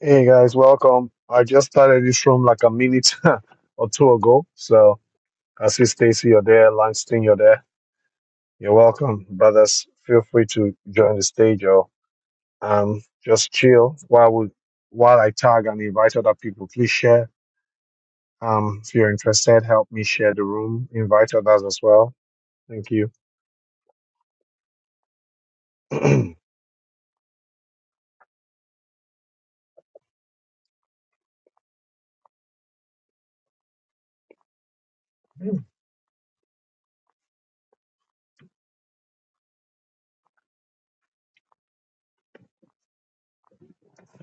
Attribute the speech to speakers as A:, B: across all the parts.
A: Hey guys, welcome. I just started this room like a minute or two ago. So I see Stacy, you're there. Langston, you're there. You're welcome, brothers. Feel free to join the stage or um, just chill while we while I tag and invite other people. Please share. Um, if you're interested, help me share the room. Invite others as well. Thank you.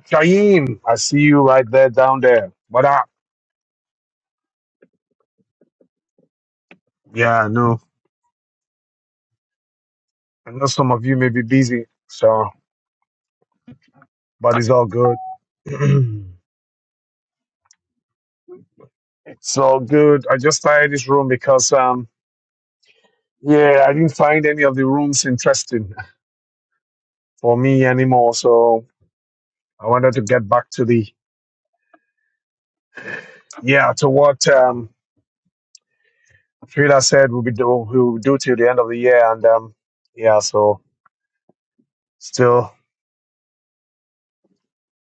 A: Shaim, I see you right there down there. What up? Yeah, I know. I know some of you may be busy, so but it's all good. So good. I just started this room because um yeah, I didn't find any of the rooms interesting for me anymore. So I wanted to get back to the yeah, to what um Frida said we'll be do we'll do till the end of the year and um yeah, so still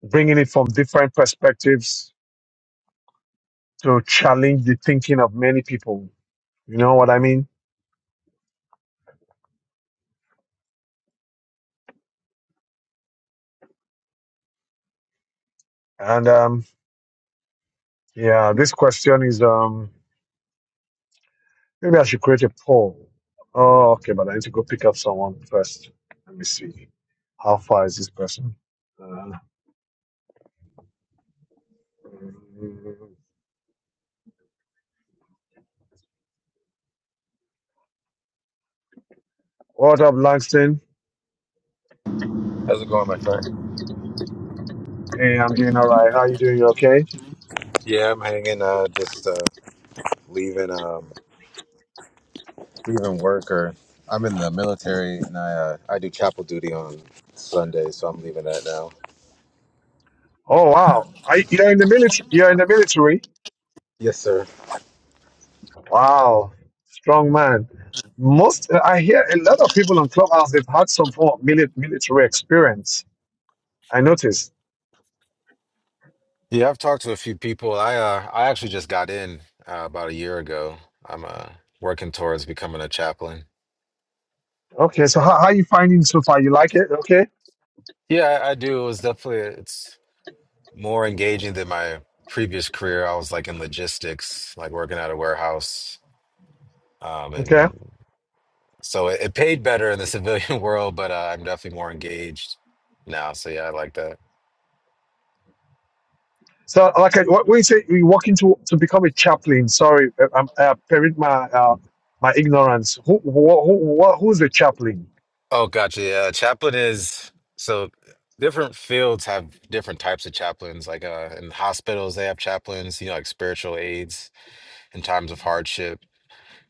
A: bringing it from different perspectives to challenge the thinking of many people. You know what I mean? And um yeah, this question is um Maybe I should create a poll. Oh, okay, but I need to go pick up someone first. Let me see. How far is this person? Uh, what up, Langston?
B: How's it going, my friend?
A: Hey, I'm doing all right. How you doing? You okay?
B: Yeah, I'm hanging. Uh, just uh, leaving. Um, leaving work, or I'm in the military, and I uh, I do chapel duty on Sunday, so I'm leaving that now.
A: Oh, wow. I, you're in the military. You're in the military.
B: Yes, sir.
A: Wow, strong man. Most I hear a lot of people on Clubhouse. They've had some form of mili- military experience. I noticed.
B: Yeah, I've talked to a few people. I uh, I actually just got in uh, about a year ago. I'm uh, working towards becoming a chaplain.
A: Okay, so how, how are you finding so far? You like it? Okay.
B: Yeah, I, I do. It was definitely it's more engaging than my previous career. I was like in logistics, like working at a warehouse, um,
A: Okay.
B: and So it, it paid better in the civilian world, but uh, I'm definitely more engaged now. So yeah, I like that.
A: So, like, I- what we say, we walk into to become a chaplain. Sorry, uh, I'm uh, pardon my uh, my ignorance. Who, who, who, who's a chaplain?
B: Oh, gotcha. Yeah, chaplain is so different fields have different types of chaplains. Like uh, in hospitals, they have chaplains, you know, like spiritual aides in times of hardship.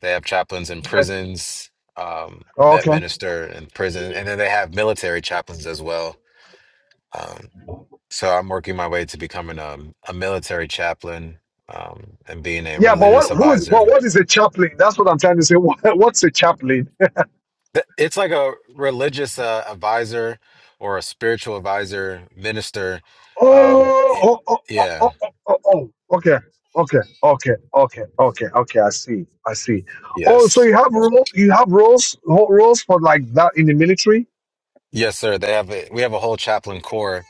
B: They have chaplains in
A: Okay,
B: prisons um,
A: Oh,
B: that
A: okay,
B: minister in prison, and then they have military chaplains as well. Um, so I'm working my way to becoming a, a military chaplain um, and being a
A: yeah, but
B: religious
A: what who is what
B: advisor
A: what is a chaplain? That's what I'm trying to say. What, what's a chaplain?
B: Th- It's like a religious uh, advisor or a spiritual advisor, minister. Um, it,
A: Oh, oh, oh, oh,
B: yeah,
A: oh, oh, oh, oh. okay, okay, okay, okay, okay, okay. I see, I see. Oh, so
B: yes,
A: you have role, you have roles roles for like that in the military?
B: yes, sir. They have a, we have a whole chaplain corps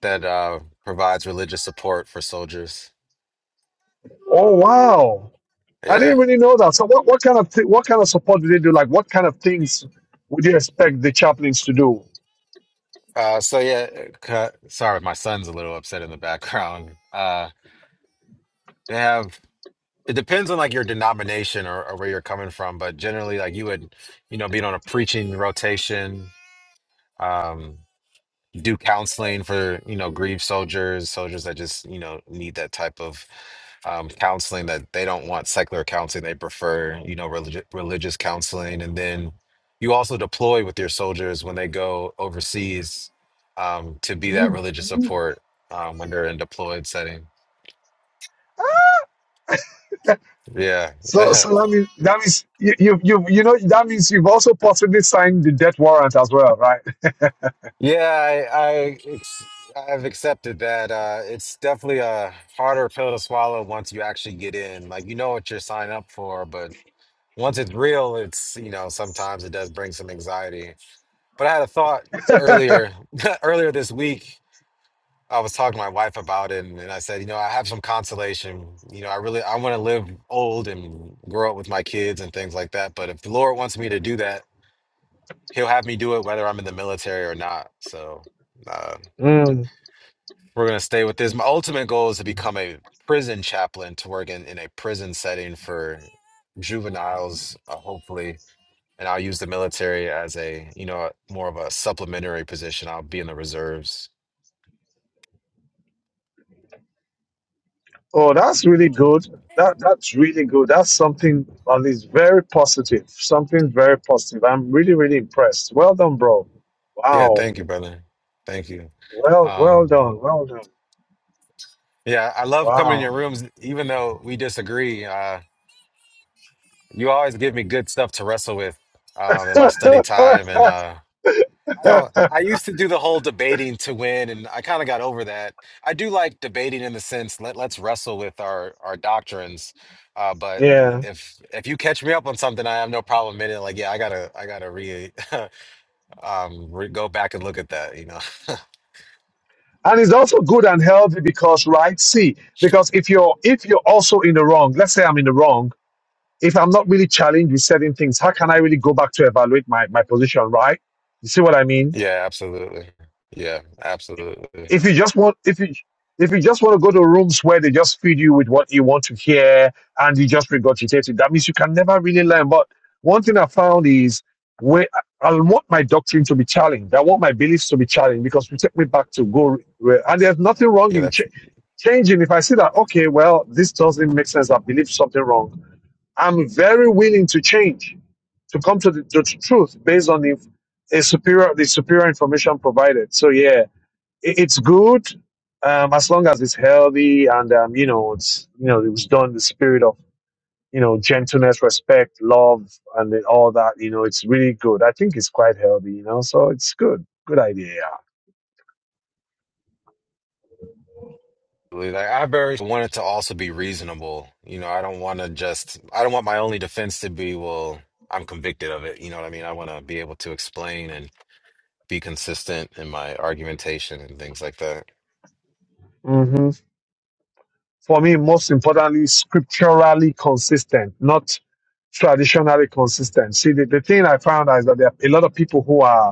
B: that uh, provides religious support for soldiers.
A: Oh, wow. I didn't
B: Yeah.
A: really know that. So what, what kind of th- what kind of support do they do? Like what kind of things would you expect the chaplains to do?
B: Uh, so yeah, uh, ca- sorry, my son's a little upset in the background. Uh, they have. It depends on like your denomination or, or where you're coming from, but generally, like you would, you know, be on a preaching rotation. Um, do counseling for you know grieved soldiers soldiers that just you know need that type of um, counseling that they don't want secular counseling they prefer you know religi- religious counseling and then you also deploy with your soldiers when they go overseas um, to be that religious support um, when they're in deployed setting yeah
A: So so that means that means you you you, you know that means you've also possibly signed the death warrant as well, right?
B: yeah i i ex- i've accepted that uh it's definitely a harder pill to swallow once you actually get in like you know what you're signing up for but once it's real, it's you know sometimes it does bring some anxiety. But I had a thought earlier earlier this week. I was talking to my wife about it, and, and I said, you know, I have some consolation. You know, I really I want to live old and grow up with my kids and things like that. But if the Lord wants me to do that, He'll have me do it whether I'm in the military or not. So uh,
A: Mm.
B: we're gonna stay with this. My ultimate goal is to become a prison chaplain to work in, in a prison setting for juveniles, uh, hopefully and I'll use the military as a, you know, more of a supplementary position. I'll be in the reserves.
A: Oh, that's really good. That that's really good. That's something that is very positive. Something very positive. I'm really really impressed. Well done, bro.
B: Yeah,
A: Wow.
B: thank you, brother. Thank you.
A: Well well
B: Um,
A: done. Well
B: yeah, I love coming in your rooms, even though we disagree. Uh, you always give me good stuff to wrestle with um, in my study time,
A: done.
B: and uh, I
A: Wow.
B: don't. I used to do the whole debating to win, and I kind of got over that. I do like debating in the sense let let's wrestle with our our doctrines, uh, but
A: Yeah.
B: if if you catch me up on something, I have no problem in it. Like, yeah, I gotta I gotta re um re- go back and look at that. You know.
A: And it's also good and healthy because, right? See, because if you're if you're also in the wrong, let's say I'm in the wrong, if I'm not really challenged with certain things, how can I really go back to evaluate my, my position, right? You see what I mean?
B: Yeah, absolutely. Yeah, absolutely.
A: if you just want if you if you just want to go to rooms where they just feed you with what you want to hear and you just regurgitate it, that means you can never really learn. But one thing I found is where I I want my doctrine to be challenged. I want my beliefs to be challenged because you take me back to go. where- And there's nothing wrong
B: Yeah,
A: in ch-
B: that's
A: changing. If I see that, okay, well, this doesn't make sense. I believe something wrong. I'm very willing to change, to come to the, the truth based on the, the superior the superior information provided. So yeah, it's good um, as long as it's healthy and um, you know it's you know it was done in the spirit of you know gentleness respect love and then all that you know it's really good i think it's quite healthy you know so it's good good idea
B: like I very want it to also be reasonable. You know, I don't want to just. I don't want my only defense to be well. I'm convicted of it. You know what I mean? I want to be able to explain and be consistent in my argumentation and things like that.
A: hmm for me most importantly scripturally consistent not traditionally consistent see the, the thing i found is that there are a lot of people who are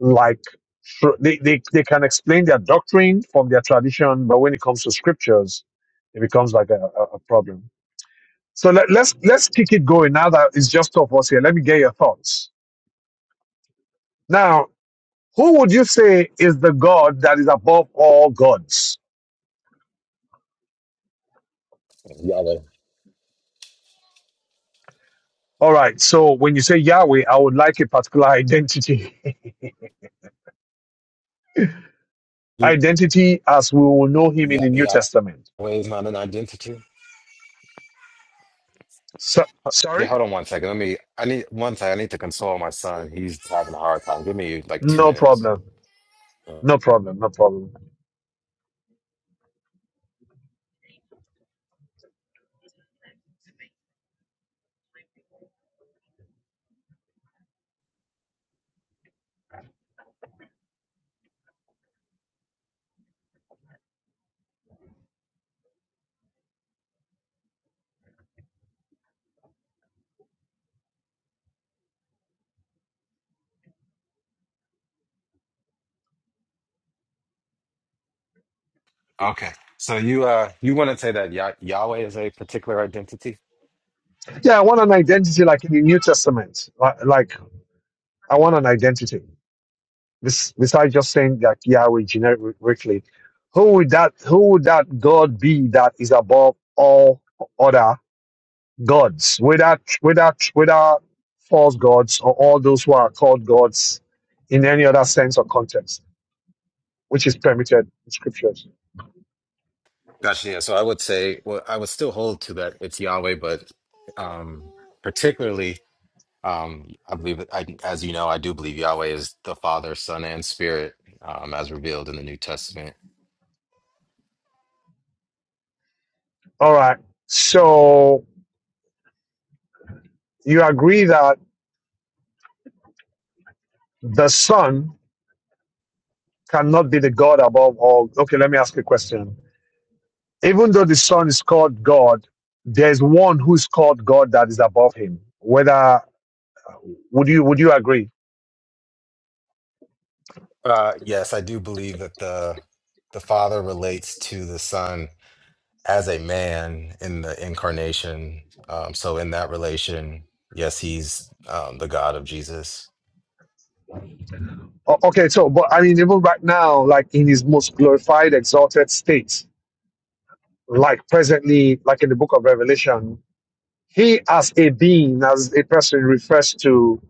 A: like tr- they, they, they can explain their doctrine from their tradition, but when it comes to scriptures, it becomes like a, a, a problem. So let, let's let's kick it going now that it's just two of us here. Let me get your thoughts. Now, who would you say is the God that is above all gods?
B: Yahweh.
A: All right. So when you say Yahweh, I would like a particular identity, identity as we will know Him in
B: Yah
A: the New
B: Yahweh
A: Testament.
B: is not an identity.
A: So,
B: Yeah,
A: sorry.
B: hold on one second. Let me. I need one thing. I need to console my son. He's having a hard time. Give me like two
A: No
B: minutes.
A: problem. No problem. No problem.
B: Okay. So you uh you want to say that Yah Yahweh is a particular identity?
A: Yeah, I want an identity like in the New Testament. Like, like I want an identity. This, besides just saying that Yahweh generically, who would that who would that God be that is above all other gods? without without without false gods or all those who are called gods in any other sense or context, which is permitted in scriptures.
B: Gotcha. Yeah. So I would say, well, I would still hold to that it's Yahweh, but um, particularly, um, I believe, I, as you know, I do believe Yahweh is the Father, Son, and Spirit, um, as revealed in the New Testament.
A: All right. So you agree that the Son cannot be the God above all. Okay, let me ask you a question Even though the Son is called God, there's one who is called God that is above him. Whether would you would you agree?
B: Uh, yes, I do believe that the the Father relates to the Son as a man in the incarnation. Um, so in that relation, yes, he's um, the God of Jesus.
A: O- Okay, so but I mean, even right now, like in his most glorified, exalted state, like presently, like in the Book of Revelation, he as a being, as a person, refers to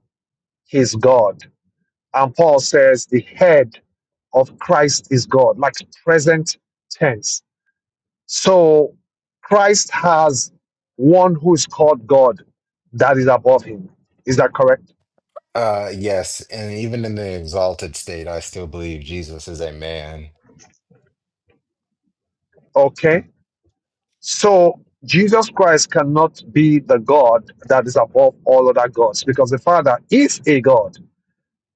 A: his God, and Paul says the head of Christ is God, like present tense So Christ has one who is called God that is above him. Is that correct?
B: Uh, yes, and even in the exalted state, I still believe Jesus is a man.
A: Okay. So Jesus Christ cannot be the God that is above all other gods because the Father is a God.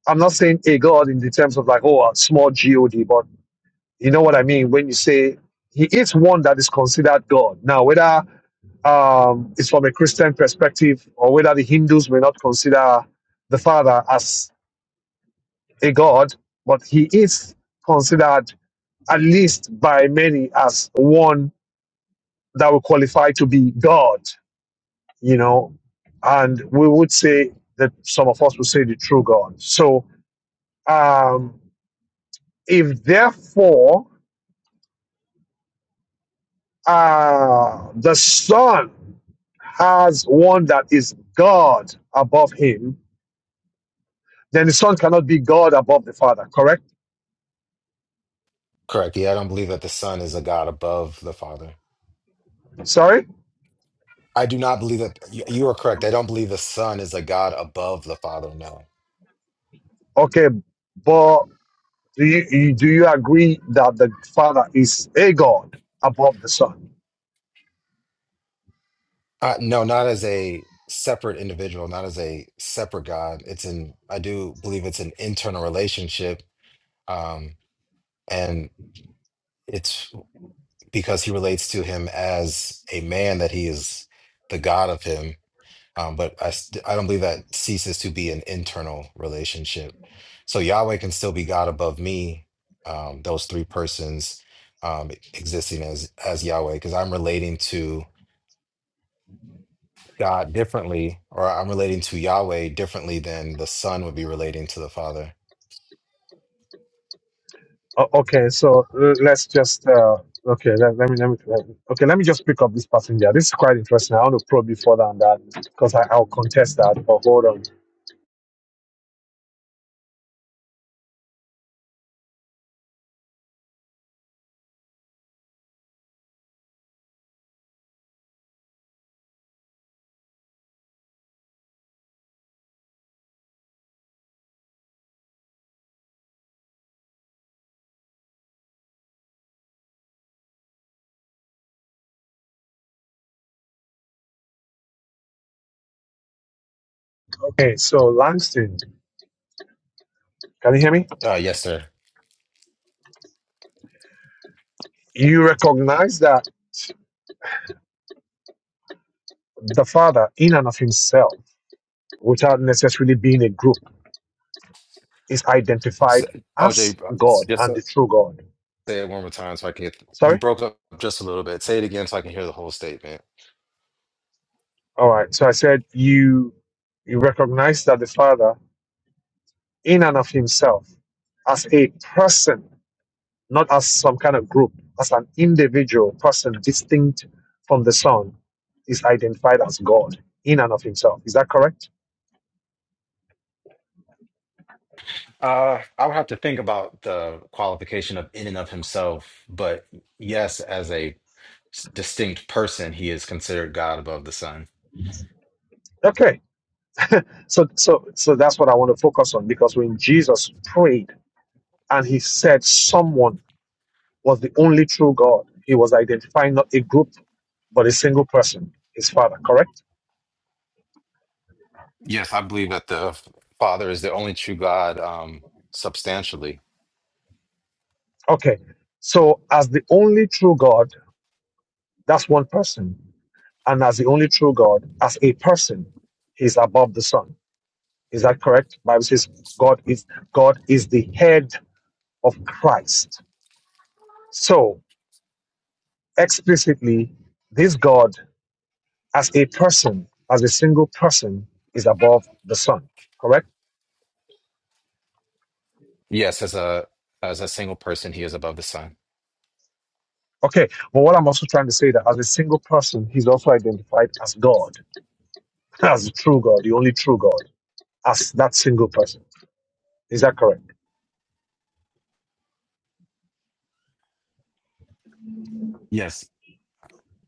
A: I'm not saying a God in the terms of like, oh, a small God, but you know what I mean when you say he is one that is considered God. Now, whether um, it's from a Christian perspective or whether the Hindus may not consider the Father as a god, but he is considered, at least by many, as one that will qualify to be God, you know. And we would say that some of us would say the true God. So, um, if therefore uh, the Son has one that is God above him, then the Son cannot be God above the Father, correct?
B: Correct. Yeah, I don't believe that the Son is a God above the Father.
A: Sorry?
B: I do not believe that you, you are correct. I don't believe the Son is a God above the Father. No,
A: Okay, but. Do you, you do you agree that the Father is a God above the Son?
B: uh, no, not as a separate individual, not as a separate God. It's an I do believe it's an internal relationship, um, and it's because he relates to him as a man that he is the god of him um, but I, st- I don't believe that ceases to be an internal relationship so yahweh can still be god above me um, those three persons um, existing as as yahweh because i'm relating to god differently or i'm relating to yahweh differently than the son would be relating to the father
A: O- okay, so uh, let's just uh, okay. Let, let me let me let me- okay. Let me just pick up this passenger. This is quite interesting. I want to probe you further on that because I, I'll contest that. But hold on. Okay, so Langston, can you hear me?
B: uh, yes sir
A: You recognize that the Father, in and of Himself, without necessarily being a group, is
B: so,
A: identified
B: oh jay
A: as God
B: Yes,
A: and
B: sir.
A: the true God.
B: say it one more time so i can get
A: Sorry.
B: you broke up just a little bit say it again so i can hear the whole statement
A: All right. So I said you you recognize that the Father, in and of himself, as a person, not as some kind of group, as an individual person distinct from the Son, is identified as God in and of himself. Is that correct?
B: Uh, I would have to think about the qualification of in and of himself, but yes, as a s- distinct person, he is considered God above the Son.
A: Okay. So so so that's what I want to focus on because when Jesus prayed and he said someone was the only true God, he was identifying not a group but a single person, his father, correct?
B: Yes, I believe that the Father is the only true God, um, substantially.
A: Okay. So, as the only true God, that's one person. And as the only true God, as a person, he's above the Son. Is that correct? Bible says God is God is the head of Christ. So, explicitly, this God as a person, as a single person, is above the Son. Correct?
B: Yes, as a as a single person, he is above the Son.
A: Okay. But what I'm also trying to say that as a single person, he's also identified as God, as the true God, the only true God, as that single person. Is that correct?
B: Yes.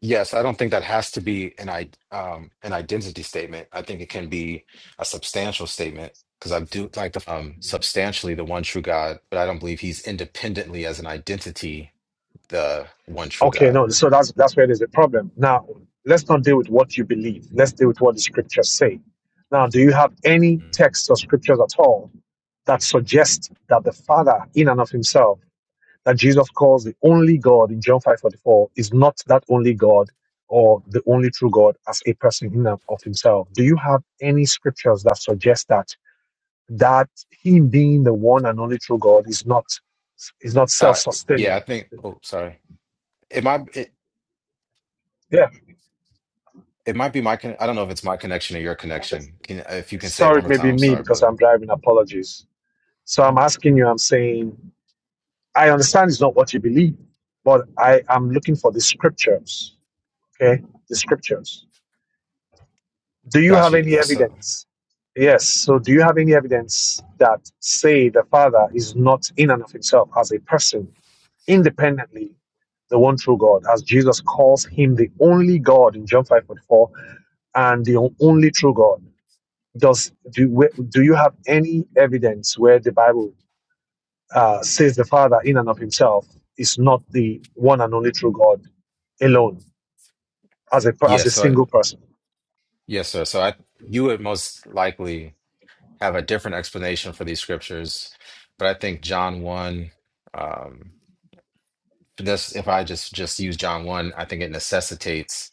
B: Yes, I don't think that has to be an i um an identity statement. I think it can be a substantial statement because I do like the um substantially the one true God, but I don't believe he's independently as an identity the one true
A: Okay,
B: God.
A: no, so that's that's where there's a problem. Now, let's not deal with what you believe. Let's deal with what the scriptures say. Now, do you have any
B: Mm.
A: texts or scriptures at all that suggest that the Father, in and of Himself, that Jesus calls the only God in John five forty four, is not that only God or the only true God as a person in and of Himself? Do you have any scriptures that suggest that that Him being the one and only true God is not is not self
B: Uh, yeah,
A: sustaining?
B: I think. Oh, sorry. It might. It,
A: Yeah.
B: it might be my. Con I don't know if it's my connection or your connection. Can if you can say it
A: sorry,
B: one
A: it
B: more
A: may
B: time?
A: be
B: I'm
A: me
B: sorry,
A: because
B: brother.
A: I'm driving. Apologies. So I'm asking you, I'm saying, I understand it's not what you believe, but I am looking for the scriptures. Okay. The scriptures. Do you
B: Got
A: have
B: you.
A: any
B: Yes, sir.
A: evidence? Yes. So do you have any evidence that say the Father is not in and of himself as a person, independently, the one true God, as Jesus calls him the only God in John 5.44 and the only true God? does do where- do you have any evidence where the Bible uh, says the Father in and of Himself is not the one and only true God alone as a per- as a
B: Yes, sir.
A: single person?
B: Yes, sir. So I, you would most likely have a different explanation for these scriptures, but I think John one. Um, this if I just just use John one, I think it necessitates.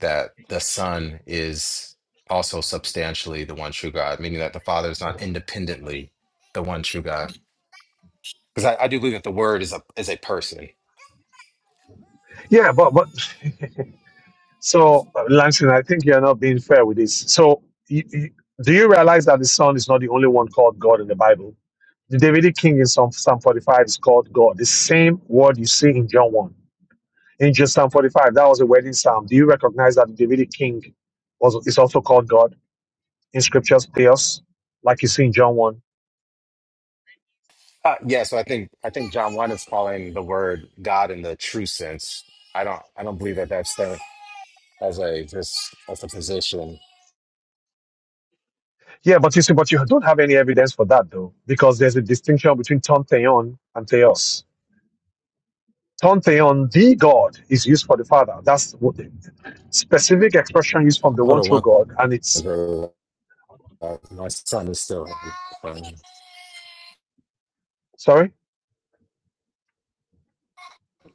B: that the Son is also substantially the one true God, meaning that the Father is not independently the one true God. Because I, I do believe that the Word is a is a person.
A: Yeah, but but so uh, Langston, I think you're not being fair with this. So you, you, do you realize that the Son is not the only one called God in the Bible? The Davidic King in Psalm, Psalm 45 is called God. The same word you see in John 1. Angel Psalm 45, that was a wedding psalm. Do you recognize that the Davidic king was is also called God in scriptures, Theos, like you see in John 1?
B: Uh, yeah, so I think I think John one is calling the Word God in the true sense. I don't I don't believe that that's the as a just as a position.
A: Yeah, but you see, but you don't have any evidence for that though, because there's a distinction between ton theon and theos. Ton theon, the God, is used for the Father. That's what the specific expression used from the
B: Hold
A: one
B: on,
A: true
B: one.
A: God, and it's
B: bro. Uh, my son is still having a hard time.
A: sorry,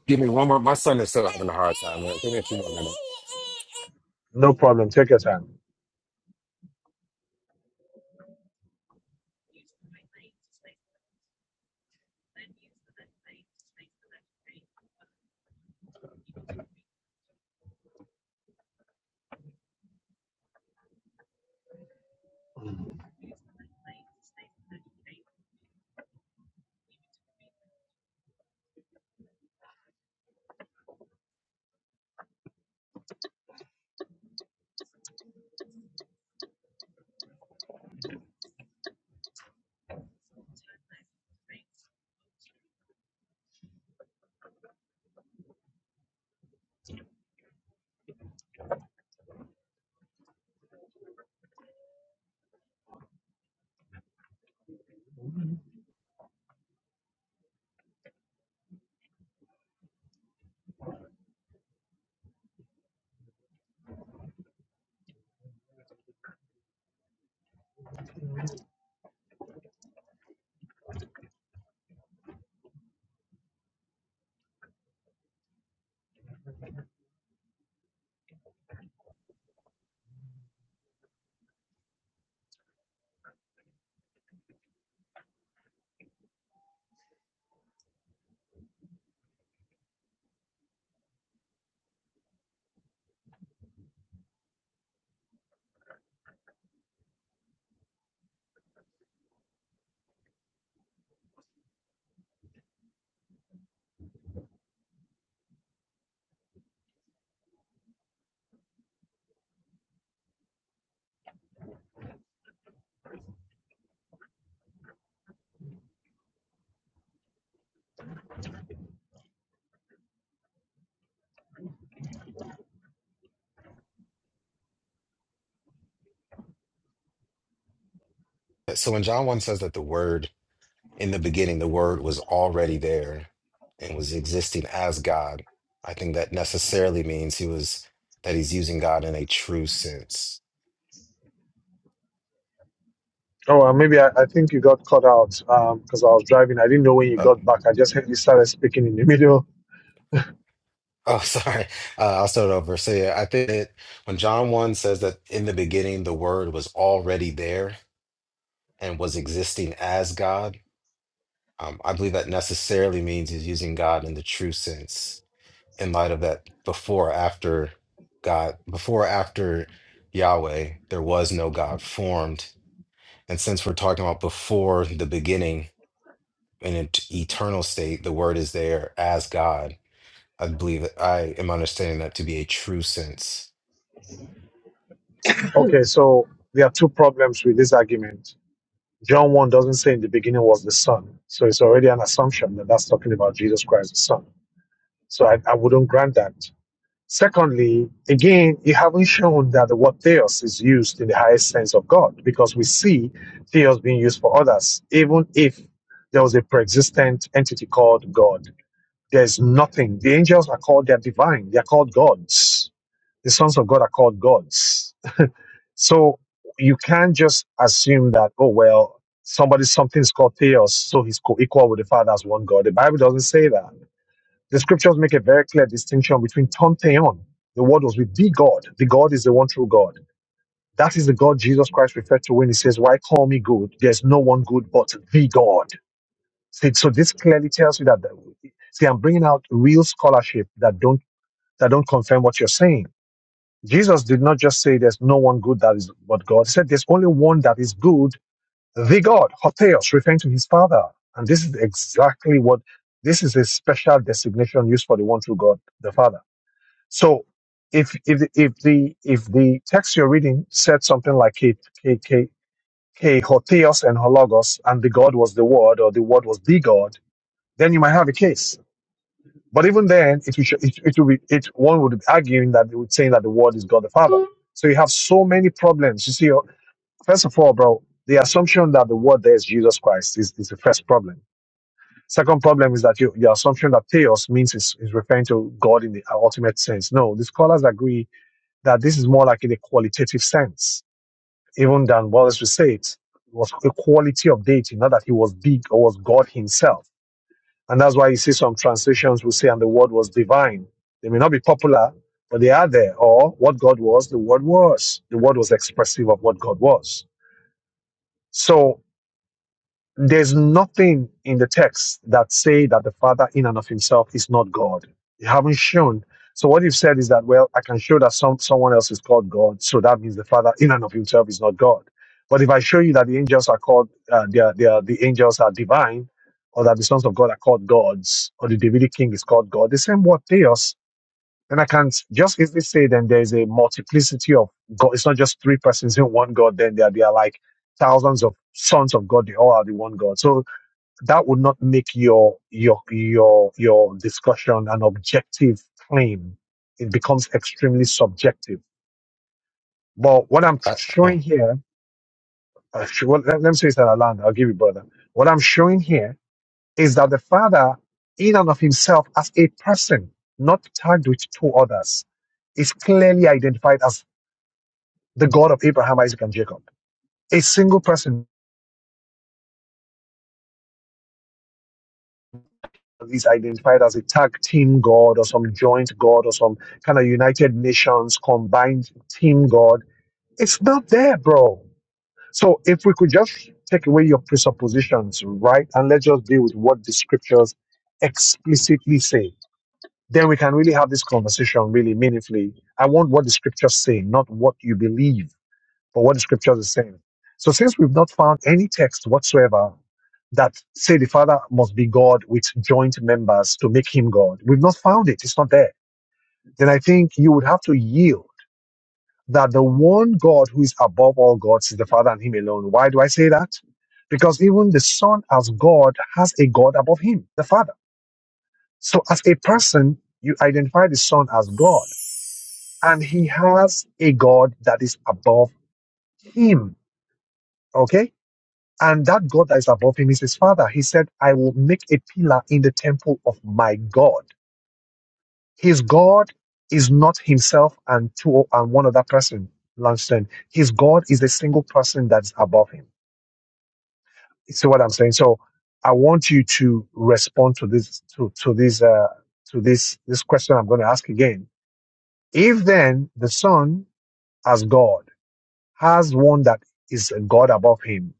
B: Give me one more. My son is still having a hard time. man. Give me a few more minutes.
A: no problem. Take your time.
B: So when John one says that the Word In the beginning, the Word was already there and was existing as God. I think that necessarily means he was that he's using God in a true sense.
A: Oh, well, maybe I, I think you got cut out because I was driving. I didn't know when you
B: Uh,
A: got back. I just heard you started speaking in the middle
B: oh, sorry. Uh, I'll start over. So yeah, I think that when John 1 says that in the beginning the Word was already there and was existing as God, um, I believe that necessarily means he's using God in the true sense in light of that before, or after God, before, or after Yahweh, there was no God formed And since we're talking about before the beginning, in an eternal state, the word is there as God. I believe that I am understanding that to be a true sense.
A: Okay, so there are two problems with this argument. John 1 doesn't say in the beginning was the Son. So it's already an assumption that that's talking about Jesus Christ, the Son. So I, I wouldn't grant that. Secondly, again, you haven't shown that the word theos is used in the highest sense of God because we see theos being used for others, even if there was a pre existent entity called God. There's nothing. The angels are called, they're divine, they're called gods. The sons of God are called gods so you can't just assume that, oh, well, somebody, something's called theos, so he's co equal with the Father as one God. The Bible doesn't say that. The scriptures make a very clear distinction between ton theon, the word was with the God. The God is the one true God. That is the God Jesus Christ referred to when he says, Why call me good? There's no one good but the God. See, so this clearly tells you that. See, I'm bringing out real scholarship that don't that don't confirm what you're saying Jesus did not just say there's no one good that is but God. He said there's only one that is good, the God, Hotheos, referring to his father. And this is exactly what this is a special designation used for the one true God, the Father. So if if the if the if the text you're reading said something like K K K K Hotheos and Hologos and the God was the word or the word was the God, then you might have a case. But even then, it, would- it, it would be, it, one would be arguing that it would say that the word is God the Father so you have so many problems. You see, uh, first of all, bro, the assumption that the word there is Jesus Christ is, is the first problem. Second problem is that you, your assumption that theos means is, is referring to God in the uh, ultimate sense. No, the scholars agree that this is more like in a qualitative sense, even than Wallace would say it. It was a quality of deity, not that he was big or was God himself and that's why you see some translations will say, and the word was divine. They may not be popular, but they are there. Or what God was, the word was. The word was expressive of what God was. So there's nothing in the text that say that the Father in and of himself is not God. You haven't shown. So what you've said is that, well, I can show that some someone else is called God, so that means the Father in and of himself is not God. But if I show you that the angels are called, uh, they are, they are, the angels are divine, or that the sons of God are called gods, or the Davidic king is called God, the same word theos then I can just easily say then there's a multiplicity of God. It's not just three persons in one God. Then there, there are like thousands of sons of God. They all are the one God. So that would not make your your your your discussion an objective claim. It becomes extremely subjective. But what I'm
B: I, oh.
A: showing here, uh, sh- well, let, let me say this at land. I'll give you brother. What I'm showing here is that the Father, in and of himself, as a person, not tagged with two others, is clearly identified as the God of Abraham, Isaac, and Jacob. A single person is identified as a tag team God or some joint God or some kind of United Nations combined team God. It's not there, bro. So if we could just take away your presuppositions, right, and let's just deal with what the scriptures explicitly say then we can really have this conversation really meaningfully. I want what the scriptures say, not what you believe, but what the scriptures are saying. So since we've not found any text whatsoever that say the father must be God with joint members to make him God, we've not found it. It's not there. Then I think you would have to yield that the one God who is above all gods is the father and him alone. Why do I say that? Because even the son as God has a God above him, the father. So as a person, you identify the son as God and he has a God that is above him. Okay? And that God that is above him is his father. He said, I will make a pillar in the temple of my God. His God is not himself and two and one other person, Langston. His God is the single person that's above him. You See what I'm saying? So I want you to respond to this to, to this uh to this this question I'm going to ask again. If then the Son as God has one that is a God above him.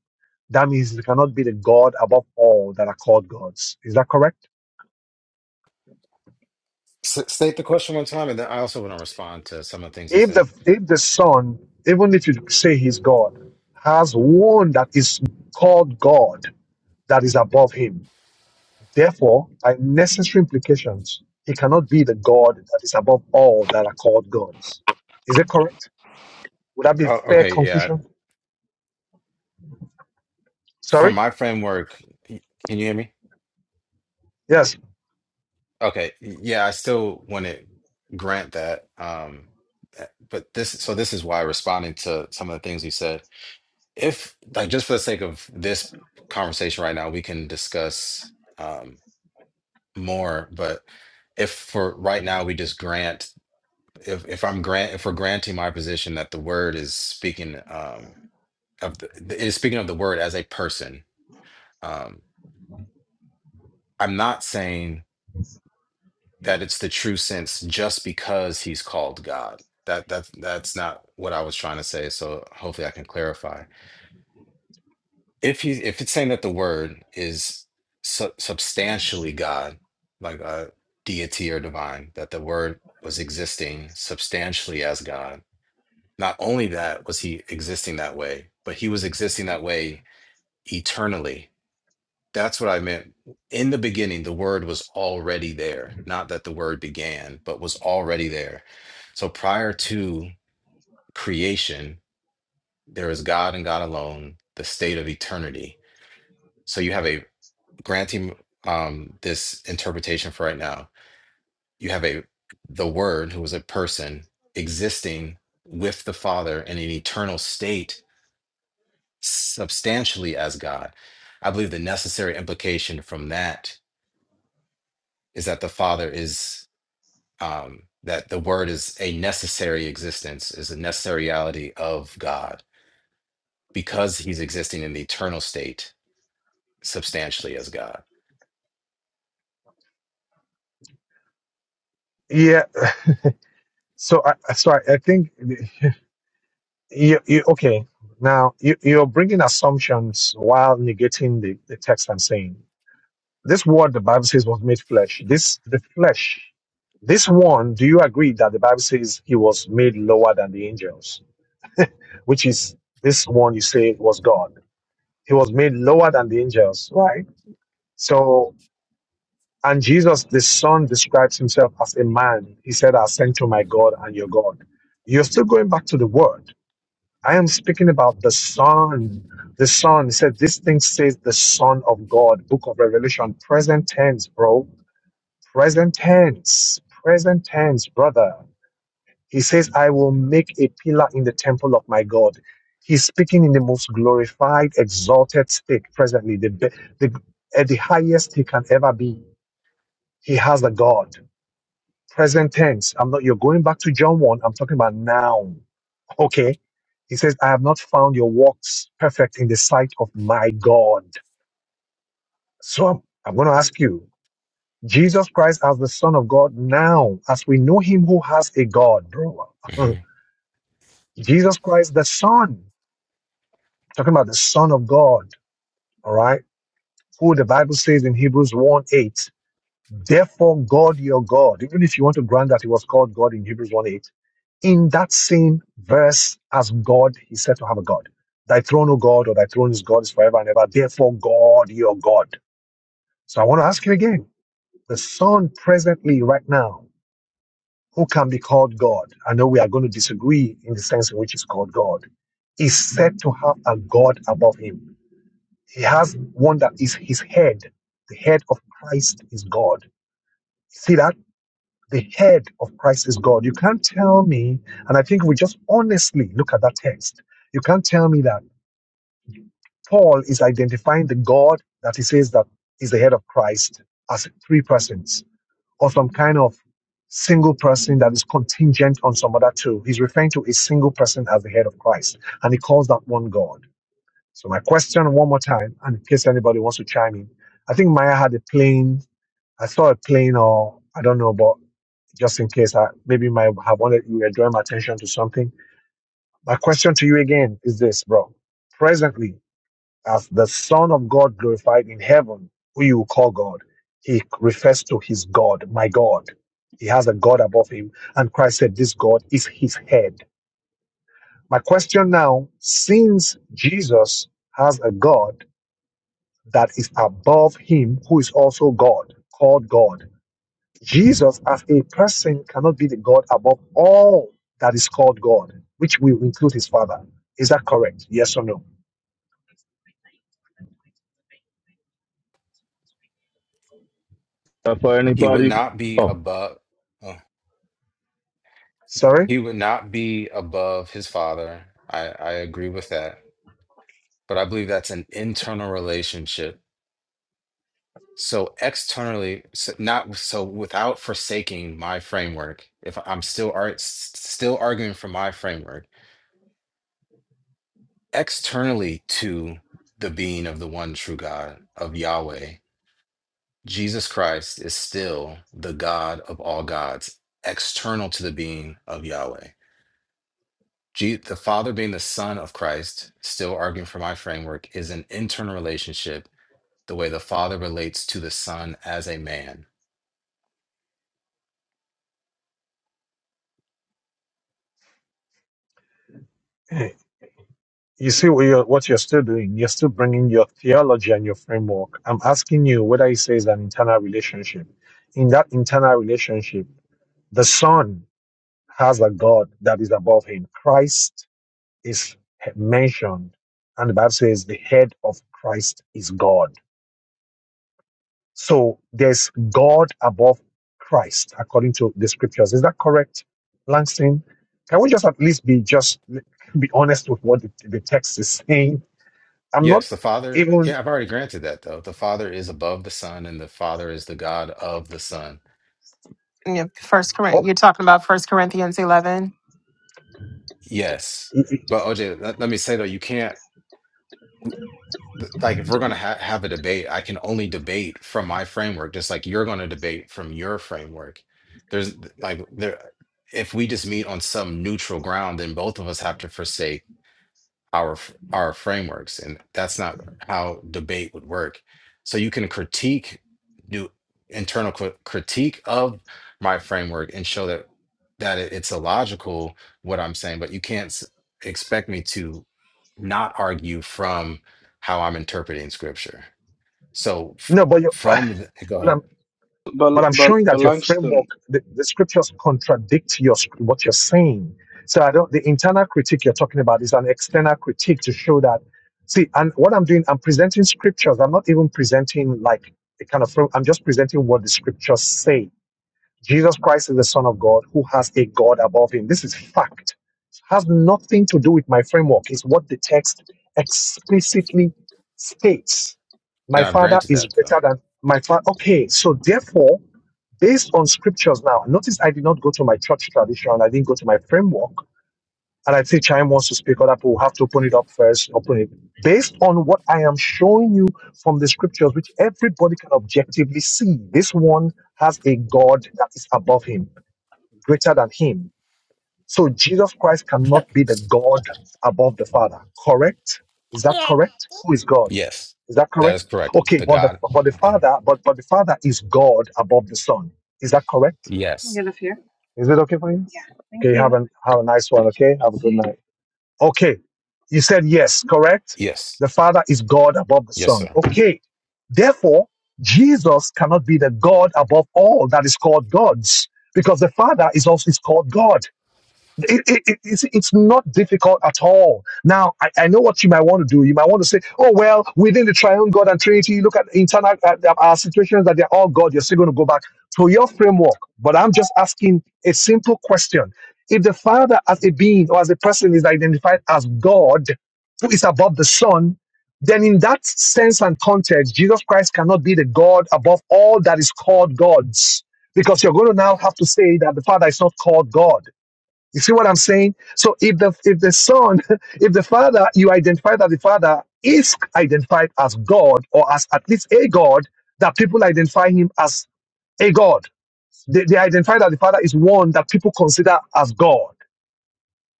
A: That means he cannot be the God above all that are called gods. Is that correct?
B: S- state the question one time, and then I also want to respond to some of the things he
A: If
B: said.
A: the if the Son, even if you say he's God, has one that is called God that is above him. Therefore, by necessary implications, he cannot be the God that is above all that are called gods. Is it correct? Would that be a
B: Oh,
A: fair
B: okay, yeah.
A: conclusion?
B: From
A: Sorry?
B: my framework, y- can you hear me?
A: Yes.
B: Okay, yeah. I still want to grant that, um, eh, but this. So this is why responding to some of the things he said if like just for the sake of this conversation right now we can discuss um more but if for right now we just grant if if i'm grant if we're granting my position that the word is speaking um of the the- is speaking of the word as a person um i'm not saying that it's the true sense just because he's called god that that's that's not what i was trying to say so hopefully i can clarify if he if it's saying that the word is su- substantially God, like a deity or divine, that the word was existing substantially as God. Not only that was he existing that way, but he was existing that way eternally. That's what I meant. In the beginning, the word was already there. Not that the word began, but was already there. So prior to creation, there is God and God alone, the state of eternity. So you have a granting um, this interpretation for right now, you have a the Word, who was a person, existing with the Father in an eternal state, substantially as God. I believe the necessary implication from that is that the Father is um, that the Word is a necessary existence, is a necessariality of God because He's existing in the eternal state, substantially as God.
A: Yeah. So I I- so I I think you, you okay now you, you're bringing assumptions while negating the, the text i'm saying this word the bible says was made flesh this the flesh this one do you agree that the bible says he was made lower than the angels which is this one you say was god he was made lower than the angels right so and jesus the son describes himself as a man he said i sent to my god and your god you're still going back to the word I am speaking about the Son. The Son it said, This thing says the Son of God, Book of Revelation, present tense, bro. Present tense, present tense, brother. He says, I will make a pillar in the temple of my God. He's speaking in the most glorified, exalted state presently, the, be- the, at the highest he can ever be. He has a God. Present tense. I'm not, you're going back to John 1. I'm talking about now. Okay. He says, I have not found your works perfect in the sight of my God. So I'm, I'm going to ask you, Jesus Christ as the Son of God now, as we know him who has a God, bro.
B: Mhm.
A: Jesus Christ, the Son, talking about the Son of God, all right, who the Bible says in Hebrews one eight. Therefore, God your God, even if you want to grant that he was called God in Hebrews 1 8, in that same verse as God, he said to have a God. Thy throne, O God, or thy throne is God, is forever and ever. Therefore, God your God. So I want to ask you again the Son presently, right now, who can be called God? I know we are going to disagree in the sense in which he's called God, is said to have a God above him. He has one that is his head. The head of Christ is God. See that? The head of Christ is God. You can't tell me, and I think we just honestly look at that text. You can't tell me that Paul is identifying the God that he says that is the head of Christ as three persons or some kind of single person that is contingent on some other two. He's referring to a single person as the head of Christ, and he calls that one God. So my question one more time, and in case anybody wants to chime in, I think Maya had a plain. I saw a plane, or I don't know, but just in case, I maybe might have wanted you were drawing my attention to something. My question to you again is this, bro: Presently, as the Son of God glorified in heaven, who you call God, He refers to His God, my God. He has a God above Him, and Christ said, "This God is His head." My question now: Since Jesus has a God that is above Him, who is also God, called God Jesus, as a person, cannot be the God above all that is called God, which will include his Father. Is that correct? Yes or no?
C: Uh, for
B: He would
C: anybody,
B: not be
C: oh,
B: above. uh,
A: Sorry?
B: He would not be above his father. I, I agree with that. But I believe that's an internal relationship. So externally, so not so without forsaking my framework, if I'm still ar- s- still arguing for my framework, externally to the being of the one true God of Yahweh, Jesus Christ is still the God of all gods, external to the being of Yahweh. Je- the Father being the Son of Christ, still arguing for my framework, is an internal relationship, the way the Father relates to the Son as a man.
A: Eh, You see what you're, what you're still doing? You're still bringing your theology and your framework. I'm asking you whether he says an internal relationship. In that internal relationship, the Son has a God that is above him. Christ is mentioned, and the Bible says the head of Christ is God. So there's God above Christ, according to the scriptures. Is that correct, Langston? Can we just at least be just be honest with what the, the text is saying? I'm not
B: Yes, the Father,
A: even.
B: yeah, I've already granted that though. The Father is above the Son and the Father is the God of the Son.
D: Yeah, First
A: Oh,
D: Corinth. You're talking about First Corinthians eleven.
B: Yes.
A: y- y-
B: But OJ, let, let me say though, you can't, th- like, if we're going to ha- have a debate, I can only debate from my framework, just like you're going to debate from your framework. There's like, there, if we just meet on some neutral ground, then both of us have to forsake our f- our frameworks and that's not how debate would work so you can critique do internal cri- critique of my framework and show that that it- it's illogical what i'm saying but you can't s- expect me to not argue from how i'm interpreting scripture so f-
A: no, but you.
B: from the, hey, go ahead
A: well,
E: But
A: but I'm
E: but
A: showing
E: but
A: that your
E: Langston,
A: framework, the, the scriptures contradict your sc- what you're saying. So I don't. The internal critique you're talking about is an external critique to show that. See, and what I'm doing, I'm presenting scriptures. I'm not even presenting like a kind of. Frame, I'm just presenting what the scriptures say Jesus Christ is the Son of God who has a God above him. This is fact. It has nothing to do with my framework. It's what the text explicitly states. My
B: and i've
A: father
B: granted
A: is
B: that though
A: better than my father. Okay, so therefore, based on scriptures now, notice I did not go to my church tradition, I didn't go to my framework. And I'd say Chime wants to speak on that, but we'll have to open it up first. Open it based on what I am showing you from the scriptures, which everybody can objectively see. This one has a God that is above him, greater than him. So Jesus Christ cannot be the God above the Father. Correct? Is that correct? Who is God?
B: yes
A: Is that
B: that
A: correct?
B: is correct
A: Okay,
B: the
A: but the
B: god
A: but the
B: okay.
A: Father, but but the Father is God above the Son. Is that correct?
B: yes
A: Is it okay for you? Have a, have a nice one. Okay. Have a good night. Okay. You said yes, correct?
B: yes
A: The Father is God above the
B: yes
A: Son.
B: sir
A: Okay. Therefore, Jesus cannot be the God above all that is called gods because the Father is also is called God. It, it, it- it's, it's not difficult at all. Now, I, I know what you might want to do. You might want to say, oh, well, within the triune God and Trinity, you look at internal uh, uh, our situations that they're all God, you're still going to go back to your framework. But I'm just asking a simple question. If the Father as a being or as a person is identified as God, who is above the Son, then in that sense and context, Jesus Christ cannot be the God above all that is called gods. Because you're going to now have to say that the Father is not called God you see what I'm saying? So if the if the son, if the father, you identify that the father is identified as God or as at least a God, that people identify him as a God. They, they identify that the father is one that people consider as God.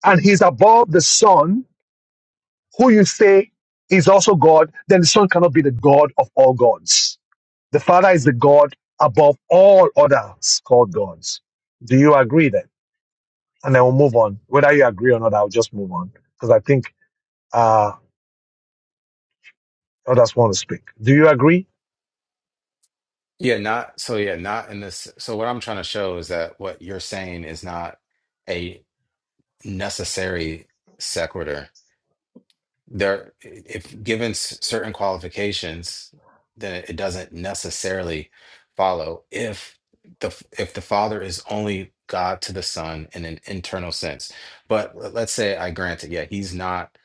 A: And he's above the son, who you say is also God, then the son cannot be the God of all gods. The father is the God above all others called gods. Do you agree then? And then we'll move on. Whether you agree or not, I'll just move on because I think Uh, others want to speak. Do you agree?
B: Yeah, not so yeah, not in this. So what I'm trying to show is that what you're saying is not a necessary sequitur. There, if given s- certain qualifications, then it doesn't necessarily follow if the f- if the Father is only God to the Son in an internal sense. But let- let's say I grant it, yeah, he's not.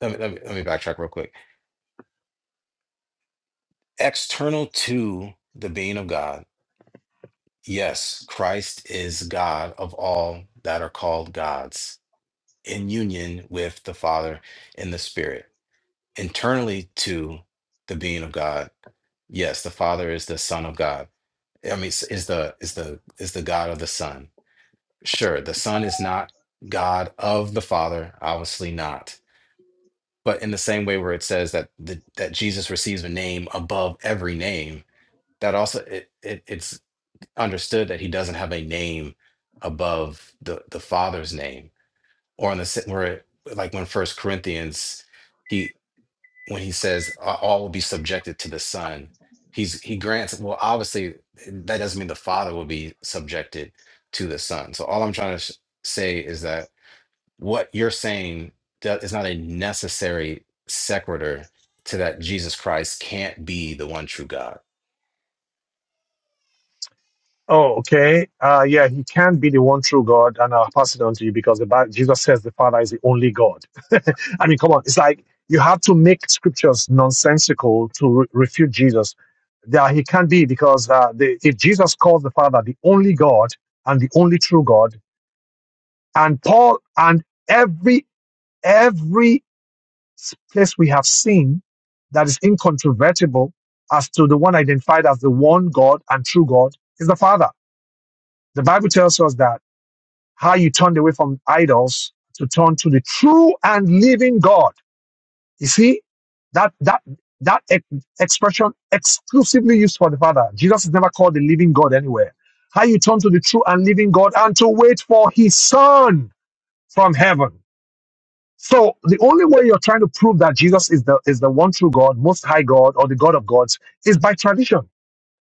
B: Let me, let me, let me backtrack real quick. External to the being of God Yes, Christ is God of all that are called gods, in union with the Father and the Spirit, internally to the being of God. Yes, the Father is the Son of God. I mean, is is the is the is the God of the Son. Sure, the Son is not God of the Father, obviously not. But in the same way, where it says that the, that Jesus receives a name above every name, that also it, it it's. understood that he doesn't have a name above the the father's name or on the se- where like when first corinthians he when he says "A- all will be subjected to the son he's he grants well obviously that doesn't mean the father will be subjected to the son so all i'm trying to sh- say is that what you're saying that is not a necessary sequitur to that jesus christ can't be the one true god
A: Oh, okay. Uh, yeah, he can be the one true God, and I'll pass it on to you because the Bible, Jesus says the Father is the only God. I mean, come on. It's like you have to make scriptures nonsensical to re- refute Jesus. Yeah, he can't be because uh, the, if Jesus calls the Father the only God and the only true God, and Paul and every every place we have seen that is incontrovertible as to the one identified as the one God and true God is the Father. The Bible tells us that how you turned away from idols to turn to the true and living God. You see, that, that, that ex- expression exclusively used for the Father. Jesus is never called the living God anywhere. How you turn to the true and living God and to wait for his Son from heaven so the only way you're trying to prove that Jesus is the is the one true God, most high God, or the God of gods is by tradition.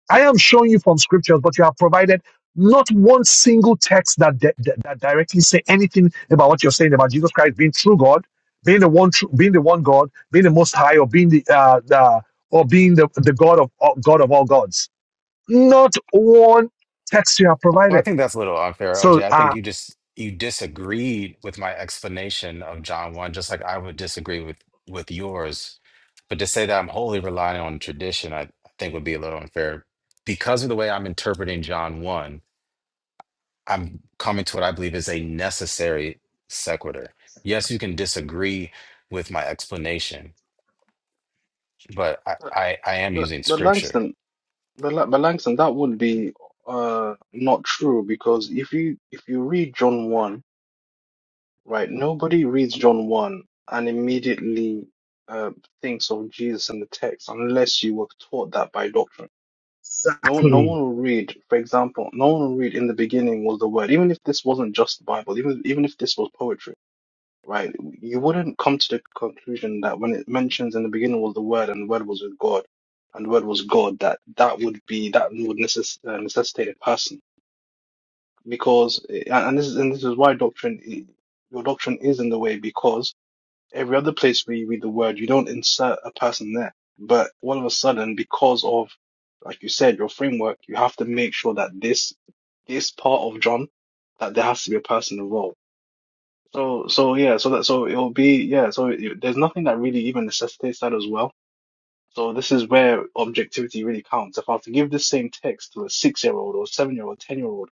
A: I am showing you from scriptures, but you have provided not one single text that di- di- that directly say anything about what you're saying about Jesus Christ being true God, being the one true, being the one God, being the most high, or being the uh, the or being the, the God of all, God of all gods. Not one text you have
B: Well, I
A: provided.
B: think that's a little unfair,
A: So
B: OJ. I think
A: uh,
B: you just you disagreed with my explanation of John one, just like I would disagree with with yours. But to say that I'm wholly relying on tradition, I, I think would be a little unfair because of the way I'm interpreting John one. I'm coming to what I believe is a necessary sequitur. Yes, you can disagree with my explanation, but I
E: but
B: I, I am
E: but,
B: using
E: but
B: scripture.
E: Langston, but, La- but Langston, that would be uh not true because if you if you read John one, right, nobody reads John one and immediately uh thinks of Jesus in the text unless you were taught that by doctrine. No no
A: exactly
E: one will read, for example, no one will read in the beginning was the word, even if this wasn't just the Bible, even even if this was poetry right? You wouldn't come to the conclusion that when it mentions in the beginning was the Word and the Word was with God and the Word was God, that that would be that would necess- uh, necessitate a person because and and this is and this is why doctrine i- your doctrine is in the way because every other place where you read the Word you don't insert a person there, but all of a sudden because of like you said your framework you have to make sure that this this part of John that there has to be a person involved so, so yeah, so that, so it'll be, yeah, so it, there's nothing that really even necessitates that as well. So this is where objectivity really counts. If I was to give this same text to a six-year-old or seven-year-old, ten-year-old,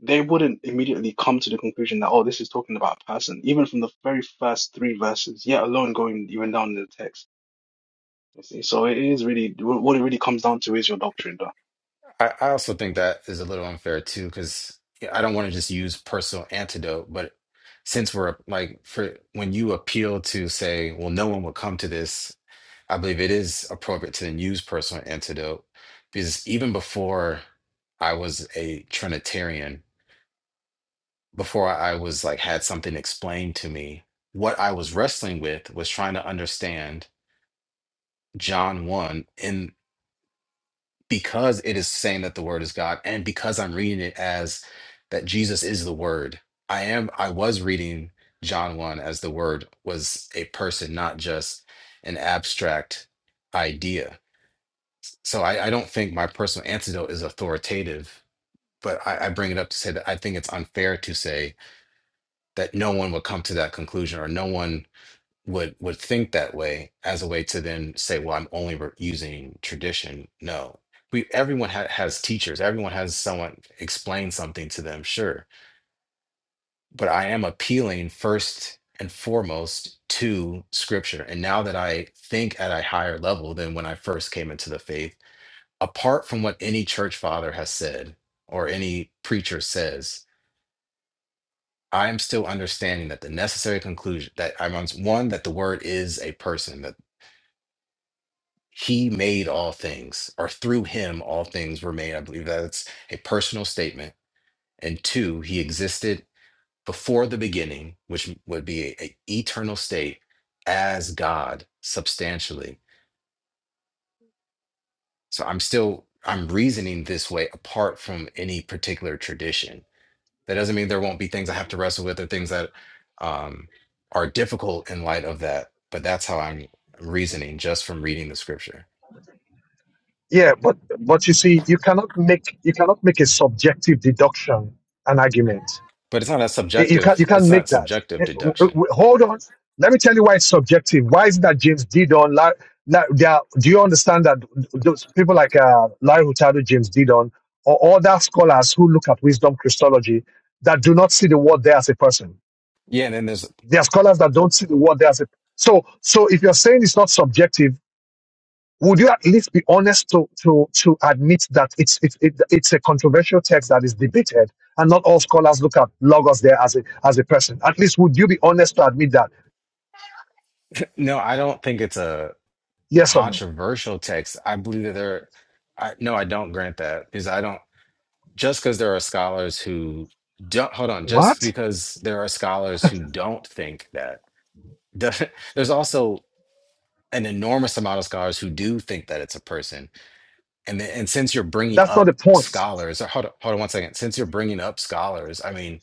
E: they wouldn't immediately come to the conclusion that, oh, this is talking about a person, even from the very first three verses, yet alone going even down in the text. You see, so it is really, what it really comes down to is your doctrine, though.
B: I, I also think that is a little unfair too, because I don't want to just use personal antidote, but since we're like for when you appeal to say, well, no one will come to this, I believe it is appropriate to then use personal antidote because even before I was a Trinitarian, before I was like had something explained to me, what I was wrestling with was trying to understand John 1 in because it is saying that the word is God and because I'm reading it as that Jesus is the word. I am I was reading John 1 as the word was a person, not just an abstract idea. So I, I don't think my personal antidote is authoritative, but I, I bring it up to say that I think it's unfair to say that no one would come to that conclusion or no one would would think that way as a way to then say, well, I'm only re- using tradition. No, we everyone ha- has teachers. Everyone has someone explain something to them. Sure, but I am appealing first and foremost to Scripture. And now that I think at a higher level than when I first came into the faith, apart from what any church father has said or any preacher says. I am still understanding that the necessary conclusion that I'm on one that the word is a person, that. He made all things, or through him all things were made. I believe that's a personal statement. And two, he existed before the beginning, which would be a a eternal state as God substantially. So I'm still I'm reasoning this way apart from any particular tradition. That doesn't mean there won't be things I have to wrestle with or things that um, are difficult in light of that. But that's how I'm reasoning just from reading the scripture.
A: Yeah, but but you see, you cannot make you cannot make a subjective deduction an argument.
B: But it's not a
A: Eh, You can't
B: subjective,
A: you can't
B: it's not
A: make that.
B: subjective
A: Eh, w-
B: deduction.
A: w- Hold on, let me tell you why it's subjective. Why is it that James Didon? La, la, they are, do you understand that those people like uh, Larry Hurtado, James Didon, or other scholars who look at wisdom Christology that do not see the word there as a person?
B: Yeah, and then there's
A: There are scholars that don't see the word there as a so so. If you're saying it's not subjective would you at least be honest to to to admit that it's it's it, it's a controversial text that is debated and not all scholars look at logos there as a as a person at least would you be honest to admit that
B: no, I don't think it's a
A: yes or no
B: controversial text. I believe that there, I, no, I don't grant that because I don't, just because there are scholars who don't, hold on, just
A: what
B: because there are scholars who don't think that, there's also an enormous amount of scholars who do think that it's a person. And then, and since you're bringing
A: that's not the
B: up
A: point
B: scholars, uh, hold on, hold on one second. Since you're bringing up scholars, I mean,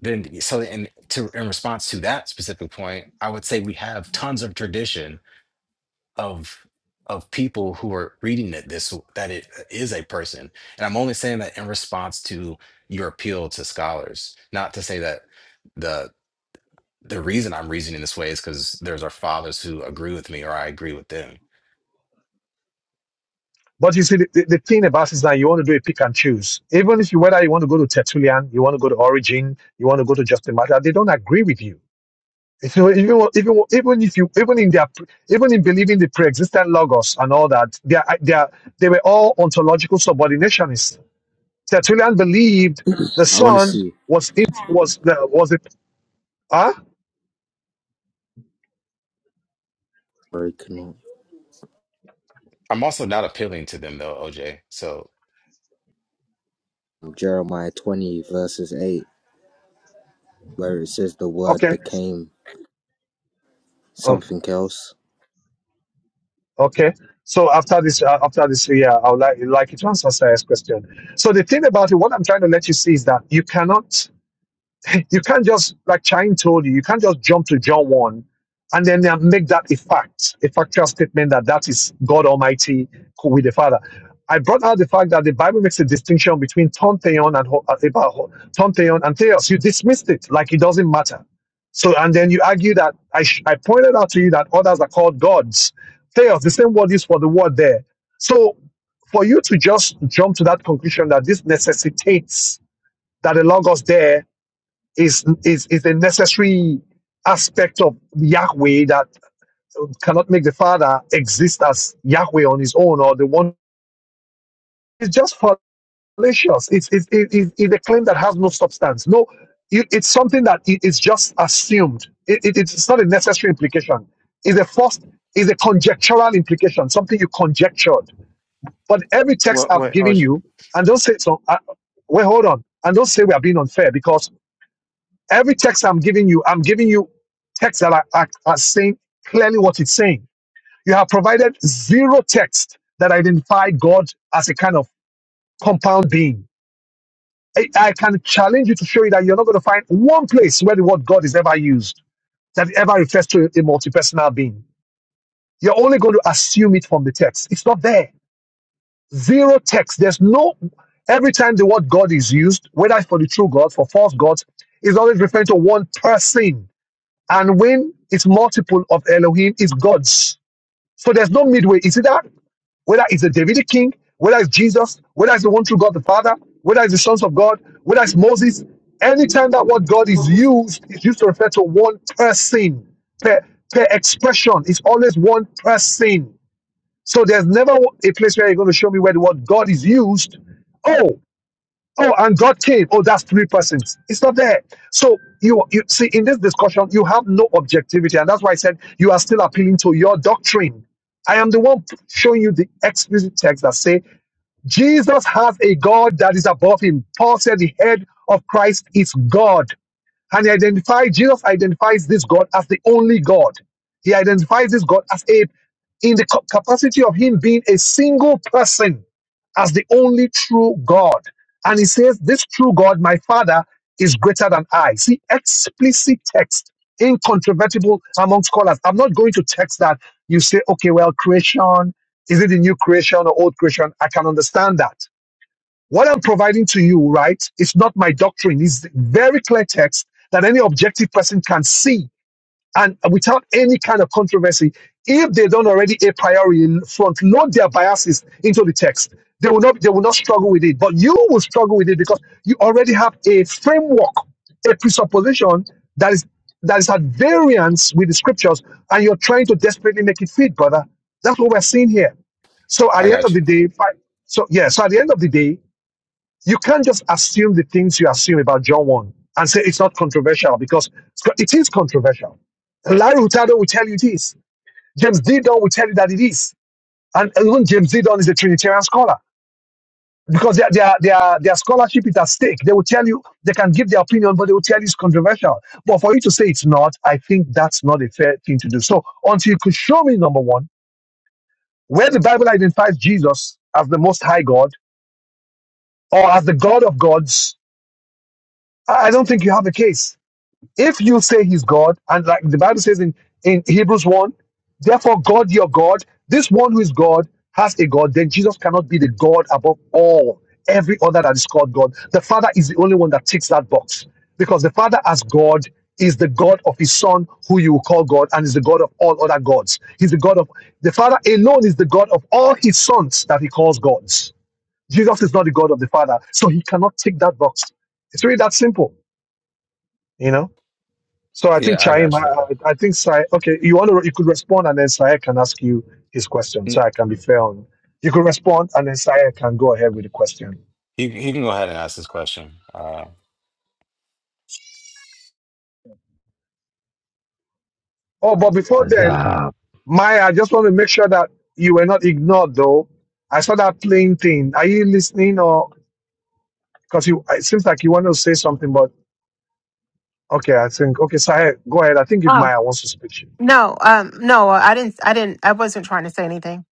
B: then so in to in response to that specific point, I would say we have tons of tradition of of people who are reading it this that it uh, is a person. And I'm only saying that in response to your appeal to scholars, not to say that the the reason I'm reasoning this way is because there's our fathers who agree with me or I agree with them.
A: but you see the, the, the thing about it is that you want to do a pick and choose even if you whether you want to go to tertullian you want to go to origin you want to go to justin martyr they don't agree with you You know, even when- even when- even if you even in their pre- even in believing the pre-existent logos and all that, they are, they are, they were all ontological subordinationists. Tertullian believed the
F: I want to
A: son
F: see
A: was it was the was it ah
F: where it can-
B: I'm also not appealing to them though, OJ. So
F: Jeremiah 20, verses 8, where it says the word
A: okay
F: became
A: oh
F: something else.
A: okay. So after this uh, after this yeah, I would like like you to answer Sarah's question. So the thing about it, what I'm trying to let you see is that you cannot. You can't just, like Chaim told you, you can't just jump to John 1 and then uh, make that a fact, a factual statement that that is God Almighty with the Father. I brought out the fact that the Bible makes a distinction between Tonteon and ho- uh, about ho- Tonteon and Theos. You dismissed it like it doesn't matter. So, and then you argue that I, sh- I pointed out to you that others are called gods. Theos, the same word is for the word there. So, for you to just jump to that conclusion that this necessitates that a logos there is, is, is a necessary aspect of Yahweh that cannot make the Father exist as Yahweh on his own or the one. It's just fallacious. It's, it's, it- it's a claim that has no substance. No, it, it's something that it- it's just assumed. It, it, it's not a necessary implication. It's a first, it's a conjectural implication, something you conjectured. But every text
B: What?
A: I've given
B: What?
A: you, and don't say so, uh, wait, hold on, and don't say we are being unfair because Every text I'm giving you, I'm giving you texts that are, are, are saying clearly what it's saying. You have provided zero text that identify God as a kind of compound being. I, I can challenge you to show you that you're not going to find one place where the word God is ever used that ever refers to a multipersonal being. You're only going to assume it from the text. It's not there. Zero text. There's no, every time the word God is used, whether it's for the true God, for false gods, is always referring to one person And when it's multiple of Elohim, it's gods. So there's no midway. Is it that? Whether it's the Davidic king, whether it's Jesus, whether it's the one true God the Father, whether it's the sons of God, whether it's Moses, anytime that word God is used, it's used to refer to one person per, per expression. It's always one person. So there's never a place where you're going to show me where the word God is used. Oh. Oh, and God came. Oh, that's three persons. It's not there. So you you see in this discussion, you have no objectivity, and that's why I said you are still appealing to your doctrine. I am the one showing you the explicit text that say Jesus has a God that is above him. Paul said the head of Christ is God. And he identified, Jesus identifies this God as the only God. He identifies this God as a, in the ca- capacity of him being a single person, as the only true God. And he says, This true God, my Father, is greater than I. See, explicit text, incontrovertible among scholars. I'm not going to text that you say, okay, well, creation, is it the new creation or old creation? I can understand that. What I'm providing to you, right, It's not my doctrine. It's very clear text that any objective person can see and without any kind of controversy. If they don't already a priori front load their biases into the text, they will not they will not struggle with it. But you will struggle with it because you already have a framework, a presupposition that is that is at variance with the scriptures, and you're trying to desperately make it fit, brother. That's what we're seeing here. So at
B: I
A: the end
B: got
A: of
B: you.
A: the day, fi- so yeah, so at the end of the day, you can't just assume the things you assume about John 1 and say it's not controversial because it's controversial. Larry Hurtado will tell you it is. James Didon will tell you that it is. And even James Didon is a Trinitarian scholar because their, their, their, their scholarship is at stake. They will tell you, they can give their opinion, but they will tell you it's controversial. But for you to say it's not, I think that's not a fair thing to do. So until you could show me, number one, where the Bible identifies Jesus as the most high God or as the God of gods, I don't think you have a case. If you say he's God, and like the Bible says in, in Hebrews 1, therefore God your God, this one who is God has a God, then Jesus cannot be the God above all, every other that is called God. The Father is the only one that ticks that box because the Father as God is the God of his Son, who you will call God, and is the God of all other gods. He's the God of the Father alone is the God of all his sons that he calls gods. Jesus is not the God of the Father, so he cannot tick that box. It's really that simple, you know. So I think
B: Yeah, I
A: Chaim,
B: got
A: I,
B: you, bro.
A: I think Sai. Okay, you want to you could respond, and then Sai can ask you his question,
B: N-
A: so I can be fair on. You could respond, and then Sai can go ahead with the question.
B: He he can go ahead and ask his question. Uh,
A: Oh, but before
C: what's
A: then,
C: up?
A: Maya, I just want to make sure that you were not ignored, though. I saw that plain thing. Are you listening, or because you? It seems like you want to say something, but okay, I think okay, Sai, go ahead. I think if
D: Oh
A: Maya wants to speak, she-
D: no, um, no, I didn't. I didn't. I wasn't trying to say anything.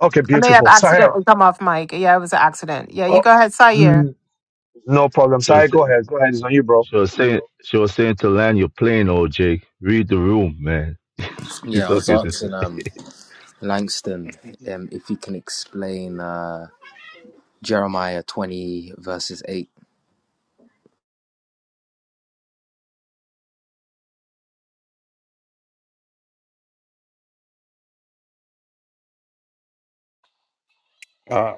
A: okay,
D: I may have
A: beautiful, Sai.
D: accidentally come off mic. Yeah, it was an accident. Yeah,
A: Oh,
D: you go ahead, Sayer.
A: mm, no problem,
C: She
A: Sai,
C: was, sa-
A: go ahead, go ahead. It's on you, bro.
C: she was saying, she was saying to land your plane, oh Jake, read the room, man. It's
F: Yeah, I was
C: okay, sister.
F: asking um, Langston um, if he can explain uh, Jeremiah 20, verses 8.
B: uh,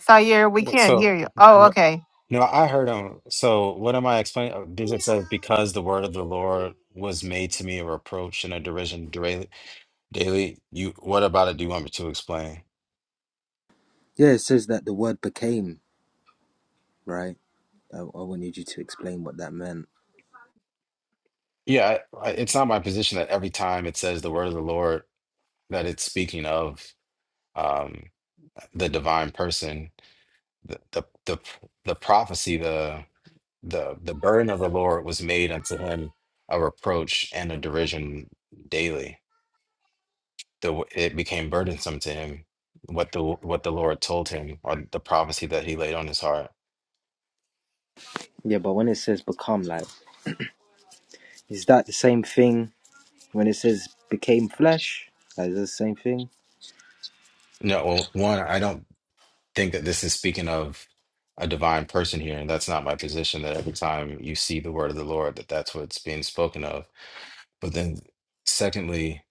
D: Sayer, we
B: wh-
D: can't hear
B: so
D: you. Oh,
B: what?
D: okay.
B: No, I heard him. So what am I explaining? Oh, Did it say because the word of the Lord was made to me a reproach and a derision daily? Daily, you what about it? Do you want me to explain?
F: Yeah, it says that the word became, right? I, I wanted you to explain what that meant.
B: Yeah, I, I- it's not my position that every time it says the word of the Lord that it's speaking of um the divine person, the the the, the prophecy, the the the burden of the Lord was made unto him a reproach and a derision daily. The it became burdensome to him what the what the Lord told him or the prophecy that he laid on his heart.
F: Yeah, but when it says become, like, is that the same thing when it says became flesh? Like, Is that the same thing?
B: No, well, one, I don't think that this is speaking of a divine person here, and that's not my position. That every time you see the word of the Lord, that that's what's being spoken of. But then, secondly,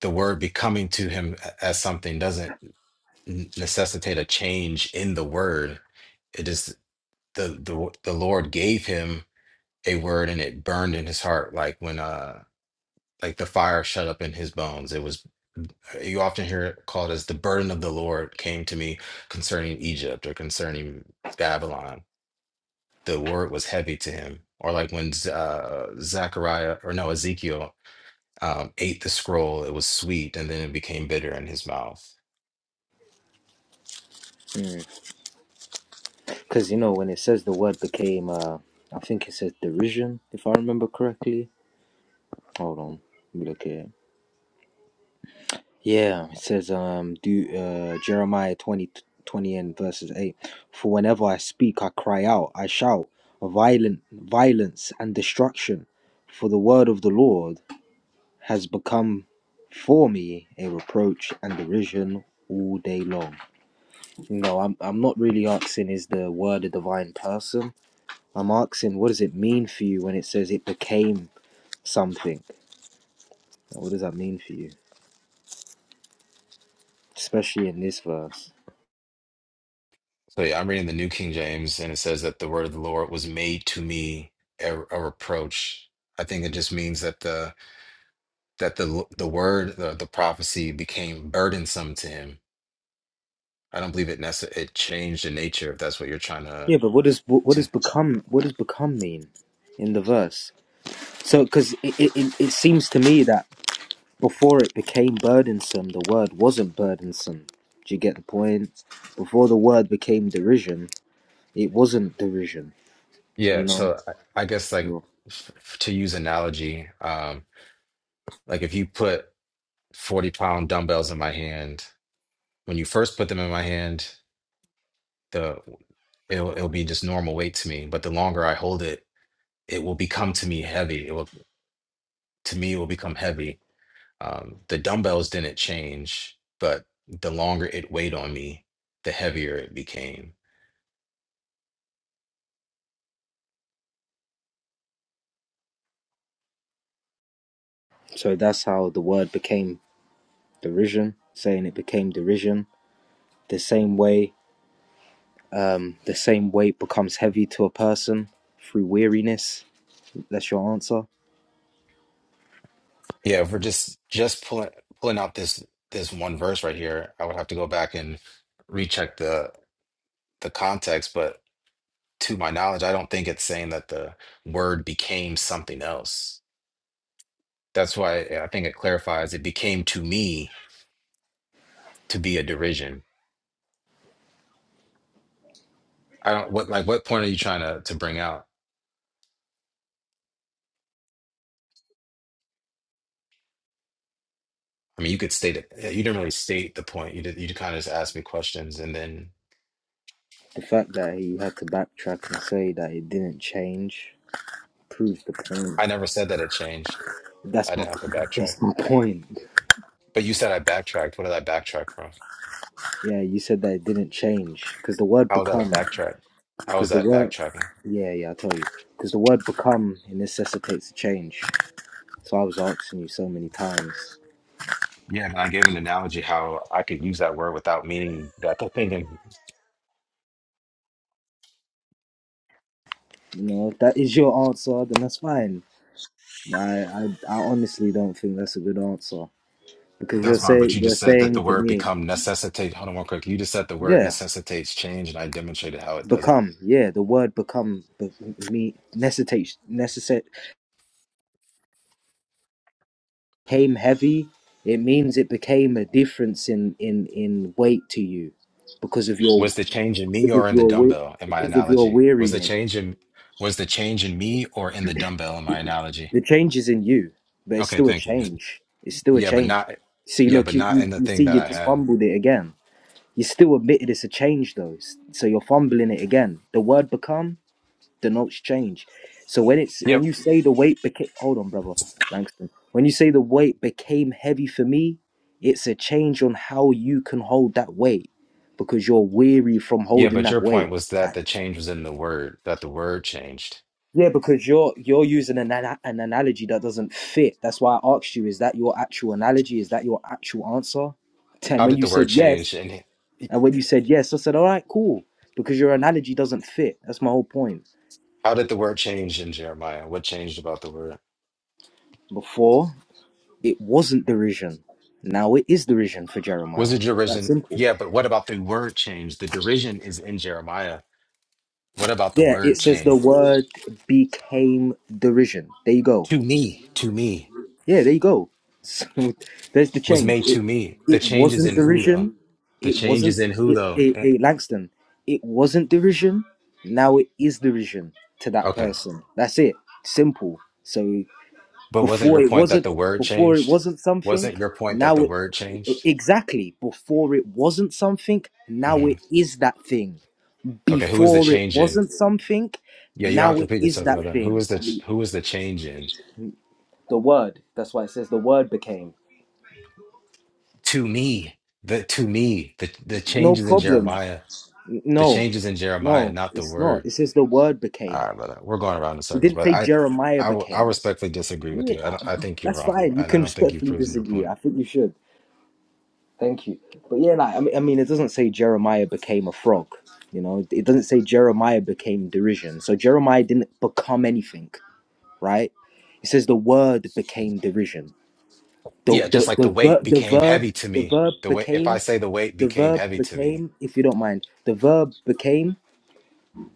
B: the word becoming to him as something doesn't necessitate a change in the word the the the Lord gave him a word and it burned in his heart like when uh like the fire shut up in his bones. It was you often hear it called as the burden of the Lord came to me concerning Egypt or concerning Babylon. The word was heavy to him. Or like when Z- uh, Zechariah or no Ezekiel um, ate the scroll, it was sweet and then it became bitter in his mouth.
F: Hmm. Because, you know, when it says the word became, uh, I think it says derision, if I remember correctly. Hold on, let me look at it. Yeah, it says, um, do, uh, Jeremiah 20 20 and verses 8. For whenever I speak, I cry out, I shout, violent, violence and destruction. For the word of the Lord has become for me a reproach and derision all day long. No, I'm, I'm not really asking, is the word a divine person? I'm asking, what does it mean for you when it says it became something? What does that mean for you, especially in this verse?
B: So yeah, I'm reading the New King James, and it says that the word of the Lord was made to me a, a reproach. I think it just means that the that the the word the, the prophecy became burdensome to him. I don't believe it necess- it changed the nature if that's what you're trying to
F: Yeah, but what does what does
B: to
F: become what does become mean in the verse? So, because it, it it seems to me that before it became burdensome, the word wasn't burdensome. Do you get the point? Before the word became derision, it wasn't derision. You
B: yeah.
F: know.
B: So I, I guess like
F: Yeah.
B: f- f- to use analogy, um, like if you put 40 pound dumbbells in my hand, when you first put them in my hand, the it'll it'll be just normal weight to me, but the longer I hold it it will become to me heavy. It will to me it will become heavy. Um, the dumbbells didn't change, but the longer it weighed on me, the heavier it became.
F: So that's how the word became derision. Saying it became derision the same way Um, the same weight becomes heavy to a person through weariness. That's your answer.
B: Yeah, if we're just just pulling pulling out this this one verse right here, I would have to go back and recheck the the context. But to my knowledge, I don't think it's saying that the word became something else. That's why yeah, I think it clarifies. It became to me to be a derision. I don't what like what point are you trying to to bring out? I mean, you could state it. yeah, You didn't really state the point. You did. You kind of just asked me questions, and then
F: The fact that he had to backtrack and say that it didn't change proves the point.
B: I never said that it changed.
F: That's
B: I
F: my
B: didn't have to backtrack.
F: that's my point.
B: But you said I backtracked. What did I backtrack from?
F: Yeah, you said that it didn't change because the word
B: How was that a
F: become
B: backtrack? How was
F: because the
B: that
F: word
B: backtracking?
F: yeah yeah I tell you because the word become it necessitates a change. So I was asking you so many times.
B: Yeah, and I gave an analogy how I could use that word without meaning that the thing. in-
F: You know, if that is your answer, then that's fine. I I, I honestly don't think that's a good answer. because you're
B: That's fine,
F: say
B: but you
F: you're
B: just said that
F: saying
B: the
F: to
B: word
F: me,
B: become necessitate. Hold on one quick. You just said the word
F: yeah,
B: necessitates change, and I demonstrated how it doesn't.
F: become, yeah, the word become be, me necessitates necessate came heavy. It means it became a difference in in in weight to you because of your
B: Was the change in me
F: because of
B: or in the
F: your weight
B: dumbbell in my
F: because of your
B: analogy? Was the
F: weariness.
B: change in was the change in me or in the dumbbell in my analogy?
F: The change is in you, but it's
B: Okay,
F: still a
B: thank you.
F: change. It's still a
B: Yeah, but
F: change.
B: not
F: See,
B: yeah,
F: look,
B: but
F: you,
B: not
F: you,
B: in the
F: you see,
B: thing that
F: you
B: I
F: just
B: have.
F: fumbled it again. You still admitted it's a change though, s- so you're fumbling it again. The word become. denotes change. So when it's when
B: Yep.
F: you say the weight became hold on, brother Langston. When you say the weight became heavy for me, it's a change on how you can hold that weight because you're weary from
B: Yeah,
F: holding
B: but your
F: that
B: point
F: weight.
B: was that
F: Like,
B: the change was in the word, that the word changed.
F: yeah, because you're you're using an ana- an analogy that doesn't fit. That's why I asked you: Is that your actual analogy? Is that your actual answer? And
B: How
F: when
B: did
F: you
B: the
F: said
B: word
F: yes,
B: change and
F: and when you said yes, I said, "All right, cool," because your analogy doesn't fit. That's my whole point.
B: how did the word change in Jeremiah? What changed about the word?
F: Before. It wasn't derision. Now it is derision for Jeremiah.
B: Was it
F: That's
B: derision?
F: simple.
B: Yeah, but what about the word change? The derision is in Jeremiah. What about the
F: Yeah, it
B: word
F: says the
B: change?
F: word became derision. There you go.
B: To me, to me,
F: Yeah, there you go. So there's the
B: was
F: change.
B: made
F: It
B: to me. The
F: it
B: change is
F: wasn't
B: in who though?
F: derision.
B: The
F: It
B: change
F: wasn't
B: is in who
F: it,
B: though?
F: it,
B: Eh,
F: it Langston. It wasn't derision. Now it is derision to that
B: Okay.
F: person. That's it. Simple. So
B: But wasn't
F: before
B: your
F: it
B: point that
F: wasn't
B: the word
F: before it
B: changed?
F: wasn't something
B: Wasn't your point that
F: now
B: the
F: it
B: word changed?
F: exactly before it wasn't something now
B: hmm
F: it is that thing
B: Okay, who is the
F: before it
B: change in?
F: wasn't something
B: Yeah, you don't
F: now
B: have to
F: it
B: repeat
F: is
B: yourself,
F: that
B: brother. Who
F: thing
B: is the
F: I
B: ch-
F: mean,
B: who is the change in?
F: the word that's why it says the word became
B: To me, the to me, the the
F: no
B: changes in
F: problem
B: Jeremiah,
F: N-
B: the
F: no
B: changes in Jeremiah,
F: no
B: not the
F: it's not it
B: word.
F: says the word
B: All
F: became
B: right, brother, we're going around in
F: it
B: circles,
F: didn't
B: but
F: say
B: I
F: jeremiah
B: I will- I
F: became
B: respectfully disagree with
F: yeah
B: you. I don't, I think you're
F: that's
B: wrong,
F: fine you
B: and I
F: can
B: don't think you've
F: respectfully
B: proven your
F: disagree
B: point.
F: i think you should Thank you. But yeah, like I mean, I mean, it doesn't say Jeremiah became a frog. You know, it doesn't say Jeremiah became derision. So Jeremiah didn't become anything, right? It says the word became derision. The
B: Yeah, just
F: the
B: like the
F: the,
B: weight
F: ver- the
B: became
F: verb
B: heavy to
F: the
B: me.
F: verb
B: The weight, if I
F: became
B: say the weight
F: the
B: became
F: verb
B: heavy to me,
F: became. If you don't mind, the verb became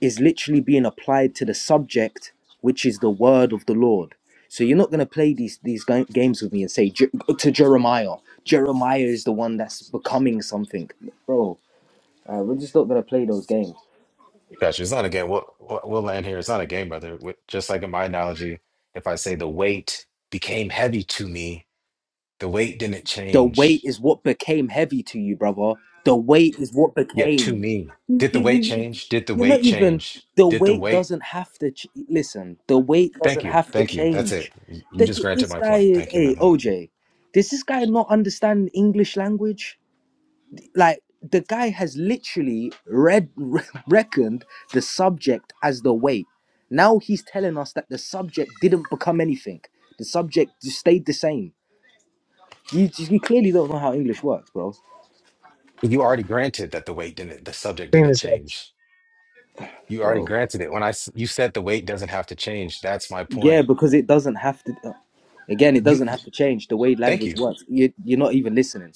F: is literally being applied to the subject, which is the word of the Lord. So you're not going to play these these ga- games with me and say "Je- go to Jeremiah. Jeremiah is the one that's becoming something, bro. Uh, we're just not going to play those games.
B: Gotcha. It's not a game. We'll we'll we'll land here. It's not a game, brother. Wi- Just like in my analogy, if I say the weight became heavy to me, the weight didn't
F: The weight
B: change.
F: is what became heavy to you, brother. The weight is what
B: Yet to
F: became.
B: me,
F: You,
B: did the
F: you,
B: weight
F: you,
B: change? Did the
F: you're not
B: weight
F: even.
B: change?
F: The
B: Did the
F: weight
B: weight?
F: doesn't have to ch- listen. The weight
B: Thank
F: doesn't
B: you.
F: have to
B: Thank you. That's it.
F: change.
B: Y- You just
F: The,
B: granted
F: this
B: my
F: guy,
B: point. Thank you,
F: hey
B: brother.
F: OJ, does this guy not understand English language? Like the guy has literally read reckoned the subject as the weight. Now he's telling us that the subject didn't become anything. The subject just stayed the same. You, you clearly don't know how English works, bro.
B: You already granted that the weight didn't, the subject
A: Thing
B: didn't
A: is, uh,
B: change. You already
F: Bro.
B: granted it. When I s- you said the weight doesn't have to change, that's my
F: Yeah,
B: point.
F: because it doesn't have to. uh, Again, it
B: You,
F: doesn't have to change the way
B: thank
F: language
B: you.
F: works. You, you're not even listening.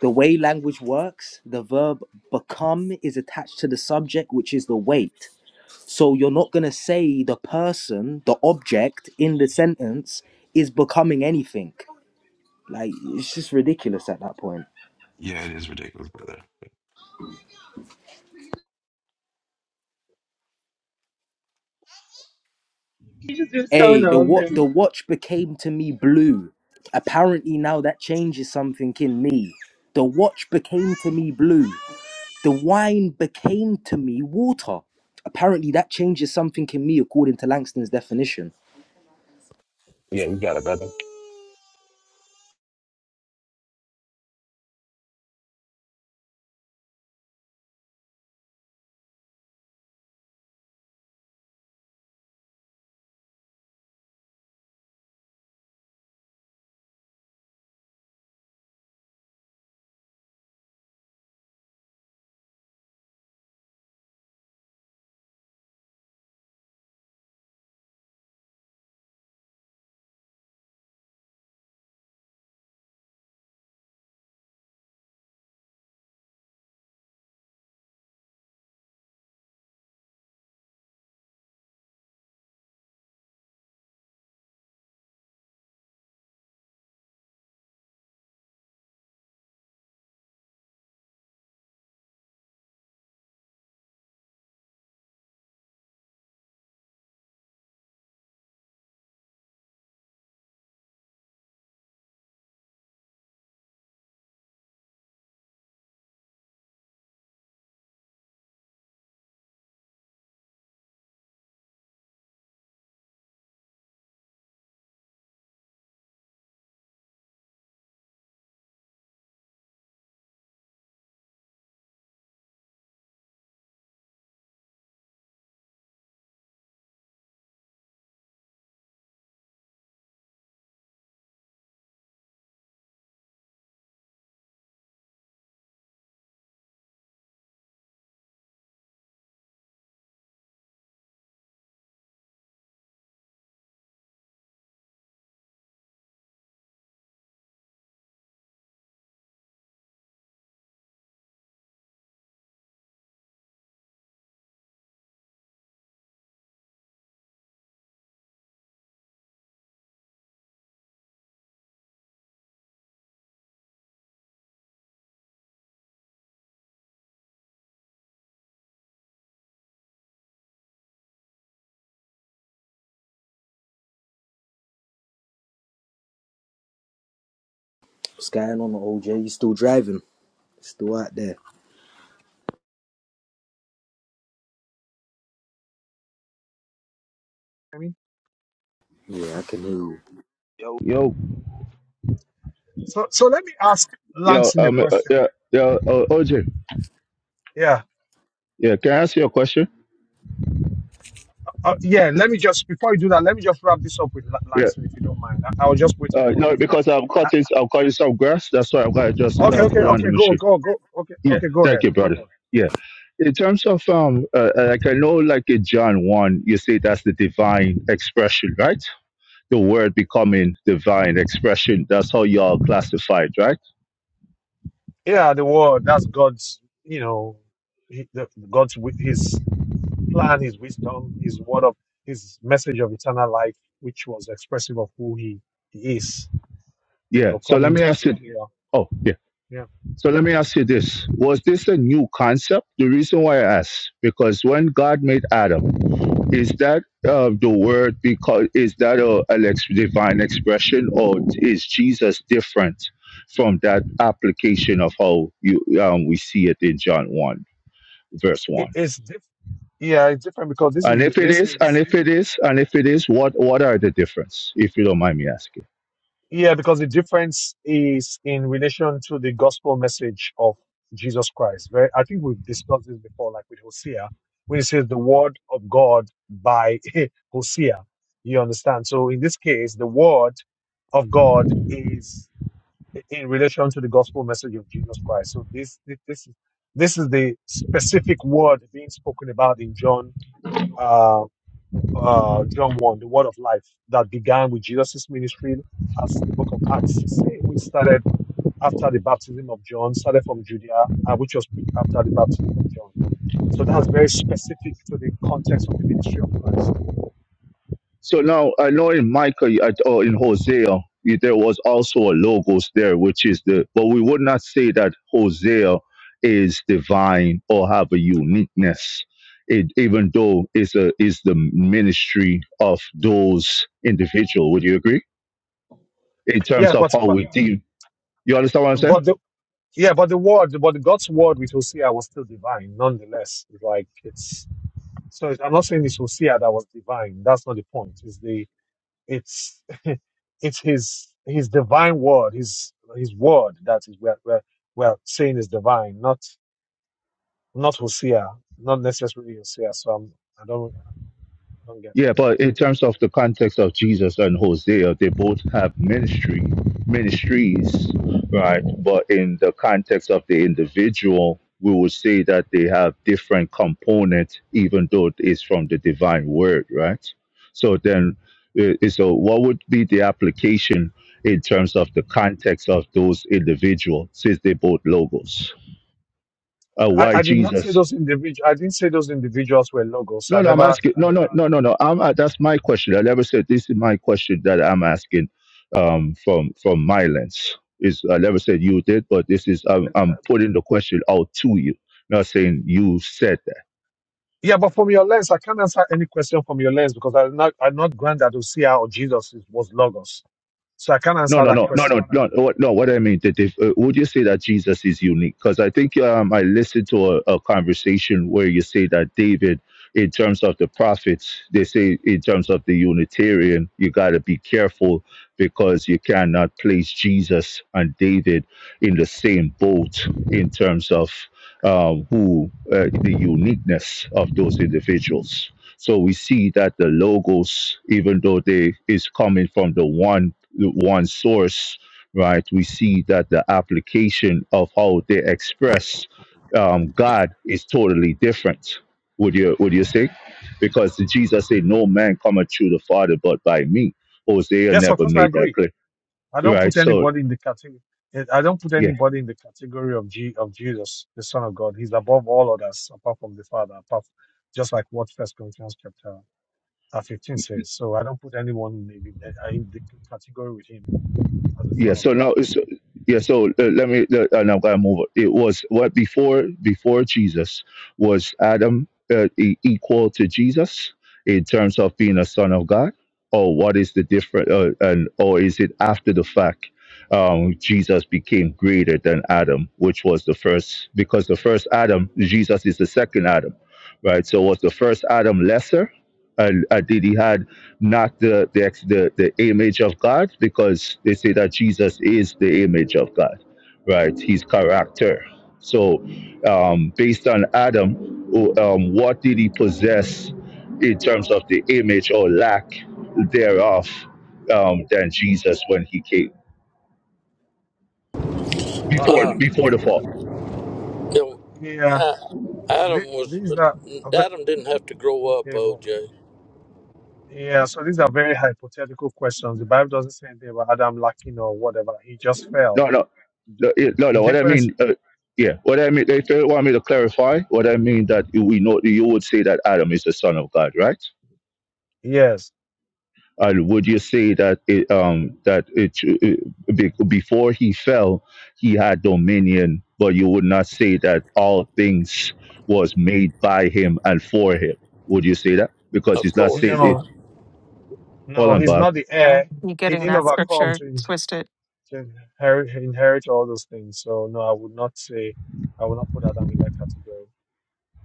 F: The way language works, the verb become is attached to the subject, which is the weight. So you're not going to say the person, the object in the sentence is becoming anything. Like, it's just ridiculous at that point.
B: Yeah, it is ridiculous, brother.
F: Hey, the what the watch became to me blue. Apparently now that changes something in me. The watch became to me blue. The wine became to me water. Apparently that changes something in me according to Langston's definition.
B: Yeah, you got it, brother.
F: What's going on, OJ? You still driving? Still out there? Yeah, I can hear you.
C: Yo, yo,
A: So, so let me ask
C: yo,
A: Langston a
C: um, uh,
A: question.
C: yeah, yeah, uh, OJ,
A: Yeah,
C: yeah, can I ask you a question?
A: uh, yeah. Let me just before you do that, let me just wrap this up with La-
C: Yeah.
A: Langston, if you don't mind. I, I was just waiting
C: Uh,
A: for
C: no,
A: this.
C: because I'm
A: Uh,
C: cutting, I'm cutting some grass. That's why I've got to just
A: uh, okay,
C: uh,
A: okay,
C: put on
A: okay.
C: the
A: Go,
C: machine.
A: go, go. Okay,
C: Yeah,
A: okay. Go
C: thank
A: ahead.
C: you,
A: Go
C: brother.
A: ahead.
C: Yeah. In terms of um, uh, uh, like I know, like in John one, you say that's the divine expression, right? The word becoming divine expression. That's how y'all classified, right?
A: Yeah, the word. That's God's. You know, he, the, God's wi- His plan, His wisdom, His word of His message of eternal life, which was expressive of who He, he is. You
C: Yeah.
A: know,
C: So let
A: coming
C: me
A: to
C: ask you.
A: fruition. Yeah,
C: Oh, yeah.
A: yeah.
C: So let me ask you this: Was this a new concept? The reason why I asked because when God made Adam. Is that uh, the word because is that a, an ex- divine expression or is Jesus different from that application of how you um, we see it in John one verse
A: It,
C: one?
A: it's diff- yeah, it's different because this
C: And
A: is
C: if it
A: this
C: is, and
A: is
C: if it is, and if it is, what what are the difference? If you don't mind me asking.
A: Yeah, because the difference is in relation to the gospel message of Jesus Christ. Very, I think we've discussed this before, like with Hosea, when it says the word of God by Hosea. You understand? So in this case, the word of God is in relation to the gospel message of Jesus Christ. So this this this is this is the specific word being spoken about in John uh, uh, John 1, the word of life that began with Jesus' ministry, as the book of Acts say, which started after the baptism of John, started from Judea, uh, which was preached after the baptism of John. So that's very specific to the context of the ministry of Christ.
C: So now I know in Micah I- or in Hosea you- there was also a logos there, which is the but we would not say that Hosea is divine or have a uniqueness. It, even though it's a is the ministry of those individual. Would you agree? In terms
A: Yeah,
C: of
A: but
C: how
A: but
C: we deal, you understand what I'm saying?
A: but the yeah, but the word, but God's word with Hosea was still divine, nonetheless. Like it's so I'm not saying it's Hosea that was divine. That's not the point. It's the It's it's his his divine word, his his word that is we're we're, we're saying is divine, not not Hosea, not necessarily Hosea. So I'm I don't I don't get.
C: Yeah, but in terms of the context of Jesus and Hosea, they both have ministry ministries, right? But in the context of the individual, we would say that they have different components, even though it is from the divine word, right? So then, uh, uh, so what would be the application in terms of the context of those individuals, since they both logos? Uh,
A: I,
C: why
A: I did not say
C: Jesus?
A: those individual. I didn't say those individuals were logos.
C: No,
A: I
C: no, I'm
A: never.
C: asking. No,
A: I, I,
C: no, no, no, no. I'm, uh, that's my question. I never said this is my question that I'm asking um, from from my lens. Is I never said you did, but this is I'm, I'm putting the question out to you. Not saying you said that.
A: yeah, but from your lens, I can't answer any question from your lens because I'm not I'm not grant that Hosea or Jesus is- was logos. So I can't
C: No,
A: answer
C: no,
A: that
C: no, no, no,
A: question.
C: no. no. What, no, what I mean, that if, uh, would you say that Jesus is unique? Because I think um, I listened to a, a conversation where you say that David, in terms of the prophets, they say in terms of the Unitarian, you got to be careful because you cannot place Jesus and David in the same boat in terms of um, who uh, the uniqueness of those individuals. So we see that the logos, even though they is coming from the one the one source, right? We see that the application of how they express um, God is totally different. Would you would you say? Because Jesus said, "No man cometh to the Father but by me." Hosea
A: Yes, of
C: never
A: course I
C: made
A: agree.
C: that clear,
A: I don't
C: right?
A: put
C: So
A: anybody in the category. I don't put
C: yeah.
A: anybody in the category of G of Jesus, the Son of God. He's above all others, apart from the Father, apart just like what First Corinthians chapter uh, fifteen says. So I don't put anyone in the, uh, in the category with him as the
C: Yeah.
A: Son of
C: So
A: God.
C: now, it's, yeah. So uh, let me. Uh, and I'm gonna move. It It was what before before Jesus was Adam uh, e- equal to Jesus in terms of being a son of God, or what is the difference? Uh, and or is it after the fact? Um, Jesus became greater than Adam, which was the first, because the first Adam, Jesus is the second Adam, right? So was the first Adam lesser, and uh, did he had not the, the the the image of God, because they say that Jesus is the image of God, right? His character. So, um, based on Adam, who, um, what did he possess in terms of the image or lack thereof um, than Jesus when he came
A: But
C: before
G: Uh,
C: before the fall?
G: you know,
A: yeah,
G: uh, Adam
A: th-
G: was
A: these are a
G: Adam didn't have to
A: ve-
G: grow up,
A: yeah, well,
G: OJ.
A: yeah, so these are very hypothetical questions. The Bible doesn't say anything about Adam lacking or whatever. He just fell.
C: No, no,
A: The
C: no, it- no.
A: the
C: no what I
A: difference,
C: mean, uh, yeah, what I mean. If you want me to clarify, what I mean that you- we know you would say that Adam is the son of God, right?
A: yes.
C: And would you say that it, um, that it, it be- before he fell, he had dominion, but you would not say that all things was made by him and for him? Would you say that? Because
G: Of
C: it's not
G: course
C: said.
A: No.
C: It,
G: not.
C: hold
A: No,
C: on,
A: he's
C: Bob.
A: not the
D: Yeah,
A: heir.
D: you're
A: He
D: getting
A: didn't
D: that
A: overcome
D: scripture
A: to, in-
D: twisted.
A: to inherit, inherit all those things. So no, I would not say, I would not put Adam in that category.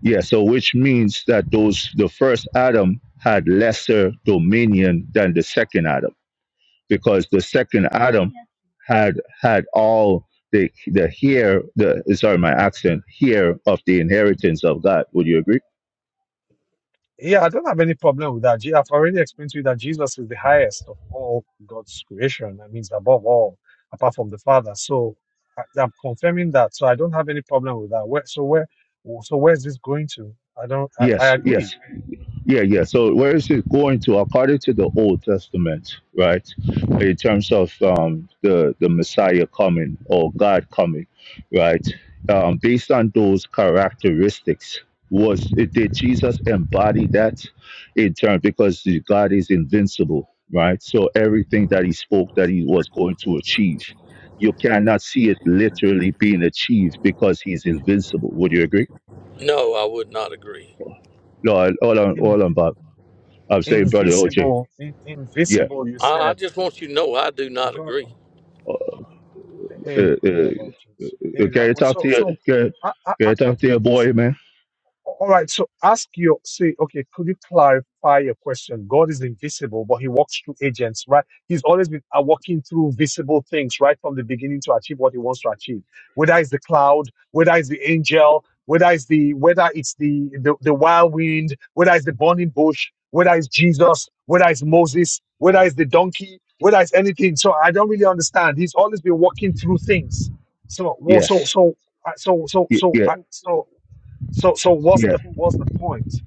C: Yeah. So which means that those the first Adam had lesser dominion than the second Adam, because the second Adam had had all the the here the sorry my accent here of the inheritance of God. Would you agree?
A: Yeah, I don't have any problem with that. Je- I've already explained to you that Jesus is the highest of all God's creation. That means above all, apart from the Father. So I, I'm confirming that. So I don't have any problem with that. Where, so where, so where's this going to? I don't. I, I
C: Yes,
A: agree.
C: yes, yeah, yeah. So where is it going to? According to the Old Testament, right? In terms of um, the the Messiah coming or God coming, right? Um, based on those characteristics, was did Jesus embody that in terms because the God is invincible, right? So everything that He spoke that He was going to achieve, you cannot see it literally being achieved because He's invincible. Would you agree?
G: No, I would not agree.
C: No, all on
A: In,
C: all on I'm saying, brother OJ.
A: invisible, in,
C: Yeah.
A: invisible. You
G: I, I
A: said
G: just want you to know I do not
A: God.
G: agree.
A: oh,
C: Uh,
A: Hey,
C: uh, uh,
A: mailboxes. Hey,
C: can
A: that
C: you
A: was
C: talk
A: so.
C: to your
A: So,
C: can,
A: I, I,
C: can
A: I,
C: you talk to your boy, man?
A: all right. So ask your say, okay, could you clarify your question? God is invisible, but he walks through agents, right? He's always been uh, walking through visible things right from the beginning to achieve what he wants to achieve. Whether it's the cloud, whether it's the angel, whether it's the whether it's the the, the wild wind, whether it's the burning bush, whether it's Jesus, whether it's Moses, whether it's the donkey, whether it's anything. So I don't really understand. He's always been walking through things. So well, so
C: Yes.
A: so uh, so so
C: Yeah.
A: so
C: Yeah.
A: uh, so. So, so what's the
C: yeah.
A: what's the point?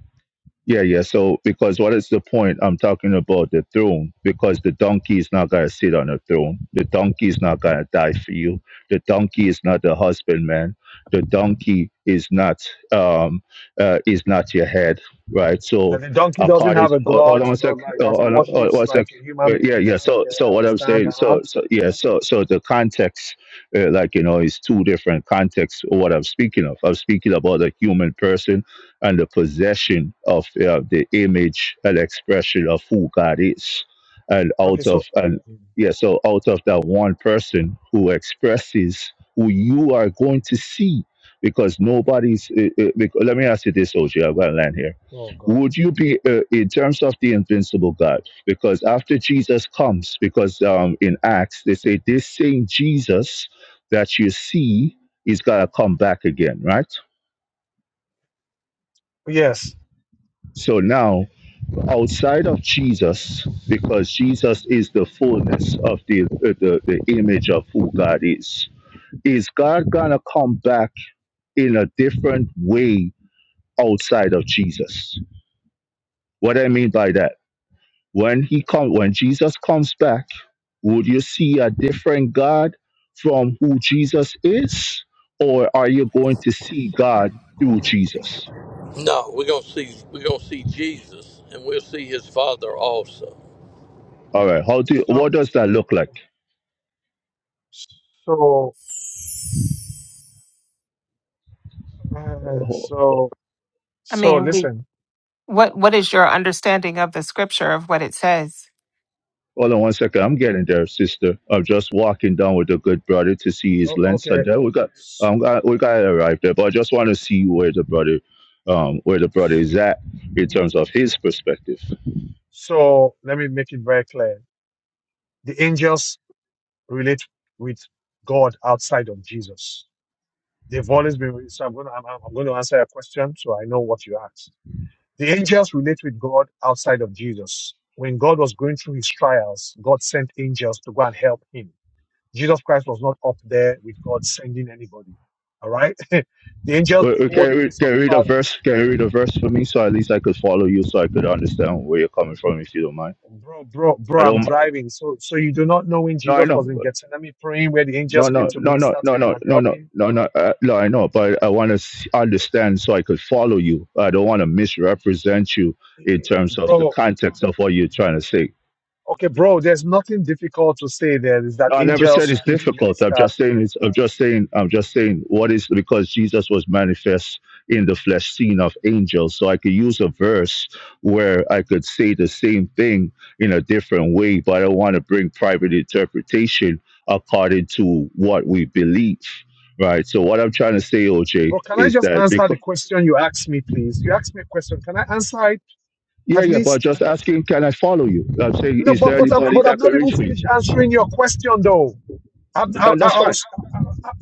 C: Yeah, yeah. So, because what is the point? I'm talking about the throne, because the donkey is not going to sit on the throne. The donkey is not going to die for you. The donkey is not the husbandman. The donkey is not um uh, is not your head, right?
A: Like
C: So,
A: the donkey doesn't
C: according,
A: have a
C: hold, hold
A: god,
C: on a
A: you know,
C: sec.
A: like
C: Oh,
A: that
C: Hold
A: he
C: on, hold on
A: worships
C: a
A: like
C: sec. Uh,
A: human
C: yeah, yeah.
A: beings.
C: So,
A: Okay,
C: so
A: I
C: what I'm
A: understand.
C: saying,
A: Uh-huh.
C: so, so yeah, so, so the context, uh, like you know, is two different contexts. Of what I'm speaking of, I'm speaking about a human person and the possession of uh, the image and expression of who God is. And
A: Okay,
C: out
A: so
C: of and
A: Mm.
C: yeah, so out of that one person who expresses who you are going to see, because nobody's. Uh, uh, because, let me ask you this, OJ. I've got to land here.
A: Oh God.
C: Would you be uh, in terms of the invincible God? Because after Jesus comes, because um, in Acts they say this same Jesus that you see is gonna come back again, right?
A: yes,
C: So now outside of Jesus, because Jesus is the fullness of the, uh, the the image of who God is. Is God gonna come back in a different way outside of Jesus? What I mean by that, when he come, when Jesus comes back, would you see a different God from who Jesus is, or are you going to see God through Jesus?
G: No, we're gonna see we're gonna see Jesus, and we'll see His Father also.
C: All right, how do
A: so
C: what does that look like?
A: so uh, so
D: I
A: so
D: mean, we.
A: listen.
D: What What is your understanding of the scripture of what it says?
C: Hold on one second. I'm getting there, sister. I'm just walking down with a good brother to see his
A: O-
C: lens,
A: okay,
C: and then we got
A: so,
C: um got, we got to arrive there. But I just want to see where the brother, um, where the brother is at in terms of his perspective.
A: so let me make it very clear. The angels relate with God outside of Jesus. They've always been. So I'm going to I'm, I'm going to answer your question, so I know what you asked. The angels relate with God outside of Jesus. When God was going through his trials, God sent angels to go and help him. Jesus Christ was not up there with God sending anybody. All right? the angels
C: We, we
A: behold
C: can
A: the face
C: read,
A: of
C: can
A: the
C: read a
A: Father.
C: verse. Can
A: Oh,
C: you read a verse for me so at least I could follow you, so I could understand where you're coming from, if you don't mind.
A: Bro, bro,
C: I
A: bro, I'm
C: don't.
A: driving. So, so you do not know when
C: No, I
A: Jesus was
C: know.
A: in Gethsemane praying where the angels
C: No,
A: came
C: no,
A: to
C: no, no,
A: minister to
C: no,
A: him
C: no,
A: and
C: no,
A: help
C: no,
A: him.
C: no, no. Uh, no, I know, but I want to understand so I could follow you. I don't want to misrepresent you
A: Eh,
C: in
A: eh,
C: terms of the
A: Bro,
C: context of what you're trying to say.
A: okay, bro, there's nothing difficult to say there is that
C: No, I never said
A: angels
C: it's
A: came to
C: difficult. I'm
A: minister
C: just saying it's, I'm just saying I'm just saying what is because Jesus was manifest in the flesh, seen of angels. So I could use a verse where I could say the same thing in a different way, but I don't want to bring private interpretation according to what we believe. Right. So what I'm trying to say, OJ,
A: But can I
C: is
A: just
C: that
A: answer the
C: because
A: question you asked me, please? You asked me a question. Can I answer it
C: yeah,
A: at
C: yeah, but
A: least?
C: just asking, can I follow you? I'm saying,
A: No,
C: is
A: but
C: there
A: but I'm,
C: anybody
A: but I've
C: that could
A: not
C: reach
A: even
C: for you?
A: finished answering your question though. I'm, I,
C: And
A: I
C: that's
A: I
C: fine.
A: was I, I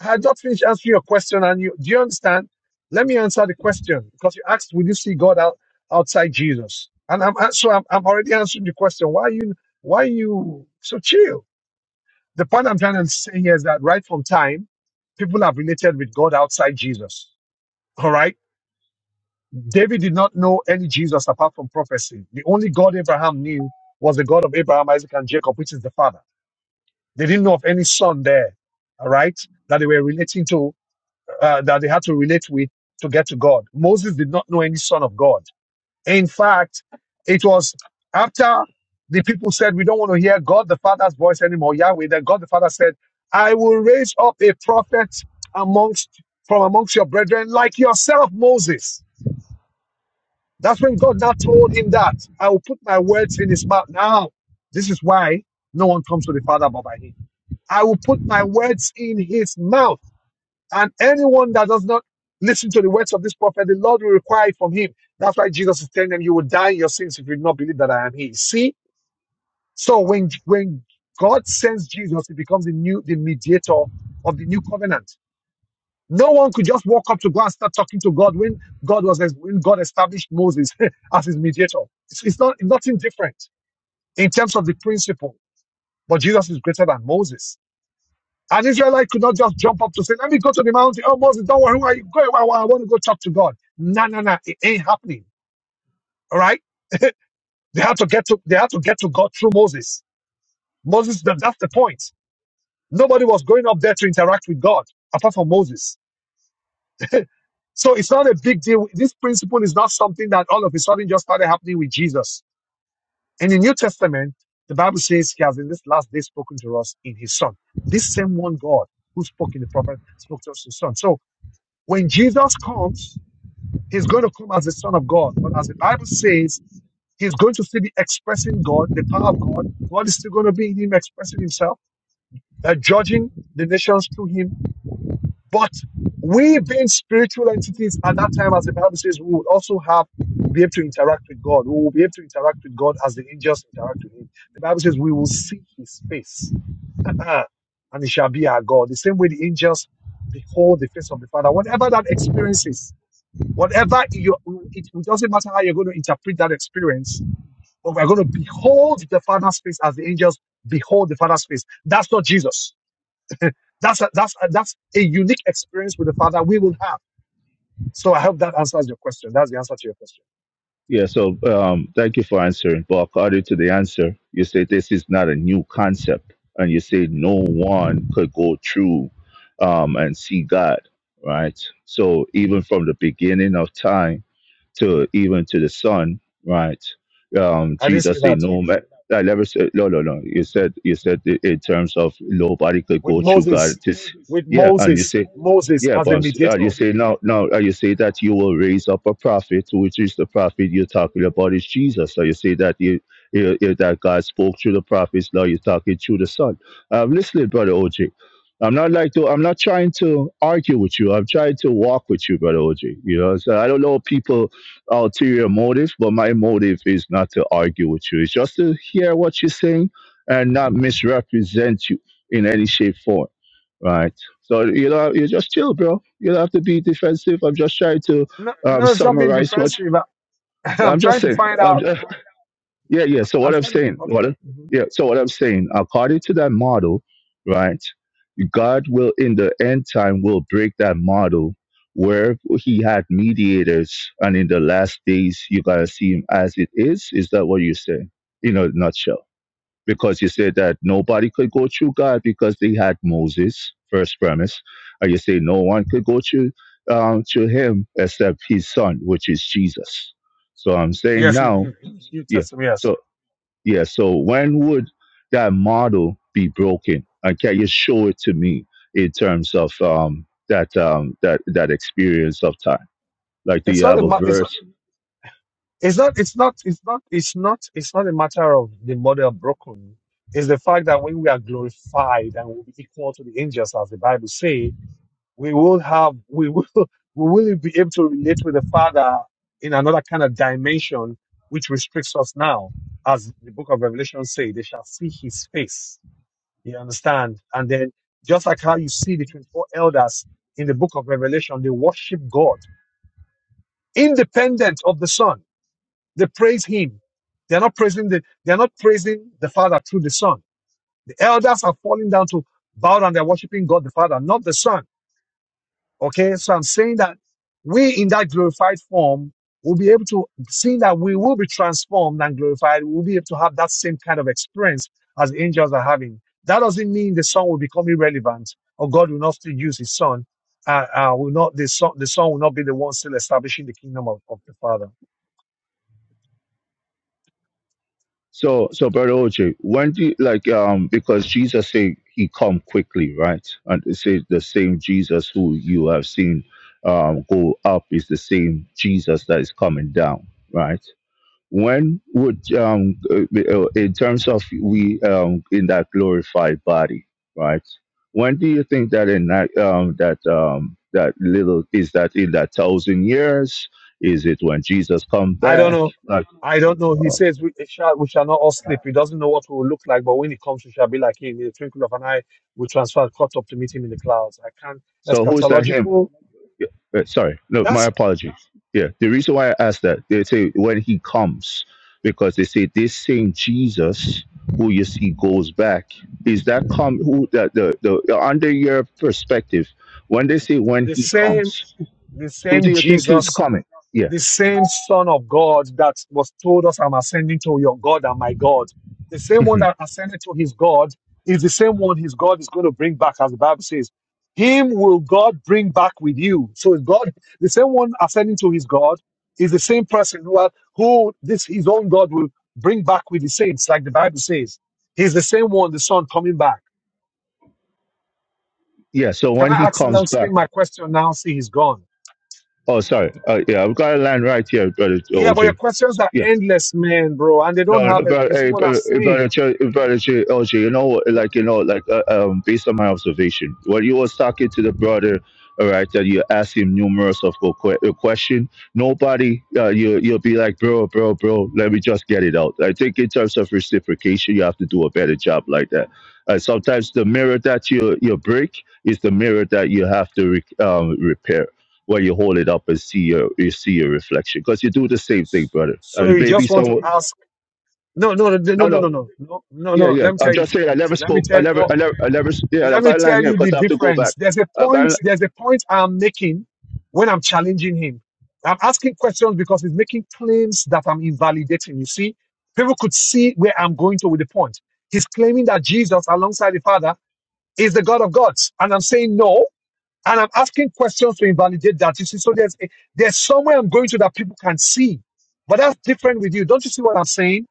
A: I had not finished answering your question, and you do you understand? Let me answer the question because you asked, "Will you see God out, outside Jesus?" And I'm a- so I'm, I'm already answering the question. Why are you why are you so chill? The point I'm trying to say here is that right from time, people have related with God outside Jesus. All right David did not know any Jesus apart from prophecy. The only God Abraham knew was the God of Abraham, Isaac, and Jacob, which is the Father. They didn't know of any son there, all right, that they were relating to, uh, that they had to relate with to get to God. Moses did not know any son of God. In fact, it was after the people said, We don't want to hear God the Father's voice anymore, Yahweh, that God the Father said, I will raise up a prophet amongst from amongst your brethren like yourself, Moses. That's when God now told him that I will put my words in his mouth. Now, this is why no one comes to the Father but by him. I will put my words in his mouth. And anyone that does not listen to the words of this prophet, the Lord will require it from him. That's why Jesus is telling them, you will die in your sins if you do not believe that I am he. See? So when, when God sends Jesus, he becomes the new, the mediator of the new covenant. No one could just walk up to God and start talking to God when God was when God established Moses as his mediator. It's, it's not nothing different in terms of the principle, but Jesus is greater than Moses. An Israelite could not just jump up to say, "Let me go to the mountain." Oh, Moses, don't worry, who are you? Go, I, I want to go talk to God. No, no, no, it ain't happening. All right, they had to get to they had to get to God through Moses. Moses, that, that's the point. Nobody was going up there to interact with God apart from Moses. So it's not a big deal. This principle is not something that all of a sudden just started happening with Jesus. In the New Testament, the Bible says he has in this last day spoken to us in his son. This same one God who spoke in the prophet spoke to us in his son. So when Jesus comes, he's going to come as the son of God. But as the Bible says, he's going to still be expressing God, the power of God. God is still going to be in him expressing himself, uh, judging the nations through him But we being spiritual entities at that time, as the Bible says, we would also have be able to interact with God. We will be able to interact with God as the angels interact with Him. The Bible says we will see His face, and He shall be our God. The same way the angels behold the face of the Father. Whatever that experience is, whatever you, it, it doesn't matter how you're going to interpret that experience, but we're going to behold the Father's face as the angels behold the Father's face. That's not Jesus. that's a, that's a, that's a unique experience with the Father we will have. So I hope that answers your question. That's the answer to your question.
C: Yeah, so um, thank you for answering. But according to the answer, you say this is not a new concept, and you say no one could go through um, and see God, right? So even from the beginning of time, to even to the Son, right? Um,
A: I didn't say
C: Jesus said,
A: that
C: "No man." I never said no, no, no. You said you said i- in terms of nobody could
A: with
C: go through God.
A: Moses,
C: This,
A: with
C: yeah, and you
A: Moses,
C: say,
A: with Moses
C: yeah,
A: as
C: but
A: a
C: I'm s- uh, you
A: mediator.
C: say now, now uh, you say that you will raise up a prophet, which is the prophet you're talking about is Jesus. So you say that you, you, you that God spoke through the prophets. Now you're talking through the Son. Um, listen, brother OJ. I'm not like to. I'm not trying to argue with you. I'm trying to walk with you, brother OJ. You know, so I don't know people ulterior motives, but my motive is not to argue with you. It's just to hear what you're saying and not misrepresent you in any shape, form. Right. So you know, you just chill, bro. You don't have to be defensive. I'm just trying to
A: No,
C: um,
A: no, it's not being
C: summarize what
A: defensive. I- I'm
C: I'm just
A: trying to
C: saying.
A: find
C: I'm
A: out.
C: just, yeah, yeah. So
A: I'm
C: what I'm
A: trying to.
C: saying, what?
A: Okay.
C: I-
A: mhm.
C: Yeah. So what I'm saying, according to that model, right? God will in the end time will break that model where He had mediators, and in the last days you gotta see Him as it is. Is that what you say? In a nutshell, because you said that nobody could go through God because they had Moses, first premise, and you say no one could go through um, to Him except His Son, which is Jesus. So I'm saying
A: Yes, you,
C: now,
A: you, you you
C: yeah.
A: test me.
C: So
A: Yes,
C: yeah. So when would that model be broken? And can you show it to me in terms of um, that um, that that experience of time? Like, do
A: it's
C: you
A: not a.
C: have a
A: ma- It's not.
C: verse?
A: It's not. It's not. It's not. It's not. It's not a matter of the model broken. It's the fact that when we are glorified and will be equal to the angels, as the Bible says, we will have we will we will be able to relate with the father in another kind of dimension which restricts us now as the book of revelation say they shall see his face you understand and then just like how you see the 24 elders in the book of revelation they worship god independent of the son they praise him they're not praising the they're not praising the father through the son the elders are falling down to bow down they're worshiping god the father not the son Okay, so I'm saying that we in that glorified form will be able to, seeing that we will be transformed and glorified, we'll be able to have that same kind of experience as angels are having. That doesn't mean the son will become irrelevant or God will not still use his son. Uh, uh, will not the son, the son will not be the one still establishing the kingdom of, of the father.
C: So, so brother OJ, when do you, like um because Jesus said he come quickly, right? And it says the same Jesus who you have seen um go up is the same Jesus that is coming down, right? When would um uh, uh, in terms of we um in that glorified body, right? When do you think that in that um that um that little is that in that thousand years? Is it when Jesus come
A: I don't
C: back?
A: know.
C: Like,
A: I don't know. He
C: uh,
A: says we it shall, we shall not all sleep. He doesn't know what we will look like, but when he comes, we shall be like him. In the twinkle of an eye, we transfer caught up to meet him in the clouds. I can't.
C: so who's that him?
A: Eschatological.
C: Yeah, uh, sorry, no, my
A: That's
C: apologies. Yeah, the reason why I asked that, they say when he comes, because they say this same Jesus who you see goes back. Is that come who that the, the the- under your perspective, when they say when
A: the
C: he
A: same.
C: comes,
A: The
C: who do
A: same
C: you think he's
A: Jesus.
C: coming? Yeah.
A: the same Son of God that was told us, I'm ascending to your God and my God. The same one
C: hmm
A: that ascended to his God is the same one his God is going to bring back, as the Bible says. Him will God bring back with you. So God, the same one ascending to his God is the same person who, are- who this his own God will bring back with the saints, like the Bible says. He's the same one, the Son coming back.
C: Yeah. So
A: Can
C: when
A: I
C: he
A: ask
C: comes
A: Langston
C: back.
A: my question now? See, he's gone.
C: Oh, sorry. Uh, yeah, I've got to land right here, brother
A: Yeah, but your
C: OJ.
A: questions are endless, man, bro, and they don't
C: No,
A: have it.
C: but
A: You see
C: hey,
A: what I'm
C: but about
A: saying?
C: a ch- about a ch- LG, you know, what,
A: But-
C: like you know, like uh, um, based on my observation, when you was talking to the brother, all right, that you asked him numerous of que- que- uh, question, nobody, uh, you you'll be like, bro, bro, bro, let me just get it out. I think in terms of reciprocation, you have to do a better job like that. Uh, sometimes the mirror that you you break is the mirror that you have to re- um, repair where you hold it up and see your you see your reflection because you do the same thing brother
A: So
C: and
A: you
C: maybe
A: just want to
C: someone
A: ask? No, no, no, no, no,
C: no,
A: no,
C: no.
A: no, no, no.
C: Yeah,
A: no.
C: yeah.
A: Let me
C: I'm
A: tell you the
C: just saying. I
A: difference.
C: never
A: Let me
C: spoke. I
A: tell
C: never.
A: no.
C: I never. I never. s- Yeah, I've
A: Let me
C: got a line
A: tell
C: here
A: you the
C: because I have to go
A: difference.
C: back.
A: There's a
C: I've got a,
A: point.
C: li-
A: There's a point I'm making when I'm challenging him. I'm asking questions because he's making claims that I'm invalidating. You see, people could see where I'm going to with the point. He's claiming that Jesus, alongside the Father, is the God of gods, and I'm saying no. And I'm asking questions to invalidate that. You see, so there's a, there's somewhere I'm going to that people can see, but that's different with you. Don't you see what I'm saying?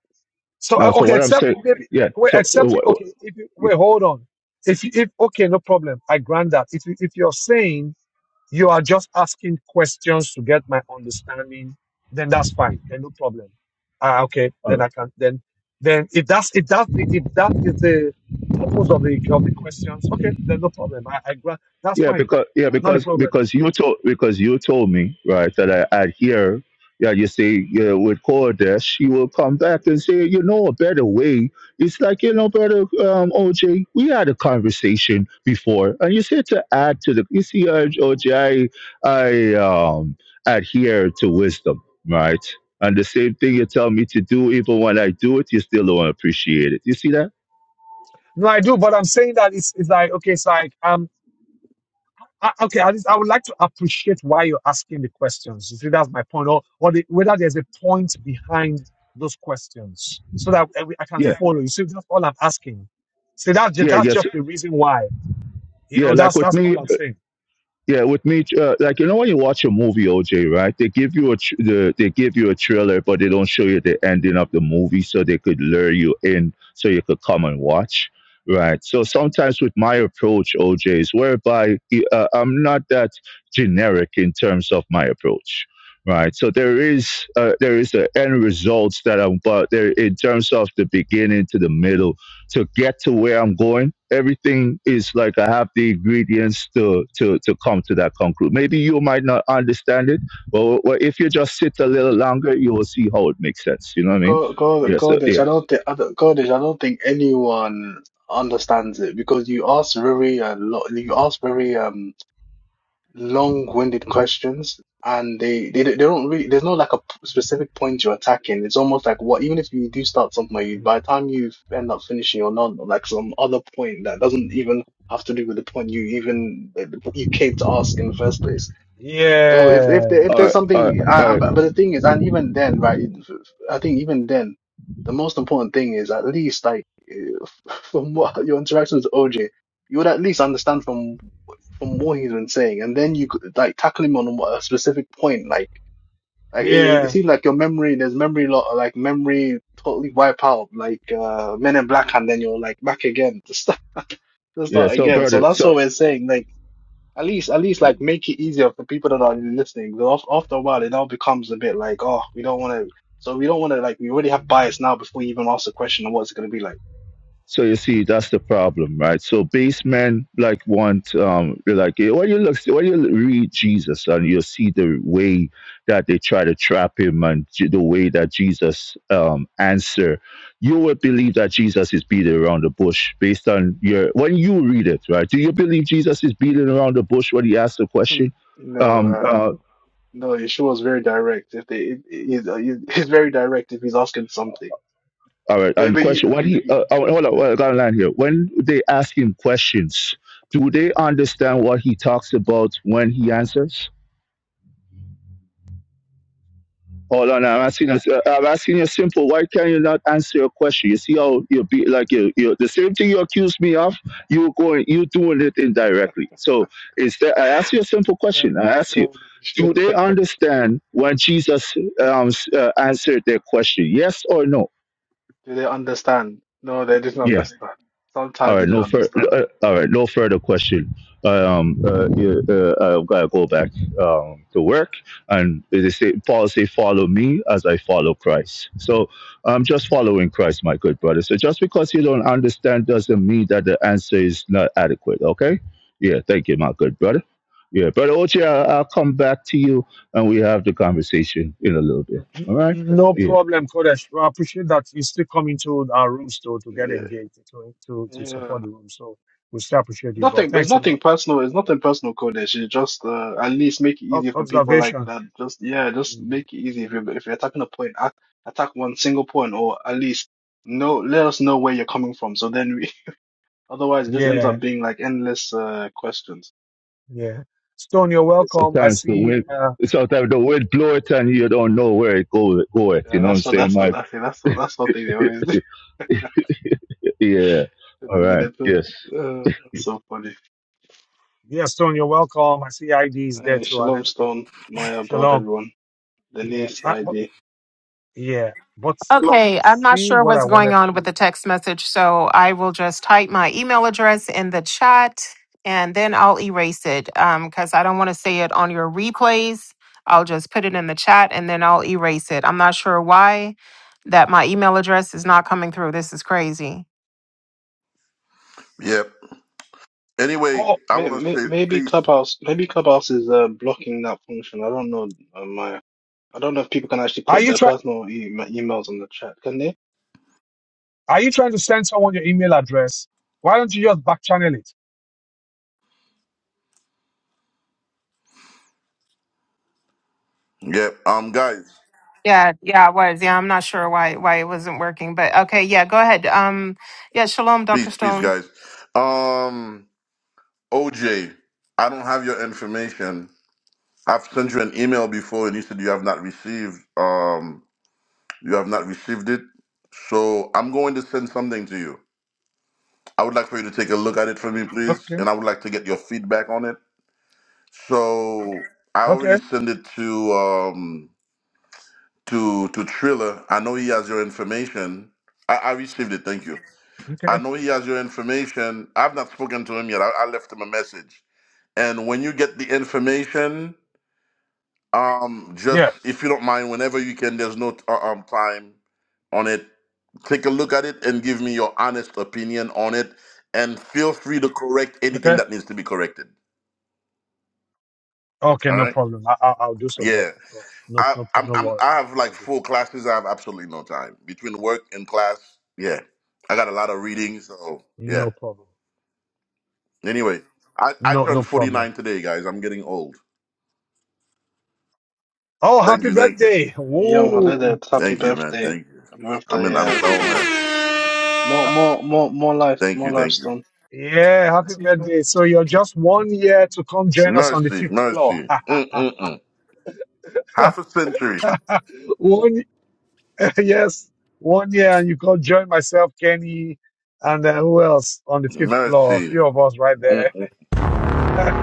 A: So
C: no.
A: uh,
C: So
A: okay,
C: what I'm
A: except
C: saying.
A: maybe uh,
C: Yeah.
A: wait,
C: So. Uh,
A: except you-
C: wh-
A: okay.
C: wh-
A: If you, wait, hold on. If you, if okay, no problem. I grant that. If you, if you're saying you are just asking questions to get my understanding. Then that's fine. Then no problem. Ah, okay.
C: yeah,
A: Then I can. Then, then if that's if that's the, if that is the purpose of the of the questions, okay. Then no problem. I, I grant. That's
C: Yeah,
A: fine.
C: because yeah,
A: Not a
C: because
A: problem.
C: because you told because you told me right that I I'd hear yeah you say yeah with Cordes she will come back and say you know a better way. It's like you know brother um, OJ we had a conversation before and you said to add to the you see uh, OJ I I um adhere to wisdom right and the same thing you tell me to do even when I do it you still don't appreciate it. You see that?
A: No, I do. But I'm saying that it's it's like okay. It's like um. I, okay, I, just, I would like to appreciate why you're asking the questions. You see, that's my point, or or the, whether there's a point behind those questions, so that I, I can
C: Yeah
A: follow. You see, that's all I'm asking. See, that's just,
C: yeah
A: that's
C: yes
A: just the reason why. You
C: yeah
A: know,
C: like
A: that's
C: with
A: that's all
C: me
A: I'm saying.
C: Yeah, with me, uh, like you know, when you watch a movie, OJ, right? They give you a tr- the, they give you a trailer, but they don't show you the ending of the movie, so they could lure you in, so you could come and watch, right? So sometimes with my approach, OJ, is whereby uh, I'm not that generic in terms of my approach, right? So there is uh, there is the end results that I'm, but there in terms of the beginning to the middle to get to where I'm going. Everything is like I have the ingredients to to to come to that conclusion. Maybe you might not understand it, but but if you just sit a little longer, you will see how it makes sense. You know what I mean?
E: God, God,
C: Yeah.
E: go,
C: So
E: Kodesh.
C: yeah.
E: I don't think, I don't, Kodesh, I don't think anyone understands it because you ask very, uh, lo you ask very, um, long-winded questions and they, they, they don't really, there's no like a p- specific point you're attacking. It's almost like what, even if you do start somewhere, you,
A: Mhm.
E: by the time you end up finishing you're not like some other point that doesn't even have to do with the point you even, you came to ask in the first place. So if if
A: Yeah,
E: there, if
C: All
E: there's
C: right.
A: so,
C: All right.
E: something,
C: All
E: I, I,
C: right.
E: but the thing is, and even then, right? it- I think even then, the most important thing is at least like eh, from what your interactions with OJ, you would at least understand from from what he's been saying, and then you could like tackle him on a specific point. Like like it, it
A: yeah.
E: seems like your memory, there's memory lot, like memory totally wipe out, like uh Men in Black, and then you're like back again to start to
C: Yeah.
E: start
C: So
E: again. So
C: brother.
E: that's
C: So.
E: what we're saying. Like. At least, at least, like make it easier for people that are listening. Because af- after a while, it all becomes a bit like, oh, we don't want to. So we don't want to like. We already have bias now before you even ask the question of what's it going to be like.
C: So you see, that's the problem, right? So basemen like want um they're like eh, when you look when you read Jesus and you see the way that they try to trap him and j- the way that Jesus um answer, you would believe that Jesus is beating around the bush based on your when you read it, right? Do you believe Jesus is beating around the bush when he asks the
E: Hmm.
C: question?
E: No,
C: Um,
E: uh,
C: uh,
E: no, Yeshua is very direct. If they, it, it, he's, uh, he's very direct if he's asking something.
C: All right,
E: But
C: and
E: but
C: question:
E: you,
C: What
E: you,
C: he
E: you
C: Uh, uh, hold on, well, I got a line here. When they ask him questions, do they understand what he talks about when he answers? Hold on, I'm asking. us- uh, I'm asking you simple. Why can you not answer a question? You see how you be like you. you the same thing you accuse me of. You going. You doing it indirectly. So instead, I ask you a simple
E: oh,
C: question. I ask you.
E: gosh. do
C: Do they understand when Jesus um, s- uh, answered their question? Yes or no?
E: they understand? No, they didn't
C: Yeah.
E: understand.
C: All
E: Sometimes they
C: right,
E: didn't
C: no fur.
E: understand.
C: Uh, all right, no further question. Um, uh, yeah, uh, I've got to go back um, to work, and they say Paul say, "Follow me as I follow Christ." So I'm just following Christ, my good brother. So just because you don't understand doesn't mean that the answer is not adequate. Okay? Yeah, thank you, my good brother. Yeah, brother OJ, I- will come back to you, and we have the conversation in a little bit.
A: N- n-
C: All right?
A: No
C: Yeah.
A: problem, Kodesh. Well, I appreciate that you still come into our room still to get
E: Yeah,
A: engaged, to, to, to
E: yeah.
A: support the room. So we still appreciate you, bro.
E: Nothing. It's
A: Thanks a
E: nothing
A: lot.
E: personal. It's nothing personal, Kodesh. It's just uh, at least make it
A: Ob-
E: easier for people like
A: Observation.
E: that. Just yeah, just make it easy. If you're if you're attacking a point, act, attack one single point, or at least know let us know where you're coming from. So then we, otherwise it just ends
A: Yeah,
E: up being like endless uh questions.
A: yeah. Stone, you're welcome. I
C: Sometimes the
A: see.
C: wind,
A: Uh,
C: sometimes the wind blow it and you don't know where it go, go it.
E: Yeah,
C: You know what I'm
E: that's what
C: saying,
E: that's what
C: Mike?
E: I think. That's what that's what they always do.
C: yeah. All
E: They, they,
C: right.
E: they put,
C: Yes.
E: uh, that's so funny.
A: yeah, Stone, you're welcome. I see IDs there
E: Hey,
A: too and
E: Shalom
A: everything.
E: Stone, Maya, Bob,
A: Shalom.
E: everyone.
A: Yeah,
E: Denise,
A: I, but,
E: ID.
A: yeah. But
H: Shalom.
D: Okay, I'm not
A: see
D: sure
A: what I
D: what's going
A: wanted
D: on with
A: to.
D: the text message, so I will just type my email address in the chat and then I'll erase it because I don't want to say it on your replays. I'll just put it in the chat and then I'll erase it. I'm not sure why that my email address is not coming through. This is crazy.
H: Yep. Anyway,
A: Oh,
H: I
E: May-
H: want to
E: may-
H: say
E: Maybe
H: peace.
E: Clubhouse, maybe Clubhouse is uh, blocking that function. I don't know, uh, Maya. I don't know if people can actually
A: are
E: put
A: you
E: their
A: trying?
E: personal e emails on the chat, can they?
A: Are you trying to send someone your email address? Why don't you just back channel it?
H: Yep. Um, guys,
D: Yeah, yeah, it was. Yeah, I'm not sure why why it wasn't working, but okay, yeah, go ahead. Um, yeah, shalom, Dr.
H: peace, peace,
D: Stone.
H: guys. Um, OJ, I don't have your information. I've sent you an email before, and you said you have not received. Um, you have not received it. So I'm going to send something to you. I would like for you to take a look at it for me, please,
A: Okay,
H: and I would like to get your feedback on it. So Okay. I already
A: okay,
H: sent it to um to to Triller. I know he has your information. I, I received it. Thank you.
A: okay.
H: I know he has your information. I've not spoken to him yet. I, I left him a message. And when you get the information, um, just
A: Yeah,
H: if you don't mind, whenever you can, there's no uh, um time on it. Take a look at it and give me your honest opinion on it. And feel free to correct anything
A: okay,
H: that needs to be corrected.
A: okay.
H: All
A: No
H: right.
A: problem. I, I, I'll do so, bro.
H: Yeah.
A: No, no,
H: I
A: no, pro-
H: I'm,
A: no
H: I'm
A: worries.
H: I have
A: I'll
H: like
A: I'll do.
H: four classes. I have absolutely no time between work and class. Yeah. I got a lot of reading. So yeah.
A: No problem.
H: Anyway, I, I
A: No, no
H: turned
A: problem.
H: 49 today, guys. I'm getting old.
A: Oh,
H: Thank
A: happy
H: you, thank you.
A: birthday!
E: Yom
A: Whoa.
E: Haledet, happy
H: Thank you, man.
E: birthday,
H: Thank you. I'm
E: birthday,
H: an, I'm an
E: uh,
H: old
E: Stone.
H: man.
E: More, more, more, more life,
H: Thank
E: more
H: you,
E: life,
H: thank you.
E: Stone.
A: Yeah, happy birthday. So you're just one year to come join us on the
H: Mercy,
A: fifth floor.
H: mercy. Mm-mm-mm. Half a century.
A: one, yes, one year, and you can join myself, Kenny, and uh, who else on the fifth floor? A
H: Mercy.
A: few of us right
H: Mm-mm.
A: there.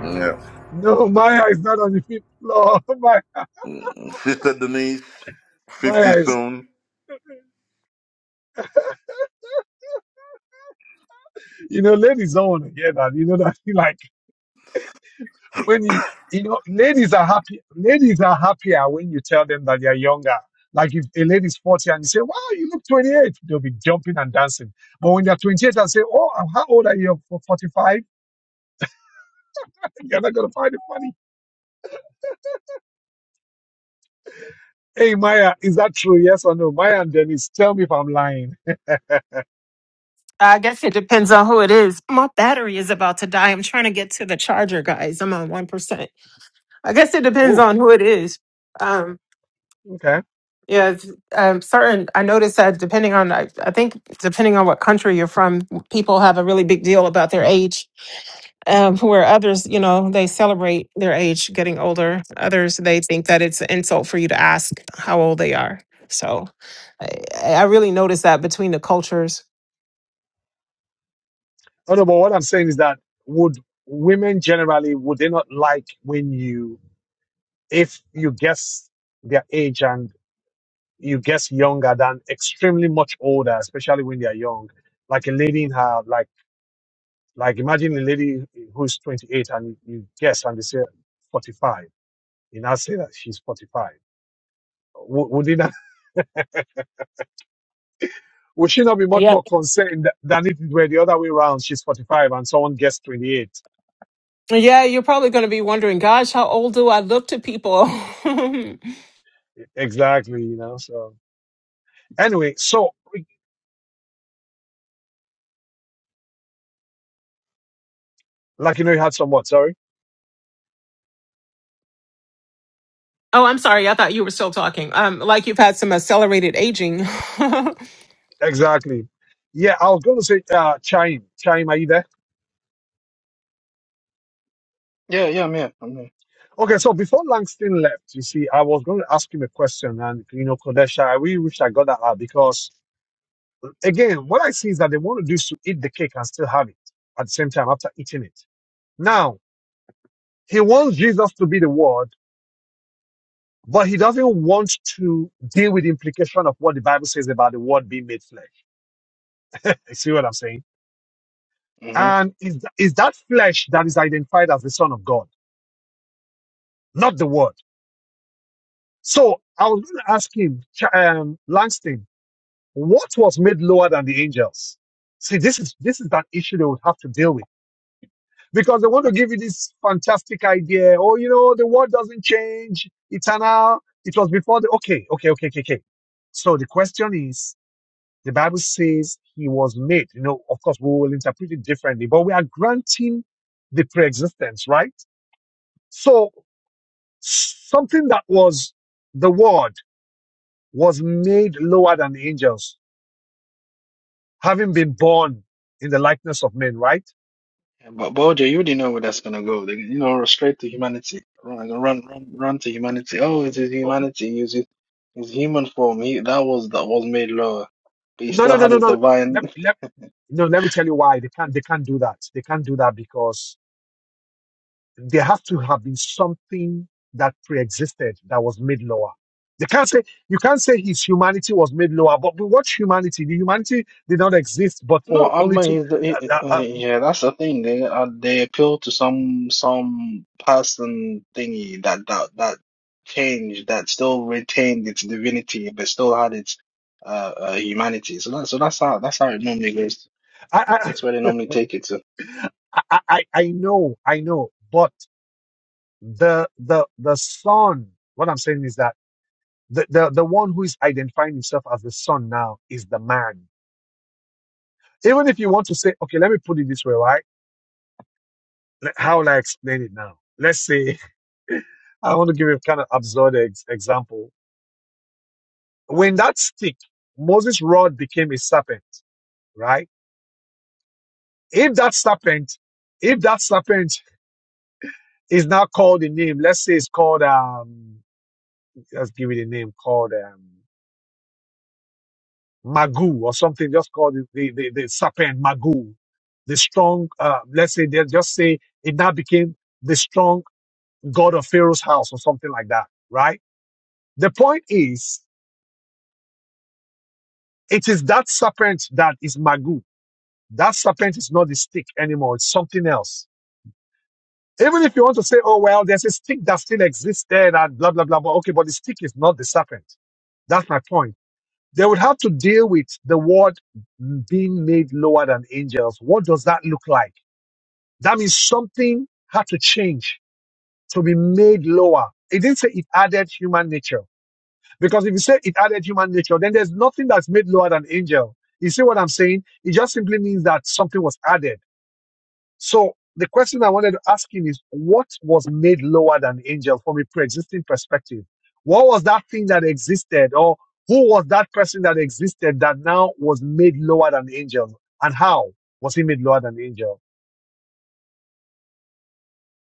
H: Yeah.
A: no, Maya is not on the fifth floor. My,
H: Mm. Sister Denise, 50
A: Maya is,
H: soon.
A: you know, ladies don't want to hear that. You know that, when you you know ladies are happy ladies are happier when you tell them that they're younger like if a lady's 40 and you say wow you look 28," they'll be jumping and dancing but when they're 28 and say oh how old are you for five you're not gonna find it funny hey maya is that true yes or no maya and dennis tell me if i'm lying
D: I guess it depends on who it is. My battery is about to die. I'm trying to get to the charger, guys. I'm on 1%. I guess it depends
A: oh
D: on who it is. Um,
A: okay
D: yeah, it's, um, certain. I noticed that depending on, I, I think depending on what country you're from, people have a really big deal about their age. Um, where others, you know, they celebrate their age getting older. Others, they think that it's an insult for you to ask how old they are. So, I, I really noticed that between the cultures.
A: oh no but what i'm saying is that would women generally would they not like when you if you guess their age and you guess younger than extremely much older, especially when they are young. Like a lady in her like like imagine a lady who's twenty eight and you, you guess and they say forty five. You now say that she's forty five. Would, would, it not, would she not be much more concerned than if it were the other way around? She's 45 and someone guessed 28.
D: Yeah, you're probably going to be wondering, gosh, how old do I look to people? oh,
A: Exactly, you know. So, anyway, so like, you know, you had some what? Sorry.
D: I'm sorry. I thought you were still talking. Um, like you've had some accelerated aging.
A: Exactly. Yeah, I was going to say, uh, Chaim. Chaim, are you there?
E: Yeah, yeah, I'm here, I'm here.
A: Okay, so before Langston left, you see, I was going to ask him a question, and you know, Kodesha, I really wish I got that out because, again, what I see is that they want to do is to eat the cake and still have it at the same time after eating it. Now, he wants Jesus to be the Word, but he doesn't want to deal with the implication of what the Bible says about the Word being made flesh. You see what I'm saying?
E: hmm
A: And is is that flesh that is identified as the Son of God, not the Word? So I was going to ask him, Ch- um, Langston. What was made lower than the angels? See, this is this is that issue they would have to deal with because they want to give you this fantastic idea. Oh, you know, the world doesn't change. Eternal. It was before the. Okay, okay, okay, okay, okay. So the question is, the Bible says he was made. You know, of course, we will interpret it differently, but we are granting the pre-existence, right? So something that was the word was made lower than the angels having been born in the likeness of men, right?
E: But, but OJ, you already know where that's gonna go. They, you know, straight to humanity. Run, run, run, run to humanity. Oh, it is
A: Oh,
E: humanity. He was his, his human form. He that was that was made lower, but he
A: no, no,
E: still
A: no,
E: had
A: no,
E: his
A: no.
E: divine.
A: Let, let, no, let me tell you why they can't. They can't do that. They can't do that because there has to have been something that pre-existed that was made lower. They can't say you can't say his humanity was made lower. But, but what humanity? The humanity did not exist, but
E: No,
A: for
E: I
A: only two.
E: mean, the- it, it-
A: Uh,
E: uh,
A: uh,
E: yeah, that's the thing. They uh, they appeal to some some person thingy that that that changed that still retained its divinity but still had its uh, uh humanity. So that so that's how that's how it normally goes.
A: uh, I,
E: That's where they normally take it to.
A: I, I, I I know, I know, but the the the son. What I'm saying is that the, the, the one who is identifying himself as the son now is the man. Even if you want to say, okay, let me put it this way, right? Le- How will I explain it now? Let's say, I want to give you a kind of absurd ex- example. When that stick, Moses' rod became a serpent, right? If that serpent, if that serpent is now called a name, let's say it's called, um, let's give it a name called, um, Magoo or something, just call the, the, the, the serpent Magoo. The strong, uh, let's say, they just say it now became the strong god of Pharaoh's house or something like that, right? The point is, it is that serpent that is Magoo. That serpent is not the stick anymore. It's something else. Even if you want to say, oh, well, there's a stick that still exists there and blah, blah, blah, blah. Okay, but the stick is not the serpent. That's my point. They would have to deal with the word being made lower than angels. What does that look like? That means something had to change to be made lower. It didn't say it added human nature. Because if you say it added human nature, then there's nothing that's made lower than angel. You see what I'm saying? It just simply means that something was added. So the question I wanted to ask him is what was made lower than angel from a pre-existing perspective? What was that thing that existed or who was that person that existed that now was made lower than angels? And how was he made lower than angel?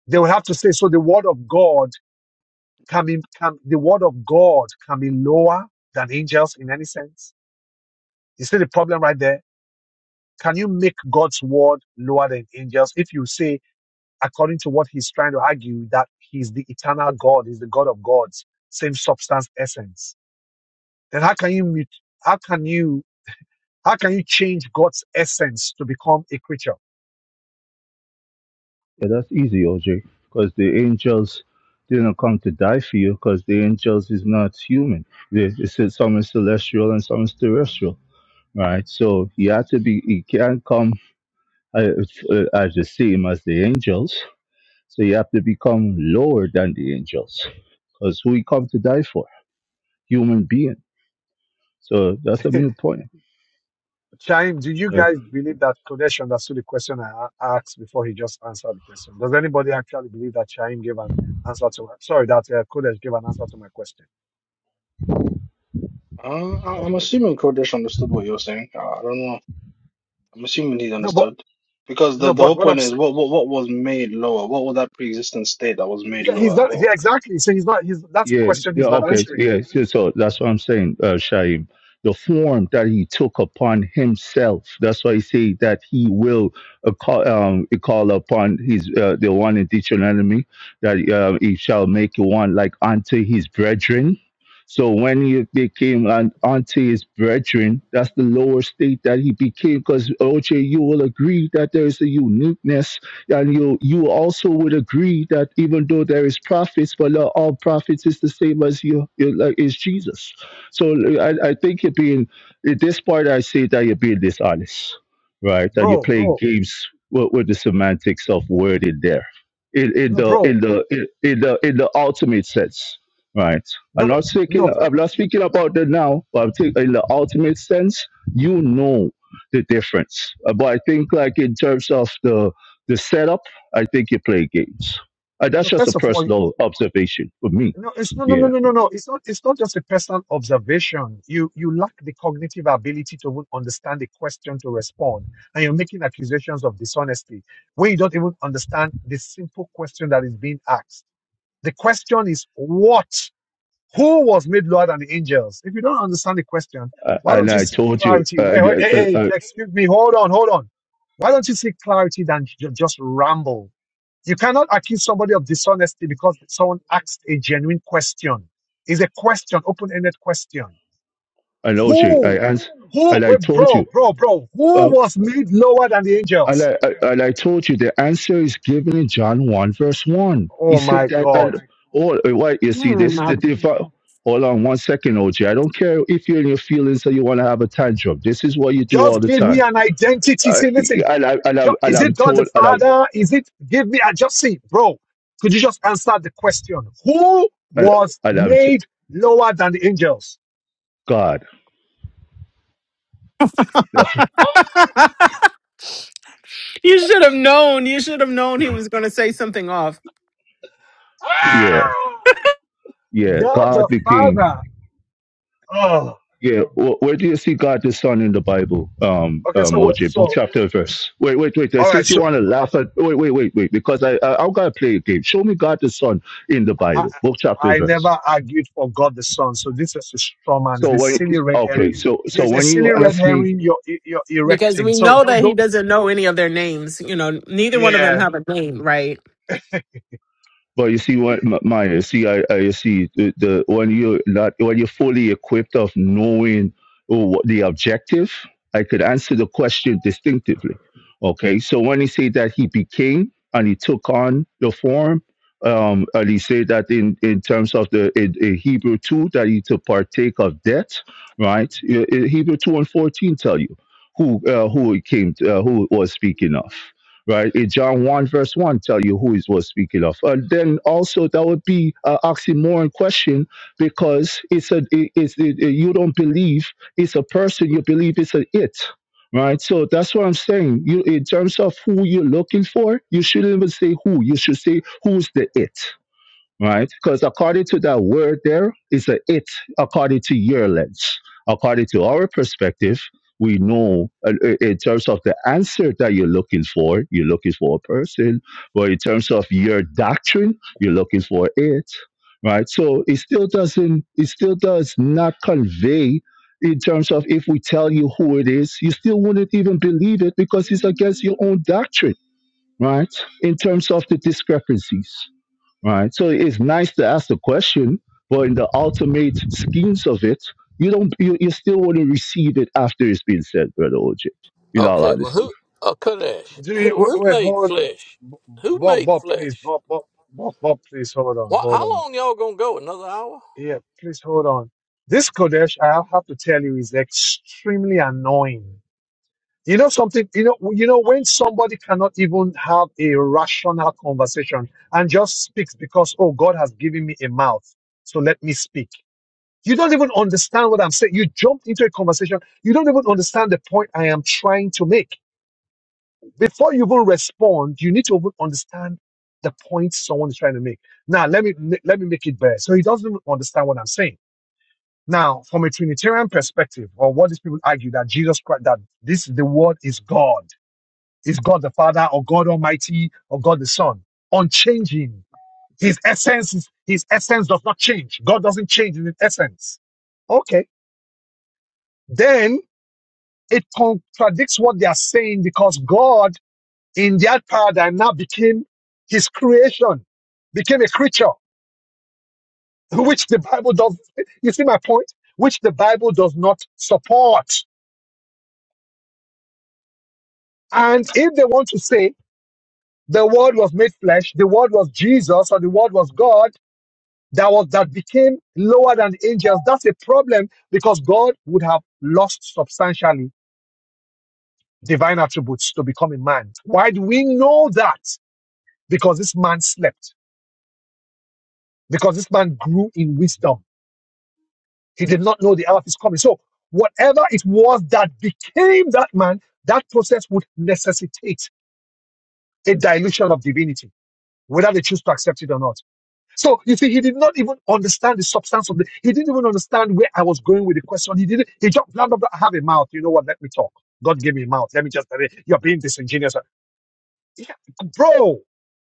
A: They would have to say, so the word of God Can be can the word of God can be lower than angels in any sense? You see the problem right there? Can you make God's word lower than angels if you say, according to what he's trying to argue, that he's the eternal God, he's the God of gods, same substance, essence? Then how can you mut- how can you how can you change God's essence to become a creature?
C: Yeah, that's easy, OJ. Because the angels didn't come to die for you because the angels is not human. They, they said some is celestial and some is terrestrial. Right. So you have to be, you can't come uh, uh, as the same as the angels. So you have to become lower than the angels because who you come to die for? Human being. So that's a new point.
A: Chaim, do you
C: Uh,
A: guys believe that Kodesh understood the question I a- asked before he just answered the question? Does anybody actually believe that Chaim gave an answer to sorry that uh, Kodesh gave an answer to my question?
E: Uh, I-
C: of
E: I'm
C: course.
E: assuming Kodesh understood what you were saying. Uh, I don't know. I'm assuming he
A: No, but
E: understood. Because the,
A: no,
E: the
A: but
E: whole
A: what I'm
E: point is
A: saying,
E: what, what what was made lower? What was that pre-existent state that was made
A: yeah, he's
E: lower?
A: not.
E: Well,
A: Yeah, exactly. So he's not. He's that's a
C: Yeah,
A: question
C: yeah,
A: he's not
C: okay,
A: answering,
C: yeah. So, so that's what I'm saying, uh, Shaim. The form that he took upon himself. That's why I say that he will uh, call, um, call upon his uh, the one in Deuteronomy that uh, he shall make one like unto his brethren. So when he became an unto his brethren, that's the lower state that he became. Because OJ, you will agree that there is a uniqueness And you you also would agree that even though there is prophets, but not all prophets is the same as you, you like, is Jesus. So I, I think you're being in this part. I say that you're being dishonest, right? That you're
A: bro,
C: playing
A: bro.
C: games with, with the semantics of word in there, in, in
A: No,
C: the
A: bro.
C: in the in, in the in the ultimate sense, right? I'm
A: No,
C: not
A: no.
C: speaking.
A: First,
C: I'm not speaking about that now, but I'm thinking in the ultimate sense. You know the difference. Uh, But I think, like in terms of the the setup, I think you play games. Uh, that's
A: no.
C: just a
A: First of all,
C: personal observation for me.
A: No, it's no, no, no,
C: Yeah,
A: no, no, no. It's not. It's not just a personal observation. You you lack the cognitive ability to even understand the question to respond, and you're making accusations of dishonesty when you don't even understand the simple question that is being asked. The question is what? Who was made lower than the angels? If you don't understand the question,
C: uh,
A: why
C: and
A: don't you
C: I
A: seek
C: told you,
A: clarity?
C: uh,
A: Wait, wait,
C: and
A: hey,
C: I,
A: hey,
C: I,
A: excuse me. Hold on, hold on. Why don't you seek clarity than ju- just ramble? You cannot accuse somebody of dishonesty because someone asked a genuine question. It's a question, open-ended question.
C: I know you. I
A: Who?
C: ans-
A: Who?
C: and I
A: Wait,
C: told you,
A: bro, bro, bro. Who
C: uh,
A: was made lower than the
C: and,
A: angels?
C: I, I, and I told you, the answer is given in John one verse one. He
A: Oh
C: said
A: my
C: that,
A: God.
C: and all uh, why you see this the divine. Hold on one second, OJ. I don't care if you're in your feelings or you want to have a tantrum. This is what you do all
A: Just
C: the
A: give me
C: time.
A: an identity.
C: Uh,
A: See, listen.
C: and I and
A: ju-
C: I've and
A: Is it
C: I've
A: God the
C: told and I've
A: Father? Is it, give me, I just see, bro. Could you just answer the question? Who
C: and,
A: was
C: and I've t-
A: made lower than the angels?
C: God. That's
D: you should have known. You should have known he was going to say something off
C: Yeah, yeah.
A: God
C: God
A: the
C: the King.
A: Father. Oh.
C: Yeah. wh- Where do you see God the Son in the Bible? Um,
A: Okay,
C: um,
A: so
C: OJ, book
A: so
C: chapter verse. Wait, wait, wait. uh,
A: all right,
C: Since you
A: so
C: want to laugh at, wait, wait, wait, wait, because I, I I'm gonna play a game. Show me God the Son in the
A: I
C: Bible, book
A: I
C: chapter
A: I
C: verse.
A: never argued for God the Son. So this is a straw man. It's
C: So
A: this
C: when
A: silly red
C: okay,
A: herring.
C: so
A: Yeah,
C: so
A: It's a
C: when
A: silly
C: you
A: red
C: ask me.
A: herring. You're you're
D: because
A: erecting.
D: we
A: So
D: know
A: don't
D: that he
A: don't.
D: doesn't know any of their names. You know, neither one of them
A: Yeah.
D: have a name, right?
C: But you see what M- Maya, you see, I, I you see the, the when you not when you're fully equipped of knowing oh, what the objective, I could answer the question distinctively. Okay, so when he said that he became and he took on the form, um, and he said that in in terms of the in, in Hebrew two that he to partake of death, right? Uh, uh, Hebrew two and fourteen tell you who uh, who it came to, uh, who it was speaking of right? In John 1, verse 1, tell you who is he was speaking of. And then also, that would be an oxymoron question because it's a, it- it's, it, it- you don't believe it's a person, you believe it's an it, right? So that's what I'm saying. You, in terms of who you're looking for, you shouldn't even say who, you should say who's the it right? Because according to that word there, it's a it according to your lens. According to our perspective, we know uh, uh, in terms of the answer that you're looking for, you're looking for a person, but in terms of your doctrine, you're looking for it, right? So it still doesn't, it still does not convey in terms of if we tell you who it is, you still wouldn't even believe it because it's against your own doctrine, right? In terms of the discrepancies right? So it's nice to ask the question, but in the ultimate schemes of it, you don't you, you still want to receive it after it's been said, brother OJ. You know,
G: Okay,
C: like
G: well,
C: this.
G: who? Uh, Kadesh,
A: Do
G: who,
A: you wait?
G: who
A: wait,
G: made
A: Hold.
G: flesh? Who
A: Bob,
G: made
A: Bob, please,
G: flesh?
A: Bob, Bob, Bob, Bob, please hold on,
G: What,
A: hold
G: how
A: on.
G: long y'all gonna go? Another hour?
A: Yeah, please hold on. This Kodesh, I have to tell you, is extremely annoying. You know something, you know, you know, when somebody cannot even have a rational conversation and just speaks because, oh, God has given me a mouth, so let me speak. You don't even understand what I'm saying. You jumped into a conversation. You don't even understand the point I am trying to make. Before you even respond, you need to even understand the point someone is trying to make. Now, let me let me make it better. So he doesn't even understand what I'm saying. Now, from a Trinitarian perspective, or what these people argue that Jesus Christ, that this the word is God is God the Father or God Almighty or God the Son. Unchanging. His essence is, his essence does not change. God doesn't change in his essence. Okay. Then it contradicts what they are saying because God in their paradigm now became his creation, became a creature, which the Bible does, you see my point? Which the Bible does not support. And if they want to say the word was made flesh, the word was Jesus or the word was God, that was that became lower than the angels. That's a problem because God would have lost substantially divine attributes to become a man. Why do we know that? Because this man slept, because this man grew in wisdom. He did not know the hour of his coming. So whatever it was that became that man, that process would necessitate a dilution of divinity, whether they choose to accept it or not. So you see, he did not even understand the substance of the. He didn't even understand where I was going with the question. He didn't. He just blah blah blah. I have a mouth. You know what? Let me talk. God gave me a mouth. Let me just. You're being disingenuous, Yeah, bro.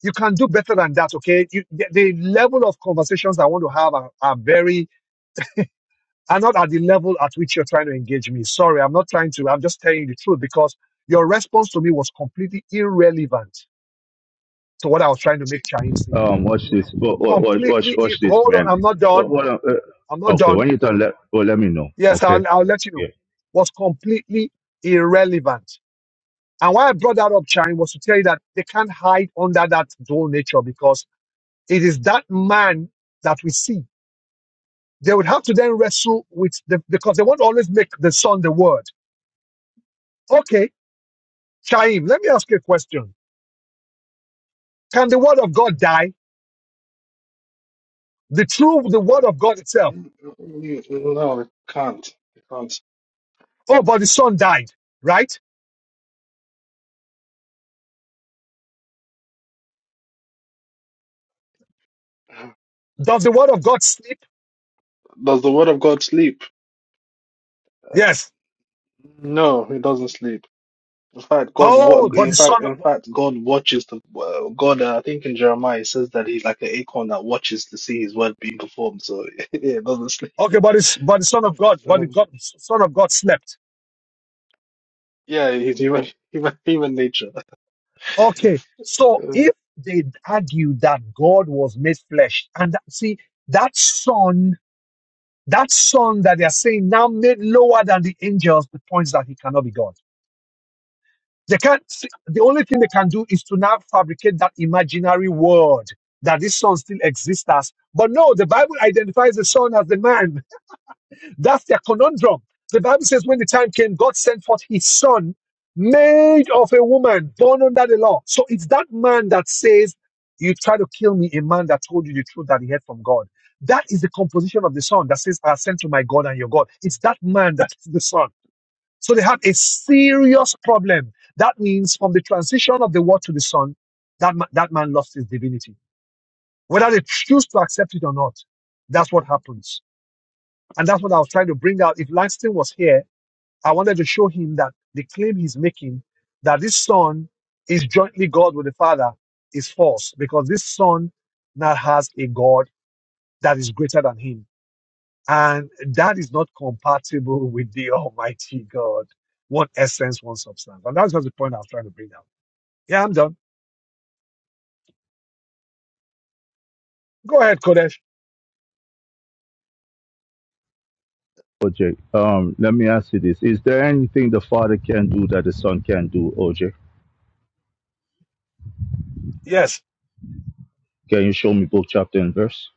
A: You can do better than that. Okay. You, the, the level of conversations I want to have are, are very are not at the level at which you're trying to engage me. Sorry, I'm not trying to. I'm just telling you the truth because your response to me was completely irrelevant to what I was trying to make Chaim see.
C: Um, watch this. wa- wa- Watch watch
A: Completely. ir-
C: watch this,
A: Hold on.
C: man.
A: I'm not
C: Wa-
A: done.
C: wa-
A: I'm
C: uh,
A: not
C: okay,
A: done.
C: when you're done, let well, let me know.
A: Yes, I'll,
C: Okay.
A: I'll let you
C: Yeah.
A: know. Was completely irrelevant. And why I brought that up, Chaim, was to tell you that they can't hide under that dual nature because it is that man that we see. They would have to then wrestle with the, because they won't always make the son the word. Okay, Chaim, let me ask you a question. Can the word of God die? The true, the word of God itself.
E: mm, mm, mm, no, it can't. It can't.
A: Oh, but the son died, right? Does the word of God sleep?
E: Does the word of God sleep? Uh,
A: Yes.
E: no, it doesn't sleep. In fact, God what
A: Oh, but the
E: in fact
A: son.
E: in fact God watches the uh, God. Uh, I think in Jeremiah it says that he's like an acorn that watches to see his word being performed. So yeah, it doesn't sleep.
A: Okay, but it's but the son of God, but the God, son of God slept.
E: Yeah, he's human, human, human nature.
A: Okay, so
E: Uh,
A: if they argue that God was made flesh, and that, see that son, that son that they are saying now made lower than the angels, the points that he cannot be God. They can't. see, The only thing they can do is to now fabricate that imaginary world that this son still exists as. But no, the Bible identifies the son as the man. That's their conundrum. The Bible says, when the time came, God sent forth his son, made of a woman, born under the law. So it's that man that says, You try to kill me, a man that told you the truth that he heard from God. That is the composition of the son that says, I ascend to my God and your God. It's that man that is the son. So they had a serious problem. That means from the transition of the word to the son, that, ma- that man lost his divinity. Whether they choose to accept it or not, that's what happens. And that's what I was trying to bring out. If Langston was here, I wanted to show him that the claim he's making that this son is jointly God with the Father is false because this son now has a God that is greater than him. And that is not compatible with the Almighty God. One essence, one substance. And that's just the point I was trying to bring out. Yeah, I'm done. Go ahead, Kodesh.
C: OJ, um, let me ask you this: Is there anything the Father can do that the Son can do, OJ?
A: Yes,
C: Can you show me book, chapter, and verse?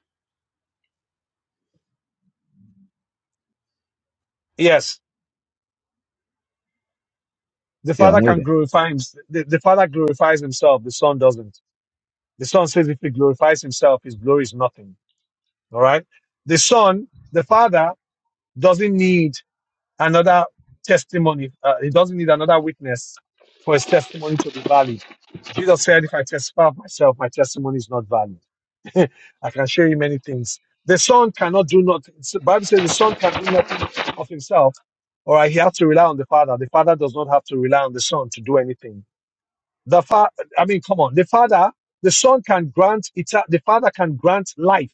A: yes. The
C: Yeah, I'm
A: Father
C: waiting.
A: can glorify him. The, the Father glorifies himself. The Son doesn't. The Son says if he glorifies himself, his glory is nothing. All right. The Son, the Father, doesn't need another testimony. Uh, he doesn't need another witness for his testimony to be valid. Jesus said, if I testify of myself, my testimony is not valid. I can show you many things. The Son cannot do nothing. The Bible says the Son can do nothing of himself. All right. He has to rely on the Father. The Father does not have to rely on the Son to do anything. The father, I mean, come on. The father, the son can grant, eta- the father can grant life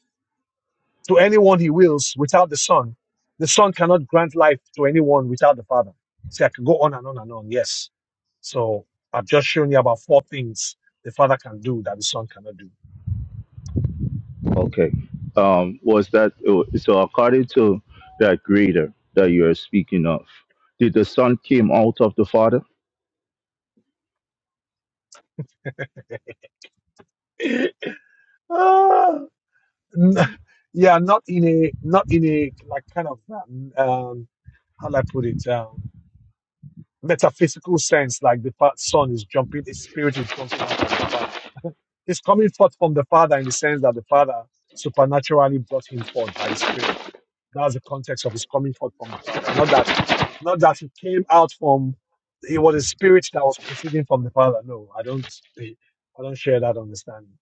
A: to anyone he wills without the son. The son cannot grant life to anyone without the father. See, I can go on and on and on. Yes. So I've just shown you about four things the father can do that the son cannot
C: Okay. Um, was that so? According to that greater that you are speaking of, did the son came out of the father?
A: do. Ah, n- yeah, not in a, not in a, like, kind of, um, um, how do I put it? Um, metaphysical sense, like the fa- son is jumping, his spirit is jumping out of the father. He's coming forth from the Father in the sense that the Father supernaturally brought him forth by the Spirit. That's the context of his coming forth from the Father. Not that, not that he came out from, he was a spirit that was proceeding from the Father. No, I don't, I don't share that understanding.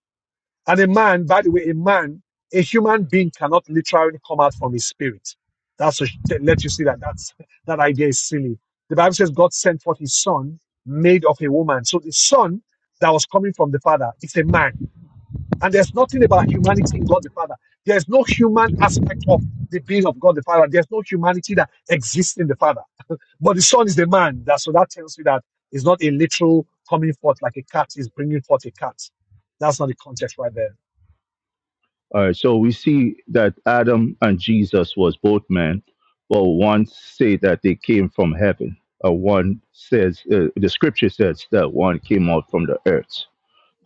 A: And a man, by the way, a man, a human being cannot literally come out from his spirit. That's to let you see that that's, that idea is silly. The Bible says God sent forth his son made of a woman. So the son that was coming from the father is a man. And there's nothing about humanity in God the Father. There's no human aspect of the being of God the Father. There's no humanity that exists in the Father. But the Son is the man. That, so that tells you that it's not a literal coming forth like a cat is bringing forth a cat. That's not the context right there.
C: All right. So we see that Adam and Jesus was both men, but one say that they came from heaven. Uh, one says uh, the scripture says that one came out from the earth.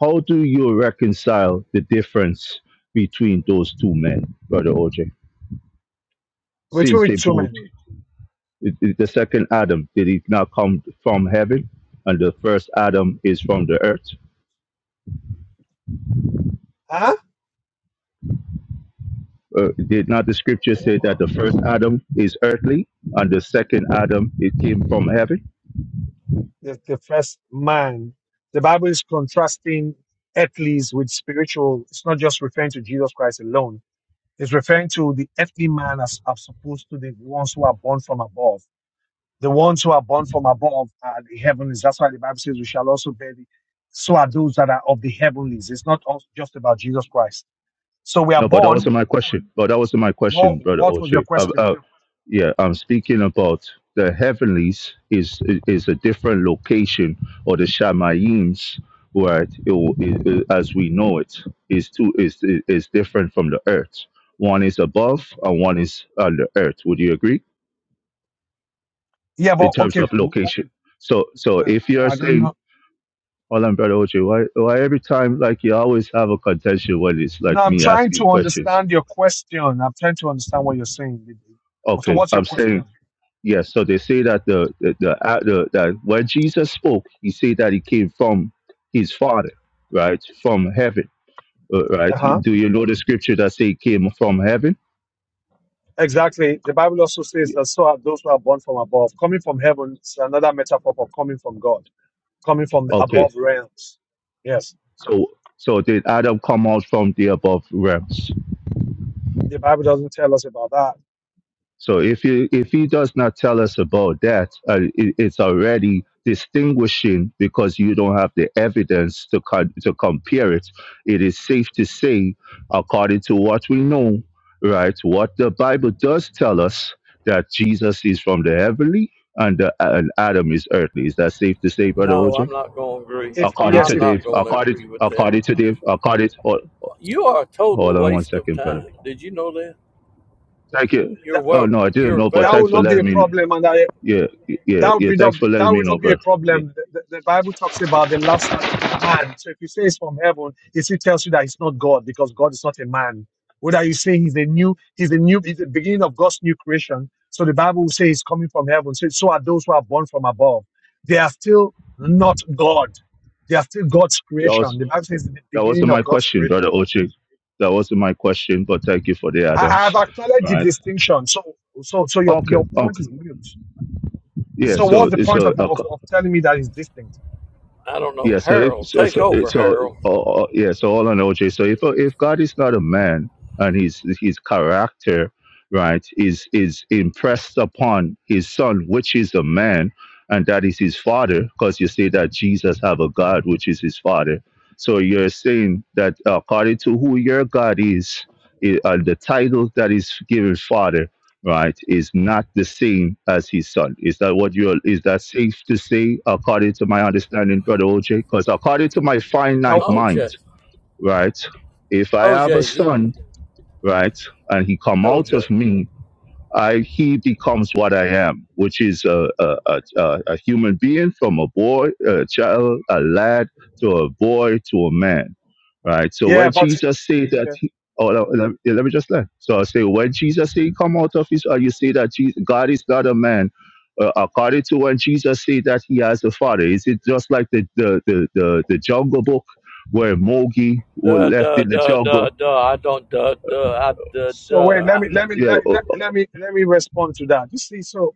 C: How do you reconcile the difference between those two men, brother OJ?
A: We're two
C: Since
A: with
C: they
A: two
C: both
A: men.
C: the the second Adam did he not come from heaven, and the first Adam is from the earth?
A: Huh?
C: Uh, did not the scripture say that the first Adam is earthly, and the second Adam it came from heaven?
A: The, the first man. The Bible is contrasting earthlies with spiritual. It's not just referring to Jesus Christ alone. It's referring to the earthly man as, as opposed to the ones who are born from above The ones who are born from above are the heavenlies. That's why the Bible says we shall also bear the. So are those that are of the heavenlies. It's not all just about Jesus Christ. So we are
C: No, but that
A: born.
C: wasn't my question. But that wasn't my
A: What,
C: question, brother
A: what was your
C: OJ. Uh,
A: question?
C: uh, yeah, I'm speaking about the heavenlies is is a different location, or the shamayims, right? It, will- it, it- as we know it, is two is is different from the earth. One is above, and one is under earth. Would you agree
A: Yeah,
C: in
A: but
C: terms
A: okay.
C: of
A: w-
C: location? So, so
A: w-
C: if you
A: uh,
C: are
A: I don't
C: saying,
A: know.
C: "Hold on, brother OJ, why why every time like you always have a contention when it's
A: No,
C: like
A: I'm
C: me
A: trying
C: asking
A: to
C: questions?"
A: understand your question. I'm trying to understand what you're saying. So
C: Okay,
A: what's your
C: I'm saying
A: question?
C: Yes, so they say that the the, the, uh, the that when Jesus spoke, he said that he came from his Father, right, from heaven, uh, right.
A: Uh-huh.
C: Do you know the scripture that say he came from heaven?
A: Exactly. The Bible also says that so are those who are born from above. Coming from heaven is another metaphor for coming from God, coming from the
C: Okay,
A: above realms. Yes.
C: so so did Adam come out from the above realm?
A: The Bible doesn't tell us about that.
C: So if he, if he does not tell us about that, uh, it, it's already distinguishing because you don't have the evidence to co- to compare it. It is safe to say, according to what we know, right, what the Bible does tell us that Jesus is from the heavenly and, the, and Adam is earthly. Is that safe to say, Brother
G: No, I'm
C: OJ?
G: not gonna agree.
A: If
C: According
A: yes,
C: to
G: I'm
A: if
G: not
C: Dave,
G: gonna
C: according
G: agree with that.
C: according to Dave, according hold,
G: You are a
C: hold
G: total
C: on one
G: waste of
C: second, brother.
G: time. Did you know that?
C: Thank you.
G: You're
A: that,
C: Oh no,
G: welcome.
C: I didn't
G: You're
C: know, but
A: that
G: welcome.
C: thanks
A: would
C: for
A: not be a
C: letting me know.
A: problem, and I,
C: Yeah, yeah,
A: that would
C: yeah.
A: be not
C: Thanks for letting
A: that
C: me
A: would
C: know,
A: not be a
C: brother. Yeah,
A: problem. The, the, the Bible talks about the last Adam, the man. So if you say it's from heaven, it still tells you that it's not God because God is not a man. Whether you say he's a new, he's a new, he's the beginning of God's new creation. So the Bible will say he's coming from heaven. So, so are those who are born from above. They are still not God. They are still God's
C: that
A: creation.
C: was
A: The Bible says it's the
C: that
A: beginning
C: wasn't my
A: of God's
C: question,
A: creation.
C: brother Ochi. That wasn't my question, but thank you for the
A: I,
C: add-ons.
A: I've acknowledged the
C: Right.
A: distinction. So, so, so your
C: Okay.
A: your point
C: Okay.
A: is mute.
C: Yeah.
A: So,
C: So,
A: what's the point
C: so
A: of
C: a
A: of, of telling me that it's distinct?
G: I don't know.
C: Yeah. So if
G: Harold,
C: so
G: take
C: so
G: over,
C: so
G: Harold.
C: uh, uh, yeah. So all on OJ. So if if God is not a man and his his character, right, is is impressed upon his son, which is a man, and that is his father, because you say that Jesus have a God which is his father. So you're saying that according to who your God is, i- and the title that is given father right, is not the same as his son. Is that what you are, is that safe to say according to my understanding, Brother OJ? Because according to my finite
A: That-
C: mind,
G: OJ.
C: right, if I have a
G: OJ.
C: son, right, and he come out of
G: OJ.
C: me, I, he becomes what I am, which is a, a, a, a a human being from a boy, a child, a lad, to a boy, to a man, right? So
A: yeah,
C: when
A: but
C: Jesus say that,
A: okay.
C: he, oh, let, let me let me just learn. So I say, when Jesus say, come out of his, or you say that Jesus, God is not a man, uh, according to when Jesus say that he has a father, is it just like the, the, the, the, the jungle book where Mowgli was
G: Duh,
C: left
G: duh,
C: in the
G: duh,
C: jungle?
G: duh, duh. I don't, duh, duh, I, duh,
A: So
G: duh.
A: wait, let
G: I,
A: me let me
C: Yeah,
A: let,
C: uh,
A: let,
C: uh,
A: let me let me respond to that. You see, so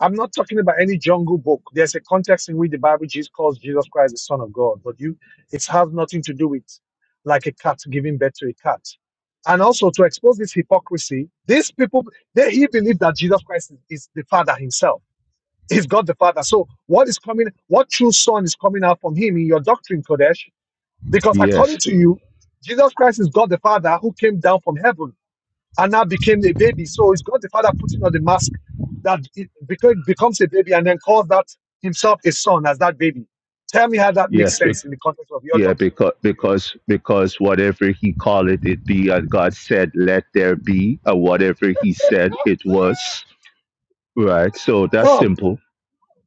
A: I'm not talking about any jungle book. There's a context in which the Bible Jesus calls Jesus Christ the Son of God, but you it has nothing to do with like a cat giving birth to a cat. And also to expose this hypocrisy, these people they he believed that Jesus Christ is, is the Father himself. He's God the Father. So what is coming, what true son is coming out from him in your doctrine, Kodesh? Because according
C: yes,
A: to you, Jesus Christ is God the Father who came down from heaven. Anna became a baby. So it's God the Father putting on the mask that it beca- becomes a baby and then calls that himself a son as that baby. Tell me how that makes sense
C: yes,
A: in the context of your
C: Yeah,
A: doctrine.
C: because because because whatever he called it, it be, and God said, "Let there be," and whatever He said, it was. Right. So that's
A: Bob,
C: simple.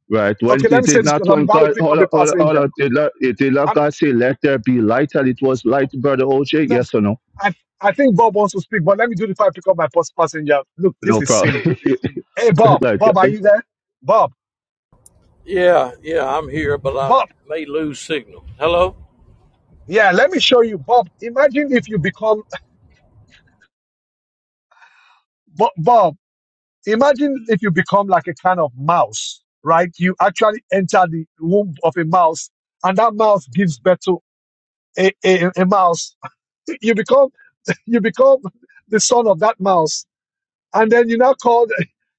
C: Right. When
A: okay, let
C: it
A: me say
C: did
A: this
C: not,
A: because I'm
C: when
A: about to
C: God,
A: pick up
C: hold
A: a
C: on, hold on, hold
A: passenger.
C: on, did not, it did not
A: I'm,
C: God say, "Let there be light," and it was light, brother OJ?
A: look,
C: Yes or no?
A: I, I think Bob wants to speak, but let me do it before I pick up my first passenger. Look, this
C: No
A: is silly.
C: problem.
A: Hey, Bob,
C: like,
A: Bob, are
C: uh,
A: you there? Bob,
G: yeah, yeah, I'm here,
A: B-
G: but I
A: Bob,
G: may lose signal. Hello?
A: yeah, let me show you. Bob, imagine if you become Bo- Bob. imagine if you become like a kind of mouse, right? You actually enter the womb of a mouse, and that mouse gives birth to a, a, a mouse. You become you become the son of that mouse, and then you now called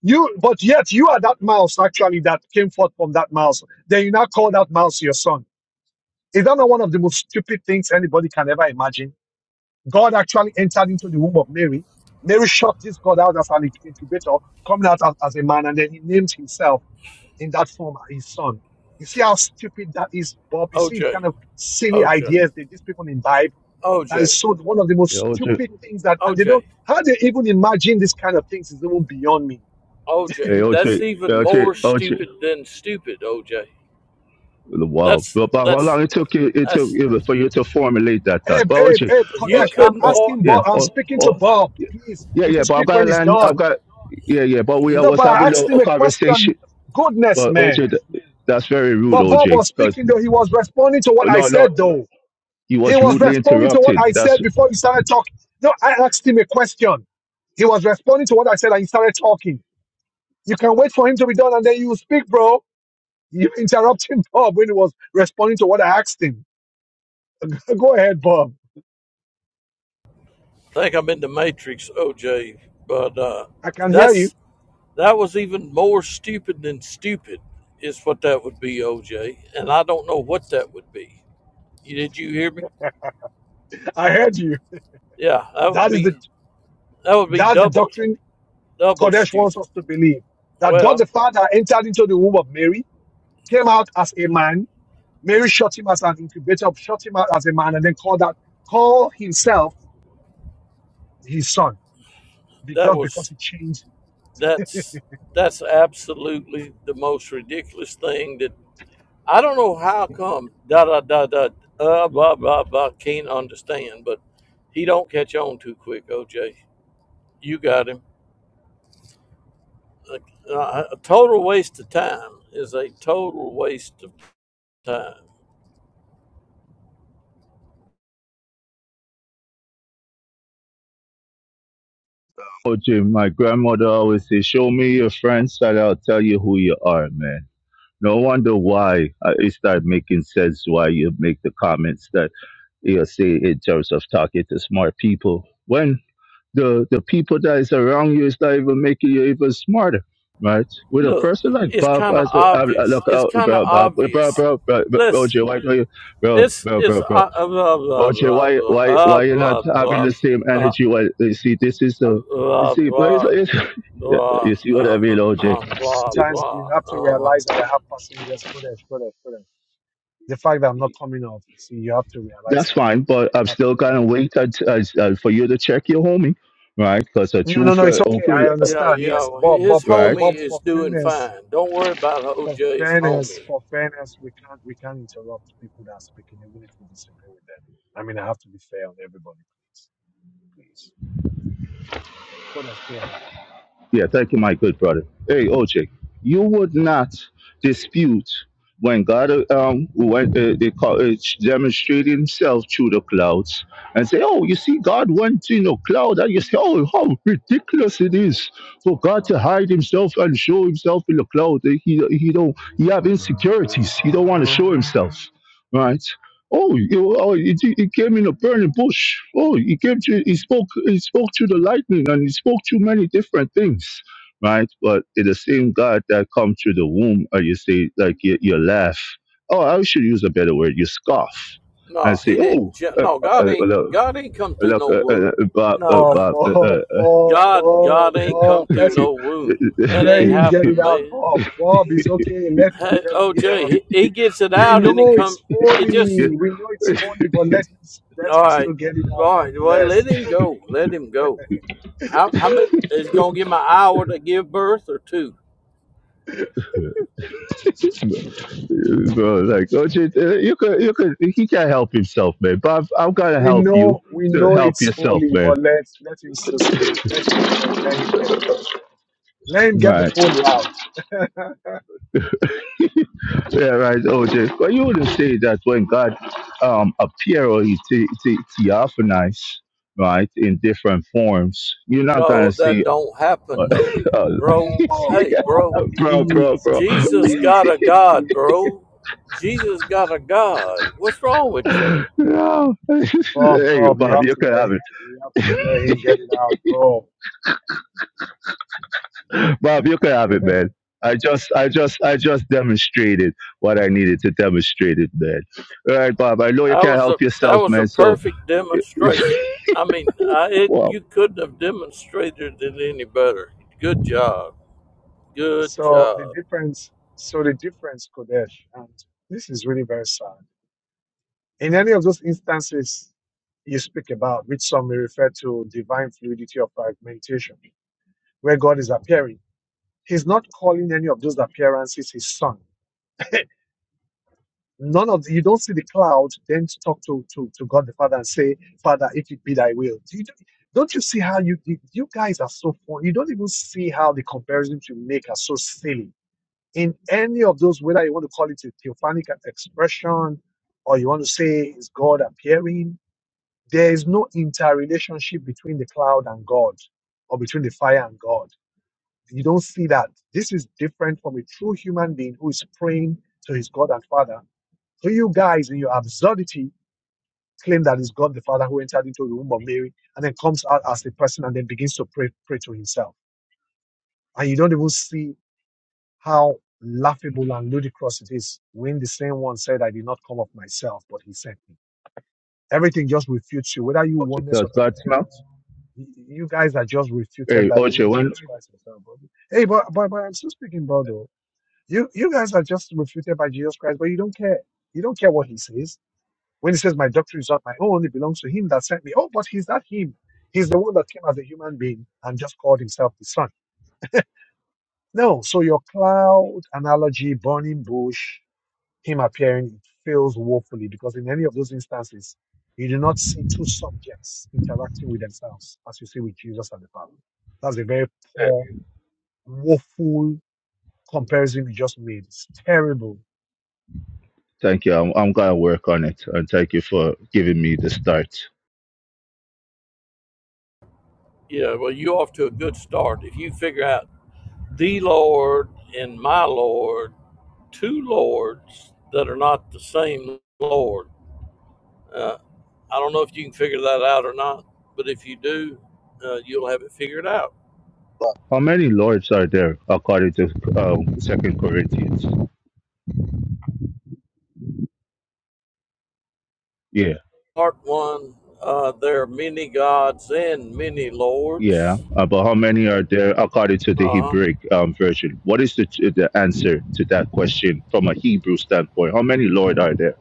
A: you, but yet you are that mouse actually that came forth from that mouse. Then you now call that mouse your son. Is that not one of the most stupid things anybody can ever imagine? God actually entered into the womb of Mary. Mary shot this God out as an incubator, coming out as, as a man, and then he named himself in that form his son. You see
G: K-
A: how stupid that is, Bob? You see the
G: OJ.
A: kind of silly
G: OJ.
A: ideas that these people imbibe. That
G: OJ.
A: is so one of the
C: yeah,
A: most
C: OJ,
A: stupid things that, and they
G: OJ.
A: don't, how they even imagine this kind of things is even beyond me.
C: hey
G: OJ. That's
C: OJ,
G: even
C: OJ,
G: more
C: OJ,
G: stupid than stupid, OJ.
C: Wow.
G: That's,
C: But, but how
G: that's,
C: long it took you it took
G: that's,
C: you for you to formulate that thought?
A: Abe,
C: Well, would
A: Abe,
C: you?
A: Abe,
G: you
C: Oh,
A: Kodesh,
C: uh,
A: I'm
G: couldn't
C: oh,
G: for.
A: asking
C: yeah.
A: Bob, I'm
C: Oh,
A: speaking to
C: oh,
A: Bob. Please,
C: yeah,
A: you could
C: yeah. But I've
A: speak
C: got
A: when
C: to
A: it's
C: land. I've
A: done.
C: got. Yeah, yeah. But we I
A: No,
C: was
A: but I
C: having a,
A: asked him
C: a
A: a question.
C: conversation.
A: Goodness,
C: But
A: man.
C: OJ, th- that's very rude,
A: But Bob
C: OJ.
A: was
C: Because
A: speaking though. He was responding to what I
C: no, no,
A: said though.
C: he
A: He
C: was
A: was
C: rudely
A: responding to what
C: interrupted.
A: I said
C: That's
A: before he started talking. No, I asked him a question. He was responding to what I said and he started talking. You can wait for him to be done and then you speak, bro. You interrupting Bob when he was responding to what I asked him. Go ahead, Bob.
G: I think I'm in the Matrix, OJ, but uh,
A: I can hear you.
G: that's that was even more stupid than stupid, is what that would be, OJ. And I don't know what that would be. You, did you hear me?
A: I heard you.
G: Yeah, that would
A: That is the
G: be that would be
A: that's the
G: double
A: doctrine
G: double
A: Kodesh wants
G: stupid.
A: us to believe. That God
G: Well,
A: the Father entered into the womb of Mary, came out as a man, Mary shot him as an incubator, shot him out as a man, and then called that call himself his son.
G: that
A: Because because
G: was
A: he changed,
G: that's that's absolutely the most ridiculous thing that I don't know how come da da da da uh, blah blah blah can't understand, but he don't catch on too quick, OJ. You got him. a, total waste of time is a total waste of time.
C: OJ. My grandmother always say, "Show me your friends, and I'll tell you who you are, man." No wonder why uh, it started making sense why you make the comments you'll see in terms of talking to smart people when the the people that is around you is not even making you even smarter right with a
G: Look,
C: person like
G: it's
C: bob
G: kind
C: i
G: of
C: said I, I
G: obvious.
C: look
G: It's
C: out
G: kind of
C: bro bob bro bro
G: obvious.
C: bro, bro
G: Listen,
C: oj why don't you bro
G: it's
C: bro
G: it's
C: bro
G: uh,
C: bro
G: uh, blah blah
C: oj
G: blah
C: why
G: blah
C: why
G: uh,
C: why you are not
G: blah
C: having
G: blah
C: the same
G: uh,
C: energy why you see this is
G: uh,
C: the you
G: blah
C: see but it's,
G: blah
C: it's
G: blah
C: you see what i mean
G: uh-huh,
C: oj
G: uh, blah
A: sometimes you
G: blah
A: have to
G: uh-huh.
A: realize that I have passengers. Kodesh, Kodesh, Kodesh. The fact that I'm not coming off, see, you have to realize
C: that's
A: that
C: fine
A: I
C: but
A: I
C: i'm
A: have to.
C: still
A: Yeah.
C: gonna wait until, uh, for you to check your homie right because a
A: No,
C: true
A: no, no, it's
C: friend
A: okay. I
C: open
G: Yeah,
A: understand.
G: yeah.
A: Yes,
G: well,
A: Bob, Bob,
G: His
A: so
C: right
G: homie
A: Bob,
G: is
A: for
G: doing
A: fairness,
G: fine. Don't worry about
A: for
G: OJ's
A: fairness,
G: homie.
A: for fairness, we can't, we can't interrupt people that are speaking, even if we disagree with them. I mean, I have to be fair on everybody, please, please. Kodesh, go ahead.
C: Yeah, thank you, my good brother. Hey, OJ, you would not dispute when God uh, um when uh, they call, uh, demonstrated Himself through the clouds and say, "Oh, you see, God went in a cloud," and you say, "Oh, how ridiculous it is for God to hide Himself and show Himself in the cloud. He he don't he have insecurities. He don't want to show Himself, right?" Oh, you, oh it, it came in a burning bush. Oh, he came to, he spoke, he spoke to the lightning and he spoke to many different things, right? But it's the same God that come to the womb and you say, like, you, you laugh. Oh, I should use a better word. You scoff and
G: No,
C: say,
G: he
C: oh,
G: didn't. ju-
C: uh,
G: No, God
C: uh,
G: ain't.
C: look,
G: God ain't come through
C: look,
G: no
C: uh, uh,
G: wound.
C: Bob,
G: No.
C: uh,
A: Bob,
C: Bob,
A: Bob,
C: uh,
A: Bob,
G: God,
A: Bob,
G: God ain't come
A: Bob.
G: through
A: Let him,
G: no womb. That
A: let
G: ain't
A: him get it
G: happened,
A: out,
G: man.
A: Bob. Bob is okay. Let him
G: Hey,
A: get it
G: OJ,
A: out.
G: he, he gets it
A: We
G: out and it
A: know
G: come.
A: it's
G: It
C: uh,
G: just.
A: folly. We know it's
G: It,
A: folly, but let him, let
G: all
A: him
G: right,
A: still get it out
G: all right. Well,
A: nonetheless.
G: let him go. Let him go. How how many is gonna give my hour to give birth or two?
C: Bro, like, oh, Jay, uh, you could, you could, he can't help himself, man. But i am going to
A: We
C: help you
A: know, we
C: to
A: know
C: help
A: it's
C: yourself,
A: folly,
C: man.
A: but let let him still speak. Let's be fair. Let him get it out. Let him get the
C: Right.
A: folly out.
C: Yeah, right, OJ. But you wouldn't say that when God um appear or he te- te- theophanize, right, in different forms, you're not gonna
G: No,
C: see,
G: that don't
C: uh,
G: happen though,
C: uh,
G: bro.
A: Bob, Bob,
G: Hey, bro.
C: bro, bro,
A: please,
C: bro.
G: Jesus
A: please,
G: got a
A: please.
G: God, bro. Jesus got a God. What's wrong with you?
C: No.
A: Bob,
C: hey,
A: Bob, you
C: Bob,
A: have
C: you
A: to
C: could
A: let
C: have
A: him.
C: it.
A: You have to let him get it out, bro.
C: Bob, you can have it, man. I just, I just, I just demonstrated what I needed to demonstrate it, man. All right, Bob. I know you
G: I
C: can't
G: was a
C: help
G: that
C: yourself,
G: was a
C: man. So,
G: perfect demonstration. I mean, I it,
C: wow.
G: you couldn't have demonstrated it any better. Good job, good
A: So the
G: job.
A: difference, so the difference, Kodesh, and this is really very sad. In any of those instances you speak about, which some may refer to divine fluidity or fragmentation, where God is appearing, He's not calling any of those appearances His Son. None of the, you don't see the cloud, then to talk to, to to God the Father and say, Father, if it be Thy will. Do you, don't you see how you you you guys are so fun? You don't even see how the comparisons you make are so silly in any of those, whether you want to call it a theophanic expression or you want to say is God appearing, there is no interrelationship between the cloud and God or between the fire and God. You don't see that. This is different from a true human being who is praying to his God and Father. So you guys, in your absurdity, claim that it's God the Father who entered into the womb of Mary and then comes out as a person and then begins to pray, pray to himself. And you don't even see how laughable and ludicrous it is when the same one said, I did not come of myself, but he sent me. Everything just refutes you, whether you oneness or
C: Does God smell?
A: Trinitarians. y- You guys are just refuted
C: Hey,
A: by even
C: Ocho, when?
A: Jesus Christ himself. But, hey, but, but, but I'm still speaking, brother. You, you guys are just refuted by Jesus Christ, but you don't care. You don't care what he says. When he says, my doctrine is not my own, it belongs to him that sent me. Oh, but he's not him. He's the one that came as a human being and just called himself the son. No, so your cloud analogy, burning bush, him appearing it fails woefully because in any of those instances, you do not see two subjects interacting with themselves as you see with Jesus and the Father. That's a very poor, woeful comparison you just made. It's terrible.
C: Thank you. I'm, I'm gonna work on it, and thank you for giving me the start.
G: Yeah, well, you off to a good start. If you figure out the Lord and my Lord, two lords that are not the same Lord, uh, I don't know if you can figure that out or not, but if you do, uh, you'll have it figured out.
C: How many lords are there according to um, Second Corinthians? Yeah.
G: Part one. Uh, there are many gods and many
C: Yeah,
G: lords.
C: uh, but how many are there according to the
G: Uh huh
C: Hebraic um, version? What is the the answer to that question from a Hebrew standpoint? How many Lord are there?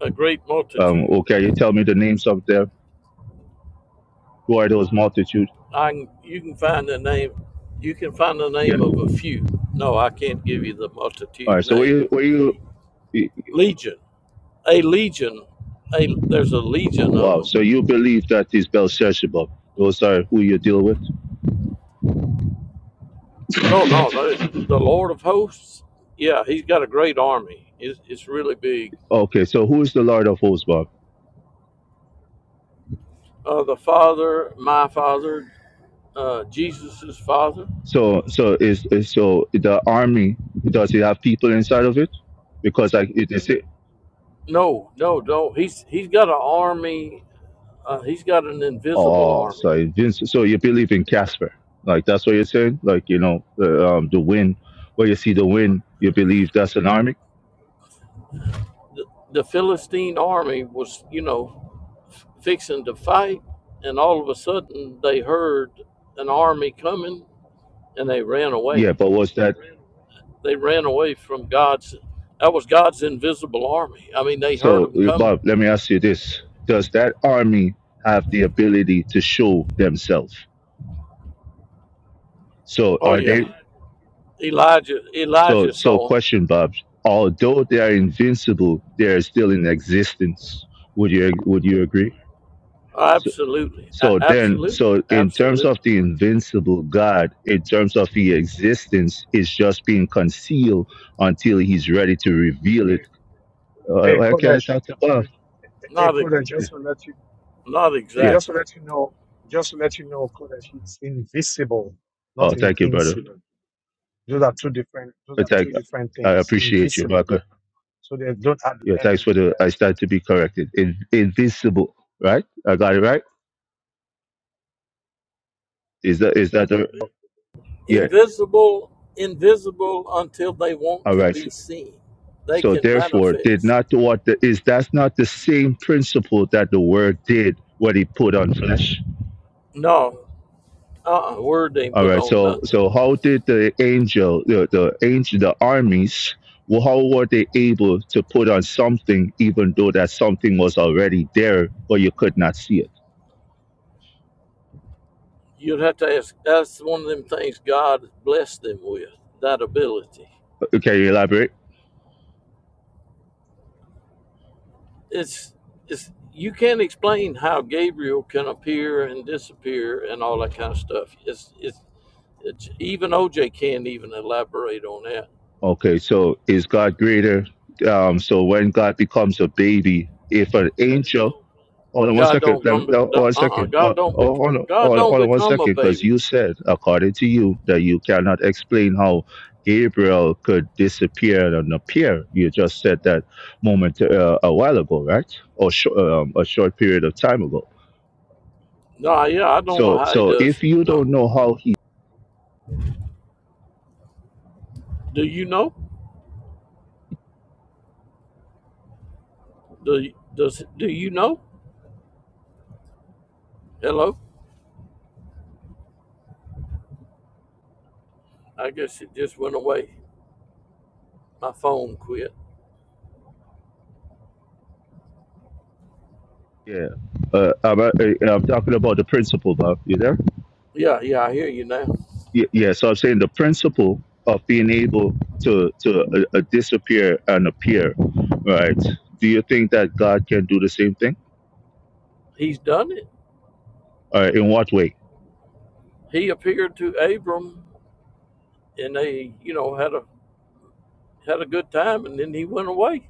G: a great
C: Um,
G: multitude.
C: okay, you tell me the names of them. Who are those multitude?
G: I can, you can find the name, you can find the
C: Yeah.
G: name of a few. No, I can't give you the
C: All
G: multitude
C: right. So were
G: name.
C: you were you? y-
G: Legion, a legion, a there's a legion of
C: Wow.
G: them.
C: So you believe that is Belshazzar? Those are who you deal with.
G: No, no, no, the Lord of hosts. Yeah, he's got a great army. It's, it's really big.
C: Okay. So who is the Lord of hosts, Bob?
G: Uh, the Father, my Father, uh, Jesus's Father.
C: So so is is- so the army does it have people inside of it? Because like it is.
G: No, no, no. He's he's got an army. Uh, he's got an invisible
C: Oh, so
G: army
C: Vince. so you believe in Casper? Like that's what you're saying? Like you know the um the wind, where you see the wind, you believe that's an army?
G: the Philistine army was, you know, fixing to fight, and all of a sudden they heard an army coming and they ran
C: Yeah,
G: away.
C: but was that
G: They ran away from God's, that was God's invisible army. I mean, they heard
C: so?
G: them
C: uh,
G: coming.
C: Bob, let me ask you this: Does that army have the ability to show themselves? So
G: Oh,
C: are
G: yeah.
C: they?
G: Elijah,
C: So
G: Elijah
C: so
G: saw them.
C: question, Bob. Although they are invincible, they are still in existence. Would you would you agree?
G: Absolutely.
C: So then,
G: Absolutely.
C: so in terms of
G: Absolutely.
C: the invincible God, in terms of the existence, it's just being concealed until He's ready to reveal it. Uh,
A: Hey,
C: okay, I
A: Kodesh,
C: talked above.
A: hey,
G: Not, e-
A: Kodesh,
C: Yeah.
A: just to let you,
G: not
A: hey,
C: Yeah.
A: just to
G: exactly.
A: let you know, just to let you know, Kodesh, it's invisible, not
C: Oh, thank you, brother.
A: invincible. Those are two different, those
C: Uh,
A: are
C: Thank,
A: two different
C: I
A: things.
C: appreciate you,
A: Invisible.
C: brother.
A: So they don't add
C: Yeah,
A: the
C: thanks for the.
A: end.
C: I start to be corrected. In, invincible, right? I got it right. Is that is that the? Yeah.
G: Invisible, invisible until they want
C: All
G: to
C: right.
G: be seen. They
C: So
G: can
C: therefore, did
G: manifest.
C: not what the, is that's not the same principle that the word did when he put on flesh
G: No, uh-uh, word ain't
C: All
G: put
C: right.
G: on
C: So
G: nothing.
C: so how did the angel the, the angel the armies well, how were they able to put on something even though that something was already there but you could not see it?
G: You'd have to ask. That's one of them things God blessed them with that ability.
C: Uh, Can you elaborate?
G: It's it's you can't explain how Gabriel can appear and disappear and all that kind of stuff. It's it's, it's even OJ can't even elaborate on that.
C: Okay, so is God greater? Um, so when God becomes a baby, if an angel Hold on one
G: God
C: second.
G: don't
C: Let me,
G: come.
C: no,
G: Uh
C: one
G: uh.
C: second. Uh,
G: God don't be.
C: oh, hold on,
G: God
C: hold on,
G: don't
C: hold on one
G: become a
C: second, because you
G: baby.
C: said, according to you, that you cannot explain how Gabriel could disappear and appear. You just said that moment uh, a while ago, right? Or sh- um, a short period of time ago.
G: No, yeah, I don't know
C: So,
G: how he
C: so
G: does
C: if
G: it.
C: you
G: No.
C: don't know how he,
G: Do you know? Do you- does do you know? Hello. I guess it just went away. My phone quit.
C: yeah, uh, I'm, uh, I'm talking about the principle, Bob. You there?
G: Yeah, yeah, I hear you now.
C: Y- Yeah, so I'm saying the principle of being able to to uh, uh, disappear and appear, right? Do you think that God can do the same thing?
G: he's done it.
C: Uh, in what way?
G: He appeared to Abram and they, you know, had a had a good time and then he went away.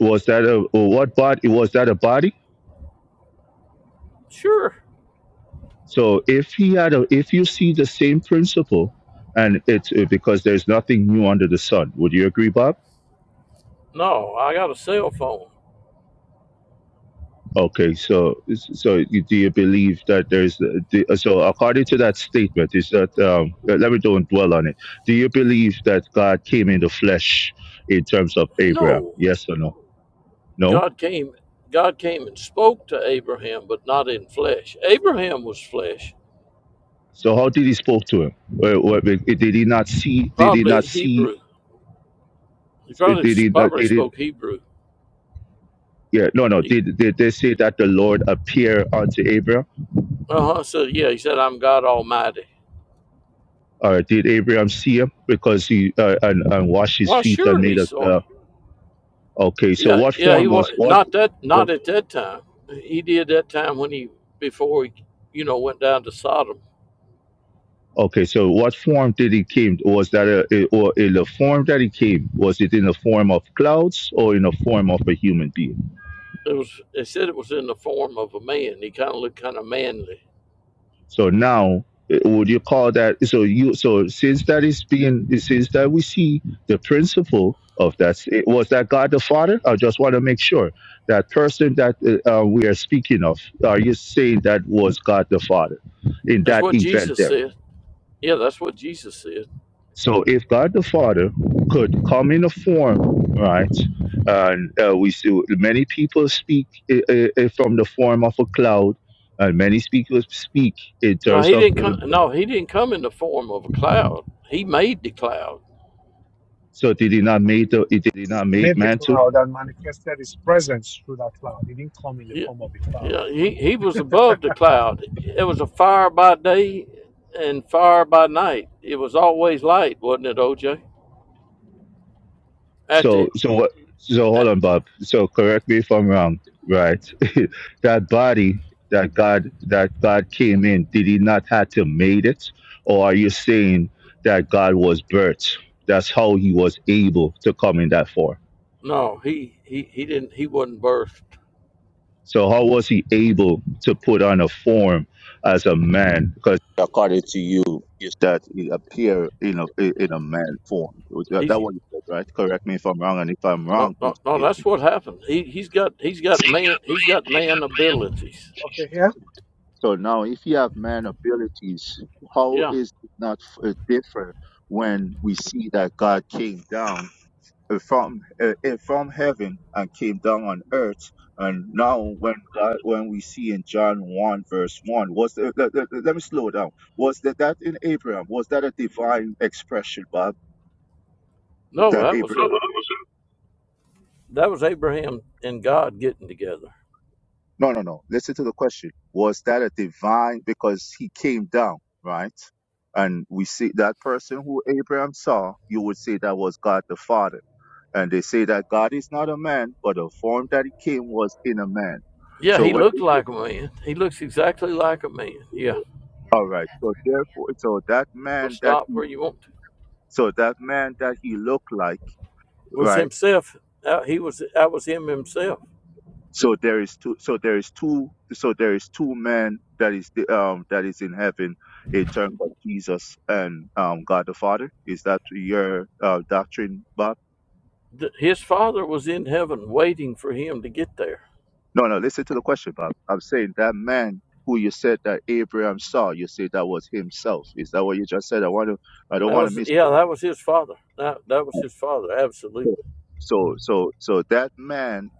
C: Was that a or what body? Was that a body?
G: Sure.
C: So if he had a, if you see the same principle, and it's uh, because there's nothing new under the sun. Would you agree, Bob?
G: No, I got a cell phone.
C: Okay, so so you, do you believe that there's the, so according to that statement is that um, let me don't dwell on it. Do you believe that God came in the flesh in terms of Abraham?
G: No.
C: Yes or no? No.
G: God came God came and spoke to Abraham, but not in flesh. Abraham was flesh.
C: So how did he spoke to him? Well, well, Did did he not see? Did he not
G: Probably
C: see?
G: Hebrew. He probably
C: Did he not?
G: probably
C: Did it?
G: spoke Hebrew.
C: Yeah. No. No.
G: He
C: Did did they say that the Lord appear unto Abraham?
G: uh huh. So yeah, he said, I'm God Almighty.
C: Or did Abraham see him because he uh, and, and washed his
G: Why
C: feet and
G: sure
C: made
G: he
C: a?
G: saw
C: Uh, okay. So
G: Yeah,
C: what
G: yeah, he
C: form
G: was
C: was what?
G: not that not at that time. He did that time when he before he, you know, went down to Sodom.
C: Okay, so what form did he came? Was that a, a- or in the form that he came? Was it in the form of clouds or in the form of a human being?
G: It was they said it was in the form of a man. He kind of looked kind of manly.
C: So now, eh, would you call that? So you so since that is being since that we see the principle of that it- was that God the Father. I just want to make sure that person that uh, uh, we are speaking of. Are you saying that was God the Father in
G: That's
C: that
G: what
C: event
G: Jesus
C: there?
G: said. Yeah, that's what Jesus said.
C: So if God the Father could come in a form, right, and uh, we see many people speak i i i- from the form of a cloud, and many speakers speak in
G: No,
C: terms
G: he
C: of.
G: didn't
C: Uh,
G: come. No, he didn't come in the form of a cloud. He made the cloud.
C: so they did not make the, it did
A: He
C: not make
A: made the
C: man to
A: cloud and manifested his presence through that cloud. He didn't come in the
G: Yeah,
A: form of a cloud.
G: yeah, he he was above the cloud. It was a fire by day and fire by night. It was always light, wasn't it, OJ? At
C: So
G: the
C: so what? So hold on, Bob. So correct me if I'm wrong, right? that body that God that God came in, did He not have to made it, or are you saying that God was birthed? That's how He was able to come in that form.
G: No, he he he didn't. He wasn't birthed.
C: So how was He able to put on a form as a man? Because according to you, is that He appeared in a in a man form? That,
G: He's
C: that one, you said, right? Correct me if I'm wrong, and if I'm
G: no,
C: wrong, please
G: no, no.
C: forgive me.
G: That's what happened. He he's got he's got man he's got man abilities.
A: Okay, here,
C: So now, if you have man abilities, how
G: Yeah.
C: is it not f- uh, different when we see that God came down uh, from uh, uh, from heaven and came down on earth? And now, when God, when we see in John one verse one, was the, let, let, let me slow down. Was that that in Abraham? Was that a divine expression, Bob?
G: No,
C: That
G: that was
C: Abraham?
G: a that was Abraham and God getting together.
C: No, no, no. Listen to the question. Was that a divine? Because he came down, right? And we see that person who Abraham saw, you would say that was God the Father. And they say that God is not a man, but the form that he came was in a man.
G: Yeah,
C: So
G: he
C: when,
G: looked like a man. He looks exactly like a man. Yeah.
C: all right. So therefore, so that
G: Well,
C: man that
G: stop
C: he,
G: where you want to.
C: so that man that he looked like,
G: Was
C: right?
G: himself. That, he was. That was him himself.
C: So there is two. So there is two. So there is two men that is the, um that is in heaven in terms of Jesus and um God the Father. Is that your uh, doctrine, Bob?
G: Th- His father was in heaven waiting for him to get there.
C: No, no. Listen to the question, Bob. I'm saying that man who you said that Abraham saw. You said that was himself. Is that what you just said? I want to. I don't
G: That
C: want to
G: was
C: miss.
G: yeah. That was his father. That that was his father. Absolutely.
C: So so so that man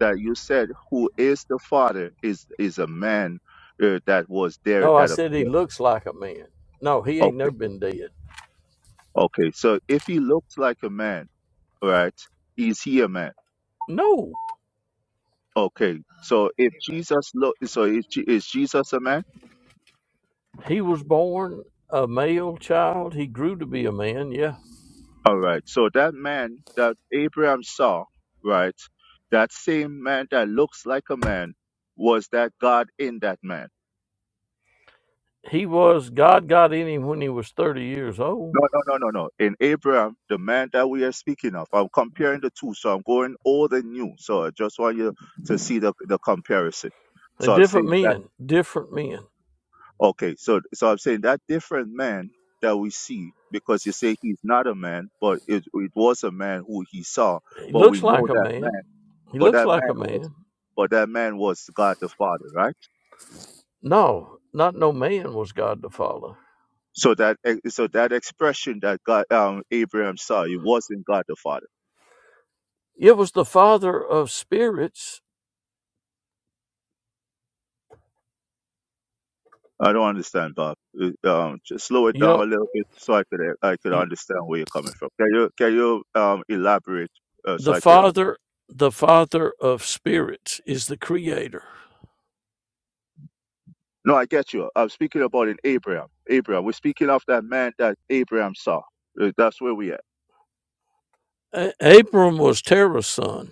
C: that you said who is the Father is is a man uh, that was there
G: No, I
C: that
G: said he
C: appeared.
G: looks like a man. No, he
C: Okay.
G: ain't never been dead.
C: Okay, so if he looks like a man, right? Is he a man?
G: No,
C: Okay, so if Jesus look, so is, Je- is Jesus a man?
G: he was born a male child. He grew to be a man. Yeah,
C: All right, so that man that Abraham saw, right? That same man that looks like a man was that God in that man?
G: he was. God got in him when he was thirty years old.
C: No, no, no, no, no. In Abraham, the man that we are speaking of, I'm comparing the two, so I'm going old and new. So I just want you to see the the comparison.
G: They're
C: So I'm
G: different
C: saying that.
G: men. Different men.
C: Okay, so so I'm saying that different man that we see, because you say he's not a man, but it it was a man who he saw,
G: He
C: but we
G: looks
C: know
G: like a
C: that
G: man.
C: man,
G: He
C: but
G: looks
C: that
G: like
C: man
G: a
C: was,
G: man.
C: but that man was God the Father, right?
G: No, not no man was God the Father.
C: So that ex- so that expression that God um Abraham saw, it wasn't God the Father.
G: It was the Father of spirits.
C: I don't understand, Bob. Uh, Um, just slow it
G: You
C: down a
G: know,
C: little bit so I could eh, I could
G: he-
C: understand where you're coming from. Can you can you um elaborate uh, so
G: the
C: I could
G: Father, the Father of spirits is the Creator.
C: No, I get you. I'm speaking about in Abraham. Abraham. We're speaking of that man that Abraham saw. Uh, That's where we at.
G: A- Abram was Terah's son.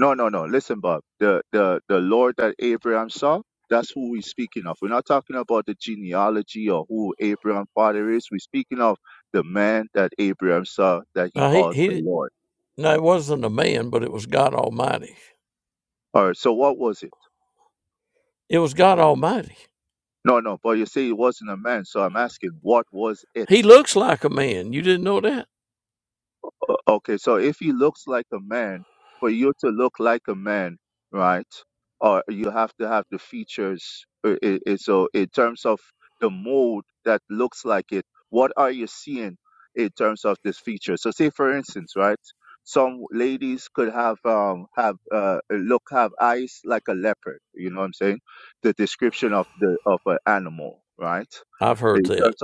C: No, no, no. Listen, Bob. The the the Lord that Abraham saw. That's who we're speaking of. We're not talking about the genealogy or who Abraham father is. We're speaking of the man that Abraham saw that he
G: Uh, he
C: called the
G: he.
C: Lord.
G: No, it wasn't a man, but it was God Almighty.
C: All right. So what was it?
G: It was God Almighty.
C: No, no. But you say it wasn't a man. So I'm asking
G: He looks like a man. You didn't know that?
C: for you, man, right? Or so so so, the mold that. like it. What are you seeing in terms of this feature? So say for instance, right? Some ladies could have um have uh look have eyes like a leopard, you know what I'm saying?
G: I've heard that.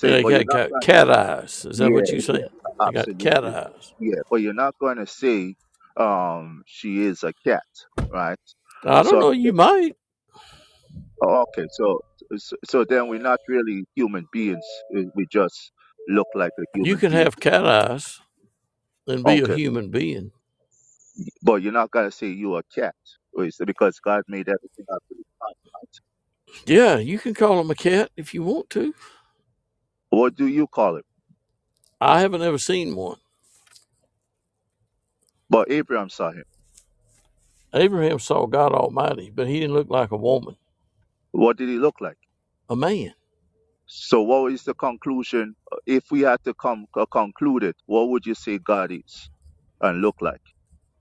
G: Yeah, he got, got cat eyes. Is that what you say? They got cat eyes. I don't know. You might. You can have cat eyes and be a human being. Yeah, you can call him a cat if you want to. I haven't ever seen one. Abraham saw God Almighty, but he didn't look like a woman, a man.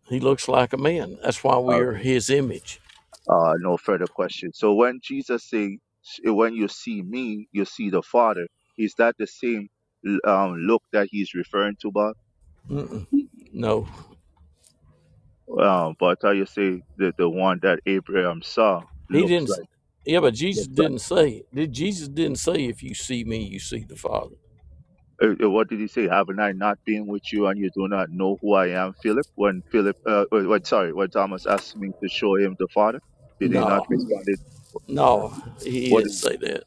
G: He looks like a man. That's why we are his image. Mm-mm, no. He didn't. Yeah, but Jesus didn't say. Did Jesus didn't say if you see me, you see the Father? No, no, he didn't say that.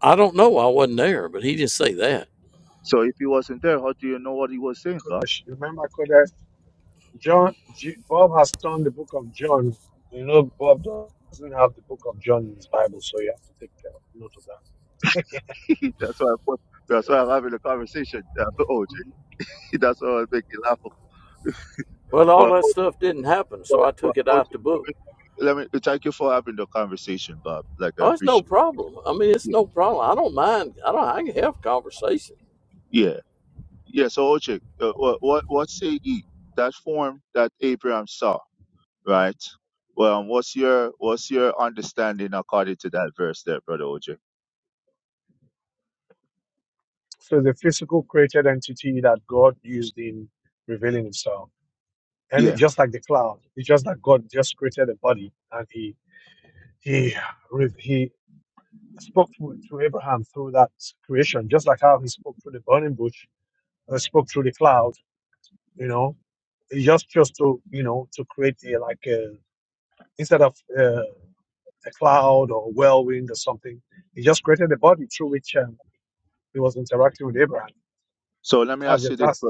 G: I don't know. I wasn't there, but he didn't say that.
A: Kodesh. Remember, Kodesh, John, J- Bob has turned the book of John. You know, Bob doesn't have the book of John in his Bible, so you have to take care- note of that.
G: Well, all that stuff didn't happen, so I took it out the book. Oh, it's no problem. I mean, it's no problem. I don't mind. I don't. I can have conversation.
A: So the physical created entity that God used in revealing himself. And it, just like the cloud, it's just that God just created a body and he, he, re- he spoke to, to Abraham through that creation, just like how he spoke through the burning bush uh, spoke through the cloud, you know, just just to, you know, to create a like a, instead of uh, a cloud or whirlwind or something, he just created a body through which um, he was interacting with Abraham. That's just, that's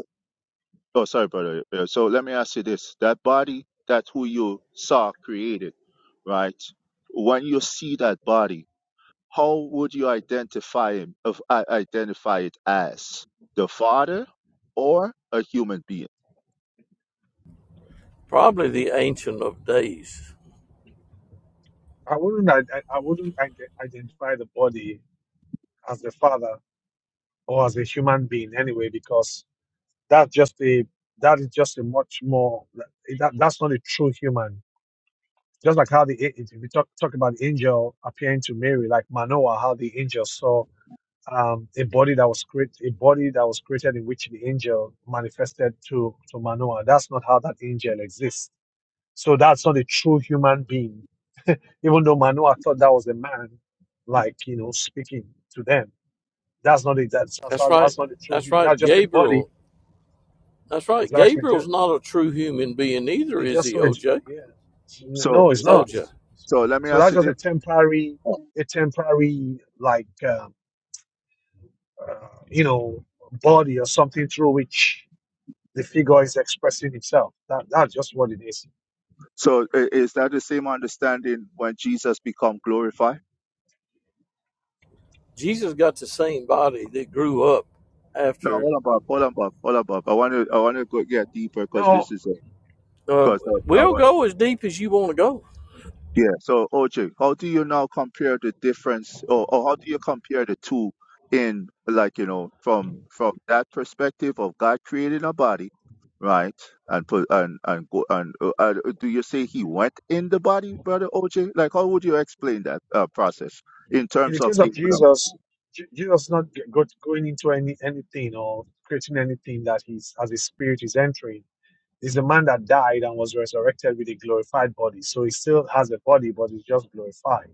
G: Probably the Ancient of Days.
A: I wouldn't I, I wouldn't ide- identify the body as the father or as a human being anyway because that's just a that is just a much more eh, that, that's not a true human just like how the if we talk talk about the angel appearing to Mary, like Manoah, how the angel saw um, a body that was created, a body that was created in which the angel manifested to to Manoah. That's not how that angel exists. So that's not a true human being. Even though Manoah thought that was a man, like you know, speaking to them. That's not it. That's that's
G: That's
A: not,
G: right.
A: that's not a true
G: That's
A: human. That's
G: right.
A: just a body.
G: Gabriel. That's right.
A: Exactly. Just
G: Gabriel's not a true human being either,
A: it
G: is
A: just
G: he?
A: so it,
G: OJ.
A: yeah. No, it's not.
G: OJ.
A: So that's just a temporary, a temporary like um, uh, you know body or something through which the figure is expressing itself. That, that's just what it is.
G: Jesus got the same body that grew up after.
A: Now,
G: Uh, we'll go as deep as you want to go.
A: in the case of Jesus, Je- Jesus not g- go, going into any anything or creating anything that he's as his spirit is entering. He's the man that died and was resurrected with a glorified body. So he still has a body, but it's just glorified.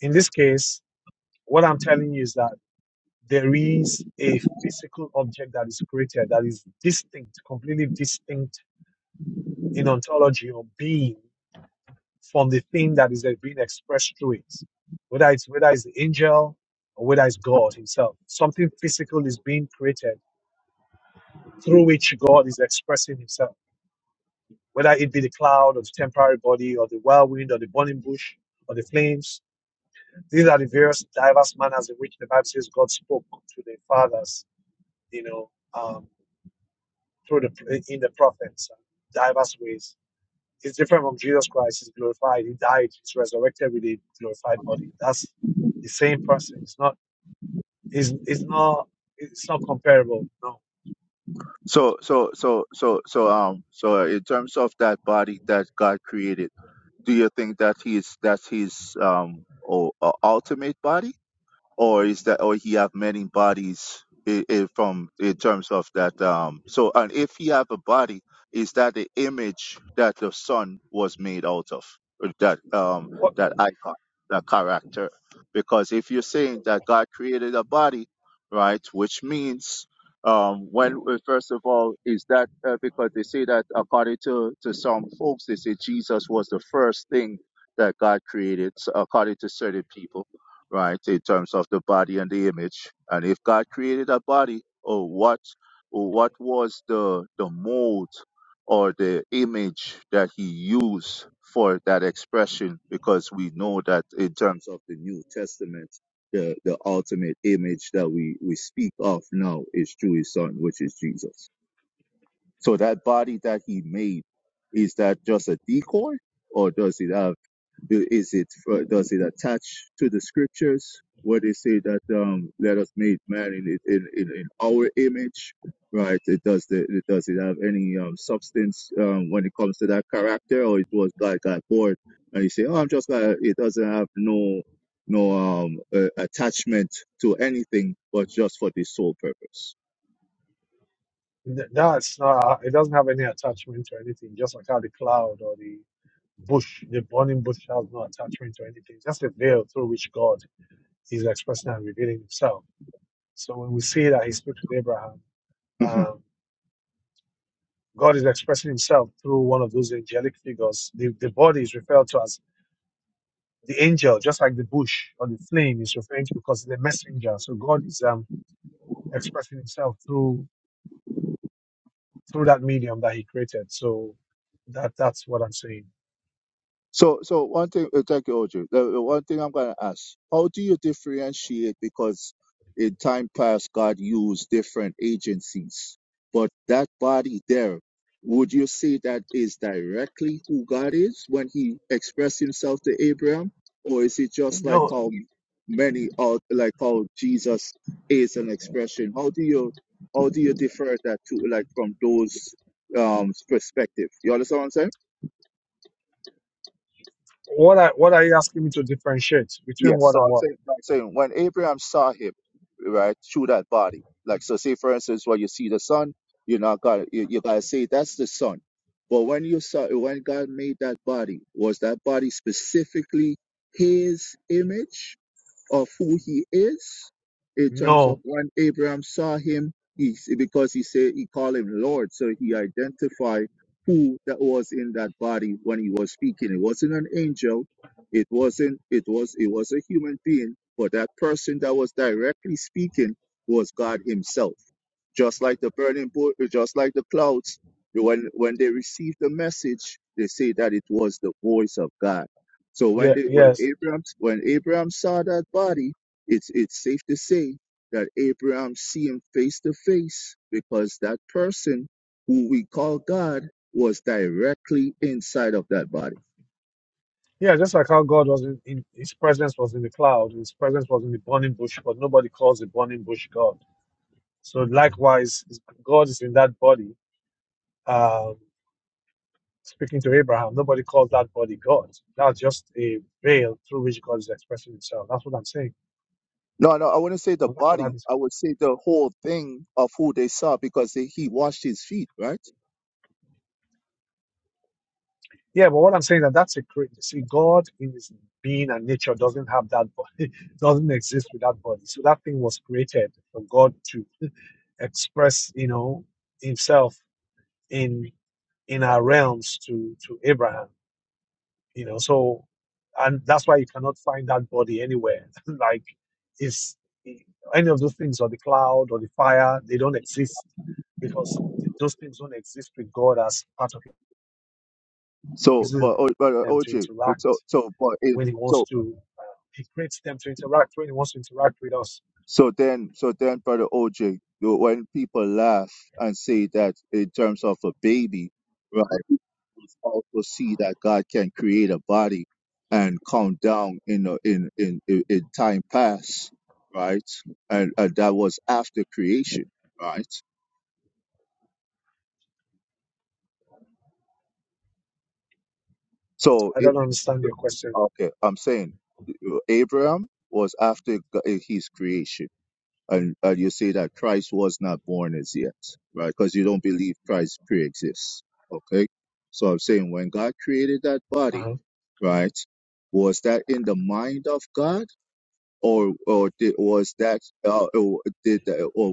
A: In this case, what I'm telling you is that there is a physical object that is created that is distinct, completely distinct in ontology or being from the thing that is uh, being expressed through it, whether it's whether it's the angel or whether it's God Himself. Something physical is being created through which God is expressing Himself, whether it be the cloud or the temporary body or the whirlwind or the burning bush or the flames. These are the various diverse manners in which the Bible says God spoke to the fathers, you know, um, through the in the prophets, diverse ways. It's different from Jesus Christ. He's glorified. He died. He's resurrected with a glorified body. That's the same person. It's not. It's, it's not. It's not comparable. No. What?
C: Um, when it comes to that character, or it was like a bored and you say, oh, I'm just gonna it doesn't have no no um uh, attachment to anything but just for this sole purpose.
A: That's not. It doesn't have any attachment to anything. Just like how the cloud or the bush, the burning bush, has no attachment to anything. It's just a veil through which God is expressing and revealing Himself. So when we see that He speaks with Abraham, um, God is expressing Himself through one of those angelic figures. The, the body is referred to as the angel, just like the bush or the flame, is referring to because the messenger. So God is um, expressing Himself through through that medium that He created. So that that's what I'm saying. No, what I what are you asking me to differentiate between what and what? No, yeah, yes, yeah. Just like how God was in, in His presence was in the cloud, His presence was in the burning bush, but nobody calls the burning bush God. So likewise, God is in that body. um, Speaking to Abraham, nobody calls that body God. That's just a veil through which God is expressing Himself. That's what I'm saying. And that's what I'm saying. Yeah, but what I'm saying that that's a cre- see God in His being and nature doesn't have that body, doesn't exist with that body. So that thing was created for God to express, you know, Himself in in our realms to to Abraham. You know, so and that's why you cannot find that body anywhere. like is any of those things or the cloud or the fire, they don't exist because those things don't exist with God as part of it. He uses them to interact when he wants to. Uh, he creates them to interact when he wants to interact with us. I don't understand your question. Uh-huh.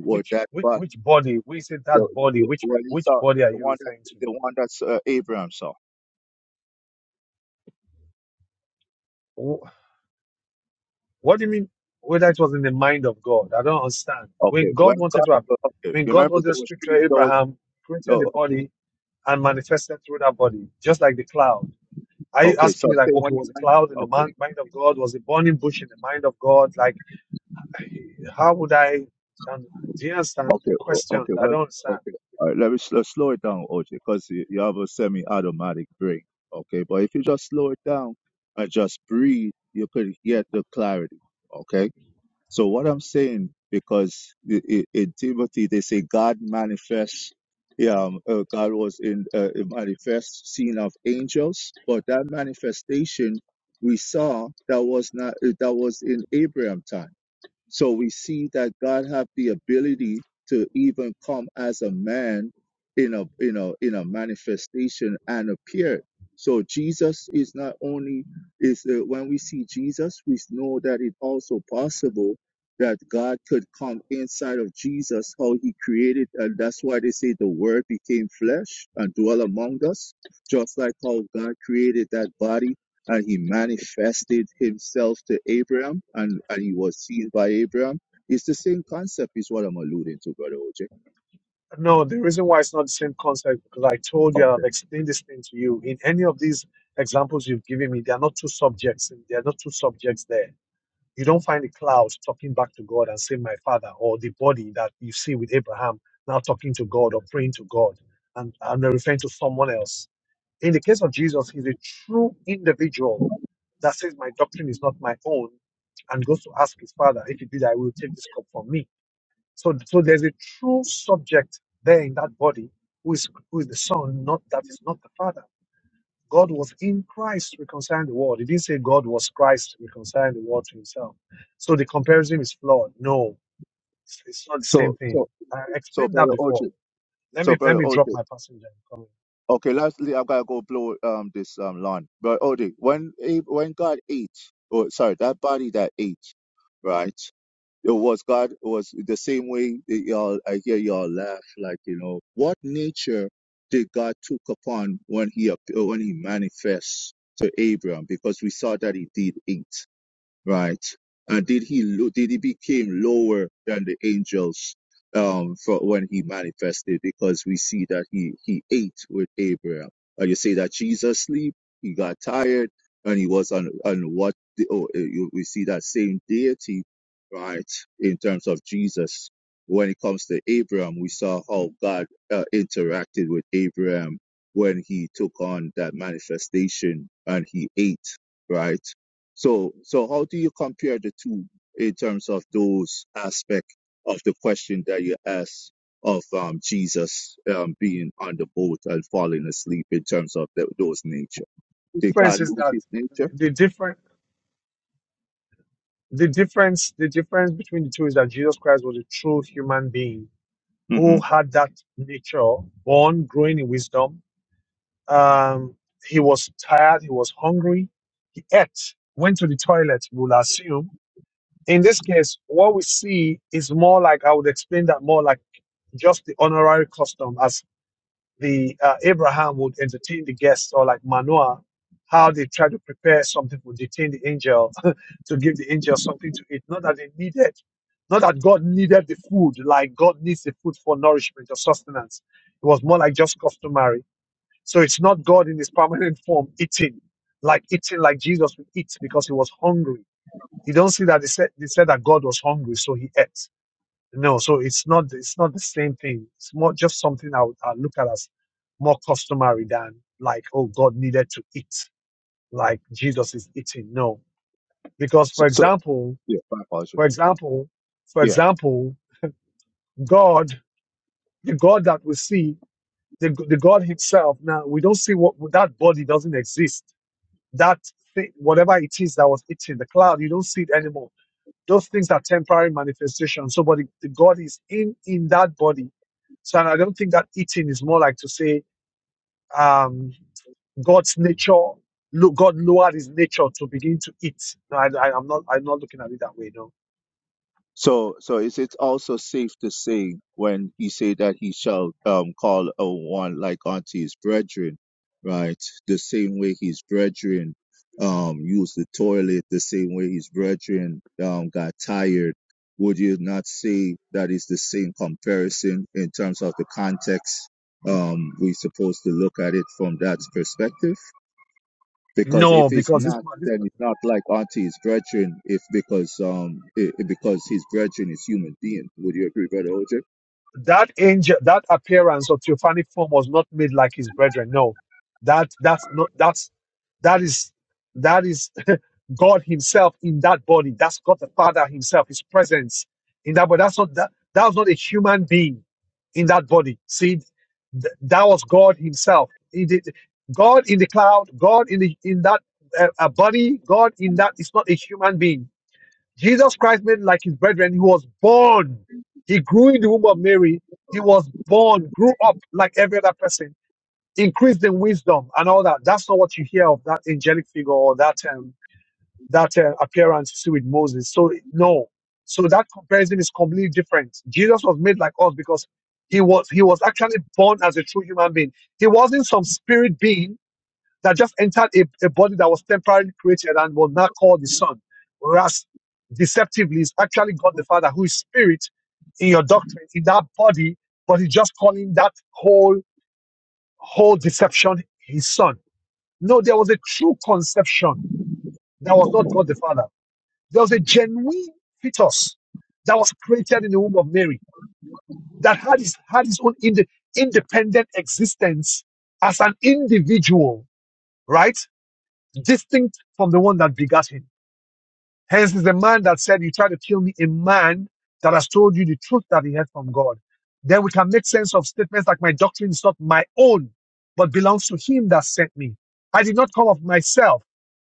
A: Which, which which body? We said that body. Which which body are you referring to? Wh- What do you mean? Whether it was in the mind of God, I don't understand. When God wanted to, have, when God wanted to speak to Abraham, created the body, and manifested through that body, just like the cloud. Are you asking me, like, okay, was a cloud in the mind of God? Was a burning bush in the mind of God? Like, eh, how would I? And do you understand the question? I don't understand.
C: and dwell among us, just like how God created that body and he manifested himself to Abraham and, and he was seen by Abraham. It's the same concept, is what I'm alluding to, Brother OJ.
A: No, the reason why it's not the same concept because I told you I've explained this thing to you. In any of these examples you've given me, there are not two subjects. There are not two subjects there You don't find the clouds talking back to God and saying, My father, or the body that you see with Abraham now talking to God or praying to God and, and they're referring to someone else. In the case of Jesus, he's a true individual that says, My doctrine is not my own, and goes to ask his father, If you did, I will take this cup from me. So, so there's a true subject there in that body who is, who is the son, not that is not the father. God was in Christ reconciling the world. He didn't say God was Christ reconciling the world to himself. So the comparison is flawed. No, it's, it's not the same thing. I explained that before. Let me let me drop my passenger. comment.
C: Uh, interacted with Abraham, took on that manifestation, and he ate, right? So, so how do you compare the two in terms of those aspect of the question that you asked of um, Jesus um, being on the boat and falling asleep in terms of the, those nature?
A: The
C: Did
A: difference
C: God?
A: is that the different the difference the difference between the two is that Jesus Christ was a true human being
C: Mhm.
A: who had that nature, born, growing in wisdom. Um, he was tired, he was hungry, he ate, went to the toilet, we'll assume in this case, what we see is more like I would explain that more like just the honorary custom, as the uh, Abraham would entertain the guests, or like Manoah, how they try to prepare something to detain the angel, to give the angel something to eat. Not that they needed, not that God needed the food, like God needs the food for nourishment or sustenance. It was more like just customary. So it's not God in his permanent form eating, like eating like Jesus would eat because he was hungry you don't see that they said they said that God was hungry, so he ate. No, so it's not it's not the same thing. It's more just something I would I look at as more customary than like oh God needed to eat like Jesus is eating. No, because for example, for example, for example, God, the God that we see, the the God Himself. Now we don't see what that body doesn't exist. That thing, whatever it is that was eating the cloud, you don't see it anymore Those things are temporary manifestations. So, but the, the God is in in that body. So, and I don't think that eating is more like to say um, God's nature. Look, God lowered His nature to begin to eat. No, I, I, I'm not. I'm not looking at it that way. No, no, because this man, this that angel, that appearance of theophanic form was not made like his brethren. No, that that's not that's that is that is God Himself in that body. That's God the Father Himself, His presence in that body. That's not that that was not a human being in that body. See, th- that was God Himself. He did, God in the cloud, God in the in that uh, uh, body, God in that is not a human being. Jesus Christ made like his brethren. He was born. He grew in the womb of Mary. He was born, grew up like every other person, increased in wisdom and all that. That's not what you hear of that angelic figure or that um, that uh, appearance you see with Moses. So no, so that comparison is completely different. Jesus was made like us because he was he was actually born as a true human being. He wasn't some spirit being that just entered a, a body that was temporarily created and was not called the Son. Whereas deceptively is actually God the Father, who is spirit in your doctrine, in that body, but he's just calling that whole whole deception his son. No, there was a true conception that was not God the Father. There was a genuine fetus that was created in the womb of Mary that had his had his own inde- independent existence as an individual, right? distinct from the one that begat him. Hence is the man that said, You try to kill me, a man that has told you the truth that he heard from God. Then we can make sense of statements like, My doctrine is not my own, but belongs to him that sent me. I did not come of myself,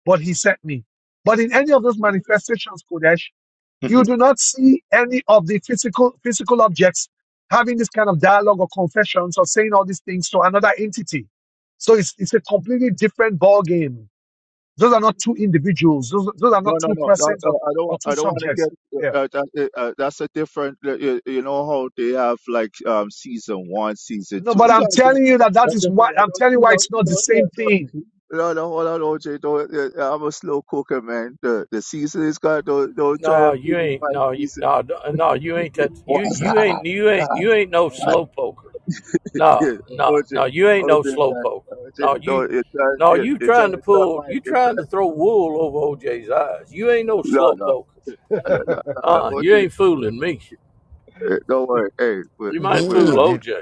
A: but he sent me. But in any of those manifestations, Kodesh, you do not see any of the physical physical objects having this kind of dialogue or confessions or saying all these things to another entity. So it's, it's a completely different ball game those are not two individuals. Those, those are not two persons or, or two subjects. Yeah. No, but I'm telling you that that is why I'm telling you why it's not the same thing.
G: No, you ain't. No, you, no, no, you ain't that. You, you ain't. You ain't. You ain't no slow poker. No, no, no. You ain't no slow poker. No, you. No, you trying to pull. You trying to throw wool over OJ's eyes. You ain't no slow poker. Uh, you ain't fooling me. You
I: Me
G: might fool
I: either.
G: OJ.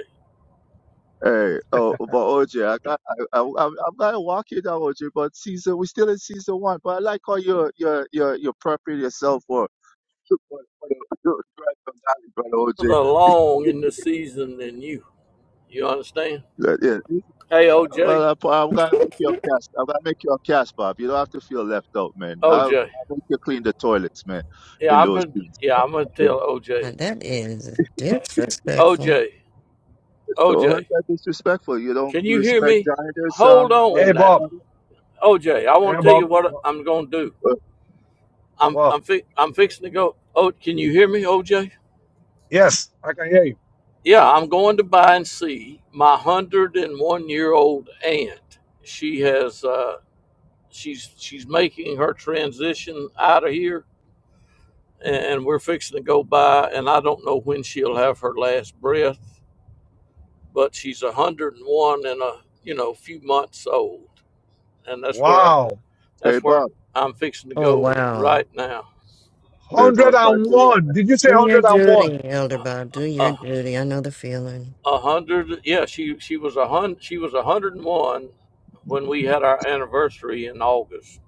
G: The long in the season than you. You understand? Hey, OJ. OJ. Yeah, I'm gonna yeah, I'm gonna tell
I: Uh,
G: OJ.
I: That is disrespectful.
G: OJ, OJ, can you hear me? Hold
A: Hey,
G: on
A: Bob.
G: now. OJ, I wanna
A: Yeah,
G: tell
A: Bob.
G: you what I'm gonna do. I'm
A: Wow.
G: I'm fi- I'm fixing to go. Oh, can you hear me, OJ?
A: Yes, I can hear you.
G: Yeah, I'm going to buy and see my one hundred and one year old aunt. She has uh she's she's making her transition out of here and we're fixing to go by and I don't know when she'll have her last breath but she's 101 and one and a you know few months old and that's where
A: Wow.
G: that's where i'm fixing to
I: Oh,
G: go
I: wow.
G: right now
A: 101. Did you say
I: Do your
A: 101?
I: duty, Elder Bob. Do your
G: a
I: duty. I know the feeling.
G: a hundred yeah she she was a hun she was 101 when we had our anniversary in august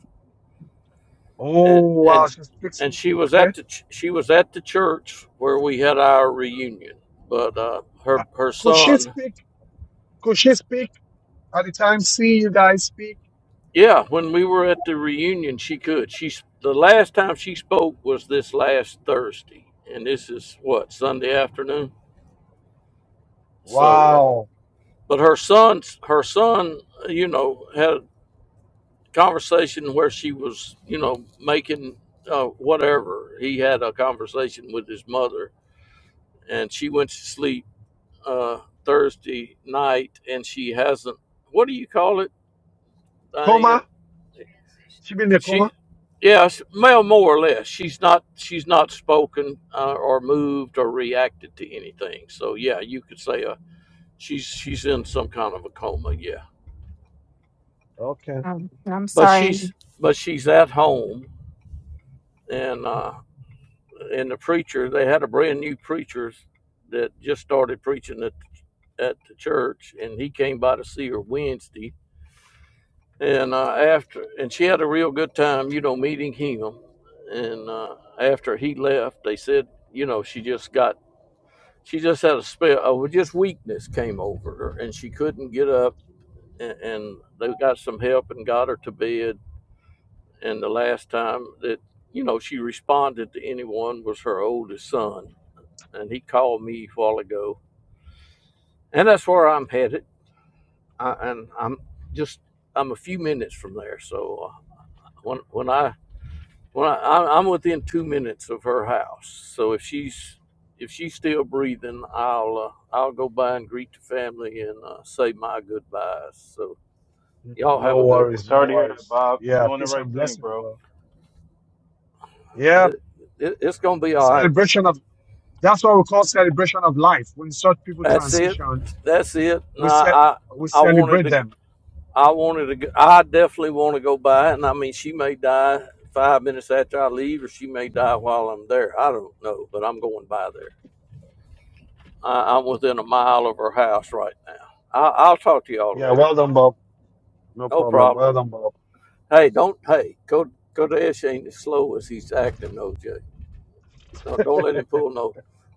A: Oh,
G: and
A: wow.
G: and
A: She's
G: and
A: fixing.
G: she was
A: Okay.
G: at the ch- she was at the church where we had our reunion but uh
A: Uh,
G: her her
A: Could she
G: son
A: speak? Could she speak at the time seeing you guys speak?
G: Yeah, when we were at the reunion, she could. She's the last time she spoke was this last Thursday, and this is what Sunday afternoon. So, uh,
A: Wow.
G: but her son's her son, uh, you know, had a conversation where she was, you know, making uh, whatever. He had a conversation with his mother, and she went to sleep uh, Thursday night, and she hasn't. What do you call it, Diane?
A: Coma? She been in a coma?
G: She, yes, well, more or less. She's not she's not spoken uh, or moved or reacted to anything. So yeah, you could say uh, she's she's in some kind of a coma. Yeah,
A: Okay.
D: Um, I'm
G: but
D: sorry.
G: she's but she's at home, and uh, and the preacher they had a brand new preacher that just started preaching at at the church, and he came by to see her Wednesday And uh, after, and she had a real good time, you know, meeting him. And uh, after he left, they said, you know, she just got, she just had a spell, oh, just weakness came over her, and she couldn't get up. And, and they got some help and got her to bed. And the last time that, you know, she responded to anyone was her oldest son, and he called me a while ago. And that's where I'm headed. I, and I'm just, I'm a few minutes from there, so uh, when when I Well, I, I'm within two minutes of her house, so if she's if she's still breathing, I'll uh, I'll go by and greet the family and uh, say my goodbyes. So
A: N-
G: y'all have
A: No
G: a good one.
A: worries.
J: Sorry
A: No
J: to hear that,
A: worries.
J: Bob. You're
A: Yeah.
J: doing the
A: Peace
J: right
A: and
J: thing,
A: blessings,
J: bro.
A: bro. Yeah.
G: Uh, It, it's gonna be all right.
A: Celebration of that's what we call celebration of life. When such people
G: That's it.
A: transition,
G: That's it. No,
A: we set
G: I
A: we
G: I wanted
A: celebrate
G: to.
A: them.
G: I wanted to. go- I definitely want to go by, and I mean, she may die five minutes after I leave, or she may die while I'm there. I don't know, but I'm going by there. I, I'm within a mile of her house right now. I, I'll talk to y'all
A: Yeah.
G: later.
A: Well done, Bob. No
G: No
A: problem.
G: problem.
A: Well done, Bob.
G: Hey, don't. Hey, go go ain't as slow as he's acting, OJ. No, don't let him pull no.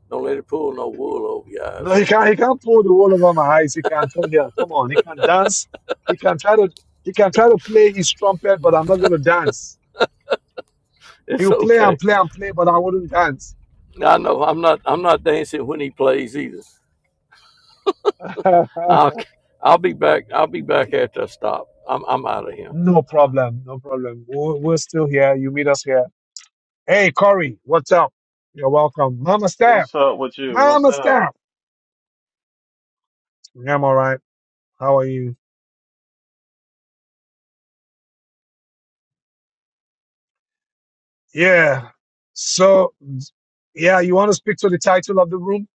G: Don't let him pull no wool over your eyes,
A: No, he
G: OJ.
A: can't. He can't pull the wool over my eyes. He can come here. Come on. He can dance. He can try to. He can try to play his trumpet, but I'm not going to dance.
G: It's
A: He'll play and
G: okay.
A: play and play, but I wouldn't dance.
G: I know I'm not. I'm not dancing when he plays either.
A: no
G: I'll I'll be back. I'll be back after I stop. I'm I'm out of here.
A: problem. No problem. We're, we're still here. You meet us here Hey, Corey, what's up? You're welcome. Mama Staff,
J: What's up with you? What's
A: Mama
J: up?
A: Staff. I'm all right. How are you? Yeah. So, yeah, you want to speak to the title of the room?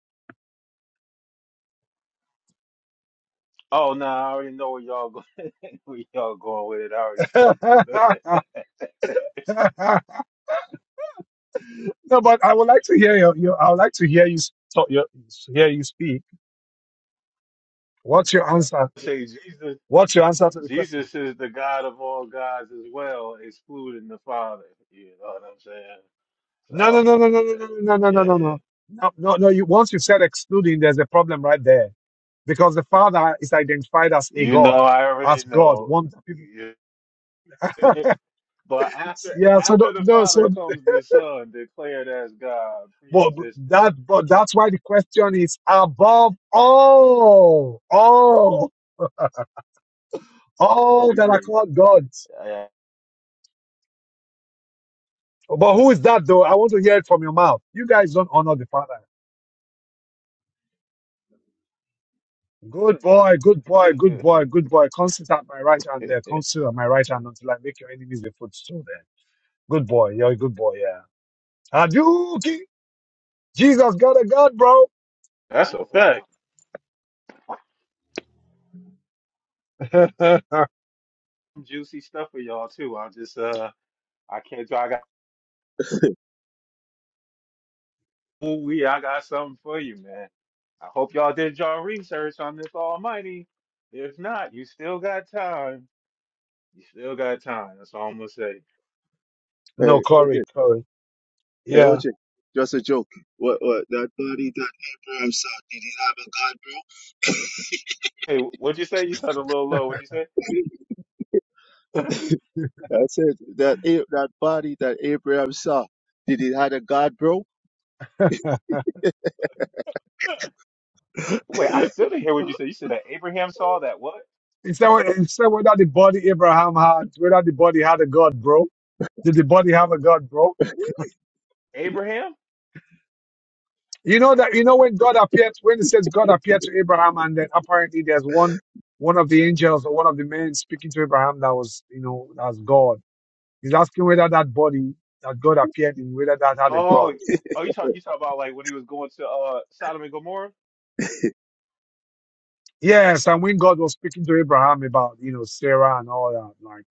J: Oh, nah, I already know where y'all going. where y'all going with it? I already spoke. You know,
A: no, but I would like to hear your, your I would like to hear you s- talk, your, hear you speak. What's your answer?
J: say Jesus.
A: What's your answer to the question?
J: Jesus is the God of all gods as well, excluding the Father. You know what I'm saying?
A: No, no,
J: So,
A: no, no, no,
J: yeah,
A: no, no, no, no, no, no,
J: yeah,
A: no,
J: yeah.
A: no, no. no, You once you said excluding, there's a problem right there because the Father is identified as a
J: You
A: God,
J: know, I already
A: as God,
J: know.
A: one people.
J: Yeah. but after
A: Yeah, so the,
J: after the
A: no,
J: Father
A: so
J: comes the Son, declared as God,
A: but
J: pre-existent.
A: that but that's why the question is above all, all, all that are
J: Disagree.
A: called gods.
J: Yeah.
A: But who is that though? I want to hear it from your mouth. You guys don't honor the Father. Good boy, good boy, good boy, good boy. Constant at my right hand there, constant at my right hand until I make your enemies a footstool there. Good boy, you're a good boy, yeah. Hadouken! Jesus got a God,
J: That's a fact.
A: bro.
J: juicy stuff for y'all too. I just uh I can't I got ooh wee, I got something for you, man. I hope y'all did y'all research on this almighty. If not, you still got time. You still got time. That's all I'm gonna say.
A: no, Corey, Corey. Yeah.
J: Hey, what'd you say? You sounded a little low. What'd you say? Wait, I still didn't hear what you said. You said that Abraham saw that what?
A: Instead, instead whether the body Abraham had, whether the body had a God, bro. Did the body have a God, bro?
J: Abraham?
A: You know that you know when God appeared, when it says God appeared to Abraham, and then apparently there's one one of the angels or one of the men speaking to Abraham that was, you know, that's God. He's asking whether that body that God appeared in, whether that had a God.
J: Oh, oh, you talk you talk about like when he was going to uh Sodom and Gomorrah?
A: Yes, and when God was speaking to Abraham about, you know, Sarah and all that, like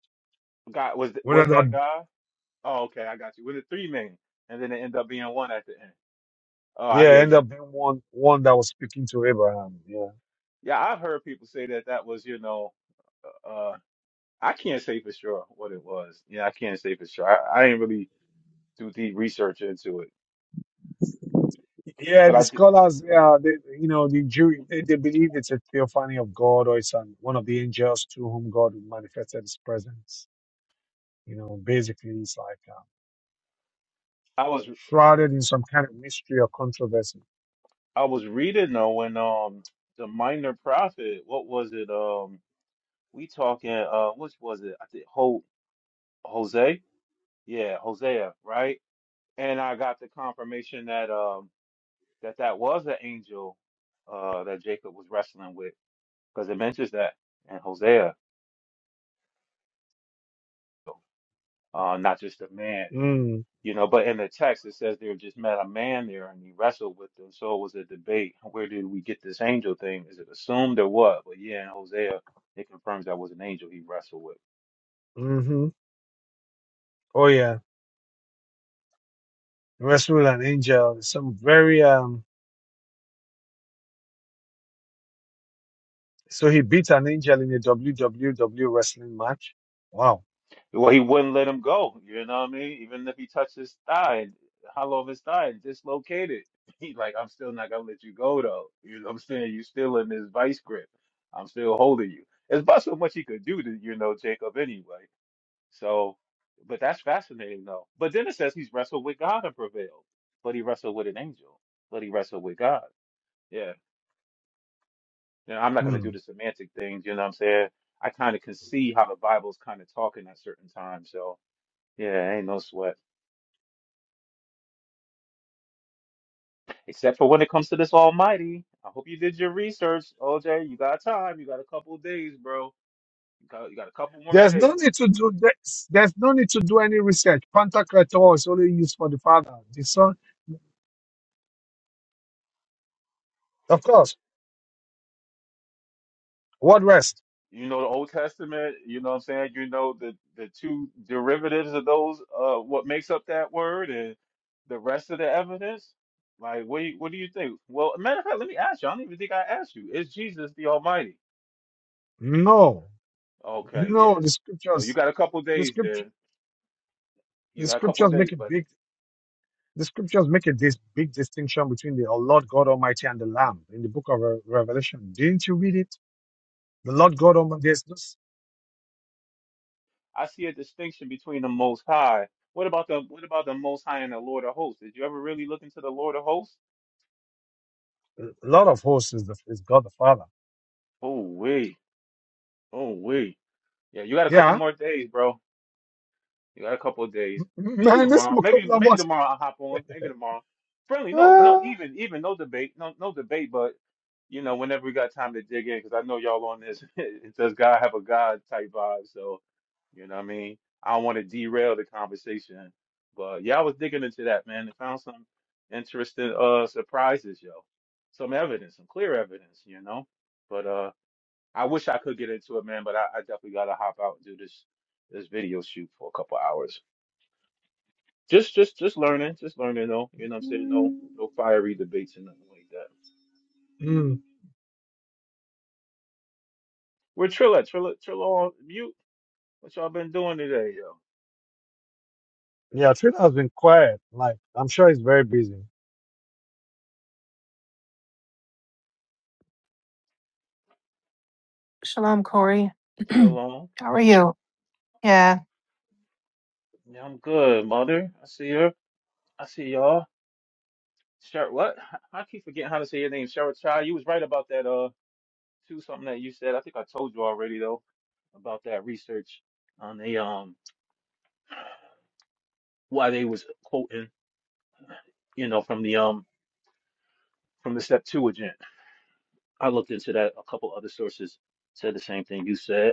J: God was
A: whether
J: was that
A: that
J: guy? Oh, okay, I got you. With the three men, and then it ended up being one at the end. Oh, I
A: yeah,
J: hear
A: end
J: you.
A: up being one one that was speaking to Abraham. Yeah.
J: Yeah, I've heard people say that that was, you know, uh, I can't say for sure what it was. Yeah, I can't say for sure. I, I didn't really do deep research into it,
A: Yeah,
J: but
A: the
J: I did,
A: scholars, yeah, they, you know, the Jew, they, they believe it's a theophany of God or it's an, one of the angels to whom God manifested his presence. You know, basically, it's like uh,
J: I was
A: shrouded in some kind of mystery or controversy.
J: I was reading though when um the minor prophet, what was it? Um, we talking uh, which was it? I think Ho Jose, yeah, Hosea, right? And I got the confirmation that um that that was an angel uh that Jacob was wrestling with because it mentions that in Hosea. uh, not just a man,
A: Mm,
J: you know. But in the text, it says they just met a man there and he wrestled with them. So it was a debate. Where did we get this angel thing? Is it assumed or what? But yeah, in Hosea, it confirms that was an angel he wrestled with.
A: mm-hmm. Oh, yeah. Wrestle with an angel. Some very, um, so he beat an angel in a WWW wrestling match. Wow.
J: Well, he wouldn't let him go. You know what I mean? Even if he touched his thigh, and hollow of his thigh, and dislocated, he like, I'm still not gonna let you go though. You know what I'm saying? You still in this vice grip. I'm still holding you. It's about so much he could do to, you know, Jacob anyway. So, but that's fascinating though. But then it says he's wrestled with God and prevailed, but he wrestled with an angel, but he wrestled with God. Yeah. And I'm not going to
A: Hmm.
J: do the semantic things, you know what I'm saying? I kind of can see how the Bible's kind of talking at certain times. So, yeah, ain't no sweat. Except for when it comes to this Almighty. I hope you did your research, OJ. You got time. You got a couple of days, bro. You got, you got a couple more
A: There's no
J: days.
A: need to do there's, there's no need to do any research. Pantocrator is only used for the Father. The Son Of course. What rest?
J: you know the Old Testament, you know what I'm saying? You know the the two derivatives of those uh what makes up that word and the rest of the evidence. Like what do you, what do you think? Well, matter of fact, let me ask you. I don't even think I asked you. Is Jesus the Almighty?
A: No.
J: Okay, yeah.
A: No, the
J: So you
A: scriptures
J: got a couple
A: the
J: days
A: scripture
J: there. You
A: the
J: got a couple
A: scriptures make
J: days,
A: it
J: buddy.
A: big the scriptures make a dis- big distinction between the "Oh, Lord God Almighty and the Lamb in the book of Re- Revelation. Didn't you read it? The Lord God Almighty, there's this
J: I see a distinction between the Most High. What about the what about the Most High and the Lord of Hosts? Did you ever really look into the Lord of Hosts?
A: Lord of hosts is, the, is God the Father.
J: Oh wait, oh wait. Yeah, you got a couple
A: Yeah.
J: more days, bro. You got a couple of days. Maybe
A: Man, this
J: tomorrow. Maybe
A: Mukopla
J: maybe
A: boss.
J: tomorrow I'll hop on. Maybe tomorrow. Friendly, no, no,
A: Ah.
J: even even no debate, no no debate. But you know, whenever we got time to dig in, because I know y'all on this. it does God have a God type vibe? So you know what I mean. I don't want to derail the conversation, but yeah, I was digging into that man and found some interesting uh surprises, yo. Some evidence, some clear evidence, you know. But uh, I wish I could get into it, man. But I, I definitely gotta hop out and do this this video shoot for a couple hours. Just, just, just learning, just learning. though. you know what I'm saying? No, no fiery debates and nothing like that.
A: Mm.
J: We're Trilla, Trilla, Trilla on mute. What y'all been doing today, yo?
A: Yeah, Twitter has been quiet. Like, I'm sure he's very busy.
D: Shalom, Corey. How
J: Chill on.
D: are you? Yeah.
J: Yeah, I'm good, mother. I see her. I see y'all. Sure, what? I keep forgetting how to say your name, Cheryl Child. You was right about that, uh, too. Something that you said. I think I told you already though about that research on the um why they was quoting, you know, from the um from the Septuagint. I looked into that. A couple other sources said the same thing you said.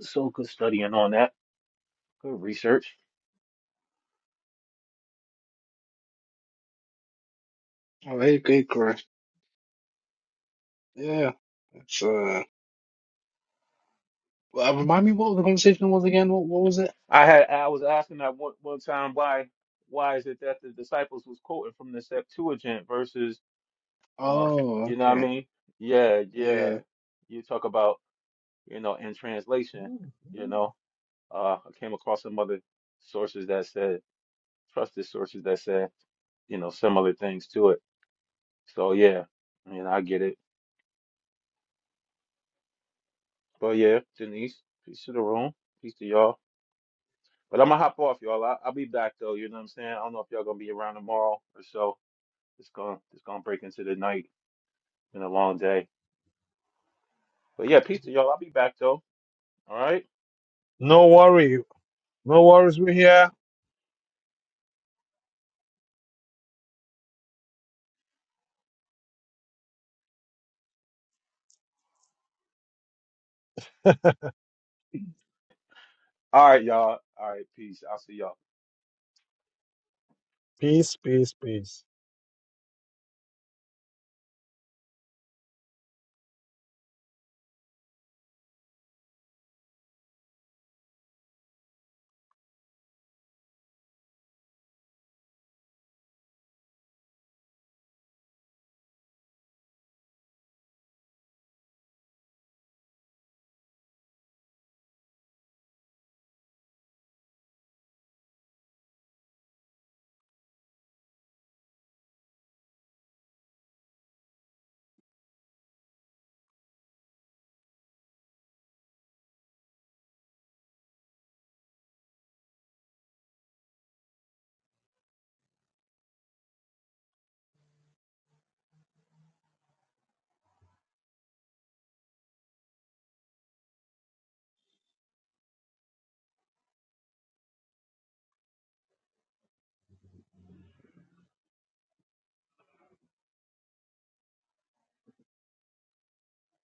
J: So good studying on that. Good research.
E: all right, great, correct. Yeah, it's uh. well, Remind me what the conversation was again. What what was it?
J: I had I was asking that one, one time why why is it that the disciples was quoting from the Septuagint versus uh
E: Oh,
J: you know what I
E: okay.
J: mean? Yeah, yeah.
E: Yeah.
J: You talk about, you know, in translation, you know. Uh I came across some other sources that said trusted sources that said, you know, similar things to it. So yeah, I mean I get it. But yeah, Denise, peace to the room, peace to y'all. But I'm gonna hop off, y'all. I, I'll be back though. You know what I'm saying? I don't know if y'all gonna be around tomorrow or so. It's gonna it's gonna break into the night. Been a long day. But yeah, peace to y'all. I'll be back though. All right.
A: No worry. No worries. We're here.
J: All right, y'all. All right. Peace. I'll see y'all.
A: Peace, peace, peace.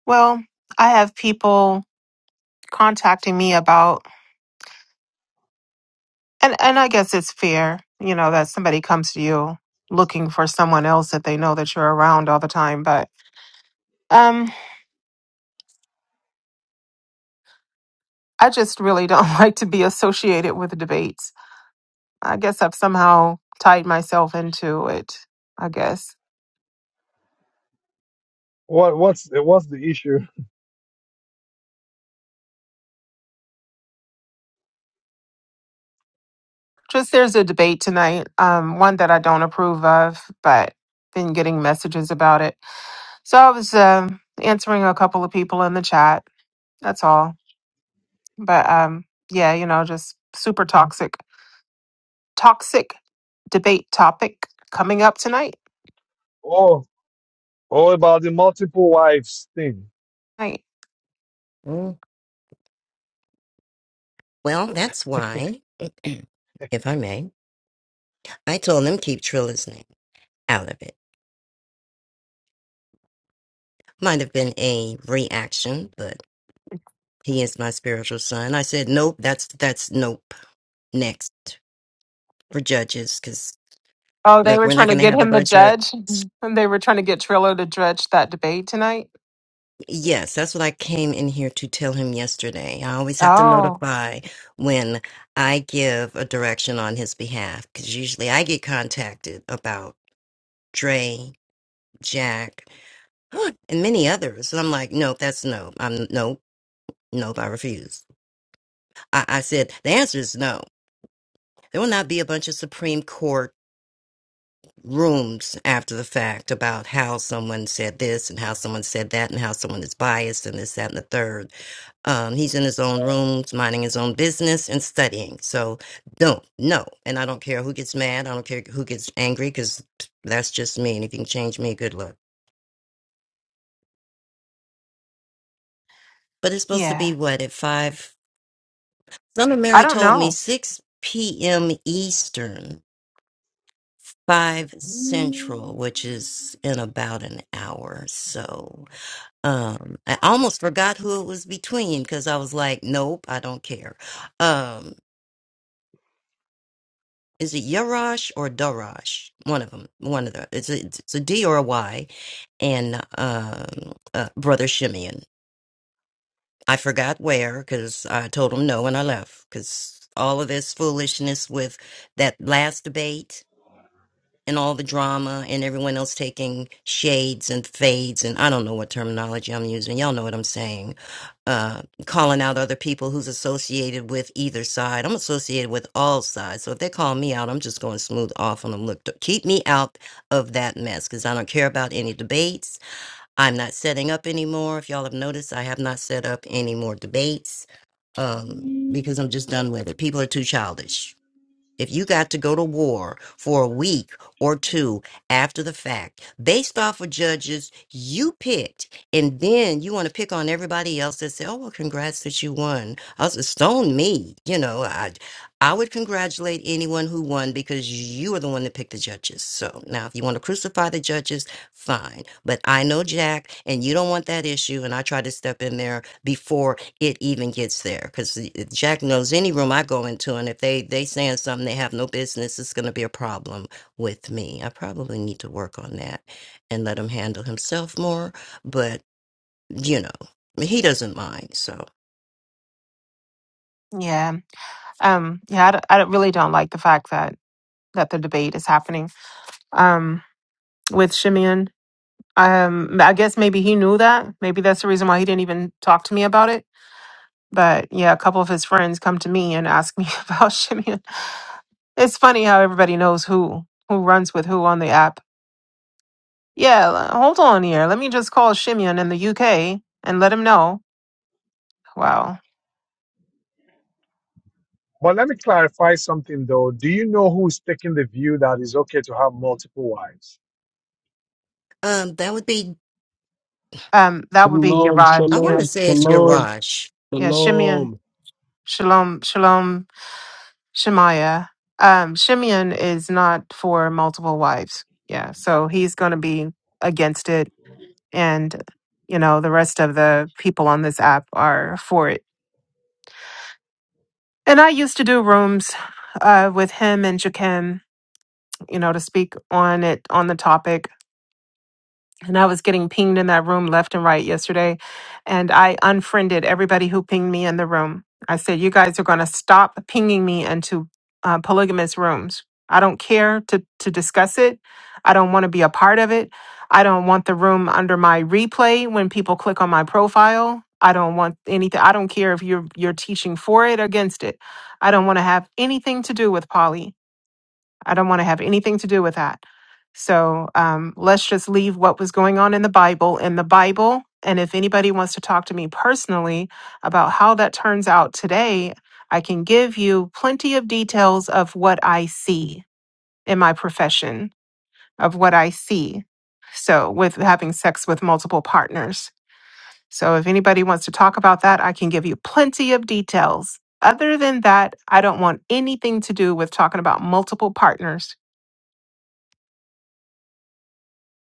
D: Well, I have people contacting me about. And and I guess it's fair, you know, that somebody comes to you looking for someone else that they know that you're around all the time. But um, I just really don't like to be associated with debates. I guess I've somehow tied myself into it. I guess
A: What what's what's the issue?
D: just there's a debate tonight, um, one that I don't approve of, but been getting messages about it. So I was um, answering a couple of people in the chat. That's all. But um, yeah, you know, just super toxic. toxic debate topic coming up tonight.
A: Oh, oh, about the multiple wives thing.
D: Right.
I: Mm. Well, that's why, if I may, I told him keep Trilla's name out of it. Might have been a reaction, but he is my spiritual son. I said, nope, that's, that's nope. Next for judges, because
D: Oh, they
I: look,
D: were
I: we're not
D: trying to
I: going to
D: get
I: have a
D: him to
I: bunch of
D: judge. Mhm. And they were trying to get Trillo to judge that debate tonight.
I: Yes, that's what I came in here to tell him yesterday. I always have to
D: Oh,
I: notify when I give a direction on his behalf because usually I get contacted about Dre, Jack, and many others. And I'm like, no, that's no. I'm no, nope. I refuse. I, I said the answer is no. There will not be a bunch of Supreme Court rooms after the fact about how someone said this and how someone said that and how someone is biased and this, that, and the third Um, he's in his own rooms, minding his own business and studying. So don't, no. And I don't care who gets mad. I don't care who gets angry because that's just me. And if you can change me, good luck. But it's supposed to be
D: yeah.
I: what at five? Son of
D: I
I: Mary
D: don't
I: told me
D: know.
I: 6 p.m. Eastern, 5 Central, which is in about an hour. So um, I almost forgot who it was between because I was like, nope, I don't care. um. Is it Yarash or Darash? One of them. One of the. It's a, it's a D or a Y. And um, uh, Brother Shimeon. I forgot where because I told him no and I left because all of this foolishness with that last debate and all the drama and everyone else taking shades and fades and I don't know what terminology I'm using. Y'all know what I'm saying. Uh, calling out other people who's associated with either side. I'm associated with all sides. So if they call me out, I'm just going to smooth off on them. Look, th- keep me out of that mess because I don't care about any debates. I'm not setting up anymore. If y'all have noticed, I have not set up any more debates um, because I'm just done with it. People are too childish. If you got to go to war for a week or two after the fact, based off of judges you picked, and then you want to pick on everybody else and say, "Oh well, congrats that you won." I was stone me, you know. I I would congratulate anyone who won because you were the one that picked the judges. So now, if you want to crucify the judges, fine. But I know Jack, and you don't want that issue. And I tried to step in there before it even gets there because jack knows any room i go into and if they they saying something they have no business it's going to be a problem with me i probably need to work on that and let him handle himself more but you know he doesn't mind so
D: Yeah. Um, yeah, I, d- I don't- really don't like the fact that. that the debate is happening um, with Shimeon. Um, I guess maybe he knew that. Maybe that's the reason why he didn't even talk to me about it. But yeah, a couple of his friends come to me and ask me about Shimeon. It's funny how everybody knows who who runs with who on the app. Yeah, l- hold on here. Let me just call Shimeon in the UK and let him know. Wow.
A: But let me clarify something though. Do you know who's taking the view that it's okay to have multiple wives?
I: um that would be
D: Um, that would be
K: Shalom,
D: Yaraj.
I: i want
D: Yeah,
I: to
K: shalom,
I: say it's your
D: yeah,
K: shalom,
I: wash
D: yeah. Shimeon,
K: shalom.
D: Shalom, Shalom, Shemaiah. Um, Shimeon is not for multiple wives. Yeah, so he's going to be against it, and you know the rest of the people on this app are for it. And I used to do rooms uh, with him and Jakim, you know, to speak on it on the topic. And I was getting pinged in that room left and right yesterday. And I unfriended everybody who pinged me in the room. I said, You guys are going to stop pinging me into uh, polygamous rooms. I don't care to, to discuss it. I don't want to be a part of it. I don't want the room under my replay when people click on my profile. I don't want anything. I don't care if you're you're teaching for it or against it. I don't want to have anything to do with poly. I don't want to have anything to do with that. So um, let's just leave what was going on in the Bible in the Bible. And if anybody wants to talk to me personally about how that turns out today, I can give you plenty of details of what I see in my profession, of what I see. So, with having sex with multiple partners. So if anybody wants to talk about that, I can give you plenty of details. Other than that, I don't want anything to do with talking about multiple partners.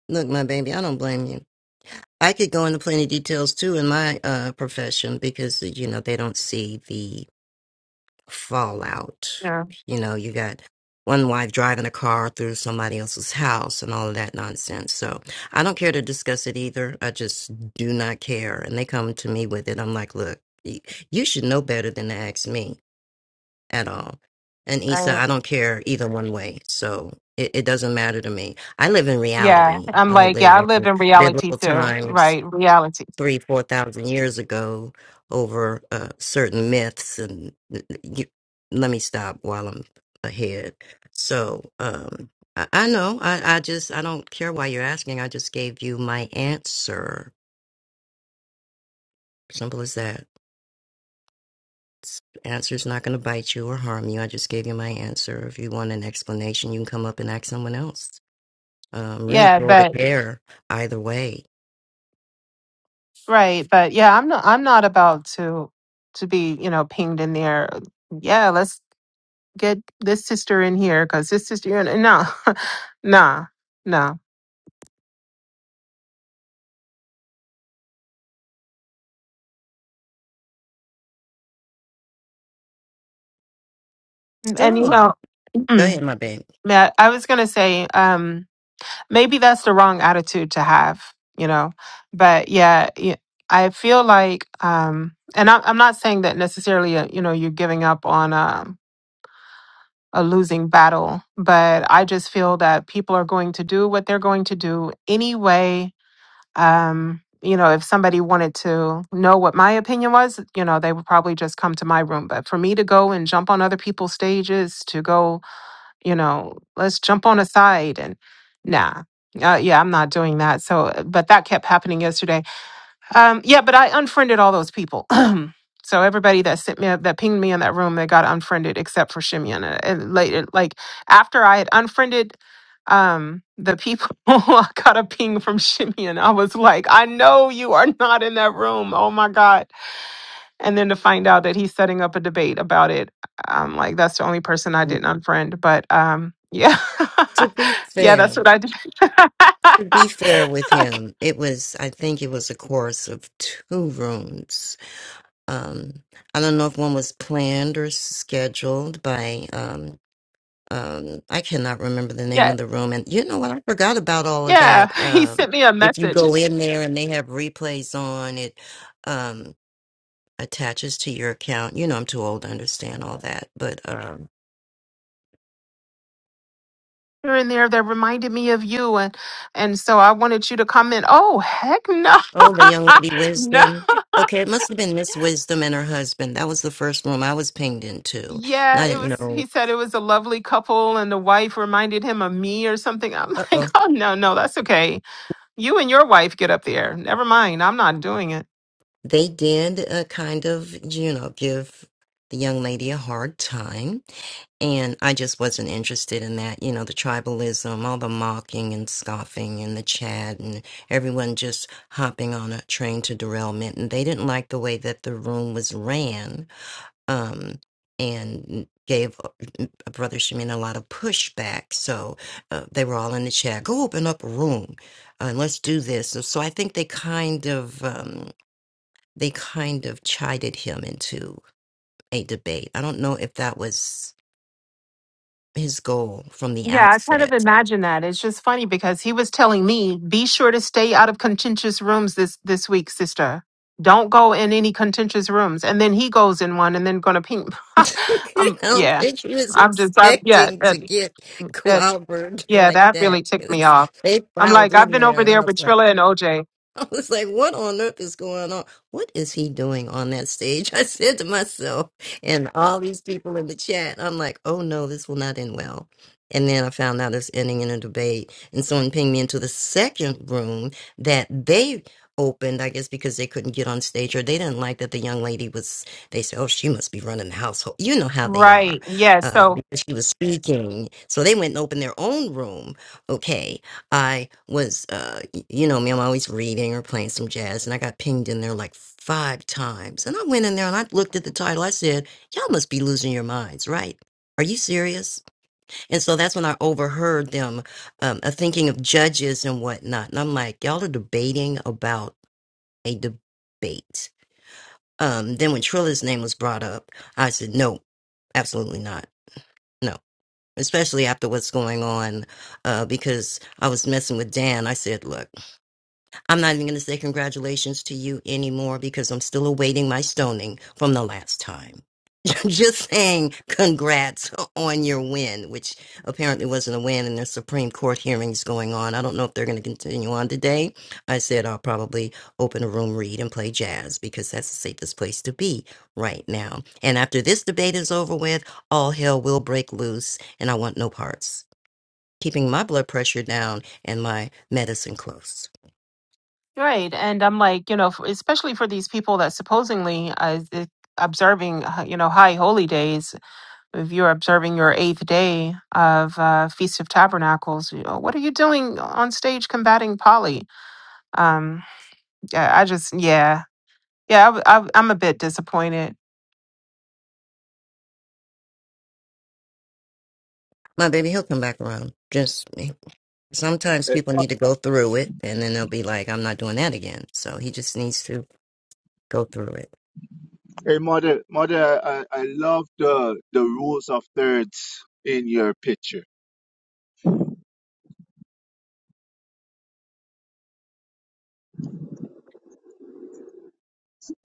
I: look my baby i don't blame you i could go into plenty details too in my uh profession because you know they don't see the. fallout.
D: Yeah.
I: You know, you got one wife driving a car through somebody else's house and all of that nonsense. So I don't care to discuss it either. I just do not care. And they come to me with it. I'm like, look, y- you should know better than to ask me at all. And Issa,
D: I,
I: I don't care either one way. So it, it doesn't matter to me. I live in
D: yeah.
I: reality.
D: I'm
I: I don't
D: like,
I: live
D: yeah, I live
I: in
D: in reality
I: biblical
D: too,
I: times
D: right? Reality.
I: three, four thousand years ago over uh, certain myths. And uh, you, let me stop while I'm ahead. So um, I, I know. I, I just I don't care why you're asking. I just gave you my answer. Simple as that. S- Answer's not going to bite you or harm you. I just gave you my answer. If you want an explanation, you can come up and ask someone else. Um, really
D: Yeah,
I: thrilled to
D: but
I: care either way.
D: Right, but yeah, I'm not I'm not about to to be, you know, pinged in there. Yeah, let's get this sister in here because this sister in no. nah, no. Mm, And you
I: So,
D: know,
I: go
D: mm,
I: ahead, my baby.
D: Matt, I was gonna say, um, maybe that's the wrong attitude to have, you know. But yeah, y- I feel like um and I'm I'm not saying that necessarily, uh, you know, you're giving up on um, a losing battle, but I just feel that people are going to do what they're going to do anyway. Um, you know, if somebody wanted to know what my opinion was, you know, they would probably just come to my room. But for me to go and jump on other people's stages, to go, you know, let's jump on a side and nah. Uh, yeah, I'm not doing that. So, but that kept happening yesterday. Um, yeah, but I unfriended all those people. So everybody that sent me a- that pinged me in that room, they got unfriended except for Shimeon. And and later, like after I had unfriended um the people, I got a ping from Shimeon. I was like, I know you are not in that room. Oh my god! And then to find out that he's setting up a debate about it, I'm like, that's the only person I
I: Mm.
D: didn't unfriend. But um, yeah,
I: To be
D: yeah, that's
I: fair.
D: what I did.
I: To be fair with him, it was, I think it was a course of two rooms. Um, I don't know if one was planned or scheduled by, um, um, I cannot remember the name
D: yeah,
I: of the room. And you know what? I forgot about all of
D: yeah.
I: that.
D: He
I: Um,
D: sent me a
I: if you
D: message.
I: go in there and they have replays on, it um, attaches to your account. You know, I'm too old to understand all that, but. um,
D: here and there that reminded me of you and and so I wanted you to comment. Oh heck no.
I: Oh, the young lady
D: no.
I: Wisdom. Okay, it must have been Miss Wisdom and her husband. That was the first room I was pinged into. And
D: Yeah,
I: I
D: it
I: didn't
D: was
I: know.
D: he said it was a lovely couple and the wife reminded him of me or something. I'm
I: Uh
D: like,
I: oh.
D: "Oh no, no, that's okay. You and your wife get up there. Never mind. I'm not doing it."
I: They did uh, kind of, you know, give the young lady a hard time. And I just wasn't interested in that. You know, the tribalism, all the mocking and scoffing and the chat and everyone just hopping on a train to derailment. And they didn't like the way that the room was ran. um, and gave uh, Brother Shemin a lot of pushback. So uh, they were all in the chat. Go open up a room uh, and let's do this. So, so I think they kind of um, they kind of chided him into a debate. I don't know if that was his goal from the
D: Yeah, I kind of
I: outset.
D: imagine that. It's just funny because he was telling me, be sure to stay out of contentious rooms this this week, sister. Don't go in any contentious rooms. And then he goes in one and then gonna ping.
I: I
D: um
I: don't
D: yeah.
I: think he was
D: I'm just I yeah,
I: expecting to
D: that,
I: get
D: that
I: clobbered
D: yeah,
I: like
D: that
I: that.
D: really ticked me
I: 'cause
D: off.
I: They
D: I'm
I: filed
D: like, I've
I: in
D: been
I: there,
D: over
I: and I
D: there
I: was
D: with
I: like.
D: Trilla and OJ.
I: I was like, what on earth is going on? What is he doing on that stage? I said to myself, and all these people in the chat, I'm like, oh no, this will not end well. And then I found out it's ending in a debate. And someone pinged me into the second room that they opened, I guess, because they couldn't get on stage or they didn't like that the young lady was, they said, oh, she must be running the household. You know how they are
D: Right. Yeah,
I: uh,
D: so
I: because she was speaking. So they went and opened their own room. Okay I was, uh, y- you know me, I'm always reading or playing some jazz, and I got pinged in there like five times. And I went in there and I looked at the title. I said, Y'all must be losing your minds, right? Are you serious? And so that's when I overheard them um, uh, thinking of judges and whatnot. And I'm like, Y'all are debating about a debate. Um, then when Trilla's name was brought up, I said, No, absolutely not. No, especially after what's going on, uh, because I was messing with Dan. I said, Look. I'm not even going to say congratulations to you anymore because I'm still awaiting my stoning from the last time. Just saying congrats on your win, which apparently wasn't a win, and there's Supreme Court hearings going on. I don't know if they're going to continue on today. I said I'll probably open a room, read, and play jazz because that's the safest place to be right now. And after this debate is over with, all hell will break loose, and I want no parts. Keeping my blood pressure down and my medicine close.
D: right. And I'm like, you know, for, especially for these people that supposedly uh, is observing, uh, you know, high holy days if you're observing your eighth day of uh, Feast of Tabernacles, you know, what are you doing on stage combating Polly? Um, yeah, I just, yeah, yeah, I, w- I, w- I'm a bit disappointed.
I: My baby, he'll come back around. Just sometimes people need to go through it, and then they'll be like, "I'm not doing that again." So he just needs to go through it.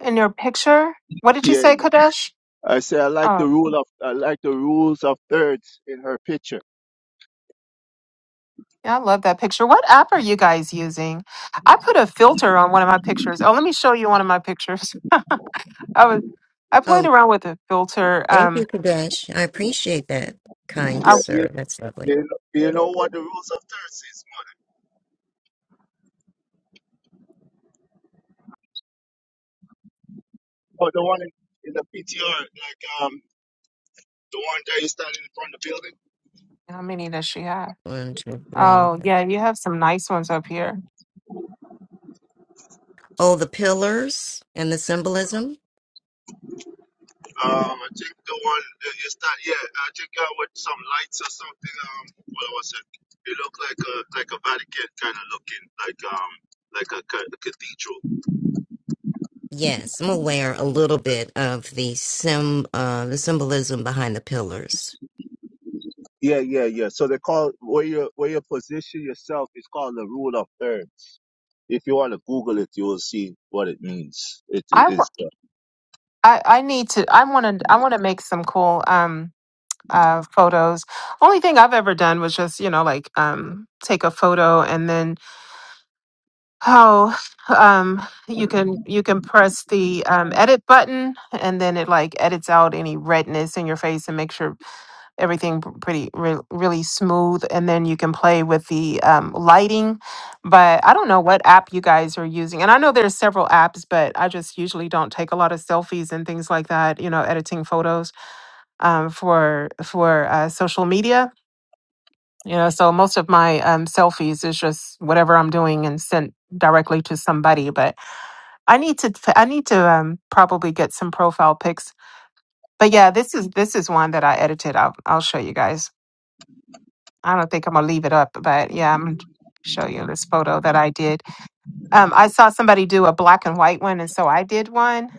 D: In your picture, what did you say, Kadesh? Oh. Yeah, I love that picture. What app are you guys using? I put a filter on one of my pictures. Oh, let me show you one of my pictures. I was I played
I: Oh,
D: around with a filter.
I: thank you,
D: Um,
I: Kadesh. I appreciate that, kind
D: I
I: sir. That's lovely.
D: how many does she have?
I: One, two, three.
D: Oh, yeah, you have some nice ones up here.
I: Oh, the pillars and the symbolism. Yes, I'm aware a little bit of the sim, uh, the symbolism behind the pillars.
D: I w- I, I need to. I want to. I want to make some cool um uh photos. Only thing I've ever done was just you know like um take a photo and then how um you can you can press the um, edit button and then it like edits out any redness in your face and makes sure everything p- pretty re- really smooth and then you can play with the um, lighting but i don't know what app you guys are using and i know there's several apps but i just usually don't take a lot of selfies and things like that you know editing photos um, for for uh, social media you know so most of my um, selfies is just whatever i'm doing and sent directly to somebody but I need to I need to um probably get some profile pics. But yeah, this is this is one that I edited. I'll I'll show you guys. I don't think I'm gonna leave it up, but yeah, I'm gonna show you this photo that I did. Um I saw somebody do a black and white one and so I did one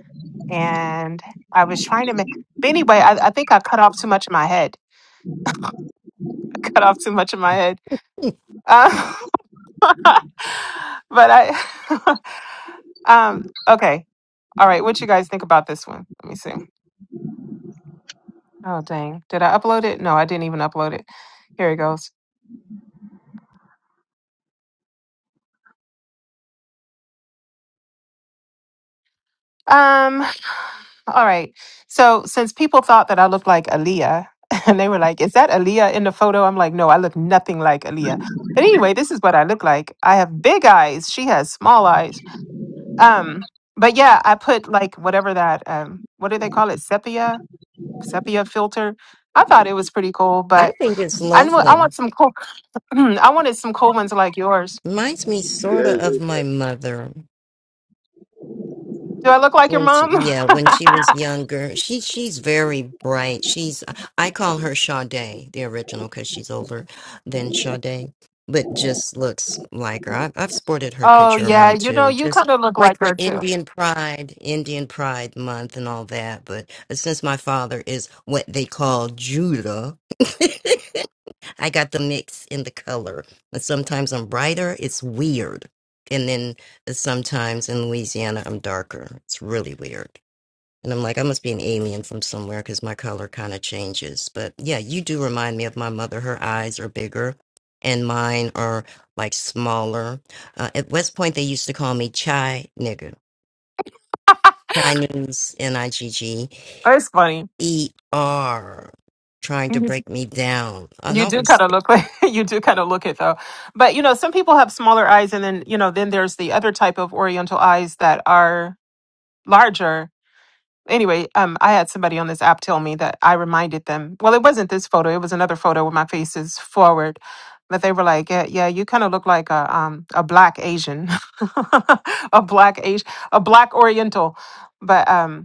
D: and I was trying to make but anyway, I, I think I cut off too much of my head. I cut off too much of my head. Um, but I um okay. All right, what you guys think about this one? Let me see. Oh dang. Did I upload it? No, I didn't even upload it. Here it goes. Um, all right. So since people thought that I looked like Aaliyah, and they were like, Is that Aaliyah in the photo? I'm like, no, I look nothing like Aaliyah. But anyway, this is what I look like. I have big eyes. She has small eyes. Um, but yeah, I put like whatever that um what do they call it? Sepia? Sepia filter. I thought it was pretty cool,
I: I
D: but
I: think it's
D: I knew, I
I: lovely.
D: want some cool I wanted some cool ones like yours.
I: Reminds me sort of of my mother.
D: Do I look like your
I: When she,
D: mom?
I: yeah, when she was younger, she she's very bright. She's I call her Sade, the original, because she's older than Sade, but just looks like her. I've I've sported her
D: Oh
I: picture
D: yeah,
I: around
D: you know,
I: too,
D: you
I: just
D: kind of look
I: like
D: like
I: for
D: her too.
I: Indian Pride, Indian Pride Month, and all that. But since my father is what they call Judah, I got the mix in the color. And sometimes I'm brighter, it's weird. And then uh, sometimes in Louisiana, I'm darker. It's really weird. And I'm like, I must be an alien from somewhere because my color kind of changes. But yeah, you do remind me of my mother. Her eyes are bigger and mine are like smaller. Uh, at West Point, they used to call me Chai Nigger. Chinese N I G G
D: Oh, It's funny.
I: E R, trying to
D: You
I: break me down. And
D: you
I: I
D: do
I: was
D: kind of look like you do kind of look it though. But you know, some people have smaller eyes, and then you know, then there's the other type of Oriental eyes that are larger. Anyway, um, I had somebody on this app tell me that I reminded them. Well, it wasn't this photo; it was another photo where my face is forward. But they were like, "Yeah, yeah you kind of look like a um a black Asian, a black Asian, a black Oriental." But um,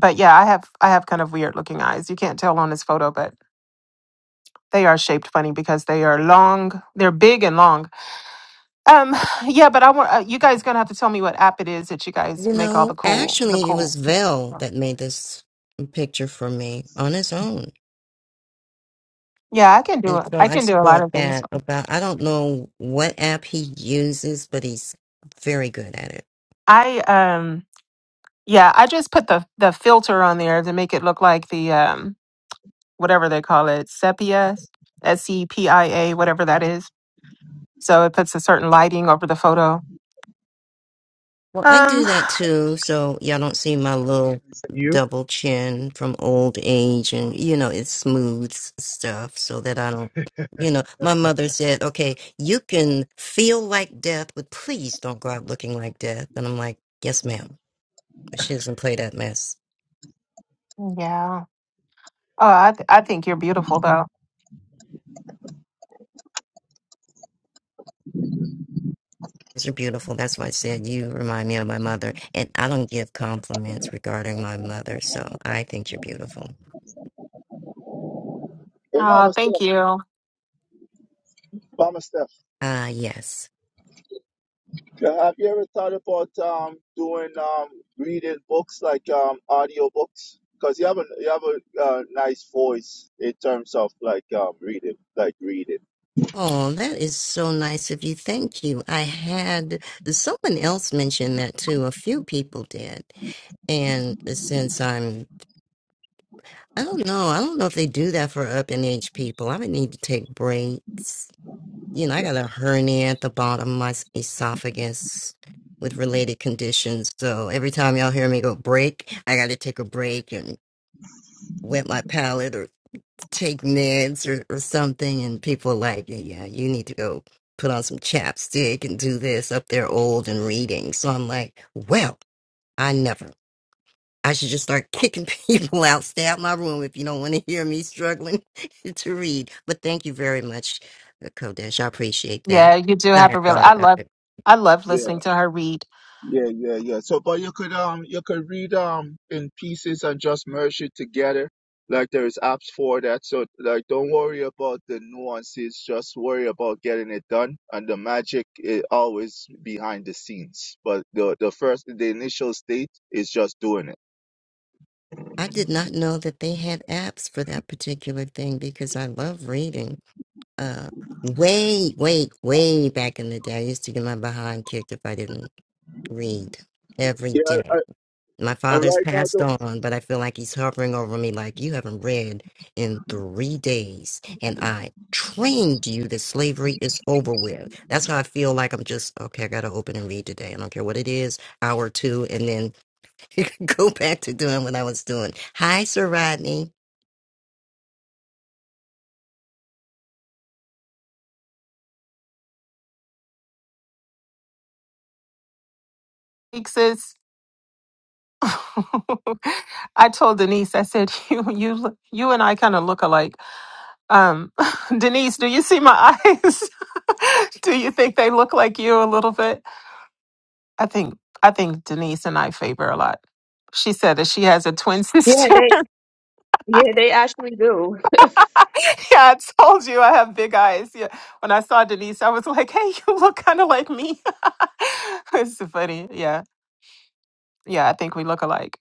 D: but yeah, I have I have kind of weird looking eyes. You can't tell on this photo, but they are shaped funny because they are long. They're big and long. Um, yeah, but I want uh, you guys gonna have to tell me what app it is that you guys
I: You
D: make all the
I: know,
D: cool the
I: actually, it was
D: cool.
I: Vel that made this picture for me on his own.
D: Yeah, I can do
I: And
D: it.
I: so
D: I
I: I
D: can do a lot
I: sport
D: of things.
I: that about, I don't know what app he uses, but he's very good at it.
D: I um yeah, I just put the the filter on there to make it look like the um whatever they call it sepia s e p i a whatever that is. So it puts a certain lighting over the photo.
I: Well, I
D: Um.
I: do that too, so y'all don't see my little
A: Is that you?
I: double chin from old age, and you know it smooths stuff so that I don't. You know, my mother said, "Okay, you can feel like death, but please don't go out looking like death." And I'm like, "Yes, ma'am," but she doesn't play that mess.
D: Yeah. Oh, I th- I think you're beautiful though.
I: You're beautiful. That's why I said you remind me of my mother, and I don't give compliments regarding my mother, so I think you're beautiful.
D: Oh, thank you.
I: Ah, yes. Oh, that is so nice of you. Thank you. I had someone else mention that too. A few people did. And since I'm, I don't know, I don't know if they do that for up in age people. I would need to take breaks. You know, I got a hernia at the bottom of my s- esophagus with related conditions. So every time y'all hear me go break, I got to take a break and wet my palate or. take meds or, or something, and people are like, yeah, yeah, you need to go put on some chapstick and do this up there old and reading. So I'm like, well, I never. I should just start kicking people out. Stay out my room if you don't want to hear me struggling to read. But thank you very much, uh, Kodesh. I appreciate that.
D: Yeah, you do
I: I
D: have
I: had
D: a really.
I: thought
D: I
I: about
D: love
I: it.
D: I love listening to her read.
I: I did not know that they had apps for that particular thing because I love reading. uh, way, way, way back in the day, I used to get my behind kicked if I didn't read every day. My father's passed on, but I feel like he's hovering over me like you haven't read in three days. And I trained you that slavery is over with. That's how I feel like I'm just, okay, I got to open and read today. I don't care what it is, hour or two, and then go back to doing what I was doing. Hi, Sir Rodney.
D: Thanks, Sis, I told Denise, I said you you look- you and I kind of look alike Um, Denise, do you see my eyes? do you think they look like you a little bit? I think I think Denise and I favor a lot. She said that she has a twin
L: Yeah,
D: sister.
L: they yeah, they actually do.
D: yeah, I told you I have big eyes. Yeah. When I saw Denise, I was like, "Hey, you look kind of like me." it's so funny. Yeah. Yeah, I think we look alike.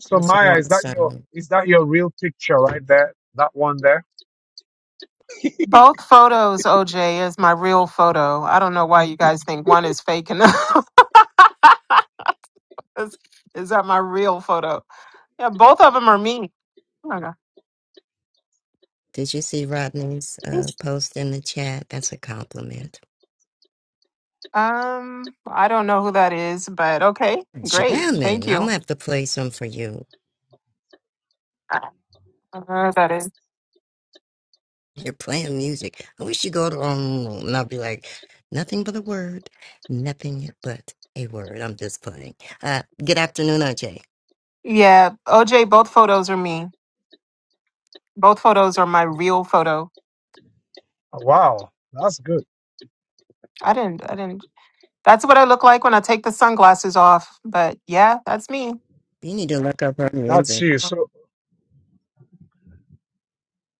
A: So
I: What's your
A: Maya, is
I: last
A: that your
I: name?
A: is that your real picture right there? That one there?
D: Both photos, OJ, is my real photo. I don't know why you guys think one is fake and the other is, is that my real photo. Yeah, both of them are me.
I: Did you see Rodney's uh, post in the chat? That's a compliment.
D: Um, I don't know who that is, but okay, great. Thank
I: Jamming. I'm
D: you.
I: gonna have to play some for you.
D: I don't know who that is.
I: You're playing music. I wish you go to um, and I'll be like, nothing but a word, nothing but a word. I'm just playing. Uh, good afternoon, Ajay.
D: Yeah, OJ, both photos are me. Both photos are my real photo.
A: Oh, Wow, that's good.
D: I didn't, I didn't. That's what I look like when I take the sunglasses off. But yeah, that's me.
I: You need to look up her
A: That's
I: music.
A: you. So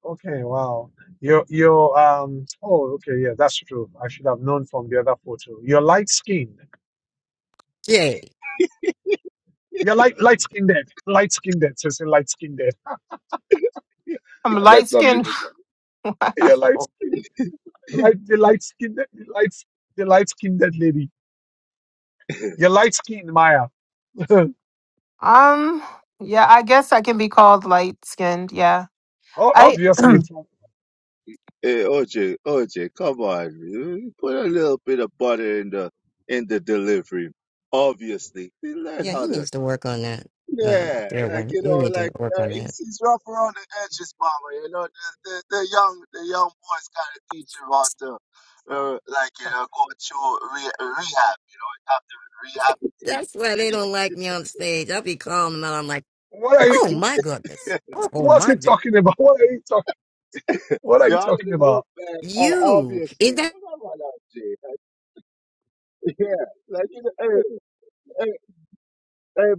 A: okay, wow. Your your um oh okay yeah that's true. I should have known from the other photo. You're light skinned.
I: Jay.
A: You're light light skinned. dead. Light skinned. dead. So say light skinned. dead.
D: I'm
A: I
D: light
A: met some
D: skinned.
A: people. You're light skinned. Light the light skinned the light the light skinned lady. You're light skinned, Maya. O-
D: um, yeah, I guess I can be called light skinned. Yeah. I
A: Obviously. from-
I: Yeah, he needs to work on that. Uh, dear one, you need to work on that. That's why they don't like me on stage. I'll be calling them out. I'm like,
A: What are
I: oh
A: you
I: my goodness. Oh
A: what's
I: my
A: he
I: goodness.
A: talking about? What are you talking what are you talking about?
I: You is that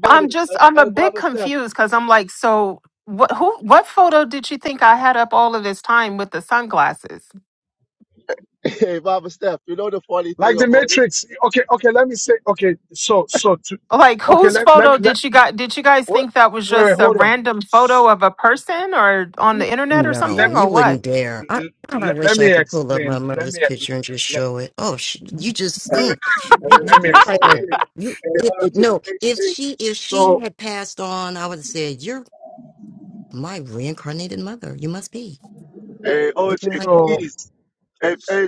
D: I'm just I'm a bit confused because I'm like, so what? Who? What photo did you think I had up all of this time with the sunglasses?
A: Like the Matrix. Okay, okay, let me say okay, so so to
D: Like,
A: okay,
D: whose
A: let let me
D: photo
A: let
D: did you got? Did you guys
A: wait,
D: think that was
A: wait, wait,
D: just a
A: hold on.
D: random photo
A: S-
D: of a person or on the internet
A: Wait,
D: or
A: let,
I: no,
D: something or
I: you
D: what?
I: wouldn't dare. I I
A: let let
I: wish I
A: me
I: could pull up my
A: explain. Let
I: mother's
A: me
I: picture and just
A: let,
I: show it. Oh, she, you just mm, you, you
A: let me
I: like a
A: explain.
I: you. If no, if she if she
A: So
I: had passed on, I would have said you're my reincarnated mother. You must be looking like that.
A: so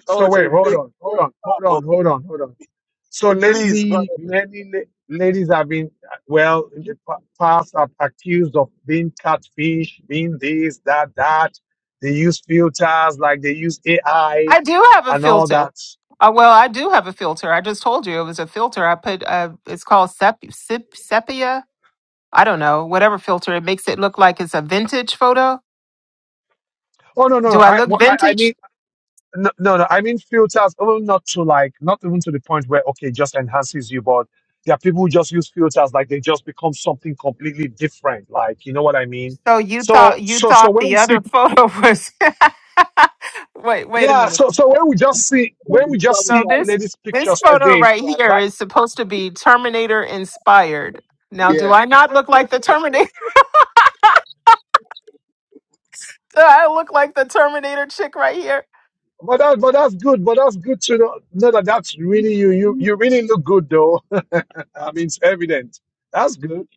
A: so wait, hold on, hold on, hold on, hold on, hold on. So lately, many la- ladies have been, well, in the pa- past, are accused of being catfish, being this, that, that. They use filters, like they use AI
D: I do have a
A: and all
D: filter.
A: that.
D: Uh, well, I do have a filter. I just told you it was a filter. I put uh, it's called sep- sep- sepia. I don't know whatever filter. It makes it look like it's a vintage photo.
A: Oh no, no,
D: Do I
A: I,
D: look
A: wha- I, I
D: vintage?
A: mean, no, no, no, I mean filters. Oh, not to like, not even to the point where okay, just enhances you, but there are people who just use filters, like they just become something completely different. Like, you know what I mean?
D: So you
A: So,
D: thought you
A: so, so
D: thought
A: when we
D: the
A: see
D: other photo was. wait, wait a
A: Yeah,
D: minute.
A: so so when we just see when we just
D: So
A: see
D: this
A: ladies'
D: this
A: pictures
D: photo
A: today,
D: right here
A: like
D: is supposed to be Terminator inspired. Now, do I not look like the Terminator? Do I look like the Terminator chick right here?
A: but that but that's good, but that's good to know, know that that's really you. You you really look good though. I mean, it's evident. That's good.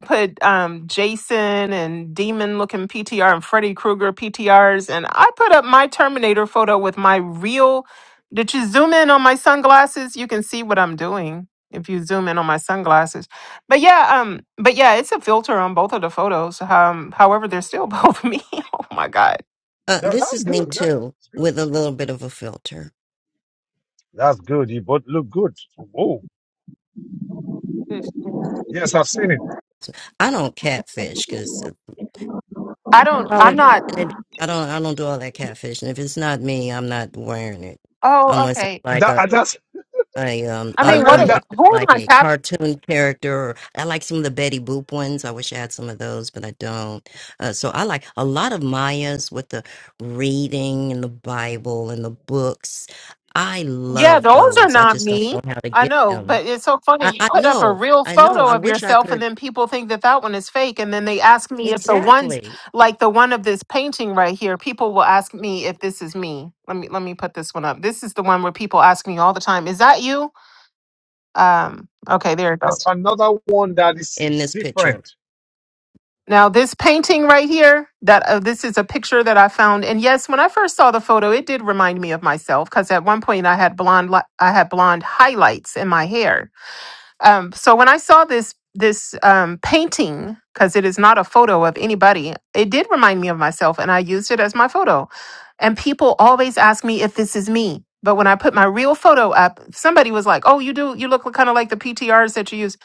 D: put um, Jason and demon looking PTR and Freddy Krueger PTRs, and I put up my Terminator photo with my real. Did you zoom in on my sunglasses? You can see what I'm doing if you zoom in on my sunglasses. But yeah, um, but yeah, it's a filter on both of the photos. Um, however, they're still both me. oh my god,
I: Uh,
A: No,
I: this
A: that's
I: is me
A: good. That-
I: too,
A: that's good.
I: with a little bit of a filter.
A: That's good. You both look good. Oh,
D: It's-
A: yes, I've seen it.
I: I don't catfish because
D: I don't. I'm
I: color.
D: not.
I: I don't I don't do all that catfishing. If it's not me, I'm not wearing it
D: Oh,
I: unless it's
D: okay.
I: like
A: That
I: a
A: and that's
I: I um
D: I
A: I
I: uh,
D: mean, what?
A: learned
I: unless
A: that
I: it's
D: Who
I: like
D: am
I: a
D: I?
I: cartoon character or I like some of the Betty Boop ones. I wish I had some of those, but I don't. Uh, so I like a lot of Maya's with the reading and the Bible and the books. I
D: Yeah,
I: love
D: those are
I: those. I
D: not
I: just don't
D: me.
I: know how to
D: I
I: get
D: know,
I: them.
D: but it's so
I: I,
D: funny. You
I: I
D: put up a
I: know,
D: real
I: I know.
D: photo
I: I
D: of
I: wish I
D: yourself, and
I: could
D: then people think that that one is fake. And then they ask me if the ones
I: exactly
D: like the one of this painting right here, people will ask me if this is me. Let me let me put this one up. This is the one where people ask me all the time, "Is that you?" Um, okay, there it
A: there's
D: goes.
A: another one that is
I: in this
A: different.
I: picture.
D: Now this painting right here, that uh, this is a picture that I found, and yes, when I first saw the photo, it did remind me of myself because at one point I had blonde, li- I had blonde highlights in my hair Um, so when I saw this this um, painting, because it is not a photo of anybody, it did remind me of myself, and I used it as my photo. And people always ask me if this is me. But when I put my real photo up, somebody was like, "Oh, you do. You look kind of like the PTRs that you use."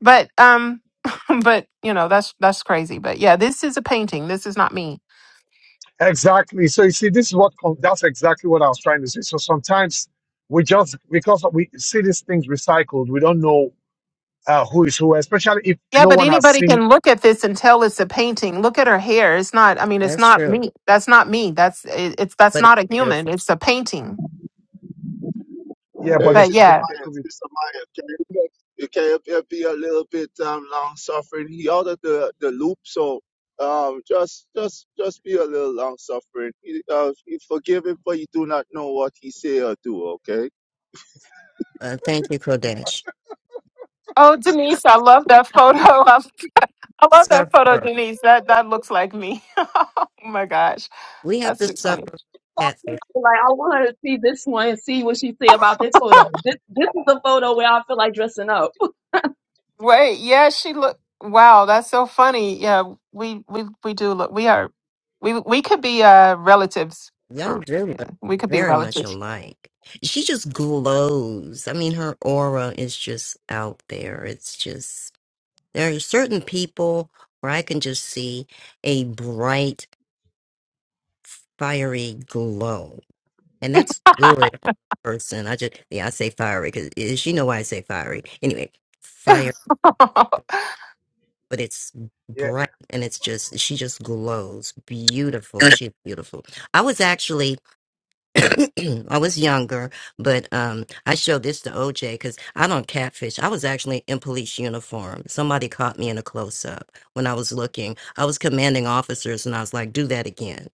D: But um, but you know that's that's crazy. But yeah, this is a painting. This is not me.
A: Exactly. So you see, this is what com- that's exactly what I was trying to say. So sometimes we just because we see these things recycled, we don't know uh, who is who, especially if
D: Yeah,
A: no
D: but
A: one has
D: anybody
A: seen.
D: can look at this and tell it's a painting. Look at her hair. It's not. I mean, it's
I: That's
D: not
I: true,
D: me. That's not me. That's it, it's that's
I: but it's
D: not a human.
I: beautiful.
D: It's a painting.
A: Yeah, but
D: But
A: it, they,
D: yeah.
A: they could be.
I: Uh, thank you, Kodesh.
D: Oh, Denise, I love that photo. I, I love that photo,
I: Suffer.
D: Denise. That that looks like me. oh my gosh,
I: We have
D: that's
I: to
D: too funny.
I: suffer for catfish.
L: Like I wanted to see this one and see what she say about this photo. This this is the photo where I feel like dressing up.
D: Wait, yeah, she look. Wow, that's so funny. Yeah, we we we do look. We are we we could be uh relatives
I: Y'all
D: for.
I: do look
D: Yeah, we could be
I: very much
D: relatives.
I: alike. She just glows. I mean, her aura is just out there. It's just, there are certain people where I can just see a bright, fiery glow. And that's good on a person. I just, yeah, I say fiery because she know why I say fiery. Anyway, fire, but it's
A: Yeah,
I: bright and it's just, she just glows. Beautiful. She's beautiful. I was actually I was younger, but um, I showed this to OJ because I don't catfish. I was actually in police uniform. Somebody caught me in a close up when I was looking. I was commanding officers, and I was like, "Do that again."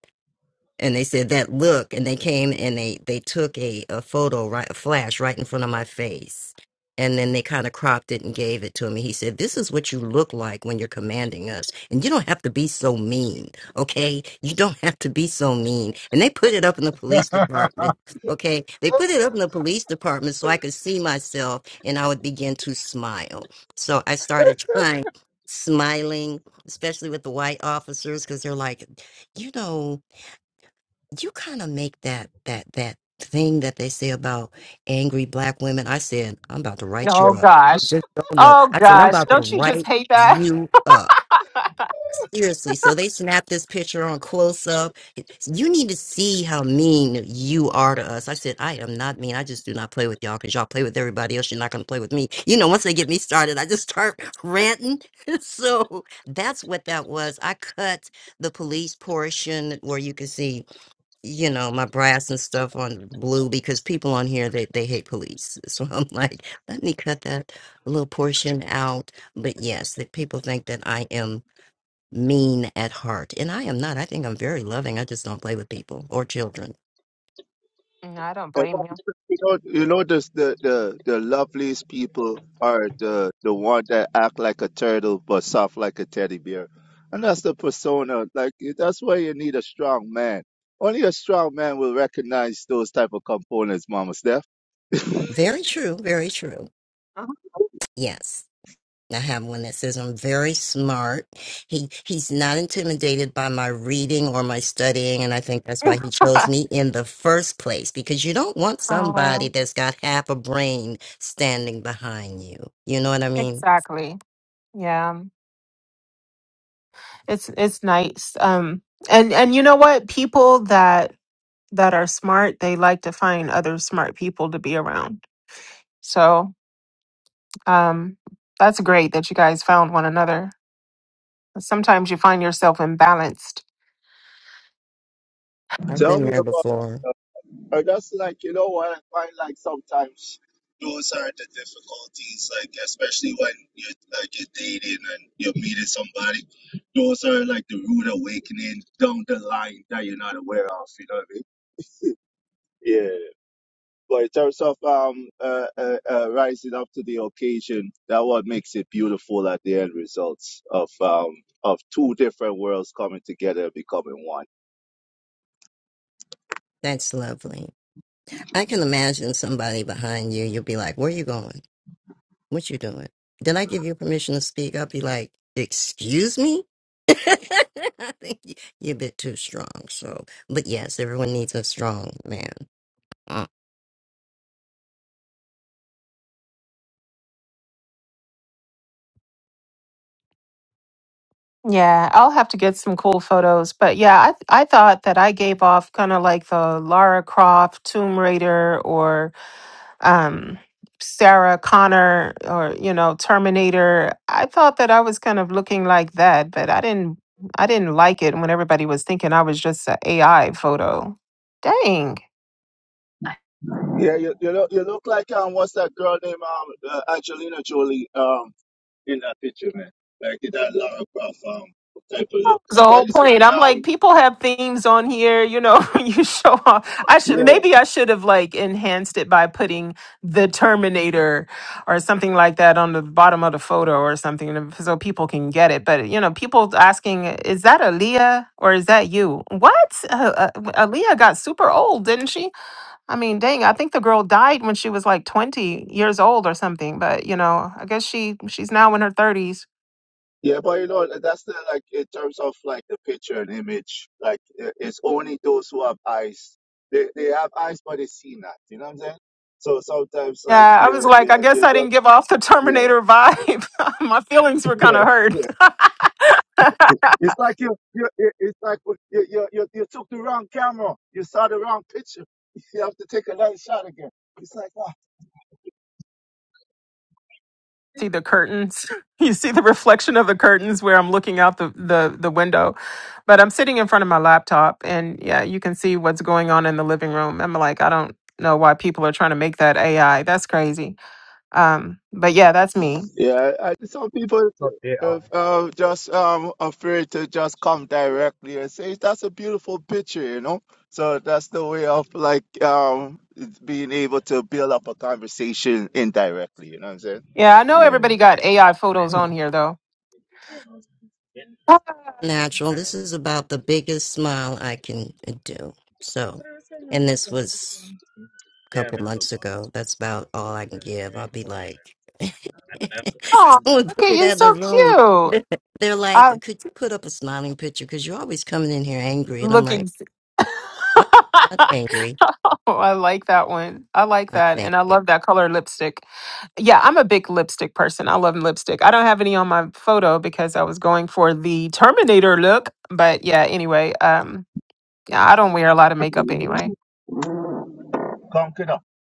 I: and they said that look and they came and they they took a, a photo right a flash right in front of my face and then they kind of cropped it and gave it to him he said this is what you look like when you're commanding us and you don't have to be so mean okay you don't have to be so mean and they put it up in the police
A: it's
I: department
A: not
I: okay they put it up in the police department so i could see myself and i would begin to smile so i started trying smiling especially with the white officers because they're like you know you kind of make that that that thing that they say about angry black women. I said, I'm about to write you
D: oh
I: up. You
D: gosh,
I: just don't know.
D: oh
I: I said, I'm
D: gosh,
I: about to
D: don't you just
I: write
D: hate that?
I: you up. Seriously. So they snapped this picture on close up. You need to see how mean you are to us. I said, I am not mean. I just do not play with y'all because y'all play with everybody else. You're not going to play with me. You know, once they get me started, I just start ranting. so that's what that was. I cut the police portion where you can see you know my brass and stuff on blue because people on here they, they hate police so i'm like let me cut that little portion out but yes that people think that i am mean at heart and i am not i think i'm very loving i just don't play with people or children
D: No, I don't blame you.
I: very true very true
L: I'm
I: yes I have one that says I'm very smart. He he's not intimidated by my reading or my studying, and I think that's why he chose me in the first place. Because you don't want somebody
D: Oh,
I: that's got half a brain standing behind you. You know what I mean?
D: exactly. Yeah. It's it's nice. Um and and you know what? People that that are smart, they like to find other smart people to be around. So Um, that's great that you guys found one another. Sometimes you find yourself imbalanced.
I: I've been there before. That's lovely. I can imagine somebody behind you. You'll be like, "Where are you going?" What you doing? Did I give you permission to speak? I'll be like, excuse me? I think you- you're a bit too strong. So, but yes, everyone needs a strong man. Mm.
D: Yeah, I'll have to get some cool photos. But yeah, I th- I thought that I gave off kind of like the Lara Croft Tomb Raider or um Sarah Connor or you know Terminator. I thought that I was kind of looking like that, but I didn't I didn't like it when everybody was thinking I was just an AI photo. Dang. was the whole point. I'm like, people have themes on here, you know, you show off. I should maybe I should have like enhanced it by putting the Terminator or something like that on the bottom of the photo or something so people can get it. But you know, people asking, is that Aaliyah or is that you? What? Uh, uh, Aaliyah got super old, didn't she? I mean, dang, I think the girl died when she was like 20 years old or something. But you know, I guess she she's now in her 30s. Yeah, I was like, I guess I didn't give off the Terminator vibe. My feelings were kind of hurt. see the curtains. You see the reflection of the curtains where I'm looking out the, the, the window. But I'm sitting in front of my laptop and yeah, you can see what's going on in the living room. I'm like, I don't know why people are trying to make that AI. That's crazy. Um, but yeah, that's me.
A: AI.
D: Yeah, I know everybody got AI photos on
I: Mm.
D: here though.
I: Natural. This is about the biggest smile I can uh, do. So, and this was a couple months ago. That's about all I can give. I'll be like,
D: Oh,
I: someone
D: look
I: put
D: at
I: me
D: you,
I: that in the
D: so
I: room.
D: cute.
I: They're
D: I
I: like, could you put up a smiling picture? Because you're always coming in here angry. And I'm
D: look
I: like,
D: ex-
I: I'm not angry.
D: Oh, I like that one. I like
I: I
D: that.
I: thank
D: And I
I: you.
D: love that color lipstick. Yeah, I'm a big lipstick person. I love lipstick. I don't have any on my photo because I was going for the Terminator look. But yeah, anyway, um, yeah, I don't wear a lot of makeup anyway.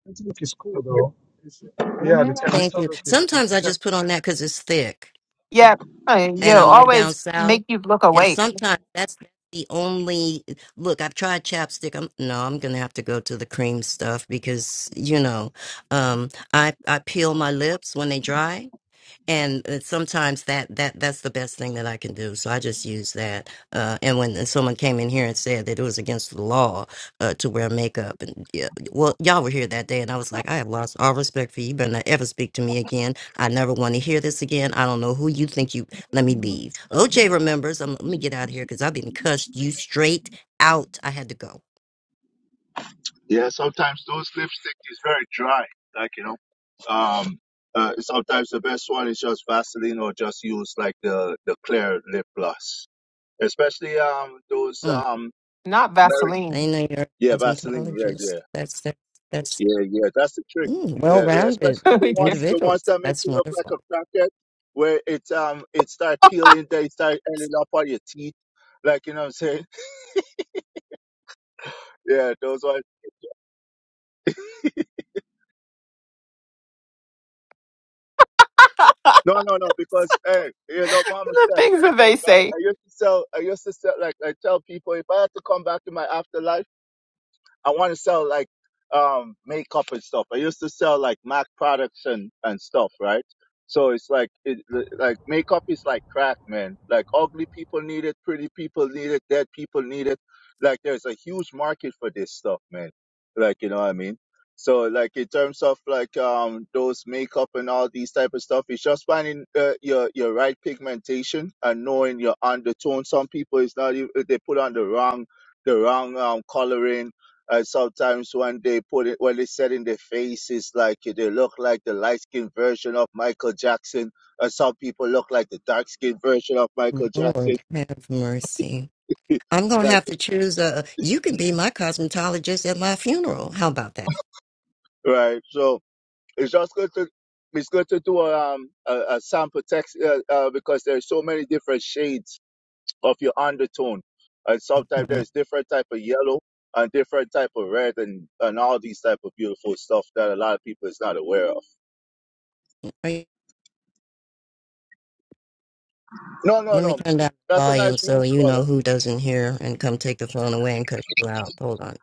A: This look is cool though. It's, yeah, the
I: Thank
A: Terminator
I: you.
A: look is. the
I: Sometimes I
A: Ter-
I: just put on that because it's thick
D: Yeah, I- yeah,
I: and I'm way down
D: always
I: south.
D: make you look
I: And
D: awake,
I: sometimes that's the only look. I've tried chapstick. I'm no, I'm gonna have to go to the cream stuff because you know, um, I I peel my lips when they dry and uh, sometimes that that that's the best thing that I can do. So I just use that. Uh, and when someone came in here and said that it was against the law uh, to wear makeup, and yeah, well, y'all were here that day, and I was like, I have lost all respect for you. You better not ever speak to me again. I never want to hear this again. I don't know who you think you. Let me leave. OJ remembers. i let me get out of here because I've been cussed you straight out. I had to go. Mm.
D: not
I: I
D: Vaseline.
I: didn't know you're a cosmetologist. That's that's that's mm, well-rounded
D: the
I: individuals. That's wonderful.
D: things that they say.
I: Lord have mercy. I'm going to have to choose a. You can be my cosmetologist at my funeral. How about that? Mhm. Right. Let me turn down the volume so you know who doesn't hear and come take the phone away and cut you out. Hold on.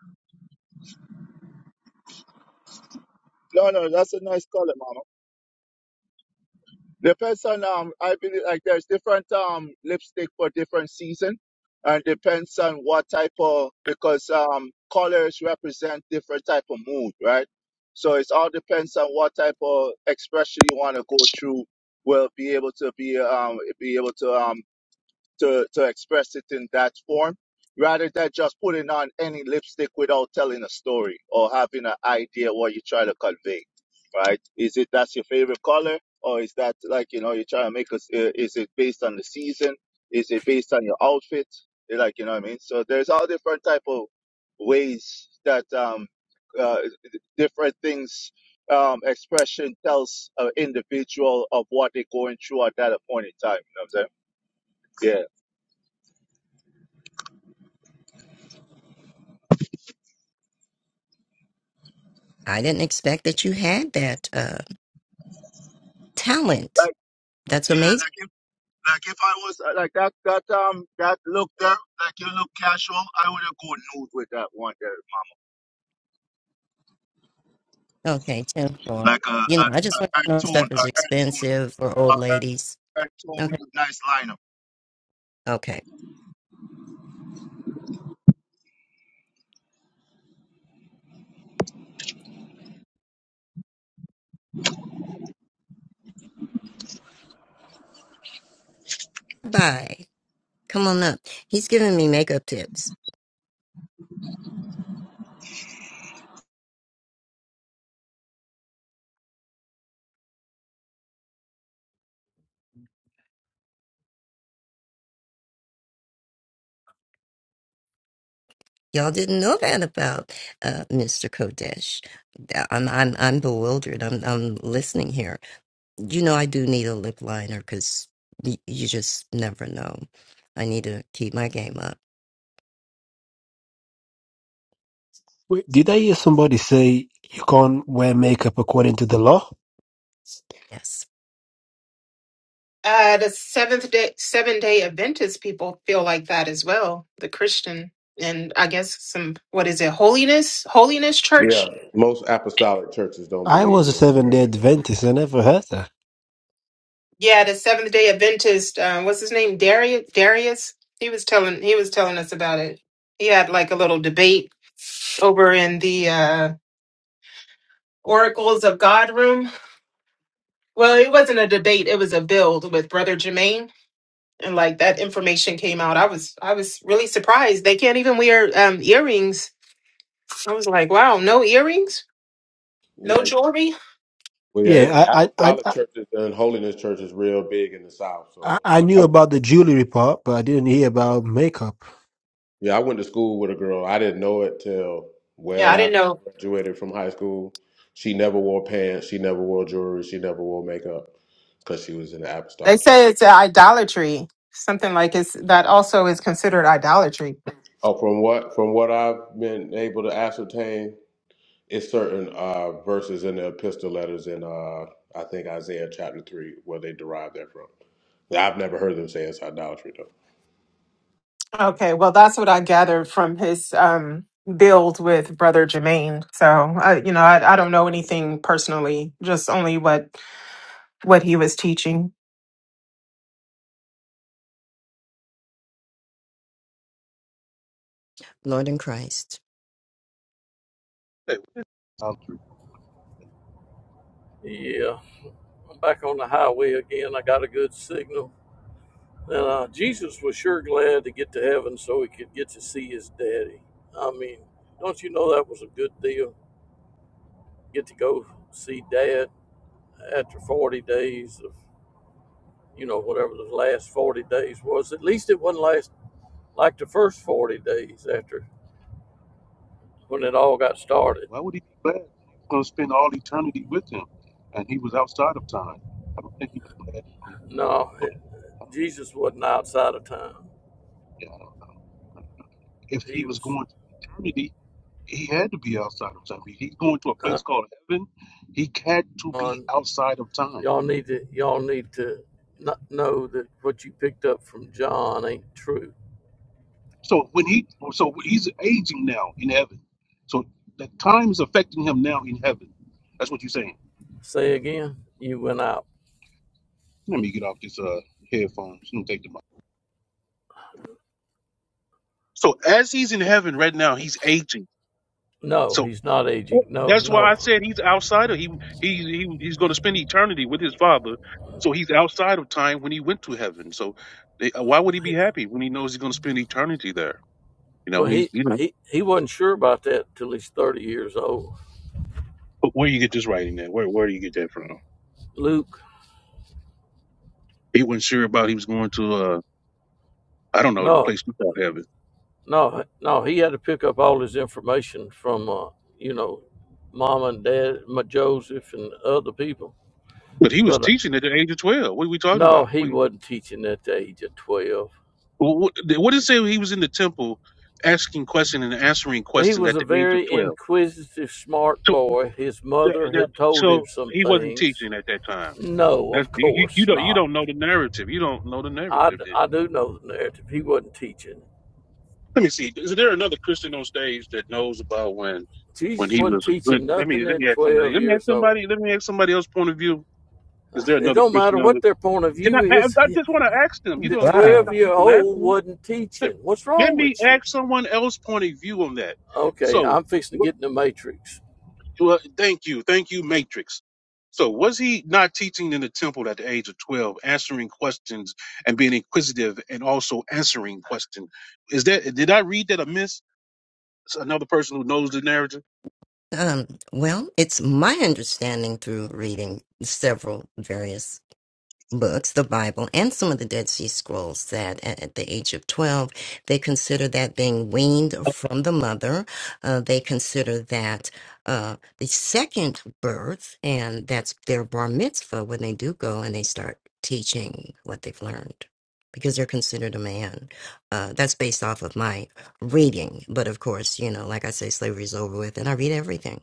I: I didn't expect that you had that uh, talent. That's amazing. Okay, 10 4. You know, I just want you to know stuff is expensive for old ladies. Okay. Okay. Bye. Come on up. He's giving me makeup tips. Y'all didn't know that about uh, Mr. Kodesh. Yeah, I'm I'm I'm bewildered. I'm I'm listening here. You know I do need a lip liner because y- you just never know. I need to keep my game up.
K: Wait, did I hear somebody say you can't wear makeup according to the law?
I: Yes,
D: Uh, the seventh day, seven day Adventist people feel like that as well. The Christian and I guess some, what is it, holiness, holiness church?
M: Yeah. Most apostolic churches don't
K: I
M: believe
K: was a
M: in
K: seven
M: wearing
K: day
M: makeup.
K: Adventist. I never heard that.
D: Yeah, the Seventh Day Adventist. Uh, what's his name? Darius. Darius. He was telling. He was telling us about it. He had like a little debate over in the uh, Oracles of God room. Well, it wasn't a debate. It was a build with Brother Jermaine, and like that information came out. I was I was really surprised. They can't even wear um, earrings. I was like, wow, no earrings, no
M: Yeah.
D: jewelry.
M: Well, yeah, it,
K: Yeah, I, I,
M: apostolic
K: I,
M: churches and holiness church is real big in the South.
K: I,
M: So,
K: I
M: like,
K: knew
M: I,
K: about the jewelry part, but I didn't hear
M: yeah.
K: about makeup.
M: yeah, I went to school with a girl. I didn't know it till
D: Yeah,
M: well
D: I didn't
M: after
D: know.
M: I graduated from high school. She never wore pants. She never wore jewelry. She never wore makeup because she was in the
D: They
M: apostolic church.
D: say it's idolatry. Something like it's that also is considered idolatry.
M: Oh, from what from what I've been able to ascertain, it's certain uh, verses in the epistle letters in uh, I think Isaiah chapter three where they derive that from. Yeah, I've never heard them say it's idolatry though.
D: Okay, well, that's what I gathered from his um, build with Brother Jermaine. So, I, you know, I, I don't know anything personally, just only what what he was teaching.
I: Lord in Christ.
N: Hey, idolatry.
G: Yeah, I'm back on the highway again. I got a good signal. And uh, Jesus was sure glad to get to heaven so he could get to see his daddy. I mean, don't you know that was a good deal? Get to go see dad after 40 days of, you know, whatever the last 40 days was. At least it wasn't last like the first 40 days after when it all got started.
N: Why would he be glad when he was going to spend all eternity with him, and he was outside of time? I don't think he was glad. To go
G: No,
N: go
G: it,
N: there. I don't,
G: Jesus wasn't outside of time.
N: yeah, I don't, I don't know. If he
G: He
N: was
G: was
N: going to eternity, he had to be outside of time. If he's going to a
G: uh,
N: place called heaven, he had to be
G: on.
N: outside of time.
G: Y'all need to, y'all need to not know that what you picked up from John ain't true
N: So when he, so he's aging now in heaven. So the time is affecting him now in heaven. That's what you're saying.
G: Say again. You went out.
N: Let me get off this uh headphones. Let me take them off. So as he's in heaven right now, he's aging.
G: No,
N: So.
G: he's not aging. No,
N: That's why I
G: no.
N: said he's outside of he he, he he's going to spend eternity with his father, so he's outside of time when he went to heaven. So they, why would he be happy when he knows he's going to spend eternity there? You know,
G: Well,
N: he's
G: he
N: you know.
G: he he wasn't sure about that till he's thirty years old.
N: But where you get this writing at? Where where do you get that from?
G: Luke.
N: He wasn't sure about he was going to uh I don't know the
G: No,
N: place you call heaven,
G: no, no. He had to pick up all his information from uh, you know, mom and dad, my Joseph and other people.
N: but he was
G: But uh,
N: teaching at the age of twelve. What are we talking about?
G: no, he
N: What
G: wasn't teaching at the age of twelve.
N: what, what did it say he was in the temple asking questions and answering
G: He
N: questions
G: was
N: at
G: a
N: the age of
G: very
N: twelve?
G: inquisitive, smart
N: So
G: boy. His
N: that-
G: mother
N: that-
G: had told him
N: so
G: some
N: he wasn't
G: things.
N: teaching at that time.
G: No,
N: That's
G: of
N: you, you. You
G: course
N: don't. You
G: not.
N: don't know the narrative. You don't know the
G: I,
N: narrative. Then
G: I do know the narrative. He wasn't teaching.
N: let me see. Is there another Christian on stage that knows about when, when
G: Jesus
N: he
G: wasn't
N: was a good?
G: teaching
N: Let me.
G: nothing
N: Let
G: at
N: me ask somebody.
G: 12
N: Let me ask
G: years old.
N: somebody. Let me ask somebody else's point of view. Is there
G: It
N: another
G: don't
N: Christian
G: matter
N: on the?
G: what their point of
N: Can I?
G: view
N: I,
G: is.
N: I just want to ask them. You
G: The
N: don't. You can't
I: Wow.
G: 12
N: stop me
G: year
N: from
G: old
N: asking. Them.
G: wasn't teaching. What's
N: Let
G: wrong
N: me
G: with you?
N: ask someone else's point of view on that.
G: Okay,
N: So.
G: I'm fixing to get in the matrix.
N: Well, thank you. Thank you, Matrix. So, was he not teaching in the temple at the age of 12, answering questions and being inquisitive and also answering questions? Is that, did I read that amiss? It's Another person who knows the narrative?
I: Um, well, it's my understanding through reading several various books, the Bible, and some of the Dead Sea Scrolls that at, at the age of 12, they consider that being weaned from the mother. Uh, they consider that uh, the second birth, and that's their bar mitzvah when they do go and they start teaching what they've learned because they're considered a man. Uh, that's based off of my reading. But of course, you know, like I say, slavery is over with, and I read everything.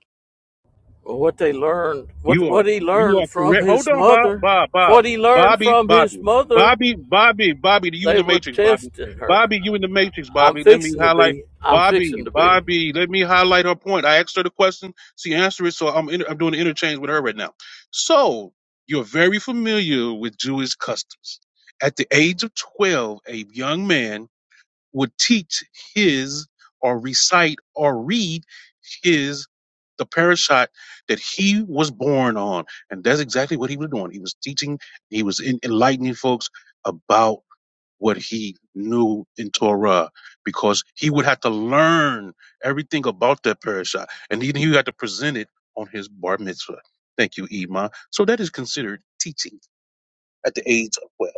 G: Well, what they learned, what,
N: You are
G: what he
N: you
G: learned
N: are
G: from
N: correct. Hold
G: his
N: on, Bob,
G: mother,
N: Bob, Bob,
G: what he learned
N: Bobby,
G: from his
N: Bobby,
G: mother,
N: Bobby, Bobby, Bobby. You in
G: they
N: the
G: were
N: matrix, Bobby,
G: testing her.
N: Bobby. You in the matrix,
G: I'm
N: Bobby. Let me
G: fixing to
N: highlight
G: be. I'm
N: Bobby,
G: fixing to be.
N: Bobby. Let me highlight her point. I asked her the question. She answered it, so I'm inter- I'm doing an interchange with her right now. So you're very familiar with Jewish customs. At the age of twelve, a young man would teach his or recite or read his the parashat that he was born on. And that's exactly what he was doing. He was teaching, he was en- enlightening folks about what he knew in Torah because he would have to learn everything about that parashat, and then he had to present it on his bar mitzvah. Thank you, Ima. So that is considered teaching at the age of 12.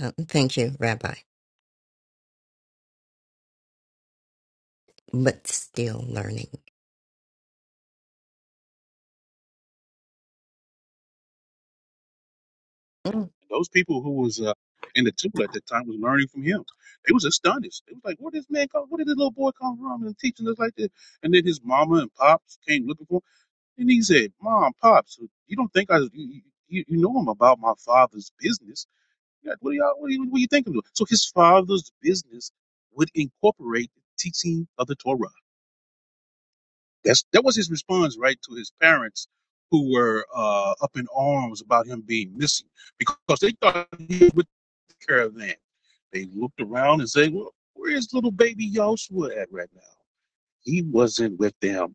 I: Uh, thank you, Rabbi, but still learning. Mm.
N: Those people who was uh, in the temple at that time was learning from him. They was astonished. They was like, "Where this man come? Where did this little boy come from and teaching us like this?" And then his mama and pops came looking for him, and he said, "Mom, pops, you don't think I you, you, you know I'm about my father's business? Yeah, what do y'all what do you, what do you think I'm doing?" So his father's business would incorporate the teaching of the Torah. That's that was his response, right, to his parents who were uh, up in arms about him being missing because they thought he was with the caravan. They looked around and said, "Well, where is little baby Joshua at right now? He wasn't with them."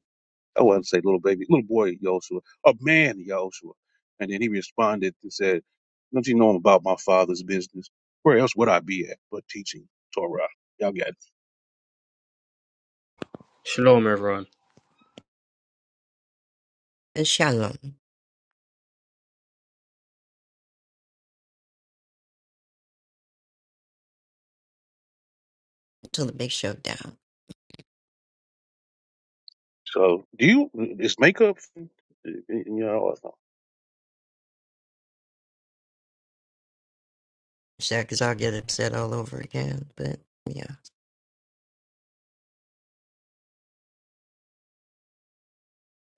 N: I wouldn't say little baby, little boy Joshua, a man Joshua. And then he responded and said, "Don't you know about my father's business? Where else would I be at but teaching Torah?" Y'all got it.
O: Shalom, everyone
I: Shalom. till the big showdown.
N: So, do you? Is makeup? You know.
I: Yeah, 'cause I'll get upset all over again. But yeah,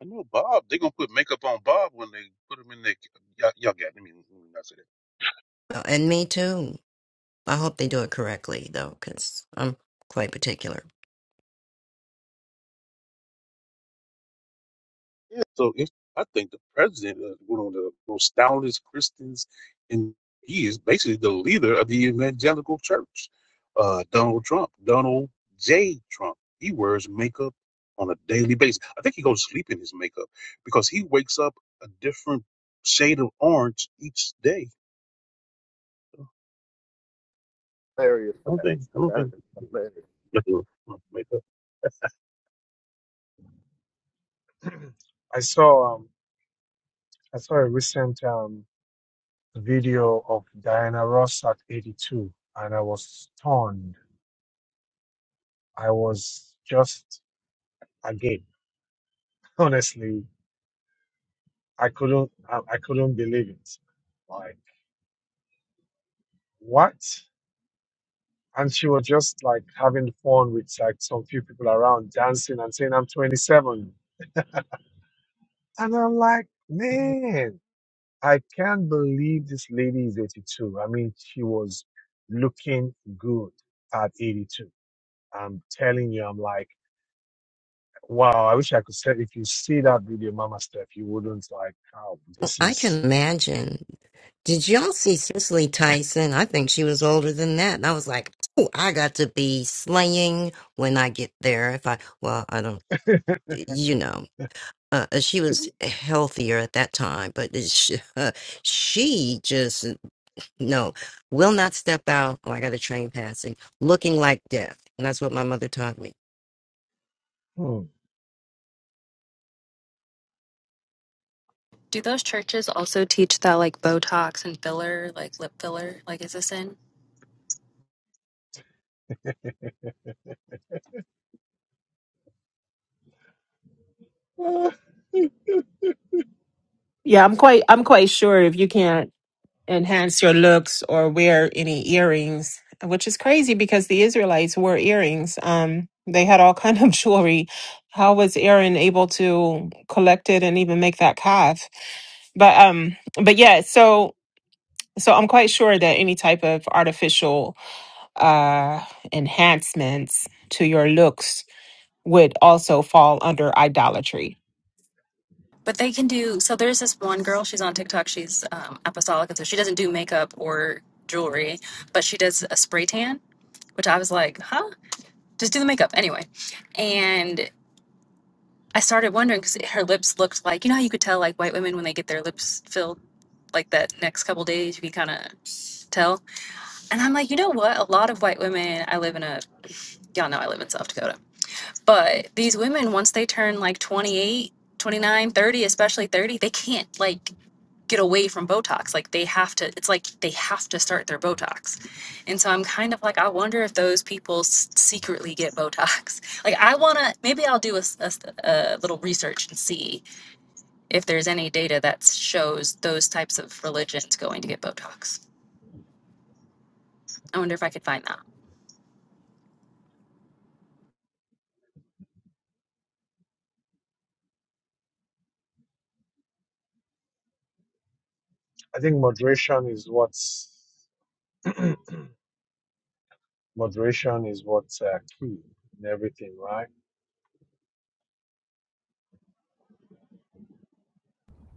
N: I know Bob. They're gonna put makeup on Bob when they put him in their. Y'all, y'all got. Let me let me not say
I: Oh, and me too. I hope they do it correctly though, 'cause I'm quite particular.
N: that. Yeah. So if, I think the president is one of the most stoutest Christians, and he is basically the leader of the evangelical church. Uh, Donald Trump, Donald J. Trump. He wears makeup on a daily basis. I think he goes to sleep in his makeup because he wakes up a different shade of orange each day.
M: Hilarious for
N: I don't
M: that.
N: think. I don't
M: That
N: think.
M: is hilarious.
N: Makeup.
A: I saw um I saw a recent um video of Diana Ross at 82, and I was stunned. I was just again, honestly. I couldn't I, I couldn't believe it. Like what? And she was just like having fun with like some few people around dancing and saying I'm 27. And I'm like,
I: Mhm.
A: man, I can't believe this lady is 82. I mean, she was looking good at 82. I'm telling you, I'm like, wow, I wish I could say if you see that video, Mama Steph, you wouldn't like how
I: Well,
A: this
I: I can
A: is
I: imagine. Did y'all see Cicely Tyson? I think she was older than that, and I was like, "Oh, I got to be slaying when I get there." If I, well, I don't, you know. Uh, uh, she was healthier at that time, but she, she just No, will not step out. Oh, I got a train passing, looking like death. And that's what my mother taught me.
A: hmm.
P: Do those churches also teach that like Botox and filler, like lip filler, like is this in?
A: Uh,
D: Yeah, I'm quite I'm quite sure if you can't enhance your looks or wear any earrings, which is crazy because the Israelites wore earrings. Um, they had all kind of jewelry. How was Aaron able to collect it and even make that calf? But um, but yeah, so so I'm quite sure that any type of artificial uh enhancements to your looks would also fall under idolatry.
P: But they can do. So there's this one girl. She's on TikTok. She's um, apostolic, and so she doesn't do makeup or jewelry, but she does a spray tan, which I was like, huh? Just do the makeup anyway. And I started wondering because her lips looked like you know how you could tell like white women when they get their lips filled like that next couple days you can kind of tell. And I'm like, you know what? A lot of white women. I live in a y'all know I live in South Dakota But these women, once they turn like 28, 29, thirty, especially 30, they can't like get away from Botox. Like they have to, it's like they have to start their Botox. And so I'm kind of like, I wonder if those people s- secretly get Botox. Like I want to, maybe I'll do a, s- a s- a little research and see if there's any data that shows those types of religions going to get Botox. I wonder if I could find that.
A: I think moderation is what's. Moderation is what's uh, key in everything, right?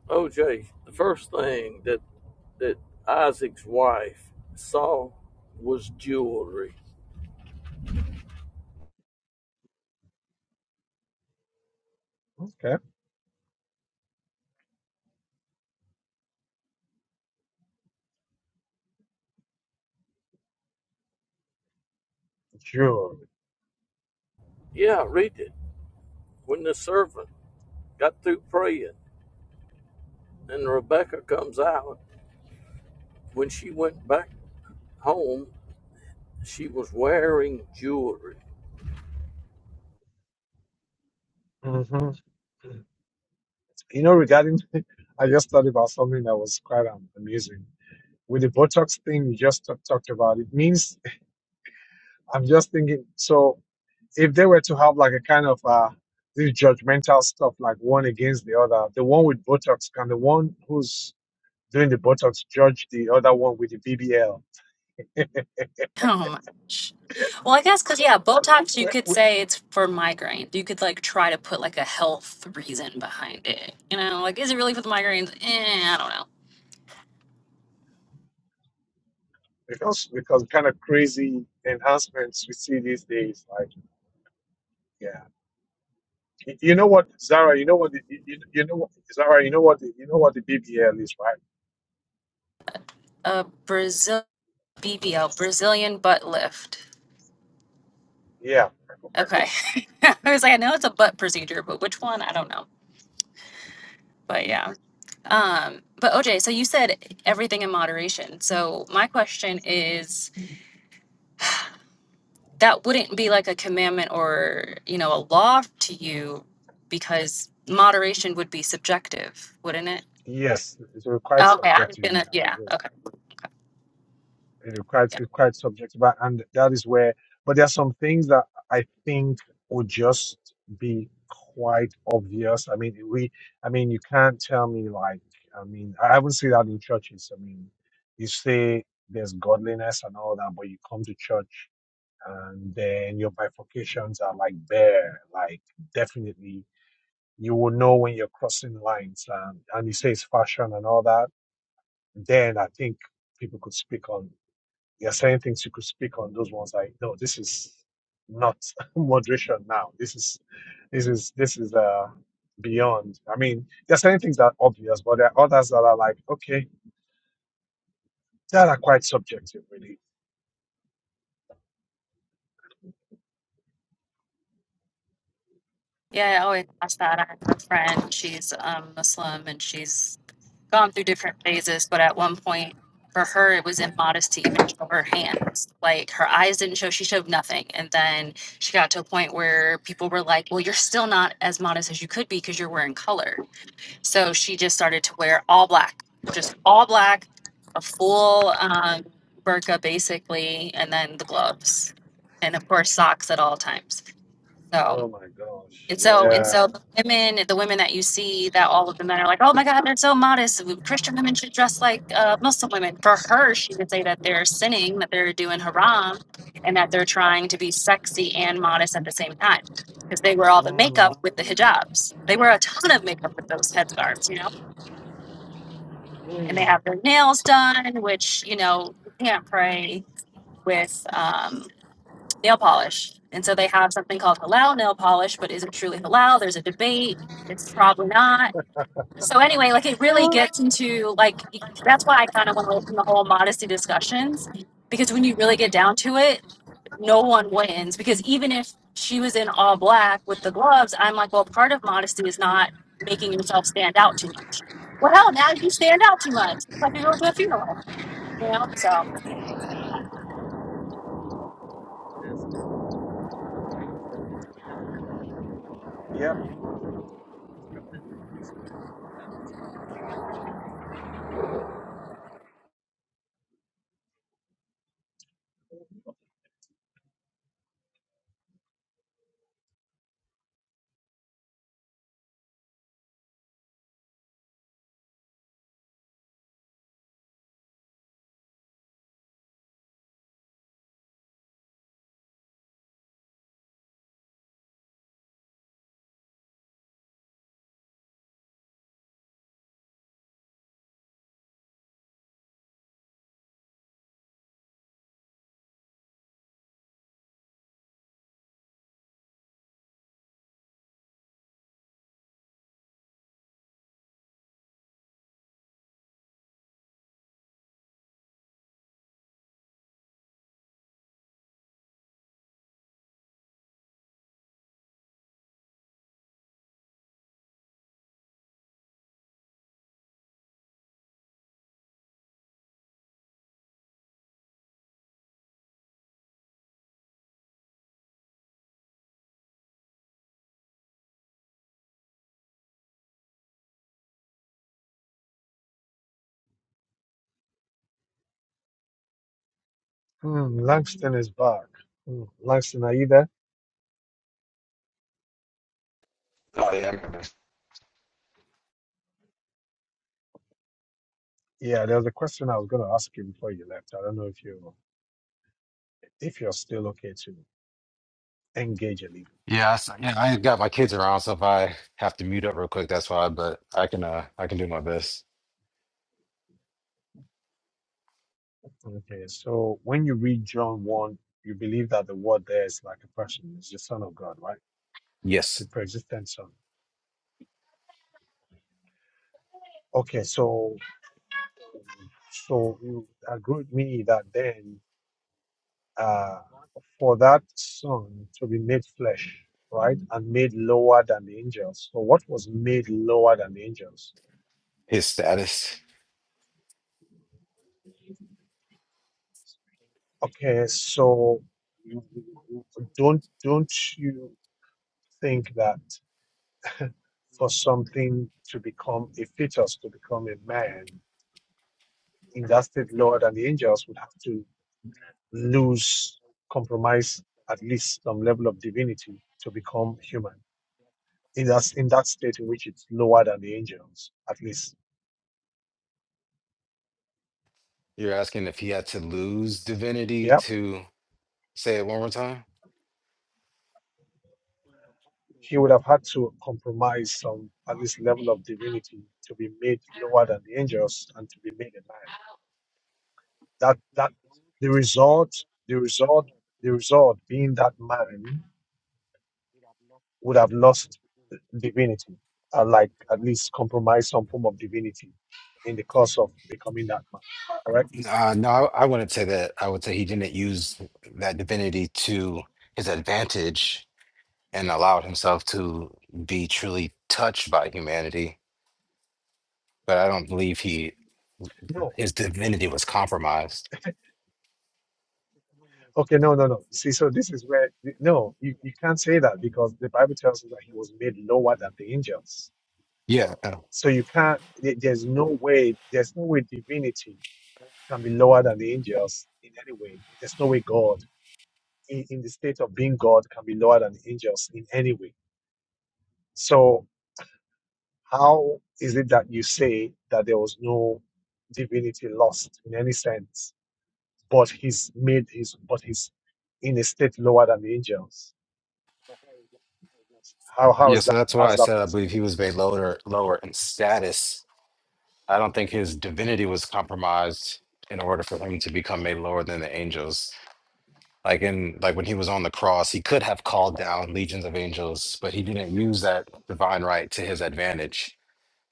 G: OJ, the first thing that that Isaac's wife saw was jewelry.
A: Okay. Sure.
G: Yeah, I read it. When the servant got through praying and Rebecca comes out, when she went back home, she was wearing jewelry.
A: hmm You know, regarding, I just thought about something that was quite um, amusing. With the Botox thing you just t- talked about, it means I'm just thinking. So, if they were to have like a kind of uh, this judgmental stuff, like one against the other, the one with Botox can the one who's doing the Botox judge the other one with the BBL?
P: Oh my gosh. Well, I guess because yeah, Botox you
A: we
P: could
A: we-
P: say it's for migraines. You could like try to put like a health reason behind it. You know, like is it really for the migraines? Eh, I don't know.
A: because because kind of crazy enhancements we see these days, like. Yeah. You you know what, Zara? You know what? the- You, you you know what, Zara? You know what? the- You know what the BBL is, right?
P: Uh, Brazil BBL Brazilian butt lift.
A: Yeah.
P: Okay, I was like, I know it's a butt procedure, but which one? I don't know. But yeah. Um, but OJ, so you said everything in moderation. So my question is. that wouldn't be like a commandment or you know a law to you because moderation would be subjective wouldn't it
A: Yes, it's quite
P: okay i'm
A: subjective, you
P: gonna
A: know, like
P: yeah
A: uh,
P: okay
A: it's quite
P: yeah
A: it's quite subjective, but and that is where. But there are some things that I think would just be quite obvious. I mean, we, I mean, you can't tell me like, I mean, I haven't seen that in churches. I mean, you say there's godliness and all that, but you come to church and then your bifurcations are like there, like definitely you will know when you're crossing lines. Um, and he says fashion and all that. Then I think people could speak on. There are certain things you could speak on. Those ones like no, this is not moderation now. This is this is this is uh beyond. I mean, there are certain things that are obvious, but there are others that are like okay, that are quite subjective, really.
P: yeah i always ask that i have a friend she's um muslim and she's gone through different phases but at one point for her it was immodest to even show her hands like her eyes didn't show she showed nothing and then she got to a point where people were like well you're still not as modest as you could be because you're wearing color So she just started to wear all black, just all black, a full um, burqa basically, and then the gloves, and of course socks at all times. So
A: Oh my gosh,
P: and so and
A: yeah.
P: so the women, the women that you see, that all of the men are like, oh my God, they're so modest. Christian women should dress like uh, Muslim women. For her, she would say that they're sinning, that they're doing haram, and that they're trying to be sexy and modest at the same time. Because they wear all the
A: Mm,
P: makeup with the hijabs. They wear a ton of makeup with those headscarves, you know? and they
A: mm,
P: have their nails done, which you know you can't pray with um, nail polish. And so they have something called halal nail polish, but is it truly halal? There's a debate. It's probably not so anyway, like it really gets into like that's why I kind of want to open the whole modesty discussions because when you really get down to it, no one wins because even if she was in all black with the gloves, I'm like, well, part of modesty is not making yourself stand out too much. Well, hell, now you stand out too much. It's like you're going to a funeral, you know. So I don't know.
A: yep. Hmm, Langston is back. Hmm, Langston, are you there?
B: Oh, yeah.
A: Yeah, there was a question I was going to ask you before you left. I don't know if you if you're still okay to engage a little.
B: Yeah, so, yeah, I ain't got my kids around, so if I have to mute up real quick, that's why. But I can, uh, I can do my best.
A: Okay, so when you read John one, you believe that the word there is like a person, is the Son of God, right? The
B: Yes,
A: pre-existent Son. Okay, so so you agree with me that then uh, for that Son to be made flesh, right, and made lower than the angels. So what was made lower than the angels?
B: his status.
A: Okay, so you- don't don't you think that for something to become a fetus, to become a man, in that state, Lord and the angels would have to lose, compromise at least some level of divinity to become human. In that in that state in which it's lower than the angels, at least,
B: You're asking if he had to lose divinity
A: yeah,
B: to say it one more time?
A: he would have had to compromise some at least level of divinity to be made lower than the angels and to be made a man. that that the result the result the result being that man would have lost divinity uh, like at least compromise some form of divinity in the course of becoming that man correct
B: Uh, no, I, I wouldn't say that. I would say he didn't use that divinity to his advantage and allowed himself to be truly touched by humanity. But I don't believe he
A: no
B: his divinity was compromised.
A: okay no no no see so this is where no you, you can't say that because the bible tells us that he was made lower than the angels
B: Yeah, uh,
A: so you can't there- there's no way there's no way divinity can be lower than the angels in any way there's no way god in, in the state of being God can be lower than angels in any way. So how is it that you say that there was no divinity lost in any sense, but he's made his but he's in a state lower than the angels? How how
B: Yeah,
A: is
B: so
A: that
B: that's
A: how
B: why
A: is
B: I
A: that
B: said I
A: possible?
B: believe he was made lower, lower in status. I don't think his divinity was compromised in order for him to become made lower than the angels. Like in like when he was on the cross, he could have called down legions of angels, but he didn't use that divine right to his advantage.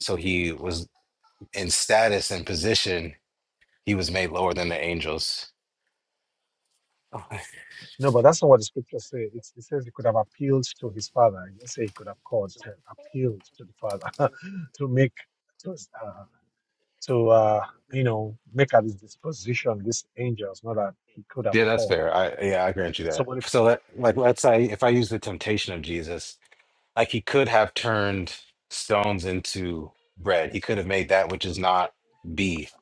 B: So he was in status and position, he was made lower than the angels. Okay.
A: No, but that's not what the scripture says. It, it says he could have appealed to his father. You say he could have called, it appealed to the father to make to uh, to uh, you know make at his disposition these angels, not that he could have
B: Yeah, that's
A: called.
B: fair. I yeah, I grant you
A: So,
B: that.
A: but,
B: So that like let's say if I use the temptation of Jesus, Like he could have turned stones into bread. He could have made that which is not beef,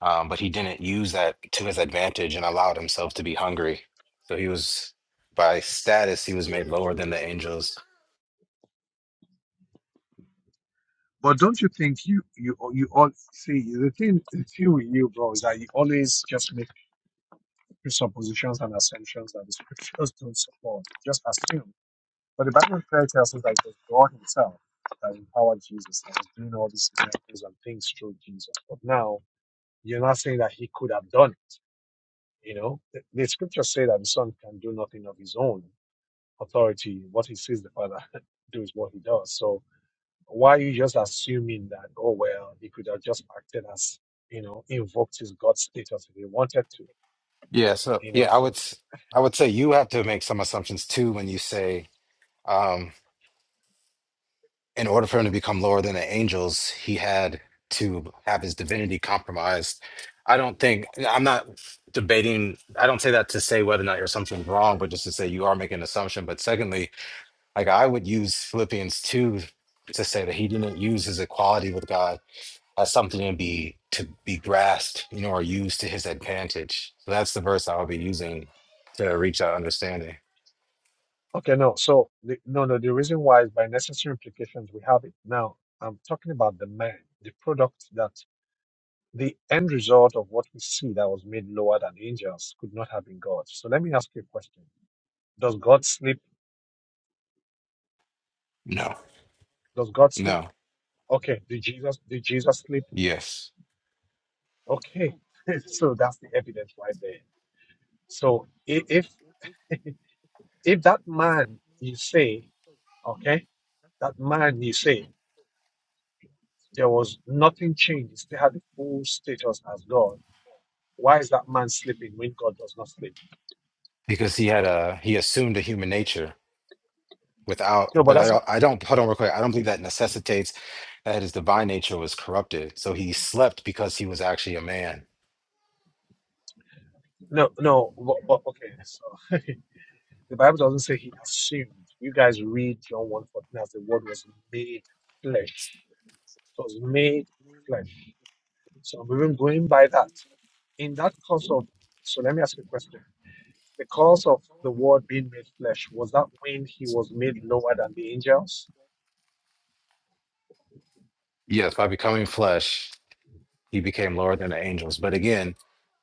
B: um, but he didn't use that to his advantage and allowed himself to be hungry. So he was, by status, he was made lower than the angels.
A: but don't you think you you you all see the thing the thing with you, bro, is that you always just make presuppositions and assumptions that the scriptures don't support. You just assume. But the Bible clearly tells us that it was God Himself that empowered Jesus and was doing all these miracles and things through Jesus. But now you're not saying that He could have done it. You know, the, the scriptures say that the Son can do nothing of His own authority. What He sees the Father do is what He does. So Why are you just assuming that, oh, well, he could have just acted as, you know, invoked his God status if he wanted to,
B: Yeah. So
A: you know?
B: yeah, I
A: So,
B: would, s- I would say you have to make some assumptions too when you say. in order for him to become lower than the angels, he had to have his divinity compromised. I don't think I'm not debating. I don't say that to say whether or not your assumption is wrong, but just to say you are making an assumption. But secondly, like I would use Philippians two to say that he didn't use his equality with God as something to be to be grasped, you know, or used to his advantage. So that's the verse I would be using to reach that understanding.
A: okay, no. So, the, no, no, the reason why is by necessary implications, we have it. Now, I'm talking about the man, the product that the end result of what we see that was made lower than angels could not have been God. So, let me ask you a question. Does God sleep?
B: No,
A: Does God sleep?
B: no,
A: Okay. Did Jesus, did Jesus sleep?
B: yes,
A: Okay. so that's the evidence right there. So i- if If that man, you say, okay, that man, you say, there was nothing changed, he still had the full status as God. Why is that man sleeping when God does not sleep?
B: because he had a he assumed a human nature without
A: No, but
B: but i
A: that's not,
B: don't i don't hold on real quick i don't believe that necessitates that his divine nature was corrupted so he slept because he was actually a man
A: no, no, but, but okay, so the Bible doesn't say he assumed. You guys read John 1 fourteen as the word was made flesh. It was made flesh. So we're going by that. In that course of, so let me ask you a question. The cause of the word being made flesh was that when he was made lower than the angels?
B: yes by becoming flesh he became lower than the angels but again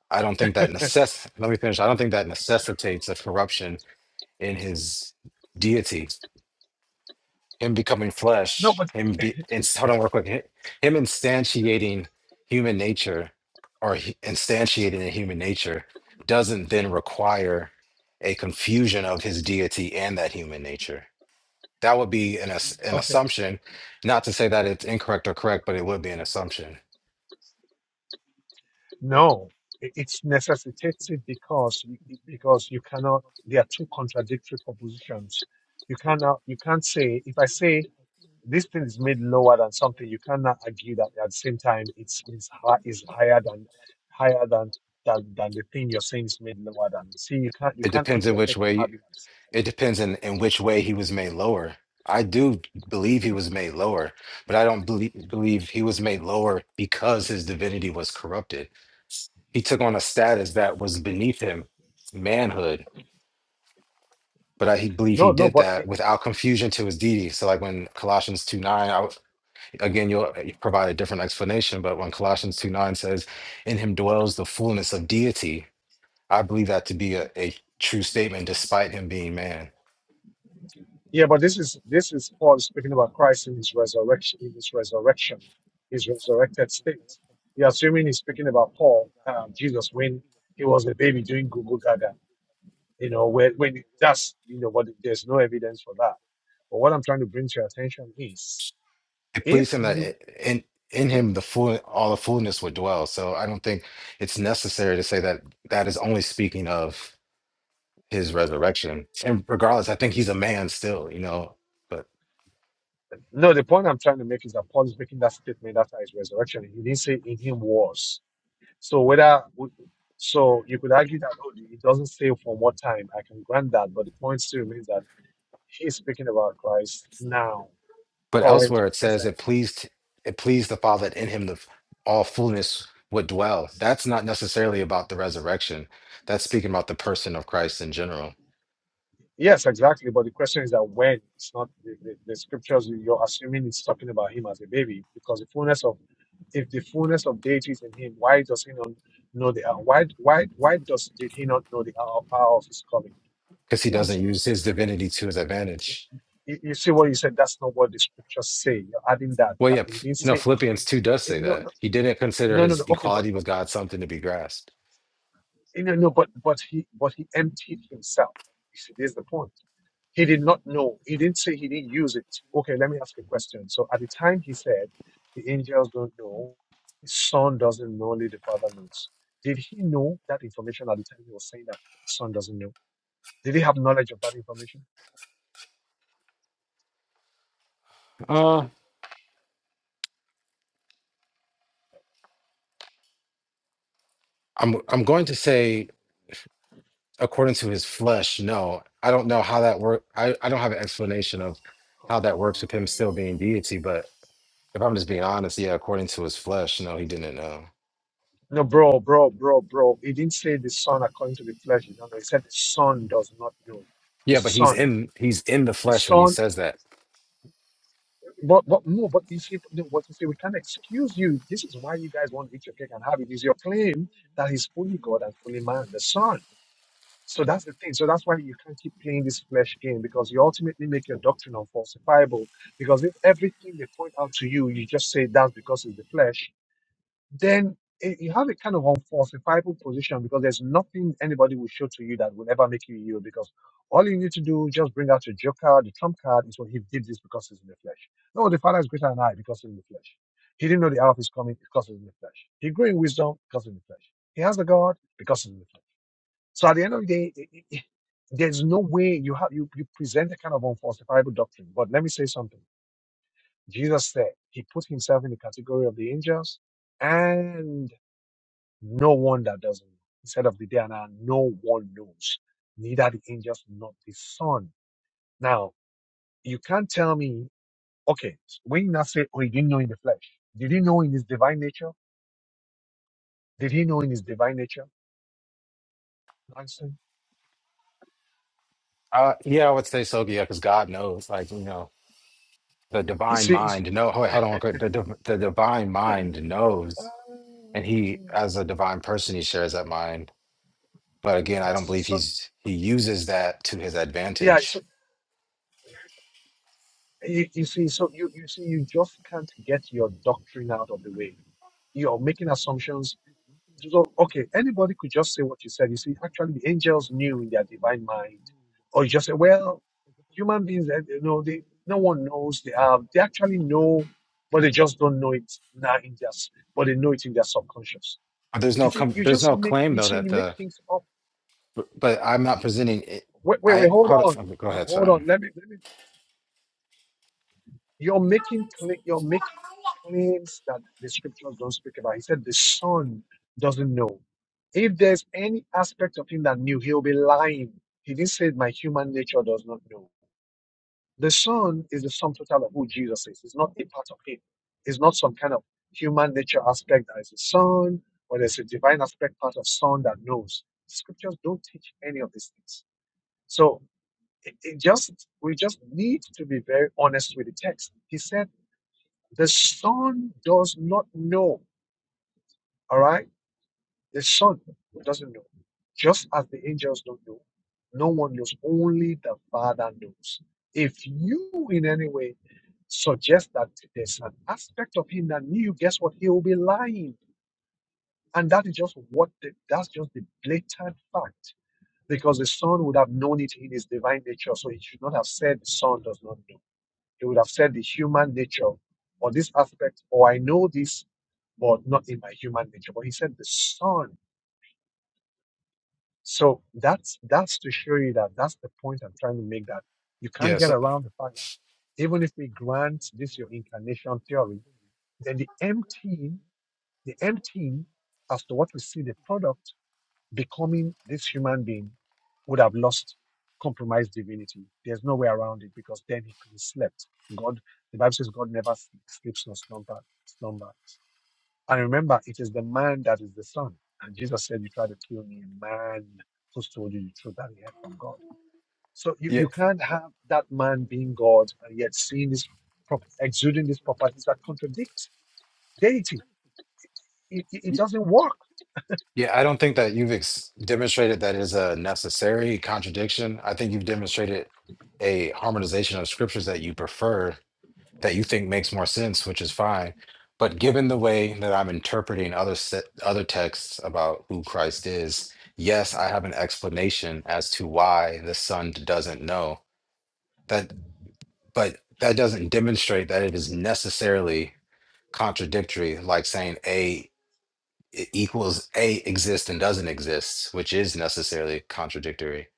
B: i don't think that
A: no,
B: necess let me finish i don't think that necessitates a corruption in his deity him becoming flesh,
A: but
B: him be and hold on real quick, hi- him instantiating human nature or he- instantiating a human nature doesn't then require a confusion of his deity and that human nature. That would be an ass- an
A: okay,
B: assumption, not to say that it's incorrect or correct, but it would be an assumption.
A: no, It- it's necessitated because you- because you cannot. There are two contradictory propositions. You cannot. You can't say if I say this thing is made lower than something, you cannot argue that at the same time it's is high, is higher than higher than. Than, than the thing you're saying is made lower than. See, you can't you
B: It
A: can't
B: depends
A: eat
B: in
A: your
B: which
A: cake and have
B: way.
A: it. at the same
B: It depends in, in which way he was made lower. I do believe he was made lower, but I don't believe believe he was made lower because his divinity was corrupted he took on a status that was beneath him, manhood. But I he
A: time.
B: believe he
A: No, no,
B: did
A: but
B: that without confusion to his deity. So, like when Colossians 2 9, I, w- again, you'll uh, provide a different explanation, but when Colossians 2 9 says, In him dwells the fullness of deity, I believe that to be a, a true statement despite him being man.
A: Yeah, but this is this is Paul speaking about Christ in his resurrection, in his resurrection, his resurrected state. You're assuming he's speaking about Paul, um, Jesus, when he was a baby doing Google Gaga. You know, when when that's you know, but there's no evidence for that. But what I'm trying to bring to your attention is
B: It
A: if
B: pleased him that
A: you
B: i- in in
A: if,
B: him the full all the fullness would dwell. So I don't think it's necessary to say that that is only speaking of his resurrection. And regardless, I think he's a man still, you know. But
A: no, the point I'm trying to make is that Paul is making that statement after his resurrection. He didn't say in him was. So whether so you could argue that oh it doesn't say from what time. I can grant that, but the point still remains that he's speaking about Christ now,
B: but
A: current,
B: elsewhere it says
A: present.
B: it pleased it pleased the Father that in him the f- all fullness would dwell. That's not necessarily about the resurrection. That's speaking about the person of Christ in general,
A: Yes, exactly. But the question is that when it's not the, the, the scriptures you- you're assuming it's talking about him as a baby, because the fullness of if the fullness of deity is in him, why does he not know the hour? Why why why does did he not know the hour, hour of his coming?
B: because
A: He
B: he
A: plans
B: doesn't
A: to.
B: use his divinity to his advantage.
A: You, you see what you said? That's not what the scriptures say. You're adding that.
B: Well,
A: that
B: yeah,
A: he
B: Ph-
A: didn't
B: no,
A: say.
B: Philippians 2 does say
A: No,
B: that.
A: no,
B: He
A: he-
B: didn't consider
A: no, no,
B: his
A: no. Okay, but
B: equality with God something to be grasped.
A: no, no, but but he but he emptied himself. You see, this is the point. He did not know. He didn't say he didn't use it. Okay, let me ask you a question. So at the time he said, the angels don't know, the son doesn't know, only the father knows. Did he know that information at the time he was saying that the son doesn't know? Did he have knowledge of that information?
B: Uh, I'm I'm going to say according to his flesh no i don't know how that work I, I don't have an explanation of how
A: Oh,
B: that works with
A: wow.
B: him still being deity but if i'm just being honest yeah according to his flesh no he didn't know
A: No, bro, bro, bro, bro. He didn't say the son according to the flesh. No, no. He said the son does not know. The
B: yeah but he's
A: son,
B: in he's in the
A: the
B: flesh when he
A: son.
B: says that
A: But, but no. But you see, no, what you say, we can't excuse you. This is why you guys want to eat your cake and have it. Is your claim that he's fully God and fully man, the son. So that's the thing. So that's why you can't keep playing this flesh game because you ultimately make your doctrine unfalsifiable. Because if everything they point out to you, you just say that's because it's the flesh then eh, you have a kind of unfalsifiable position because there's nothing anybody will show to you that will ever make you you because all you need to do just bring out your joker, the trump card, is what he did this because he's in the flesh. No, the father is greater than I because he's in the flesh. He didn't know the hour of his coming because he's in the flesh. He grew in wisdom because he's in the flesh. He has the God because he's in the flesh. So at the end of the day, eh, eh, eh, there's no way you have you, you present a kind of unfalsifiable doctrine. But let me say something. Jesus said he put himself in the category of the angels and. No one that doesn't know. He said of the day and hour, no one knows, neither the angels nor the Son. Now, you can't tell me, okay, when you now say, oh, he didn't know in the flesh. Did he know in his divine nature? Did he know in his divine nature? Nonsense.
B: uh yeah i would say so yeah because god knows like you know the
A: You
B: divine
A: see, you see,
B: mind no hold, hold on real quick. the, div- the divine mind
A: uh,
B: knows and he as a divine person he shares that mind but again i don't
A: so
B: believe
A: so,
B: he's he uses that to his
A: yeah, so
B: advantage
A: you, you see, so you, you see, you just can't get your doctrine out of the way. You're making assumptions So, okay, anybody could just say what you said. You see, actually, the angels knew in their divine mind. Or you just say, well, human beings, eh, you know, they, no one knows they are. They actually know, but they just don't know it now in their, s- but they know it in their subconscious.
B: but there's no
A: If it,
B: com-
A: you
B: there's
A: just
B: no
A: make,
B: claim
A: you
B: though
A: see,
B: that
A: you
B: the
A: make things up.
B: but, but I'm not presenting it.
A: Wait, wait, wait,
B: I
A: hold
B: hold it.
A: on.
B: okay, Go ahead,
A: Hold
B: sorry.
A: on. Let me, let me You're making cla- you're making claims that the scriptures don't speak about. He said the son doesn't know. If there's any aspect of him that knew, he'll be lying. He didn't say my human nature does not know. The son is the sum total of who Jesus is. It's not a part of him. It's not some kind of human nature aspect that is a son, or there's a divine aspect part of son that knows. Scriptures don't teach any of these things. So it, it just we just need to be very honest with the text. He said the Son does not know. All right? The Son doesn't know. Just as the angels don't know, no one knows. Only the Father knows. If you in any way suggest that there's an aspect of him that knew, guess what? He will be lying. And that is just what the, that's just the blatant fact. Because the Son would have known it in his divine nature. So he should not have said the Son does not know. He would have said the human nature or this aspect, or I know this but not in my human nature. But he said the son. So that's that's to show you that that's the point I'm trying to make that you can't
B: Yeah,
A: get
B: so
A: around the fact that even if we grant this your incarnation theory, then the empty, the emptying as to what we see the product becoming this human being would have lost compromised divinity. There's no way around it because then he could have slept. God, the Bible says God never sleeps nor slumber, slumber. And remember, it is the man that is the son. And Jesus said, You try to kill me, a man who's told you the truth that he had from God. So you,
B: yeah,
A: you can't have that man being God and yet seeing this, prop- exuding these properties that contradict deity. It, it, it
B: y-
A: doesn't work.
B: yeah. I don't think that you've ex- demonstrated that is a necessary contradiction. I think you've demonstrated a harmonization of scriptures that you prefer, that you think makes more sense, which is fine. But given the way that I'm interpreting other se- other texts about who Christ is, yes, I have an explanation as to why the Son doesn't know that, but that doesn't demonstrate that it is necessarily contradictory, like saying A e- equals A exists and doesn't exist, which is necessarily contradictory.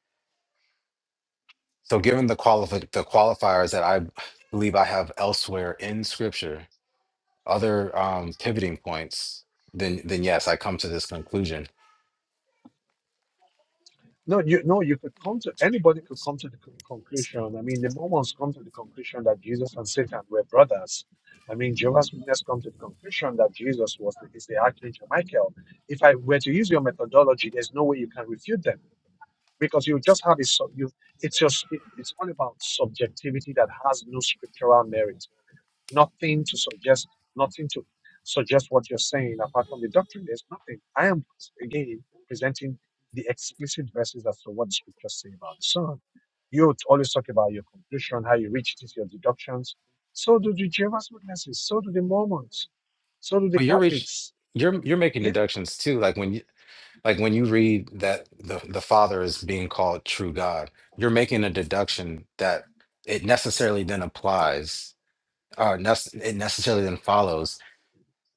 B: So, given the qualif the qualifiers that I believe I have elsewhere in Scripture, other um, pivoting points, then then yes, I come to this conclusion.
A: No, you no, you could come to anybody could come to the con- conclusion. I mean, the Mormons come to the conclusion that Jesus and Satan were brothers. I mean, Jehovah's Witness come to the conclusion that Jesus was the, is the Archangel Michael. If I were to use your methodology, there's no way you can refute them because you just have a you it's just it- it's all about subjectivity that has no scriptural merit nothing to suggest nothing to suggest what you're saying apart from the doctrine there's nothing i am again presenting the explicit verses as to what the scriptures say about the son you always talk about your conclusion how you reach it your deductions so do the jehovah's witnesses so do the mormons so do the
B: Well, you're reach,
A: catholics
B: you're you're making
A: yeah
B: deductions too, like when you like when you read that the the Father is being called true God, you're making a deduction that it necessarily then applies uh, nec- it necessarily then follows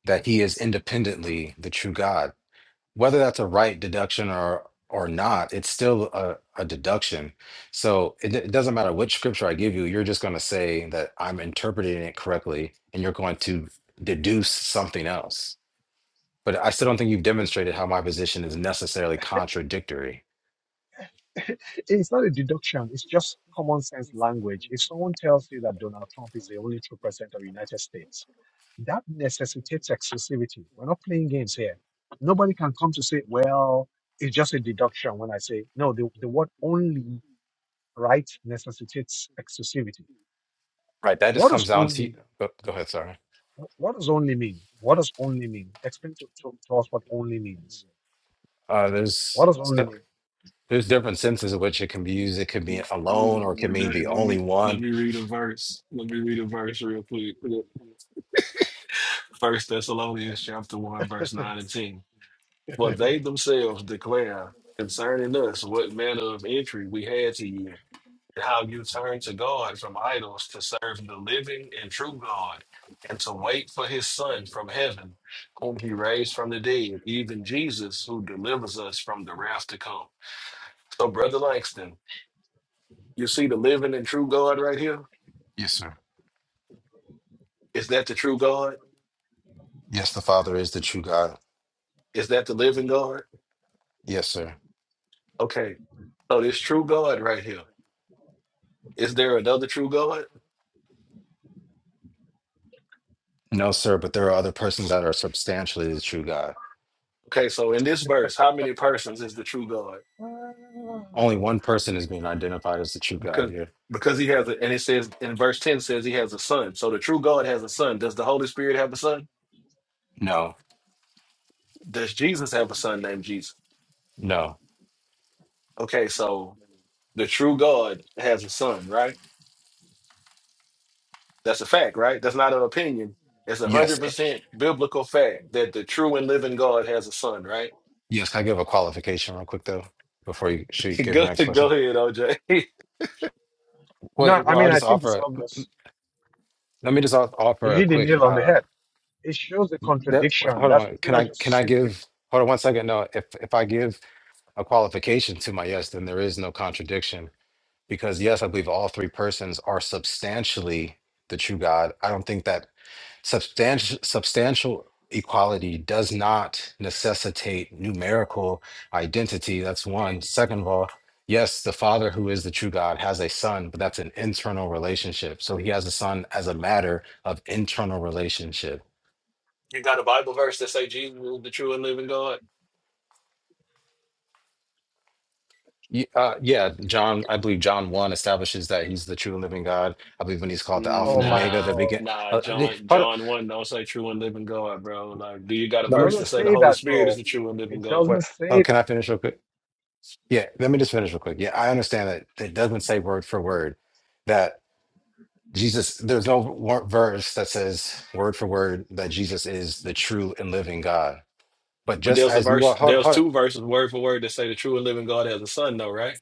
B: that he is independently the true God. Whether that's a right deduction or or not, it's still a, a deduction. So it, d- it doesn't matter which scripture I give you, you're just going to say that I'm interpreting it correctly and you're going to deduce something else. But I still don't think you've demonstrated how my position is necessarily contradictory.
A: It's not a deduction. It's just common sense language. If someone tells you that Donald Trump is the only true president of the United States, that necessitates exclusivity. We're not playing games here. Nobody can come to say, well, it's just a deduction when I say, no, the, the word only right necessitates exclusivity.
B: Right. That just
A: What does
B: comes down to
A: only,
B: go, go ahead. Sorry.
A: what does only mean? What does only mean? Explain to, to, to us what only means.
B: Uh,
A: What
B: there's
A: does only
B: so,
A: mean?
B: There's different senses in which it can be used. It could mean alone or it could
Q: Um, Jay,
B: mean the
Q: let
B: only
Q: me let
B: one.
Q: me read a verse. Let me read a verse real quick. First Thessalonians chapter one, verse nine and ten. For they themselves declare concerning us what manner of entry we had to you, and how you turned to God from idols to serve the living and true God, and to wait for his son from heaven, whom he raised from the dead, even Jesus, who delivers us from the wrath to come. So, Brother Langston, you see the living and true God right here?
B: Yes, sir.
Q: Is that the true God?
B: Yes, the Father is the true God.
Q: Is that the living God?
B: Yes, sir.
Q: Okay. So this true God right here. Is there another true God?
B: No, sir, but there are other persons that are substantially the true God.
Q: Okay, so in this verse, how many persons is the true God?
B: Only one person is being identified as the true God
Q: Because
B: here.
Q: because he has a and it says in verse 10 says he has a son. So the true God has a son. Does the Holy Spirit have a son?
B: No,
Q: Does Jesus have a son named Jesus?
B: no.
Q: Okay, so the true God has a son, right? That's a fact, right? That's not an opinion. It's a
B: Yes,
Q: hundred
B: eh,
Q: percent biblical fact that the true and living God has a son, right?
B: yes. Can I give a qualification real quick, though, before you should give your
Q: Go,
B: next
Q: go
B: question?
Q: ahead, OJ.
B: Well, eh,
A: No, I
B: well, I'll
A: mean, I
B: just
A: think
B: offer,
A: it's
B: a-
A: obvious.
B: let me just off-
A: You
B: offer a
A: hit the
B: quick,
A: nail on the
B: uh,
A: head. It shows the
B: that,
A: contradiction.
B: hold
A: That's
B: on,
A: what
B: can
A: people are
B: I, can
A: just
B: I
A: simply,
B: give, hold on one second. No, if, if I give a qualification to my yes, then there is no contradiction. Because yes, I believe all three persons are substantially the true God. I don't think that substantial substantial equality does not necessitate numerical identity. That's one. Second of all, yes, the Father who is the true God has a son, but that's an internal relationship. So he has a son as a matter of internal relationship.
Q: You got a Bible verse that say Jesus is the true and living God?
B: Ye- Uh, yeah, John, I believe John 1 establishes that he's the true and living God. I believe when he's called the Alpha and
A: oh
B: the
A: my
B: Omega,
Q: Nah,
B: the begin.
A: God.
Q: nah.
B: Uh, eh,
Q: John,
B: hold on,
Q: John one don't say true and living God, bro. Like, do you got a
A: It
B: let me,
Q: verse that
A: doesn't
Q: say the
A: say
Q: Holy
A: that,
Q: Spirit is
A: bro.
Q: the true and living
A: It
Q: God?
B: wait,
A: doesn't
B: oh,
A: say
B: can
A: that.
B: I finish real quick? Yeah, let me just finish real quick. Yeah, I understand that it doesn't say word for word that Jesus, there's no wor- verse that says word for word that Jesus is the true and living God. But
Q: But
B: just
Q: there's a
B: as you are,
Q: verse,
B: hold,
Q: there's
B: hold,
Q: two verses word for word that say the true and living God has a son, though, right?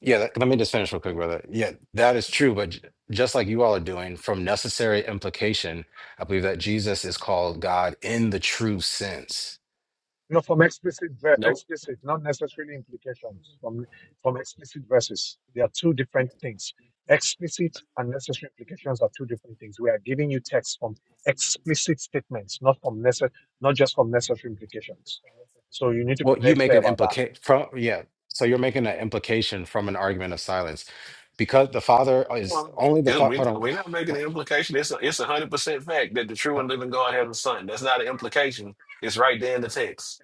B: Yeah, that, let me just finish real quick, brother. Yeah, that is true. But j- just like you all are doing, from necessary implication, I believe that Jesus is called God in the true sense.
A: You know, from explicit, ver-
Q: Nope.
A: explicit, not necessarily implications. From from explicit verses, there are two different things. Explicit and necessary implications are two different things. We are giving you text from explicit statements, not from necessary, not just from necessary implications. So you need to be
B: Well, you
A: very
B: make
A: clear
B: an
A: about that.
B: implication from, yeah. So you're making an implication from an argument of silence because the Father is
Q: Well,
B: only the
Q: it-
B: Father.
Q: we
B: Hold
Q: not
B: on.
Q: we not making
B: Ho-
Q: an implication. It's a it's a hundred percent fact that the true
B: ho-
Q: and living God has a son. That's not an implication. It's right there in the text.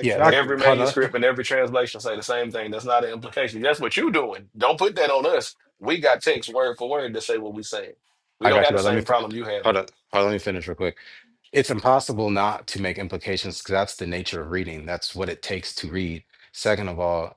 B: Yeah, the,
Q: Every
B: hold on.
Q: manuscript and every translation say the same thing. That's not an implication. That's what you're doing. Don't put that on us. We got text word for word to say what we saying. We
B: I
Q: don't
B: got you,
Q: have the
B: brother. Let me,
Q: same
B: fi-
Q: problem you have.
B: hold on. Hold on, let me finish real quick. It's impossible not to make implications because that's the nature of reading. That's what it takes to read. Second of all,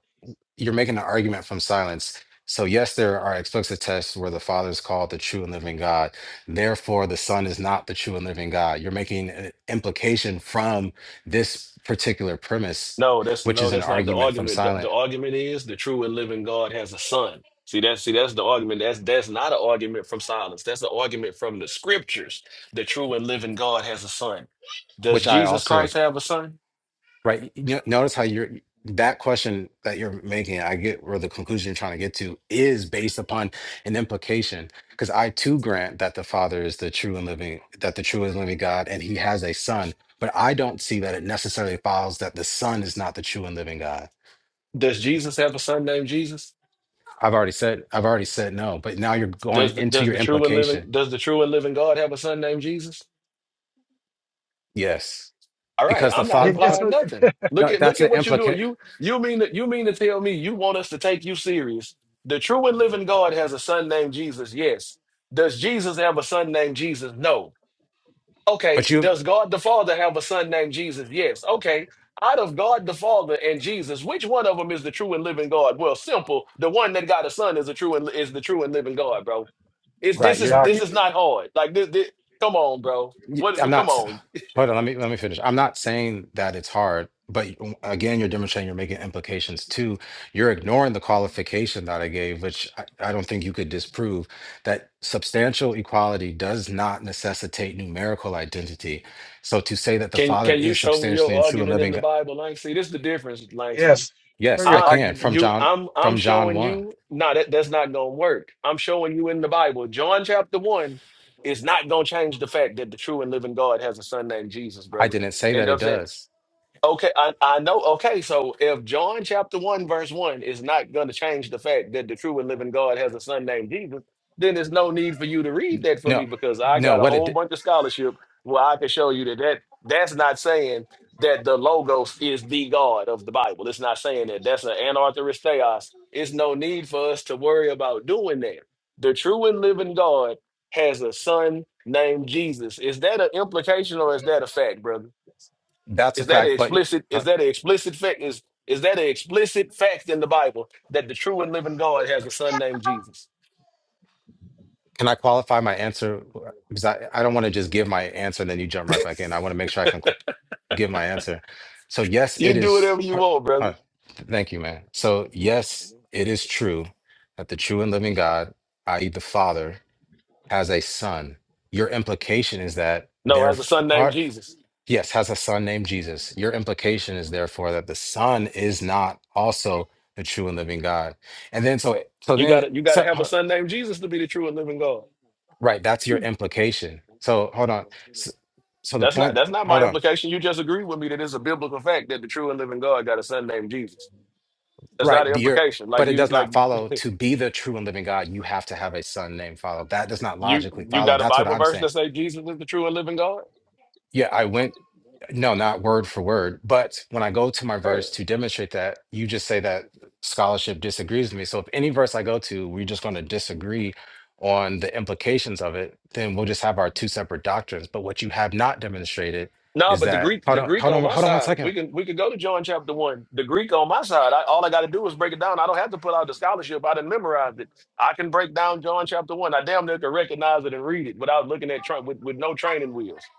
B: you're making an argument from silence. So yes, there are explicit texts where the Father is called the true and living God. Therefore, the Son is not the true and living God. You're making an implication from this particular premise,
Q: No, that's
B: which
Q: no,
B: is an
Q: that's not the
B: argument from
Q: argument. The, the
B: silent,
Q: argument is the true and living God has a son. See that's see that's the argument. That's that's not an argument from silence. That's an argument from the scriptures. The true and living God has a son. Does
B: which I
Q: Jesus
B: also
Q: Christ have a son?
B: Right. You know, notice how you're that question that you're making, I get where the conclusion you're trying to get to is based upon an implication. Because I too grant that the Father is the true and living, that the true and living God, and he has a son. But I don't see that it necessarily follows that the Son is not the true and living God.
Q: Does Jesus have a son named Jesus?
B: I've already said, I've already said no, but now you're going
Q: Does the,
B: into
Q: does
B: your
Q: the true and living
B: implication.
Q: does the true and living God have a son named Jesus?
B: Yes.
Q: All right,
B: Because the
Q: I'm not
A: Yeah, yes,
B: Father,
Q: implying
A: so-
Q: nothing. Look
B: no,
Q: at look
B: that's an
Q: at what you're
A: so-
Q: doing.
B: implication.
Q: You you mean that you mean to tell me you want us to take you serious? The true and living God has a son named Jesus. Yes. Does Jesus have a son named Jesus? No. Okay.
B: But you,
Q: Does God the Father have a son named Jesus? Yes. Okay. Out of God the Father and Jesus, which one of them is the true and living God? Well, simple. The one that got a son is a true and is the true and living God, bro. It's
B: right,
Q: this is
B: you're
A: exact.
Q: this is not hard. Like this, this come on, bro.
B: Y-
Q: What?
B: I'm
Q: Well,
B: not.
Q: come
B: s-
Q: on.
B: Hold on. Let me let me finish. I'm not saying that it's hard, but y- w- again, you're demonstrating you're making implications too. You're ignoring the qualification that I gave, which I, I don't think you could disprove that substantial equality does not necessitate numerical identity. So to say that the
Q: Can
B: Father
Q: can you
B: is
Q: show me
B: substantially
Q: your
B: and true and
Q: argument in
B: living,
Q: the
B: g-
Q: Bible, Langston? See, This is the difference, Langston.
A: Yes. Show
B: yes,
A: your
B: I
Q: I
B: can from
A: argument.
Q: you
B: John
Q: I'm I'm
B: from John
Q: showing
B: one.
Q: you no that that's not gonna work. I'm showing you in the Bible. John chapter one is not gonna change the fact that the true and living God has a son named Jesus,
B: I
Q: brother.
B: didn't say
Q: And you
B: that
Q: know what
B: it
Q: I'm saying?
B: does.
Q: Okay, I, I know. Okay, so if John chapter 1, verse 1 is not going to change the fact that the true and living God has a son named Jesus, then there's no need for you to read that for me
B: No,
Q: because I
B: no.
Q: got a
B: What it
Q: whole
B: d-
Q: bunch of scholarship where I can show you that, that that's not saying that the Logos is the God of the Bible. It's not saying that. That's an anarthrist theos. It's no need for us to worry about doing that. The true and living God has a son named Jesus. Is that an implication or is that a fact, brother?
B: that's a
Q: Is that an
B: fact, but.
Q: explicit? Is that an explicit fact? Is is that an explicit fact in the Bible that the true and living God has a son named Jesus?
B: Can I qualify my answer? Because I, I don't want to just give my answer and then you jump right back in. I want to make sure I can qu- give my answer. So, yes,
Q: You
B: it
Q: can do
B: is.
Q: whatever you
B: her-
Q: want, brother.
B: uh, thank you, man. So, yes, it is true that the true and living God, i.e., the Father, has a son. Your implication is that
Q: No,
B: their
Q: has a
B: f-
Q: son named
B: heart,
Q: Jesus.
B: yes, has a son named Jesus. Your implication is therefore that the son is not also the true and living God. And then, so, so
Q: You got
B: then,
Q: to you got to
B: so,
Q: have a son named Jesus to be the true and living God.
B: Right, that's your implication. So hold on. So, so the
Q: That's not
B: point,
Q: that's not my
B: hold on.
Q: implication. You just agree with me that it's a biblical fact that the true and living God got a son named Jesus. That's not
B: Right,
Q: the
B: the your
Q: implication. Like
B: but it
Q: you
B: does
Q: like.
B: not follow to be the true and living God, you have to have a son named follow. That does not
Q: You
B: logically
Q: you
B: follow.
Q: got a
B: That's what
Q: Bible
B: I'm
Q: verse
B: saying.
Q: that say Jesus is the true and living God?
B: Yeah, I went no, not word for word, but when I go to my
Q: Hey,
B: verse to demonstrate that, you just say that scholarship disagrees with me. So if any verse I go to, we're just going to disagree on the implications of it, then we'll just have our two separate doctrines. But what you have not demonstrated
Q: No,
B: is
Q: but the
B: that
Q: Greek
B: hold
Q: the
B: on,
Q: Greek
B: hold on,
Q: on my
B: hold on one
Q: side.
B: second.
Q: We can we can go to John chapter one. The Greek on my side. I, all I got to do is break it down. I don't have to put out the scholarship. I didn't memorize it. I can break down John chapter one. I damn near can recognize it and read it without looking at tra- with with no training wheels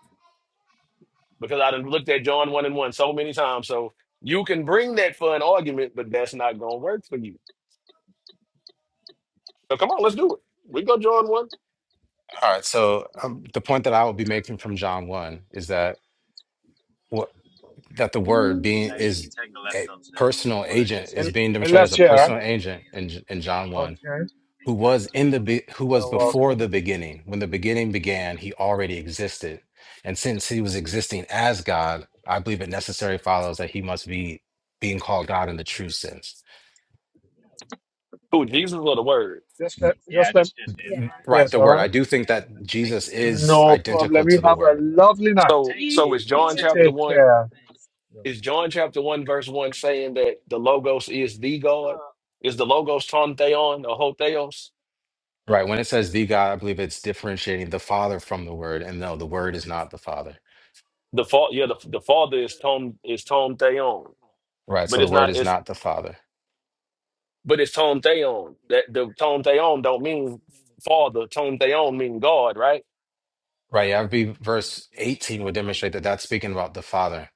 Q: because I done looked at John one and one so many times. So you can bring that for an argument, but that's not gonna work for you. So come on, let's do it. We go John one.
B: All right. So um, the point that I will be making from John one is that what that the word being is a personal agent is being
A: I
B: demonstrated as
A: left
B: a
A: here.
B: personal agent in J- in John
A: Okay.
B: one
A: You're
B: who was in the be- who was before
A: welcome.
B: the beginning. When the beginning began, he already existed, and since he was existing as God, I believe it necessary follows that he must be being called God in the true sense.
Q: Who Jesus or the Word?
A: Just left here,
B: Right,
A: is
B: the
A: all
B: word. I
A: right?
B: do think that Jesus is
A: No
B: identical
A: problem. You
B: to the
A: have a
B: word
A: lovely night.
Q: So so is John chapter
A: Take
Q: one.
A: care. Yeah.
Q: Is John chapter one verse one saying that the Logos is the God? Is the Logos Tom Theon or Ho Theos?
B: Right. When it says the God, I believe it's differentiating the Father from the Word. And no, the Word is not the Father.
Q: The father, yeah, the, the father is Tom is Tom Theon,
B: Right. So
Q: but
B: the
Q: it's
B: Word
Q: not.
B: is
Q: It's
B: not the Father.
Q: but it's Tom Theon. That the Tom Theon don't mean father. Tom Theon mean God, right?
B: Right. Yeah. I believe verse 18 would demonstrate that that's speaking about the Father.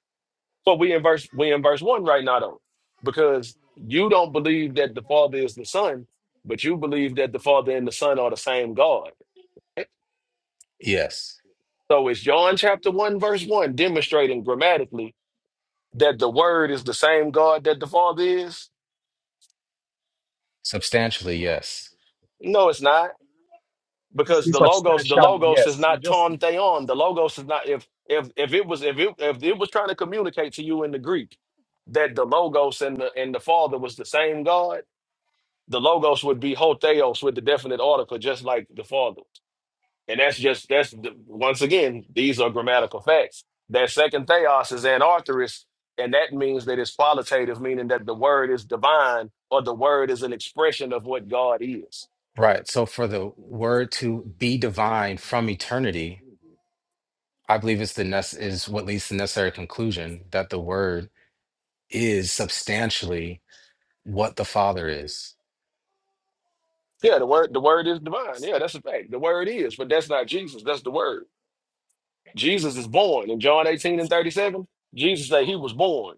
Q: But we in verse we in verse one right now though, because you don't believe that the Father is the Son, but you believe that the Father and the Son are the same God.
B: Yes.
Q: So it's John chapter one verse one demonstrating grammatically that the Word is the same God that the Father is?
B: Substantially, yes.
Q: No, it's not,
A: Is
Q: because
A: this
Q: the logos the
A: substantially?
Q: logos is
A: Yes. You
Q: not
A: just,
Q: Tom Theon. The logos is not if if if it was if it if it was trying to communicate to you in the Greek that the logos and the and the Father was the same God the logos would be hotheos with the definite article, just like the father. And that's just that's the, once again, these are grammatical facts. That second theos is anarthrous, and that means that it's qualitative, meaning that the word is divine or the word is an expression of what God is.
B: Right. So for the Word to be divine from eternity, I believe it's the nece- is what leads to the necessary conclusion that the Word is substantially what the Father is.
Q: Yeah, the word the word is divine. Yeah, that's a fact. The word is, but that's not Jesus. That's the word. Jesus is born in John 18 and 37. Jesus said he was born.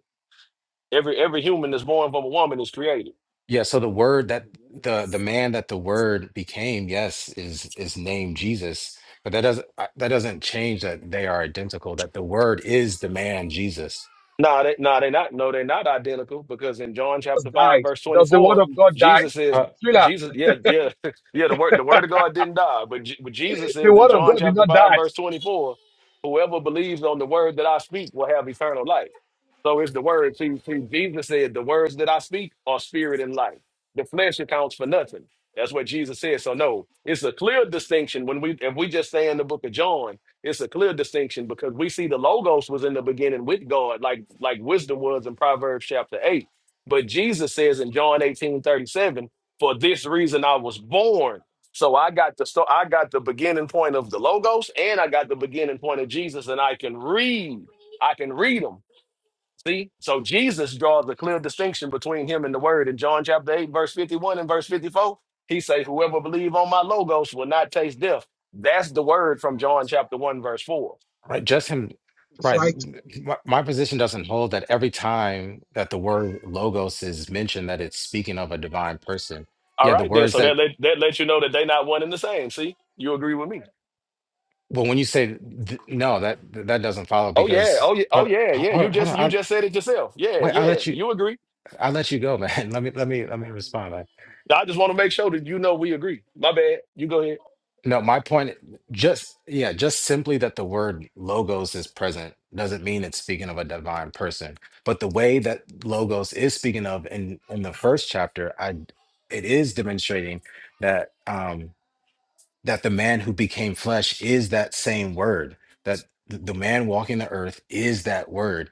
Q: Every every human that's born from a woman is created.
B: Yeah, so the word that the the man that the word became, yes, is is named Jesus, but that doesn't uh, that doesn't change that they are identical, that the word is the man Jesus.
Q: Nah, they, nah, they not. No, they're not identical because in John
A: just
Q: chapter five,
A: died.
Q: verse
A: Does the word
Q: twenty-four,
A: of God die?
Q: Jesus says,
A: Thriller,
Q: Jesus, yeah, yeah, yeah. The word, the word of God didn't die, but, Je- but Jesus
A: the
Q: says in
A: word of
Q: John
A: God did
Q: chapter
A: not
Q: five,
A: die.
Q: verse twenty-four, whoever believes on the word that I speak will have eternal life. So it's the word. See, see, Jesus said, the words that I speak are spirit and life. The flesh accounts for nothing. That's what Jesus said. So no, it's a clear distinction when we if we just say in the book of John It's a clear distinction because we see the logos was in the beginning with God, like like wisdom was in Proverbs chapter eight. But Jesus says in John 18 37, for this reason I was born. So I got the so I got the beginning point of the logos and I got the beginning point of Jesus, and I can read. I can read them. See? So Jesus draws a clear distinction between him and the word in John chapter 8, verse 51 and verse 54. He say, Whoever believe on my logos will not taste death. That's the word from John chapter 1, verse 4.
B: Right? Just him right.
A: Right.
B: My, my position doesn't hold that every time that the word logos is mentioned that it's speaking of a divine person.
Q: All
B: Yeah, the
Q: right, then.
B: words
Q: So
B: that
Q: that let that lets you know that they not one and the same. See? You agree with me.
B: well when you say th- no, that that doesn't follow
Q: Oh yeah.
B: because
Q: Oh yeah. Oh
B: hold,
Q: yeah.
B: hold,
Q: Yeah. You
B: hold on,
Q: just you
B: I,
Q: just said it yourself. Yeah,
B: wait, i
Q: yeah.
B: let you
Q: You agree.
B: i let you go, man. Let me let me let me respond.
Q: I just want to make sure that you know we agree. My bad. You go ahead.
B: No, my point just yeah, just simply that the word logos is present doesn't mean it's speaking of a divine person. But the way that logos is speaking of in in the first chapter, I it is demonstrating that um that the man who became flesh is that same word. That th- the man walking the earth is that word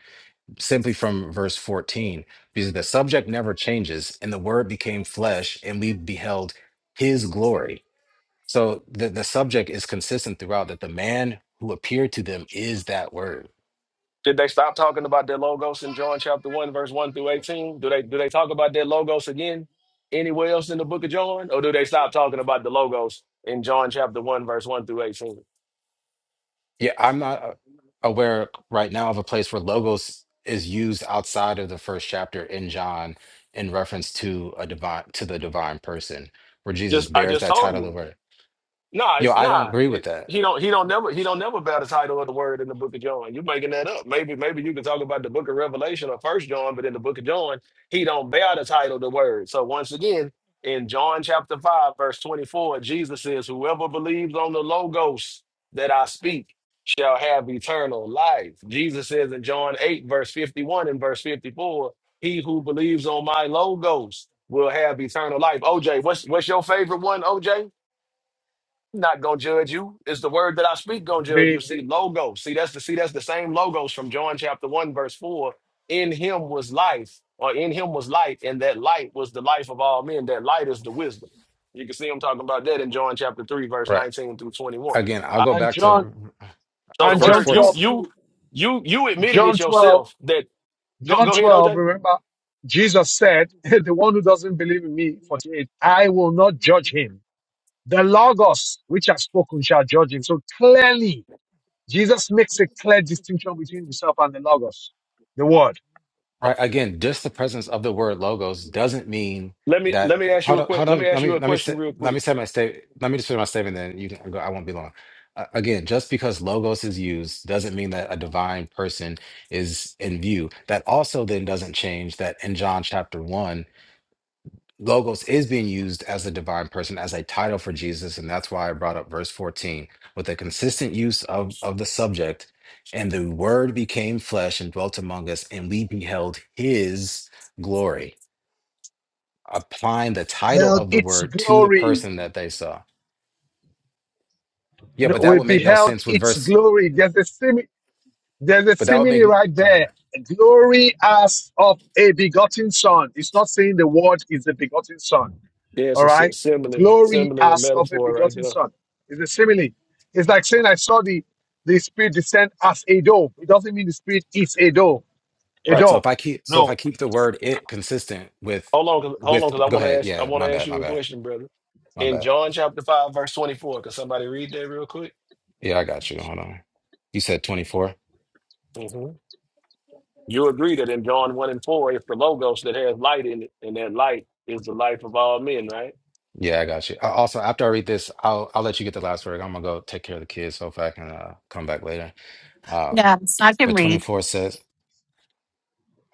B: simply from verse 14 because the subject never changes and the word became flesh and we beheld his glory so the, the subject is consistent throughout that the man who appeared to them is that word.
Q: Did they stop talking about their logos in John chapter one, verse one through eighteen? Do they do they talk about their logos again anywhere else in the book of John, or do they stop talking about the logos in John chapter one, verse one through eighteen?
B: Yeah, I'm not uh, aware right now of a place where logos is used outside of the first chapter in John in reference to a divine to the divine person where Jesus
Q: Just I
B: bears
Q: just
B: that
Q: told
B: title of the
Q: you.
B: word.
Q: Nah,
B: Yo,
Q: it's
B: I don't
Q: nah.
B: agree with
Q: It,
B: that.
Q: he don't. He don't never. He don't never bear the title of the word in the Book of John. You are making that up? Maybe. Maybe you can talk about the Book of Revelation or First John, but in the Book of John, he don't bear the title of the word. So once again, in John chapter five, verse twenty-four, Jesus says, "Whoever believes on the Logos that I speak shall have eternal life." Jesus says in John eight, verse fifty-one and verse fifty-four, "He who believes on my Logos will have eternal life." OJ, what's what's your favorite one? OJ? not gonna judge you. is the word that I speak gonna judge you.
A: The, the
Q: See, logos. See, that's the see, that's the same logos from John chapter one, verse four. In him was life, or in him was light, and that light was the life of all men. That light is the wisdom. You can see him talking about that in John chapter three, verse
B: Right.
Q: nineteen through twenty-one.
B: Again, I'll
Q: Uh,
B: go
A: and
B: back
A: John
B: to
Q: So the
A: and
B: verse
A: John
Q: word you
B: 14.
A: 12
Q: you
A: too.
Q: you you admitted
A: John
Q: it
A: 12.
Q: yourself that go
A: John
Q: go ahead,
A: 12,
Q: OJ.
A: remember, Jesus said, The one who doesn't believe in me, 48, I will not judge him. The Logos, which has spoken, shall judge him. So clearly, Jesus makes a clear distinction between himself and the Logos, the Word.
B: Right. Again, just the presence of the word logos doesn't mean
Q: Let me
B: that.
Q: let me ask you
B: Hold
Q: a
B: on.
Q: quick
B: Hold
Q: let me
B: on.
Q: ask
B: Let
Q: you
B: me
Q: a
B: let me
Q: question
B: say,
Q: real
B: let
Q: quick.
B: me say my state. Let me just finish my statement. Then you can go. I won't be long. Uh, again, just because logos is used doesn't mean that a divine person is in view. That also then doesn't change that in John chapter one. Logos is being used as the divine person, as a title for Jesus. And that's why I brought up verse 14 with a consistent use of, of the subject. And the word became flesh and dwelt among us, and we beheld his glory, applying the title
A: Held
B: of the
A: Its
B: word to the
A: glory,
B: person that they saw. Yeah,
A: No,
B: but that
A: we
B: would make no
A: beheld
B: sense with
A: its
B: verse,
A: glory. There's a, simi- there's a
B: but that would
A: simile right
B: make go
A: there.
B: ahead.
A: Glory as of a begotten son. It's not saying the Word is the begotten son.
Q: Yeah, it's
A: All
Q: a si-
A: right?
Q: simile,
A: Glory
Q: simile and
A: as of a
Q: metaphor right
A: begotten
Q: there.
A: son. It's a simile. It's like saying, I saw the, the Spirit descend as a dove. It doesn't mean the Spirit is a dove. A
Q: Yep.
B: Right. So
A: dove.
B: if I keep so if I
A: No.
B: keep the word it consistent with
Q: Hold on, 'cause- hold on,
B: with
Q: because I
B: go
Q: want to
B: ahead.
Q: ask, I
B: Yeah,
Q: want
B: my
Q: to ask
B: bad, my
Q: you a
B: bad,
Q: question, brother.
B: my
Q: In
B: bad.
Q: John chapter five, verse twenty-four, can somebody read that real quick?
B: Yeah, I got you. Hold on. You said 24?
Q: hmm You agree that in John one and four, it's the logos that has light in it, and that light is the life of all men, right?
B: Yeah, I got you. I, also, after I read this, I'll I'll let you get the last word. I'm gonna go take care of the kids. Hopefully, I can uh, come back later. Um,
D: Yes, I can
B: but
D: read.
B: 24 says,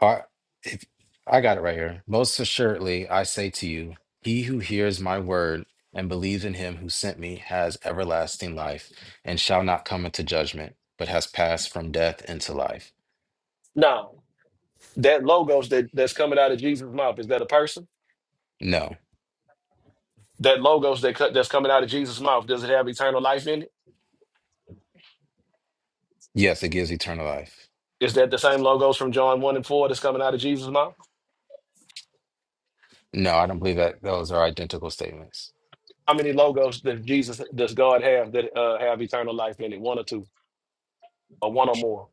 B: "I if I got it right here. Most assuredly, I say to you, he who hears my word and believes in him who sent me has everlasting life, and shall not come into judgment, but has passed from death into life.
Q: Now, that logos that that's coming out of Jesus' mouth is that a person?
B: No,
Q: That logos that cut that's coming out of Jesus' mouth does it have eternal life in it?
B: yes, it gives eternal life.
Q: Is that the same logos from John one and four that's coming out of Jesus' mouth?
B: No, I don't believe that those are identical statements.
Q: How many logos does Jesus does God have that uh, have eternal life in it? One or two, or one or more?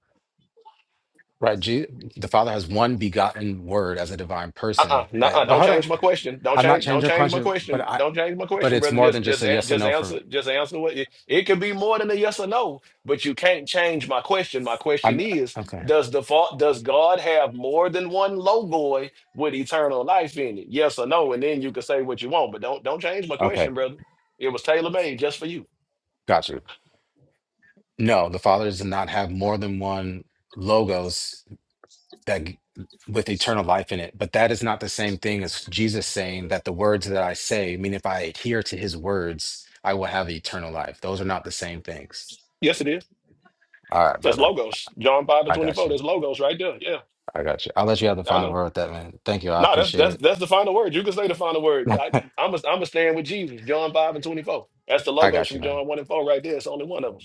B: Right. Je- the Father has one begotten word as a divine
Q: Uh-uh,
B: person. That
Q: uh,
B: well,
Q: don't
B: hold on.
Q: change my question. Don't
B: I'm not
Q: change.
B: changing
Q: Don't
B: your
Q: change my
B: question, but
Q: question.
B: I
Q: Don't change my
B: but
Q: question,
B: it's
Q: brother.
B: more than
Q: Just,
B: just
Q: just,
B: a
Q: a-
B: yes or
Q: just
B: no for
Q: answer.
B: me.
Q: Just answer what it, it could be more than a yes or no, but you can't change my question. My question
B: I'm
Q: is:
B: okay.
Q: Does the fault? Does God have more than one logoi with eternal life in it? Yes or no, and then you can say what you want. But don't, don't change my
B: Okay.
Q: question, brother. It was tailor made just for you.
B: Got you. No, the Father does not have more than one logos that g- with eternal life in it. But that is not the same thing as Jesus saying that the words that I say, I mean if I adhere to his words, I will have eternal life. Those are not the same things.
Q: Yes, it is.
B: All right,
Q: That's
B: brother.
Q: logos. John five and
B: I
Q: twenty
B: got
Q: four.
B: you.
Q: That's logos right there. Yeah,
B: I got you. I'll let you have the
Q: I
B: final
Q: know.
B: word with that, man. Thank you. I
Q: No, that's
B: appreciate it.
Q: that's that's the final word. You can say the final word. I, I'm a, I'm a stand with Jesus. John five and twenty four. That's the
B: I
Q: logos
B: got
Q: from
B: you, man.
Q: John one and four right there. It's only one of them.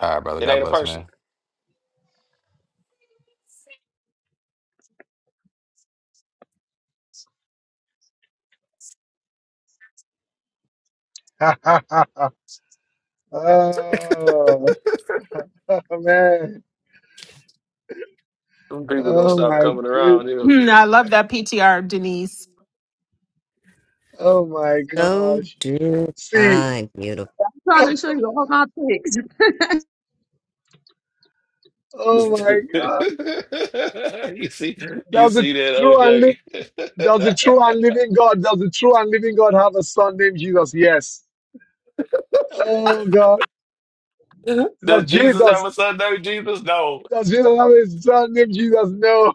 B: All right, brother.
Q: It
B: God
Q: ain't a
B: bless,
Q: person.
B: man.
A: Oh, Oh man.
Q: Them People gonna stop coming around. You, know.
D: Hmm, I love that PTR, Denise.
A: Oh my
I: So
A: gosh.
I: do
A: See,
I: I, beautiful.
L: trying to show you all my pics. I
A: oh my God.
Q: you see, you
A: Does the
Q: see
A: true and live
Q: that
A: does the
Q: OJ?
A: true and living God, does the true and living God have a son named Jesus? Yes. Oh God. Does
Q: Does Jesus have
A: Jesus
Q: a son named Jesus? No.
A: does Jesus have a son named Jesus? No.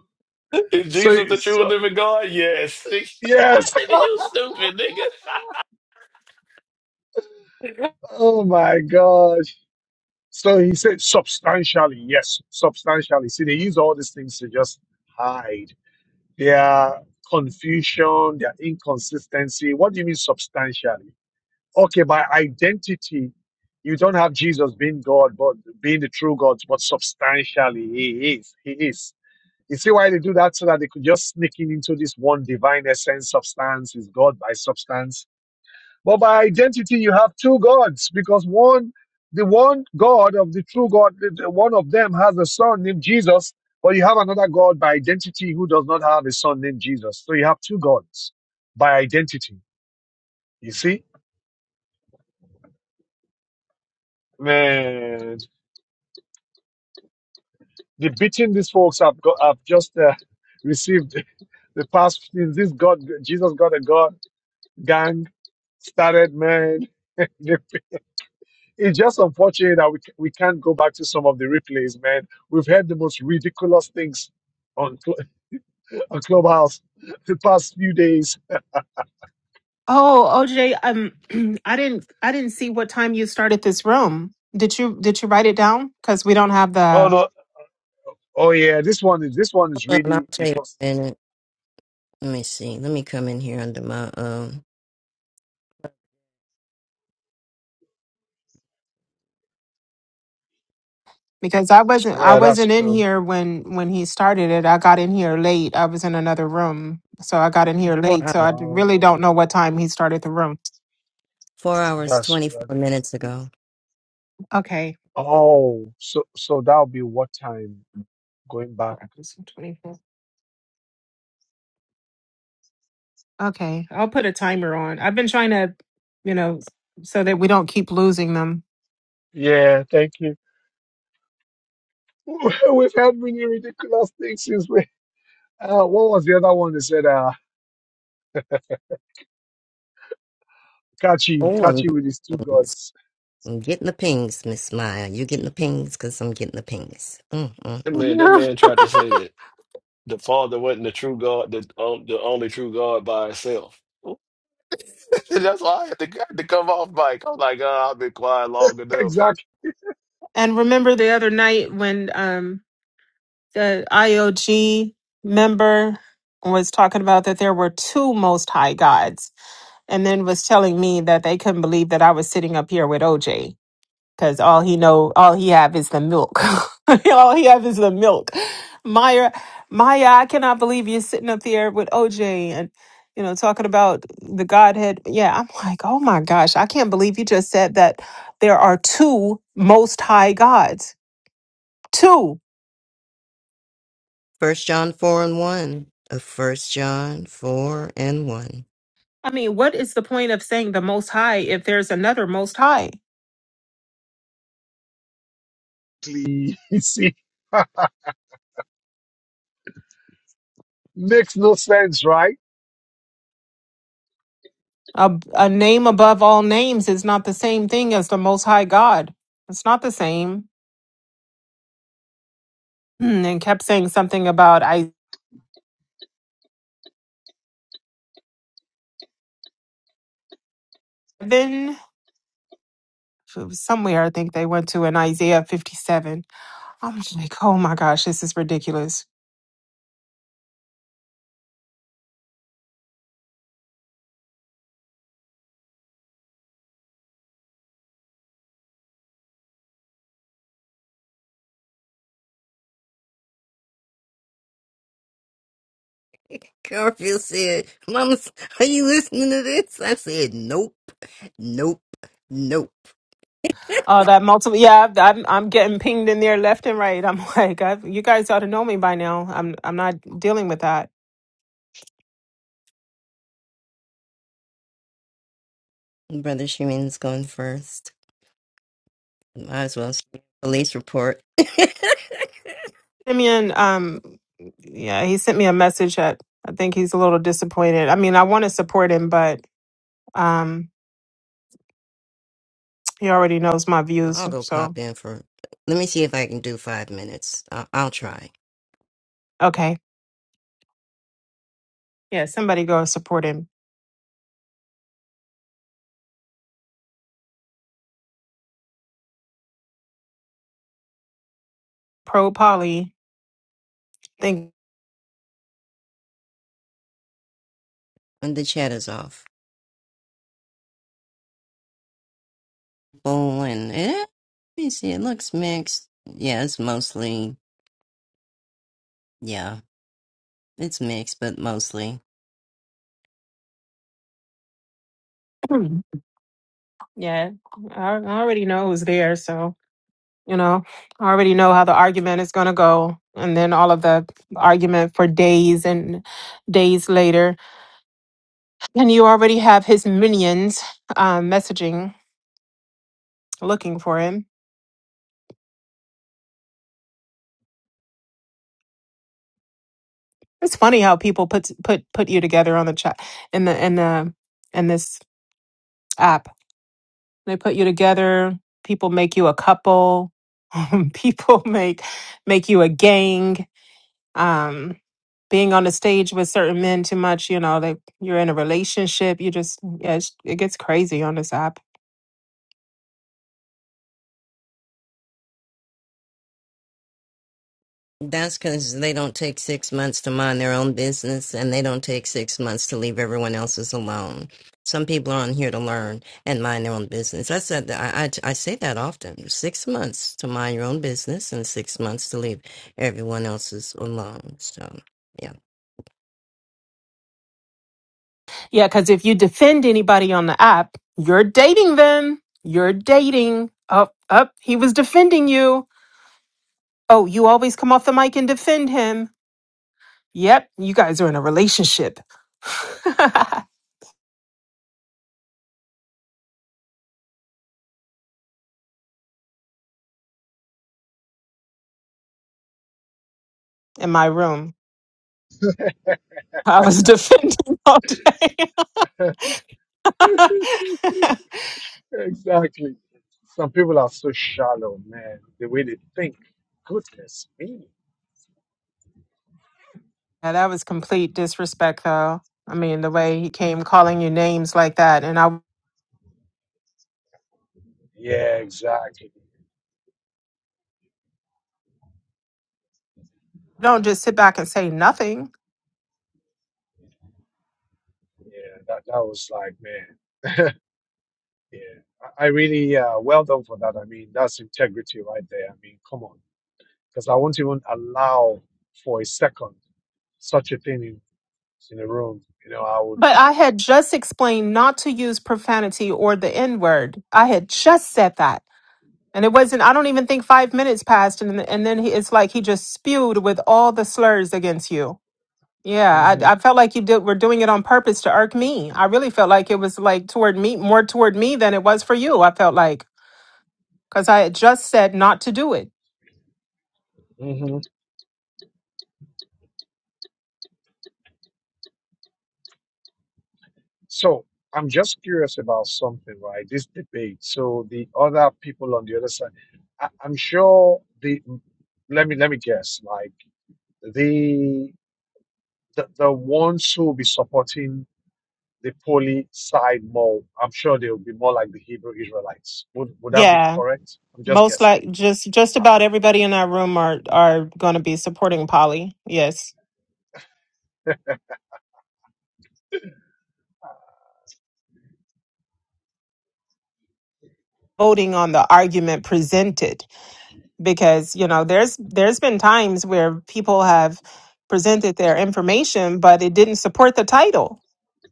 Q: Is
A: So,
Q: Jesus the true and
A: so
Q: living God? Yes. nigga,
A: yes.
Q: you stupid nigga.
A: Oh my gosh. So he said substantially, yes, substantially. See, they use all these things to just hide. their confusion, their inconsistency. What do you mean substantially? okay, by identity, you don't have Jesus being God, but being the true God, but substantially he is. He is. You see why they do that? So that they could just sneak in into this one divine essence, substance is God by substance. But by identity, you have two gods because one, the one God of the true God, the- the one of them has a son named Jesus, but you have another God by identity who does not have a son named Jesus. So you have two gods by identity. You see? Man, the beating these folks have got have just uh, received the past since this God Jesus God and God gang started, man. The- It's just unfortunate that we c- we can't go back to some of the replays, man. We've heard the most ridiculous things on Cl- on Clubhouse the past few days.
D: Oh, OJ, um, I didn't, I didn't see what time you started this room. Did you, did you write it down? Because we don't have
A: Oh
D: the,
A: no, oh yeah, this one is this one is
I: Hold on,
A: really
I: I'll tell
A: it
I: you
A: was.
I: in a minute. Let me see. Let me come in here under my um
D: because I wasn't, I
A: Well, that's
D: wasn't in
A: true.
D: here when when he started it. I got in here late. I was in another room, so I got in here
I: four
D: late. So
I: hours.
D: I d- really don't
A: Oh,
D: know what time he started the room.
I: Four hours,
A: that's
I: twenty
A: true. I
I: four
A: think-
I: minutes ago.
D: Okay,
A: Oh, so so that'll be what time going back.
D: Four hours and 24. Okay, I'll put a timer on. I've been trying to, you know, s- so that we don't keep losing them.
A: Yeah, thank you. We've had many ridiculous things since we. Uh, what was the other one they said? Uh, Kachi,
I: Oh, I'm
A: Kachi with his
I: getting
A: two
I: the pings.
A: gods.
I: I'm getting the pings, Miss Maya. You getting the pings because I'm getting the pings. Mm-mm-mm.
Q: That man, that man tried to say that. the Father wasn't the true God, the um, the only true God by itself. That's why I had to, I had to come off mic. I'm like, oh, I've been quiet long enough.
A: Exactly.
D: and remember the other night when um the IOG member was talking about that there were two most high gods and then was telling me that they couldn't believe that I was sitting up here with OJ because all he know all he have is the milk. all he have is the milk. Maya Maya, I cannot believe you're sitting up here with OJ and you know talking about the Godhead. Yeah, I'm like, oh my gosh, I can't believe you just said that there are two most high gods. Two.
I: First John four and one. Uh, First John four and one.
D: I mean, what is the point of saying the Most High if there's another Most High?
A: You see, makes no sense, right?
D: A, a name above all names is not the same thing as the Most High God. It's not the same. Hmm, And kept saying something about Isaiah. It was somewhere I think they went to in Isaiah 57. I'm just like, oh my gosh, this is ridiculous.
I: Garfield said, Mama, are you listening to this? I said, Nope, nope, nope.
D: Oh, that multiple. Yeah, I've- I'm I'm getting pinged in there left and right. I'm like, I've, you guys ought to know me by now. I'm I'm not dealing with that.
I: Brother Shimon's going first. Might as well see the police report.
D: Simeon, um, yeah, he sent me a message that I think he's a little disappointed. I mean, I want to support him, but um, he already knows my views.
I: I'll go
D: So,
I: pop in for. Let me see if I can do five minutes. I'll, I'll try.
D: okay. Yeah, somebody go support him. Pro Polly. Think,
I: And the chat is off. Bowling. Eh? Let me see. It looks mixed. Yeah, it's mostly. Yeah, it's mixed, but mostly.
D: yeah, I I already know who's there. So, you know, I already know how the argument is going to go. And then all of the argument for days and days later. And you already have his minions um, messaging, looking for him. It's funny how people put put put you together on the chat in the in the in this app. They put you together. People make you a couple. people make make you a gang. Um, being on the stage with certain men too much, you know, they you're in a relationship. You just yeah, it's, it gets crazy on this app.
I: That's because they don't take six months to mind their own business and they don't take six months to leave everyone else's alone. Some people are on here to learn and mind their own business. I said that I, I, I say that often six months to mind your own business and six months to leave everyone else's alone. So, yeah.
D: Yeah, because if you defend anybody on the app, you're dating them. You're dating. Up, up. He was defending you. Oh, you always come off the mic and defend him. Yep, you guys are in a relationship. in my room, I was defending all day. yeah,
A: exactly. Some people are so shallow, man. The way they think. Goodness me.
D: that was complete disrespect, though. I mean, the way he came calling you names like that, and I
A: Yeah, exactly.
D: don't just sit back and say nothing.
A: Yeah, that that was like, man. yeah, I, I really uh, well done for that. I mean, that's integrity right there. I mean, come on. because I won't even allow for a second such a thing in, in a room. You know, I would.
D: But I had just explained not to use profanity or the N word. I had just said that. And it wasn't, I don't even think five minutes passed. And, and then he, it's like he just spewed with all the slurs against you. Yeah,
A: hmm
D: I, I felt like you did, were doing it on purpose to irk me. I really felt like it was like toward me, more toward me than it was for you. I felt like because I had just said not to do it.
A: hmm So I'm just curious about something, right? This debate. So the other people on the other side, I, I'm sure the. Let me let me guess. Like the the, the ones who will be supporting the poly side more, I'm sure they will be more like the Hebrew Israelites. Would would that be
D: Yeah,
A: correct? I'm just
D: most
A: guessing.
D: like just just about everybody in our room are are going to be supporting Polly. Yes, voting on the argument presented because you know there's there's been times where people have presented their information, but it didn't support the title.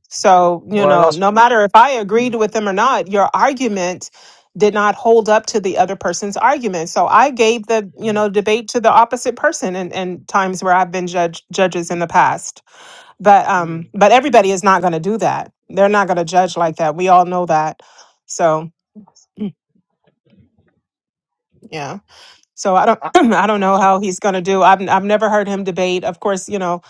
D: So, you
A: Well,
D: know,
A: that's
D: no matter if I agreed with them or not, your argument did not hold up to the other person's argument. So I gave the, you know, debate to the opposite person and in, in times where I've been judge judges in the past. But
A: true.
D: um but everybody is not gonna do that. They're not gonna judge like that. We all know that. So yeah. So I don't
A: I, I,
D: I don't know
A: wow.
D: how he's gonna do. I've I've never heard him debate. Of course, you know,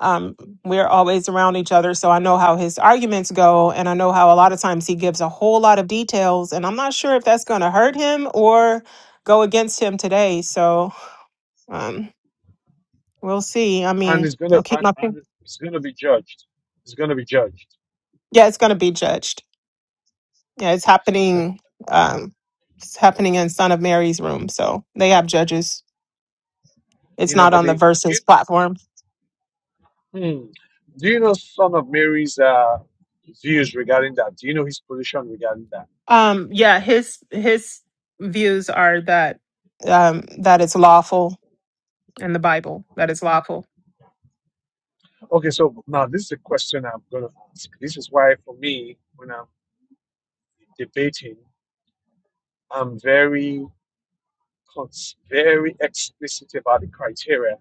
D: um, we're always around each other, so I know how his arguments go, and I know how a lot of times he gives a whole lot of details, and I'm not sure if that's going to hurt him or go against him today. So um, we'll see. I
A: And
D: mean,
A: it's gonna
D: I'll keep
A: and,
D: my fing-
A: and it's gonna be judged. It's gonna be judged.
D: yeah, it's going to be judged. Yeah, it's happening. Um, it's happening in Son of Mary's room, so they have judges.
A: You
D: It's
A: know,
D: not
A: but
D: on the
A: the do you,
D: Versus platform.
A: hmm, do you know Son of Mary's uh, views regarding that? Do you know his position regarding that?
D: Um, yeah, his his views are that um, that it's lawful in the Bible that it's lawful
A: Okay, so now this is a question I'm gonna ask. This is why for me, when I'm debating, I'm very cons- very explicit about the criteria.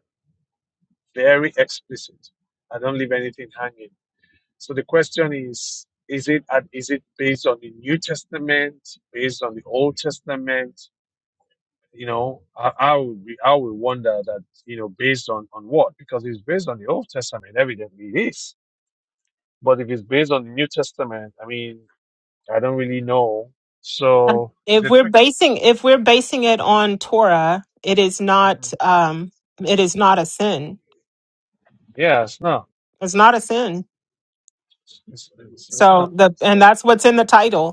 A: Very explicit. I don't leave anything hanging So the question is, is it at- is it based on the New Testament, based on the Old Testament? You know, I, I would be, I would wonder that you know based on on what? Because if it's based on the Old Testament, evidently it is. But if it's based on the New Testament, I mean, I don't really know.
D: Um,
A: So it's
D: If
A: a
D: we're
A: trick.
D: basing if we're basing it on Torah, it is not
A: Mhm.
D: um it is not a sin.
A: Yeah, it's not.
D: It's not a sin.
A: It's it's, it's
D: So
A: not.
D: the
A: So,
D: and that's what's in the title.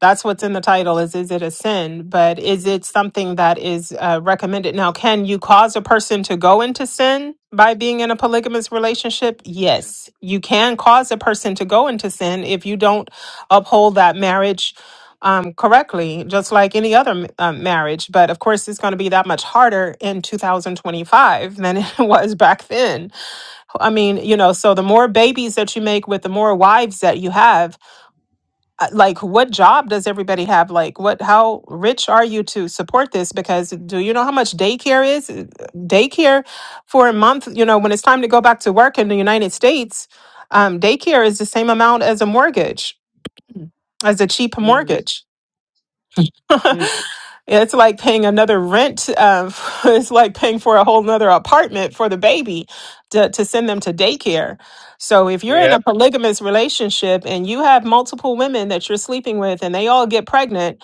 D: that's what's in the title is is it a sin but is it something that is uh, recommended now can you cause a person to go into sin by being in a polygamous relationship yes you can cause a person to go into sin if you don't uphold that marriage um, correctly just like any other um, marriage but of course it's going to be that much harder in 2025 than it was back then i mean you know so the more babies that you make with the more wives that you have uh, like what job does everybody have like what how rich are you to support this because do you know how much daycare is Uh, daycare for a month you know when it's time to go back to work in the united states um, daycare is the same amount as a mortgage as a cheap
A: mm,
D: mortgage
A: mm.
D: It's like paying another rent. Um, it's like paying for a whole nother apartment for the baby to, to send them to daycare. So if you're in a
A: Yep.
D: polygamous relationship and you have multiple women that you're sleeping with and they all get pregnant,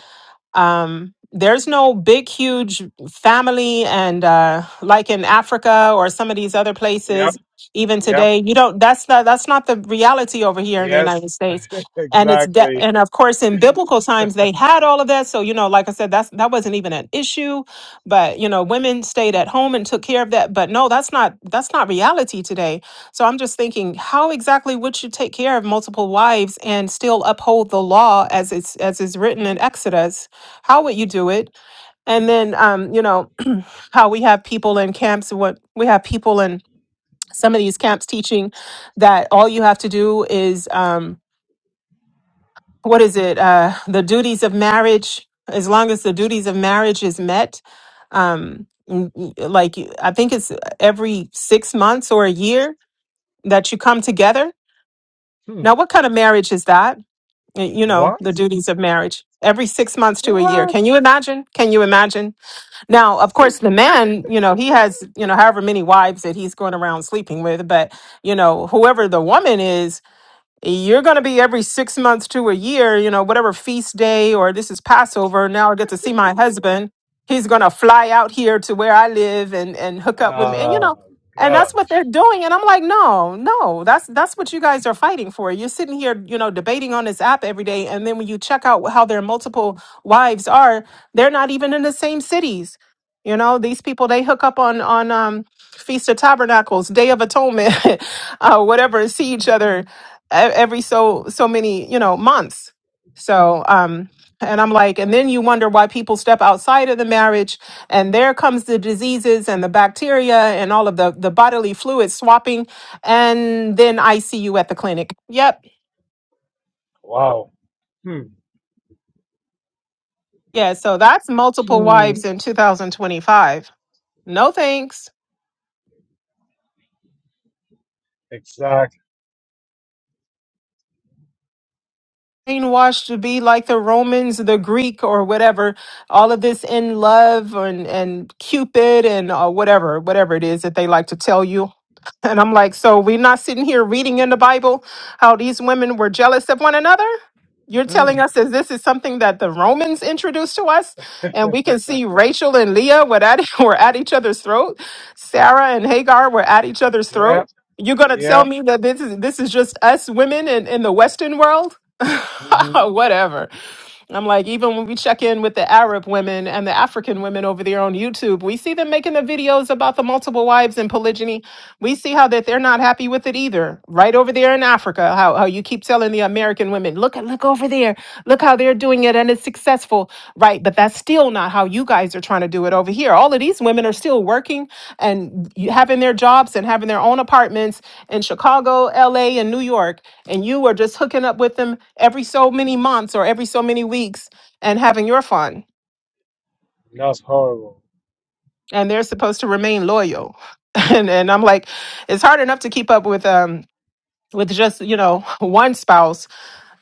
D: um, there's no big, huge family, and uh, like in Africa or some of these other
A: Yep.
D: places, even
A: Yep.
D: today, you don't. That's not that's not the reality over here in the
A: Yes.
D: United States. And it's de-
A: exactly.
D: and of course in biblical times they had all of that. So you know, like I said, that's that wasn't even an issue. But you know, women stayed at home and took care of that. But no, that's not that's not reality today. So I'm just thinking, how exactly would you take care of multiple wives and still uphold the law as it's as is written in Exodus? how would you do it? And then, um, you know, how we have people in camps, what we have people in some of these camps teaching that all you have to do is, um, what is it? Uh, the duties of marriage, as long as the duties of marriage is met, um, n- n- like I think it's every six months or a year that you come together.
A: Hmm.
D: Now, what kind of marriage is that? Y- You know,
A: What?
D: the duties of marriage every six months to a year.
A: What?
D: Can you imagine? Can you imagine? Now, of course,
A: Six?
D: the man, you know, he has, you know, however many wives that he's going around sleeping with, but, you know, whoever the woman is, you're going to be every six months to a year, you know, whatever feast day or this is Passover. Now I get to see my husband. He's going to fly out here to where I live and, and hook up with me. And, you
A: Oh,
D: know, and that's
A: God.
D: what they're doing. And I'm like, no, no, that's, that's what you guys are fighting for. You're sitting here, you know, debating on this app every day. And then when you check out how their multiple wives are, they're not even in the same cities. You know, these people, they hook up on, on, um, Feast of Tabernacles, Day of Atonement, uh, whatever, and see each other e- every so so many you know months so um and i'm like and then you wonder why people step outside of the marriage and there comes the diseases and the bacteria and all of the the bodily fluid swapping and then i see you at the clinic yep
A: Wow.
D: yeah so that's multiple wives in 2025 no thanks
A: Exactly.
D: brainwashed to be like the romans the greek or whatever all of this in love and and cupid and uh, whatever whatever it is that they like to tell you And I'm like, so we're not sitting here reading in the Bible how these women were jealous of one another? You're telling
I: Mm.
D: us that this is something that the Romans introduced to us, and we can see Rachel and Leah were at, were at each other's throat, Sarah and Hagar were at each other's throat.
A: Yep.
D: You're gonna tell
A: Yep.
D: me that this is this is just us women in, in the Western world?
A: hmm
D: Whatever. I'm like, even when we check in with the Arab women and the African women over there on YouTube, we see them making the videos about the multiple wives and polygyny we see how that they're not happy with it either right over there in africa how, how you keep telling the american women look at look over there look how they're doing it and it's successful right but that's still not how you guys are trying to do it over here all of these women are still working and y- having their jobs and having their own apartments in chicago la and new york and you are just hooking up with them every so many months or every so many weeks and having your fun
A: That's horrible.
D: and they're supposed to remain loyal and and i'm like it's hard enough to keep up with um with just you know one spouse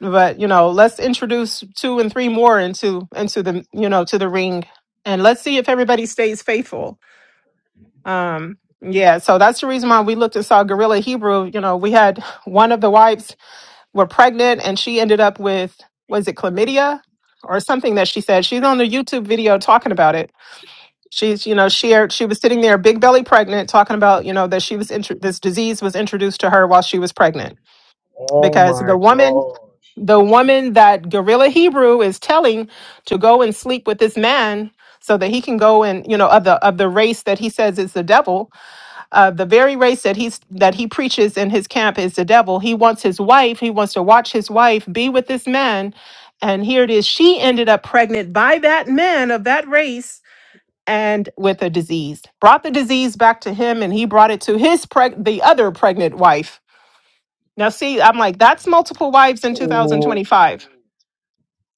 D: but you know let's introduce two and three more into into the you know to the ring and let's see if everybody stays faithful um yeah so that's the reason why we looked and saw gorilla hebrew you know we had one of the wives were pregnant and she ended up with was it chlamydia or something that she said she's on the youtube video talking about it she's you know she she was sitting there big belly pregnant talking about you know that she was intro this disease was introduced to her while she was pregnant
A: Oh,
D: because
A: my
D: the woman
A: gosh.
D: the woman that Gorilla Hebrew is telling to go and sleep with this man so that he can go and you know of the of the race that he says is the devil uh, the very race that he's that he preaches in his camp is the devil he wants his wife he wants to watch his wife be with this man and here it is she ended up pregnant by that man of that race and with a disease brought the disease back to him and he brought it to his preg- the other pregnant wife now see i'm like that's multiple wives in 2025
A: Oh.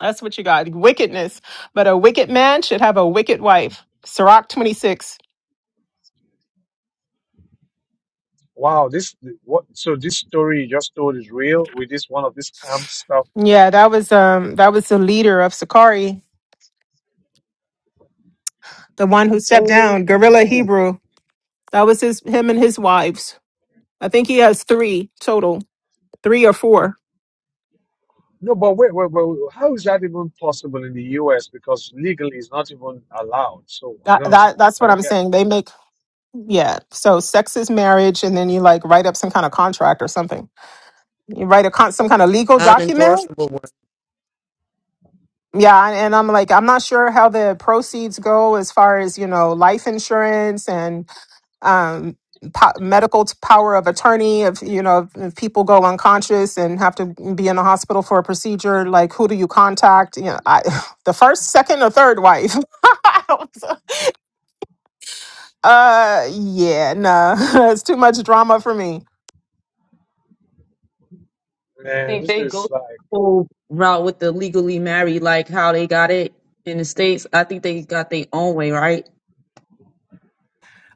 D: that's what you got. Wickedness. But a wicked man should have a wicked wife. Sirach 26.
A: Wow. This, what? So, this story you just told is real with this one of this camp stuff.
D: Yeah, that was um that was the leader of Sakari, the one who stepped down, Gorilla
A: Oh.
D: Hebrew. That was his him and his wives. I think he has three total. Three or four.
A: No, but wait, wait, wait. wait. How is that even possible in the US? Because legally it's not even allowed. So, I
D: That
A: don't,
D: that that's
A: I
D: what
A: don't
D: I'm
A: get
D: saying. They make yeah. So sex is marriage and then you like write up some kind of contract or something. You write a con- some kind of legal document
I: Unenforceable
D: yeah, and and I'm like, I'm not sure how the proceeds go as far as, you know, life insurance and um, po- medical t- power of attorney if you know if people go unconscious and have to be in the hospital for a procedure like who do you contact you know i the first second or third wife I don't- uh yeah no it's too much drama for me
A: Man,
L: think
A: this
L: they go
A: is like,
L: the whole route with the legally married, like how they got it in the States. I think they got their own way, right?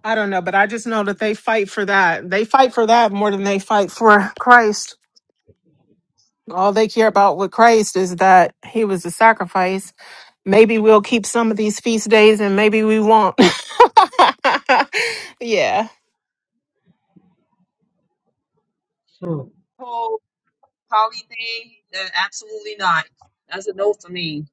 D: i don't know but i just know that they fight for that they fight for that more than they fight for christ all they care about with christ is that he was a sacrifice maybe we'll keep some of these feast days and maybe we won't. yeah.
L: whole poly thing, then absolutely not. That's a no for me.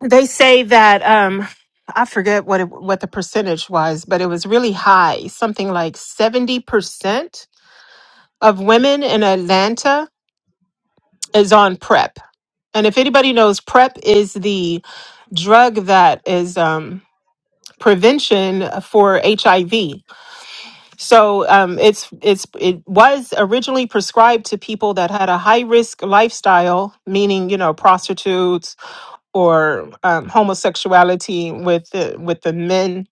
D: They say that um I forget what it, what the percentage was, but it was really high, something like 70% of women in Atlanta is on prep. And if anybody knows prep is the drug that is um prevention for HIV So um, it's it's it was originally prescribed to people that had a high risk lifestyle, meaning you know prostitutes or um, homosexuality with the, with the men.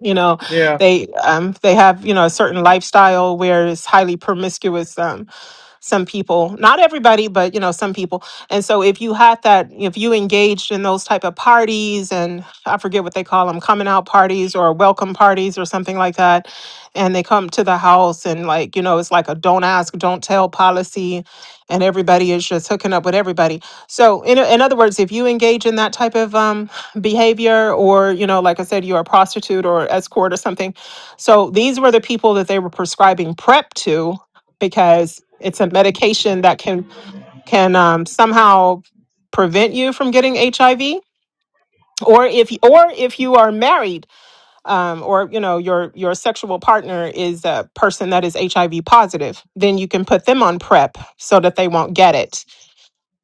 D: You know,
A: yeah.
D: they um, they have you know a certain lifestyle where it's highly promiscuous um, some people not everybody but you know some people and so if you had that if you engaged in those type of parties and i forget what they call them coming out parties or welcome parties or something like that and they come to the house and like you know it's like a don't ask don't tell policy and everybody is just hooking up with everybody so in, in other words if you engage in that type of um, behavior or you know like i said you're a prostitute or escort or something so these were the people that they were prescribing prep to because it's a medication that can can um, somehow prevent you from getting HIV. Or if or if you are married, um, or you know your your sexual partner is a person that is HIV positive, then you can put them on PrEP so that they won't get it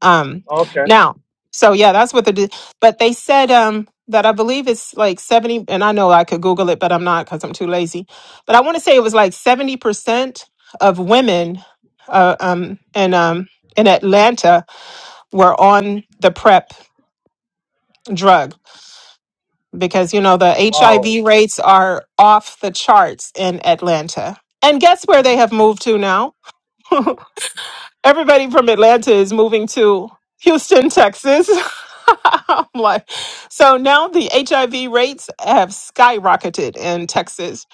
D: um,
A: Okay.
D: now, so yeah, that's what they did. But they said um that I believe it's like seventy, and I know I could Google it, but I'm not because I'm too lazy. But I want to say it was like seventy percent of women, uh, um, in um in Atlanta were on the prep drug because you know the
A: Wow.
D: HIV rates are off the charts in Atlanta. And guess where they have moved to now? everybody from Atlanta is moving to Houston, Texas. I'm like, so now the HIV rates have skyrocketed in Texas,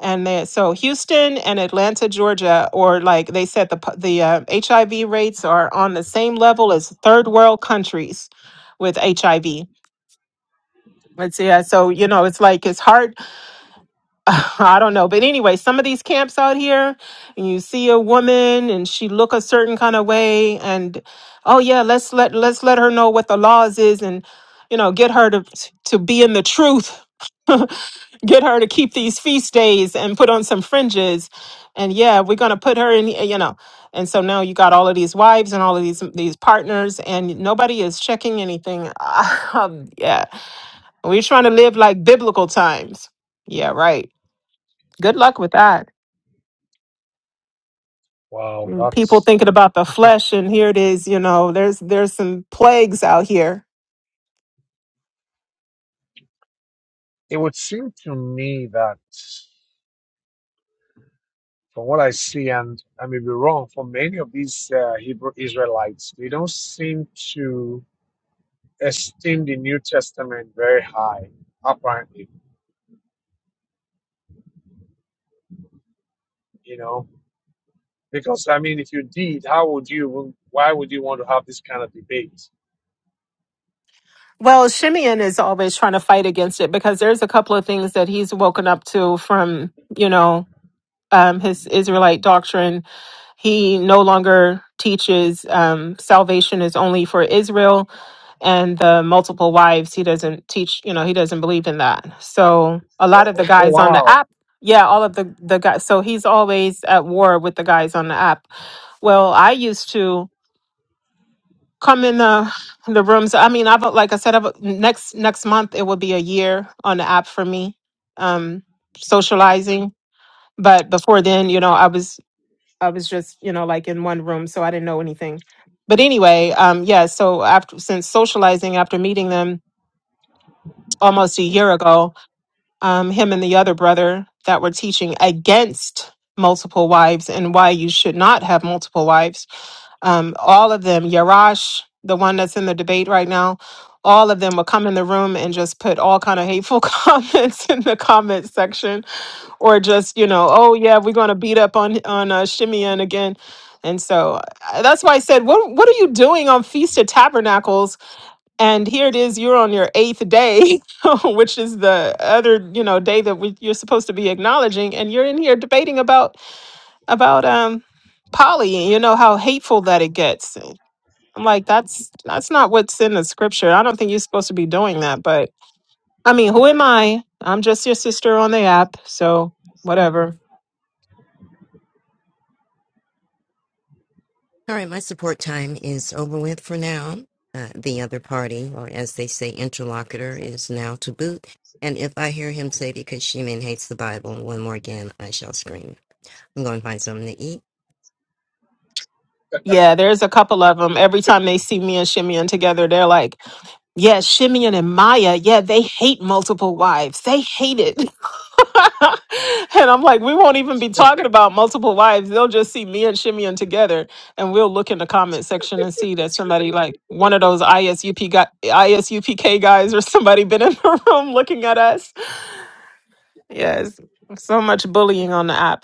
D: and they, so Houston and Atlanta, Georgia, or like they said, the pu- the uh, HIV rates are on the same level as third world countries with HIV. It's yeah, so you know, it's like it's hard I don't know. But anyway, some of these camps out here, and you see a woman and she look a certain kind of way and oh yeah, let's let let's let her know what the laws is and you know, get her to to be in the truth. get her to keep these feast days and put on some fringes. And yeah, we're going to put her in, you know. And so now you got all of these wives and all of these these partners and nobody is checking anything. Um, yeah. We're trying to live like biblical times. Yeah, right. Good luck with that.
A: Wow,
D: People
A: that's.
D: thinking about the flesh, and here it is. You know, there's there's some plagues out here.
A: It would seem to me that, from what I see, and I may be wrong, for many of these uh, Hebrew Israelites, they don't seem to esteem the New Testament very high, apparently, you know. Because, I mean, if you did, how would you, why would you want to have this kind of debate?
D: Well, Shimeon is always trying to fight against it because there's a couple of things that he's woken up to from you know um, his Israelite doctrine He no longer teaches um, salvation is only for Israel and the multiple wives. He doesn't teach, you know, he doesn't believe in that. So a
A: Oh,
D: lot of the
A: oh, oh,
D: guys on the
A: wow.
D: app, yeah, all of the, the guys. So he's always at war with the guys on the app. Well, I used to come in the the rooms. I mean, I've like I said, I've, next next month it will be a year on the app for me, um, socializing. But before then, you know, I was I was just, you know, like in one room, so I didn't know anything. But anyway, um, yeah, so after since socializing after meeting them almost a year ago, um, him and the other brother that were teaching against multiple wives and why you should not have multiple wives. Um, all of them, Yarash, the one that's in the debate right now, all of them would come in the room and just put all kind of hateful comments in the comment section or just you know oh yeah we're going to beat up on on uh, Shimeon again and so I, that's why i said what what are you doing on feast of tabernacles and here it is you're on your eighth day which is the other you know day that we, you're supposed to be acknowledging and you're in here debating about about um polly and you know how hateful that it gets i'm like that's that's not what's in the scripture i don't think you're supposed to be doing that but i mean who am i i'm just your sister on the app so whatever
I: All right, my support time is over with for now. Uh, the other party, or as they say, interlocutor, is now to boot. And if I hear him say because Shemin hates the Bible one more again, I shall scream. I'm going to find something to eat.
D: Yeah, there's a couple of them. Every time they see me and Shimeon together, they're like, yeah, Shimeon and Maya, yeah, they hate multiple wives. They hate it. and I'm like, we won't even be talking about multiple wives. They'll just see me and Shimeon together. And we'll look in the comment section and see that somebody like one of those ISUP guy, ISUPK guys or somebody been in the room looking at us. Yes. So much bullying on the app.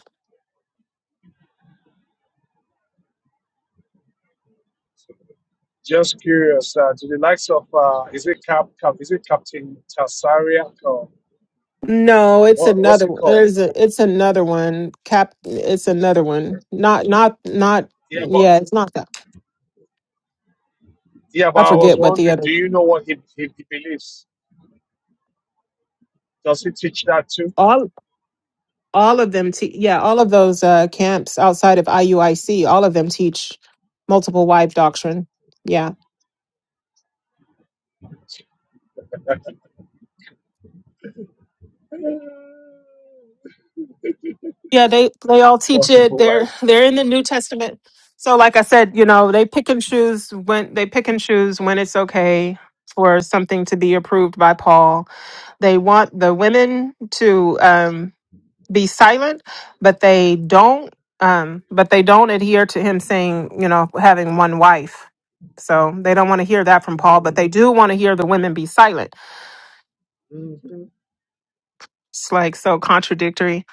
A: Just curious, uh, to the likes of, uh, is it Cap, Cap, is it Captain Tasariak or
D: No, it's
A: what, what's
D: another
A: it
D: one.
A: called?
D: There's a, it's another one. Cap it's another one. Not not not
A: Yeah, but
D: yeah, it's not that.
A: Yeah, but
D: I
A: I was
D: forget what the
A: wondering,
D: other
A: do you know what he, he, he believes? Does he teach that too?
D: all all of them te- yeah, all of those uh camps outside of IUIC, all of them teach multiple wife doctrine. Yeah. Yeah, they they all teach it.
A: Multiple
D: They're
A: wives
D: they're in the
A: doctrine.
D: New Testament. So like I said, you know, they pick and choose when they pick and choose when it's okay for something to be approved by Paul. They want the women to um be silent, but they don't um but they don't adhere to him saying, you know, having one wife. So they don't want to hear that from Paul, but they do want to hear the women be silent. It's like so contradictory.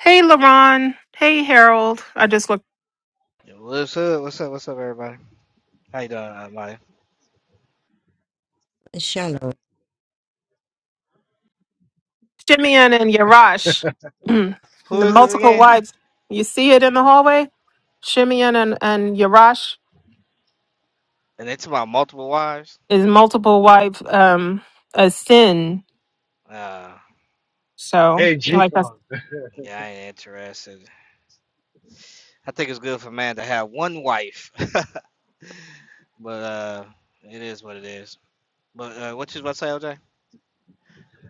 D: Hey LaRon. Hey Harold. I just looked
R: Yo, what's up? What's up? What's up, everybody? How you doing, uh, Marty?
I: Shalom.
D: Shimeon and Yarash.
R: Who
D: the
R: is this
D: multiple
R: again?
D: wives. You see it in the hallway? Shimeon and, and Yarash
R: And it's about multiple wives?
D: is multiple wife um a sin.
R: Uh,
D: So
A: Hey,
D: I like that.
A: G-Con.
R: yeah, I ain't interested. I think it's good for a man to have one wife, but uh, it is what it is. But uh, what you about to say, LJ?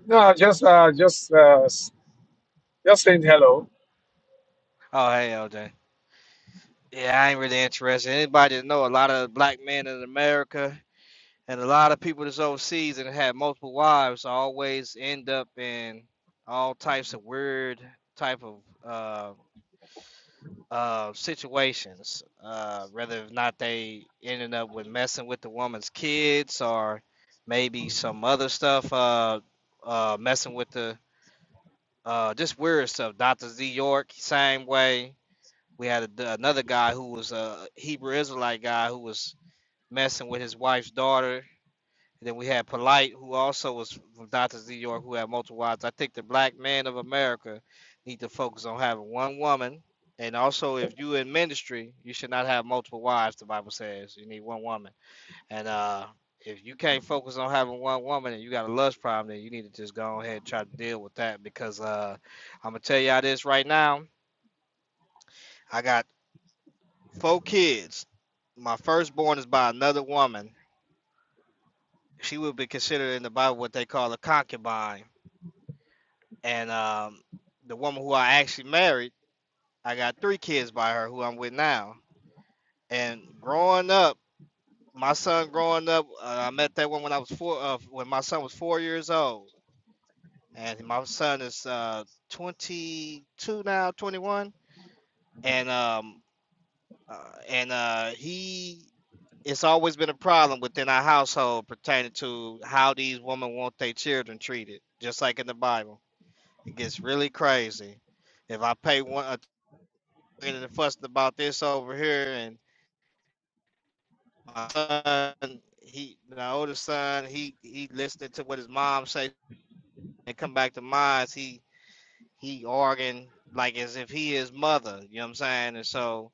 A: No, just uh, just uh, s- just saying hello.
R: Oh, hey, LJ. Yeah, I ain't really interested. Anybody that know a lot of black men in America and a lot of people that's overseas and have multiple wives always end up in all types of weird type of. uh, uh, situations, uh, whether if not they ended up with messing with the woman's kids or maybe some other stuff, uh, uh, messing with the uh, just weird stuff. Dr. Z York, same way. We had a, another guy who was a Hebrew Israelite guy who was messing with his wife's daughter and then we had Polite, who also was from Doctors New York, who had multiple wives. I think the black man of America need to focus on having one woman. And also, if you in ministry, you should not have multiple wives. The Bible says you need one woman. And uh, if you can't focus on having one woman and you got a lust problem, then you need to just go ahead and try to deal with that. Because uh, I'm gonna tell y'all this right now. I got four kids. My firstborn is by another woman. She would be considered in the Bible what they call a concubine and um, the woman who I actually married, I got three kids by her, who I'm with now. And growing up, my son growing up, uh, I met that woman when I was four, uh, when my son was four years old, and my son is uh, 22 now, 21, and um, uh, and uh, he. It's always been a problem within our household pertaining to how these women want their children treated, just like in the Bible. It gets really crazy. If I pay one a and fussing about this over here, and my son, he, my oldest son, he he listened to what his mom say and come back to mine. He he arguing like as if he is mother. You know what I'm saying? And so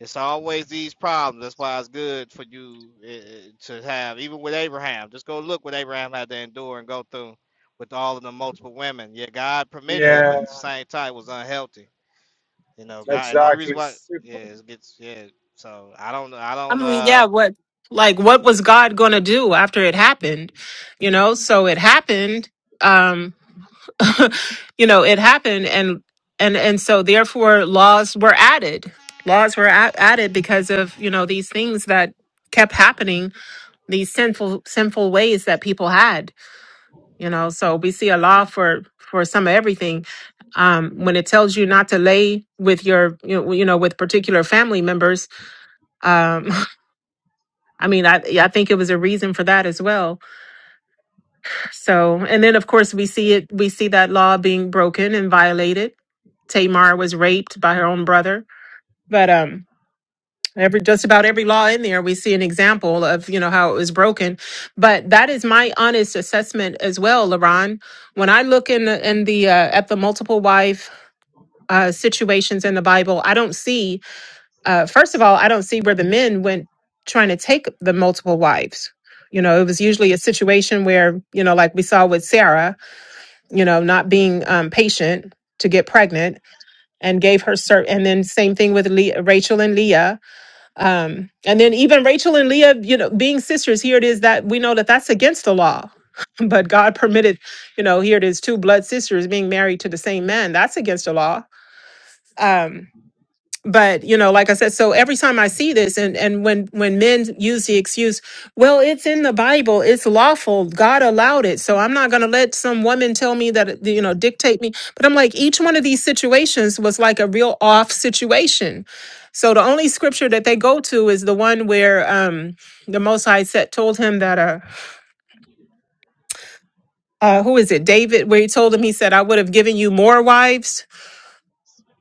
R: it's always these problems. That's why it's good for you uh, to have, even with Abraham. Just go look what Abraham had to endure and go through with all of the multiple women. Yeah, God permitted it, but
A: Yeah,
R: at the same time, it was unhealthy. You know, God, and the only
A: exactly.
R: reason why, yeah,
A: Super.
R: it gets, yeah. So I don't, I
D: I
R: don't,
D: mean,
R: uh,
D: yeah, what like what was God going to do after it happened? You know, so it happened um you know, it happened and and and so therefore laws were added. Laws were a- added because of, you know, these things that kept happening, these sinful sinful ways that people had, you know. So we see a law for for some of everything. Um when it tells you not to lay with your you know, you know with particular family members, um I mean, I yeah, I think it was a reason for that as well. So, and then of course we see it, we see that law being broken and violated. Tamar was raped by her own brother, but um, every just about every law in there, we see an example of you know how it was broken. But that is my honest assessment as well, Laron. When I look in the in the uh, at the multiple wife uh, situations in the Bible, I don't see uh, first of all, I don't see where the men went trying to take the multiple wives. You know, it was usually a situation where, you know, like we saw with Sarah, you know, not being um, patient to get pregnant and gave her cert. And then same thing with Le- Rachel and Leah. Um, and then even Rachel and Leah, you know, being sisters, here it is that we know that that's against the law. But God permitted, you know, here it is two blood sisters being married to the same man. That's against the law. Um, but you know like i said so every time i see this and and when when men use the excuse well it's in the bible it's lawful god allowed it so i'm not going to let some woman tell me that you know dictate me but i'm like each one of these situations was like a real off situation so the only scripture that they go to is the one where um the most high said, told him that uh, uh who is it david where he told him he said i would have given you more wives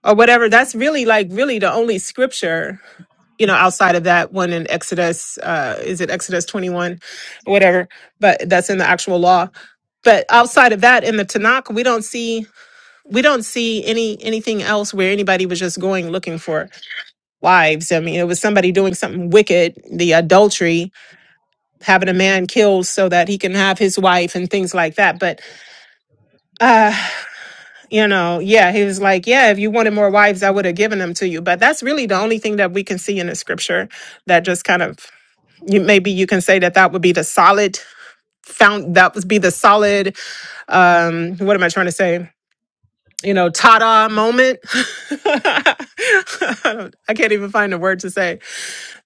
D: or whatever that's really like really the only scripture you know, outside of that one in Exodus, uh, is it Exodus 21 or whatever, but that's in the actual law. But outside of that, in the Tanakh, we don't see we don't see any anything else where anybody was just going looking for wives. I mean, it was somebody doing something wicked, the adultery, having a man killed so that he can have his wife and things like that. But uh, you know, yeah, he was like, yeah, if you wanted more wives, I would have given them to you. But that's really the only thing that we can see in the scripture that just kind of you maybe you can say that that would be the solid found that would be the solid um what am i trying to say you know ta-da moment I, don't, I can't even find a word to say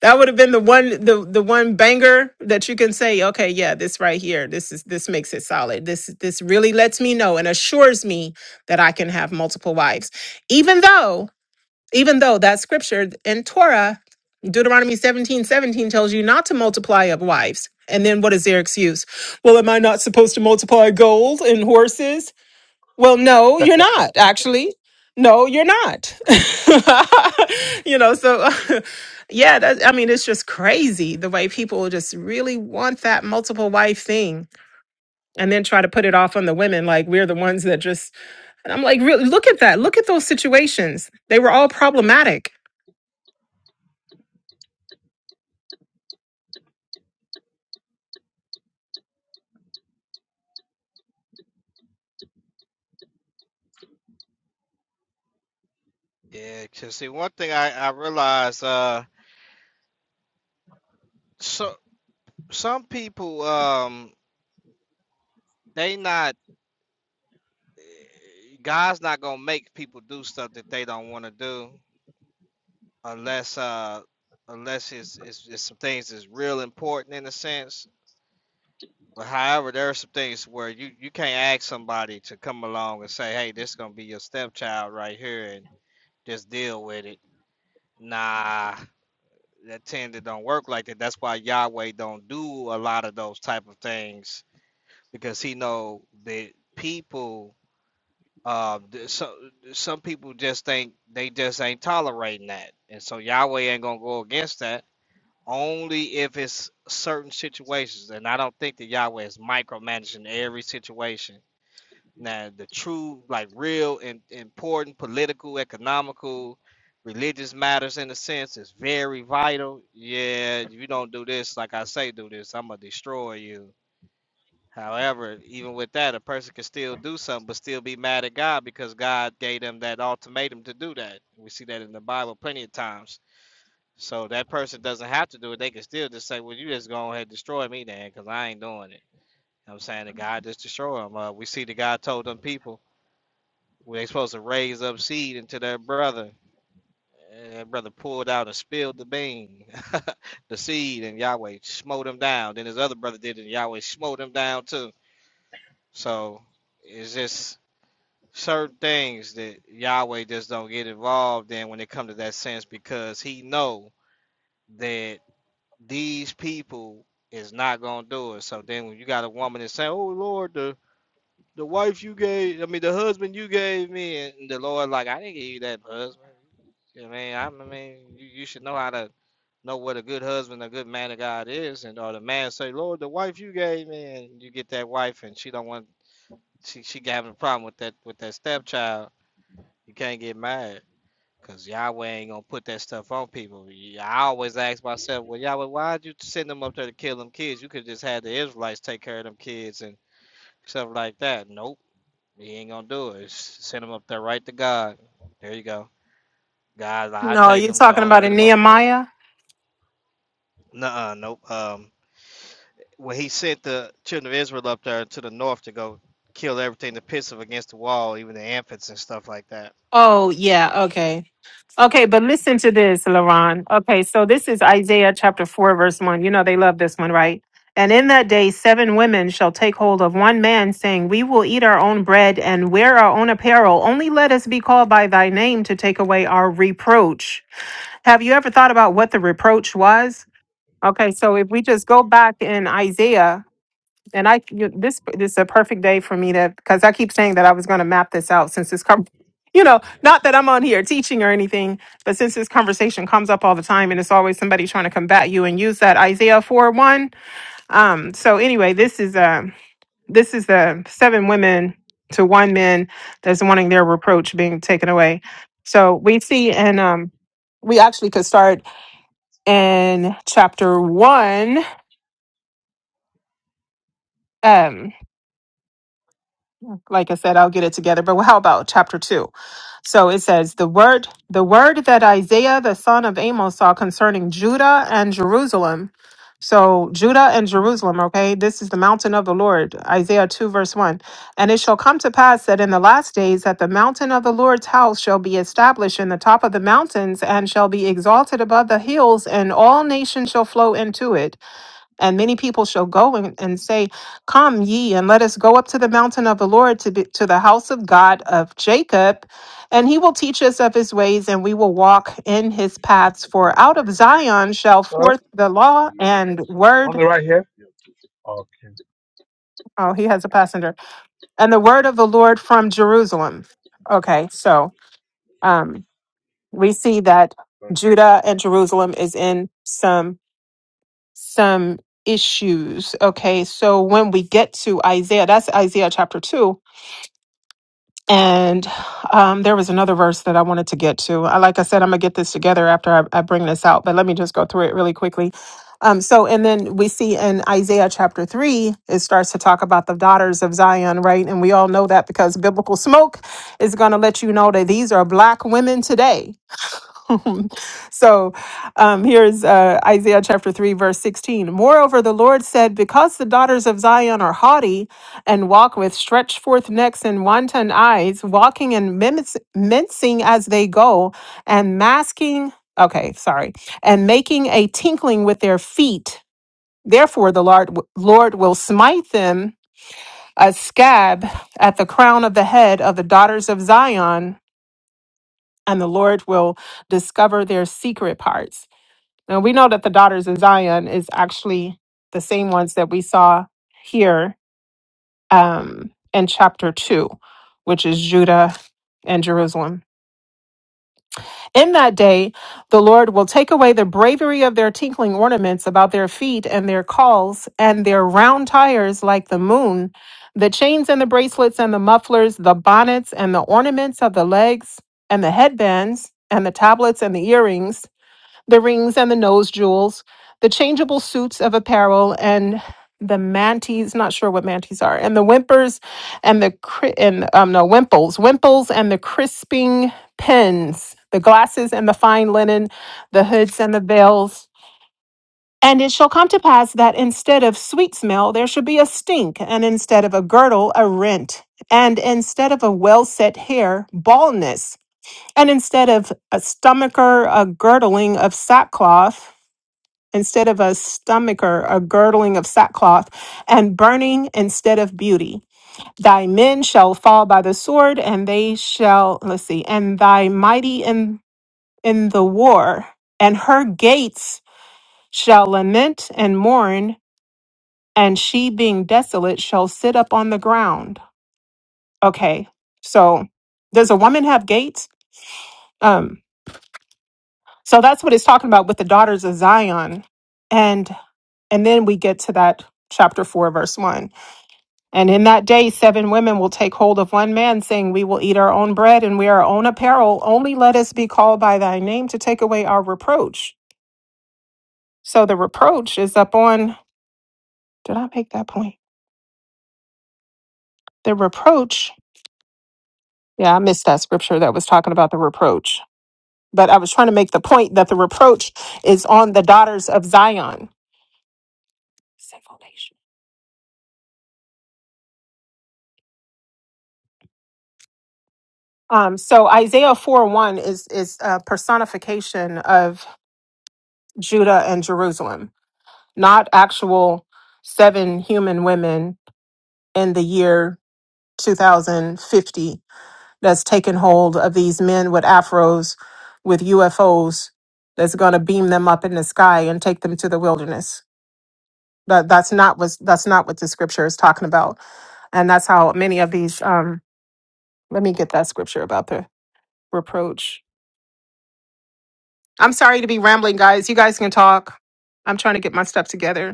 D: that would have been the one the the one banger that you can say okay yeah this right here this is this makes it solid this this really lets me know and assures me that i can have multiple wives even though even though that scripture in Torah, Deuteronomy 17 17 tells you not to multiply up wives. And then what is their excuse? Well, am I not supposed to multiply gold and horses? Well, no, you're not, actually. No, you're not. you know, so yeah, that, I mean, it's just crazy the way people just really want that multiple wife thing and then try to put it off on the women. Like we're the ones that just, and I'm like, really, look at that. Look at those situations. They were all problematic
R: yeah, 'cause see, one thing I I realized, uh, so some people, um, they not, God's not gonna make people do stuff that they don't want to do unless, uh, unless it's, it's it's some things that's real important in a sense. But however, there are some things where you you can't ask somebody to come along and say, hey, this gonna be your stepchild right here, and just deal with it. Nah, that tend to don't work like that. That's why Yahweh don't do a lot of those type of things because he know that people uh so some people just think they just ain't tolerating that. And so Yahweh ain't gonna go against that only if it's certain situations. And I don't think that Yahweh is micromanaging every situation now, the true, like real and important political, economical, religious matters in a sense is very vital. Yeah, if you don't do this, like I say, do this, I'm gonna destroy you. However, even with that, a person can still do something but still be mad at God because God gave them that ultimatum to do that. We see that in the Bible plenty of times. So that person doesn't have to do it. They can still just say, Well, you just go ahead and destroy me then because I ain't doing it. You know what I'm saying the God just destroy them. Uh, we see the God told them people where they supposed to raise up seed into their brother. And that brother pulled out and spilled the bean, the seed, and Yahweh smote him down. Then his other brother did it, and Yahweh smote him down too. So it's just certain things that Yahweh just don't get involved in when it comes to that sense because he know that these people is not gonna do it. So then when you got a woman that's saying, Oh Lord, the the wife you gave, I mean, the husband you gave me, and the Lord, like, I didn't give you that husband. You know what I mean, i mean, you, you should know how to know what a good husband, a good man of God is, and or the man say, Lord, the wife you gave me, and you get that wife, and she don't want, she she having a problem with that with that stepchild. You can't get mad. Cause Yahweh ain't gonna put that stuff on people. I always ask myself, well, Yahweh, why'd you send them up there to kill them kids? You could just have the Israelites take care of them kids and stuff like that. Nope he ain't gonna do it. Send him up there right to God. There you go. Guys, I
D: No,
R: take
D: you're
R: him. Go
D: talking
R: and
D: about
R: get
D: in
R: him up there.
D: Nehemiah?
R: Nuh-uh, nope. Um, when he sent the children of Israel up there to the north to go kill everything to piss of against the wall, even the infants and stuff like that.
D: Oh, yeah. Okay. Okay, but listen to this, Laron. Okay, so this is Isaiah chapter 4, verse 1. You know, they love this one, right? And in that day, seven women shall take hold of one man, saying, We will eat our own bread and wear our own apparel. Only let us be called by thy name to take away our reproach. Have you ever thought about what the reproach was? Okay, so if we just go back in Isaiah, and I you, this this is a perfect day for me to because I keep saying that I was going to map this out since this com- you know not that I'm on here teaching or anything, but since this conversation comes up all the time and it's always somebody trying to combat you and use that Isaiah four one. Um, so anyway, this is um this is the seven women to one man that's wanting their reproach being taken away. So we see and um we actually could start in chapter one. Um, like I said, I'll get it together. But how about chapter two? So it says, The word the word that Isaiah the son of Amos saw concerning Judah and Jerusalem. So Judah and Jerusalem, okay, this is the mountain of the Lord, Isaiah 2, verse 1. And it shall come to pass that in the last days that the mountain of the Lord's house shall be established in the top of the mountains and shall be exalted above the hills, and all nations shall flow into it and many people shall go and, and say, Come ye, and let us go up to the mountain of the Lord, to, be, to the house of God of Jacob. And he will teach us of his ways, and we will walk in his paths. For out of Zion shall
A: Sorry,
D: forth the law and
A: on
D: word.
A: the right here. Okay,
D: Oh, he has a passenger. And the word of the Lord from Jerusalem. Okay, so um, we see that
A: good.
D: Judah and Jerusalem is in some some issues. Okay, so when we get to Isaiah, that's Isaiah chapter 2. And um, there was another verse that I wanted to get to. I, like I said, I'm going to get this together after I, I bring this out, but let me just go through it really quickly. Um, so, and then we see in Isaiah chapter 3, it starts to talk about the daughters of Zion, right? And we all know that because biblical smoke is going to let you know that these are black women today so um, here's uh, Isaiah chapter 3, verse 16. Moreover, the Lord said, Because the daughters of Zion are haughty and walk with stretched forth necks and wanton eyes, walking and mimic- mincing as they go, and masking, okay, sorry, and making a tinkling with their feet. Therefore, the Lord, Lord will smite them a scab at the crown of the head of the daughters of Zion, and the Lord will discover their secret parts. Now we know that the daughters of Zion is actually the same ones that we saw here um, in chapter 2, which is Judah and Jerusalem. In that day, the Lord will take away the bravery of their tinkling ornaments about their feet and their calls and their round tires like the moon, the chains and the bracelets and the mufflers, the bonnets and the ornaments of the legs and the headbands and the tablets and the earrings the rings and the nose jewels, the changeable suits of apparel, and the manties. Not sure what manties are, and the whimpers, and the cri- and um no wimples, wimples, and the crisping pins, the glasses and the fine linen, the hoods and the veils. And it shall come to pass that instead of sweet smell, there shall be a stink, and instead of a girdle, a rent, and instead of a well set hair, baldness, and instead of a stomacher, a girdling of sackcloth, instead of a stomacher, a girdling of sackcloth, and burning instead of beauty. Thy men shall fall by the sword, and they shall, let's see, and thy mighty in, in the war, and her gates shall lament and mourn, and she being desolate shall sit up on the ground. Okay, so does a woman have gates? Um, so that's what it's talking about with the daughters of Zion. And and then we get to that chapter 4 verse 1 And in that day, seven women will take hold of one man, saying, We will eat our own bread and wear our own apparel. Only let us be called by thy name to take away our reproach. So the reproach is up on, did I make that point? The reproach, yeah, I missed that scripture that was talking about the reproach. But I was trying to make the point that the reproach is on the daughters of Zion. Sinful nation. Um, so Isaiah 4 1 is, is a personification of Judah and Jerusalem not actual seven human women in the year 2050 that's taken hold of these men with afros with UFOs that's going to beam them up in the sky and take them to the wilderness. That that's not what that's not what the scripture is talking about, and that's how many of these. Um, let me get that scripture about the reproach. I'm sorry to be rambling, guys. You guys can talk. I'm trying to get my stuff together.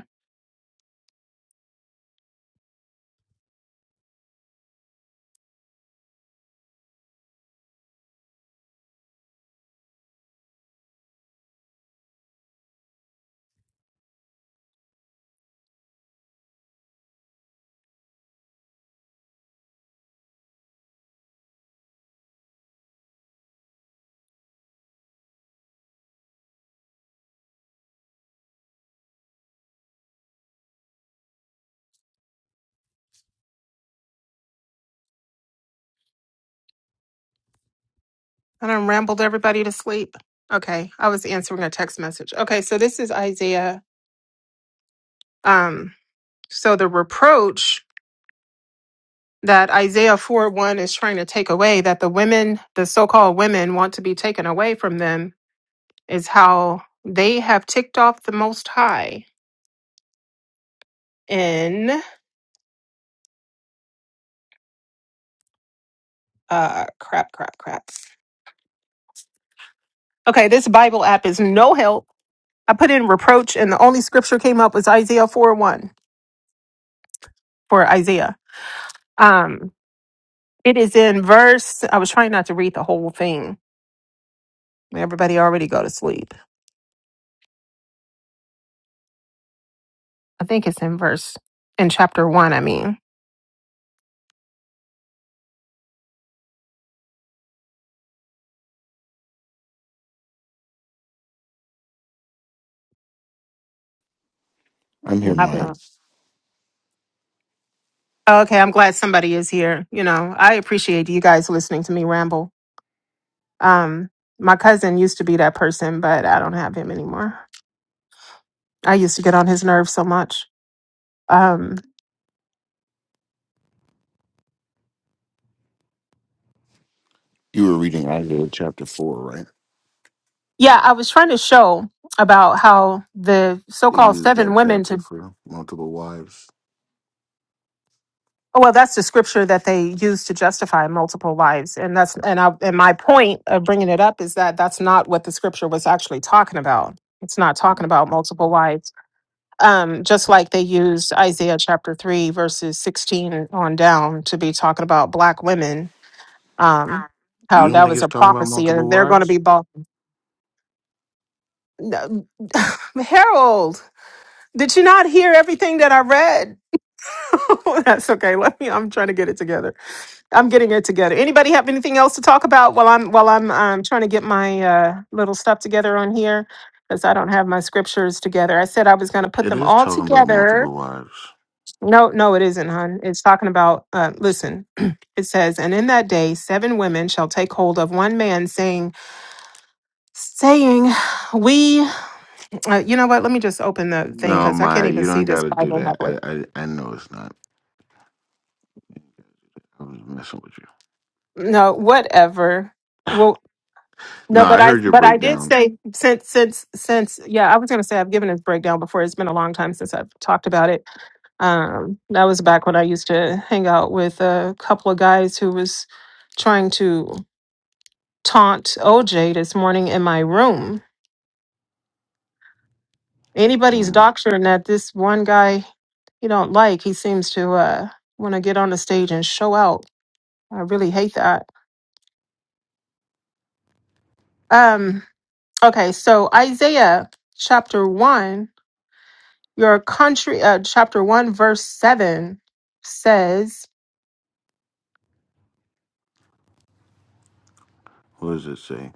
D: I done rambled everybody to sleep. Okay, I was answering a text message. Okay, so this is Isaiah. Um, so the reproach that Isaiah 4 1 is trying to take away, that the women, the so called women, want to be taken away from them, is how they have ticked off the Most High in uh, crap, crap, crap. Okay, this Bible app is no help. I put in reproach, and the only scripture came up was Isaiah 4 1 for Isaiah. Um, It is in verse. I was trying not to read the whole thing. Everybody already go to sleep. I think it's in verse in chapter one. I mean,
S: I'm
D: Yeah.
S: here,
D: I
S: Mike.
D: don't- okay. I'm glad somebody is here. You know, I appreciate you guys listening to me ramble. Um, my cousin used to be that person, but I don't have him anymore. I used to get on his nerves so much. Um,
S: You were reading Isaiah chapter four, right?
D: yeah, I was trying to show about how the
S: They
D: so-called
S: use
D: seven
S: that
D: women
S: chapter
D: to
S: for multiple wives.
D: oh, well, that's the scripture that they use to justify multiple lives, and that's and I, and my point of bringing it up is that that's not what the scripture was actually talking about. It's not talking
S: Mm.
D: about multiple wives. Um, just like they used Isaiah chapter three verses sixteen on down to be talking about black women, um,
S: You
D: how
S: don't
D: that
S: think
D: was
S: it's
D: a
S: talking about
D: prophecy,
S: multiple
D: and they're going to
S: wives?
D: be bought No, Harold, did you not hear everything that I read? That's okay. Let me. I'm trying to get it together. I'm getting it together. Anybody have anything else to talk about while I'm while I'm um, trying to get my uh, little stuff together on here? Because I don't have my scriptures together. I said I was going to put
S: It
D: them
S: is
D: all
S: talking about
D: together.
S: multiple wives.
D: No, no, it isn't, hon. It's talking about. Uh, listen, it says, and in that day, seven women shall take hold of one man, saying, saying, we. Uh, you know what? Let me just open the thing
S: No,
D: because I can't
S: Maya,
D: even
S: you
D: see
S: don't got
D: this
S: to do
D: Bible
S: that.
D: halfway.
S: I, I, I know it's not. I was messing with you.
D: No, whatever. Well,
S: No,
D: no, but
S: I
D: I
S: heard your
D: but I did
S: breakdown.
D: say since since since yeah, I was gonna say I've given this breakdown before. It's been a long time since I've talked about it. Um, that was back when I used to hang out with a couple of guys who was trying to taunt OJ this morning in my room. Anybody's
S: Mm.
D: doctrine that this one guy you don't like, he seems to uh want to get on the stage and show out. I really hate that. Um, okay, so Isaiah chapter 1, your country, uh, chapter 1, verse 7 says,
S: What does it say?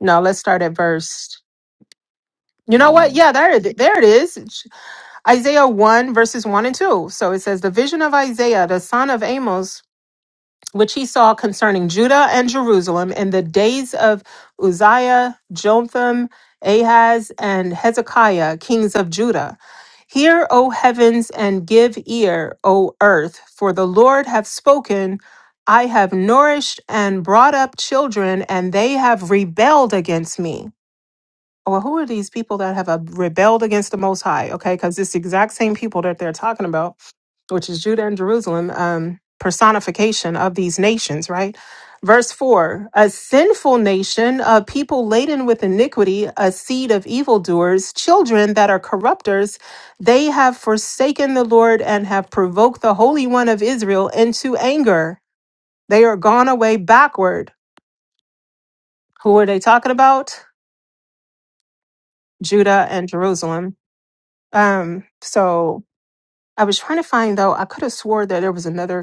D: no, let's start at verse. You know what?
S: One.
D: Yeah, there, it- there it is. Isaiah 1, verses 1 and 2. So it says, The vision of Isaiah, the son of Amos, which he saw concerning Judah and Jerusalem in the days of Uzziah, Jotham, Ahaz, and Hezekiah, kings of Judah. Hear, O heavens, and give ear, O earth, for the Lord hath spoken. I have nourished and brought up children, and they have rebelled against me. Well, who are these people that have uh, rebelled against the Most High? Okay, because it's the exact same people that they're talking about which is Judah and Jerusalem, um, personification of these nations, right? Verse 4 A sinful nation, a people laden with iniquity, a seed of evildoers, children that are corrupters, they have forsaken the Lord and have provoked the Holy One of Israel into anger. They are gone away backward. Who are they talking about? Judah and Jerusalem. Um, so I was trying to find though, I could have swore that there was another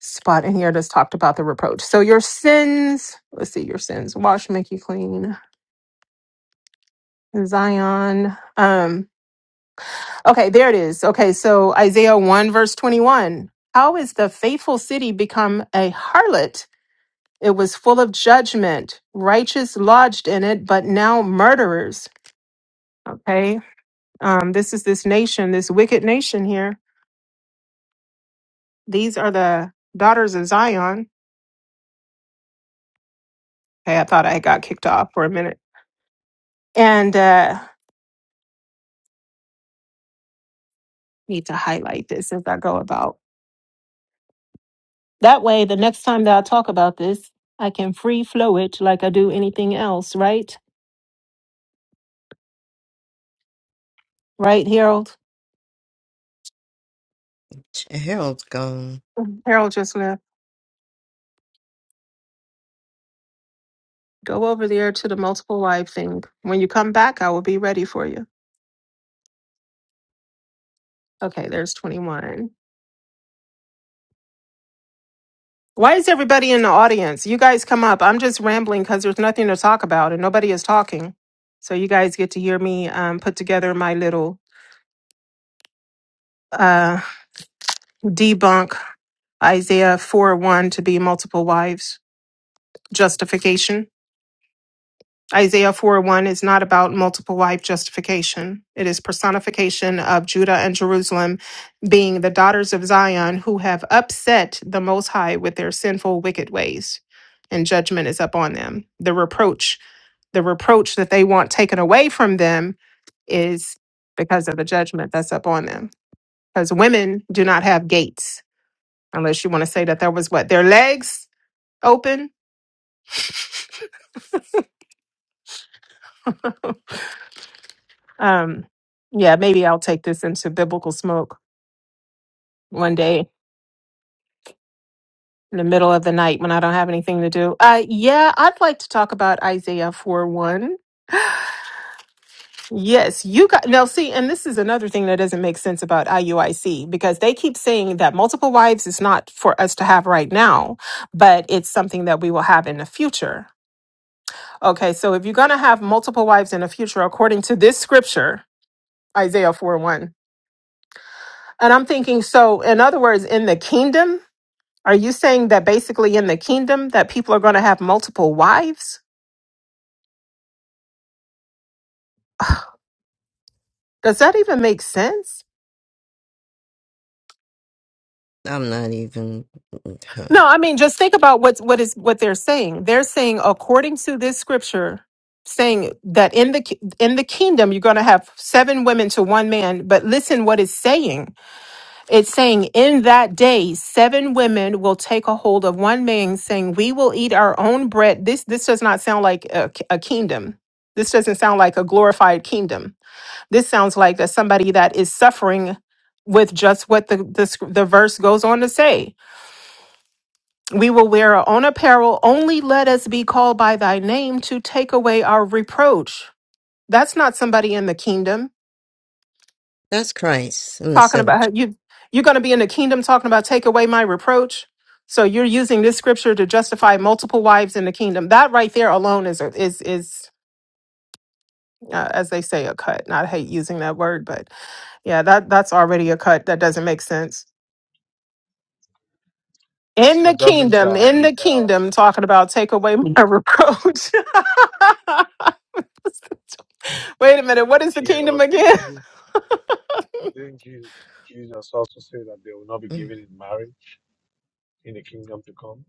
D: spot in here that's talked about the reproach. So your sins, let's see, your sins, wash, make you clean. Zion. Um, okay, there it is. Okay, so Isaiah 1, verse 21. How is the faithful city become a harlot? It was full of judgment, righteous lodged in it, but now murderers. Okay. Um, this is this nation, this wicked nation here. These are the daughters of Zion. Hey, I thought I got kicked off for a minute. And uh need to highlight this as I go about. That way, the next time that I talk about this, I can free flow it like I do anything else, right? Right, Harold?
I: Harold's gone.
D: Harold just left. Go over there to the multiple live thing. When you come back, I will be ready for you. Okay, there's 21. Why is everybody in the audience? You guys come up. I'm just rambling because there's nothing to talk about and nobody is talking. So you guys get to hear me um, put together my little uh, debunk Isaiah 4 1 to be multiple wives. justification. Isaiah 4 1 is not about multiple wife justification. It is personification of Judah and Jerusalem being the daughters of Zion who have upset the Most High with their sinful, wicked ways, and judgment is upon them. The reproach, the reproach that they want taken away from them is because of the judgment that's upon them. Because women do not have gates, unless you want to say that there was what? Their legs open Um, yeah, maybe I'll take this into biblical smoke one day in the middle of the night when I don't have anything to do. Uh, yeah, I'd like to talk about Isaiah 4 1. Yes, you got now. See, and this is another thing that doesn't make sense about IUIC because they keep saying that multiple wives is not for us to have right now, but it's something that we will have in the future. Okay, so if you're going to have multiple wives in the future, according to this scripture, Isaiah 4 1, and I'm thinking, so in other words, in the kingdom, Are you saying that basically in the kingdom that people are going to have multiple wives? Does that even make sense?
I: I'm not even. Huh.
D: No, I mean just think about what's what is what they're saying. They're saying according to this scripture saying that in the ki- in the kingdom you're going to have seven women to one man, but listen what it's saying. It's saying in that day seven women will take a hold of one man saying we will eat our own bread. This this does not sound like a, a kingdom. This doesn't sound like a glorified kingdom This sounds like that somebody that is suffering with just what the, the sc- the verse goes on to say. We will wear our own apparel. Only let us be called by thy name to take away our reproach. That's not somebody in the kingdom
I: That's Christ in the
D: talking about
I: seventh.
D: how
I: church.
D: you you're going to be in the kingdom talking about take away my reproach. So you're using this scripture to justify multiple wives in the kingdom. That right there alone is a, is is uh, as they say a cut. Not hate using that word, but yeah, that that's already a cut. That doesn't make sense. In the
A: But doesn't
D: kingdom,
A: uh,
D: in
A: the,
D: the
A: uh
D: kingdom, talking about take away my reproach. Wait a minute, what is the
A: yeah,
D: kingdom
A: but di-
D: again?
A: didn't didn't Je- Jesus also say that they will not be
I: Mm.
A: given in marriage in the kingdom to come?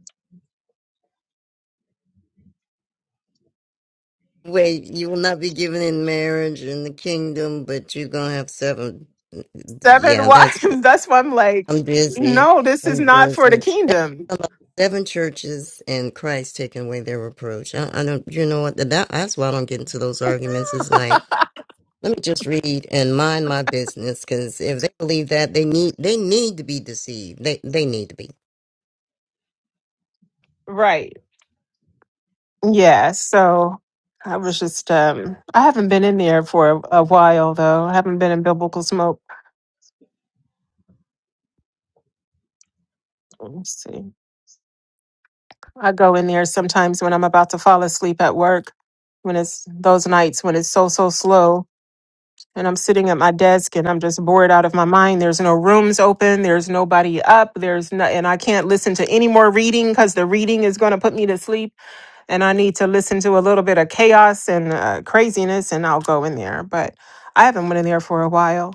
I: Wait, you will not be given in marriage in the kingdom, but you're going to have seven. Mm,
D: Seven
I: Yeah, that's
D: wives. That's why I'm like,
I: I'm busy.
D: no, this is
I: I'm
D: not for the
I: busy. That's
D: kingdom.
I: some of the seven churches and Christ taking away their reproach. I, I don't, you know what? That, that's why I don't get into those arguments. It's like, let me just read and mind my business, because if they believe that, they need they need to be deceived. They they need to be.
D: Right. Yeah. So I was just, um, I haven't been in there for a, a while though. I haven't been in biblical smoke. Let's see. I go in there sometimes when I'm about to fall asleep at work, when it's those nights when it's so, so slow and I'm sitting at my desk and I'm just bored out of my mind. There's no rooms open. There's nobody up. There's no, and I can't listen to any more reading because the reading is going to put me to sleep. And I need to listen to a little bit of chaos and uh, craziness, and I'll go in there. But I haven't went in there for a while.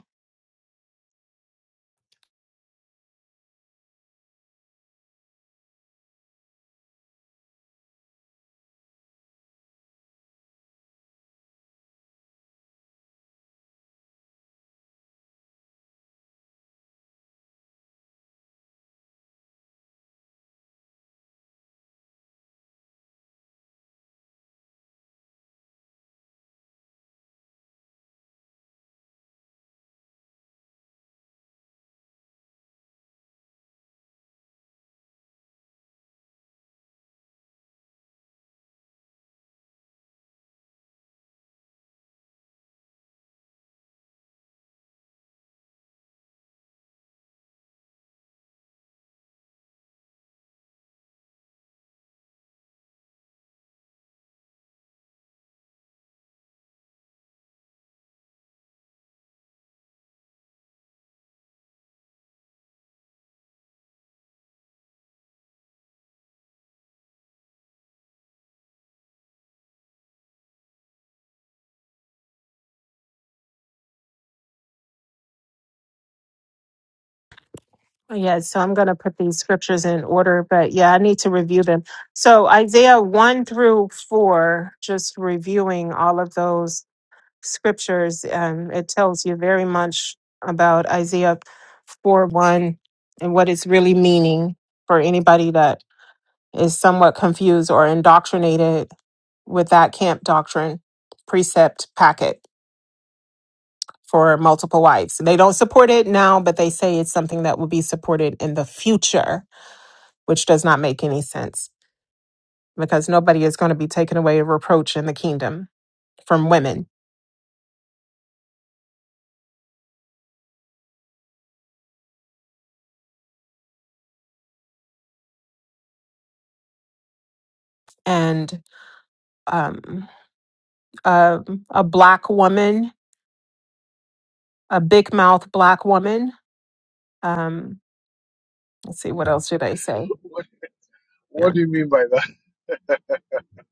D: Yeah, so I'm going to put these scriptures in order, but yeah, I need to review them. So Isaiah 1 through 4, just reviewing all of those scriptures, um, it tells you very much about Isaiah 4 1 and what it's really meaning for anybody that is somewhat confused or indoctrinated with that camp doctrine precept packet for multiple wives. They don't support it now, but they say it's something that will be supported in the future which does not make any sense because nobody is going to be taken away a reproach in the kingdom from women. And um, a, a black woman, a big mouth black woman. Um, let's see, what else did I say?
A: What
D: Yeah.
A: What do you mean by that?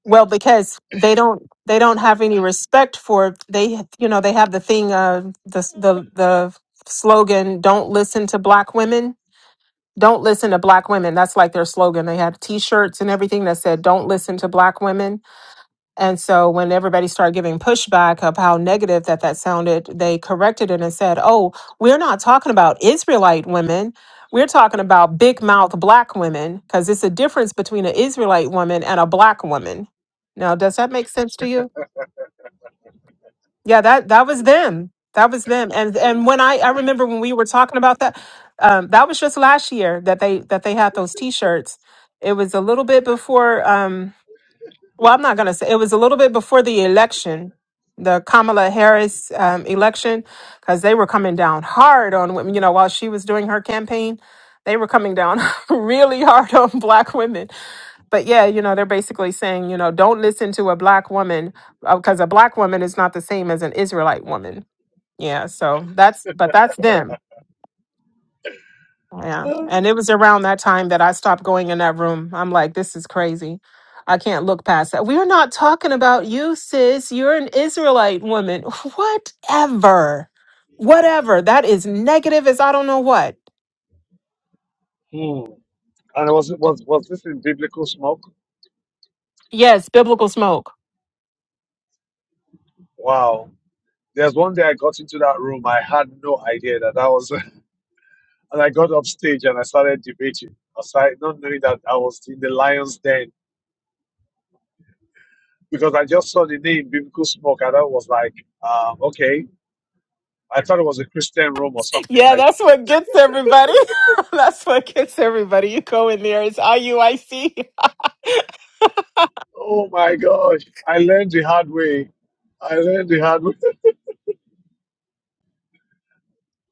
D: Well, because they don't they don't have any respect for they you know they have the thing of the the the slogan don't listen to black women don't listen to black women that's like their slogan they had t-shirts and everything that said don't listen to black women And so when everybody started giving pushback of how negative that that sounded, they corrected it and said, "Oh, we're not talking about Israelite women. We're talking about big mouth black women because it's a difference between an Israelite woman and a black woman." Now, does that make sense to you? Yeah, that that was them. That was them. And and when I I remember when we were talking about that, um, that was just last year that they that they had those T-shirts. It was a little bit before. Um, well, I'm not going to say it was a little bit before the election, the Kamala Harris um, election, because they were coming down hard on women. You know, while she was doing her campaign, they were coming down really hard on black women. But yeah, you know, they're basically saying, you know, don't listen to a black woman because a black woman is not the same as an Israelite woman. Yeah, so that's but that's them. Yeah. And it was around that time that I stopped going in that room. I'm like, this is crazy. I can't look past that. We're not talking about you, sis. You're an Israelite woman. Whatever. Whatever. That is negative as I don't know what.
A: And was it was was this in biblical smoke?
D: Yes, biblical smoke.
A: Wow. There's one day I got into that room, I had no idea that I was, and I got up stage and I started debating. I started not knowing that I was in the lion's den because I just saw the name Biblical Smoke and I was like, um, okay. I thought it was a Christian room or something. I
D: Yeah, that's
A: didn't.
D: what gets everybody. that's what gets everybody. You go in there, it's IUIC.
A: Oh my gosh, I learned the hard way. I learned the hard way.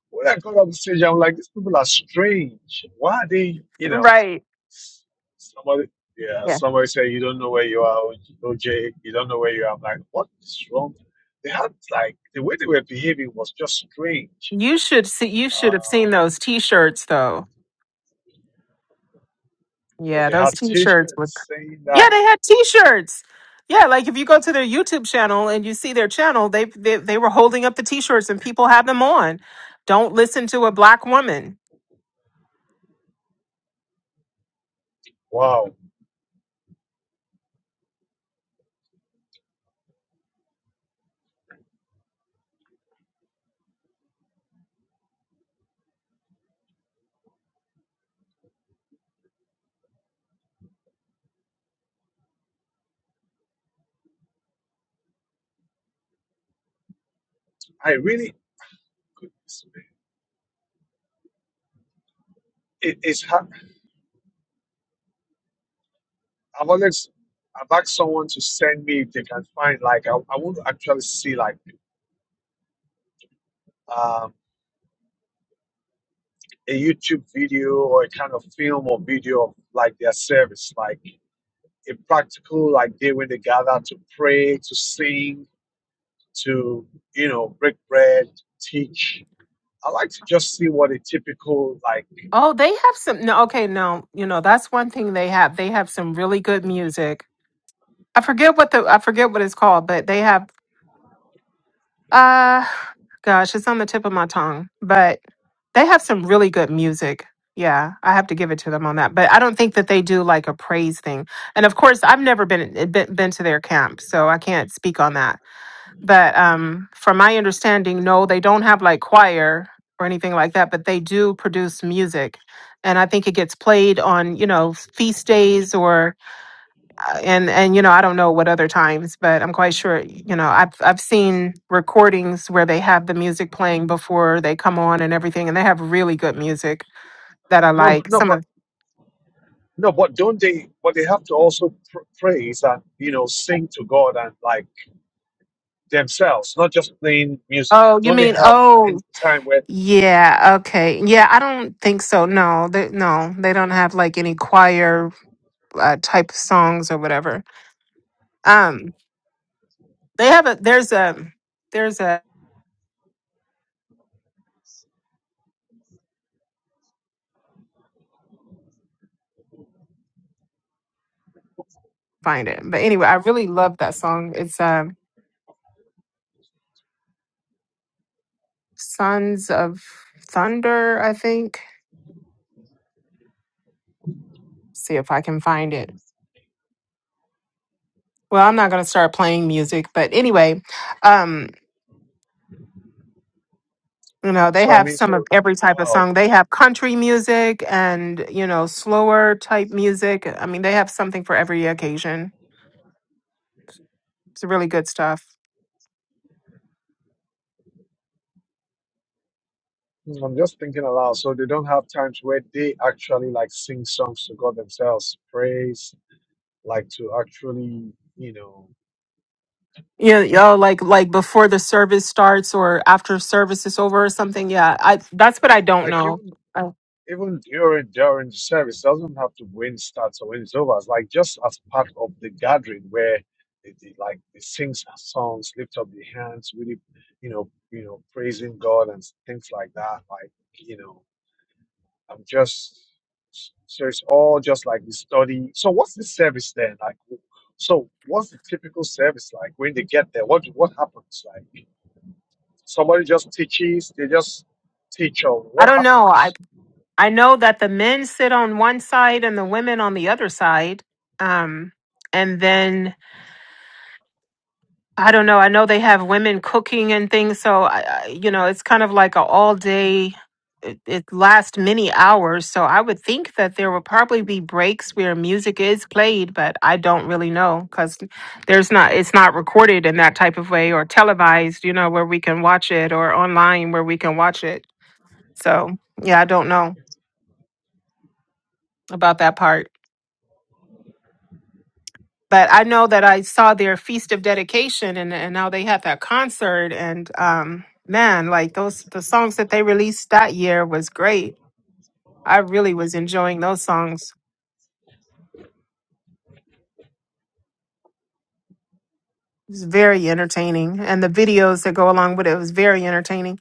A: When I got up stage, I'm like, these people are strange. Why are they, you know?
D: right.
A: Somebody, yeah,
D: Yeah.
A: somebody said you don't know where you are, OJ. You don't know where you are. I'm like, what is wrong? They had like the way they were behaving was just strange.
D: You should see you should have seen
A: Um,
D: those t-shirts though.
A: well,
D: Yeah,
A: they
D: those
A: had
D: t-shirts were
A: T-shirts saying
D: Yeah,
A: that.
D: they had T-shirts. Yeah, like if you go to their YouTube channel and you see their channel, they they, they were holding up the T-shirts and people have them on. Don't listen to a black woman.
A: Wow, I really goodness me. It, it's hard. I've always I've asked someone to send me if they can find like I, I want to actually see like um, a YouTube video or a kind of film or video of like their service like. in practical, like they when they gather to pray, to sing, to you know break bread, teach. I like to just see what a typical like
D: Oh, they have some. No, okay, no, you know that's one thing they have. They have some really good music. I forget what the I forget what it's called, but they have. Uh, gosh, it's on the tip of my tongue, but. They have some really good music. Yeah, I have to give it to them on that. But I don't think that they do like a praise thing. And of course, I've never been eh, been, been to their camp, so I can't speak on that. But um, from my understanding, no, they don't have like choir or anything like that. But they do produce music, and I think it gets played on you know feast days or and and you know I don't know what other times, but I'm quite sure you know I've I've seen recordings where they have the music playing before they come on and everything, and they have really good music that I
A: no
D: like.
A: no
D: Some
A: but
D: of
A: no but don't they but they have to also pr- praise and you know sing to God and like themselves, not just playing music.
D: oh, you
A: Don't they
D: mean
A: have any
D: oh
A: time where
D: yeah okay yeah I don't think so. No, they, no, they don't have like any choir uh, type songs or whatever. Um, they have a there's a there's a find it, but anyway, I really love that song. It's um Sons of Thunder, I think see if I can find it. Well, I'm not going to start playing music, but anyway, um, you know, they
A: so I
D: have
A: mean
D: some of
A: so
D: every type of
A: wow.
D: song. They have country music and, you know, slower type music. I mean, they have something for every occasion. It's really good stuff.
A: I'm just thinking aloud. So they don't have times where they actually like sing songs to God themselves, praise, like to actually, you know.
D: Yeah, you know, like like before the service starts or after service is over or something. Yeah, I that's
A: No,
D: what I don't
A: like
D: know.
A: even
D: I,
A: even during during the service doesn't have to win starts or win it's over. It's like just as part of the gathering where they, they like they sing s- songs, lift up the hands, really, you know, you know, praising God and s- things like that. Like you know, I'm just so it's all just like the study. So what's the service then? Like, w- so what's the typical service like when they get there? What what happens? Like somebody just teaches, they just teach on
D: I
A: what
D: don't know.
A: happens.
D: I I know that the men sit on one side and the women on the other side. Um, and then I don't know. I know they have women cooking and things, so I, I- you know it's kind of like a all day. It, it lasts many hours, so I would think that there will probably be breaks where music is played, but I don't really know because there's not. It's not recorded in that type of way or televised, you know, where we can watch it or online where we can watch it. So yeah, I don't know about that part. but I know that I saw their feast of dedication and and now they had that concert and um man like those the songs that they released that year was great. I really was enjoying those songs. It was very entertaining and the videos that go along with it was very entertaining.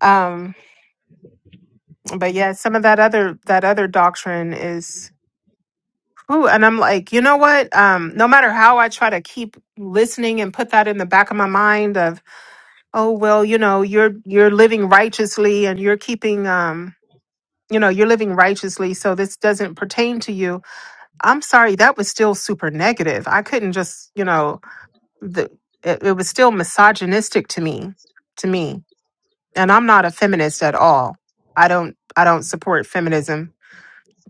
D: Um but yeah, some of that other that other doctrine is Ooh, and I'm like, you know what? Um, no matter how I try to keep listening and put that in the back of my mind of oh well you know you're you're living righteously and you're keeping um you know you're living righteously so this doesn't pertain to you i'm sorry that was still super negative i couldn't just you know the it, it was still misogynistic to me to me and i'm not a feminist at all i don't i don't support feminism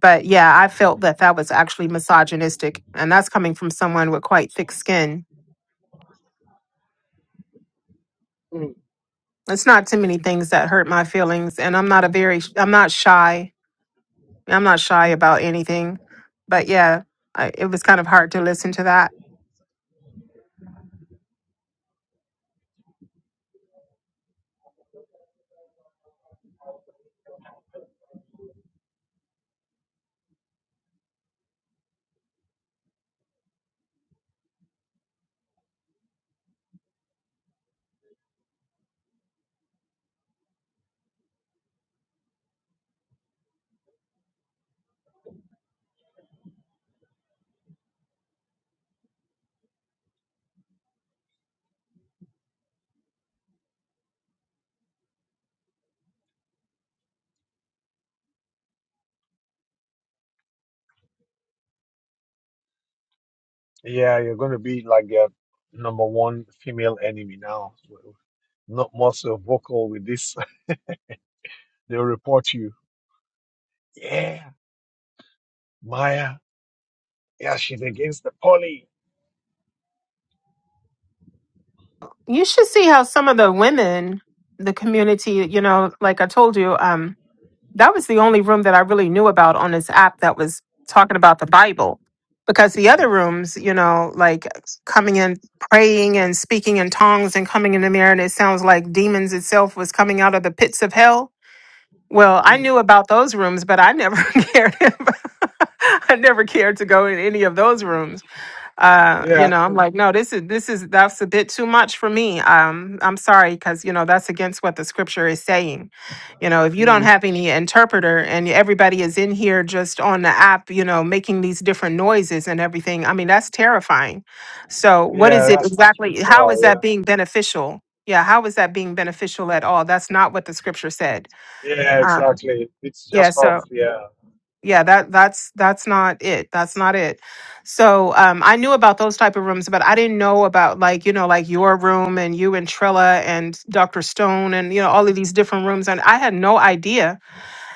D: but yeah i felt that that was actually misogynistic and that's coming from someone with quite thick skin it's not too many things that hurt my feelings and i'm not a very i'm not shy i'm not shy about anything but yeah I, it was kind of hard to listen to that
A: Yeah, you're going to be like a number one female enemy now. Not more so vocal with this. They'll report you. Yeah, Maya. Yeah, she's against the poly.
D: you should see how some of the women the community you know like i told you um that was the only room that i really knew about on this app that was talking about the bible because the other rooms you know like coming in praying and speaking in tongues and coming in the mirror and it sounds like demons itself was coming out of the pits of hell well i knew about those rooms but i never cared i never cared to go in any of those rooms uh you
A: Yeah.
D: know i'm like no this is this is that's a bit too much for me um i'm sorry because you know that's against what the scripture is saying you know if you don't
A: Mm.
D: have any interpreter and everybody is in here just on the app you know making these different noises and everything i mean that's terrifying so what
A: Yeah,
D: is it
A: that's not
D: exactly how
A: scriptural.
D: is that
A: Yeah.
D: being beneficial yeah how is that being beneficial at all that's not what the scripture said
A: Yeah,
D: uh,
A: exactly. It's
D: yeah
A: just
D: so
A: off. Yeah.
D: yeah that that's that's not it that's not it so um i knew about those type of rooms but i didn't know about like you know like your room and you and trilla and dr stone and you know all of these different rooms and i had no idea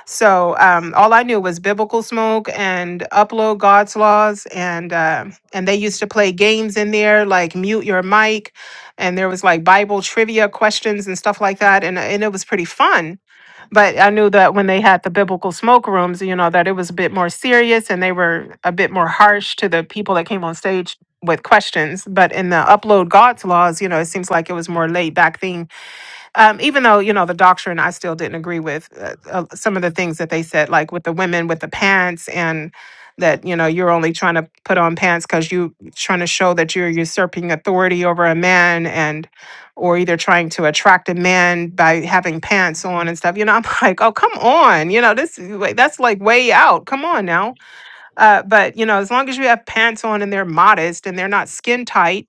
D: so um all i knew was biblical smoke and upload god's laws and uh, and they used to play games in there like mute your mic and there was like bible trivia questions and stuff like that and and it was pretty fun but I knew that when they had the biblical smoke rooms, you know, that it was a bit more serious and they were a bit more harsh to the people that came on stage with questions. But in the upload God's laws, you know, it seems like it was more laid back thing um, even though you know the doctrine i still didn't agree with uh, uh, some of the things that they said like with the women with the pants and that you know you're only trying to put on pants because you trying to show that you're usurping authority over a man and or either trying to attract a man by having pants on and stuff you know i'm like oh come on you know this is way- that's like way out come on now uh, but you know as long as you have pants on and they're modest and they're not skin tight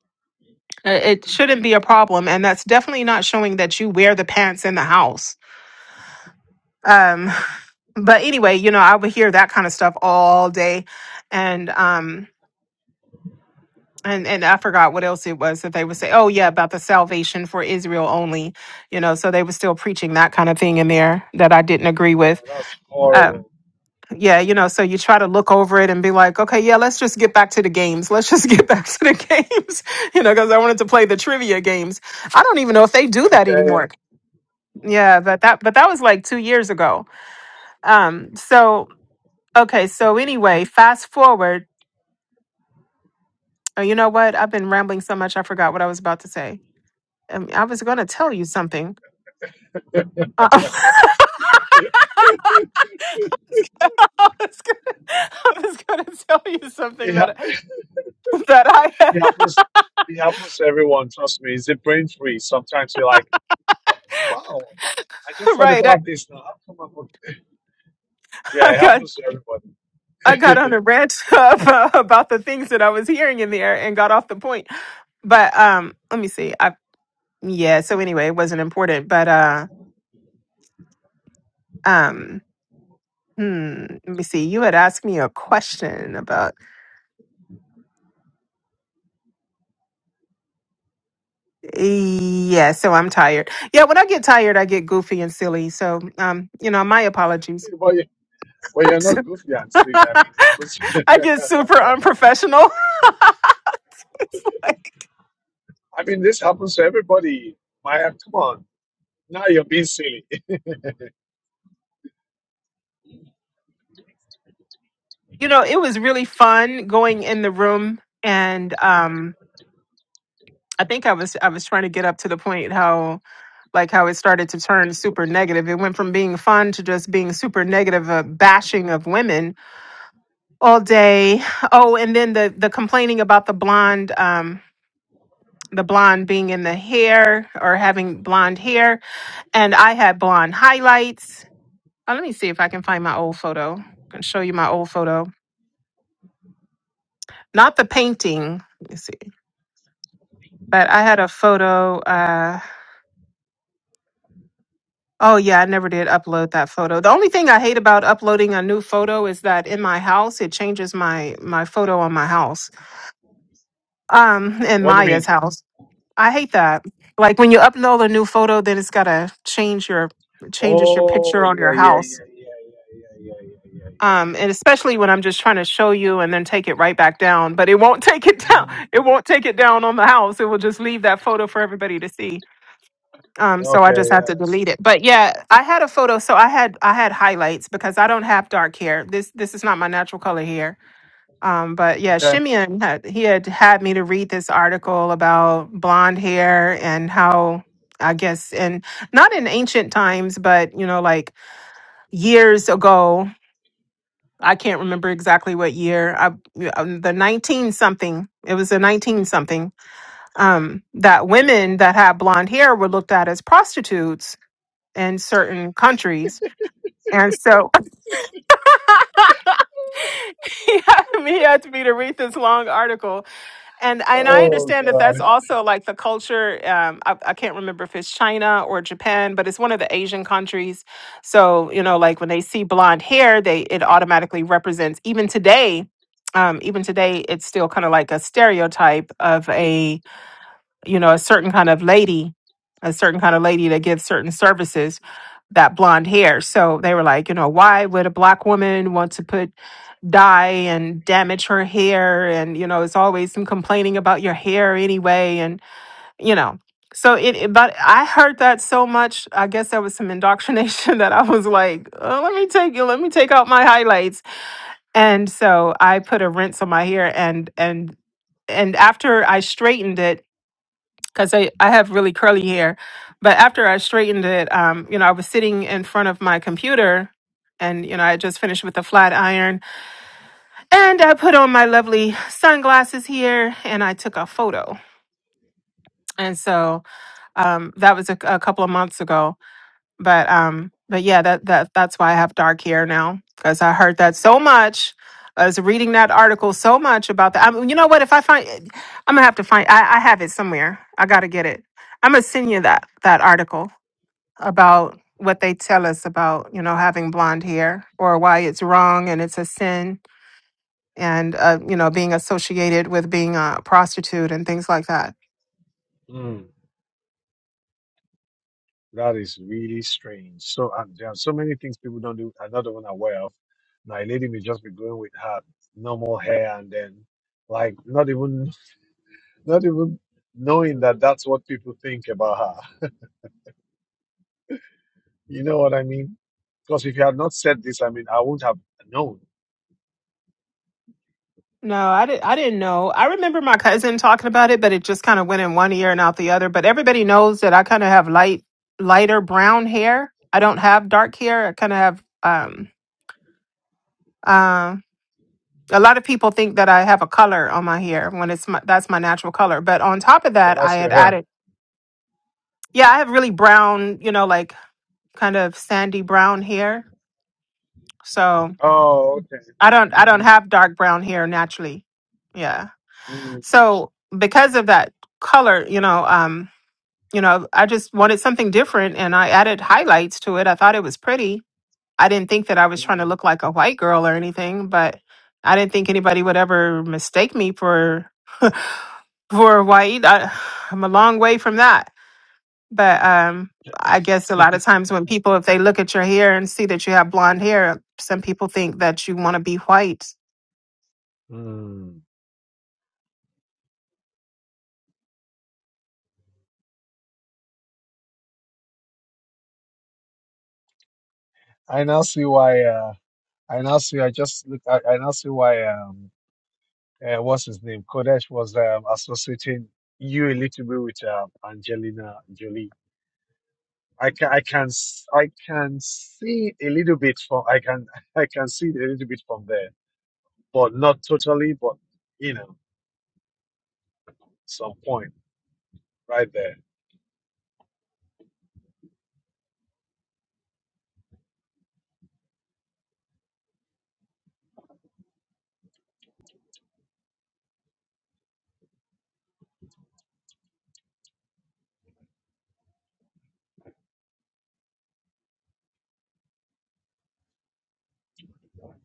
D: uh, It shouldn't be a problem. And that's definitely not showing that you wear the pants in the house. Um, but anyway, you know, I would hear that kind of stuff all day. And, um, and, and I forgot what else it was that they would say, oh, yeah, about the salvation for Israel only, you know, so they were still preaching that kind of thing in there that I didn't agree
A: Yeah,
D: with.
A: that's
D: Um,
A: horrible.
D: yeah, you know, so you try to look over it and be like, okay, yeah, let's just get back to the games. Let's just get back to the games, you know, because I wanted to play the trivia games. I don't even know if they do that anymore.
A: Okay.
D: Yeah, but that but that was like two years ago. Um, so okay, so anyway, fast forward. Oh, you know what? I've been rambling so much, I forgot what I was about to say. Um, I was going to tell you something. Uh, I was gonna, I was going to tell you something
A: It, ha-
D: that that I had.
A: it happens. It happens to everyone. Trust me. It's a brain freeze. Sometimes you're like, oh, wow, I just thought
D: Right, I,
A: about this now. How come I'm not-" Yeah,
D: I
A: it
D: got
A: happens to
D: I
A: everybody.
D: got on a rant about, about the things that I was hearing in the air and got off the point. But um, let me see. I yeah. So anyway, it wasn't important, but uh, um. Hmm. Let me see. You had asked me a question about. eh, Yeah. So I'm tired. Yeah. When I get tired, I get goofy and silly. So, um, you know, my apologies.
A: Well, you- well, you're not goofy and sweet. I mean, it
D: I
A: happens.
D: get super unprofessional. it's like,
A: I mean, this happens to everybody. Maya, come on. Now you're being silly.
D: you know, it was really fun going in the room, and um, I think I was I was trying to get up to the point how like how it started to turn super negative. It went from being fun to just being super negative, a bashing of women all day. Oh, and then the the complaining about the blonde um the blonde being in the hair or having blonde hair and I had blonde highlights. Uh, let me see if I can find my old photo. I can show you my old photo. Not the painting. Let me see. But I had a photo uh oh yeah, I never did upload that photo. The only thing I hate about uploading a new photo is that in my house it changes my my photo on my house. Um in
A: What do you
D: Maya's
A: mean?
D: house. I hate that. Like when you upload a new photo, then it's gotta change your changes your
A: Oh,
D: picture on
A: yeah,
D: your
A: yeah, yeah,
D: house.
A: yeah, yeah, yeah, yeah, yeah, yeah, yeah.
D: Um, and especially when I'm just trying to show you and then take it right back down, but it won't take it
A: yeah.
D: down.
A: Mm,
D: It won't take it down on the house. It will just leave that photo for everybody to see. Um, so I
A: okay,
D: just have
A: yeah,
D: to
A: I
D: delete
A: see.
D: it. But yeah, I had a photo. So I had I had highlights because I don't have dark hair. This this is not my natural color hair um, but yeah,
A: Okay.
D: Shimeon had, he had had me to read this article about blonde hair and how I guess and not in ancient times, but you know, like years ago. I can't remember exactly what year. I, um, the nineteen something. It was the nineteen something um, that women that had blonde hair were looked at as prostitutes in certain countries, and so he had me he had to to read this long article And and I
A: Oh,
D: understand that that's
A: God.
D: also like the culture. Um, I, I can't remember if it's China or Japan, but it's one of the Asian countries. So you know, like when they see blonde hair, they it automatically represents. Even today, um, even today, it's still kind of like a stereotype of a you know a certain kind of lady, a certain kind of lady that gives certain services that blonde hair. So they were like, you know, why would a black woman want to put dye and damage her hair? And, you know, it's always some complaining about your hair anyway. And, you know, so it, it- but I heard that so much. I guess there was some indoctrination that I was like, oh, let me take you, let me take out my highlights. And so I put a rinse on my hair and, and, and after I straightened it, because I, I have really curly hair. But after I straightened it, um, you know, I was sitting in front of my computer and, you know, I had just finished with a flat iron and I put on my lovely sunglasses here and I took a photo. And so um, that was a, a couple of months ago but um but yeah that that that's why i have dark hair now because i heard that so much i was reading that article so much about that I you know what if i find eh, i'm gonna have to find i, I have it somewhere i gotta get it i'm gonna send you that that article about what they tell us about you know having blonde hair or why it's wrong and it's a sin and uh, you know being associated with being a prostitute and things like that.
A: That is really strange. So, and there are so many things people don't do, are not even aware of. Now, a lady may just be going with her normal hair and then, like, not even not even knowing that that's what people think about her. You know what I mean? Because if you had not said this, I mean, I wouldn't have known.
D: No, I did. I didn't know. I remember my cousin talking about it, but it just kind of went in one ear and out the other. But everybody knows that I kind of have light, lighter brown hair. I don't have dark hair. I kind of have um, uh, a lot of people think that I have a color on my hair when it's my, that's my natural color. But on top of
A: But
D: that, I
A: that's your
D: had
A: hair.
D: added, yeah, I have really brown, you know, like kind of sandy brown hair. So
A: Oh, okay.
D: I don't, I don't
A: Mhm,
D: have dark brown hair naturally. Yeah.
A: mm
D: So because of that color, you know, um, you know, I just wanted something different, and I added highlights to it. I thought it was pretty. I didn't think that I was trying to
A: mm
D: look like a white girl or anything, but I didn't think anybody would ever mistake me for. for Hawaii. I, I'm a long way from that. But um, I guess a lot of times when people, if they look at your hair and see that you have blonde hair, some people think that you want to be white.
A: mm. I now see why. Uh, I now see. I just look. I, I now see why. Um, uh, what's his name? Kodesh was um, associating you a little bit with um, Angelina Jolie. I can. I can. s- I can see a little bit from. I can. I can see it a little bit from there but not totally, but you know, some point right there.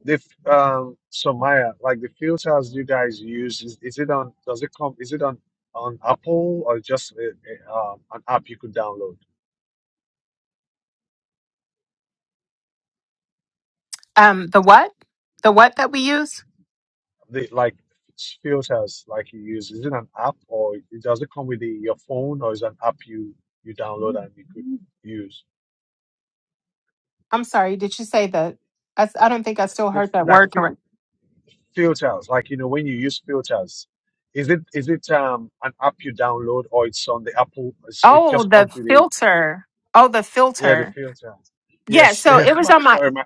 A: The f- um, so Maya, like the filters you guys use, is, is it on? Does it come? Is it on on Apple or just a, a, um, an app you could download?
D: Um, the what? The what that we use?
A: The like filters like you use, is it an app or it, does it come with the, your phone or is it an app you you download and you could use?
D: I'm sorry. Did you say the? I, s- I don't think I still
A: If
D: heard that
A: like
D: word
A: filters, like you know, when you use filters, is it is it um an app you download or it's on the Apple? It's, it
D: Oh,
A: just
D: the
A: comes with the
D: filter. Oh, the
A: yeah the
D: filter.
A: filters.
D: Yeah,
A: Yes,
D: so
A: yeah.
D: it was
A: My,
D: on my
A: sorry, my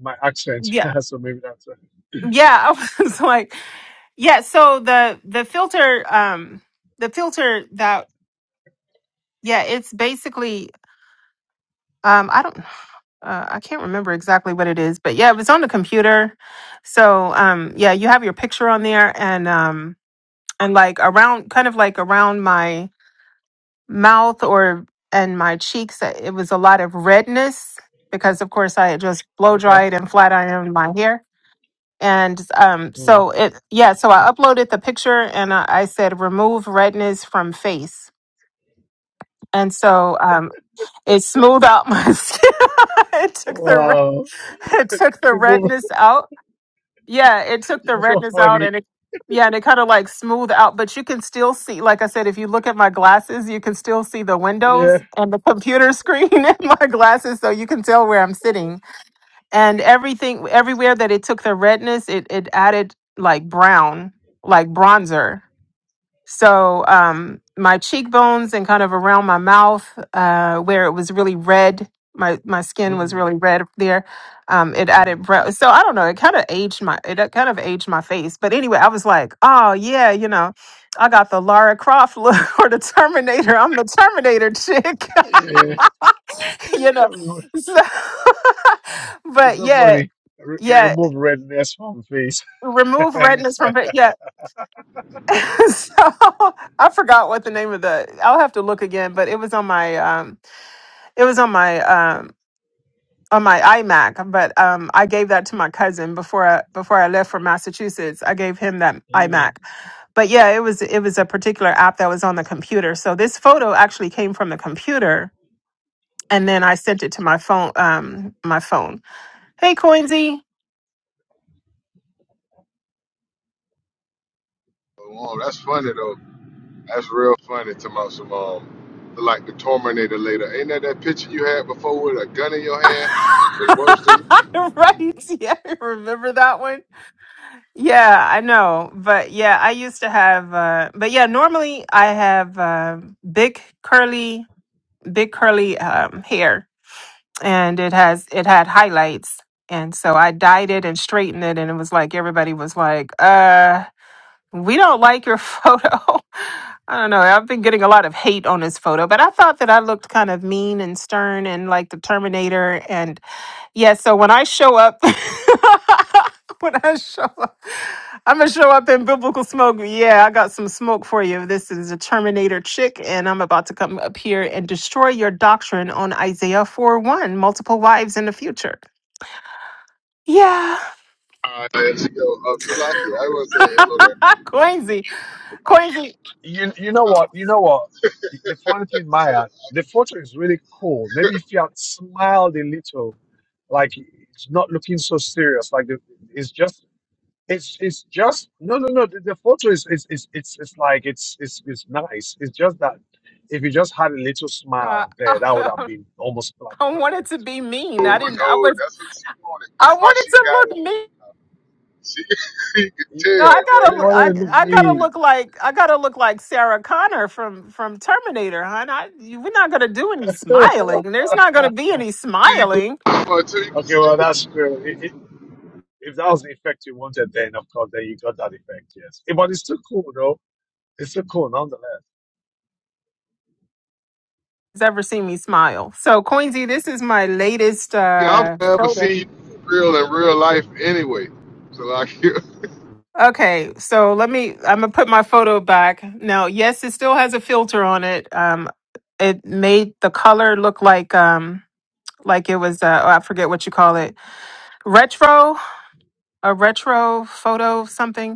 A: my accent.
D: yeah.
A: so maybe that's uh,
D: Yeah, I was like yeah, so the the filter um the filter that yeah, it's basically um I don't uh, I can't remember exactly what it is, but yeah, it was on the computer. So um yeah, you have your picture on there and um and like around kind of like around my mouth or and my cheeks uh, it was a lot of redness because of course i had just
A: yeah.
D: blow
A: okay.
D: dried and flat ironed my hair and um so it yeah so i uploaded the picture and i, I said remove redness from face and so um it smoothed out my skin it took the re-
A: Wow,
D: it took the
A: remove.
D: redness out Yeah, it took the
A: You're so
D: redness out
A: funny.
D: and it yeah, and it kind of like smoothed out, but you can still see like I said if you look at my glasses, you can still see the
A: Yeah.
D: windows and the computer screen in my glasses so you can tell where I'm sitting. And everything everywhere that it took the redness, it it added like brown, like bronzer. So um, my cheekbones and kind of around my mouth, uh, where it was really red, my my skin was
A: Mm,
D: really red there. Um, it added
A: mm.
D: brown. So I don't know. It kind of aged my it kind of aged my face. But anyway, I was like, oh yeah, you know, I got the Lara Croft look or the Terminator. I'm the Terminator chick,
A: Yeah.
D: you
A: yeah.
D: know. So,
A: It's
D: but
A: so
D: yeah,
A: funny. Re-
D: yeah.
A: remove redness from face,
D: Remove
A: and
D: redness
A: it's like.
D: from fa- yeah. so I forgot what the name of the. I'll have to look again, but it was on my um, it was on my um, on my iMac. But um, I gave that to my cousin before I before I left for Massachusetts. I gave him that iMac. But yeah, it was it was a particular app that was on the computer. So this photo actually came from the computer, and then I sent it to my phone. Um, my phone. Hey, Coinsy.
T: Oh, that's funny though. That's real funny to my some um, like the Terminator later. Ain't that that picture you had before with a gun in your hand was worse than
D: right? Yeah, I remember that one. Yeah, I know. But yeah, I used to have uh but yeah, normally I have um big curly big curly um hair and it has it had highlights and so I dyed it and straightened it and it was like everybody was like, "Uh, we don't like your photo." I don't know. I've been getting a lot of hate on this photo, but I thought that I looked kind of mean and stern and like the Terminator yeah, so when I show up, when I show up, I'm gonna show up in biblical smoke. Yeah, I got some smoke for you. This is a Terminator chick, and I'm about to come up here and destroy your doctrine on Isaiah 4 1, multiple wives in the future. Yeah.
T: uh, it's, yo, um, Salaki. I want to say hello there
D: Coinsy.
T: off
D: Coinsy.
A: you you
T: the
A: know what? You know what? The
T: top.
A: funny thing,
T: So,
A: Maya, the photo is really cool. Maybe if you had smiled a little, like it's not looking so serious. Like the, it's just it's it's just no no no. The, the photo is is is it's it's like it's it's it's nice. It's just that if you just had a little
D: Uh,
A: smile there, that would
D: I,
A: have been almost like
D: I
A: perfect.
D: wanted to be
T: oh
D: mean. I didn't, I
T: no,
D: was,
T: that's what she wanted.
D: I
T: That's why
D: wanted
T: she
D: to
T: got it.
D: look mean.
T: She, you could
A: You,
D: No,
A: you,
D: I
T: tell,
A: you
D: gotta,
T: boy.
A: want
D: I,
A: to look
D: I gotta
A: mean?
D: look like, I gotta look like Sarah Connor from from Terminator, hon. I, you- we're not gonna do any
A: okay,
D: smiling. There's not gonna be any
T: You could,
D: smiling.
T: until you can see
A: well
T: it.
A: that's true. If that was the effect you wanted, then of course, then you got that effect, yes. Eh, But it's still cool, though. It's still cool, nonetheless.
D: Has ever seen me smile? So, Coinsy, this is my latest
T: Yeah, I've
D: uh,
T: never
D: photo.
T: seen you real in real life anyway. Salakia,
D: Okay, so let me. I'm gonna put my photo back now. Yes, it still has a filter on it. Um, it made the color look like um, like it was. Uh, oh, I forget what you call it. Retro, a retro photo, something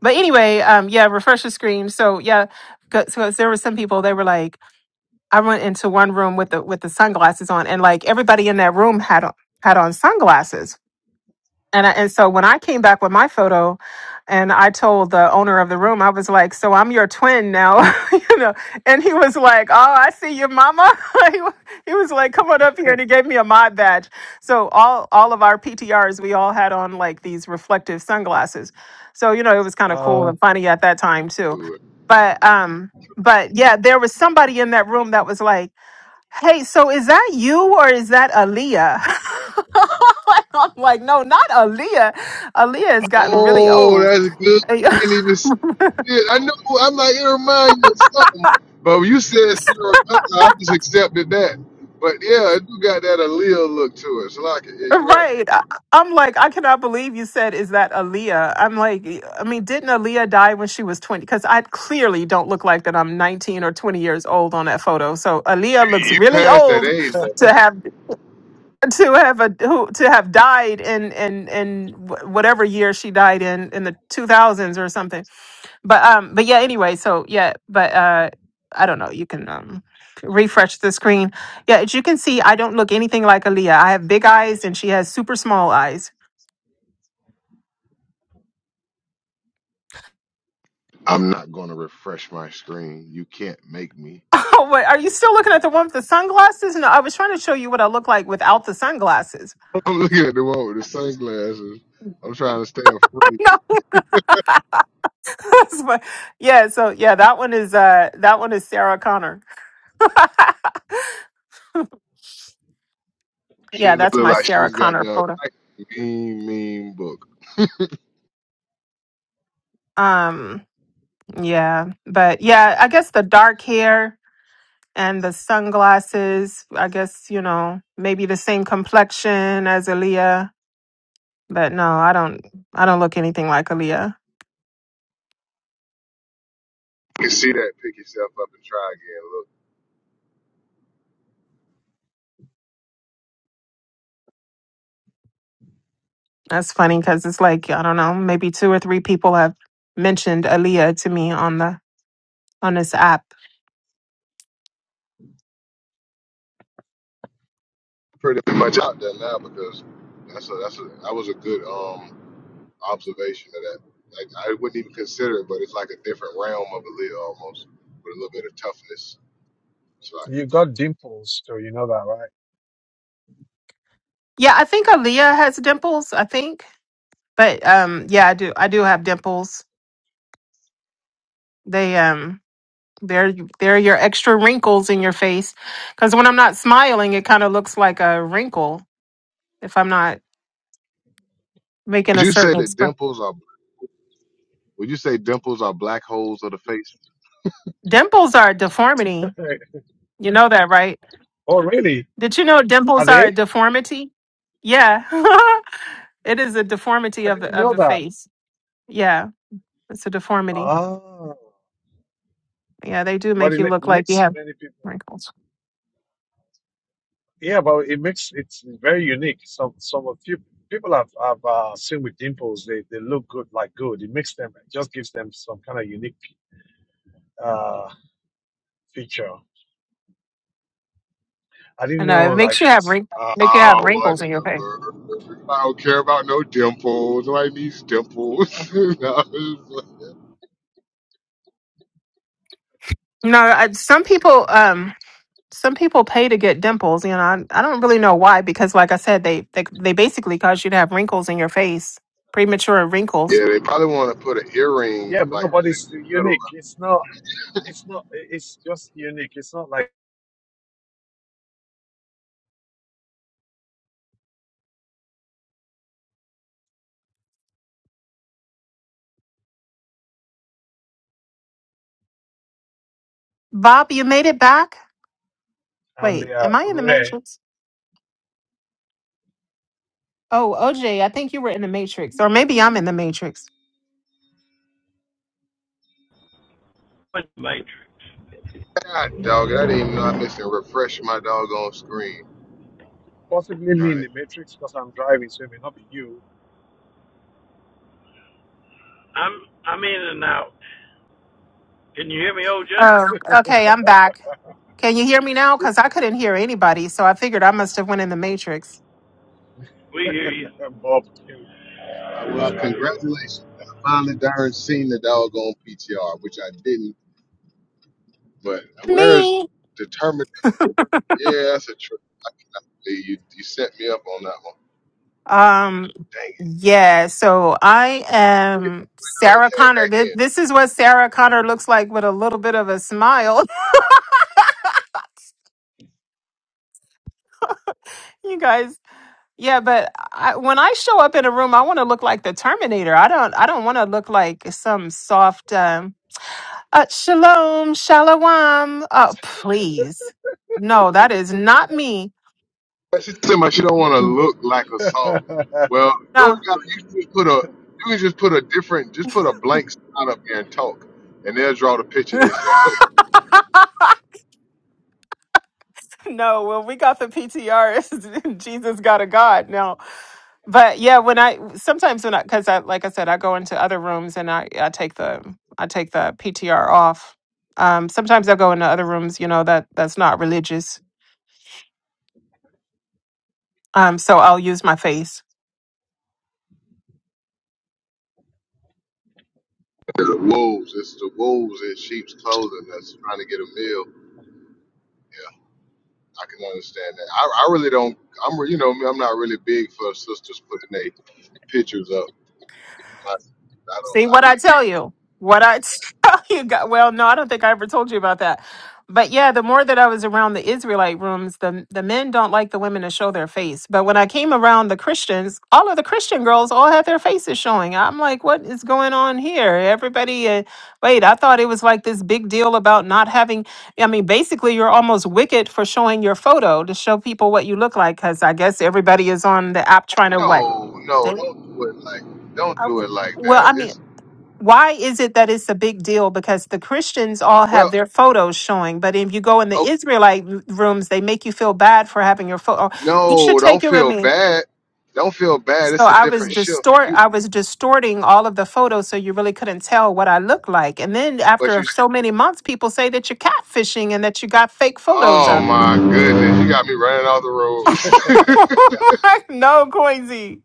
D: but anyway, um, yeah, refresh the screen. So yeah, because there were some people they were like, I went into one room with the with the sunglasses on, and like everybody in that room had on had on sunglasses and I, and so when I came back with my photo, and I told the owner of the room, I was like, "So I'm your twin now," you know. And he was like, "Oh, I see your mama." he wa- he was like, "Come on up here," and he gave me a mod badge. So all all of our PTRs, we all had on like these reflective sunglasses. So you know, it was kind of cool
A: Uh,
D: and funny at that time too.
T: cool.
D: But um, but yeah, there was somebody in that room that was like. Hey, so is that you or is that Aaliyah? I'm like, no, not Aaliyah. Aaliyah has gotten really
T: Oh,
D: old.
T: that's good.
D: right.
T: I didn't even see it. I know. I'm like, it reminds you of something. But when you said Sarah Connor, I just accepted that. But yeah, it do got that allele look to it. So like, yeah, you're right.
D: I- I'm like, I cannot believe you said, is that Aaliyah? I'm like, I mean, didn't Aaliyah die when she was 20? Because I clearly don't look like that. I'm 19 or 20 years old on that photo. So
T: You,
D: Aaliyah looks
T: you
D: really
T: passed that
D: old
T: age though.
D: to
T: right?
D: have to have a who to have died in in in wh- whatever year she died in in the 2000s or something but um but yeah anyway so yeah but uh i don't know you can um refresh the screen yeah as you can see i don't look anything like aaliyah i have big eyes and she has super small eyes
T: I'm not gonna refresh my screen. You can't make me.
D: oh wait are you still looking at the one with the sunglasses no i was trying to show you what i look like without the sunglasses
T: I'm looking at the one with the sunglasses. I'm trying to stay free.
D: no that's my, yeah so yeah that one is uh that one is sarah connor yeah
T: She look
D: that's my
T: like
D: sarah
T: she's got
D: connor
T: the
D: photo
T: mean, mean book.
D: um yeah but yeah i guess the dark hair and the sunglasses. I guess you know maybe the same complexion as Aaliyah, but no, I don't. I don't look anything like Aaliyah.
T: You see that, pick yourself up and try again. Look.
D: That's funny because it's like I don't know. Maybe two or three people have mentioned Aaliyah to me on the on this app.
T: pretty much out there now because that's a that's a that was a good um observation of that. Like I wouldn't even consider it, but it's like a different realm of a lid almost with a little bit of toughness. It's like
A: you got dimples, so you know that,
D: Yeah, I think Aaliyah has dimples. I think, but um, yeah, I do. I do have dimples. They um, There, there are your extra wrinkles in your face. Because when I'm not smiling, it kind of looks like a wrinkle if I'm not making
T: would
D: a
T: you say
D: certain
T: that
D: expression.
T: dimples are would you say dimples are black holes of the face?
D: Dimples are a deformity.
A: right?
D: You know that, right?
A: oh, really?
D: Did you know
A: Are
D: dimples are a
A: they?
D: deformity? Yeah. it is a deformity
A: I
D: of
A: didn't
D: the of
A: know
D: the
A: that.
D: face. Yeah, it's a deformity.
A: Ah,
D: Yeah, they do
A: but
D: make
A: it
D: you
A: li-
D: look like you
A: makes
D: have
A: many people.
D: wrinkles.
A: Yeah, but it makes it's very unique. Some some of few people have have uh, seen with dimples. They they look good, like good. It makes them. It just gives them some kind of unique uh feature. I
D: I
A: didn't know,
D: know it makes
A: like,
D: you
A: it
D: have
A: was-
D: wrinkles. Make you have
T: Oh, what?
D: wrinkles in your face.
T: I don't care about no dimples. Nobody needs dimples. No, it's-
D: No, I, some people. Um, some people pay to get dimples. You know, I, I don't really know why because, like I said, they they they basically cause you to have wrinkles in your face, premature wrinkles.
T: yeah, they probably want to put an earring
A: yeah, but
T: like
A: nobody's
T: little.
A: unique. It's not. it's not it's just unique it's not like
D: Bob, you made it back.
A: and they
D: Wait, am
A: are
D: I in the
A: rare
D: matrix? Oh, OJ, I think you were in the Matrix, or maybe I'm in the Matrix.
G: Wait, Matrix.
T: God, dog, I didn't even know I missed and refresh my doggone screen.
A: possibly me in the matrix because i'm driving so it may not be you
G: I'm I'm in and out. Can you hear me, OJ?
D: Oh, okay, I'm back. Can you hear me now? Because I couldn't hear anybody, so I figured I must have went in the Matrix.
G: We hear you.
A: bob Kiwi.
T: Uh,
A: i'm
T: well,
A: sorry,
T: congratulations. I finally darn seen the doggone PTR, which I didn't. But where is
D: Me.
T: determined? Yeah, that's a trick. I can believe You you set me up on that one.
D: Um.
T: Dang it!
D: Yeah. So I
T: It
D: am
T: thought it
D: Sarah
T: came
D: Connor.
T: back
D: Th-
T: in.
D: This is what Sarah Connor looks like with a little bit of a smile. You guys, yeah, but I, when I show up in a room, I want to look like the Terminator. I don't, I don't want to look like some soft um, uh, shalom, shalom. Oh, please, no, that is not me.
T: But she said, "My she don't want to look like a
A: I
T: soft."
A: mean uh,
T: Well, you know what,
D: No,
T: God, you can just put a you can just put a different, just put a blank spot up here and talk, and they'll draw the picture they
D: no.
T: sell.
D: Well, we got the PTR. Jesus got a God now, but yeah, when I sometimes when I because I like I said, I go into other rooms and I I take the I take the PTR off. Um, sometimes I go into other rooms, you know that that's not religious Um, so I'll use my face.
T: the wolves, it's the wolves in sheep's clothing that's trying to get a meal. I can understand that. I, I really don't. I'm re- you know me. I'm not really big for sisters putting their pictures up. I, I don't.
D: See
T: I
D: what
T: be
D: I tell you. What I tell you. God, well, no, I don't think I ever told you about that. But yeah, the more that I was around the Israelite rooms, the the men don't like the women to show their face. But when I came around the Christians, all of the Christian girls all had their faces showing. I'm like, what is going on here? Everybody, uh, wait, I thought it was like this big deal about not having. I mean, basically, you're almost wicked for showing your photo to show people what you look like, because I guess everybody is on the app trying to what
T: no, no. Don't do it like. Don't do
D: Okay.
T: it like
D: Well,
T: that.
D: I mean,
T: It's
D: why is it that it's a big deal? Because the Christians all
T: well.
D: have their photos showing, but if you go in the
T: Oh
D: Israelite r- rooms, they make you feel bad for having your photo. You should
T: no.
D: take
T: Don't
D: your. I
T: feel
D: mean,
T: bad. Don't feel bad.
D: so
T: It's a
D: I was
T: different shift.
D: distort.
T: You
D: I was distorting all of the photos, so you really couldn't tell what I looked like. And then
T: but
D: after
T: you. s-
D: so many months, people say that you're catfishing and that you got fake photos
T: Oh
D: of.
T: my goodness. You got me running off the road.
D: no, Coinsy.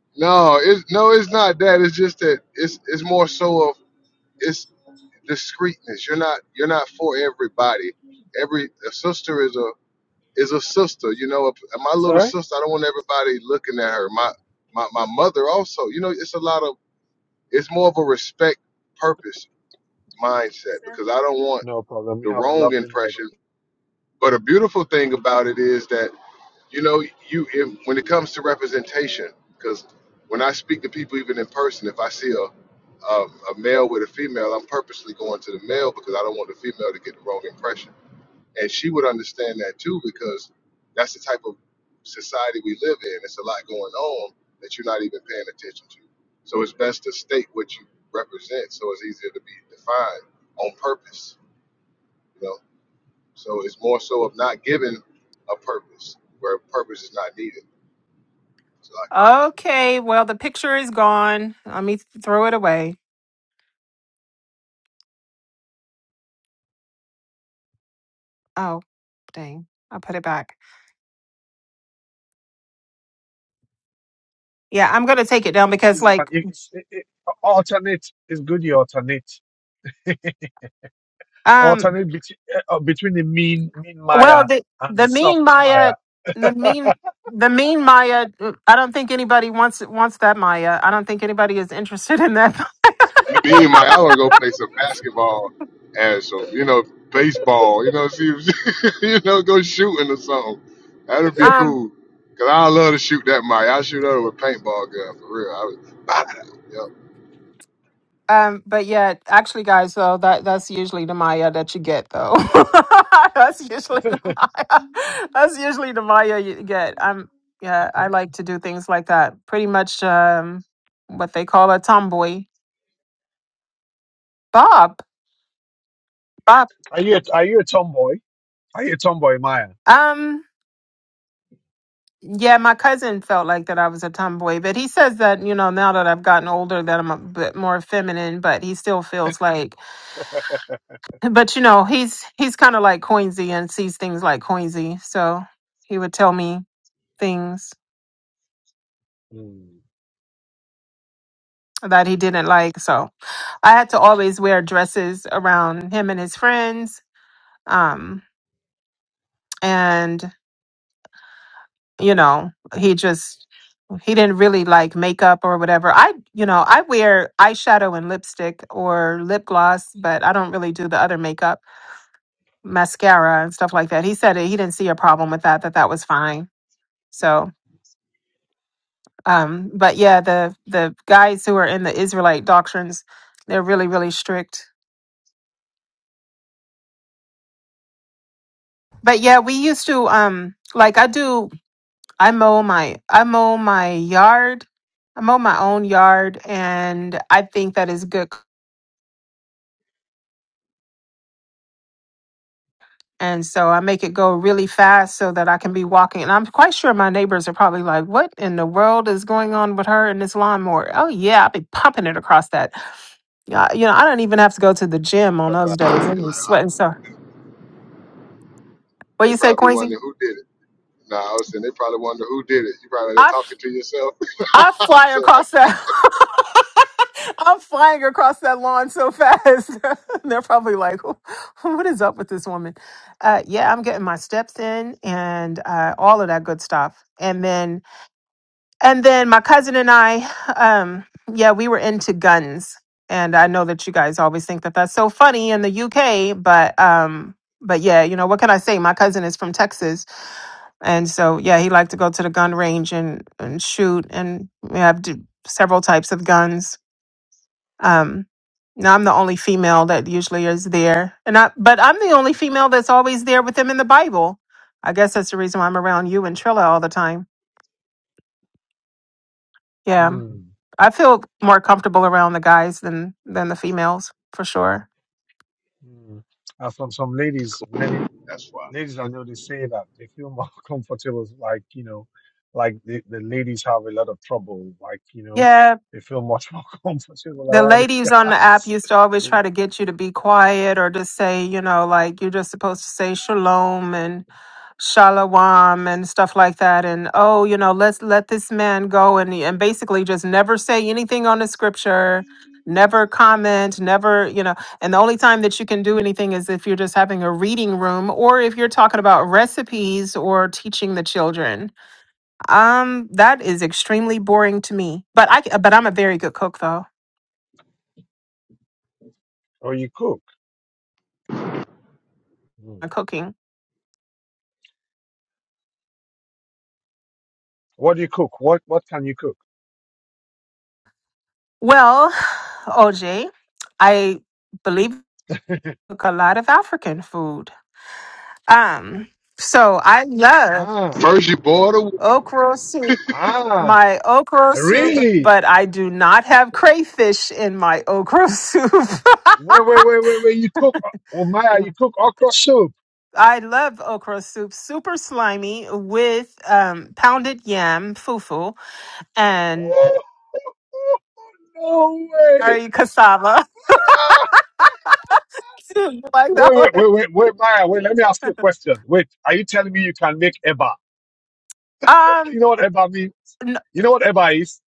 T: no. It's no. It's not that. It's just that. It's it's more so of. it's. discreetness. You're not you're not for everybody. Every a sister is a is a sister. You know, if, my little
A: sorry
T: sister. I don't want everybody looking at her.
A: okay
T: My my my mother also. You know, it's a lot of it's more of a respect purpose mindset because I don't want
A: no problem you
T: the
A: have a
T: wrong
A: lovely night
T: impression. But a beautiful thing about it is that you know, you if, when it comes to representation, because when I speak to people, even in person, if I see a, a a male with a female, I'm purposely going to the male because I don't want the female to get the wrong impression, and she would understand that too because that's the type of society we live in. It's a lot going on that you're not even paying attention to. So it's best to state what you represent, so it's easier to be defined on purpose. You know, so it's more so of not giving a purpose where purpose is not needed. So like,
D: Okay, well, the picture is gone. Let me throw it away. Oh. Dang, I put it back. Yeah, I'm gonna take it down because
A: You- and
D: like
A: it- it's, it, it, alternate it's good you alternate
D: um
A: alternate between uh, uh, between the mean mean
D: well
A: maya
D: the
A: and the
D: the mean
A: soft
D: Maya
A: maya
D: the
A: are
D: mean the mean Maya mm, I don't think anybody wants wants that Maya. I don't think anybody is interested in that.
T: me and Mike, I want to go play some basketball and some, you know, baseball. You know, see, if- you know, go shooting or something. That'd be
D: Um
T: cool. Cause I love to shoot that Mike. I shoot her with a paintball gun for real. I was, bah! yep.
D: um but yeah, actually guys though that that's usually the Maya that you get though. that's usually the Maya. That's usually the Maya you get. I'm yeah, I like to do things like that. Pretty much um what they call a tomboy. Bob
A: you a, are you a tomboy are you a tomboy maya
D: Um, yeah, my cousin felt like that I was a tomboy, but he says that, you know, now that I've gotten older that I'm a bit more feminine, but he still feels like but you know, he's he's kind of like Coinsy and sees things like Coinsy, so he would tell me things
A: Mm.
D: that he didn't like. So, I had to always wear dresses around him and his friends. Um, and. you know he just he didn't really like makeup or whatever i you know i wear eyeshadow and lipstick or lip gloss but i don't really do the other makeup mascara and stuff like that he said he didn't see a problem with that that that was fine so um but yeah the the guys who are in the israelite doctrines they're really really strict but yeah we used to um like i do i mow my i mow my yard I mow my own yard, and I think that is good And so I make it go really fast so that I can be walking. And I'm quite sure my neighbors are probably like, what in the world is going on with her and this lawnmower? Oh, yeah, I'll be pumping it across that. Yeah, You know, I don't even have to go to the gym on
T: Somebody
D: those days.
T: they
D: I'm
T: like,
D: just
T: I,
D: sweating. So, what
T: they
D: you say,
T: probably
D: Quincy?
T: wonder who did it. Nah, I was saying they probably wonder who did it. You probably like
D: I,
T: talking to yourself.
D: I fly
T: so like,
D: across that. I'm flying across that lawn so fast. They're probably like, what is up with this woman? Uh, yeah, I'm getting my steps in and uh, all of that good stuff. And then And then my cousin and I, um, yeah, we were into guns. And I know that you guys always think that that's so funny in the UK, but um, but yeah, you know what can I say? My cousin is from Texas, and so yeah, he liked to go to the gun range and and shoot, and we have d- several types of guns. Um, now I'm the only female that usually is there, and I but I'm the only female that's always there with them in the Bible. I guess that's the reason why I'm around you and Trilla all the time. Yeah.
A: Mm.
D: I feel more comfortable around the guys than than the females for sure.
A: Mm. And from some ladies, many
T: that's why.
A: ladies I know they say that they feel more comfortable, like you know, like the, the ladies have a lot of trouble, like you know,
D: Yeah,
A: they feel much more comfortable
D: the
A: around
D: ladies
A: the
D: on the app
A: guys.
D: used to always try to get you to be quiet or just say, you know, like you're just supposed to say shalom and shalom and stuff like that and oh, you know, let's let this man go and and basically just never say anything on the scripture. Never comment, never, you know, and the only time that you can do anything is if you're just having a reading room or if you're talking about recipes or teaching the children Um, that is extremely boring to me. But I but I'm a very good cook though.
A: Or you cook? Mm.
D: I'm cooking.
A: What do you cook? What what can you cook?
D: Well, OJ, I believe I cook a lot of African food. Um, so I love
A: Ah,
T: First you boil the water,
D: okra soup.
A: ah,
D: My okra soup,
A: really?
D: but I do not have crayfish in my okra soup.
A: Wait, wait, wait, wait, wait! You cook? Oh Maya, you cook okra soup?
D: I love okra soup, super slimy with um, pounded yam, fufu, and
A: Oh, no way!
D: curry cassava. You like that
A: Wait, wait,
D: one.
A: wait, wait, wait, Maya, wait, let me ask you a question. Wait, are you telling me you can make Eba?
D: Um,
A: You know what Eba means?
D: n-
A: You know what Eba is?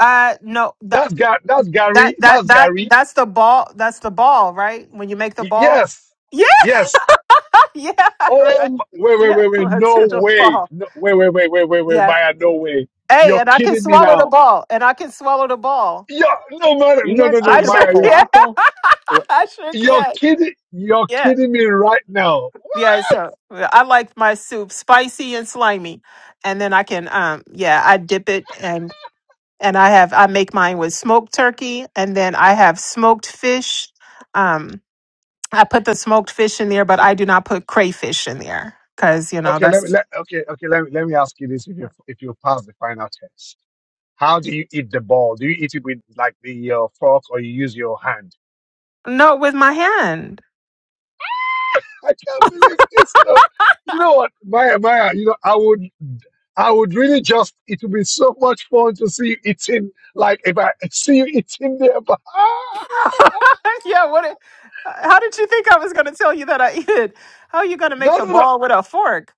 D: uh, no, that
A: That's Gar- that's
D: that
A: Gary,
D: that
A: that's
D: that
A: Gary.
D: that's the ball. That's the ball, right? When you make the
A: Y-
D: ball.
A: yes,
D: Yeah,
A: yes.
D: yeah,
A: Oh,
D: right.
A: m- wait, wait,
D: Yeah,
A: wait, wait,
D: let's
A: no
D: do the
A: way.
D: ball.
A: No, wait, wait, wait, wait, wait, wait,
D: Yeah.
A: Maya, no way.
D: Hey,
A: You're
D: and I can
A: kidding me
D: swallow the
A: now.
D: ball, and I can swallow the ball.
A: you no, Maya,
U: You
A: no, no,
U: guys
A: no,
D: I
U: talking
D: sure
U: about
A: Maya, you're,
D: can.
U: falafel?
D: I sure
A: you're
D: can.
A: kidding, you're
D: Yeah.
A: kidding me right now.
D: Yeah, so I like my soup spicy and slimy. And then I can um yeah, I dip it and and I have I make mine with smoked turkey, and then I have smoked fish. Um, I put the smoked fish in there, but I do not put crayfish in there because you know
A: Okay, let me,
D: that's
A: let, okay, okay, let me, let me ask you this if you, if you pass the final test. How do you eat the ball? Do you eat it with like the uh, fork or you use your hand?
D: no with my hand.
A: I can't believe this. No. You know what, Maya, Maya, you know, I would, I would really just, it would be so much fun to see you eating, like if I see you eating there, but
D: yeah, what? it- How did you think I was going to tell you that I eat it? How are you going to make
A: no,
D: the
A: no, no.
D: ball with a fork?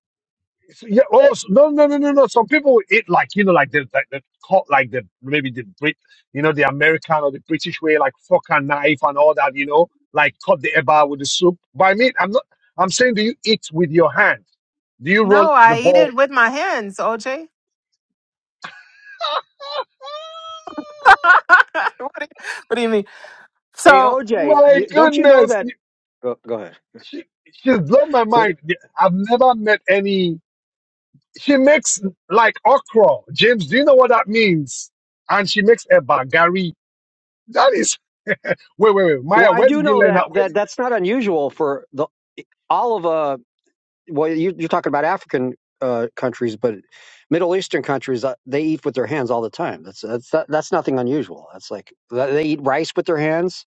A: So, yeah. Oh, so, no, no, no, no, no. Some people will eat like you know, like the like the cut, like the maybe the Brit, you know, the American or the British way, like fork and knife and all that. You know, like cut the eba with the soup. But I mean, I'm not. I'm saying, do you eat with your hand? Do you roll
D: No,
A: the
D: I eat it
A: ball?
D: with my hands, OJ. what, do you, what do you mean?
U: Hey
D: So
U: OJ,
A: my
U: don't you know
A: goodness,
U: that? Go, go ahead.
A: she, she's blown my
U: Wait,
A: mind. I've never met any. She makes like okra. James, do you know what that means? And she makes eba gari. That is Wait, wait, wait,
U: well,
A: Maya,
U: I
A: where
U: do
A: did you
U: know
A: learn
U: that
A: how? Where
U: that
A: did,
U: that's not unusual for the all of uh well you, you're talking about African uh countries, but Middle Eastern countries uh, they eat with their hands all the time. That's that's that, that's nothing unusual. That's like th- they eat rice with their hands.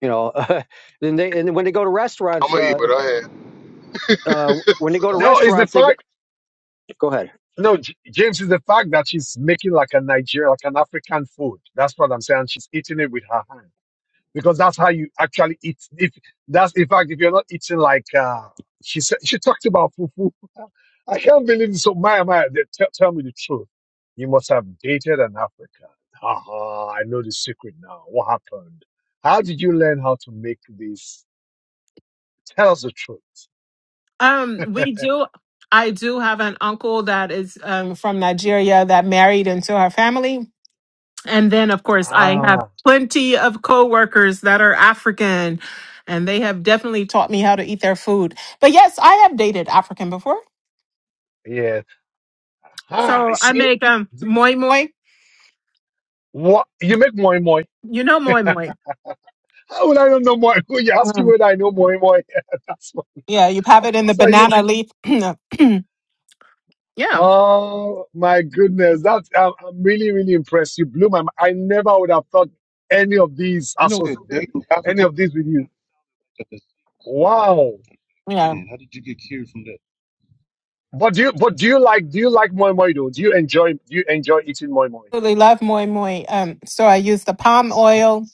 U: You know, and they and when they go to restaurants,
T: I'ma eat
U: uh,
T: what I had.
U: uh,
T: so
U: when they go to
T: like,
A: no, it's the
U: restaurants, they go,
A: fact.
U: go ahead.
A: No, J- James is the fact that she's making like a Nigeria, like an African food. That's what I'm saying. She's eating it with her hand because that's how you actually eat. If that's in fact, if you're not eating like uh, she said, she talked about fufu. I can't believe this. So Maya, Maya, th- tell tell me the truth. You must have dated an African. Haha, I know the secret now. What happened? How did you learn how to make this? Tell us the truth.
D: Um, we do. I do have an uncle that is um, from Nigeria that married into her family, and then of course I have
A: Ah,
D: plenty of coworkers that are African, and they have definitely taught me how to eat their food. But yes, I have dated African before,
A: yes. Ah, you
D: so I
A: see?
D: make um
A: The-
D: moi moi.
A: What you make moi moi?
D: You know moi moi.
A: How would I not know moi? moi? You ask me
D: Mm.
A: whether I know moi moi. That's what,
D: Yeah, you have
A: of
D: it in the
A: course I know.
D: banana leaf. yeah,
A: Oh my goodness, that's I'm, I'm really really impressed. You blew my. mind. I never would have thought any of these
N: You know that
A: associated
N: dating
A: any
N: African.
A: of these with you. Wow.
D: yeah.
N: Man, how did you get cured from that?
A: But do you but do you like do you like moi moi though? Do you enjoy do you enjoy eating moi moi?
D: Really love moi moi. Um, so I use the palm oil,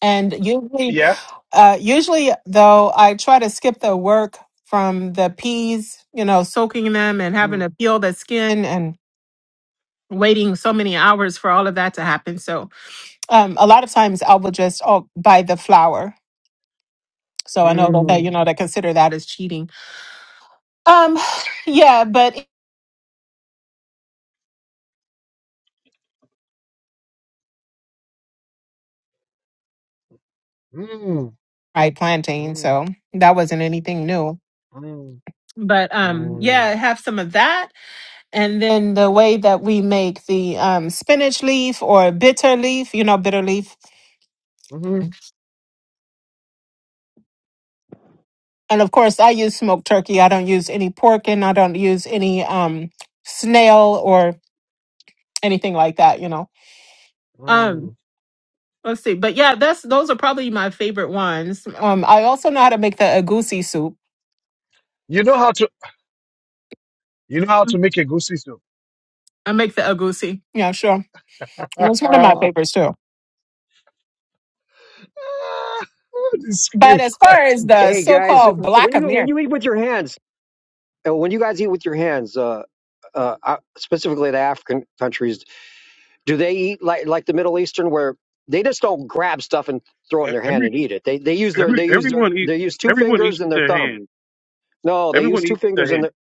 D: and usually
A: Yeah.
D: Uh, usually, though, I try to skip the work from the peas, you know, soaking them and having to peel the skin and waiting so many hours for all of that to happen. So, um, a lot of times I will just oh, buy the flour. So I know that, you know, they consider that as cheating. Um, yeah, but I plantain, so that wasn't anything new. But um, yeah, have some of that. And then the way that we make the um, spinach leaf or bitter leaf, you know, bitter leaf
A: hmm
D: And of course, I use smoked turkey. I don't use any pork and I don't use any um snail or anything like that, you know. Um let's see. But yeah, that's those are probably my favorite ones. Um I also know how to make the agusi soup.
A: You know how to you know how to
D: Mm,
A: make a goosey soup.
D: I make the agusi. Yeah, sure. Well, it's one of my favorites too.
A: this
D: But
A: really
D: as
A: quite
D: far as the
A: interesting.
U: Hey guys,
D: so-called
U: when
D: Black
U: you when
D: American
U: you eat with your hands, And when you guys eat with your hands, uh, uh, uh, specifically the African countries, do they eat like like the Middle Eastern, where they just don't grab stuff and throw it in
N: E-
U: their hand
N: Every
U: and eat it? They they use their
N: every
U: they use their
N: everyone eat
U: they use two
N: everyone eats
U: fingers and their
N: with their
U: thumb.
N: hand.
U: No, they use
N: Everyone
U: two
N: eats with
U: fingers
N: their
U: and
N: hand.
U: their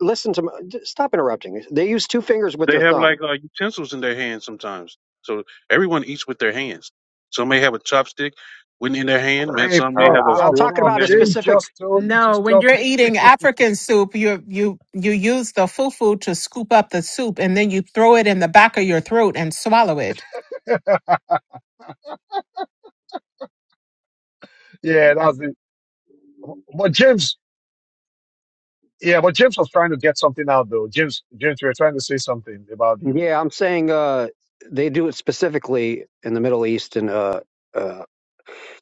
U: listen to my, j- stop interrupting. They use two fingers with
N: They
U: their
N: have like
U: thumb.
N: uh, utensils in their hands sometimes. So everyone eats with their hands. Some may have a chopstick when in their hand. Man,
A: Hey,
N: some
U: All
N: may
U: right,
A: Prof,
N: have a
U: I, I'm
A: Prof,
N: fork
U: talking
N: in
A: Prof,
U: about
N: their
U: a
N: hand.
A: James
U: specific.
A: just told you to
D: No, when
A: stop.
D: you're eating African soup, you you you use the fufu to scoop up the soup and then you throw it in the back of your throat and swallow it.
A: yeah, that's it. But James, yeah, but James was trying to get something out though. James, James, we were trying to say something about the.
U: Yeah, I'm saying uh, they do it specifically in the Middle East and uh, uh,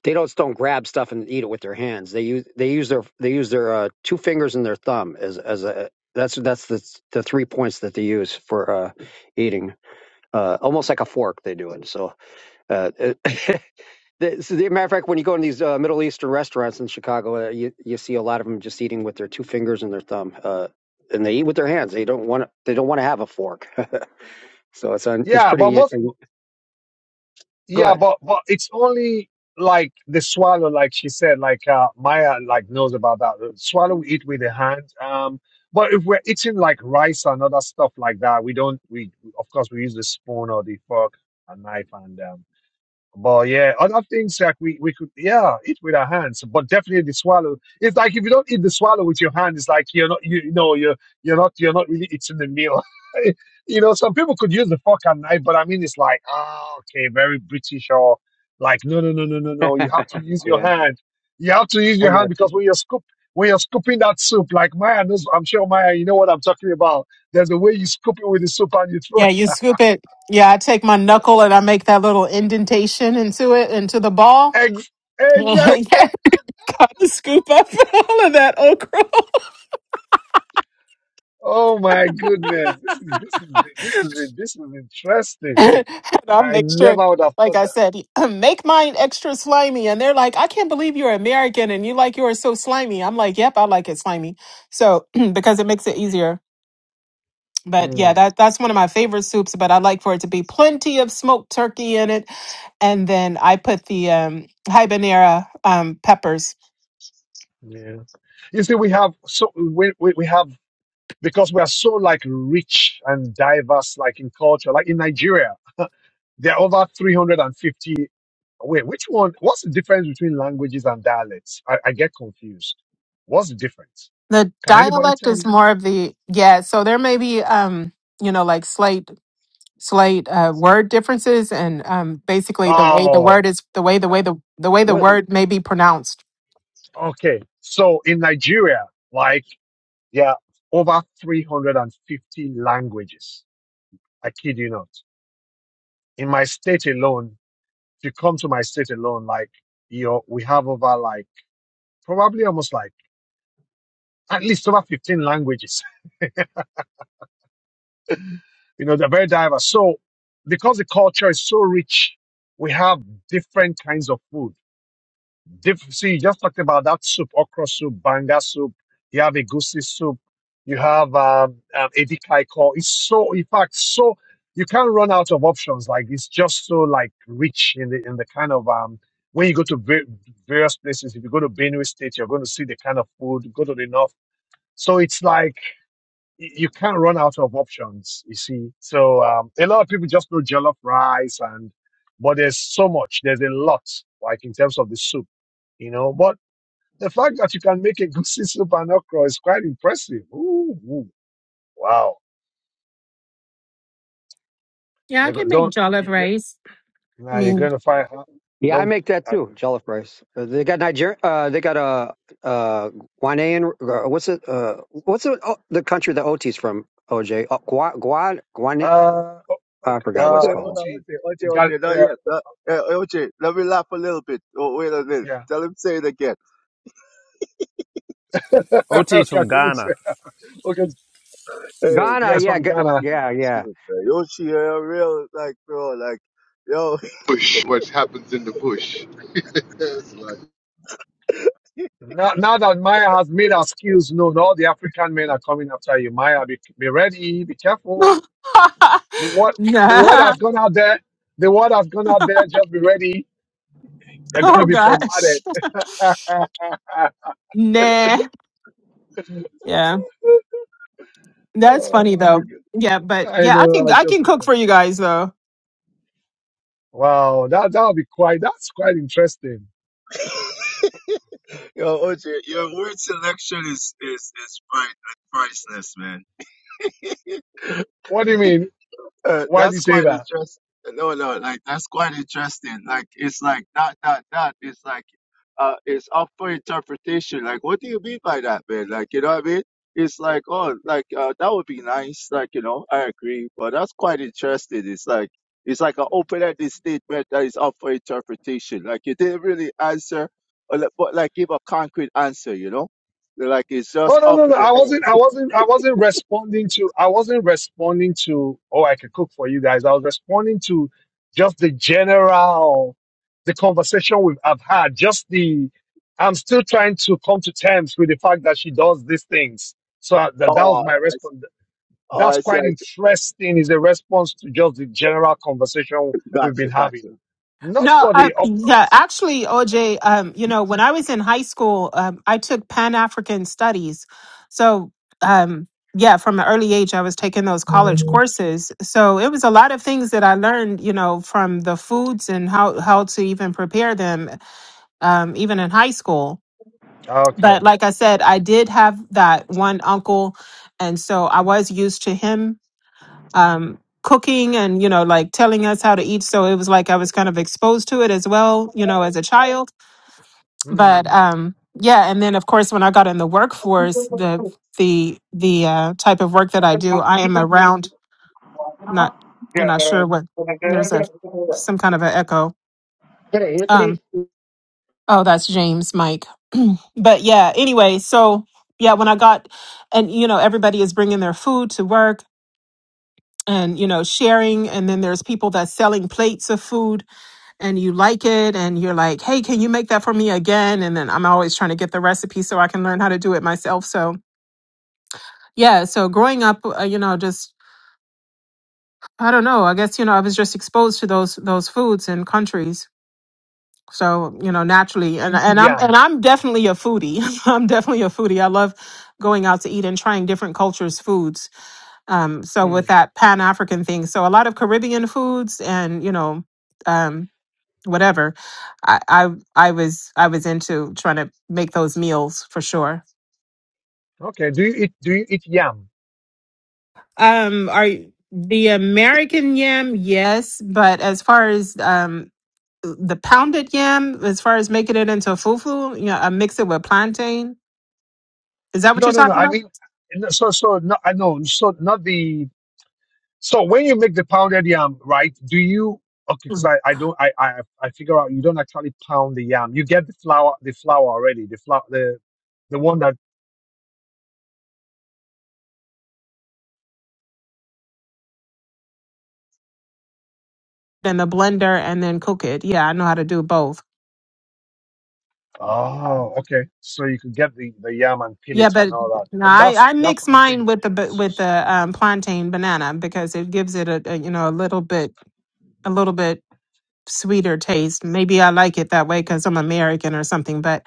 U: They don't don't grab stuff and eat it with their hands. They use they use their they use their uh, two fingers and their thumb as as a that's that's the the three points that they use for uh, eating. Uh, almost like a fork, they do it. So, uh, it, the, so the matter of fact, when you go in these uh, Middle Eastern restaurants in Chicago, uh, you you see a lot of them just eating with their two fingers and their thumb, uh, and they eat with their hands. They don't want they don't want to have a fork. so it's on it's
A: Yeah, but
U: pretty. uh,
A: most,
U: Go
A: yeah,
U: ahead.
A: but but it's only like the swallow, like she said, like uh, Maya, like knows about that. The Swallow we eat with the hand. Um, but if we're eating like rice and other stuff like that, we don't. We we- of course we use the spoon or the fork, and knife, and um, But yeah, other things like we, we could yeah eat with our hands, but definitely the swallow. It's like if you don't eat the swallow with your hand, it's like you're not you, you know you're you're not you're not really eating the meal. you know, some people could use the fork and knife, but I mean it's like ah okay, very British or like no no no no no no. You have to use your
U: Yeah.
A: hand. You have to use
U: I
A: your hand
U: got.
A: because when you're scoop when you're scooping that soup, like Maya knows, I'm sure Maya, you know what I'm talking about. There's a way you scoop it with the soup and you throw
D: Yeah, you
A: it.
D: scoop it. Yeah, I take my knuckle and I make that little indentation into it into the ball.
A: Ex- exactly.
D: yeah, gotta scoop up all of that okra.
A: Oh my goodness. This is this is this is this is interesting.
D: and I
A: I
D: make sure,
A: never would have
D: like
A: thought
D: I
A: that.
D: said, make mine extra slimy. And they're like, I can't believe you're American and you like yours so slimy. I'm like, yep, I like it slimy. So because it makes it easier. But yeah,
A: Mm,
D: that that's one of my favorite soups. But I like for it to be plenty of smoked turkey in it, and then I put the um, habanero um, peppers.
A: yeah. You see, we have so we, we we have because we are so like rich and diverse, like in culture, like in Nigeria, there are over three hundred and fifty. Wait, which one? What's the difference between languages and dialects? I, I get confused. What's the difference?
D: The
A: Can anybody
D: dialect
A: tell
D: is
A: me?
D: more of the yeah. So there may be um, you know like slight slight uh, word differences and um, basically the way the
A: Oh,
D: word is the way the
U: Uh,
D: way the, the way the
U: what
D: word may be pronounced.
A: okay. So in Nigeria, like. There are over 350 languages. I kid you not. In my state alone, if you come to my state alone, like, you know, we have over like, probably almost like at least over 15 languages. You know, they're very diverse. So because the culture is so rich, we have different kinds of food Diff- see, you just talked about that soup, okra soup, banga soup. You have a goosey soup. You have um, um, edikaiko. It's so, in fact, so you can't run out of options. Like it's just so like rich in the in the kind of um, when you go to va- various places. If you go to Benue State, you're going to see the kind of food. Go to the north, so it's like y- you can't run out of options. You see, so um, a lot of people just know jollof rice and, but there's so much. There's a lot like in terms of the soup you know. But the fact that you can make a goosey soup and okra is quite impressive. Ooh, ooh, wow.
D: Yeah, I
A: you go-
D: can make
A: don't,
D: jollof
A: you, you,
D: rice. I
A: nah, you're
D: mean,
A: going to find her.
U: Yeah, I
A: Don't,
U: make that
A: uh,
U: too. Jollof rice. Uh, they got Niger. Uh, they got a uh, uh, Guinean. Uh, what's it? Uh, what's it, oh, the country that OT's from? OJ. Oh, Gua Gua Guan.
A: uh,
U: I forgot what it's
A: uh,
U: called.
A: Oti, Ga- uh, yeah. okay,
V: Otis
A: I
V: from
A: shouldn't say.
V: Ghana.
A: Okay,
U: Ghana.
A: yes,
U: Yeah.
A: from
U: G-
A: Ghana.
U: yeah. Yeah.
T: bush, what happens in the bush. It's like.
A: Now, now that Maya has made her skills known, all the African men are coming after you. Maya, be, be ready, be careful. The word, the word has
D: nah.
A: gone out there. The word has gone out there. Just be ready. You're going to
D: Oh
A: be
D: gosh,
A: bombarded.
D: nah. Yeah. That's funny
A: Oh my
D: though.
A: God.
D: Yeah, but
A: I
D: yeah, I
A: know.
D: can
A: I'll
D: I
A: just
D: can cook
A: okay.
D: for you guys though.
A: Wow, that that'll be quite. That's quite interesting. What do you mean? Why do you say that? Oh no, no, no. I wasn't. I wasn't. I wasn't responding to. I wasn't responding to. Oh, I could cook for you guys. I was responding to just the general, the conversation we've I've had. Just the. I'm still trying to come to terms with the fact that she does these things. So I, that that was my response. that's quite interesting is a response to just the general conversation we've been having. Not
D: No,
A: for
D: I,
A: the, of
D: yeah,
A: course.
D: actually, OJ, um, you know, when I was in high school, um, I took Pan African Studies, so um, yeah, from an early age, I was taking those college courses. So it was a lot of things that I learned, you know, from the foods and how how to even prepare them, um, even in high school.
A: Okay.
D: But like I said, I did have that one uncle, and so I was used to him um, cooking and you know like telling us how to eat so it was like i was kind of exposed to it as well you know as a child but
A: Hmm.
D: um yeah and then of course when i got in the workforce the the the uh, type of work that i do i am around not i'm not sure what there's a some kind of an echo
U: Yeah,
D: um oh that's james mike but yeah anyway so yeah when i got and you know everybody is bringing their food to work and you know sharing and then there's people that's selling plates of food and you like it and you're like, hey, can you make that for me again? And then I'm always trying to get the recipe so I can learn how to do it myself. So yeah, so growing up, uh, you know, just I don't know. I guess you know I was just exposed to those those foods and countries. So you know naturally, and
A: You eat
D: and I'm
A: Yam.
D: and I'm definitely a foodie. I'm definitely a foodie. I love going out to eat and trying different cultures' foods. Um, so
A: Hmm.
D: with that Pan African thing, so a lot of Caribbean foods and you know. Um, whatever I, I i was i was into trying to make those meals for sure
A: Okay. Do you eat? Do you eat yam?
D: um are you- the american yam yes but as far as um the pounded yam as far as making it into fufu you know i mix it with plantain is that what
A: No,
D: you're
A: no, no.
D: talking
A: I
D: about
A: mean, no, so so no, I know. So not the. So when you make the pounded yam, right? Do you? Okay, because
D: Mhm.
A: I, I don't I, I I figure out you don't actually pound the yam. You get the flour the flour already the flour the the one that
D: in the blender and then cook it yeah i know how to do both
A: Oh, okay. So you could get the the yam and peel
D: Yeah,
A: it and
D: but
A: all
D: no,
A: that. Uh,
D: I
A: That's
D: I
A: that's
D: mix
A: what I'm
D: mine
A: saying.
D: with the ba- with the um, plantain banana because it gives it a, a you know a little bit a little bit sweeter taste. Maybe I like it that way because I'm American or something. But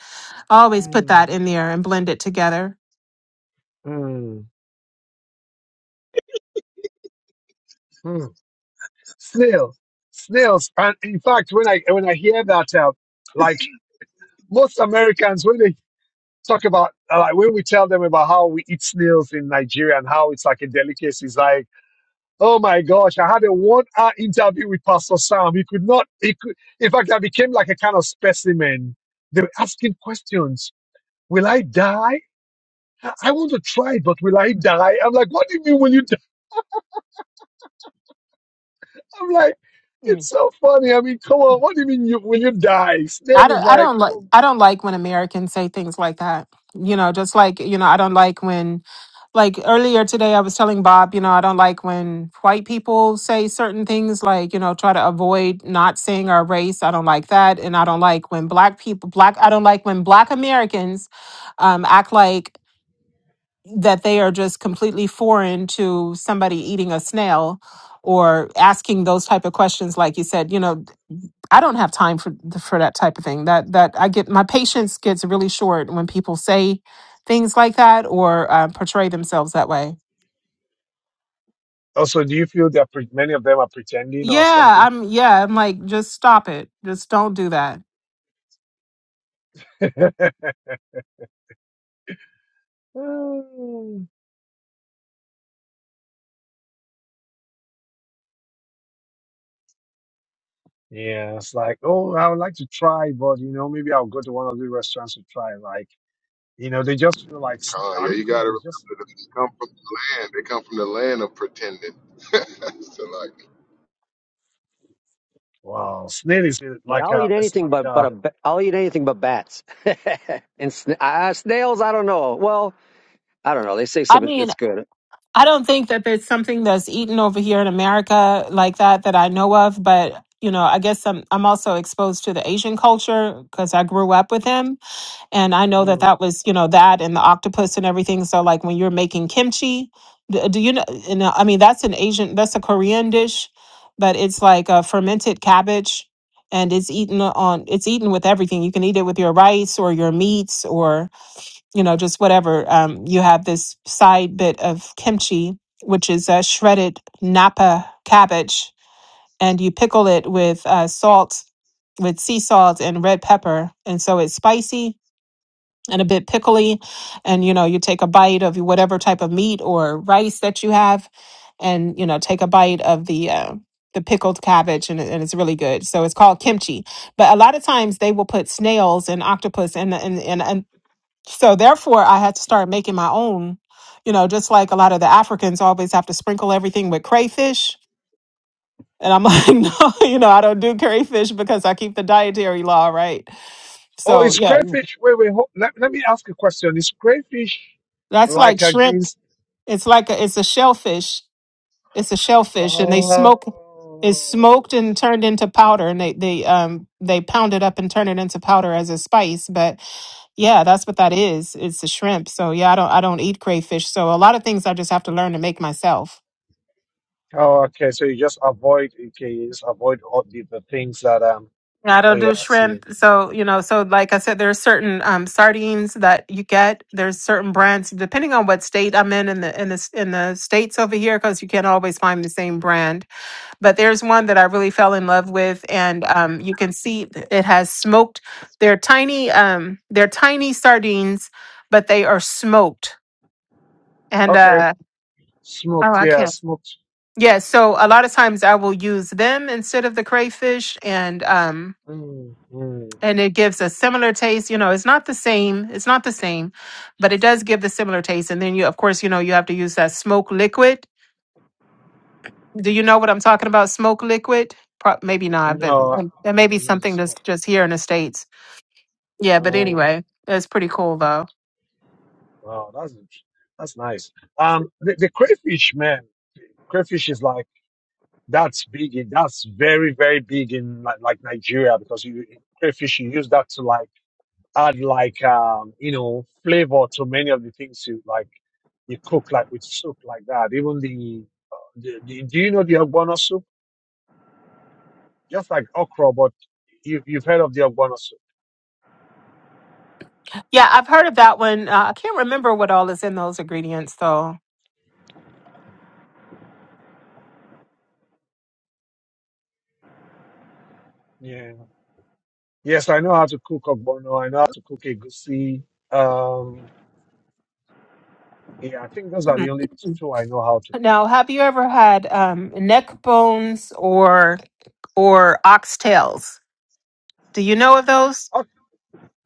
D: I always put
A: Mm,
D: that in there and blend it together.
A: mm, mm. Snails, snails. And in fact, when I when I hear that, uh, like most Americans, when they talk about uh, like when we tell them about how we eat snails in Nigeria and how it's like a delicacy, it's like, oh my gosh, I had a one hour interview with Pastor Sam. He could not. He could. In fact, I became like a kind of specimen. They were asking questions. Will I die? I want to try it, but will I die? I'm like, what do you mean will you die? I'm like, it's
D: Mm.
A: so funny. I mean, come on, what do you mean you will you die?
D: I
A: Snail is
D: don't I
A: like,
D: don't like
A: oh.
D: I don't like when Americans say things like that. You know, just like, you know, I don't like when like earlier today I was telling Bob, you know, I don't like when white people say certain things like, you know, try to avoid not saying our race. I don't like that. And I don't like when black people black I don't like when black Americans um act like that they are just completely foreign to somebody eating a snail or asking those type of questions like you said you know I don't have time for for that type of thing. That that I get my patience gets really short when people say things like that or uh, portray themselves that way.
A: also, do you feel that pre- many of them are pretending or
D: Yeah,
A: something?
D: I'm. Yeah, I'm like, just stop it. Just don't do that.
A: Mm. yeah, it's like, oh, I would like to try, but you know, maybe I'll go to one of the restaurants to try. Like, you know, they just feel like snail.
T: Con,
A: I
T: yeah,
A: mean,
T: you
A: come
T: got to
A: on, it's just
T: remember that they come from the land. They come from the land of pretending. so like,
A: wow. Snail is like
U: I'll
A: a,
U: eat
A: it's
U: anything
A: like
U: but but
A: a.
U: a ba- I'll eat anything but bats and sna- uh, snails. I don't know. Well, I don't know. They say
D: I
U: something
D: mean,
U: that's good.
D: I don't think that there's something that's eaten over here in America like that that I know of. But you know, I guess I'm I'm also exposed to the Asian culture because I grew up with them And I know
A: hmm.
D: that that was, you know, that and the octopus and everything. So, like when you're making kimchi, d- do you know? And uh, I mean, that's an Asian, that's a Korean dish, but it's like a fermented cabbage, and it's eaten on, it's eaten with everything. You can eat it with your rice or your meats or you know just whatever. Um, you have this side bit of kimchi, which is a shredded napa cabbage, and you pickle it with uh, salt, with sea salt and red pepper, and so it's spicy and a bit pickly. And, you know, you take a bite of whatever type of meat or rice that you have and, you know, take a bite of the, uh, the pickled cabbage and, it- and it's really good. So it's called kimchi. But a lot of times they will put snails and octopus and, and, and, and so therefore I had to start making my own, you know, just like a lot of the Africans always have to sprinkle everything with crayfish. And I'm like, no, you know, I don't do crayfish because I keep the dietary law, right?
A: Oh,
D: So
A: it's
D: yeah,
A: crayfish? Wait, wait. Hold, let, let me ask a question. Is crayfish
D: that's
A: like
D: like shrimp
A: against?
D: It's like a, it's a shellfish. It's a shellfish, and they
A: Oh,
D: smoke. It's smoked and turned into powder, and they they um they pound it up and turn it into powder as a spice. But yeah, that's what that is. It's a shrimp. So yeah, I don't I don't eat crayfish. So a lot of things I just have to learn to make myself.
A: oh, okay. So you just avoid. Okay, you just avoid all the, the things that um.
D: Yeah, I
A: Oh
D: don't
A: yeah,
D: do
A: I see.
D: shrimp. So, you know, so like I said, there are certain um, sardines that you get. There's certain brands, depending on what state I'm in in the in the in the states over here, because you can't always find the same brand. but there's one that I really fell in love with, and um, you can see th- it has smoked. They're tiny, um, they're tiny sardines, but they are smoked. And
A: Okay,
D: uh, oh,
A: smoked.
D: I
A: Yeah,
D: can't.
A: smoked.
D: Yeah, so a lot of times I will use them instead of the crayfish, and um,
A: Mm, mm.
D: and it gives a similar taste. You know, it's not the same. It's not the same, but it does give the similar taste. And then you, of course, you know, you have to use that smoke liquid Do you know what I'm talking about? Smoke liquid? Pro- maybe not, but
A: No, I,
D: um, it
A: I
D: may be
A: don't know the
D: something that's
A: smoke.
D: just here in the States. Yeah, but
A: Oh,
D: anyway, it's pretty cool though.
A: wow, that's int- that's nice. Um, the, the crayfish, man. Crayfish is like. That's big. In, that's very, very big in like, like Nigeria because you crayfish you use that to like add like um you know flavor to many of the things you like you cook like with soup like that. Even the, uh, the, the do you know the ogbono soup? Just like okra, but you, you've heard of the ogbono soup?
D: Yeah, I've heard of that one. Uh, I can't remember what all is in those ingredients though.
A: Yeah. Yes, I know how to cook ogbono. I know how to cook egusi. Um, yeah, I think those are the
D: Mm.
A: only two I know how to
D: Now,
A: cook.
D: have you ever had um, neck bones or or oxtails? Do you know of those?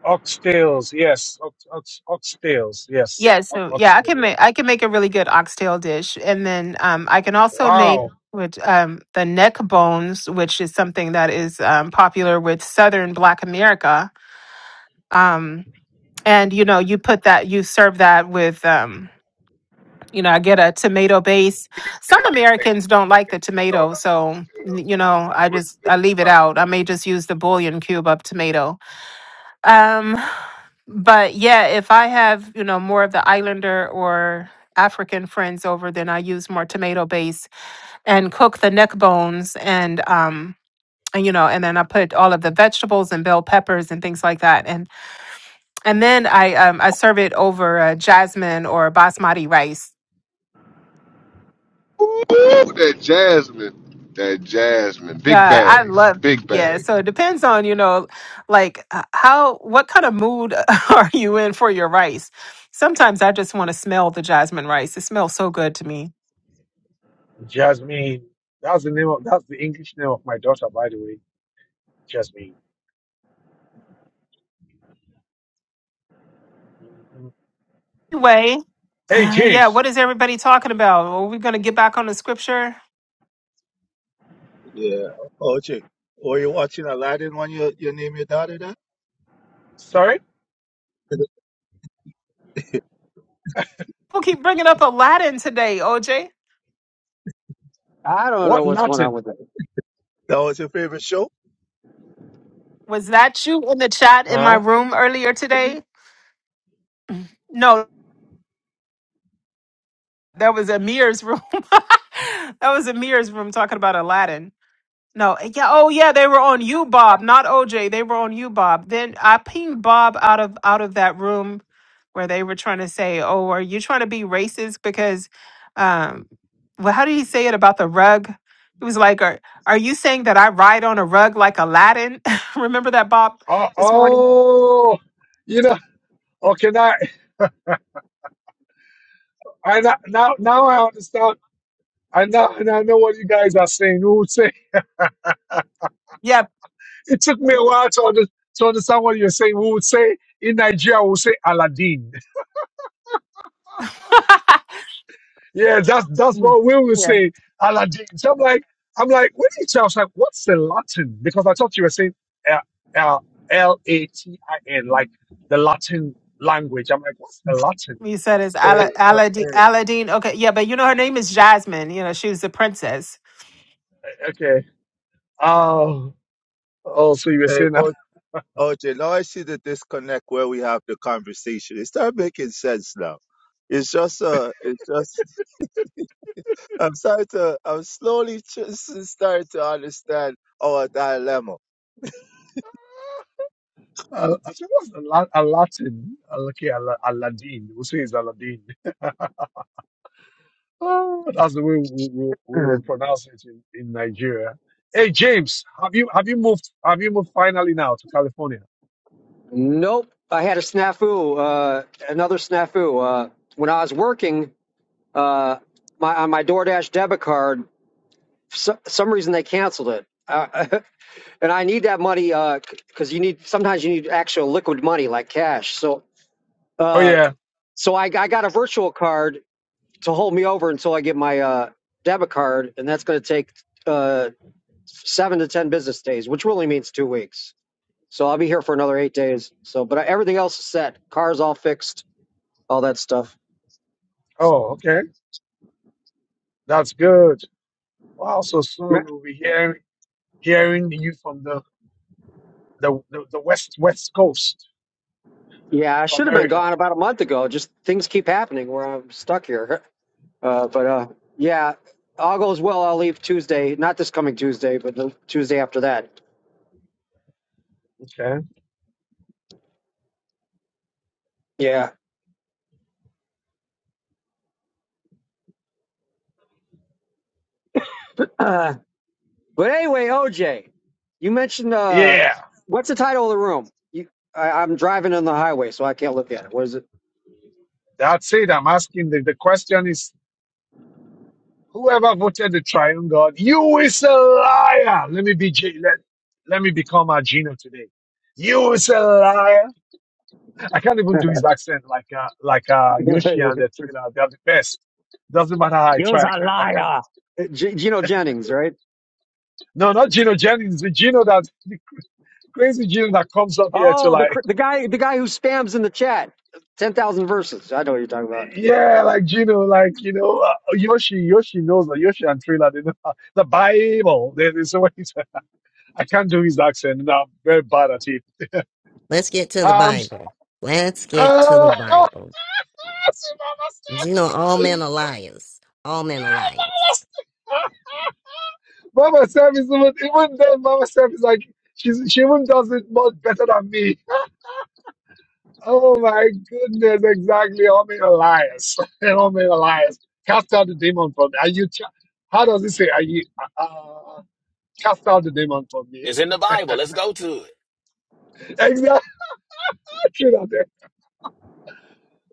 A: Oxtails, yes. Ox, ox, oxtails, yes.
D: Yeah,
A: Ox,
D: so yeah, I
A: oxtail,
D: can
A: yeah.
D: make I can make a really good oxtail dish, and then um, I can also make
A: Wow.
D: which um, the neck bones, which is something that is um, popular with Southern Black America. Um, and you know, you put that, you serve that with, um, you know, I get a tomato base. Some Americans don't like the
T: you
D: tomato,
T: know, just
D: so you know, I
T: tell.
D: just I leave it out. I may just use the bouillon cube of tomato. Um, but yeah, if I have, you know, more of the islander or African friends over, then I use more tomato base and cook the neck bones and um and you know, and then I put all of the vegetables and bell peppers and things like that. And and then I um I serve it over uh, jasmine or basmati rice.
T: Ooh, that jasmine, that jasmine, big
D: Yeah, I
T: bags,
D: love
T: big
D: yeah,
T: bags.
D: so it depends on, you know, like uh, how what kind of mood are you in for your rice? Sometimes I just want to smell the jasmine rice. It smells so good to me.
A: Jasmine. That's the name of, that's the English name of my daughter, by the way. Jasmine. hmm
D: Anyway,
A: Hey,
D: Uh, yeah,
A: James.
D: what is everybody talking about? Are we going to get back on the scripture?
A: Sorry?
D: People keep bringing up Aladdin today, OJ.
U: I don't know
A: What
U: what's going on
A: Latin?
U: with that.
D: Was that you in the chat in my
A: Huh?
D: room earlier today? No, that was Amir's room. that was Amir's room talking about Aladdin. No, yeah, oh yeah, they were on you, Bob, not OJ. They were on you, Bob. Then I pinged Bob out of out of that room where they were trying to say, "Oh, are you trying to be racist?" Because, um, well, how did he say it about the rug? He was like, "Are are you saying that I ride on a rug like Aladdin?" Remember that, Bob,
A: Oh,
D: this morning?
A: oh, you know, okay, now, I, now, now now I understand. I now, and I know what you guys are saying. We would say,
D: Yep.
A: it took me a while to, under, to understand what you're saying. We would say, in Nigeria, we would say Aladdin. Yeah, that's that's
D: Yeah.
A: what Will was
D: Yeah.
A: saying. Aladdin. So I'm like, I'm like, what did you tell? I was like, what's the Latin? Because I thought you were saying uh, uh, L A T I N, like the Latin language. I'm like, what's the Latin?
D: You said it's Ala- Aladdin. Aladdin. Okay. Yeah, but you know her name is Jasmine. You know she was the princess.
A: Okay. Oh, oh, so you were saying that. Uh, I said, what's a, la- a Latin? Uh, Okay, Al- Aladdin. We'll say it's Aladdin. Oh, that's the way we, we, we will pronounce it in, in Nigeria. Hey, James, have you have you moved? Have you moved finally now to California?
U: Nope. I had a snafu, uh, another snafu. Uh, when I was working uh, my, on my DoorDash debit card, for so, some reason they canceled it. Uh, and I need that money because uh, you need sometimes you need actual liquid money like cash. So
A: Oh
U: uh,
A: yeah.
U: so I, I got a virtual card to hold me over until I get my uh, debit card, and that's going to take uh, seven to ten business days, which really means two weeks. So I'll be here for another eight days. So, but everything else is set. Car's all fixed all that stuff.
A: Oh, okay. That's good. Wow, so
U: Re-
A: soon we'll be hearing hearing you from the the, the, the west west coast
U: Yeah, I
A: of
U: should have been
A: America.
U: gone about a month ago. Just things keep happening where I'm stuck here. Uh, but uh, yeah, all goes well. I'll leave Tuesday, not this coming Tuesday, but the Tuesday after that. Yeah. Uh, but anyway, OJ, you mentioned uh,
A: Yeah.
U: what's the title of the room? You, I, I'm driving on the highway, so I can't look at it. What is it?
A: That's it. I'm asking the, the question is whoever voted the triune God, you is a liar. Let me be J- let, let me become a Gino today. You is a liar. I can't even do his accent like uh like uh Yoshi and
U: You're
A: the thriller. They are the best. Doesn't matter how I try, I
U: a
A: can't I can't
U: liar. G- Gino Jennings, right?
A: no, not Gino Jennings, the Gino that crazy Jim that comes up here to
U: Oh, the
A: like,
U: cr- the guy the guy who spams in the chat, ten thousand verses. I know what you're talking about.
A: yeah, like Gino, like you know, uh, Yoshi, Yoshi knows that Yoshi and Trina, they know the Bible. There- There's a way. I can't do his accent. No, I'm very bad at it.
I: Let's get to the
A: Um,
I: Bible. Let's get to the
A: uh,
I: Bible. You know, all men are liars. All men are liars.
A: Mama Sam is even, even then. Mama Sam is like she's she even does it much better than me. Oh my goodness, exactly. Homie Elias. Homie Elias. Cast out the demon from me. Are you, ch- how does it say? Are you, uh, uh, cast out the demon from me?
Q: It's in the Bible. Let's go to it.
A: exactly. that.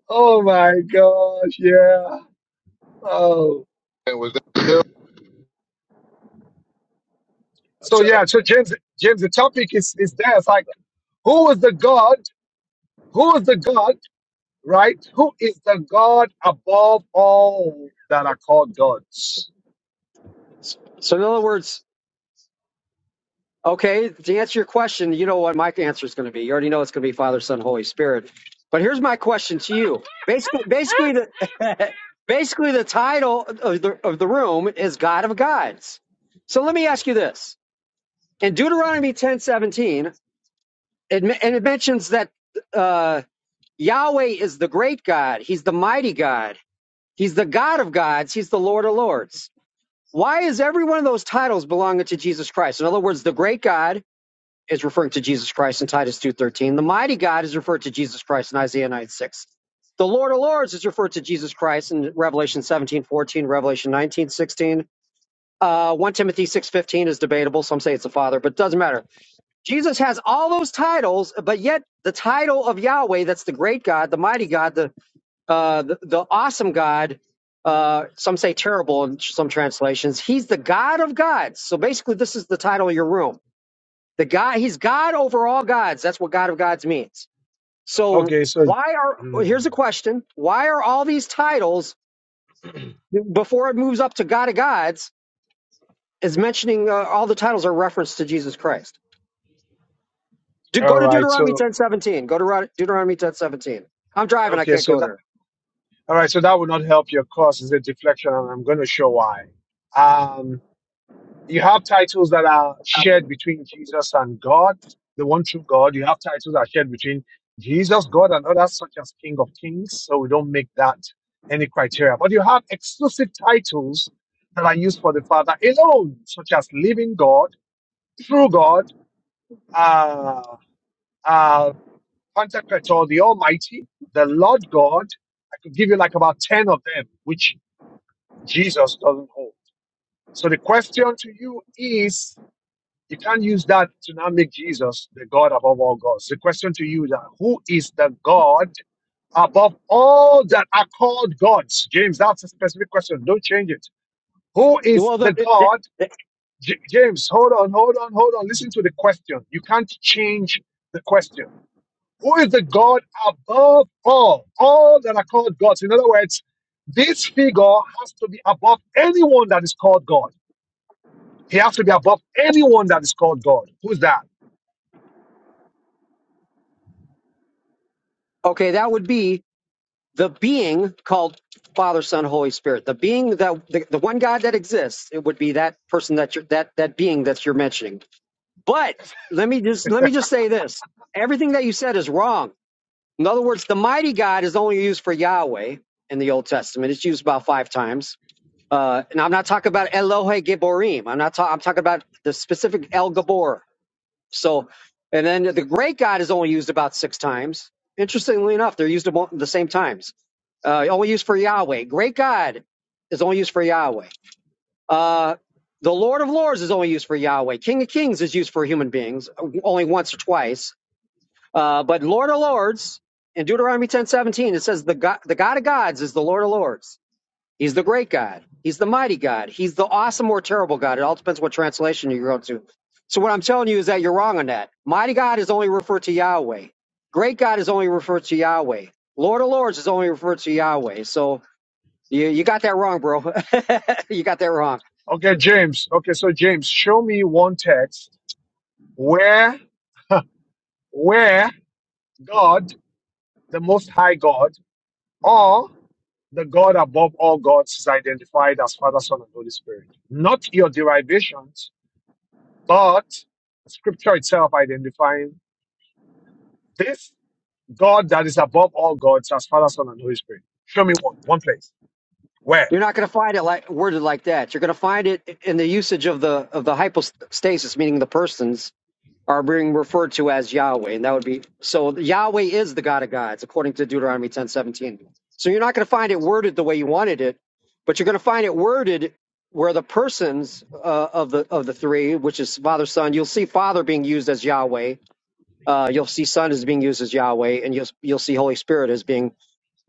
A: Oh my gosh. Yeah. Oh.
T: And was that?
A: So yeah, so James, James, the topic is, is there. It's like, who is the God? Who is the God, right? Who is the God above all that are called gods?
U: So in other words, okay, to answer your question, you know what my answer is going to be. You already know it's going to be Father, Son, Holy Spirit. But here's my question to you. Basically, basically the basically the title of the of the room is God of Gods. So let me ask you this: in Deuteronomy ten seventeen, it, me- and it mentions that uh, Yahweh is the great God. He's the mighty God. He's the God of gods. He's the Lord of lords. Why is every one of those titles belonging to Jesus Christ? In other words, the great God is referring to Jesus Christ in Titus 2.13. The mighty God is referred to Jesus Christ in Isaiah nine six. The Lord of Lords is referred to Jesus Christ in Revelation 17.14, Revelation 19.16. Uh, 1 Timothy 6.15 is debatable. Some say it's the Father, but it doesn't matter. Jesus has all those titles, but yet the title of Yahweh, that's the great God, the mighty God, the, uh, the, the awesome God, uh, some say terrible in some translations. He's the God of gods. So basically, this is the title of your room. The God, he's God over all gods. That's what God of gods means. So
A: Okay. So,
U: why are, well, here's a question. Why are all these titles, before it moves up to God of gods, is mentioning uh, all the titles are referenced to Jesus Christ? De-
A: all
U: go to
A: right.
U: Deuteronomy
A: So,
U: ten seventeen. Go to Ro- Deuteronomy ten i I'm driving. I
A: okay.
U: can't
A: So
U: go there.
A: All right, so that will not help your cause. It's a deflection, and I'm going to show why. Um, you have titles that are shared between Jesus and God, the one true God. You have titles that are shared between Jesus, God, and others, such as King of Kings. So we don't make that any criteria. But you have exclusive titles that are used for the Father alone, such as Living God, True God, uh, uh, Pantocrator, the Almighty, the Lord God. I could give you like about 10 of them, which Jesus doesn't hold. So the question to you is you can't use that to now make Jesus the God above all gods. The question to you is that who is the God above all that are called gods? James, that's a specific question. Don't change it. Who is
U: Well,
A: the
U: the, the,
A: God?
U: the-
A: J- James, hold on, hold on, hold on. Listen to the question. You can't change the question. Who is the God above all? All that are called gods. In other words, this figure has to be above anyone that is called God. He has to be above anyone that is called God. Who's that?
U: okay, that would be the being called Father, Son, Holy Spirit. The being that the, the one God that exists, it would be that person that you're that that being that you're mentioning. But let me just let me just say this. Everything that you said is wrong. In other words, the mighty God is only used for Yahweh in the Old Testament. It's used about five times. Uh, and I'm not talking about Elohe Gibborim. I'm not talking. I'm talking about the specific El Gabor. So, and then the great God is only used about six times. Interestingly enough, they're used about the same times. Uh, only used for Yahweh. Great God is only used for Yahweh. Uh, the Lord of Lords is only used for Yahweh. King of Kings is used for human beings uh, only once or twice. Uh, but Lord of Lords in Deuteronomy ten seventeen it says the God, the God of gods is the Lord of Lords. He's the great God. He's the mighty God. He's the awesome or terrible God. It all depends what translation you go to. So what I'm telling you is that you're wrong on that. Mighty God is only referred to Yahweh. Great God is only referred to Yahweh. Lord of Lords is only referred to Yahweh. So you, you got that wrong, bro. you got that wrong.
A: Okay, James. Okay, so James, show me one text where where God, the most high God, or the God above all gods is identified as Father, Son, and Holy Spirit. Not your derivations, but scripture itself identifying this God that is above all gods as Father, Son, and Holy Spirit. Show me one, one place. Where?
U: You're not going to find it like worded like that. You're going to find it in the usage of the of the hypostasis, meaning the persons are being referred to as Yahweh, and that would be so. Yahweh is the God of gods, according to Deuteronomy ten seventeen. So you're not going to find it worded the way you wanted it, but you're going to find it worded where the persons uh, of the of the three, which is Father, Son. You'll see Father being used as Yahweh. Uh, you'll see Son as being used as Yahweh, and you'll you'll see Holy Spirit as being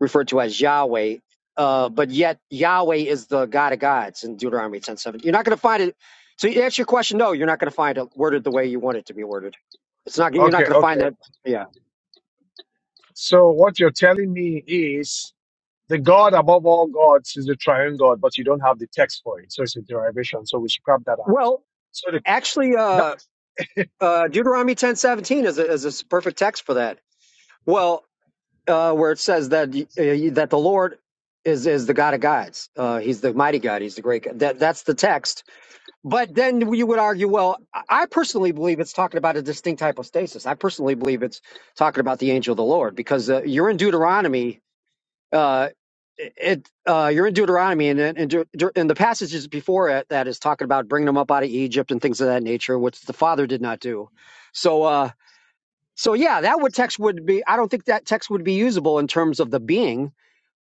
U: referred to as Yahweh. Uh, but yet Yahweh is the God of gods in Deuteronomy ten seven. You're not going to find it. So to answer your question, no, you're not going to find it worded the way you want it to be worded. It's not. You're not
A: Okay,
U: going to find
A: okay.
U: that. Yeah.
A: So what you're telling me is the God above all gods is the triune God, but you don't have the text for it. So it's a derivation. So we scrap that out.
U: Well,
A: So the,
U: actually,
A: that,
U: uh, uh, Deuteronomy ten seventeen is a, is a s- perfect text for that. Well, uh, where it says that y- uh, y- that the Lord is is the God of gods. Uh, he's the mighty God. He's the great. God. That that's the text But then you would argue, well, I I personally believe it's talking about a distinct hypostasis. I personally believe it's talking about the angel of the Lord because uh, you're in Deuteronomy. Uh, it uh, you're in Deuteronomy, and and, Deut- Deut- and the passages before it that is talking about bringing them up out of Egypt and things of that nature, which the father did not do. So, uh, so yeah, that would text would be. I don't think that text would be usable in terms of the being.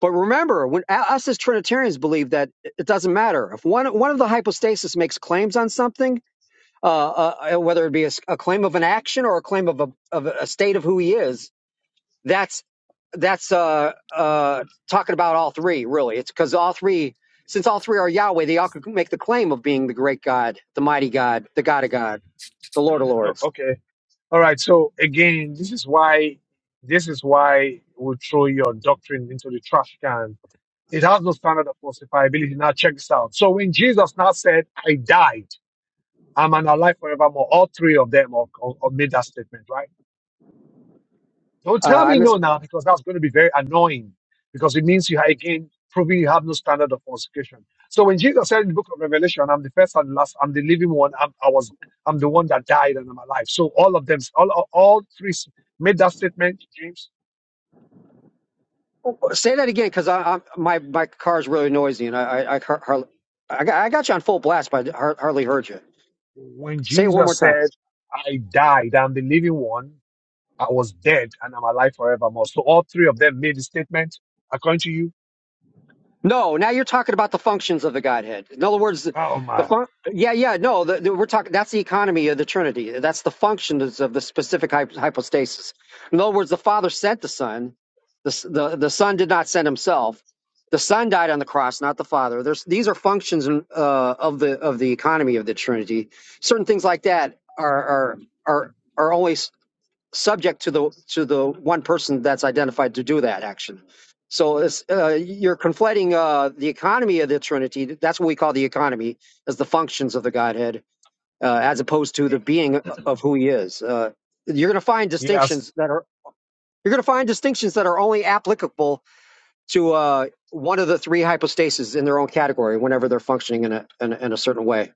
U: But remember, when u- us as Trinitarians believe that it it doesn't matter if one one of the hypostasis makes claims on something uh, uh, uh, whether it be a a claim of an action or a claim of a, of a state of who he is. That's that's uh, uh, talking about all three, really. It's because all three, since all three are Yahweh, they all can make the claim of being the great God, the mighty God, the God of God, the Lord of
A: no,
U: Lords.
A: okay. All right. So again, this is why, this is why we throw your doctrine into the trash can. It has no standard of falsifiability. Now check this out. So when Jesus now said, I died, I'm an alive forevermore, all three of them all, all- all made that statement, right? Don't
U: Uh,
A: tell
U: I
A: me
U: miss
A: no now because that's going to be very annoying because it means you are again proving you have no standard of consecration. So when Jesus said in the book of Revelation, I'm the first and last, I'm the living one, I'm, I was, I'm the one that died and I'm alive. So all of them, all, all three made that statement, James.
U: oh, oh, say that again because I, I my my car is really noisy and I I I, har- har- I got I got you on full blast, but I har- hardly heard you.
A: When
U: Say it one more
A: Jesus
U: time.
A: said, I died, I'm the living one, I was dead and I'm alive forevermore. So all three of them made the statement, according to you.
U: No, now you're talking about the functions of the Godhead. In other words, the,
A: Oh
U: the
A: my.
U: fun- yeah, yeah, no, the, the, we're talking. That's the economy of the Trinity. That's the functions of the specific hy- hypostasis. In other words, the Father sent the Son. The, S- the the Son did not send Himself. The Son died on the cross, not the Father. There's these are functions uh, of the of the economy of the Trinity. Certain things like that are are are are only subject to the to the one person that's identified to do that action. So it's, uh, you're conflating uh, the economy of the Trinity. That's what we call the economy, as the functions of the Godhead, uh, as opposed to the being uh, of who He is. Uh, you're going to find
A: Yes.
U: distinctions that are you're going to find distinctions that are only applicable to uh, one of the three hypostases in their own category, whenever they're functioning in a in, a- in a certain way.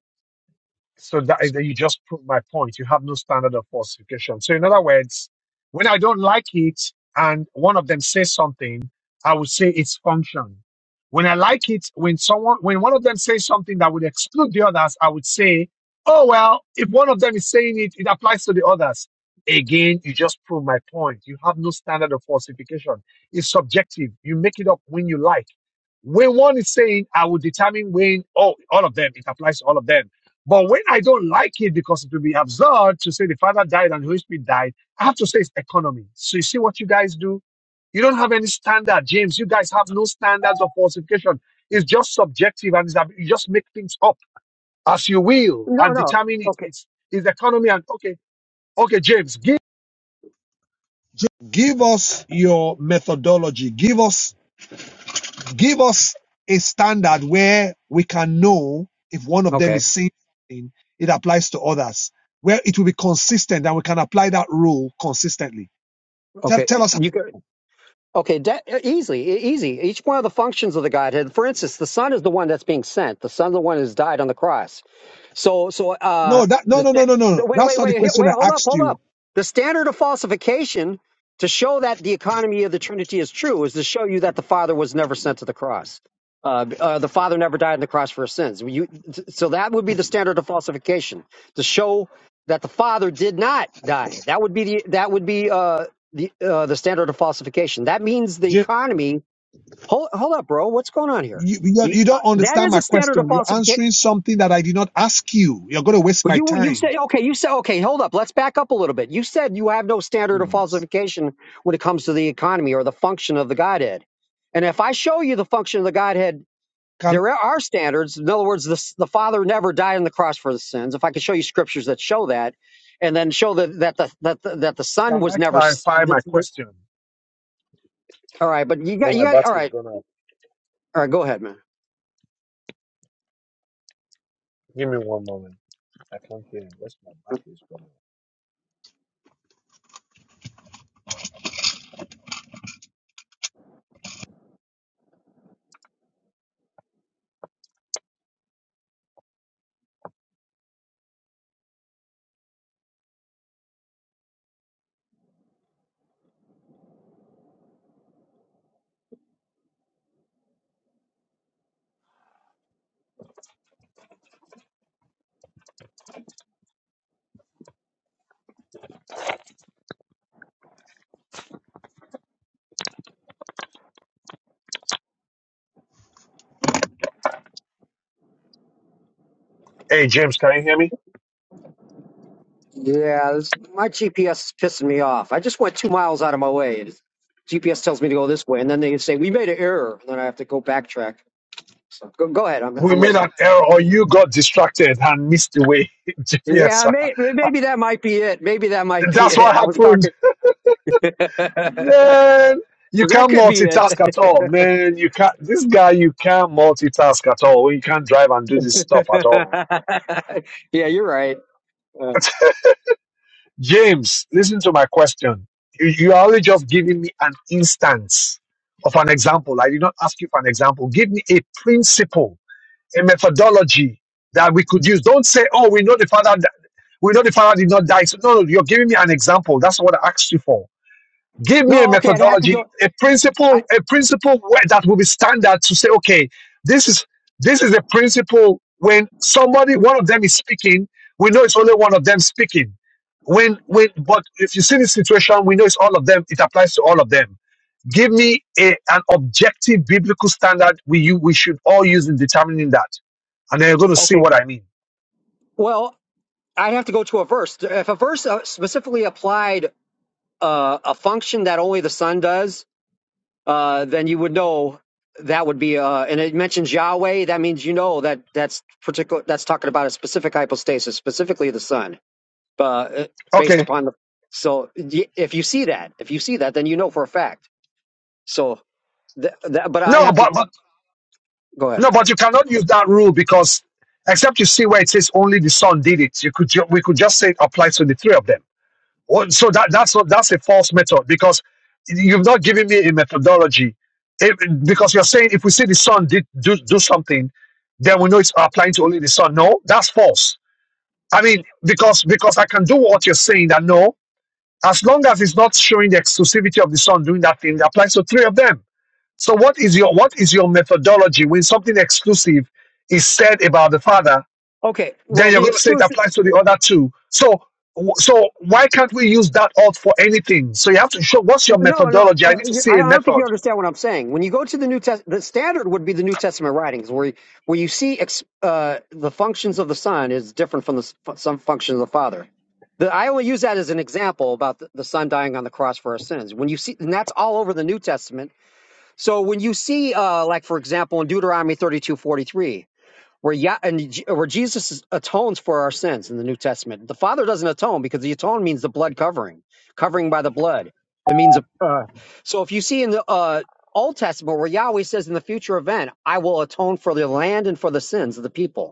A: So that you just proved my point. You have no standard of falsification. So in other words, when I don't like it and one of them says something, I would say it's function. When I like it, when someone, when one of them says something that would exclude the others, I would say, oh well, if one of them is saying it, it applies to the others. Again, you just prove my point. You have no standard of falsification. It's subjective. You make it up when you like. When one is saying, I will determine when, oh, all of them, it applies to all of them but when I don't like it because it will be absurd to say the Father died and the Holy Spirit died, I have to say it's economy. So you see what you guys do? You don't have any standard, James. You guys have no standards of falsification. It's just subjective and it's, ab- you just make things up as you will
U: No,
A: and
U: no.
A: determine it.
U: Okay.
A: It's, it's economy and okay, okay, James, give Give us your methodology. Give us Give us a standard where we can know if one of them
U: Okay.
A: is saying something, it applies to others, where it will be consistent and we can apply that rule consistently. Tell,
U: Okay.
A: tell us.
U: You can. Okay, de- easily, e- easy. Each one of the functions of the Godhead. For instance, the Son is the one that's being sent. The Son, is the one who's died on the cross. So, so uh,
A: No, that,
U: the,
A: no,
U: sta-
A: no, no.
U: the wait,
A: That's
U: wait,
A: not the
U: wait, here-
A: question
U: wait,
A: I
U: hold up,
A: asked
U: hold
A: you.
U: up. The standard of falsification to show that the economy of the Trinity is true is to show you that the Father was never sent to the cross. Uh, uh, the Father never died on the cross for his sins. You, so that would be the standard of falsification to show that the Father did not die. That would be the that would be uh, the uh, the standard of falsification. That means the
A: J-
U: economy. Hold, hold up, bro. What's going on here?
A: You, you,
U: You,
A: you
U: uh,
A: don't
U: that
A: understand
U: is a
A: my
U: standard of
A: question. You're
U: falsification.
A: answering something that I did not ask you. You're going to waste
U: Well,
A: my
U: you you
A: time
U: said okay. You said okay. Hold up. Let's back up a little bit. You said you have no standard of
A: doing this.
U: falsification when it comes to the economy or the function of the Godhead. And if I show you the function of the Godhead,
A: Can,
U: there are standards. In other words, the s- the Father never died on the cross for the sins. If I could show you scriptures that show that, and then show that that the that the, that the Son
A: can
U: was
A: I
U: never. s-
A: clarify
U: The,
A: my
U: the,
A: question?
U: all right, but you got
A: Oh,
U: you
A: my
U: got all
A: battery's
U: right.
A: gone out.
U: All right, go ahead, man.
A: Give me one moment. I can't hear you. Where's my battery's gone out? Hey, James, can you hear me?
U: Yeah, this, my GPS is pissing me off. I just went two miles out of my way. It- GPS tells me to go this way, and then they say we made an error, and then I have to go backtrack. So go, go ahead. I'm
A: we
U: I'm
A: made an
U: listening.
A: error or you got distracted and missed the way GPS.
U: Yeah, may, maybe that might be it. Maybe that might be
A: That's what
U: it. I was
A: happened.
U: talking. that
A: Man, you can't
U: could be it.
A: multitask at all. Man, you can't this guy you can't multitask at all. You can't drive and do this stuff at all.
U: yeah, you're right. Uh,
A: James, listen to my question. You, you are only just giving me an instance of an example. I did not ask you for an example. Give me a principle, a methodology that we could use. Don't say, oh, we know the father We know the Father did not die. So, no, no, you're giving me an example. That's what I asked you for. Give me a
U: no, okay, I'd have to
A: methodology,
U: go.
A: a principle,
U: I,
A: a principle where that will be standard to say, okay, this is this is a principle when somebody, one of them is speaking, we know it's only one of them speaking. When when but if you see the situation, we know it's all of them, it applies to all of them. Give me a, an objective biblical standard we you we should all use in determining that. And then you're gonna see
U: okay,
A: what I mean.
U: well, i have to go to a verse. If a verse uh, specifically applied uh, a function that only the sun does, uh, then you would know that would be uh, and it mentions Yahweh. That means you know that that's particular. That's talking about a specific hypostasis, specifically the sun, uh, based
A: Okay.
U: upon the. So y- if you see that, if you see that, then you know for a fact. So, th- that, but I'd
A: No,
U: have
A: but
U: to
A: but
U: go ahead.
A: No, but you cannot use that rule because except you see where it says only the son did it, you could ju- we could just say it applies to the three of them. Well, So that that's not that's a false method because you've not given me a methodology. If- because you're saying if we see the son did do, do something, then we know it's applying to only the son. No, that's false. I mean, because because I can do what you're saying that no, as long as it's not showing the exclusivity of the son doing that thing, it applies to three of them. So what is your what is your methodology when something exclusive is said about the father?
U: Okay.
A: Then
U: Well,
A: you're
U: the
A: going to say it
U: exclusive.
A: applies to the other two. So so why can't we use that out for anything? So you have to show what's your
U: No, no,
A: methodology.
U: uh,
A: I need to see
U: I
A: a
U: don't I don't think
A: method.
U: you understand what I'm saying. When you go to the New Test, the standard would be the New Testament writings, where you, where you see ex- uh, the functions of the Son is different from the s- fu- some functions of the Father. The, I only use that as an example about the, the Son dying on the cross for our sins. When you see, and that's all over the New Testament. So when you see, uh, like for example, in Deuteronomy 32:43 where yeah, and where Jesus atones for our sins in the New Testament. The Father doesn't atone because the atone means the blood covering, covering by the blood. It means a. Uh, so if you see in the uh, Old Testament where Yahweh says in the future event, "I will atone for the land and for the sins of the people."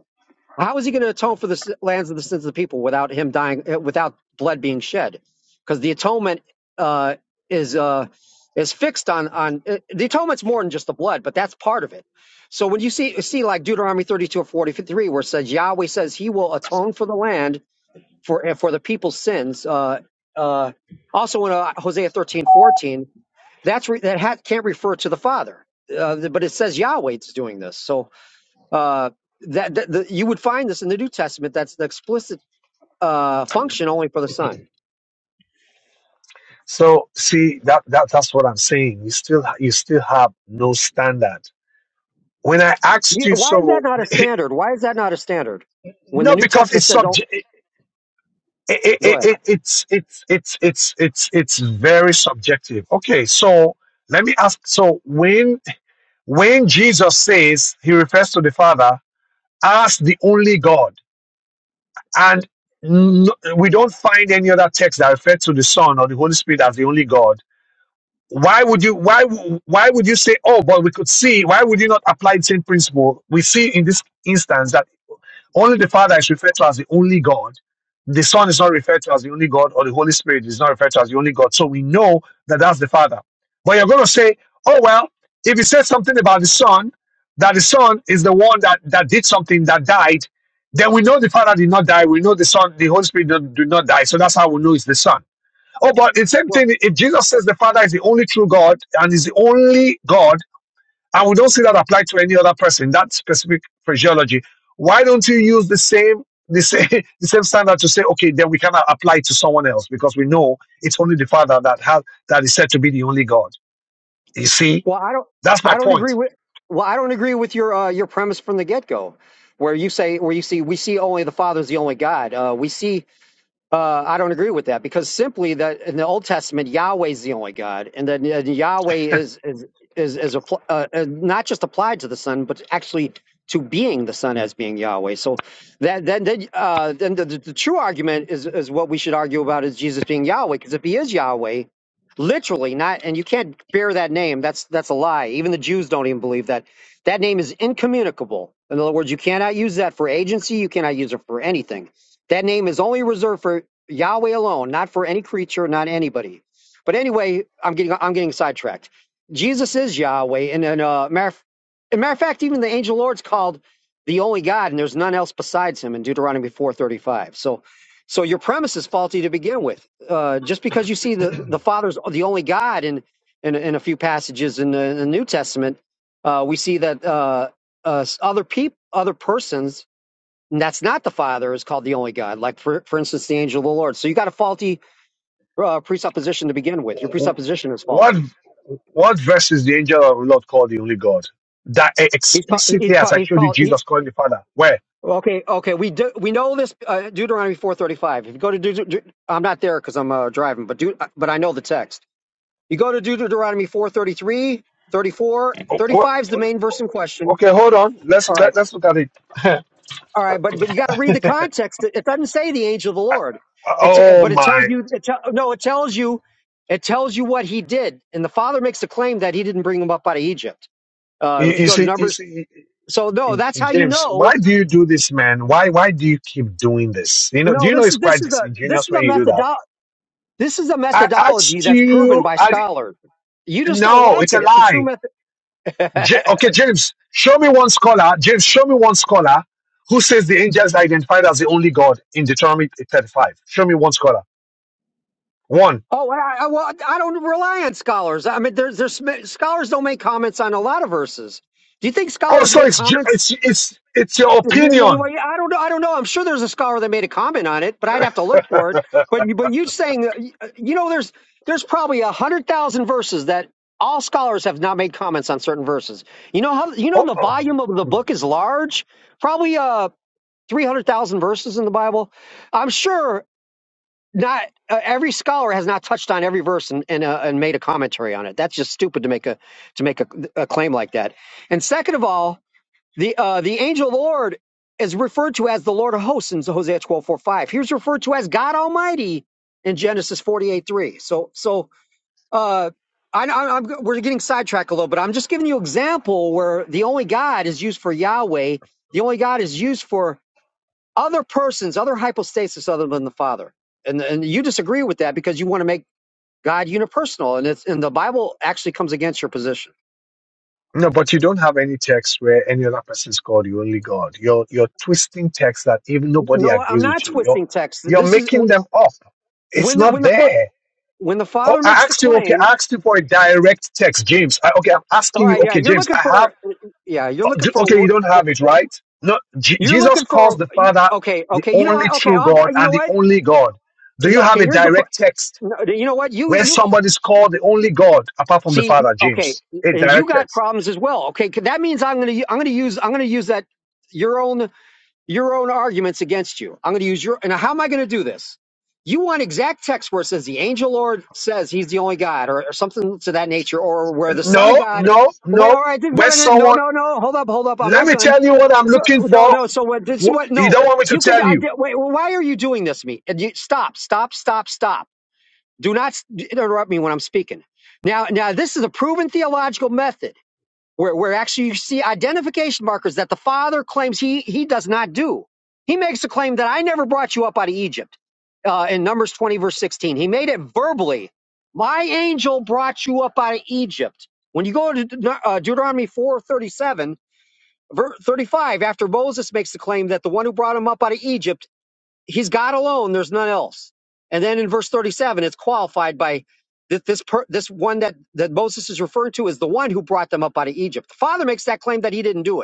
U: How is he going to atone for the s- lands of the sins of the people without him dying, uh, without blood being shed? Because the atonement uh, is uh, is fixed on on uh, the atonement's more than just the blood, but that's part of it. So when you see see like Deuteronomy thirty two or forty three, where it says Yahweh says He will atone for the land for uh, for the people's sins. Uh, uh, also in uh, Hosea thirteen fourteen, that's re- that ha- can't refer to the Father, uh, but it says Yahweh is doing this. So uh, that, that the, you would find this in the New Testament. That's the explicit uh, function only for the Son.
A: So see that, that that's what I'm saying. You still ha- you still have no standard. When I asked
U: Yeah,
A: you,
U: Why is that
A: so
U: not a standard? Why is that not a standard? When the
A: not
U: New
A: because
U: Testament
A: it's
U: says, "Oh,
A: subject. It,
U: go
A: it,
U: ahead."
A: it, it's it's it's it's it's it's very subjective. Okay, so let me ask so when When Jesus says he refers to the Father as the only God, and no, we don't find any other text that refers to the Son or the Holy Spirit as the only God why would you why w- why would you say oh but we could see why would you not apply the same principle we see in this instance that only the father is referred to as the only god the son is not referred to as the only god or the holy spirit is not referred to as the only god so we know that that's the father but you're going to say oh well if he says something about the son that the son is the one that that did something that died then we know the father did not die we know the son the holy spirit did not did not die so that's how we know it's the son Oh, but the same
U: Well,
A: thing, if Jesus says the Father is the only true God and is the only God, and we don't see that applied to any other person, that specific phraseology, why don't you use the same the same the same standard to say, okay, then we cannot apply it to someone else because we know it's only the Father that has that is said to be the only God. You see,
U: well, I don't,
A: that's my
U: I don't agree
A: point.
U: with. Well, I don't agree with your uh, your premise from the get go, where you say where you see we see only the Father is the only God. Uh, we see Uh, I don't agree with that because simply that in the Old Testament Yahweh is the only God, and then uh, Yahweh is is is is appl- uh, uh, not just applied to the Son, but actually to being the Son as being Yahweh. So that then then uh, then the, the, the true argument is is what we should argue about is Jesus being Yahweh because if he is Yahweh, literally not, and you can't bear that name. That's that's a lie. Even the Jews don't even believe that. That name is incommunicable. In other words, you cannot use that for agency. You cannot use it for anything. That name is only reserved for Yahweh alone, not for any creature, not anybody. But anyway, I'm getting I'm getting sidetracked. Jesus is Yahweh, and and uh, matter of, and matter of fact, even the angel Lord's called the only God, and there's none else besides Him in Deuteronomy 4:35. So, so your premise is faulty to begin with. Uh, just because you see the the Father's the only God in in, in a few passages in the, in the New Testament, uh, we see that uh, uh, other people, other persons and that's not the Father is called the only God. Like for for instance, the angel of the Lord. So you got a faulty uh, presupposition to begin with. Your presupposition is
A: What
U: faulty.
A: what verse is the angel of the Lord called the only God? That eh,
U: He's called. He's
A: explicitly, as
U: called.
A: I
U: He's
A: showed you,
U: called he,
A: Jesus calling the Father. Where?
U: okay. Okay. We do. We know this. Uh, Deuteronomy four thirty five. If you go to Deut- Deut- I'm not there because I'm uh, driving, but Deut- but I know the text. You go to Deuteronomy four thirty three, thirty four,
A: Oh,
U: thirty
A: What?
U: five is the main verse in question.
A: Okay, hold on. Let's
U: All right.
A: let, let's look at it.
U: All right, but but you got to read the context. It, it doesn't say the angel of the Lord. It's uh,
A: Oh
U: but it tells
A: my!
U: you. It tell no, it tells you. It tells you what he did, and the father makes the claim that he didn't bring him up out of Egypt.
A: You,
U: Uh, if you
A: you
U: go to
A: see, you
U: Numbers,
A: see,
U: so no, that's how you
A: James.
U: know.
A: Why do you do this, man? Why why do you keep doing this? You know, do
U: No,
A: you know
U: this
A: it's
U: is
A: quite
U: this is a this
A: disingenuous
U: is a
A: when you do that?
U: methodo- This is a
A: I
U: methodology
A: asked
U: that's proven
A: you.
U: by
A: I di-
U: scholars. You just don't
A: no,
U: like
A: it's a
U: it. It's a true
A: lie.
U: method.
A: J-
U: oh,
A: okay, James, show me one scholar. James, show me one scholar who says the angels are identified as the only God in Deuteronomy thirty-five. Show me one scholar. One.
U: I, I, well, I don't rely on scholars. I mean, there's there's scholars don't make comments on a lot of verses. Do you think
A: Oh,
U: scholars
A: so
U: make
A: it's ju-
U: comments
A: it's it's it's your
U: I
A: opinion.
U: don't know. I don't know. I'm sure there's a scholar that made a comment on it, but I'd have to look for it. But you, but you saying, you know, there's there's probably a hundred thousand verses that all scholars have not made comments on certain verses. You know how you know
A: Oh,
U: the
A: oh.
U: volume of the book is large, probably uh three hundred thousand verses in the Bible. I'm sure not uh, every scholar has not touched on every verse and and, uh, and made a commentary on it. That's just stupid to make a to make a, a claim like that. And second of all, the uh, the angel of the Lord is referred to as the Lord of hosts in Hosea twelve four five. He was referred to as God Almighty in Genesis forty eight three. So so uh, I, I, I'm, we're getting sidetracked a little, but I'm just giving you an example where the only God is used for Yahweh. The only God is used for other persons, other hypostasis other than the Father. And and you disagree with that because you want to make God unipersonal, and it's and the Bible actually comes against your position.
A: No, but you don't have any text where any other person is called you only God. You're you're twisting text that even nobody
U: No, I'm
A: agrees
U: not
A: with you. You're
U: twisting text.
A: you're
U: This is
A: making them up. It's
U: when the
A: not
U: when the
A: there.
U: when the
A: Oh,
U: father
A: I
U: makes the
A: asked you. Okay,
U: claim,
A: I asked you for a direct text, James. I, okay, I'm
U: all
A: asking you.
U: right, yeah,
A: Okay,
U: you're
A: James,
U: looking
A: I have.
U: for, yeah, you're
A: oh,
U: looking
A: do-
U: for a
A: Okay, you
U: wor-
A: don't have
U: oh,
A: it, right? No, Je-
U: You're
A: Jesus
U: looking
A: calls
U: for
A: the Father
U: okay,
A: the
U: okay. You know
A: only
U: what? Okay,
A: true
U: I'll,
A: God
U: you
A: and
U: know
A: the
U: what?
A: only God. Do you
U: Yeah,
A: have
U: Okay,
A: a
U: here's the. Pro-
A: direct text
U: no, you know what? You
A: where
U: you
A: somebody's called the only God apart from the
U: see.
A: Father,
U: Okay,
A: James? A
U: and you
A: direct
U: got
A: text.
U: problems as well. Okay, 'cause that means I'm gonna u- I'm gonna use I'm gonna use that your own your own arguments against you. I'm going to use your, and how am I going to do this? You want exact text where it says the angel Lord says he's the only God or, or something to that nature, or where the son of
A: No,
U: God,
A: no,
U: wait,
A: no.
U: all right, this is
A: When
U: what I'm going to, no,
A: someone,
U: no, no, hold up, hold up. I'm
A: let
U: not
A: me
U: done.
A: tell you what I'm
U: So,
A: looking
U: so- no,
A: for.
U: no. So what, this is
A: Wh-
U: what,
A: You
U: no,
A: don't want me to
U: you could,
A: tell
U: I
A: you.
U: did, wait, well, why are you doing this to me? And you, stop, stop, stop, stop. Do not s- interrupt me when I'm speaking. Now, now this is a proven theological method where, where actually you see identification markers that the father claims he he does not do. He makes a claim that I never brought you up out of Egypt uh, in Numbers 20 verse 16. He made it verbally. My angel brought you up out of Egypt. When you go to De- uh, Deuteronomy 4:37, ver- 35, after Moses makes the claim that the one who brought him up out of Egypt he's God alone. There's none else. And then in verse 37, it's qualified by this this, per, this one that that Moses is referring to as the one who brought them up out of Egypt. The Father makes that claim that he didn't do it.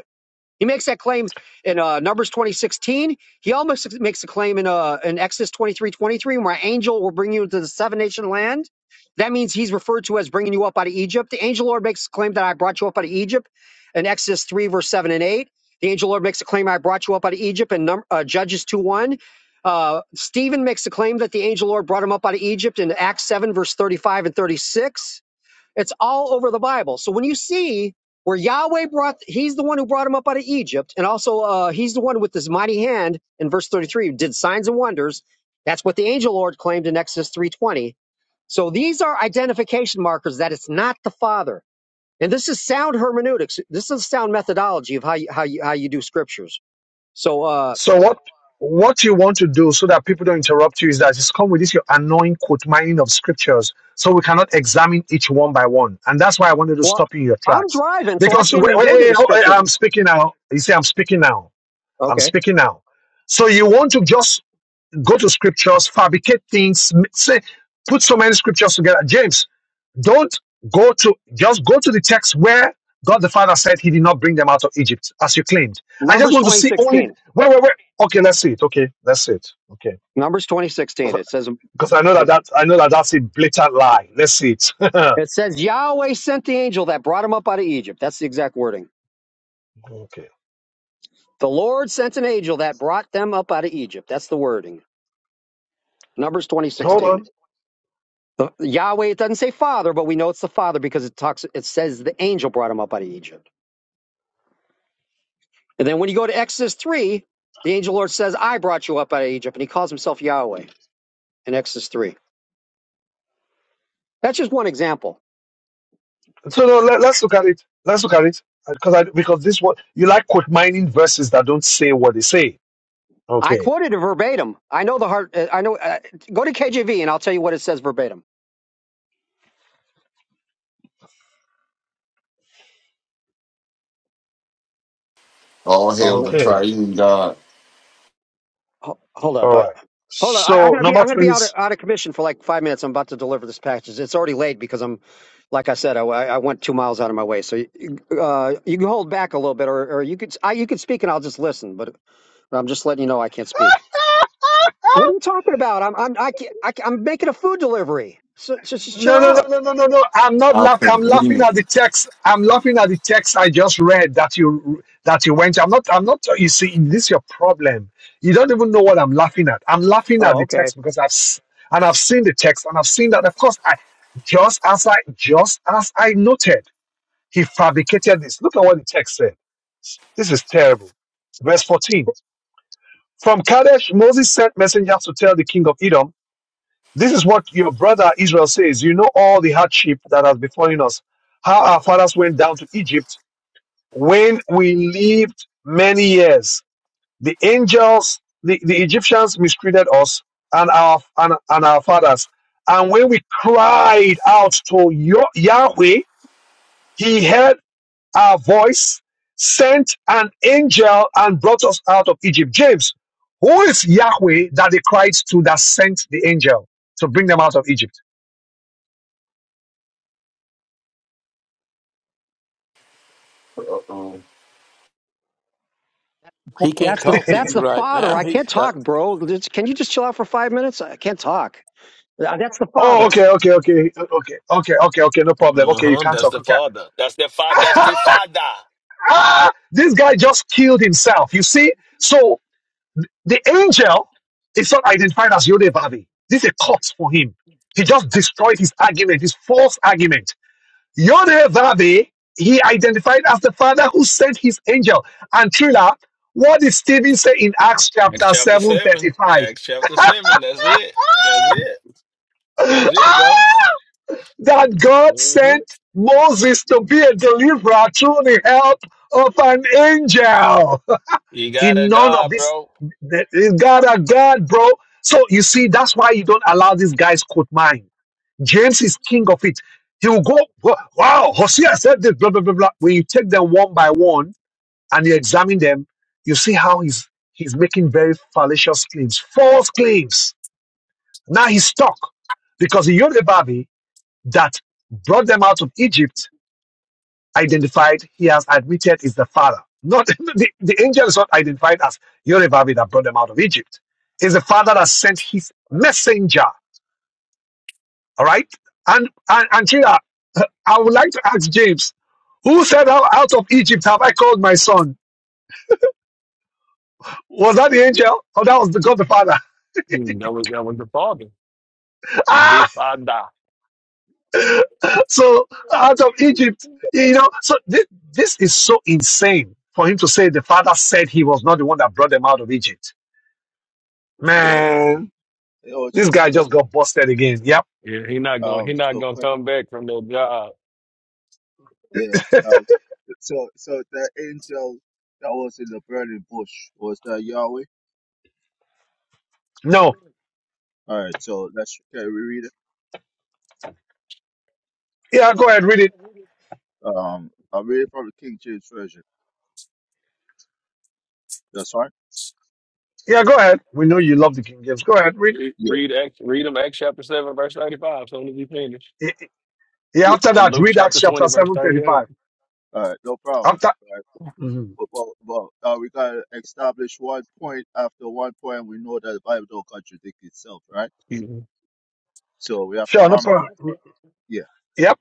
U: He makes that claim in uh, Numbers twenty sixteen. He almost makes a claim in, uh, in Exodus twenty three twenty three, where angel will bring you into the seven nation land. That means he's referred to as bringing you up out of Egypt. The angel Lord makes a claim that I brought you up out of Egypt in Exodus 3, verse 7 and 8. The angel Lord makes a claim I brought you up out of Egypt in Num- uh, Judges 2 1. Uh, Stephen makes a claim that the angel Lord brought him up out of Egypt in Acts 7, verse 35 and 36. It's all over the Bible. So when you see where Yahweh brought, he's the one who brought him up out of Egypt, and also uh, he's the one with his mighty hand in verse 33 did signs and wonders. That's what the angel Lord claimed in Exodus 3:20. So these are identification markers that it's not the Father. And this is sound hermeneutics. This is sound methodology of how you, how you, how you do scriptures. So, uh,
A: So what? What you want to do so that people don't interrupt you is that just come with this your annoying quote mining of scriptures, so we cannot examine each one by one. And that's why I wanted to
U: well,
A: stop you in your
U: I'm
A: tracks
U: driving, so I
A: because
U: can't
A: wait,
U: even
A: wait,
U: go to the
A: wait, oh, eh,
U: scriptures.
A: I'm speaking now. You say I'm speaking now. I'm
U: Okay.
A: speaking now. So you want to just go to scriptures, fabricate things, m- say, put so many scriptures together. James, don't go to just go to the text where God the Father said He did not bring them out of Egypt, as you claimed. I just
U: Numbers
A: want to see only
U: 2016.
A: wait, wait, wait. Okay, let's see it. Okay, let's see it. Okay,
U: Numbers 2016. It says,
A: because I know that
U: it.
A: that I know that that's a blatant lie. Let's see it.
U: It says Yahweh sent the angel that brought them up out of Egypt. That's the exact wording.
A: okay,
U: The Lord sent an angel that brought them up out of Egypt. That's the wording. Numbers twenty
A: hold
U: sixteen.
A: on.
U: The, Yahweh, it doesn't say father, but we know it's the father because it talks it says the angel brought him up out of Egypt. And then when you go to Exodus three, the angel Lord says, I brought you up out of Egypt, and he calls himself Yahweh in Exodus three. That's just one example.
A: So no, let, us look at it. Let's look at it because I because this one you like quote mining verses that don't say what they say.
U: I
A: Okay,
U: quoted it verbatim. I know the heart. uh, I know. Uh, go to KJV and I'll tell you what it says verbatim.
S: All hail the
A: Okay,
S: triune God.
U: Ho- hold up,
A: All
U: I,
A: right.
U: hold up. I, I'm
A: So
U: gonna be
A: number
U: I'm gonna be
A: twenty.
U: out of, out of commission for like five minutes. I'm about to deliver this package. It's already late because I'm, like I said, I, I went two miles out of my way. So you, uh, you can hold back a little bit, or, or you could I, you could speak and I'll just listen. But I'm just letting you know I can't speak. What are you talking about? I'm I'm I can't, I, am making a food delivery. So, so just chill
A: No, no, no,
U: out.
A: no, no, no, no. I'm not
S: How
A: laughing. I'm laughing
S: convenient.
A: at the text. I'm laughing at the text I just read that you that you went. I'm not. I'm not. You see, this is your problem. You don't even know what I'm laughing at. I'm laughing at
U: Oh,
A: the
U: okay.
A: text because I've s- and I've seen the text and I've seen that. Of course, I just as I just as I noted, he fabricated this. Look at what the text said. This is terrible. Verse fourteen. From Kadesh, Moses sent messengers to tell the king of Edom, This is what your brother Israel says. You know all the hardship that has befallen us, how our fathers went down to Egypt when we lived many years. The angels, the, the Egyptians mistreated us and our, and, and our fathers. And when we cried out to Yo- Yahweh, he heard our voice, sent an angel and brought us out of Egypt. James, who is Yahweh that they cried to that sent the angel to bring them out of Egypt?
S: Uh-oh.
G: He can't
U: That's the
G: talk to
U: that's
G: you
U: the
G: right
U: father.
G: now.
U: I
G: He's
U: can't
G: got
U: talk, bro. Just- Can you just chill out for five minutes? I can't talk. Uh, That's the
A: Oh,
U: father.
A: okay, okay, okay, okay, okay, okay, okay, no problem.
Q: Uh
A: Okay, you
Q: huh.
A: can't
Q: That's
A: talk.
Q: the Father. That's the
A: Okay.
Q: Father. That's the Father.
A: this guy just killed himself. You see? So the angel is not identified as Yodebavi. This is a cut for him. He just destroyed his argument, his false argument Yodhe he identified as the Father who sent his angel. And Trilla, what did Stephen say in Acts
Q: Acts
A: chapter
Q: chapter
A: 7
Q: seven.
A: 35?
Q: Acts chapter seven. That's it. That's it. That's it, bro.
A: that God
Q: hmm
A: sent Moses to be a deliverer through the help of an angel.
Q: You got
A: In
Q: a
A: none of
Q: God,
A: this,
Q: bro.
A: God, a God, bro. So you see, that's why you don't allow these guys quote mine. James is king of it. He will go, go, wow, Hosea said this, blah, blah, blah, blah. When you take them one by one and you examine them, you see how he's he's making very fallacious claims, false claims. Now he's stuck because the Yorubabi that brought them out of Egypt, identified, he has admitted is the father. Not the, the angel is not identified as Yorubabi that brought them out of Egypt. It's the father that sent his messenger All right. And and, and Chira, I would like to ask James, who said out, out of Egypt have I called my son? Was that the angel? Or that was the God the Father?
Q: Hmm, That was that was the Father. The
A: Ah,
Q: Father.
A: so out of Egypt, you know, so this, this is so insane for him to say the father said he was not the one that brought them out of Egypt. Man, this guy just got busted again. Yep.
Q: Yeah, he not gonna he not gonna come back from that job.
A: No. Yeah, go ahead, read it. Yeah, go ahead. We know you love the King James. Go ahead, read.
Q: Read read Acts, read them Acts chapter seven verse thirty five. Soon as he finished,
A: Yeah, after
Q: and
A: that,
Q: Luke
A: read Acts
Q: chapter
A: chapter
Q: twenty verse
A: 7
Q: thirty eight.
A: 35. After. mm-hmm. Sure, no problem. Yep.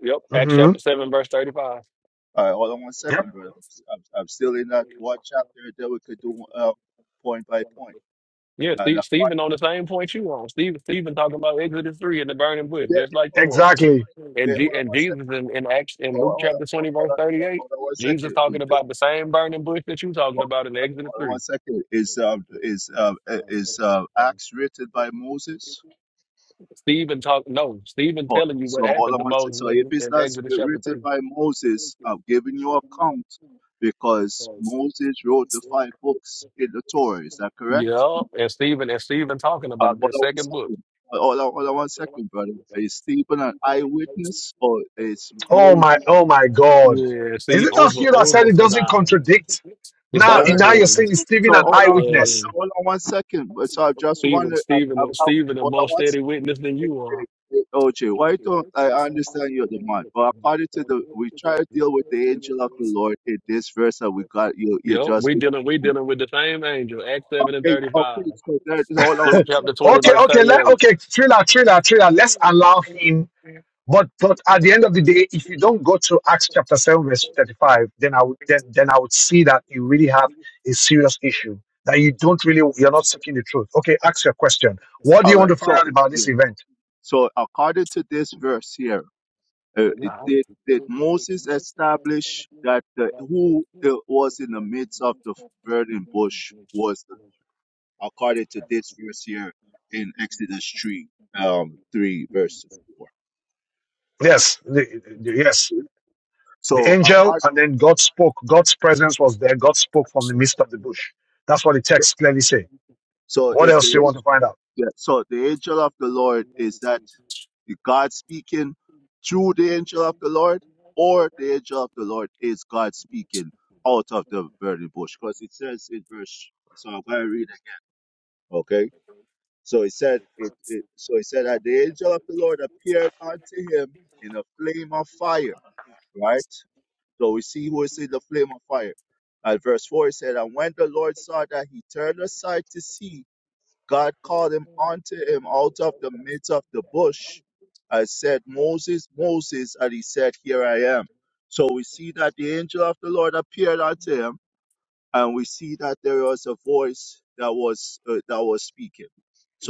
Q: Yep, Acts
A: hmm
Q: chapter seven verse thirty five.
A: Yep.
Q: Yeah, Steve, Stephen on the same point you on. Stephen, Stephen talking about Exodus three and the burning bush, just like you are.
A: Exactly.
Q: And G, and Jesus in, in Acts in Luke chapter twenty verse thirty eight, Jesus talking about the same burning bush that you talking about in Exodus three. Stephen talk no, Stephen telling you what happened to Moses in, in Exodus chapter three. Yeah, and Stephen and Stephen talking about the second book.
A: Oh my. Oh my God.
Q: Yeah,
A: Is
Q: see,
A: it not
Q: over,
A: you that said
Q: over
A: it
Q: for
A: doesn't
Q: that.
A: contradict?
Q: It's
A: Now,
Q: over
A: now you're
Q: for him.
A: saying it's Stephen an eyewitness.
Q: Yeah. Stephen, Stephen, Stephen, a more steady witness than you are. Yep, we dealing, we dealing with the same angel. Acts seven and thirty-five, Luke chapter twenty,
A: Okay.
Q: verse
A: Okay. Let.
Q: thirty-eight.
A: Okay. Thriller. Thriller. Thriller. Let's allow him. But but at the end of the day, if you don't go to Acts chapter seven verse thirty five, then I would then then I would see that you really have a serious issue that you don't really you're not seeking the truth. Okay. Ask your question. What do you want to find out about this event?
Q: Yeah.
A: Yes. the- the- Yes. the angel and then God spoke. God's presence was there. God spoke from the midst of the bush. That's what the text clearly say. What else do you want to find out?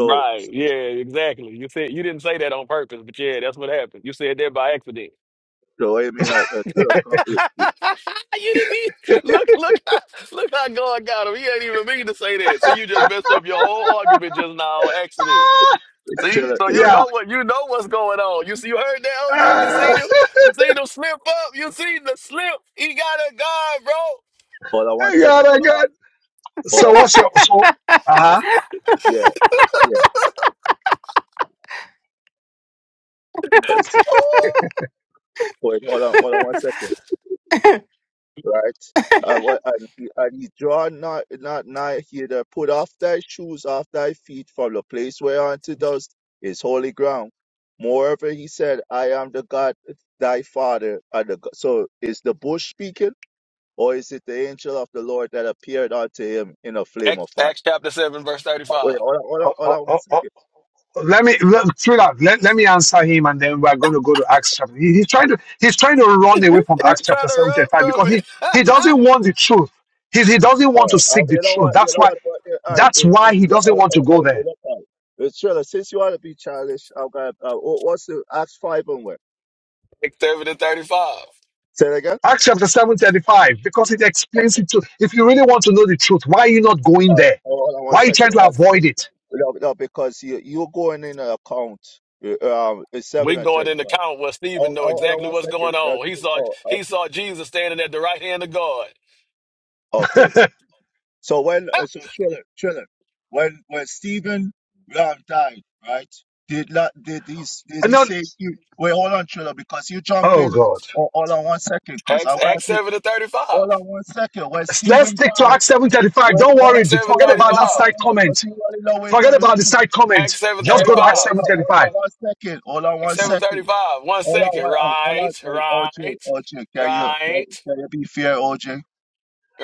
Q: Right. Yeah, exactly. You said you didn't say that on purpose, but yeah, that's what happened. You said that by accident. you didn't even, look, look, look how God got him. He ain't even mean to say that. So you just messed up your whole argument just now on accident.
A: Ah,
Q: See? So you
A: yeah.
Q: know what you know what's going on. You see you heard that, OJ? You seen
A: Ah,
Q: him? You seen him slip up? You seen the slip? He got a guard, bro.
A: I got. oh God. So what's your so? Uh huh.
Q: Ooh. Acts, Acts chapter 7, verse 35.
A: Oh, oh, oh, oh. Let me let, through that. Let, let me answer him, and then we're going to go to Acts chapter. He, he's trying to he's trying to run away from Acts
Q: He's
A: chapter
Q: trying to
A: seven thirty
Q: run
A: five
Q: from
A: because he
Q: it.
A: he doesn't want the truth. He he doesn't want to seek the truth. That's why that's why he doesn't want to go there
Q: seven and thirty-five.
A: Acts chapter 7:35, because it explains it to if you really want to know the truth, why are you not going there? Why are you trying to avoid it?
Q: We can go in the count. where Stephen know exactly what's going on. He saw he saw Jesus standing at the right hand of God.
A: And not oh God.
Q: Acts Acts seven and thirty-five.
A: Let's stick to Acts 7:35. Don't worry,
Q: Acts seven
A: forget about that
Q: thirty-five.
A: side comment. Forget about the side comment.
Q: Acts seven
A: Just go to Acts
Q: thirty-five.
A: 7:35.
Q: Acts seven thirty-five. One second. Right, right, right,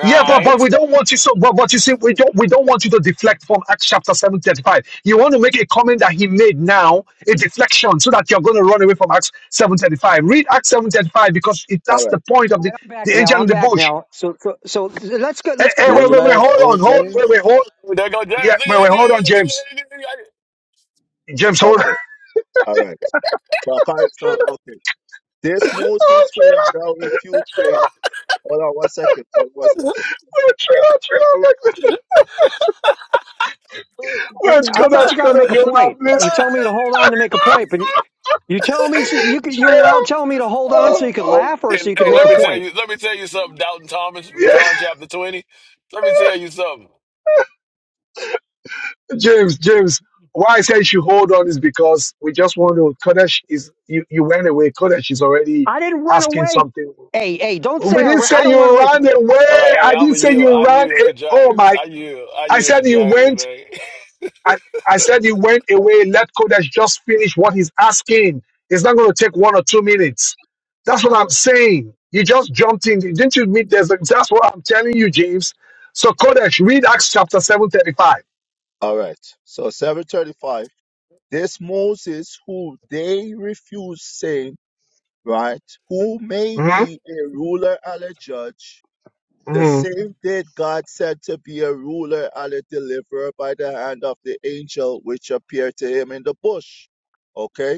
A: Yeah, but but we don't want you so but but you see we don't we don't want you to deflect from Acts chapter seven thirty five. You want to make a comment that he made now, a deflection, so that you're going to run away from Acts seven thirty five. Read Acts seven thirty five because it that's the point of the the
U: back now.
A: angel
U: I'm
A: in the
U: back
A: bush.
U: now. So, so, so let's get
A: Hey,
U: let's get
A: hey,
U: back
A: wait,
U: to.
A: wait, wait,
W: Relax,
A: hold on, hold,
W: OJ.
A: wait, wait, hold,
Q: There go
A: yeah,
Q: James. Look
A: wait, wait,
Q: at
A: hold
Q: that.
A: on,
Q: Look at
A: James,
Q: that. Look at that.
A: James, hold on. Trina, Oh, Trina, Trina, oh, Trina, Trina, I'm like,
U: Wait,
A: where's
U: I I
A: Kodash,
U: thought you got to
A: Kodash,
U: make a
A: you're
U: point.
A: please.
U: You tell me to hold on to make a point, but you, you tell me so you could you
A: Trina,
U: were telling me to hold on so you
A: oh,
U: could
A: oh,
U: laugh or so
Q: Hey,
U: you could
Q: hey,
U: make
Q: let
U: a
Q: me
A: oh,
Q: tell
U: point.
Q: you. Let me tell you something. Doubting Thomas from
A: yeah.
Q: John chapter twenty. Let me tell you something.
A: James, James, why I said you should hold on is because we just want to. Kodesh is you, you went away. Kodesh is already
U: I didn't run
A: asking
U: away.
A: something.
U: Hey, hey, don't
A: We
U: say I
A: didn't
U: ran. I
A: say
U: don't run
A: you
U: away. from-
A: ran
Q: All right,
A: away.
Q: hey,
A: I
Q: I'm
A: didn't
Q: a
A: say
Q: yield.
A: you
Q: I
A: ran.
Q: yield
A: A-
Q: to
A: oh
Q: James.
A: my!
Q: I yield. I
A: I
Q: yield to
A: said you
Q: James,
A: went.
Q: man.
A: I, I said you went away. Let Kodesh just finish what he's asking. It's not going to take one or two minutes. That's what I'm saying. You just jumped in. Didn't you meet? There's a, that's what I'm telling you, James. So Kodesh, read Acts chapter seven thirty-five. Mm-hmm. Mm-hmm.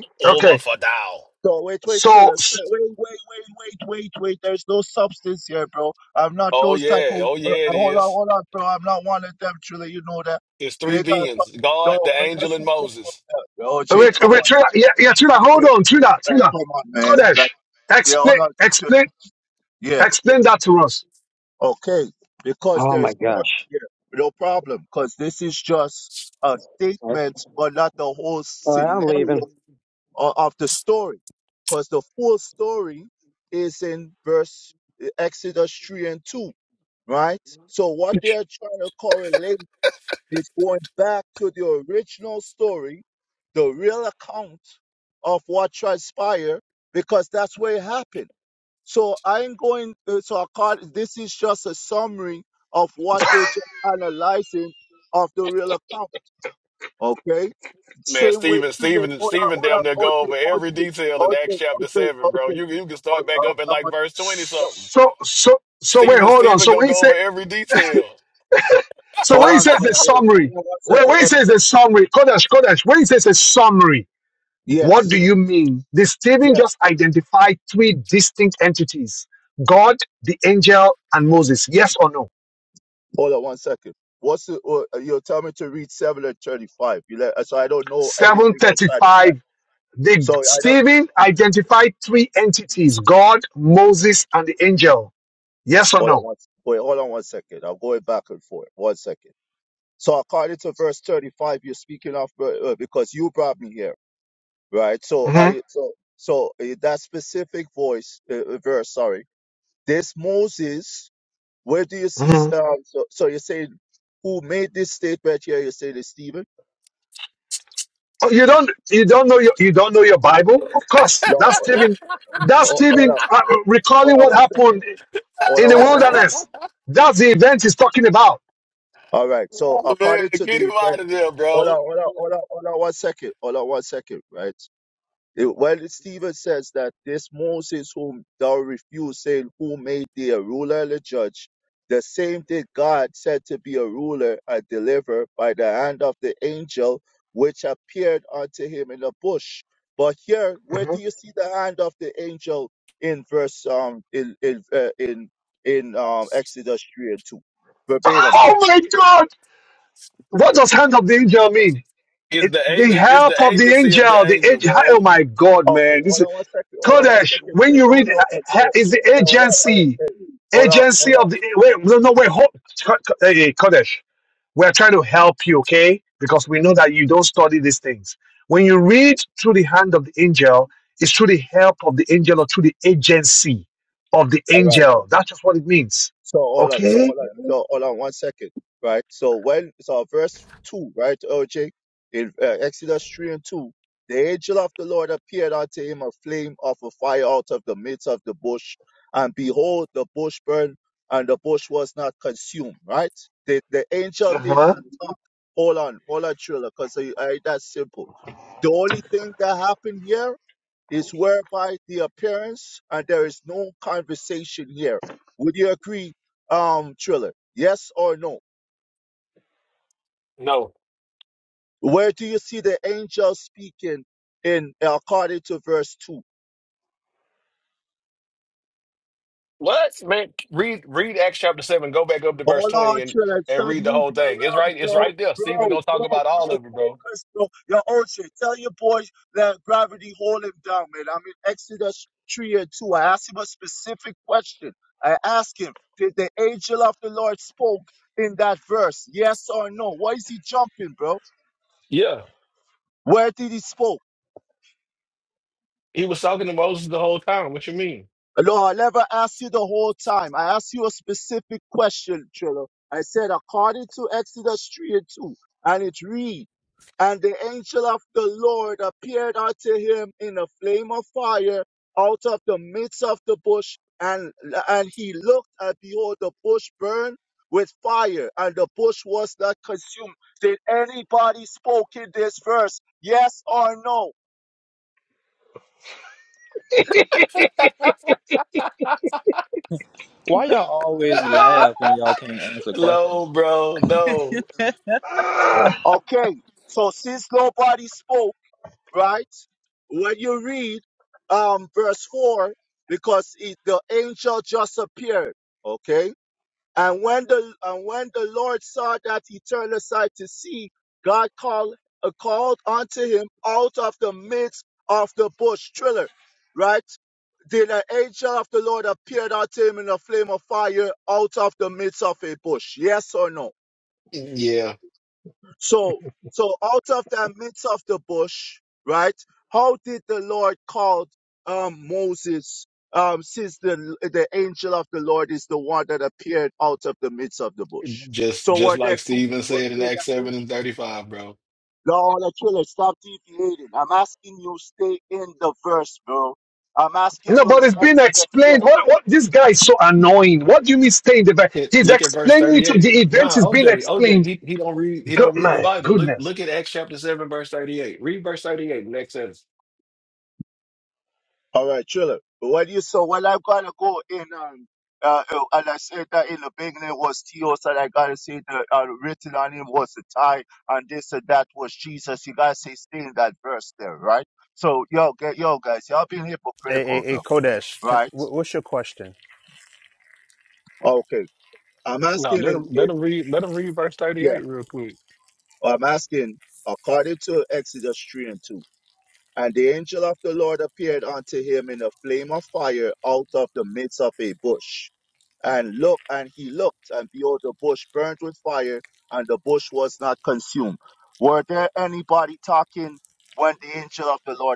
A: Okay.
Q: Over for thou.
A: So,
Q: Oh yeah, oh yeah, it is. It's three beings: God, the angel, and Moses.
A: wait, wait, Trina, yeah, yeah, Trina, hold on, Trina, Trina, Kodesh, explain, explain, explain that to us.
U: Oh my gosh! All right, all right, I'm leaving.
Q: Man, Stephen, Stephen, Stephen, damn near go over every detail in Acts chapter seven, bro. You you can start back up at like verse twenty something.
A: So, so, so wait,
Q: Stephen,
A: hold on.
Q: Stephen,
A: So
Q: gonna
A: when he
Q: go
A: say,
Q: over every detail.
A: so when he says the summary, when, when he says the summary, Kodesh, Kodesh, when he says a summary, what do you mean? The Stephen just identified three distinct entities: God, the angel, and Moses. Yes or no? Seven thirty-five The Stephen identified three entities: God, Moses, and the angel. Yes or no? hmm hmm Oh, you don't you don't know your you don't know your Bible? Of course, that's Stephen. That's Stephen uh, recalling what happened in the wilderness. That's the event he's talking about.
Q: Oh, man, get him out of there, bro.
A: Mhm. Oh my God! What does hand of the angel mean?
Q: It's
A: It,
Q: the
A: the
Q: agent. It's
A: help
Q: the
A: of the
Q: agency of the
A: angel. The
Q: angel,
A: angel. Oh
Q: bro.
A: my God, man! This Kodesh, when you read, uh, is the agency, agency of the, wait, no, no, wait, hold, Ko- Ko- eh, Kodesh, we're trying to help you, okay? Because we know that you don't study these things. When you read through the hand of the angel, it's through the help of the angel or through the agency of the angel. That's just what it means, okay? Uh-huh.
Q: No. What man? Read read Acts chapter seven. Go back up to verse twenty and and read the whole thing. It's right. It's right there. Stephen gonna talk about all of it, bro. Yeah, he was talking to Moses the whole time. What you mean?
W: Why y'all always laugh when y'all can't answer questions?
Q: no, bro. No.
A: Ah,
Q: Yeah, just just like Stephen said in Acts seven and thirty five, bro.
A: no, but it's been explained. What, what? This guy is so annoying. What do you mean stay in the back?
Q: Hit-
A: He's
Q: Look at verse
A: explaining it
Q: thirty
A: to the
Q: eight.
A: event
Q: Nah,
A: is being
Q: OJ,
A: explained
Q: OJ, he he don't read he
A: Good
Q: don't read the
A: man,
Q: Bible. Look
A: goodness.
Q: look at Acts chapter seven verse thirty eight. Read verse thirty eight in Acts seven.
V: A, a, a Kodesh. Can, wh- what's your question?
Q: No, let him let him read let him read verse thirty eight real quick.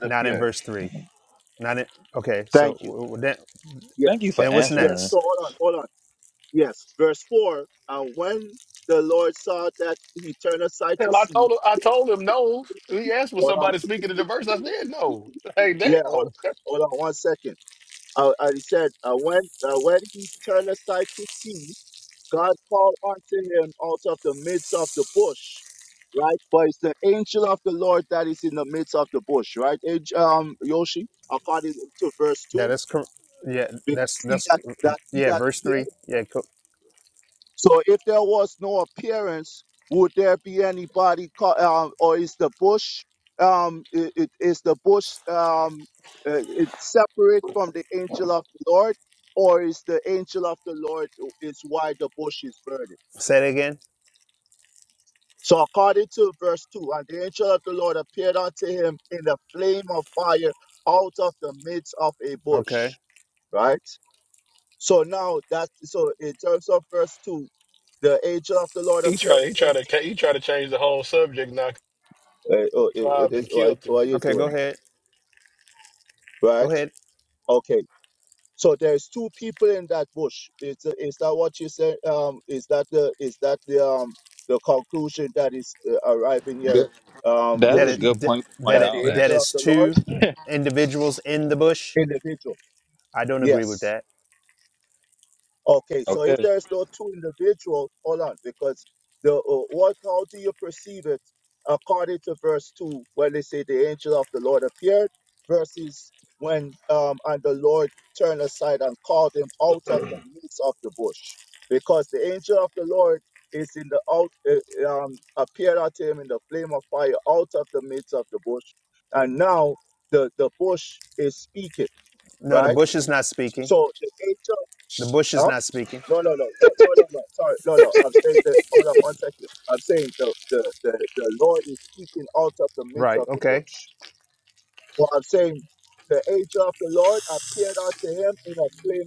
V: Not in verse three. Not in. Okay. So w- w- then,
W: Thank you for
V: then what's
W: answering.
V: next?
Q: Hell, I told him, I told him no. He asked was somebody speaking in the verse. I said no. Hey, damn.
V: That is correct. Yeah. That's that's. Yeah. Verse three. Yeah. Co- say it again. Okay.
Q: He tried. He tried to. He tried to change the whole subject. Knocked five and killed him.
V: Okay. Go ahead. Go ahead.
W: That- That's
V: That
W: a
V: it
W: good
V: th-
W: point to
V: that
W: point
V: it
W: out,
V: that
W: actually.
V: is two individuals in the bush. I don't agree with that.
W: Okay.
V: No, the bush is not speaking. The bush is not speaking. Right. Okay.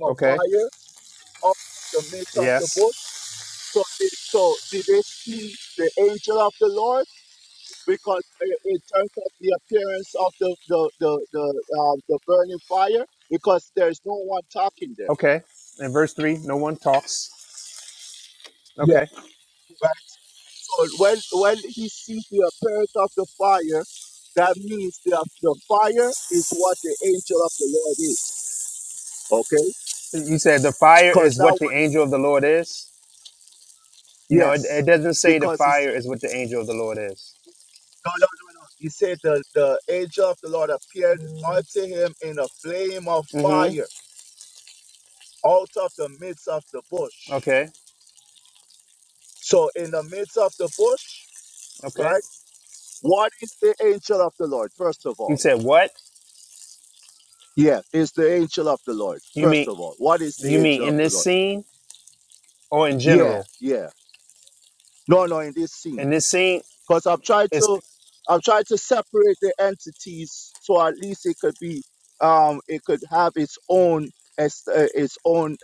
V: Okay. Yes. Okay. In verse three, no one talks. Okay. You said the fire is what the angel of the Lord is. No, it, it doesn't say the fire is what the angel of the Lord is. Mm-hmm. Okay. Okay. You said what? You mean you mean in this scene or in general? In this scene is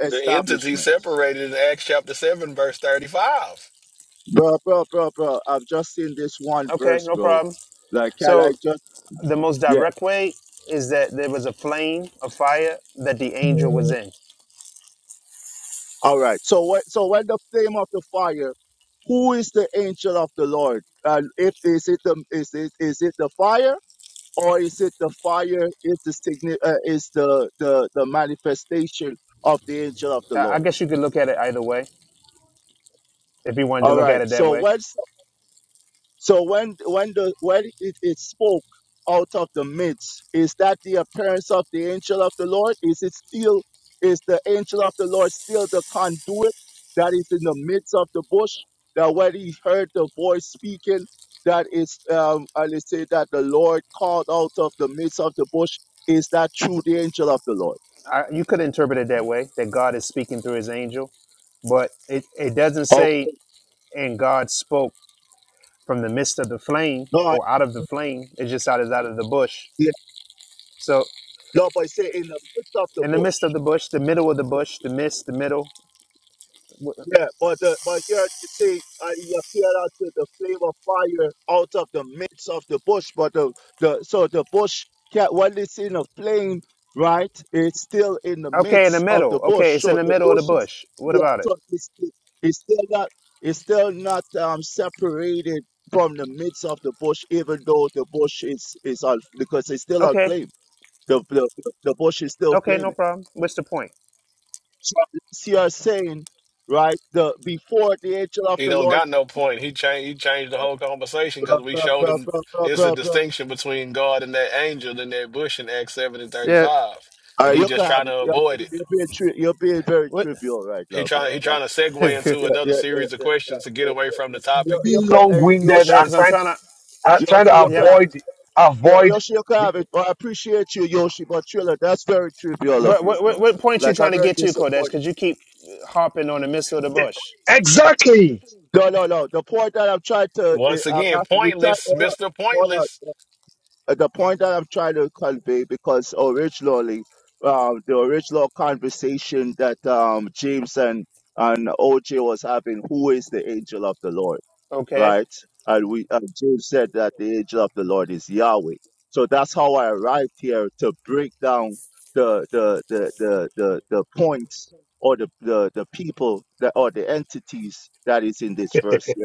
Q: The entity separated in Acts chapter seven, verse thirty-five.
V: okay. No problem. So the most direct way is that there was a flame, a fire that the angel was in. I, I guess you could look at it either way if you wanted to look at it that way. I, you could interpret it that way that God is speaking through His angel, but it, it doesn't say and God spoke from the midst of the flame or out of the flame. It just out is out of the bush. So in the midst of the bush, the middle of the bush, the midst, the middle. Okay, in the middle. Okay, it's in the middle of the bush. What about it? Okay, okay, no problem. What's the point?
Q: He don't got no point. He changed. He changed the whole conversation because we showed him it's a distinction between God and that angel in that bush in Acts seven and
V: Yeah.
Q: thirty-five, and he just trying to avoid it.
V: What?
Q: He trying. He trying to
V: yeah,
Q: segue into another series of questions to get away from the topic
A: Being long-winded and
V: because I'm
A: trying to,
V: trying to.
A: uh, trying to
V: Yeah,
A: avoid avoid the
V: what, what what point you trying to get to, Kodesh? Because you keep harping on the midst of the bush.
A: exactly.
Q: Once again, pointless, Mr. Pointless.
V: Okay.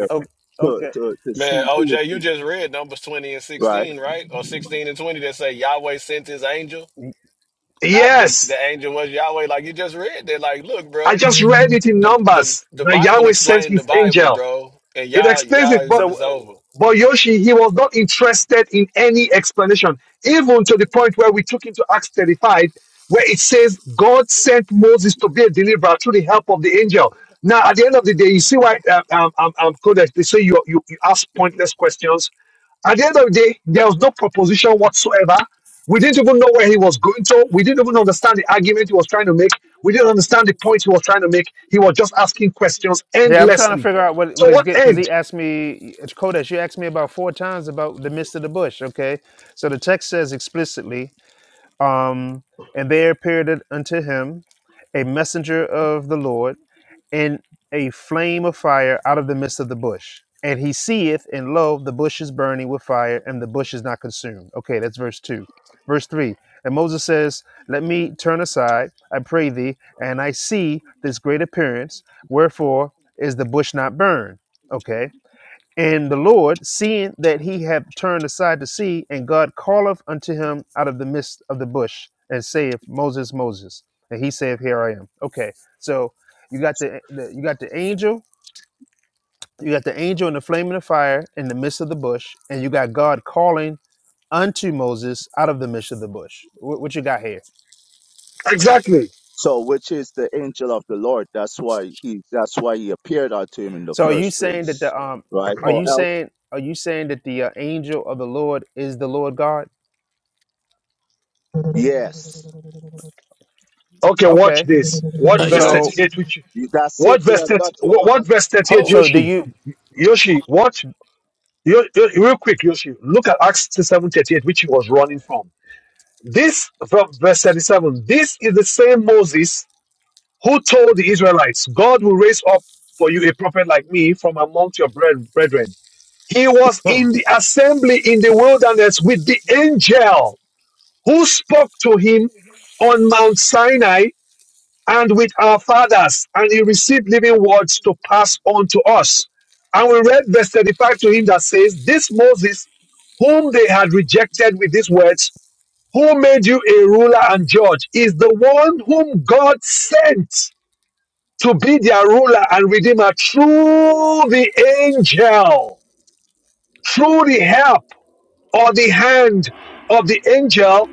V: O- Okay.
Q: Man, OJ, you just read numbers 20 and 16, right? Or 16 and 20 that say Yahweh sent his angel. Not the the
A: Yes,
Q: angel was Yahweh. Like you just read that. Like, look,
A: I
Q: bro,
A: just read it in
Q: the the
A: Numbers
Q: the
A: that
Q: Bible
A: Yahweh sent
Q: explained the
A: His
Q: Bible,
A: angel.
Q: bro. And
A: It
Q: y'all,
A: explains it, but
Q: y'all
V: So
Q: it's
V: uh,
Q: over.
A: but Yoshi he was not interested in any explanation, even to the point where we took him to Acts 35, where it says God sent Moses to be a deliverer through the help of the angel. Now, at the end of the day, you see why um, um, um, um, Codex, they say you, you, you ask pointless questions At the end of the day, there was no proposition whatsoever. We didn't even know where he was going to. We didn't even understand the argument he was trying to make. We didn't understand the point he was trying to make. He was just asking questions
V: Yeah, I'm trying to
A: endlessly.
V: figure out what what
A: So
V: he's
A: what
V: getting because
A: end?
V: he asked me, Kodesh, you asked me about four times about the midst of the bush. Okay, so the text says explicitly, um, and there appeared unto him a messenger of the Lord and a flame of fire out of the midst of the bush. And he seeth, and lo, the bush is burning with fire, and the bush is not consumed. Okay, that's verse 2. Verse 3 And Moses says, Let me turn aside, I pray thee, and I see this great appearance. Wherefore is the bush not burned? Okay and the Lord, seeing that he had turned aside to see, and God calleth unto him out of the midst of the bush, and saith, Moses, Moses. And he saith, Here I am. Okay, so you got the, the you got the angel, you got the angel in the flame and the fire in the midst of the bush, and you got God calling unto Moses out of the midst of the bush. What, what you got here?
A: Exactly.
V: So are you saying that the um are you saying are you saying that the uh, angel of the Lord is the Lord God?
A: Okay, watch
V: Okay,
A: this. Watch verse
V: so
A: 38, which what verse 30, what what verse 38,
V: so do
A: Yoshi.
V: you?
A: Yoshi, what Yo- Yo- real quick, Yoshi, look at Acts 7 38, which he was running from. This from verse 37, this is the same Moses who told the Israelites, God will raise up for you a prophet like me from amongst your bre- brethren. He was in the assembly in the wilderness with the angel who spoke to him on Mount Sinai and with our fathers, and he received living words to pass on to us. And we read verse 35 to him that says, This Moses, whom they had rejected with these words, who made you a ruler and judge, is the one whom God sent to be their ruler and redeemer through the angel, through the help or the hand of the angel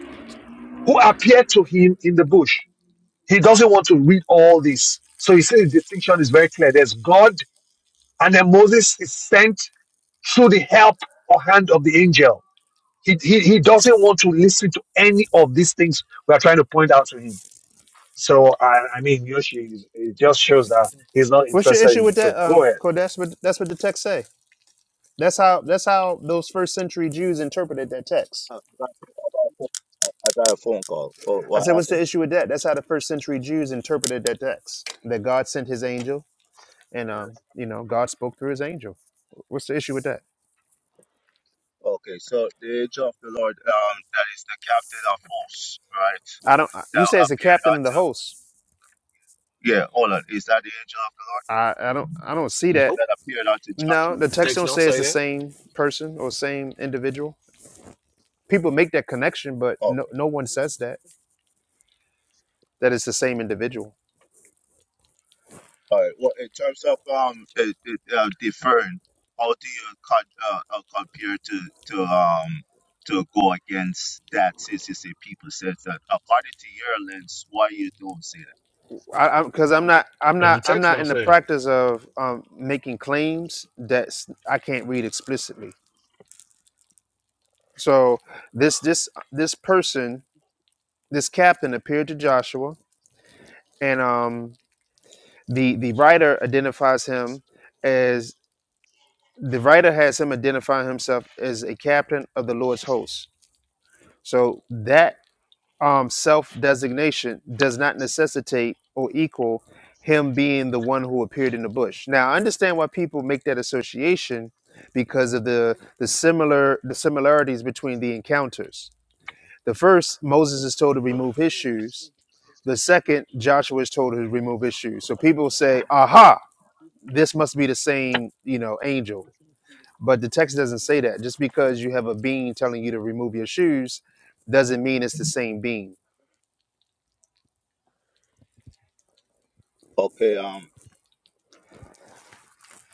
A: who appeared to him in the bush. He doesn't want to read all this. So he says the distinction is very clear. There's God, and then Moses is sent through the help or hand of the angel. He, he, he doesn't want to listen to any of these things we are trying to point out to him. So, I, I mean, Yoshi, is- it just shows that he's not
V: What's your
A: interested in
V: issue
A: the
V: with
A: truth.
V: that?
A: Go
V: Um,
A: ahead.
V: Cole, that's what that's what the text say. That's how that's how those first century Jews interpreted that text. I said, what's the issue with that? That's how the first century Jews interpreted that text. That God sent His angel, and um, you know, God spoke through His angel. What's the issue with that? I don't. I- You say it's the captain of the host. I I don't I don't see that.
Q: Nope.
V: No, the text
Q: Text
V: don't
Q: don't
V: say it's
Q: say
V: the
Q: that.
V: same person or same individual. People make that connection, but no no one says that that it's the same individual. I I, because I'm not I'm
Q: Because the
V: not I'm
Q: text
V: not
Q: don't
V: in the
Q: say it.
V: practice of um, making claims that s- I can't read explicitly. So this this this person this captain appeared to Joshua, and um, the the writer identifies him as the writer has him identify himself as a captain of the Lord's hosts. So that um, self designation does not necessitate or equal him being the one who appeared in the bush. Now, I understand why people make that association because of the the similar the similarities between the encounters. The first, Moses is told to remove his shoes. The second, Joshua is told to remove his shoes. So people say, "Aha, this must be the same, you know, angel." But the text doesn't say that. Just because you have a being telling you to remove your shoes doesn't mean it's the same being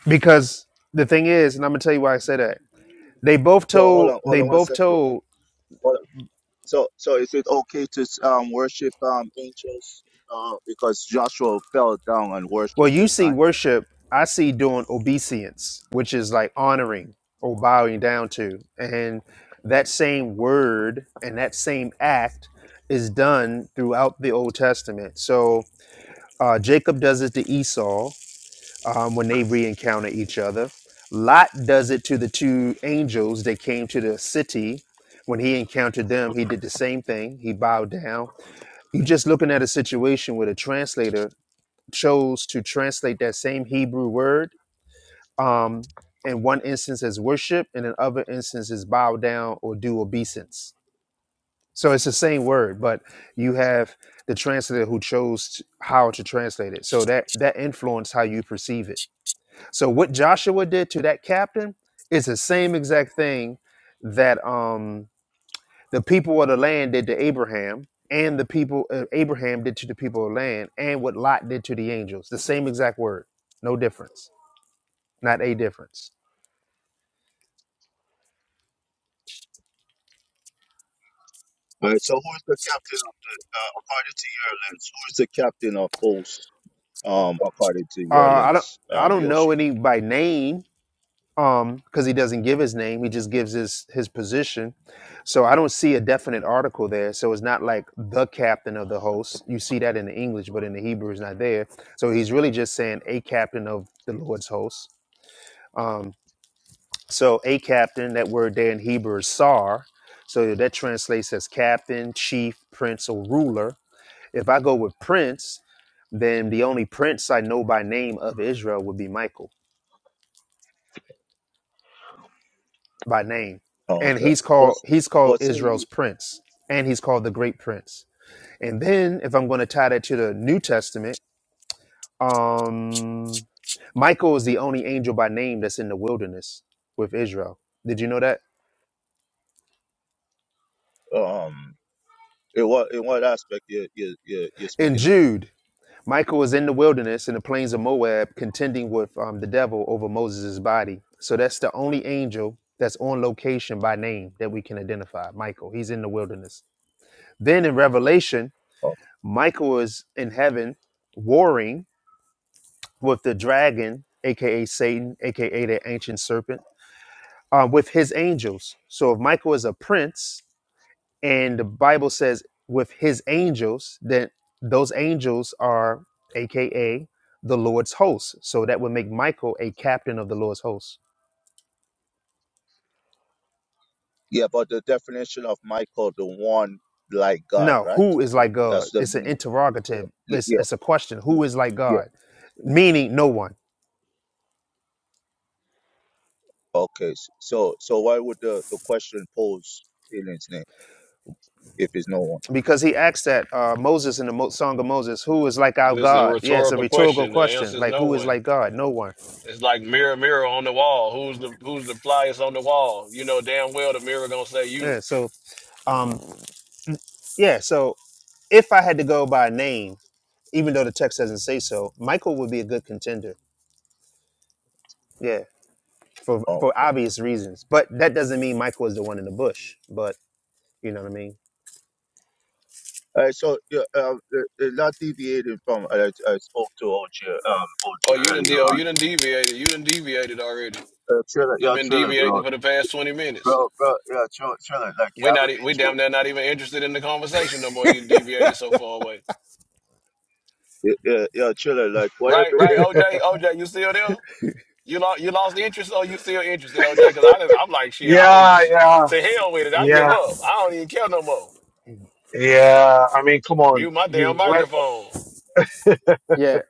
V: Because the thing is, and I'm gonna tell you why I say that. They both told they both told well, you see worship, I see doing obeisance, which is like honoring or bowing down to. And that same word and that same act is done throughout the Old Testament. So uh, Jacob does it to Esau um, when they re-encounter each other. Lot does it to the two angels that came to the city when he encountered them. He did the same thing. He bowed down You're just looking at a situation where the translator chose to translate that same Hebrew word um, in one instance as worship, and in other instance as bow down or do obeisance. So it's the same word, but you have the translator who chose t- how to translate it. So that that influenced how you perceive it. So what Joshua did to that captain is the same exact thing that um, the people of the land did to Abraham, and the people uh, Abraham did to the people of the land, and what Lot did to the angels. The same exact word, no difference, not a difference. Uh, I don't, I don't know any by name, um, because he doesn't give his name. He just gives his his position. So I don't see a definite article there. So it's not like the captain of the host. You see that in the English, but in the Hebrew, it's not there. So he's really just saying a captain of the Lord's host. Um, So a captain, that word there in Hebrew is sar. So that translates as captain, chief, prince, or ruler. If I go with prince, then the only prince I know by name of Israel would be Michael by name. And he's called he's called Israel's prince. And he's called the great prince. And then if I'm going to tie that to the New Testament, um Michael is the only angel by name that's in the wilderness with Israel. Did you know that? In Jude, Michael was in the wilderness in the plains of Moab contending with um, the devil over Moses' body. So that's the only angel that's on location by name that we can identify. Michael, he's in the wilderness. Then in Revelation, Michael is in heaven warring with the dragon, aka Satan, aka the ancient serpent, uh, with his angels. So if Michael is a prince, and the Bible says with his angels that those angels are aka the Lord's hosts. So that would make Michael a captain of the Lord's hosts. No, who is like God? It's an interrogative. It's, it's a question. Who is like God? Meaning no one. Because he asked that uh, Moses in the Mo- Song of Moses, who is like our
Q: It's a
V: God? Yeah, it's a
Q: rhetorical
V: rhetorical
Q: question. The
V: question.
Q: answer is
V: Like,
Q: no
V: who is
Q: one.
V: like God? No one.
Q: It's like mirror, mirror on the wall. Who's the who's the flyest on the wall? You know damn well the mirror gonna say you.
V: Yeah, so, um, yeah, so if I had to go by name, even though the text doesn't say so, Michael would be a good contender. Yeah, for for obvious reasons. But that doesn't mean Michael is the one in the bush. But you know what I mean.
Q: Oh, you didn't. Oh, you didn't deviated. You didn't deviated already. You've been deviating for the past twenty minutes. We not. e- We damn near not even interested in the conversation no more. You deviated so far away. Right, right. OJ, OJ, you still there? You lost. You lost interest, or you still interested, OJ? Because I, did I'm like, shit. I don't.
A: Yeah, yeah,
Q: Say hell with it. I give
A: yeah,
Q: up. I don't even care no more.
A: yeah. I mean, come on,
Q: Mute my
A: you
Q: damn
A: went.
Q: microphone.
V: Yeah,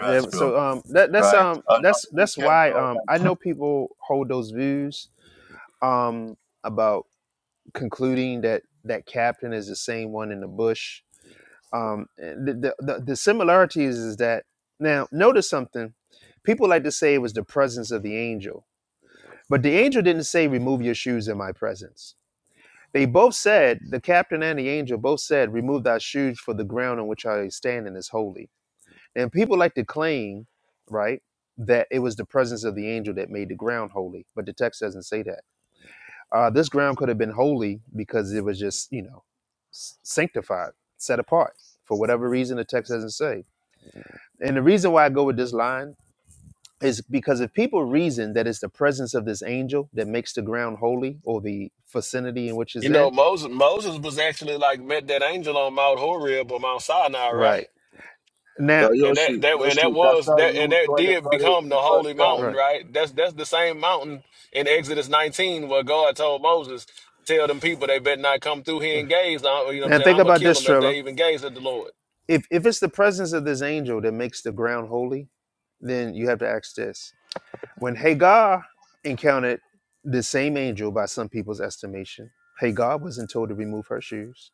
V: yeah. So um, that that's um, that's that's why um, I know people hold those views um about concluding that that captain is the same one in the bush. Um, the the the, the similarities is that now notice something. People like to say it was the presence of the angel, but the angel didn't say, "Remove your shoes in my presence." They both said, the captain and the angel both said, remove thy shoes for the ground on which I stand in is holy. And people like to claim, right, that it was the presence of the angel that made the ground holy, but the text doesn't say that. Uh, this ground could have been holy because it was just, you know, s- sanctified, set apart. For whatever reason, the text doesn't say. And the reason why I go with this line is because if people reason that it's the presence of this angel that makes the ground holy or the vicinity in which
Q: You
V: it's
Q: know,
V: in,
Q: Moses. Moses was actually like met that angel on Mount Horeb or Mount Sinai, right?
V: right now,
Q: And that that and that was that and that did become the holy mountain,
V: right.
Q: right? That's that's the same mountain in Exodus 19 where God told Moses, "Tell them people they better not come through here and gaze. I, you know what I'm
V: Now
Q: saying?
V: think
Q: I'm gonna
V: about
Q: kill
V: this,
Q: them if
V: Triller.
Q: they even gaze at the Lord."
V: If if it's the presence of this angel that makes the ground holy, then you have to ask this. When Hagar encountered the same angel by some people's estimation, Hagar wasn't told to remove her shoes.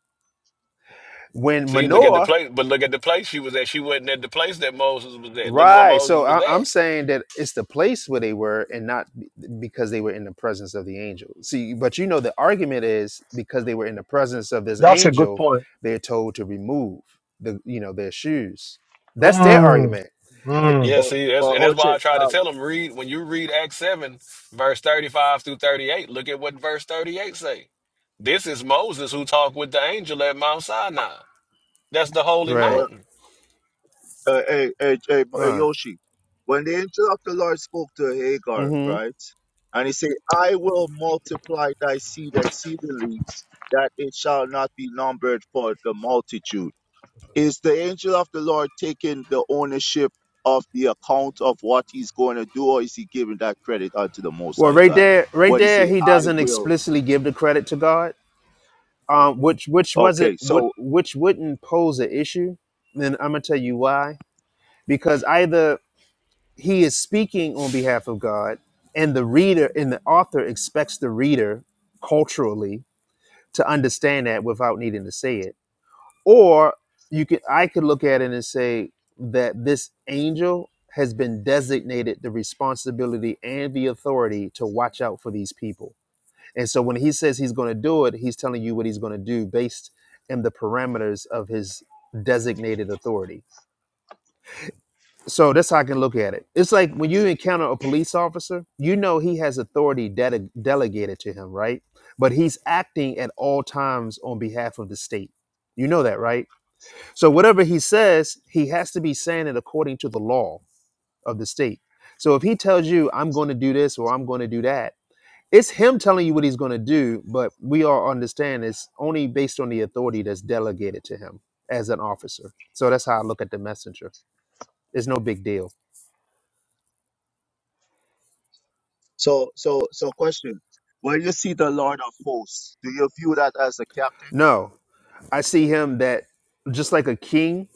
V: When
Q: See, look at the
V: Manoah,
Q: place, but look at the place she was at. She wasn't at the place that Moses was at. Look where
V: right?
Q: Moses
V: So
Q: was
V: I,
Q: at.
V: I'm saying that it's the place where they were, and not be- because they were in the presence of the angel. See, but you know the argument is because they were in the presence of this
A: That's a good
V: angel,
A: point.
V: they're told to remove the you know their shoes. That's their
A: Mm,
V: argument. It-
A: mm.
Q: Yeah, see, that's, and that's why I try to tell them read when you read Acts seven, verse thirty-five through thirty-eight. Look at what verse thirty-eight say. This is Moses who talked with the angel at Mount Sinai. That's the holy
V: right.
Q: mountain.
V: Right. hmm Well, right there, right there, he doesn't explicitly give the credit to God, um, which which wasn't what which wouldn't pose an issue. Then I'm gonna tell you why. Because either he is speaking on behalf of God, and the reader and the author expects the reader culturally to understand that without needing to say it or you could i could look at it and say that this angel has been designated the responsibility and the authority to watch out for these people and so when he says he's going to do it he's telling you what he's going to do based in the parameters of his designated authority so that's how i can look at it it's like when you encounter a police officer you know he has authority dele- delegated to him right but he's acting at all times on behalf of the state you know that right so whatever he says, he has to be saying it according to the law of the state. So if he tells you, I'm going to do this or I'm going to do that, it's him telling you what he's going to do, but we all understand it's only based on the authority that's delegated to him as an officer. So that's how I look at the messenger. It's no big deal. No, I see him that just like a king,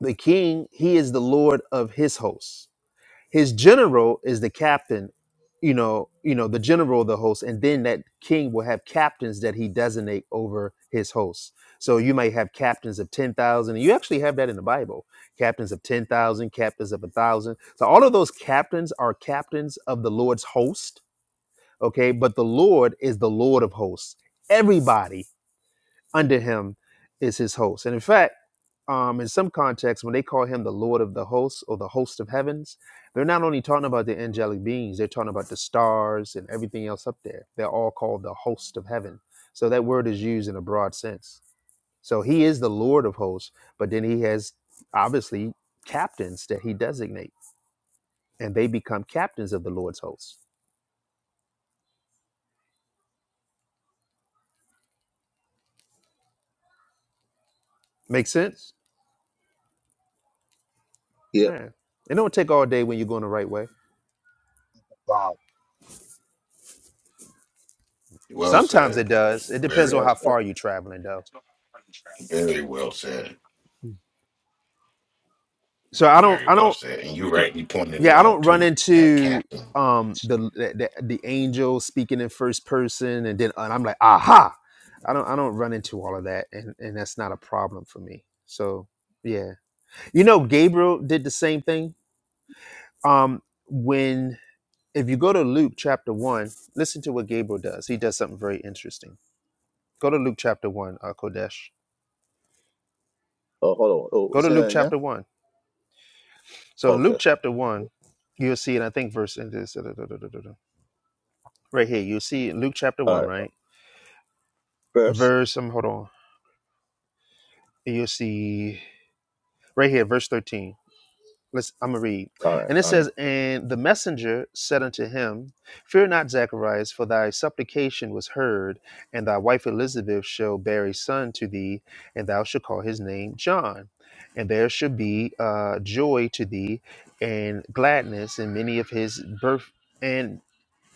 V: the king, he is the Lord of his hosts his general is the captain you know you know the general of the host and then that king will have captains that he designate over his hosts so you might have captains of 10,000 and you actually have that in the bible captains of 10,000 captains of a 1,000 so all of those captains are captains of the lord's host okay but the lord is the lord of hosts everybody under him is his host and in fact um, in some contexts, when they call him the Lord of the hosts or the host of heavens, they're not only talking about the angelic beings, they're talking about the stars and everything else up there. They're all called the host of heaven. So that word is used in a broad sense. So he is the Lord of hosts, but then he has obviously captains that he designates, and they become captains of the Lord's hosts. Make sense? Yeah. It don't take all day when you're going the right way.
A: Wow.
S: Well
V: Sometimes
S: said.
V: it does. It depends
S: Very,
V: on how far you're traveling, though.
S: very well said.
V: So I don't,
S: Very
V: I
S: well
V: don't,
S: said. And you right, you pointed it
V: yeah i don't
S: out
V: run
S: too. That
V: into
S: captain.
V: um the the, the angel speaking in first person and then and i'm like aha i don't i don't run into all of that and and that's not a problem for me so yeah you know gabriel did the same thing um when if you go to luke chapter 1 listen to what gabriel does he does something very interesting go to luke chapter 1 uh, kodesh go to luke chapter 1 so in luke chapter 1 you'll see and i think verse in this right here you'll see in luke chapter 1 right verse um, hold on you'll see right here verse 13 let's i'm gonna read and it says and the messenger said unto him fear not zacharias for thy supplication was heard and thy wife elizabeth shall bear a son to thee and thou shalt call his name john and there shall be uh, joy to thee and gladness and many of his birth and."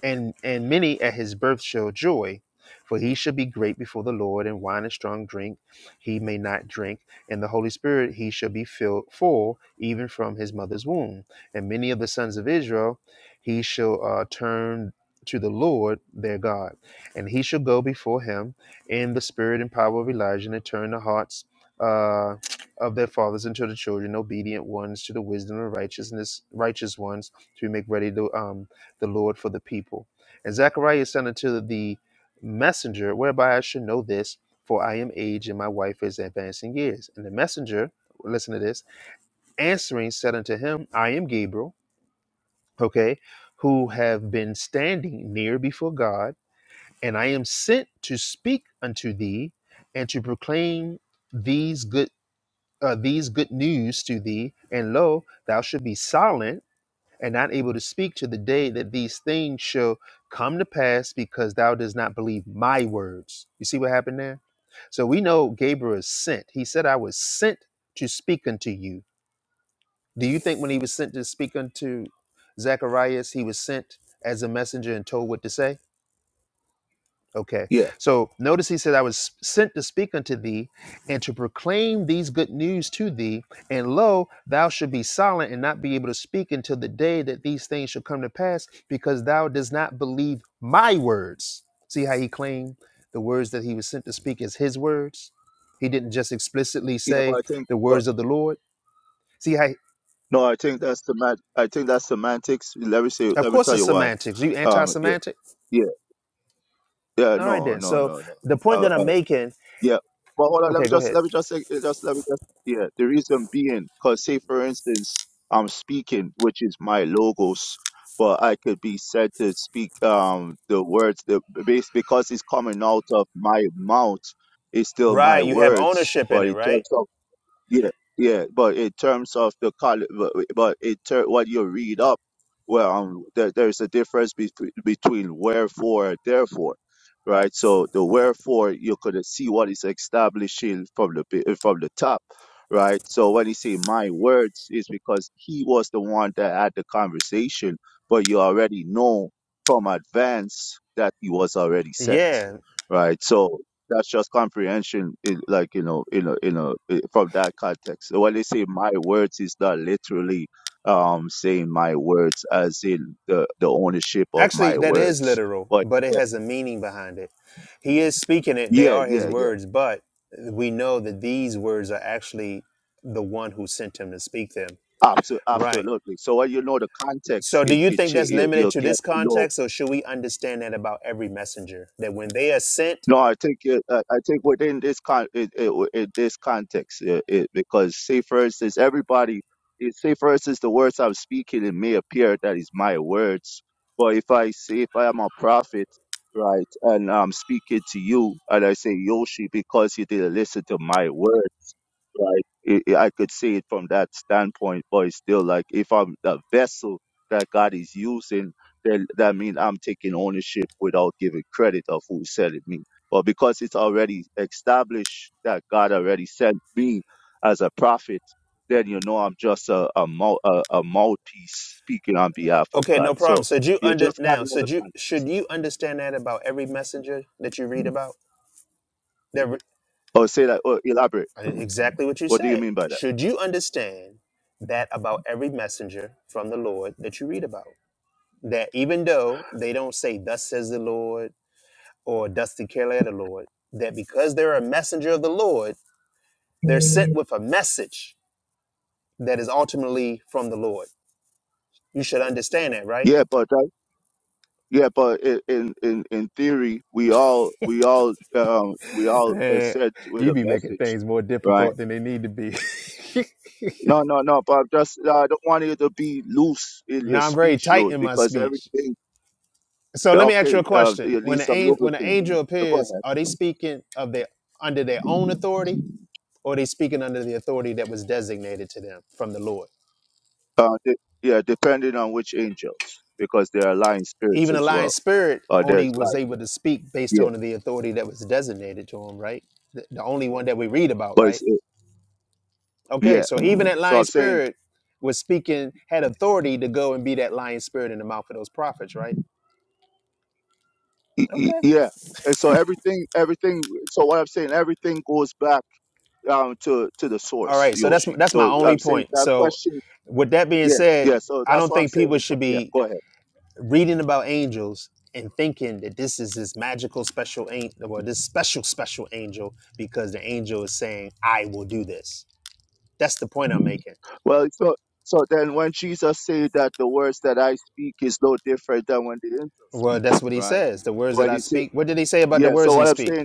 V: and and many at his birth shall joy for he shall be great before the lord and wine and strong drink he may not drink and the holy spirit he shall be filled full even from his mother's womb and many of the sons of israel he shall uh, turn to the lord their god and he shall go before him in the spirit and power of elijah and turn the hearts uh, of their fathers unto the children obedient ones to the wisdom of righteousness righteous ones to make ready to um, the Lord for the people. And Zechariah said unto the messenger, Whereby I should know this, for I am aged and my wife is advancing years. And the messenger, listen to this, answering said unto him, I am Gabriel, okay, who have been standing near before God, and I am sent to speak unto thee and to proclaim these good. Uh, these good news to thee, and lo, thou should be silent and not able to speak to the day that these things shall come to pass because thou does not believe my words. You see what happened there? So we know Gabriel is sent. He said, I was sent to speak unto you. Do you think when he was sent to speak unto Zacharias, he was sent as a messenger and told what to say? Okay. So notice he said, I was sent to speak unto thee and to proclaim these good news to thee. And lo, thou should be silent and not be able to speak until the day that these things shall come to pass, because thou does not believe my words. See how he claimed the words that he was sent to speak as his words? He didn't just explicitly say the words of the Lord. See how, of course, it's semantics. You anti semantic? All right, then. So the point that I'm making, okay, go ahead. Right. You have ownership in it, right? Yeah, actually, that is literal, but it has a meaning behind it. He is speaking it, they are his words, but we know that these words are actually the one who sent him to speak them. Right. So, do you think that's limited to this context, or should we understand that about every messenger that when they are sent? Okay, no problem. So, do you under now? So, do you should you understand that about every messenger that you read about? That re- Uh, Exactly what you said. Should you understand that about every messenger from the Lord that you read about? That even though they don't say, Thus says the Lord, or Thus declare the Lord, that because they're a messenger of the Lord, they're sent with a message that is ultimately from the Lord. You should understand that, right? Man, you be making things more difficult than they need to be. Now I'm very tight in my speech. So let me ask you a question. When the an- when an angel appears, are they speaking of their under their own authority, or are they speaking under the authority that was designated to them from the Lord? Even the lion spirit only was able to speak based on the authority that was designated to him, right? The, the only one that we read about, right? Okay, so even that lion spirit was speaking, had authority to go and be that lion spirit in the mouth of those prophets, right? Okay. All right. So that's that's my only point. So, with that being said, I don't think people should be reading about angels and thinking that this is this magical special angel or this special special angel because the angel is saying i will do this that's the point i'm making well that's what he says the words that i speak what did he say about the words he speak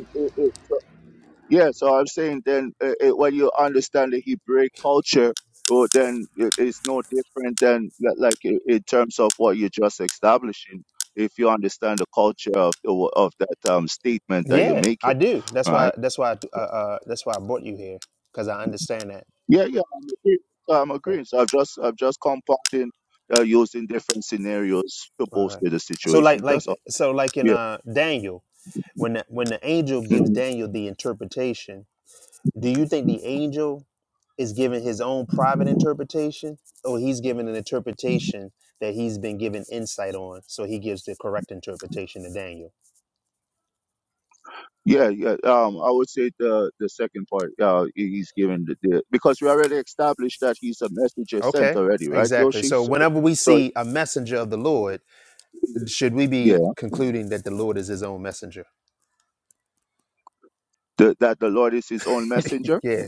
V: yeah i do that's why that's why I, uh, uh, that's why i brought you here because i understand that Okay, all right so like like so like in uh daniel when the, when the angel gives daniel the interpretation do you think the angel is given his own private interpretation, or he's given an interpretation that he's been given insight on. So he gives the correct interpretation to Daniel. Okay, exactly. So whenever we see a messenger of the Lord, should we be concluding that the Lord is his own messenger? Yeah.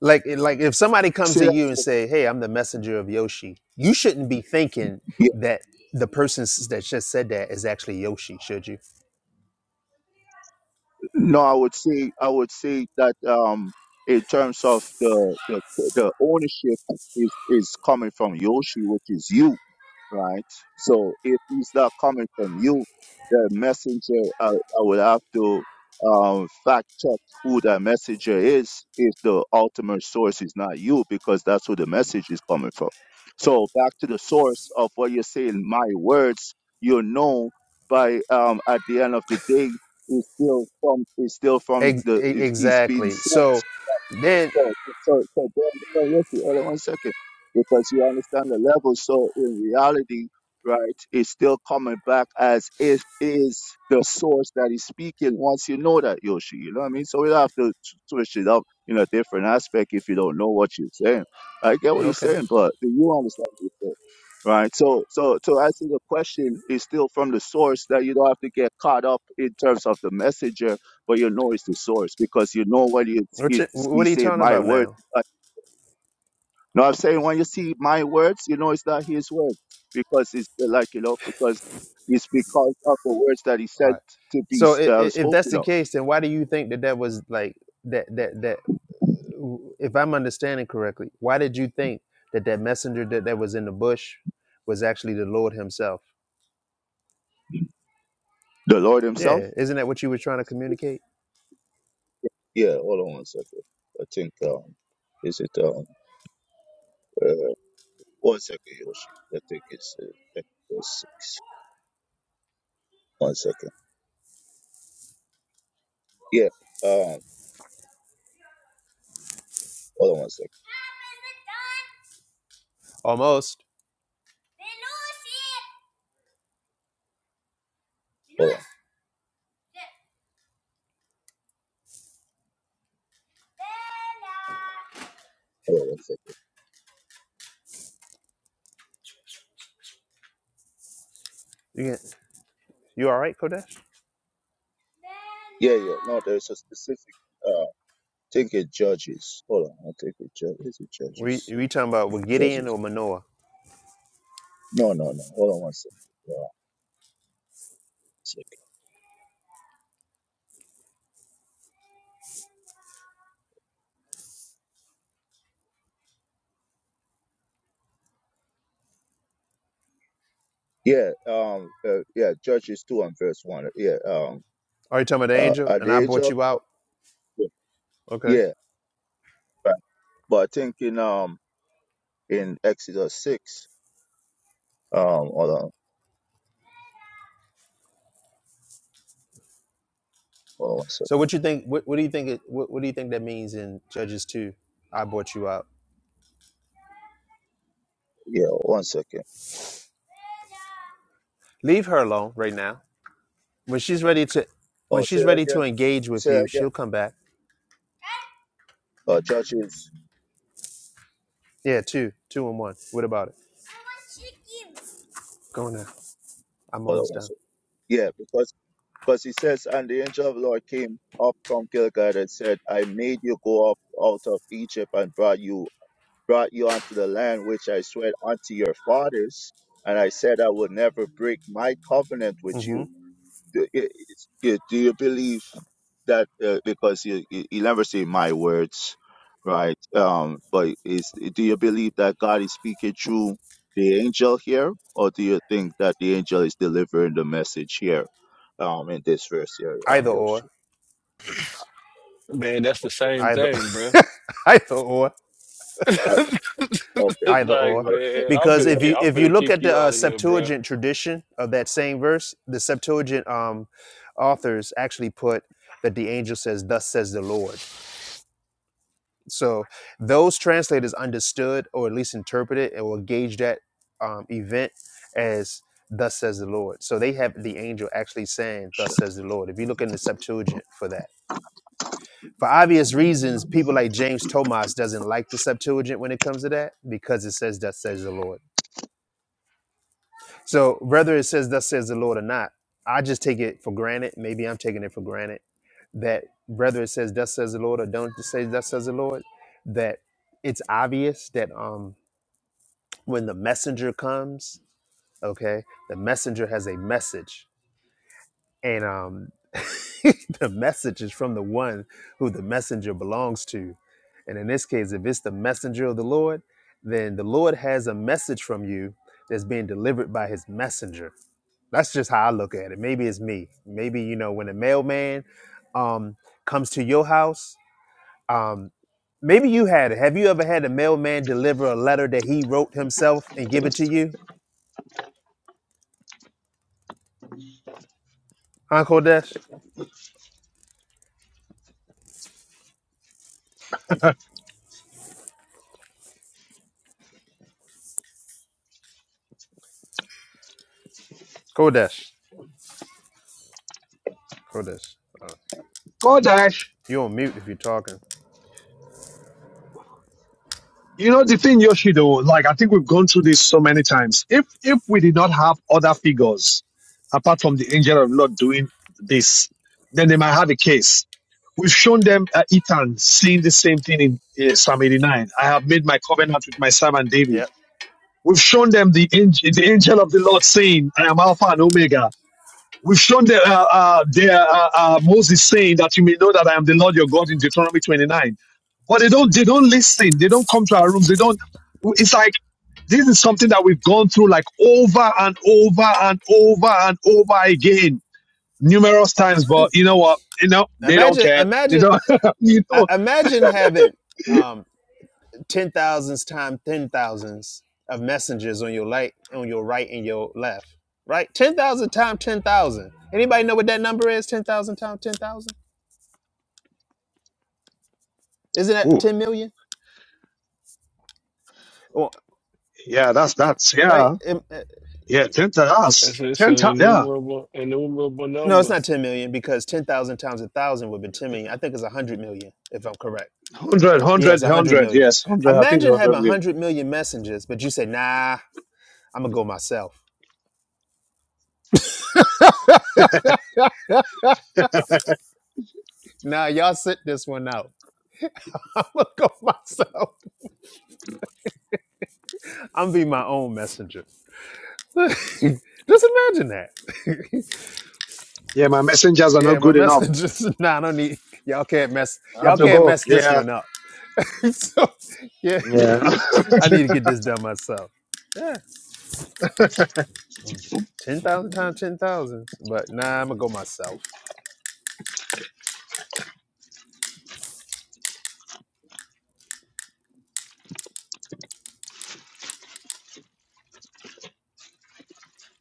V: Like like if somebody comes to you and say, "Hey, I'm the messenger of Yoshi." You shouldn't be thinking that the person s- that just said that is actually Yoshi, should you? Ex- e- exactly. So then okay. What, you, what are you talking about now? Right. So i- i- if that's the case, then why do you think that that was like that that that? If I'm understanding correctly, why did you think that that messenger that that was in the bush was actually the Lord Himself? Yeah, isn't that what you were trying to communicate? Almost. You can, you all right, Kodesh? We we talking about with Gideon or Manoah? Are you talking about the angel? And I brought you out. Okay. So what you think? What, what do you think? It, what, what do you think that means in Judges two? I brought you out. Leave her alone right now. When she's ready to when she's ready to engage with you, she'll come back. Yeah, two. Two and one. What about it? Go now. I'm almost done. Mm-hmm. Either or.
Q: Man, that's the same
V: Either
Q: thing, bruh.
V: either or. Either
Q: like,
V: or.
Q: man, I'm
V: Because
Q: finna
V: if
Q: kick,
V: you
Q: I'm
V: if you
Q: finna
V: look
Q: kick
V: at the
Q: you
V: uh,
Q: out of here, bruh.
V: Septuagint tradition of that same verse, the Septuagint um, authors actually put that the angel says, "Thus says the Lord." So those translators understood, or at least interpreted, and will gauge that um, event as "Thus says the Lord." So they have the angel actually saying "Thus says the Lord." If you look in the Septuagint for that, for obvious reasons, people like James Thomas doesn't like the Septuagint when it comes to that because it says "Thus says the Lord." So whether it says "Thus says the Lord" or not, I just take it for granted. Maybe I'm taking it for granted that whether it says "Thus says the Lord" or don't say "Thus says the Lord," that it's obvious that um when the messenger comes, okay, the messenger has a message. And um, the message is from the one who the messenger belongs to. And in this case, if it's the messenger of the Lord, then the Lord has a message from you that's being delivered by his messenger. That's just how I look at it. Maybe it's me. Maybe, you know, when a mailman um, comes to your house, um, maybe you had it. Have you ever had a mailman deliver a letter that he wrote himself and give it to you? Huh, Kodesh? Kodesh. Kodesh. Uh,
A: Kodash,
V: you on mute if you're talking.
A: you know the thing, Yoshido. Like I think we've gone through this so many times. If if we did not have other figures apart from the angel of the Lord doing this, then they might have a case. We've shown them uh, Ethan seeing the same thing in uh, Psalm 89. I have made my covenant with my servant David
V: Yep.
A: We've shown them the, ang- the angel of the Lord saying, I am Alpha and Omega. We've shown them, uh, uh, their, uh, uh, Moses saying that you may know that I am the Lord your God in Deuteronomy 29. But they don't, they don't listen. They don't come to our rooms. They don't, it's like, this is something that we've gone through like over and over and over and over again, numerous times. But you know what? You know, they don't
V: Imagine,
A: care. They
V: imagine,
A: don't, you
V: I-
A: know,
V: imagine having um, ten thousands times ten thousands of messengers on your light, on your right and your left. Right, ten thousand times ten thousand. Anybody know what that number is? Ten thousand times ten thousand. Isn't that
A: Ooh,
V: ten million? Well,
A: yeah, that's, that's,
V: right?
A: yeah,
V: Um, uh,
A: yeah, 10 to us.
Q: It's, it's
A: 10
Q: an
A: to Yeah.
Q: innumerable, innumerable
V: no, it's
Q: number.
V: not ten million because ten thousand times a thousand would be ten million. I think it's a hundred million, if I'm correct.
A: 100,
V: Yeah, it's 100 million.
A: Yes, 100. I think
V: Imagine
A: 100
V: having
A: million.
V: 100 million messengers, but you say, nah, I'm going to go myself. Nah, y'all sit this one out. I'm going to go myself. I'm be my own messenger. Just imagine that.
A: Yeah, my messengers are
V: yeah,
A: not
V: my
A: good enough.
V: messengers, nah, I don't need, y'all can't mess,
A: I have
V: y'all
A: to
V: can't
A: go.
V: mess this
A: Yeah.
V: one up. so, yeah,
A: Yeah.
V: I need to get this done myself. Yeah, 10,000 times 10,000, but nah, I'm going to go myself.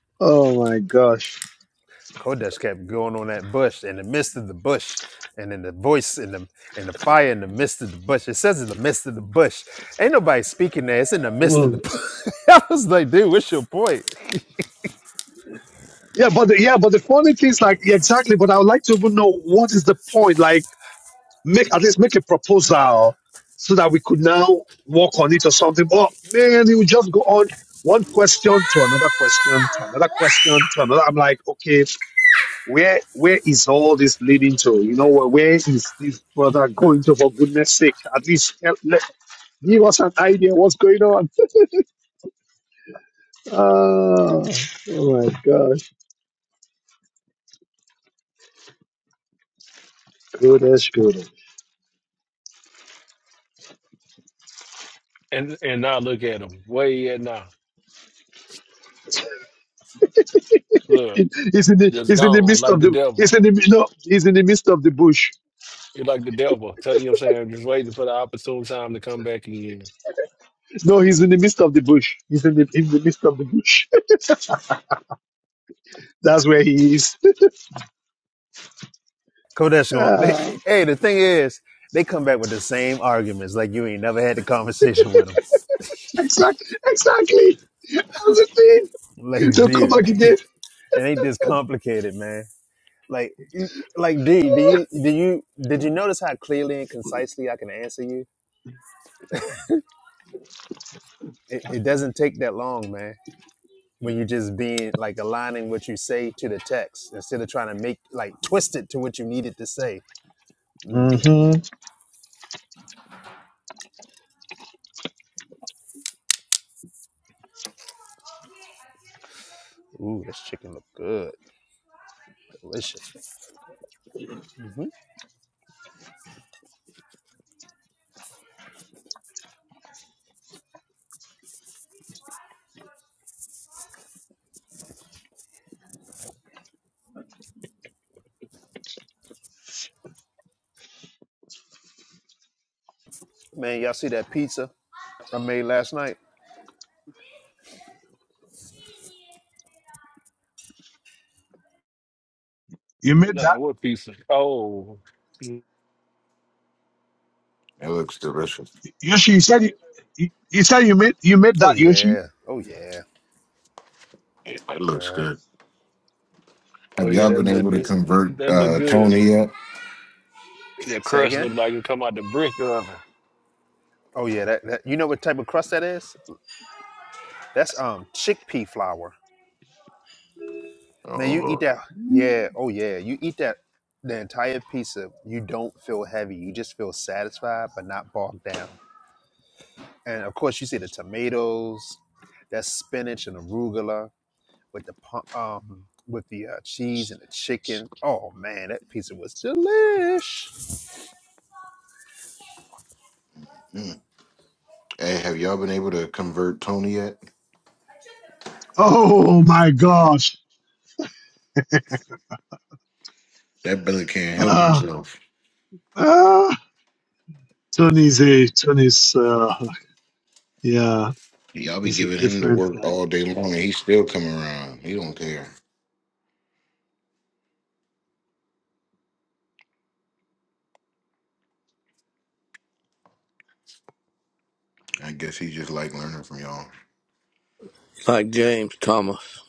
A: oh my gosh.
V: Kodesh kept going on that bush in the midst of the bush, and in the voice in the in the fire in the midst of the bush. It says in the midst of the bush. Ain't nobody speaking there. It's in the midst of the bush. I was like, dude, what's your point?
A: Yeah, but the, yeah, but the funny thing is like yeah, exactly. But I would like to even know what is the point. Like, make at least make a proposal so that we could now work on it or something. But man, you just go on one question to another question to another question to another. I'm like, okay. Where where is all this leading to? You know where Where is this brother going to? For goodness sake, at least tell, let, give us an idea what's going on. Ah, oh my gosh, goodness, goodness.
Q: And and now look at him, where he at now? Look,
A: He- He's in the
Q: just
A: he's in the
Q: gone
A: midst
Q: like
A: of
Q: the
A: the he's
Q: devil.
A: in the no he's in the midst of the bush.
Q: You're like the devil. Tell you know what I'm saying? Just waiting for the opportune time to come back again.
A: No, he's in the midst of the bush. He's in the in the midst of the bush. That's where he is.
V: Kodesh going. They,
A: Ah,
V: hey, the thing is, they come back with the same arguments. Like you ain't never had the conversation with them.
A: exactly, exactly. That's the thing.
V: Like,
A: They'll come
V: dude,
A: back again.
V: it ain't this complicated, man. Like, you- like, dude, do you do you did you notice how clearly and concisely I can answer you? It, it doesn't take that long, man when you just being like aligning what you say to the text instead of trying to make like twist it to what you needed to say.
A: Mhm.
V: Ooh, this chicken look good, delicious. hmm Man, y'all see that pizza I made last night?
A: You made that.
Q: Nah, what piece of? Oh,
S: It looks delicious.
A: Yoshi, you said you, you you said you made you made
V: Oh
A: that Yoshi.
V: yeah, oh yeah.
S: It, it looks
V: Uh,
S: good.
Q: oh
S: Have
Q: yeah,
S: y'all
Q: that
S: been
V: yeah,
Q: look
V: that
S: able to
Q: good.
V: pizza was.
S: convert
Q: that look
S: uh
Q: good.
S: Tony yet?
Q: Your
V: Say
Q: crust
V: again?
Q: look like it come out the brick oven.
V: Oh yeah, that, that you know what type of crust that is? That's um chickpea flour. Man,
S: Oh
V: you eat
S: Lord.
V: that? Yeah, oh yeah, you eat that. The entire pizza, you don't feel heavy. You just feel satisfied, but not bogged down. and of course you see the tomatoes, that spinach and arugula with the pu- um with the uh, cheese and the chicken. Oh man, that pizza was delish.
S: Mm. Hey, have y'all been able to convert Tony yet?
A: Oh my gosh.
S: That brother can't help
A: Uh,
S: himself.
A: uh, Tony's a Tony's uh, yeah,
S: Y'all be
A: he's a
S: giving him the
A: different
S: work
A: like
S: all day long and he's still coming around. He don't care. I guess he just like learning from y'all.
G: like James Thomas.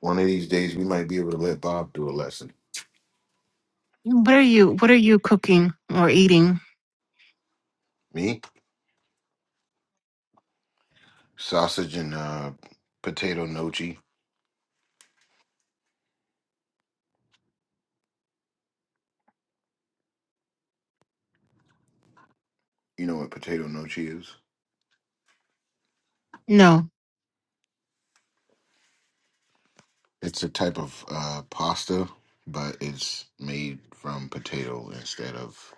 S: One of these days we might be able to let Bob do a lesson.
D: What are you What are you cooking or eating?
S: Me? Sausage and uh potato nochi. You know what potato nochi is?
D: No,
S: It's a type of uh, pasta, but it's made from potato instead of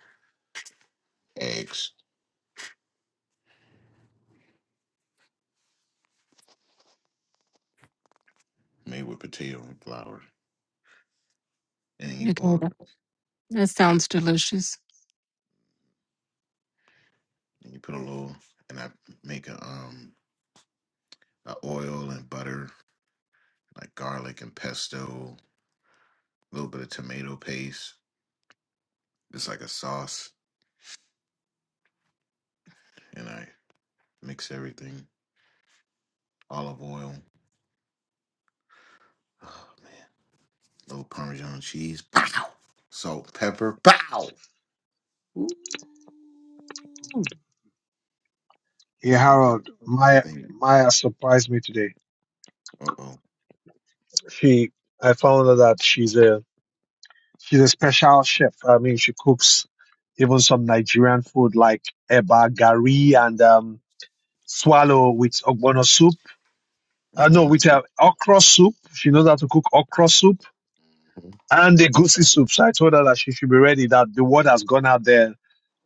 S: eggs. Made with potato and flour, and then you
D: you can.
S: boil it.
D: That sounds delicious.
S: And you put a little, and I make a um a oil and butter, like garlic and pesto, a little bit of tomato paste. It's like a sauce, and I mix everything. Olive oil, little Parmesan cheese, pow, salt, pepper, pow. Ooh.
A: yeah,
S: And then,
A: Harold.
S: and
A: Maya
S: then,
A: Maya Sopade.
S: uh oh.
A: She I found her she's a house chef. I mean she cooks even some Nigerian food like eba gari and um swallow with ogbono soup. Uh, no,
S: Mhm.
A: with uh, okra soup. She knows how to cook okra soup and the goosey soup. So I told her that she should be ready, that the word has gone out there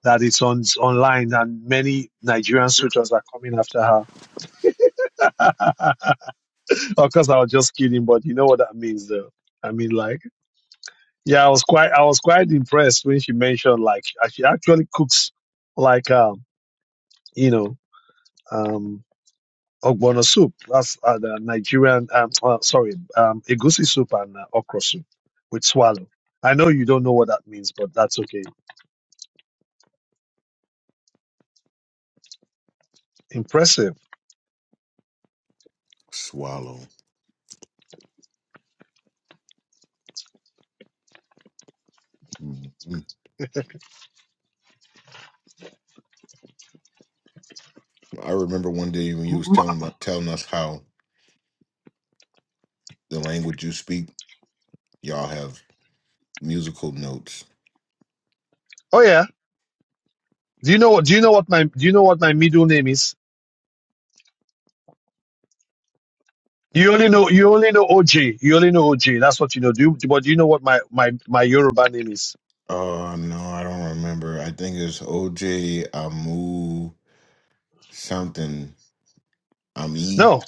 A: that it's on online and many Nigerian suitors are coming after her. of course I was just kidding, but you know what that means though. I mean like yeah, I was quite I was quite impressed when she mentioned like she actually cooks like um, you know, um ogbono soup. That's uh, the Nigerian um uh, sorry, um egusi soup and uh, okra soup with swallow. I know you don't know what that means, but that's okay. Impressive.
S: Swallow. Mhm. I remember one day when you was telling about telling us how the language you speak, y'all have musical notes.
A: Oh yeah. Do you know? Do you know what my? Do you know what my middle name is? You only know. You only know OJ. You only know OJ. That's what you know. Do you, but do you know what my my my Yoruba name is?
S: Oh no, I don't remember. I think it's OJ Amu something Ami
A: No.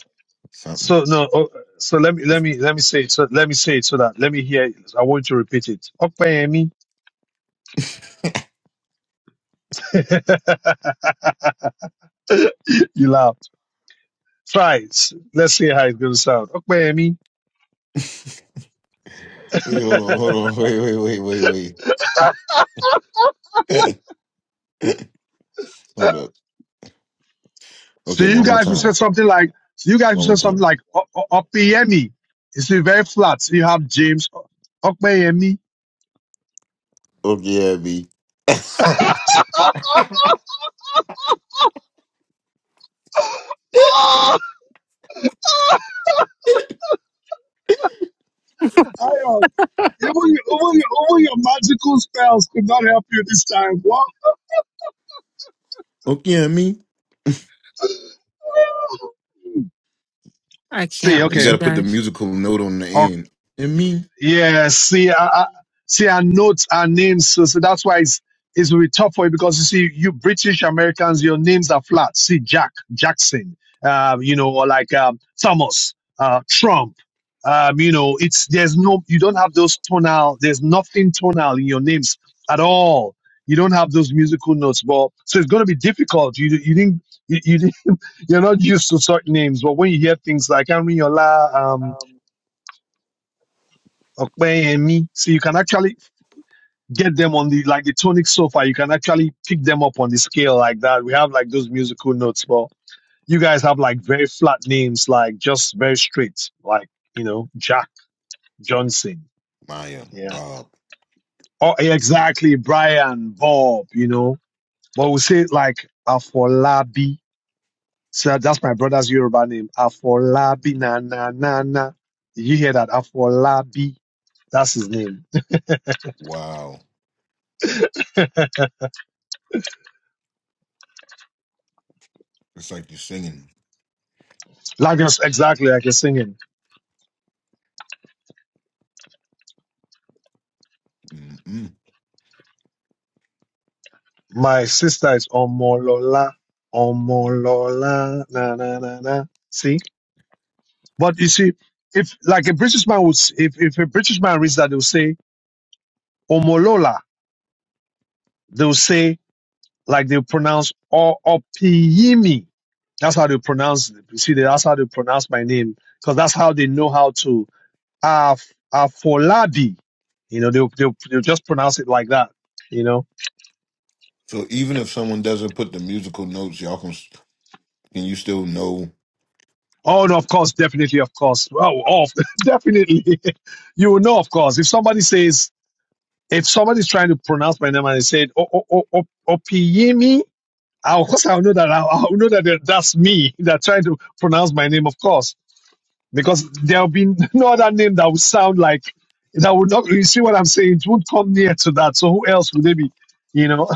S: something.
A: So no. Oh, so let me let me let me say it. So let me say it so that let me hear. It. I want you to repeat it. Okpeyemi. you laughed. Try. it. Let's see how it's going to sound. Okpeyemi.
S: Wait, hold on, hold on, wait, wait, wait, wait, wait. hold up.
A: So
S: Okay,
A: you
S: one more
A: guys will say
S: time.
A: something like, so you guys
S: One
A: will
S: more
A: say something
S: time.
A: like, "O- O- Opeyemi. It's very flat. So you have James Okpeyemi.
S: Okay, Abby.
A: Even your, even your, even your magical spells could not help you this time. What?
S: okay, Ami.
D: I
A: See,
D: can't
S: You
D: with you
A: okay.
S: gotta put the
D: guys.
S: musical note on the end.
A: Yeah, see, I, I, see, I note our names, so, so that's why it's it's really tough for you because you see, you British Americans, your names are flat. See, Jack Jackson, uh, you know, or like um, Thomas, uh, Trump. Um, you know, it's there's no, you don't have those tonal. There's nothing tonal in your names at all. You don't have those musical notes, but so it's going to be difficult. You you didn't you, you didn't, you're not used to certain names, but when you hear things like Amriola, um,
S: Um,
A: Okpeyemi, so you can actually get them on the like the tonic sofa. You can actually pick them up on the scale like that. We have like those musical notes, but you guys have like very flat names, like just very straight, like you know Jack Johnson,
S: Maya,
A: yeah,
S: Bob,
A: oh yeah, exactly Brian Bob, you know. But we say like Afolabi. So that's my brother's Yoruba name, Afolabi na na na na. You hear that Afolabi? That's his name.
S: wow. It's like you're singing.
A: Like.
S: Mm-mm.
A: Omolola, Omolola, na na na na. See, but you see, if this man would, s- if if if they Omolola, they'll say like they pronounce O Opiyimi. That's how they pronounce. You see, that's how they pronounce my name because that's how they know how to Af Afolabi. You know, they'll, they'll they'll just pronounce it like that. You know.
S: So even if someone doesn't put the musical notes, y'all can, s- can you still know,
A: Oh no, of course, definitely, of course. Oh, oh definitely. you will know, of course, if somebody says if somebody's trying to pronounce my name and they said "O- O- O- O- Opiyemi, of course I'll know that I'll, I'll know that they- that's me that trying to pronounce my name, of course, because there'll be no other name that would sound like that would not. You see what I'm saying? It would not come near to that. So who else would they be? You know,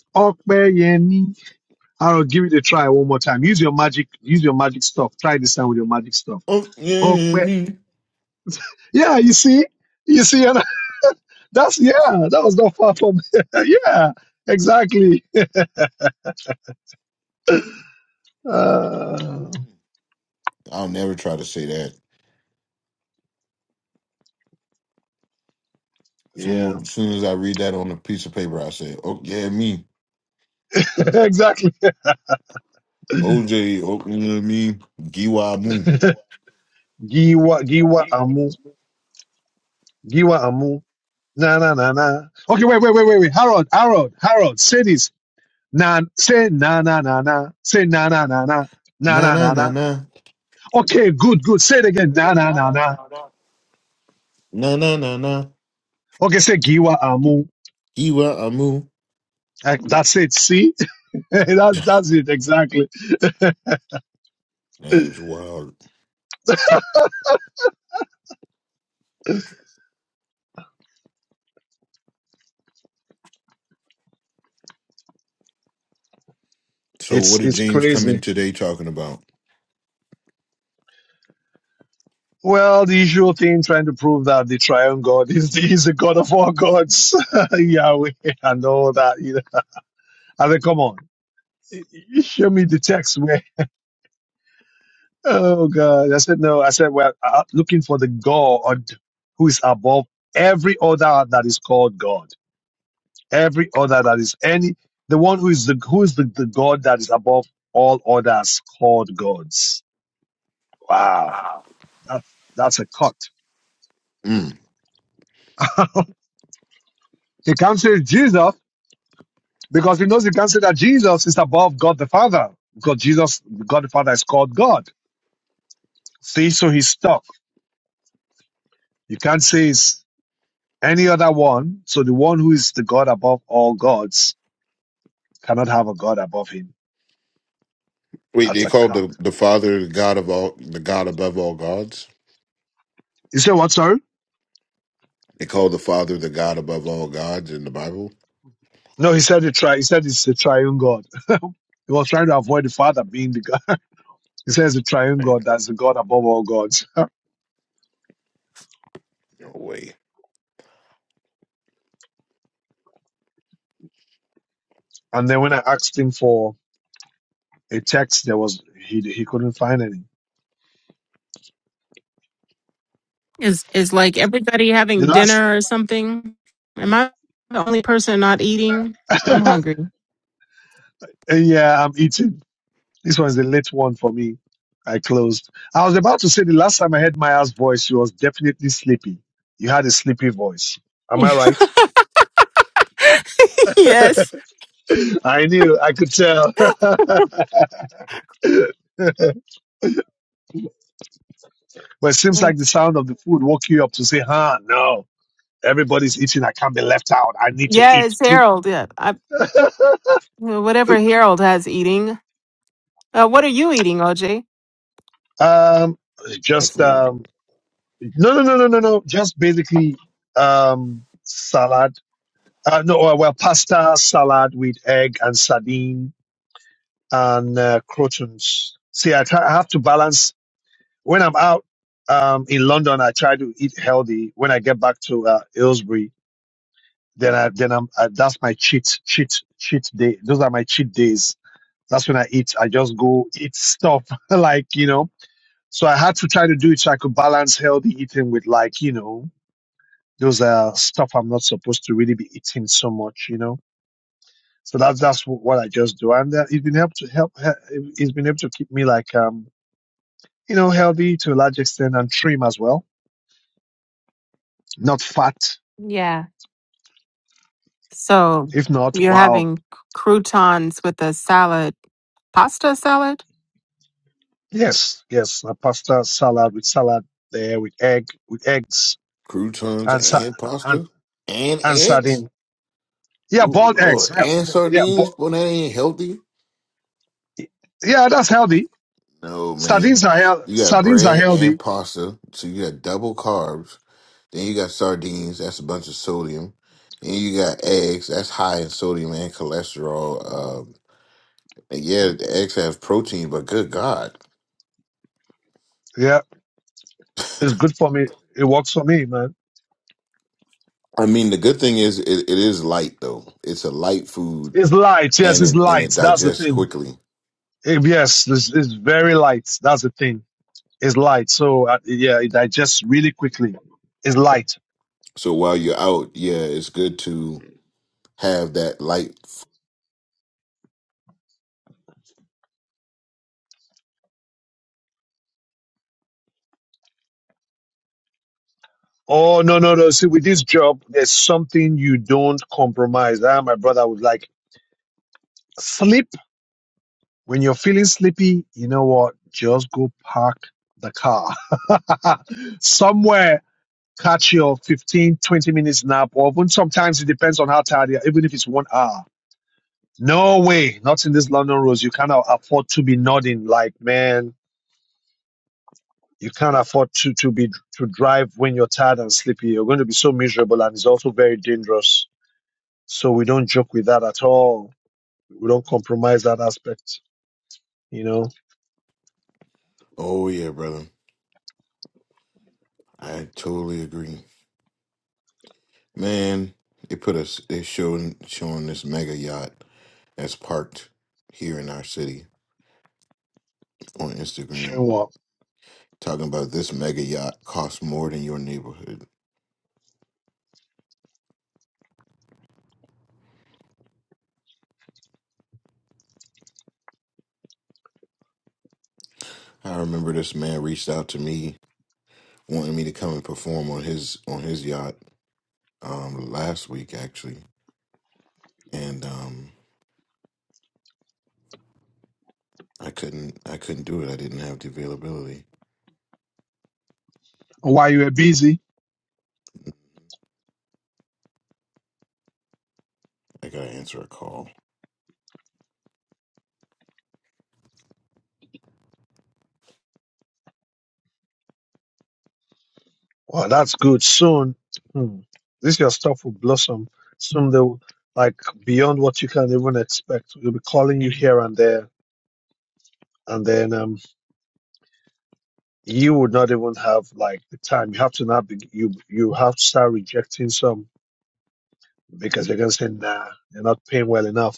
A: Opiyemi. I'll give it a try one more time. Use your magic. Use your magic stuff. Try this time with your magic stuff.
S: oh, yeah, yeah,
A: Okay.
S: me.
A: Yeah, you see, you see, and that's yeah. That was not far from. yeah, exactly. Uh,
S: I'll never try to say that.
A: Yeah.
S: Soon, soon as I read that on a piece of paper, I say, oh, yeah, me.
A: exactly.
S: OJ, oh, yeah, me. Giwa Mu. do
A: Giwa,
S: you want? Do
A: Giwa
S: you want?
A: Amu, Giwa Amu. Na na na na. Okay, wait, wait, wait, wait, wait. Harold, Harold, Harold. Say this. Na, say na na na na. Say na na na na. Na
S: Na,
A: na
S: na,
A: na
S: na,
A: na.
S: na.
A: Okay, good, good. Say it again. Na na na na.
S: No, no, no, no. Na, na, na, na.
A: Okay, say Giwa Amu.
S: Giwa Amu.
A: Uh, That's it. See, that, that's it exactly.
S: That is wild. So
A: It's
S: what did
A: it's
S: James come
A: crazy.
S: in today talking about?
A: Well, the usual thing trying to prove that the triune God is the, is the God of all gods, Yahweh, and all that. You know, I said, come on, you show me the text where, oh God. I said, no, I said, well, I'm looking for the God who is above every other that is called God, every other that is any, the one who is the, who is the, the God that is above all others called gods. Wow.
S: Wow.
A: That's, that's a cut.
S: Mm.
A: He comes to Jesus Because he knows he can't say that Jesus is above God the Father. Because Jesus, God the Father, is called God. See, so he's stuck. You can't say it's any other one. So the one who is the God above all gods cannot have a God above him.
S: Wait,
A: That's
S: they
A: a
S: called
A: cut.
S: the, the Father the God of all the God above all gods?
A: You say what, sorry?
S: They call the Father the God above all gods in the Bible?
A: No, he said the tri- he said it's the triune God. He was trying to avoid the Father being the God. He says the
S: Oh
A: triune
S: man,
A: God, that's the God above all gods.
S: no way.
A: And then when I asked him for a text, there was he he couldn't find any.
D: Is is like everybody
A: The
D: having
A: last
D: dinner or something? Am I the only person not eating? I'm hungry.
A: yeah, I'm eating. This one's the late one for me. I closed. I was about to say the last time I heard Maya's voice, she was definitely sleepy. You had a sleepy voice. Am I right?
D: yes.
A: I knew. I could tell. but it seems like the sound of the food woke you up to say, huh, no, everybody's eating. I can't be left out. I need to eat
D: Yes,
A: too.
D: Harold. Yeah. Well, Whatever Harold has eating. Uh, what are you eating, OJ?
A: Um,
S: That's
A: just,
S: what
A: um, no, no, no, no, no, no. Just basically, um, salad. Uh, no, uh, well, pasta, salad with egg and sardine and uh, croutons. See, I, try, I have to balance when I'm out um, in London. I try to eat healthy. When I get back to uh, Aylesbury, then I then I'm uh, that's my cheat cheat cheat day. Those are my cheat days. That's when I eat. I just go eat stuff like you know. So I had to try to do it so I could balance healthy eating with like you know those uh stuff I'm not supposed to really be eating so much you know. So that's that's wh- what I just do, and uh, it's been help to help. he- It's been able to keep me like um you know, healthy to a large extent and trim as well, not fat.
D: Yeah. So
A: If not,
D: you're
A: wow,
D: having c- croutons with a salad, pasta salad?
A: yes, yes, a pasta salad with salad there with egg, with eggs
S: croutons
A: and sa-
S: and
A: and
S: pasta? And
A: and
S: eggs?
A: sardine. Yeah,
S: Ooh
A: boiled eggs.
S: Lord.
A: Yeah,
S: And
A: bo- yeah,
S: sardines?
A: bo-
S: Boy, that ain't healthy.
A: yeah, that's healthy.
S: No, man.
A: Sardines are healthy.
S: You got
A: Sardines are
S: bread
A: healthy.
S: and pasta, so you got double carbs. Then you got sardines, that's a bunch of sodium. And you got eggs, that's high in sodium and cholesterol. Um, and yeah, the eggs have protein, but good God.
A: Yeah, it's good for me. It works for me, man.
S: I mean, the good thing is it, it is light though. It's a light food
A: It's light. Yes,
S: and
A: it's
S: it and it
A: light. That's the
S: digests
A: thing.
S: quickly.
A: Eh, yes, it's, it's very light. That's the thing. It's light. So uh, yeah, it digests really quickly. It's light.
S: So while you're out, yeah, it's good to have that light. f-
A: Oh no no no! See, with this job, there's something you don't compromise. Ah, my brother was like, sleep. When you're feeling sleepy, you know what? Just go park the car somewhere. Catch your 15, 20 minutes nap, or even sometimes it depends on how tired you are. Even if it's one hour, no way. Not in this London roads. You cannot afford to be nodding. Like man, you can't afford to to be to drive when you're tired and sleepy. You're going to be so miserable, and it's also very dangerous So we don't joke with that at all. We don't compromise that aspect, you know.
S: Oh yeah, brother. I totally agree. Man, they put us they showing showing this mega yacht that's parked here in our city on Instagram
A: Sure.
S: talking about this mega yacht costs more than your neighborhood. I remember this man reached out to me wanting me to come and perform on his on his yacht um last week actually. And um I couldn't I couldn't do it. I didn't have the availability.
A: While you were busy,
S: I gotta answer a call.
A: Well, that's good. Soon, hmm, this your stuff will blossom. Soon they'll like beyond what you can even expect. They'll be calling you here and there, and then um, you would not even have like the time. You have to now be you you have to start rejecting some because they're gonna say nah, they're not paying well enough.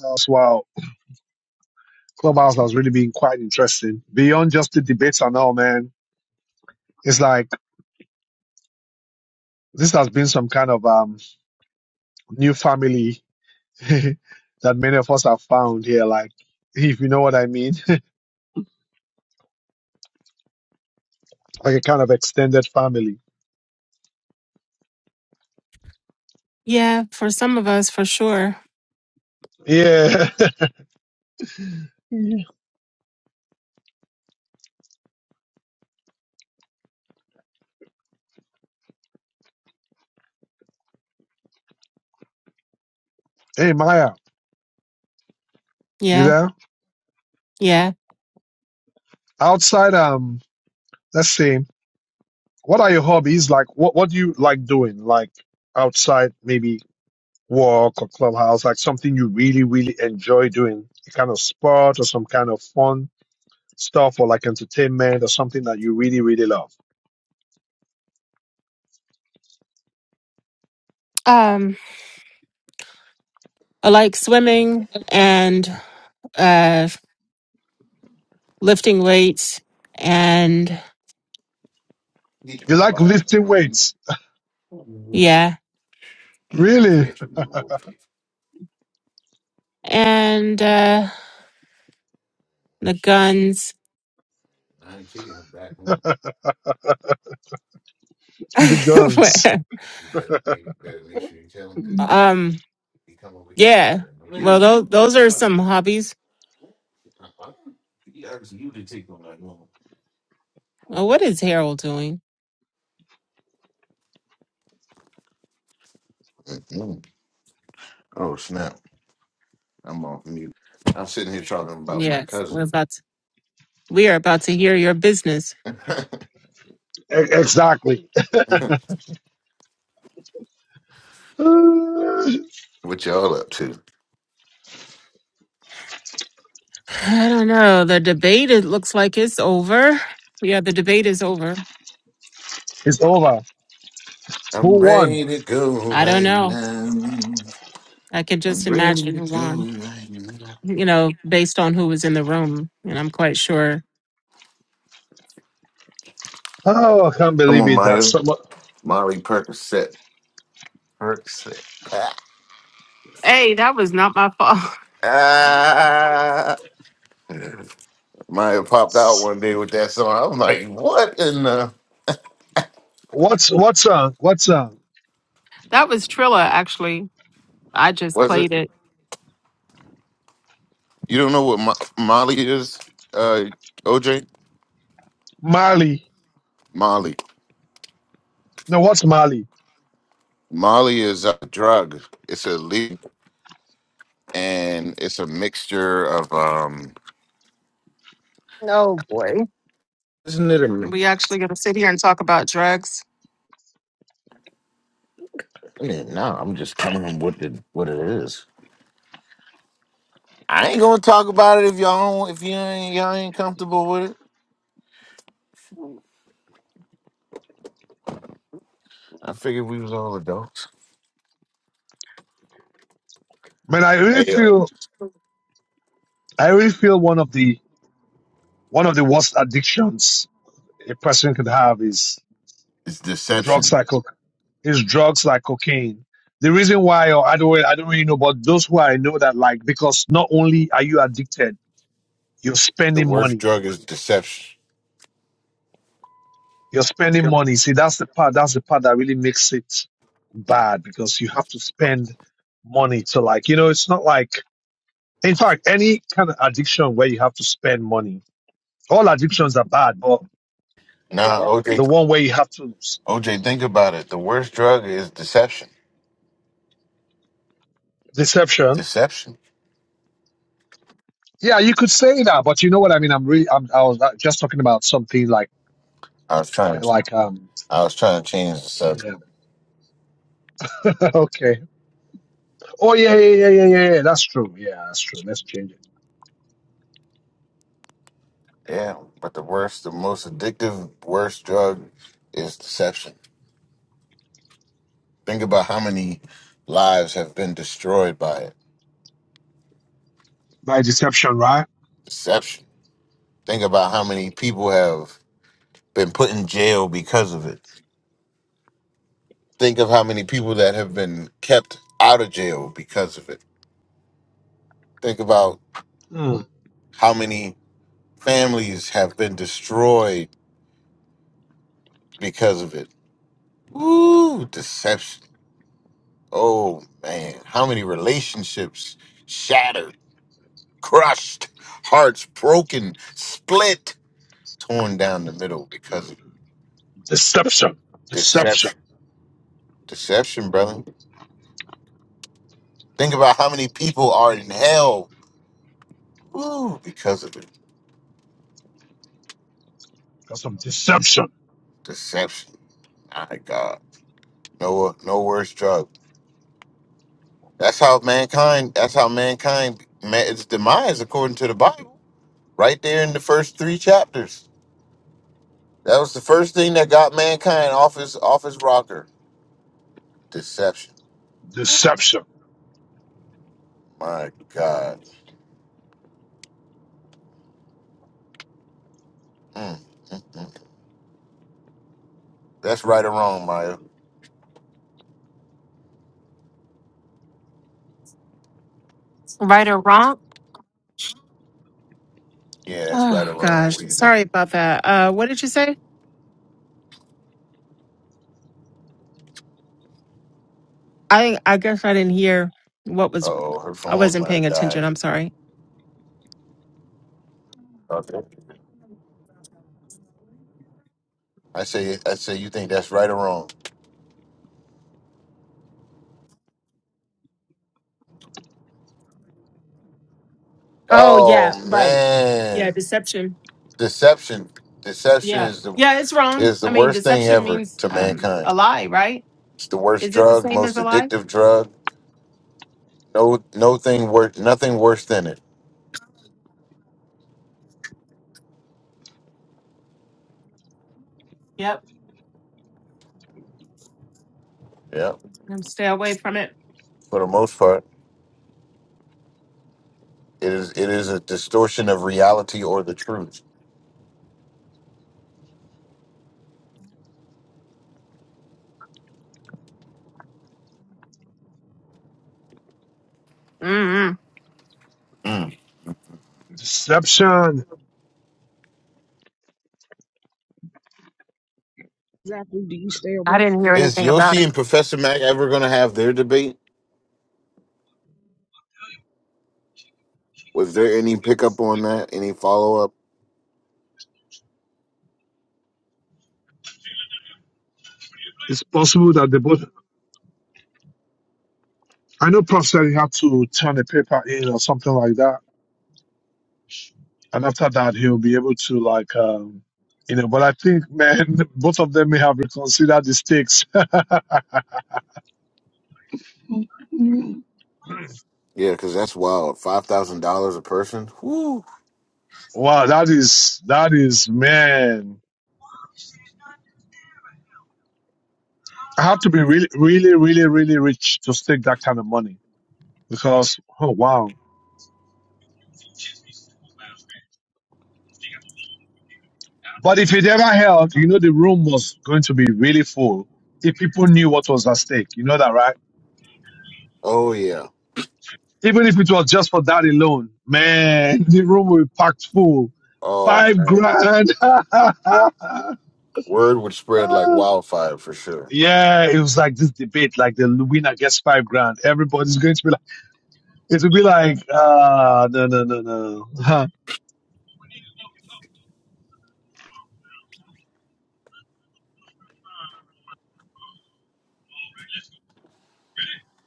A: that's wow, Clubhouse has really been quite interesting. Beyond just the debates and all, man. It's like this has been some kind of um new family that many of us have found here, like if you know what I mean. like a kind of extended family.
D: Yeah, for some of us, for sure.
A: Yeah. hey Maya, you
D: Yeah,
A: there?
D: yeah.
A: Outside um let's see, what are your hobbies? Like what what do you like doing? Like outside maybe walk or clubhouse, like something you really, really enjoy doing, a kind of sport or some kind of fun stuff or like entertainment or something that you really, really love.
D: Um, I like
S: You
D: swimming and uh lifting weights and
S: You
A: You like lifting weights.
S: you
D: yeah,
S: you don't
A: Really?
S: forget your move over over
D: and uh the
S: here.
D: guns.
S: I ain't taking him him him. back home.
A: the guns.
S: better better better. better make make sure tell tell him that
D: um,
S: he He come over here, he
D: yeah.
S: better know.
D: Well,
S: Nigga,
D: those
S: you
D: those
S: better
D: are
S: tell him,
D: some
S: man.
D: hobbies.
S: Yeah, I was muted taking on that one.
D: Oh, what is Harold doing?
S: Mm. Oh snap! I'm off mute. I'm sitting here talking about my
D: Yes, we're
S: cousin.
D: about to, we are about to hear your business.
A: E- exactly. Uh,
S: what y'all up to?
D: I don't know. The debate it looks like it's over. Yeah, the debate is over.
A: it's over.
S: I'm
A: Who won?
S: ready to go
D: I don't
S: right
D: know.
S: now.
D: I can just
S: I'm ready
D: imagine
S: to
D: who won.
S: go right now.
D: You know, based on who was in the room, and I'm quite sure.
A: Oh, I can't
S: Come
A: believe
S: on,
A: it. That's
S: Maya.
A: so mu-
S: Molly Percocet. Percocet.
D: Hey, that was not my fault.
S: Ah, ah. Maya popped out one day with that song. I was like, "What in the
A: What's what's uh what's uh
D: That was Trilla, actually. I just
S: was it?"
D: played it.
S: You don't know what Mo- Molly is, uh, OJ?
A: Mali?
S: Molly.
A: No, what's Mali?
S: Molly is a drug. It's a leaf, and it's a mixture of um.
D: No boy.
S: Isn't it a? mi-
D: We actually gonna sit here and talk about drugs.
S: I mean, no, I'm just telling him what the what it is. I ain't gonna talk about it if y'all don't, if you ain't y'all ain't comfortable with it. I figured we was all adults.
A: Man, I really
S: Hey, uh,
A: feel I really feel one of the one of the worst addictions a person could have is
S: it's
A: drugs
S: deception.
A: like coc- is drugs like cocaine. The reason why, or I don't, really, I don't really know, but those who I know that like because not only are you addicted, you're
S: The
A: spending
S: worst
A: money
S: drug is deception.
A: You're spending money. See, that's the part. That's the part that really makes it bad because you have to spend money to like. You know, it's not like. In fact, any kind of addiction where you have to spend money. All addictions are bad, but
S: Nah,
A: the
S: OJ,
A: one where you have to
S: OJ, think about it. The worst drug is deception.
A: deception.
S: Deception.
A: Yeah, you could say that, but you know what I mean. I'm really. I'm, I was uh, just talking about something like
S: I was trying to,
A: like um.
S: I was trying to change the subject.
A: Yeah. Okay. Oh yeah yeah yeah yeah yeah. yeah. That's true. Yeah, that's true. Let's change it
S: Yeah, but the worst, the most addictive, worst drug is deception. Think about how many lives have been destroyed by it.
A: by deception, right?
S: Deception. Think about how many people have been put in jail because of it. Think of how many people that have been kept out of jail because of it. Think about
A: Mm.
S: how many families have been destroyed because of it. Ooh, deception. Oh man, how many relationships shattered crushed, hearts broken, split, torn down the middle because of
A: Deception. Deception.
S: deception. Deception, brother. Think about how many people are in hell ooh, because of it.
A: Because of deception.
S: Deception. My God. No, no worse drug. That's how mankind. That's how mankind met its demise, according to the Bible. Right there in the first three chapters. That was the first thing that got mankind off his off his rocker. Deception.
A: Deception.
S: My God. Mm, mm, mm. That's right or wrong, Maya.
D: Right or wrong?
S: Yeah, that's right
D: Oh
S: or wrong. What
D: gosh,
S: do you think?
D: sorry about that. Uh, what did you say? I I guess I didn't hear what was
S: Oh, her
D: I
S: phone
D: wasn't
S: might
D: paying
S: have
D: attention.
S: died.
D: I'm sorry.
S: Okay. I say, I say, you think that's right or wrong?
D: Oh
S: Oh
D: yeah, right. Yeah,
S: man,
D: deception.
S: deception, deception
D: Yeah.
S: is the
D: Yeah, it's wrong.
S: is the
D: I mean,
S: worst thing
D: deception
S: ever
D: means
S: to
D: um
S: mankind.
D: a lie, right?
S: It's the worst
D: Is it the
S: drug,
D: same as
S: most
D: a lie?
S: addictive drug. No, no thing worth, nothing worse than it.
D: Yep.
S: Yeah,
D: Um, Stay away from it.
S: for the most part, it is it is a distortion of reality or the truth.
D: Mm-mm.
S: Mm.
A: Deception.
X: exactly do you stay
D: I
X: away
D: didn't
X: from
D: hear
X: it?
S: Is
D: anything about it.
S: Yoshi and Professor Mac ever going to have their debate? Was there any pickup on that? Any follow up?
A: It's possible that the both. I know Prof said he had to turn a paper in or something like that, and after that he'll be able to like, um, you know. But I think, man, both of them may have reconsidered the stakes.
S: Yeah, because that's wild. Five thousand dollars a person. Whoo.
A: wow, that is that is man. I have to be really, really, really, really rich to stake that kind of money because oh wow. But if it ever held, you know, the room was going to be really full if people knew what was at stake. You know that, right?
S: Oh yeah.
A: Even if it was just for that alone, man, the room will be packed full.
S: Oh
A: Five
S: man.
A: grand.
S: Word would spread like wildfire for sure.
A: yeah, it was like this debate, like the winner gets five grand. Everybody's going to be like, it will be like, ah, no, no, no, no. Huh.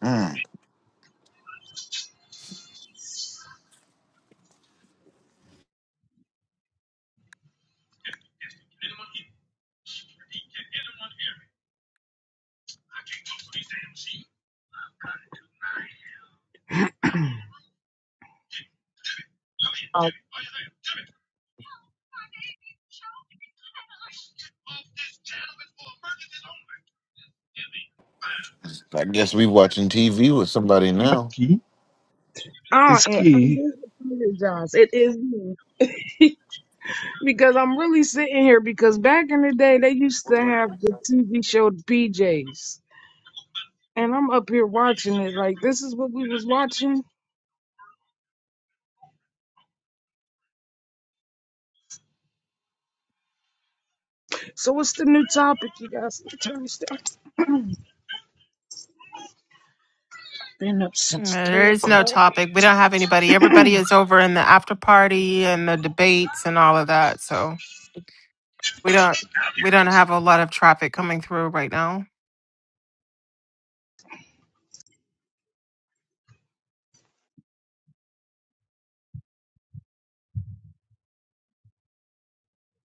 S: Hmm. I guess we watching TV with somebody now.
A: Key
X: Ah,
A: is
X: and I
A: key.
X: do apologize. It is me. because I'm really sitting here because back in the day they used
S: All
X: to have the TV show BJ's. And I'm up here watching it like this is what we was watching. So what's the new topic, you guys? Turn this down. Been up
D: Uh,
X: since three
D: There is no
X: o'clock.
D: topic. We don't
X: Turn
D: have anybody.
X: this-
D: Everybody is over in the after party and the debates and all of that. So we don't we don't have a lot of traffic coming through right now.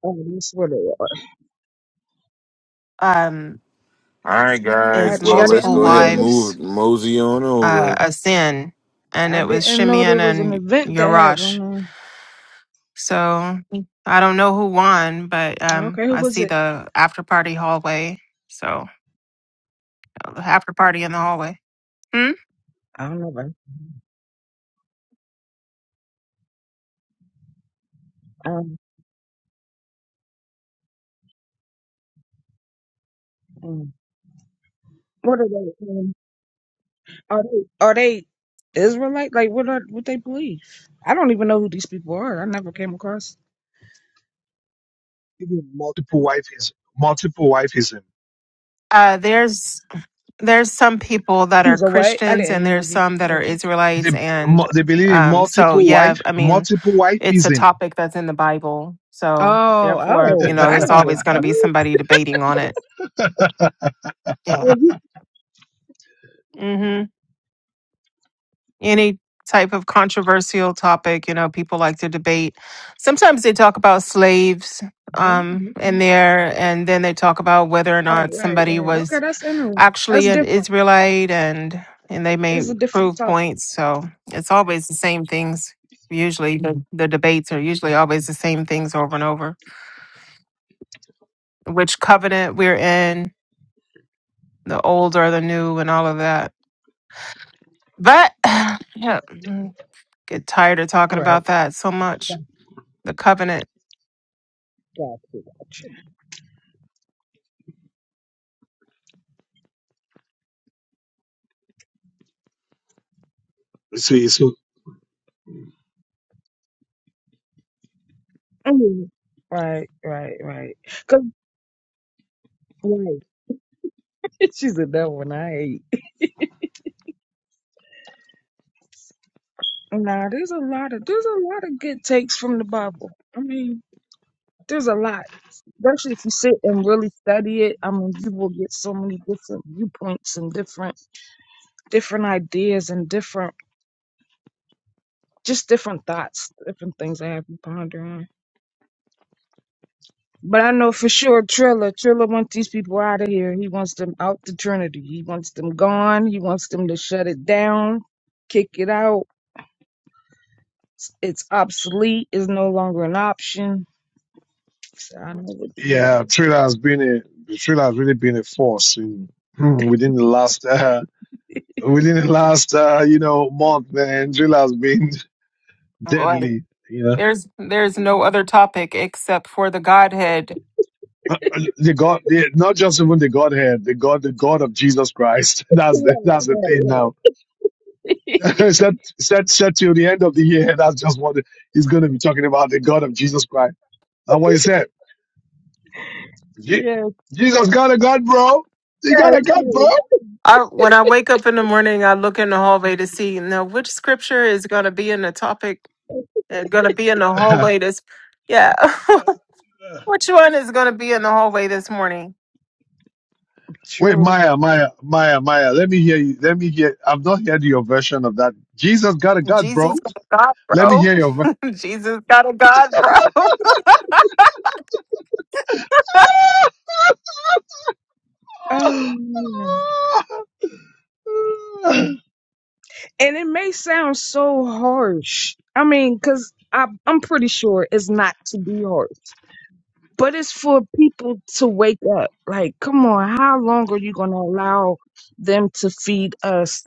X: oh, that's what it was.
D: um,
S: right, guys.
D: is
X: Got you.
S: Well,
X: I
S: let's
D: multiple
X: didn't
S: go
X: know
S: ahead
X: there
S: and
X: was.
S: move
D: wives
S: mosey on
D: uh,
S: over.
D: a sin, and
X: I
D: it was
X: didn't know there
D: Shimeon
X: was an
D: and
X: event that had
D: Yerash.
X: one on.
D: So I don't know who won, but um,
X: Okay, who
D: I
X: was
D: see
X: it?
D: the after party hallway. So the after party in the hallway. Hmm?
X: I don't know. but, Um, What are they? um, Are they are they Israelite? Like what are what they believe? I don't even know who these people are. I never came across.
A: Even multiple wife is multiple wifeism.
D: Uh, there's there's some people that are
X: He's away. I
D: Christians
X: didn't
D: and
X: hear
D: there's
X: you,
D: some that are
X: OJ.
A: They,
D: Israelites and
A: they believe in
D: um, so
A: multiple
D: yeah
A: wife,
D: I mean
A: multiple
D: it's a
A: wifeism.
D: topic that's in the Bible so
X: Oh,
D: therefore you
X: oh,
D: know
X: wow.
D: there's always going to be
X: What?
D: somebody debating on it yeah
X: Oh, you-
D: hmm any type of controversial topic. You know, people like to debate. Sometimes they talk about slaves um, in
X: okay.
D: there, and then they talk about whether or
X: Right,
D: not
X: right,
D: somebody
X: right. Okay,
D: was
X: that's interesting.
D: actually
X: That's
D: an
X: different.
D: Israelite, and and they may
X: It's a different
D: prove
X: topic.
D: points. So it's always the same things. Usually, the, Mhm. the debates are usually always the same things over and over. Which covenant we're in, the old or the new, and all of that. But yeah, mm, get tired of talking
X: Right.
D: about that so much.
X: Gotcha,
D: the covenant
X: gotcha. gotcha.
A: So, so.
X: Mhm. Right, right, right. Cause right. she's a devil, and I hate. Nah, there's a lot of there's a lot of good takes from the Bible. I mean. There's a lot, especially if you sit and really study it. I mean, you will get so many different viewpoints and different different ideas and different just different thoughts, different things I have to ponder on. But I know for sure Triller, Triller wants these people out of here. He wants them out the Trinity. He wants them gone. He wants them to shut it down, kick it out. It's it's obsolete. It's no longer an option. So I know what
A: Yeah,
X: Triller.
A: Thriller has been a Thriller has really been a force in hmm, within the last uh, within the last uh, you know month. Man, Thriller has been
D: I'm like,
A: deadly. You know,
D: there's there's no other topic except for the Godhead.
A: Uh, uh, the God, the, not just even the Godhead, the God, the God of Jesus Christ.
X: Yeah,
A: That's the that's the thing now. set set set till the end of the year. That's just what he's going to be talking about. The God of Jesus Christ. And what he said,
X: yeah, yeah.
A: Je-
X: Yeah,
A: Jesus got a God, bro. He got a God,
X: yeah,
A: bro.
D: I when I wake up in the morning, I look in the hallway to see now which scripture is going to be in the topic, uh, going to be in the hallway this, yeah, which one is going to be in the hallway this morning?
A: Wait,
X: yeah.
A: Maya, Maya, Maya, Maya. Let me hear you. Let me hear. I've not heard your version of that. Jesus got a God, bro.
D: Jesus got a God,
A: Let me hear your. ver-
D: bro. Jesus got a God, bro.
X: Um, and it may sound so harsh. I mean, because I, I'm pretty sure it's not to be harsh, but it's for people to wake up. Like, come on, how long are you going to allow them to feed us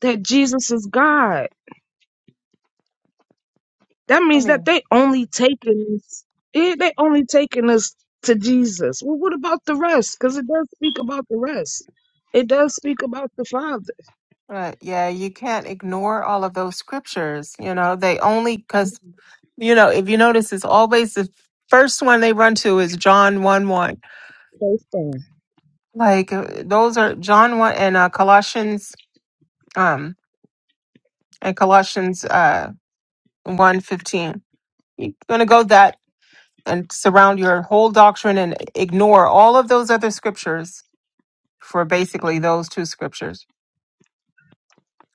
X: that Jesus is God? That
D: I
X: means that
D: mean,
X: they only taking us, yeah, they only taking us to Jesus. Well, what about the rest? Because it does speak about the rest. It does speak about the Father.
D: but yeah, you can't ignore all of those scriptures. You know, they only because you know if you notice, it's always the first one they run to is John one one. Like uh, those are John one and uh, Colossians um and Colossians uh one fifteen. You're gonna go that and surround your whole doctrine and ignore all of those other scriptures for basically those two scriptures.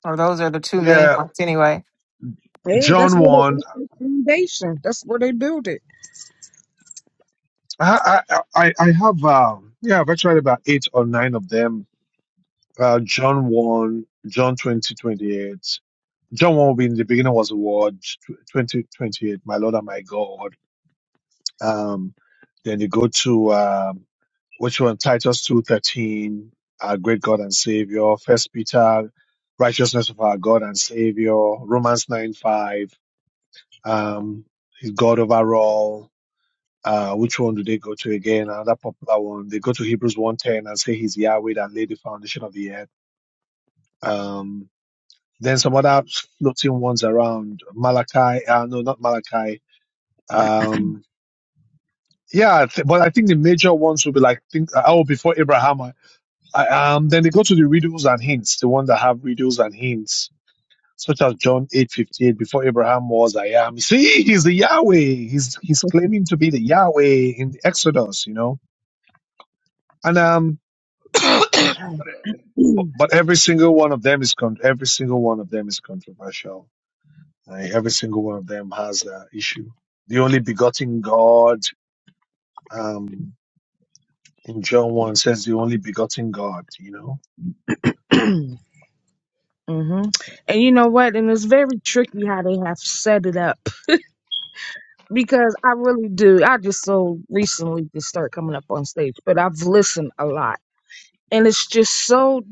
D: Or those are the two main
A: Yeah,
D: ones anyway.
X: Yeah, that's
A: John
X: where they,
A: one.
X: that's their foundation. That's where they build it.
A: I I I I have um yeah, I've actually about eight or nine of them. Uh, John one, John twenty twenty eight. John one will be in the beginning was the word twenty twenty eight. My Lord and my God. Um, then you go to um, which one? Titus two thirteen, our great God and Savior. First Peter, righteousness of our God and Savior. Romans nine five, um, He's God over all. Uh, which one do they go to again? Another popular one. They go to Hebrews one ten and say He's Yahweh that laid the foundation of the earth. Um, then some other floating ones around Malachi. Uh, no, not Malachi. Um, yeah, I th- but I think the major ones will be like think oh before Abraham. I, I- um, then they go to the riddles and hints, the one that have riddles and hints, such as John eight fifty eight. Before Abraham was, I am. See, he's the Yahweh. He's he's claiming to be the Yahweh in the Exodus, you know. And um, but, but every single one of them is con- every single one of them is controversial. Like, every single one of them has an issue. The only begotten God, um, in John one says the only begotten God, you know.
X: hmm And you know what? And it's very tricky how they have set it up because I really do. I just so recently just start coming up on stage, but I've listened a lot, and it's just so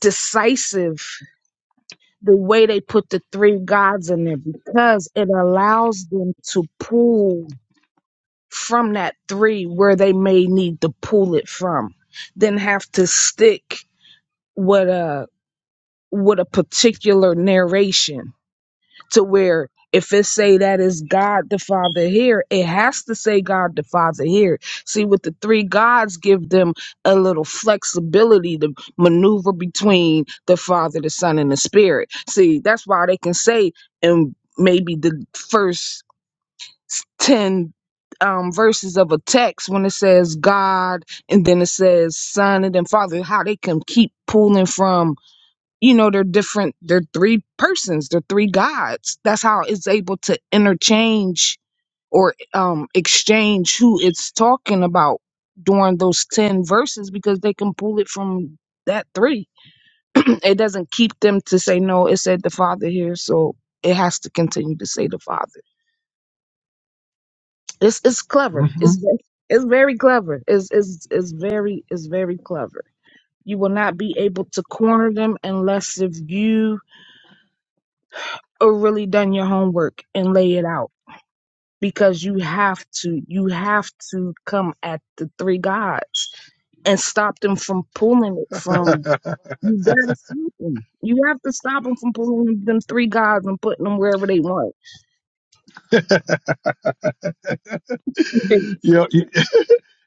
X: decisive the way they put the three gods in there because it allows them to pull from that three where they may need to pull it from, then have to stick with uh, with a particular narration to where if it say that is God the Father here, it has to say God the Father here. See, with the three gods, give them a little flexibility to maneuver between the Father, the Son, and the Spirit. See, that's why they can say in maybe the first s- ten um, verses of a text when it says God and then it says Son and then Father, how they can keep pulling from you know they're different they're three persons they're three gods that's how it's able to interchange or um exchange who it's talking about during those 10 verses because they can pull it from that three it doesn't keep them to say no it said the father here so it has to continue to say the father it's it's clever
A: Mm-hmm.
X: it's ve- it's very clever it's it's it's very it's very clever you will not be able to corner them unless if you or really done your homework and lay it out because you have to you have to come at the three gods and stop them from pulling it from you gotta stop them you have to stop them from pulling them three gods and putting them wherever they want
A: you're,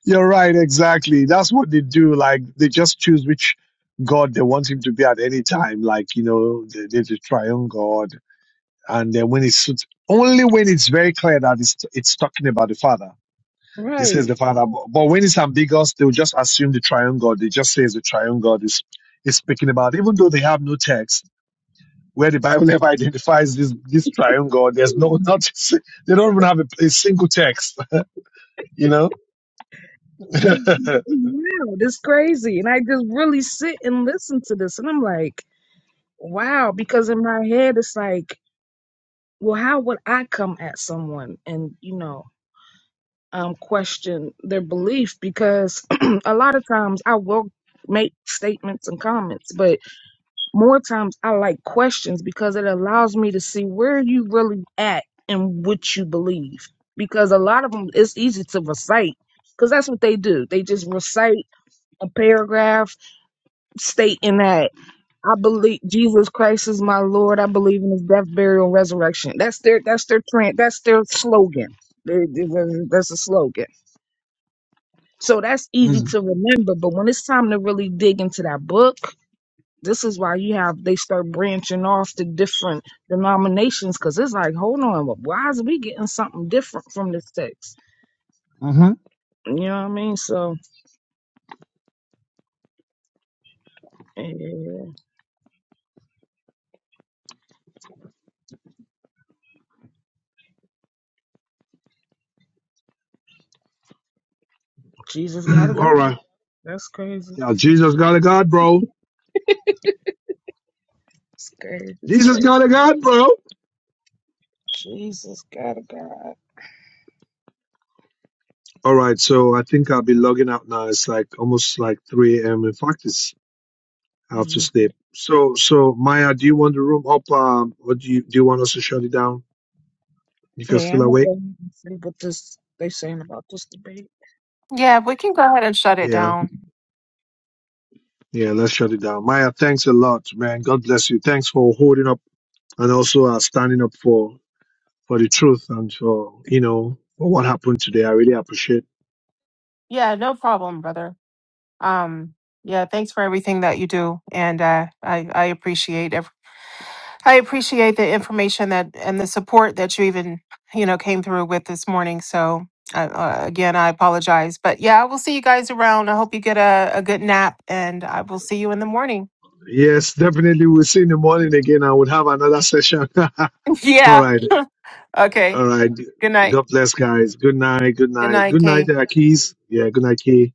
A: you're right, exactly. That's what they do. Like, they just choose which God they want him to be at any time. Like, you know, there- there's a triune God. And then when it suits, only when it's very clear that it's, it's talking about the Father. This says
X: right
A: the Father. But, but when it's ambiguous, they'll just assume the triune God. They just say the triune God is, is speaking about, even though they have no text. Where the Bible ever identifies this this triune God, there's no not they don't even have a, a single text, you know.
X: it's, wow it's crazy and i just really sit and listen to this and i'm like wow because in my head it's like well how would i come at someone and you know um, question their belief because a lot of times I will make statements and comments, but more times I like questions because it allows me to see where you really at and what you believe. Because a lot of them, it's easy to recite because that's what they do. They just recite a paragraph stating that I believe Jesus Christ is my Lord. I believe in His death, burial, and resurrection. That's their that's their trend. That's their slogan. They- they- That's a slogan So that's easy
A: mm-hmm.
X: to remember. But when it's time to really dig into that book, this is why you have they start branching off to different denominations because it's like, hold on, why is we getting something different from this text? You know what I mean? So yeah, Jesus gotta go.
A: All right.
X: That's crazy.
A: Yeah, Jesus got a God, bro.
X: It's crazy. It's
A: Jesus
X: crazy.
A: got a God, bro.
X: Jesus gotta go.
A: All right, so I think I'll be logging out now. It's like almost like 3 a.m. In fact, it's I have to
X: Mhm.
A: sleep. So, so Maya, do you want the room up? Um, or do you do you want us to shut it down if you're
X: Yeah,
A: still
X: I'm gonna
A: awake?
X: go and see what this they saying about this debate.
D: Yeah, we can go ahead and shut it
A: Yeah,
D: down.
A: yeah, let's shut it down. Maya, thanks a lot, man. God bless you. Thanks for holding up and also uh, standing up for for the truth and for you know for what happened today. I really appreciate.
D: Yeah, no problem, brother. Um, yeah, thanks for everything that you do. And uh, I, I appreciate every, I appreciate the information that and the support that you even, you know, came through with this morning. So uh, uh, again, I apologize. But yeah, I will see you guys around. I hope you get a, a good nap and I will see you in the morning.
A: Yes, definitely. We'll see in the morning again. I would have another session. all
D: yeah.
A: right.
D: Okay.
A: All right.
D: Good night.
A: God bless, guys. Good night. Good
D: Good
A: night.
D: night,
A: Good night,
D: Kay.
A: uh, Keys. Yeah, good night, Key.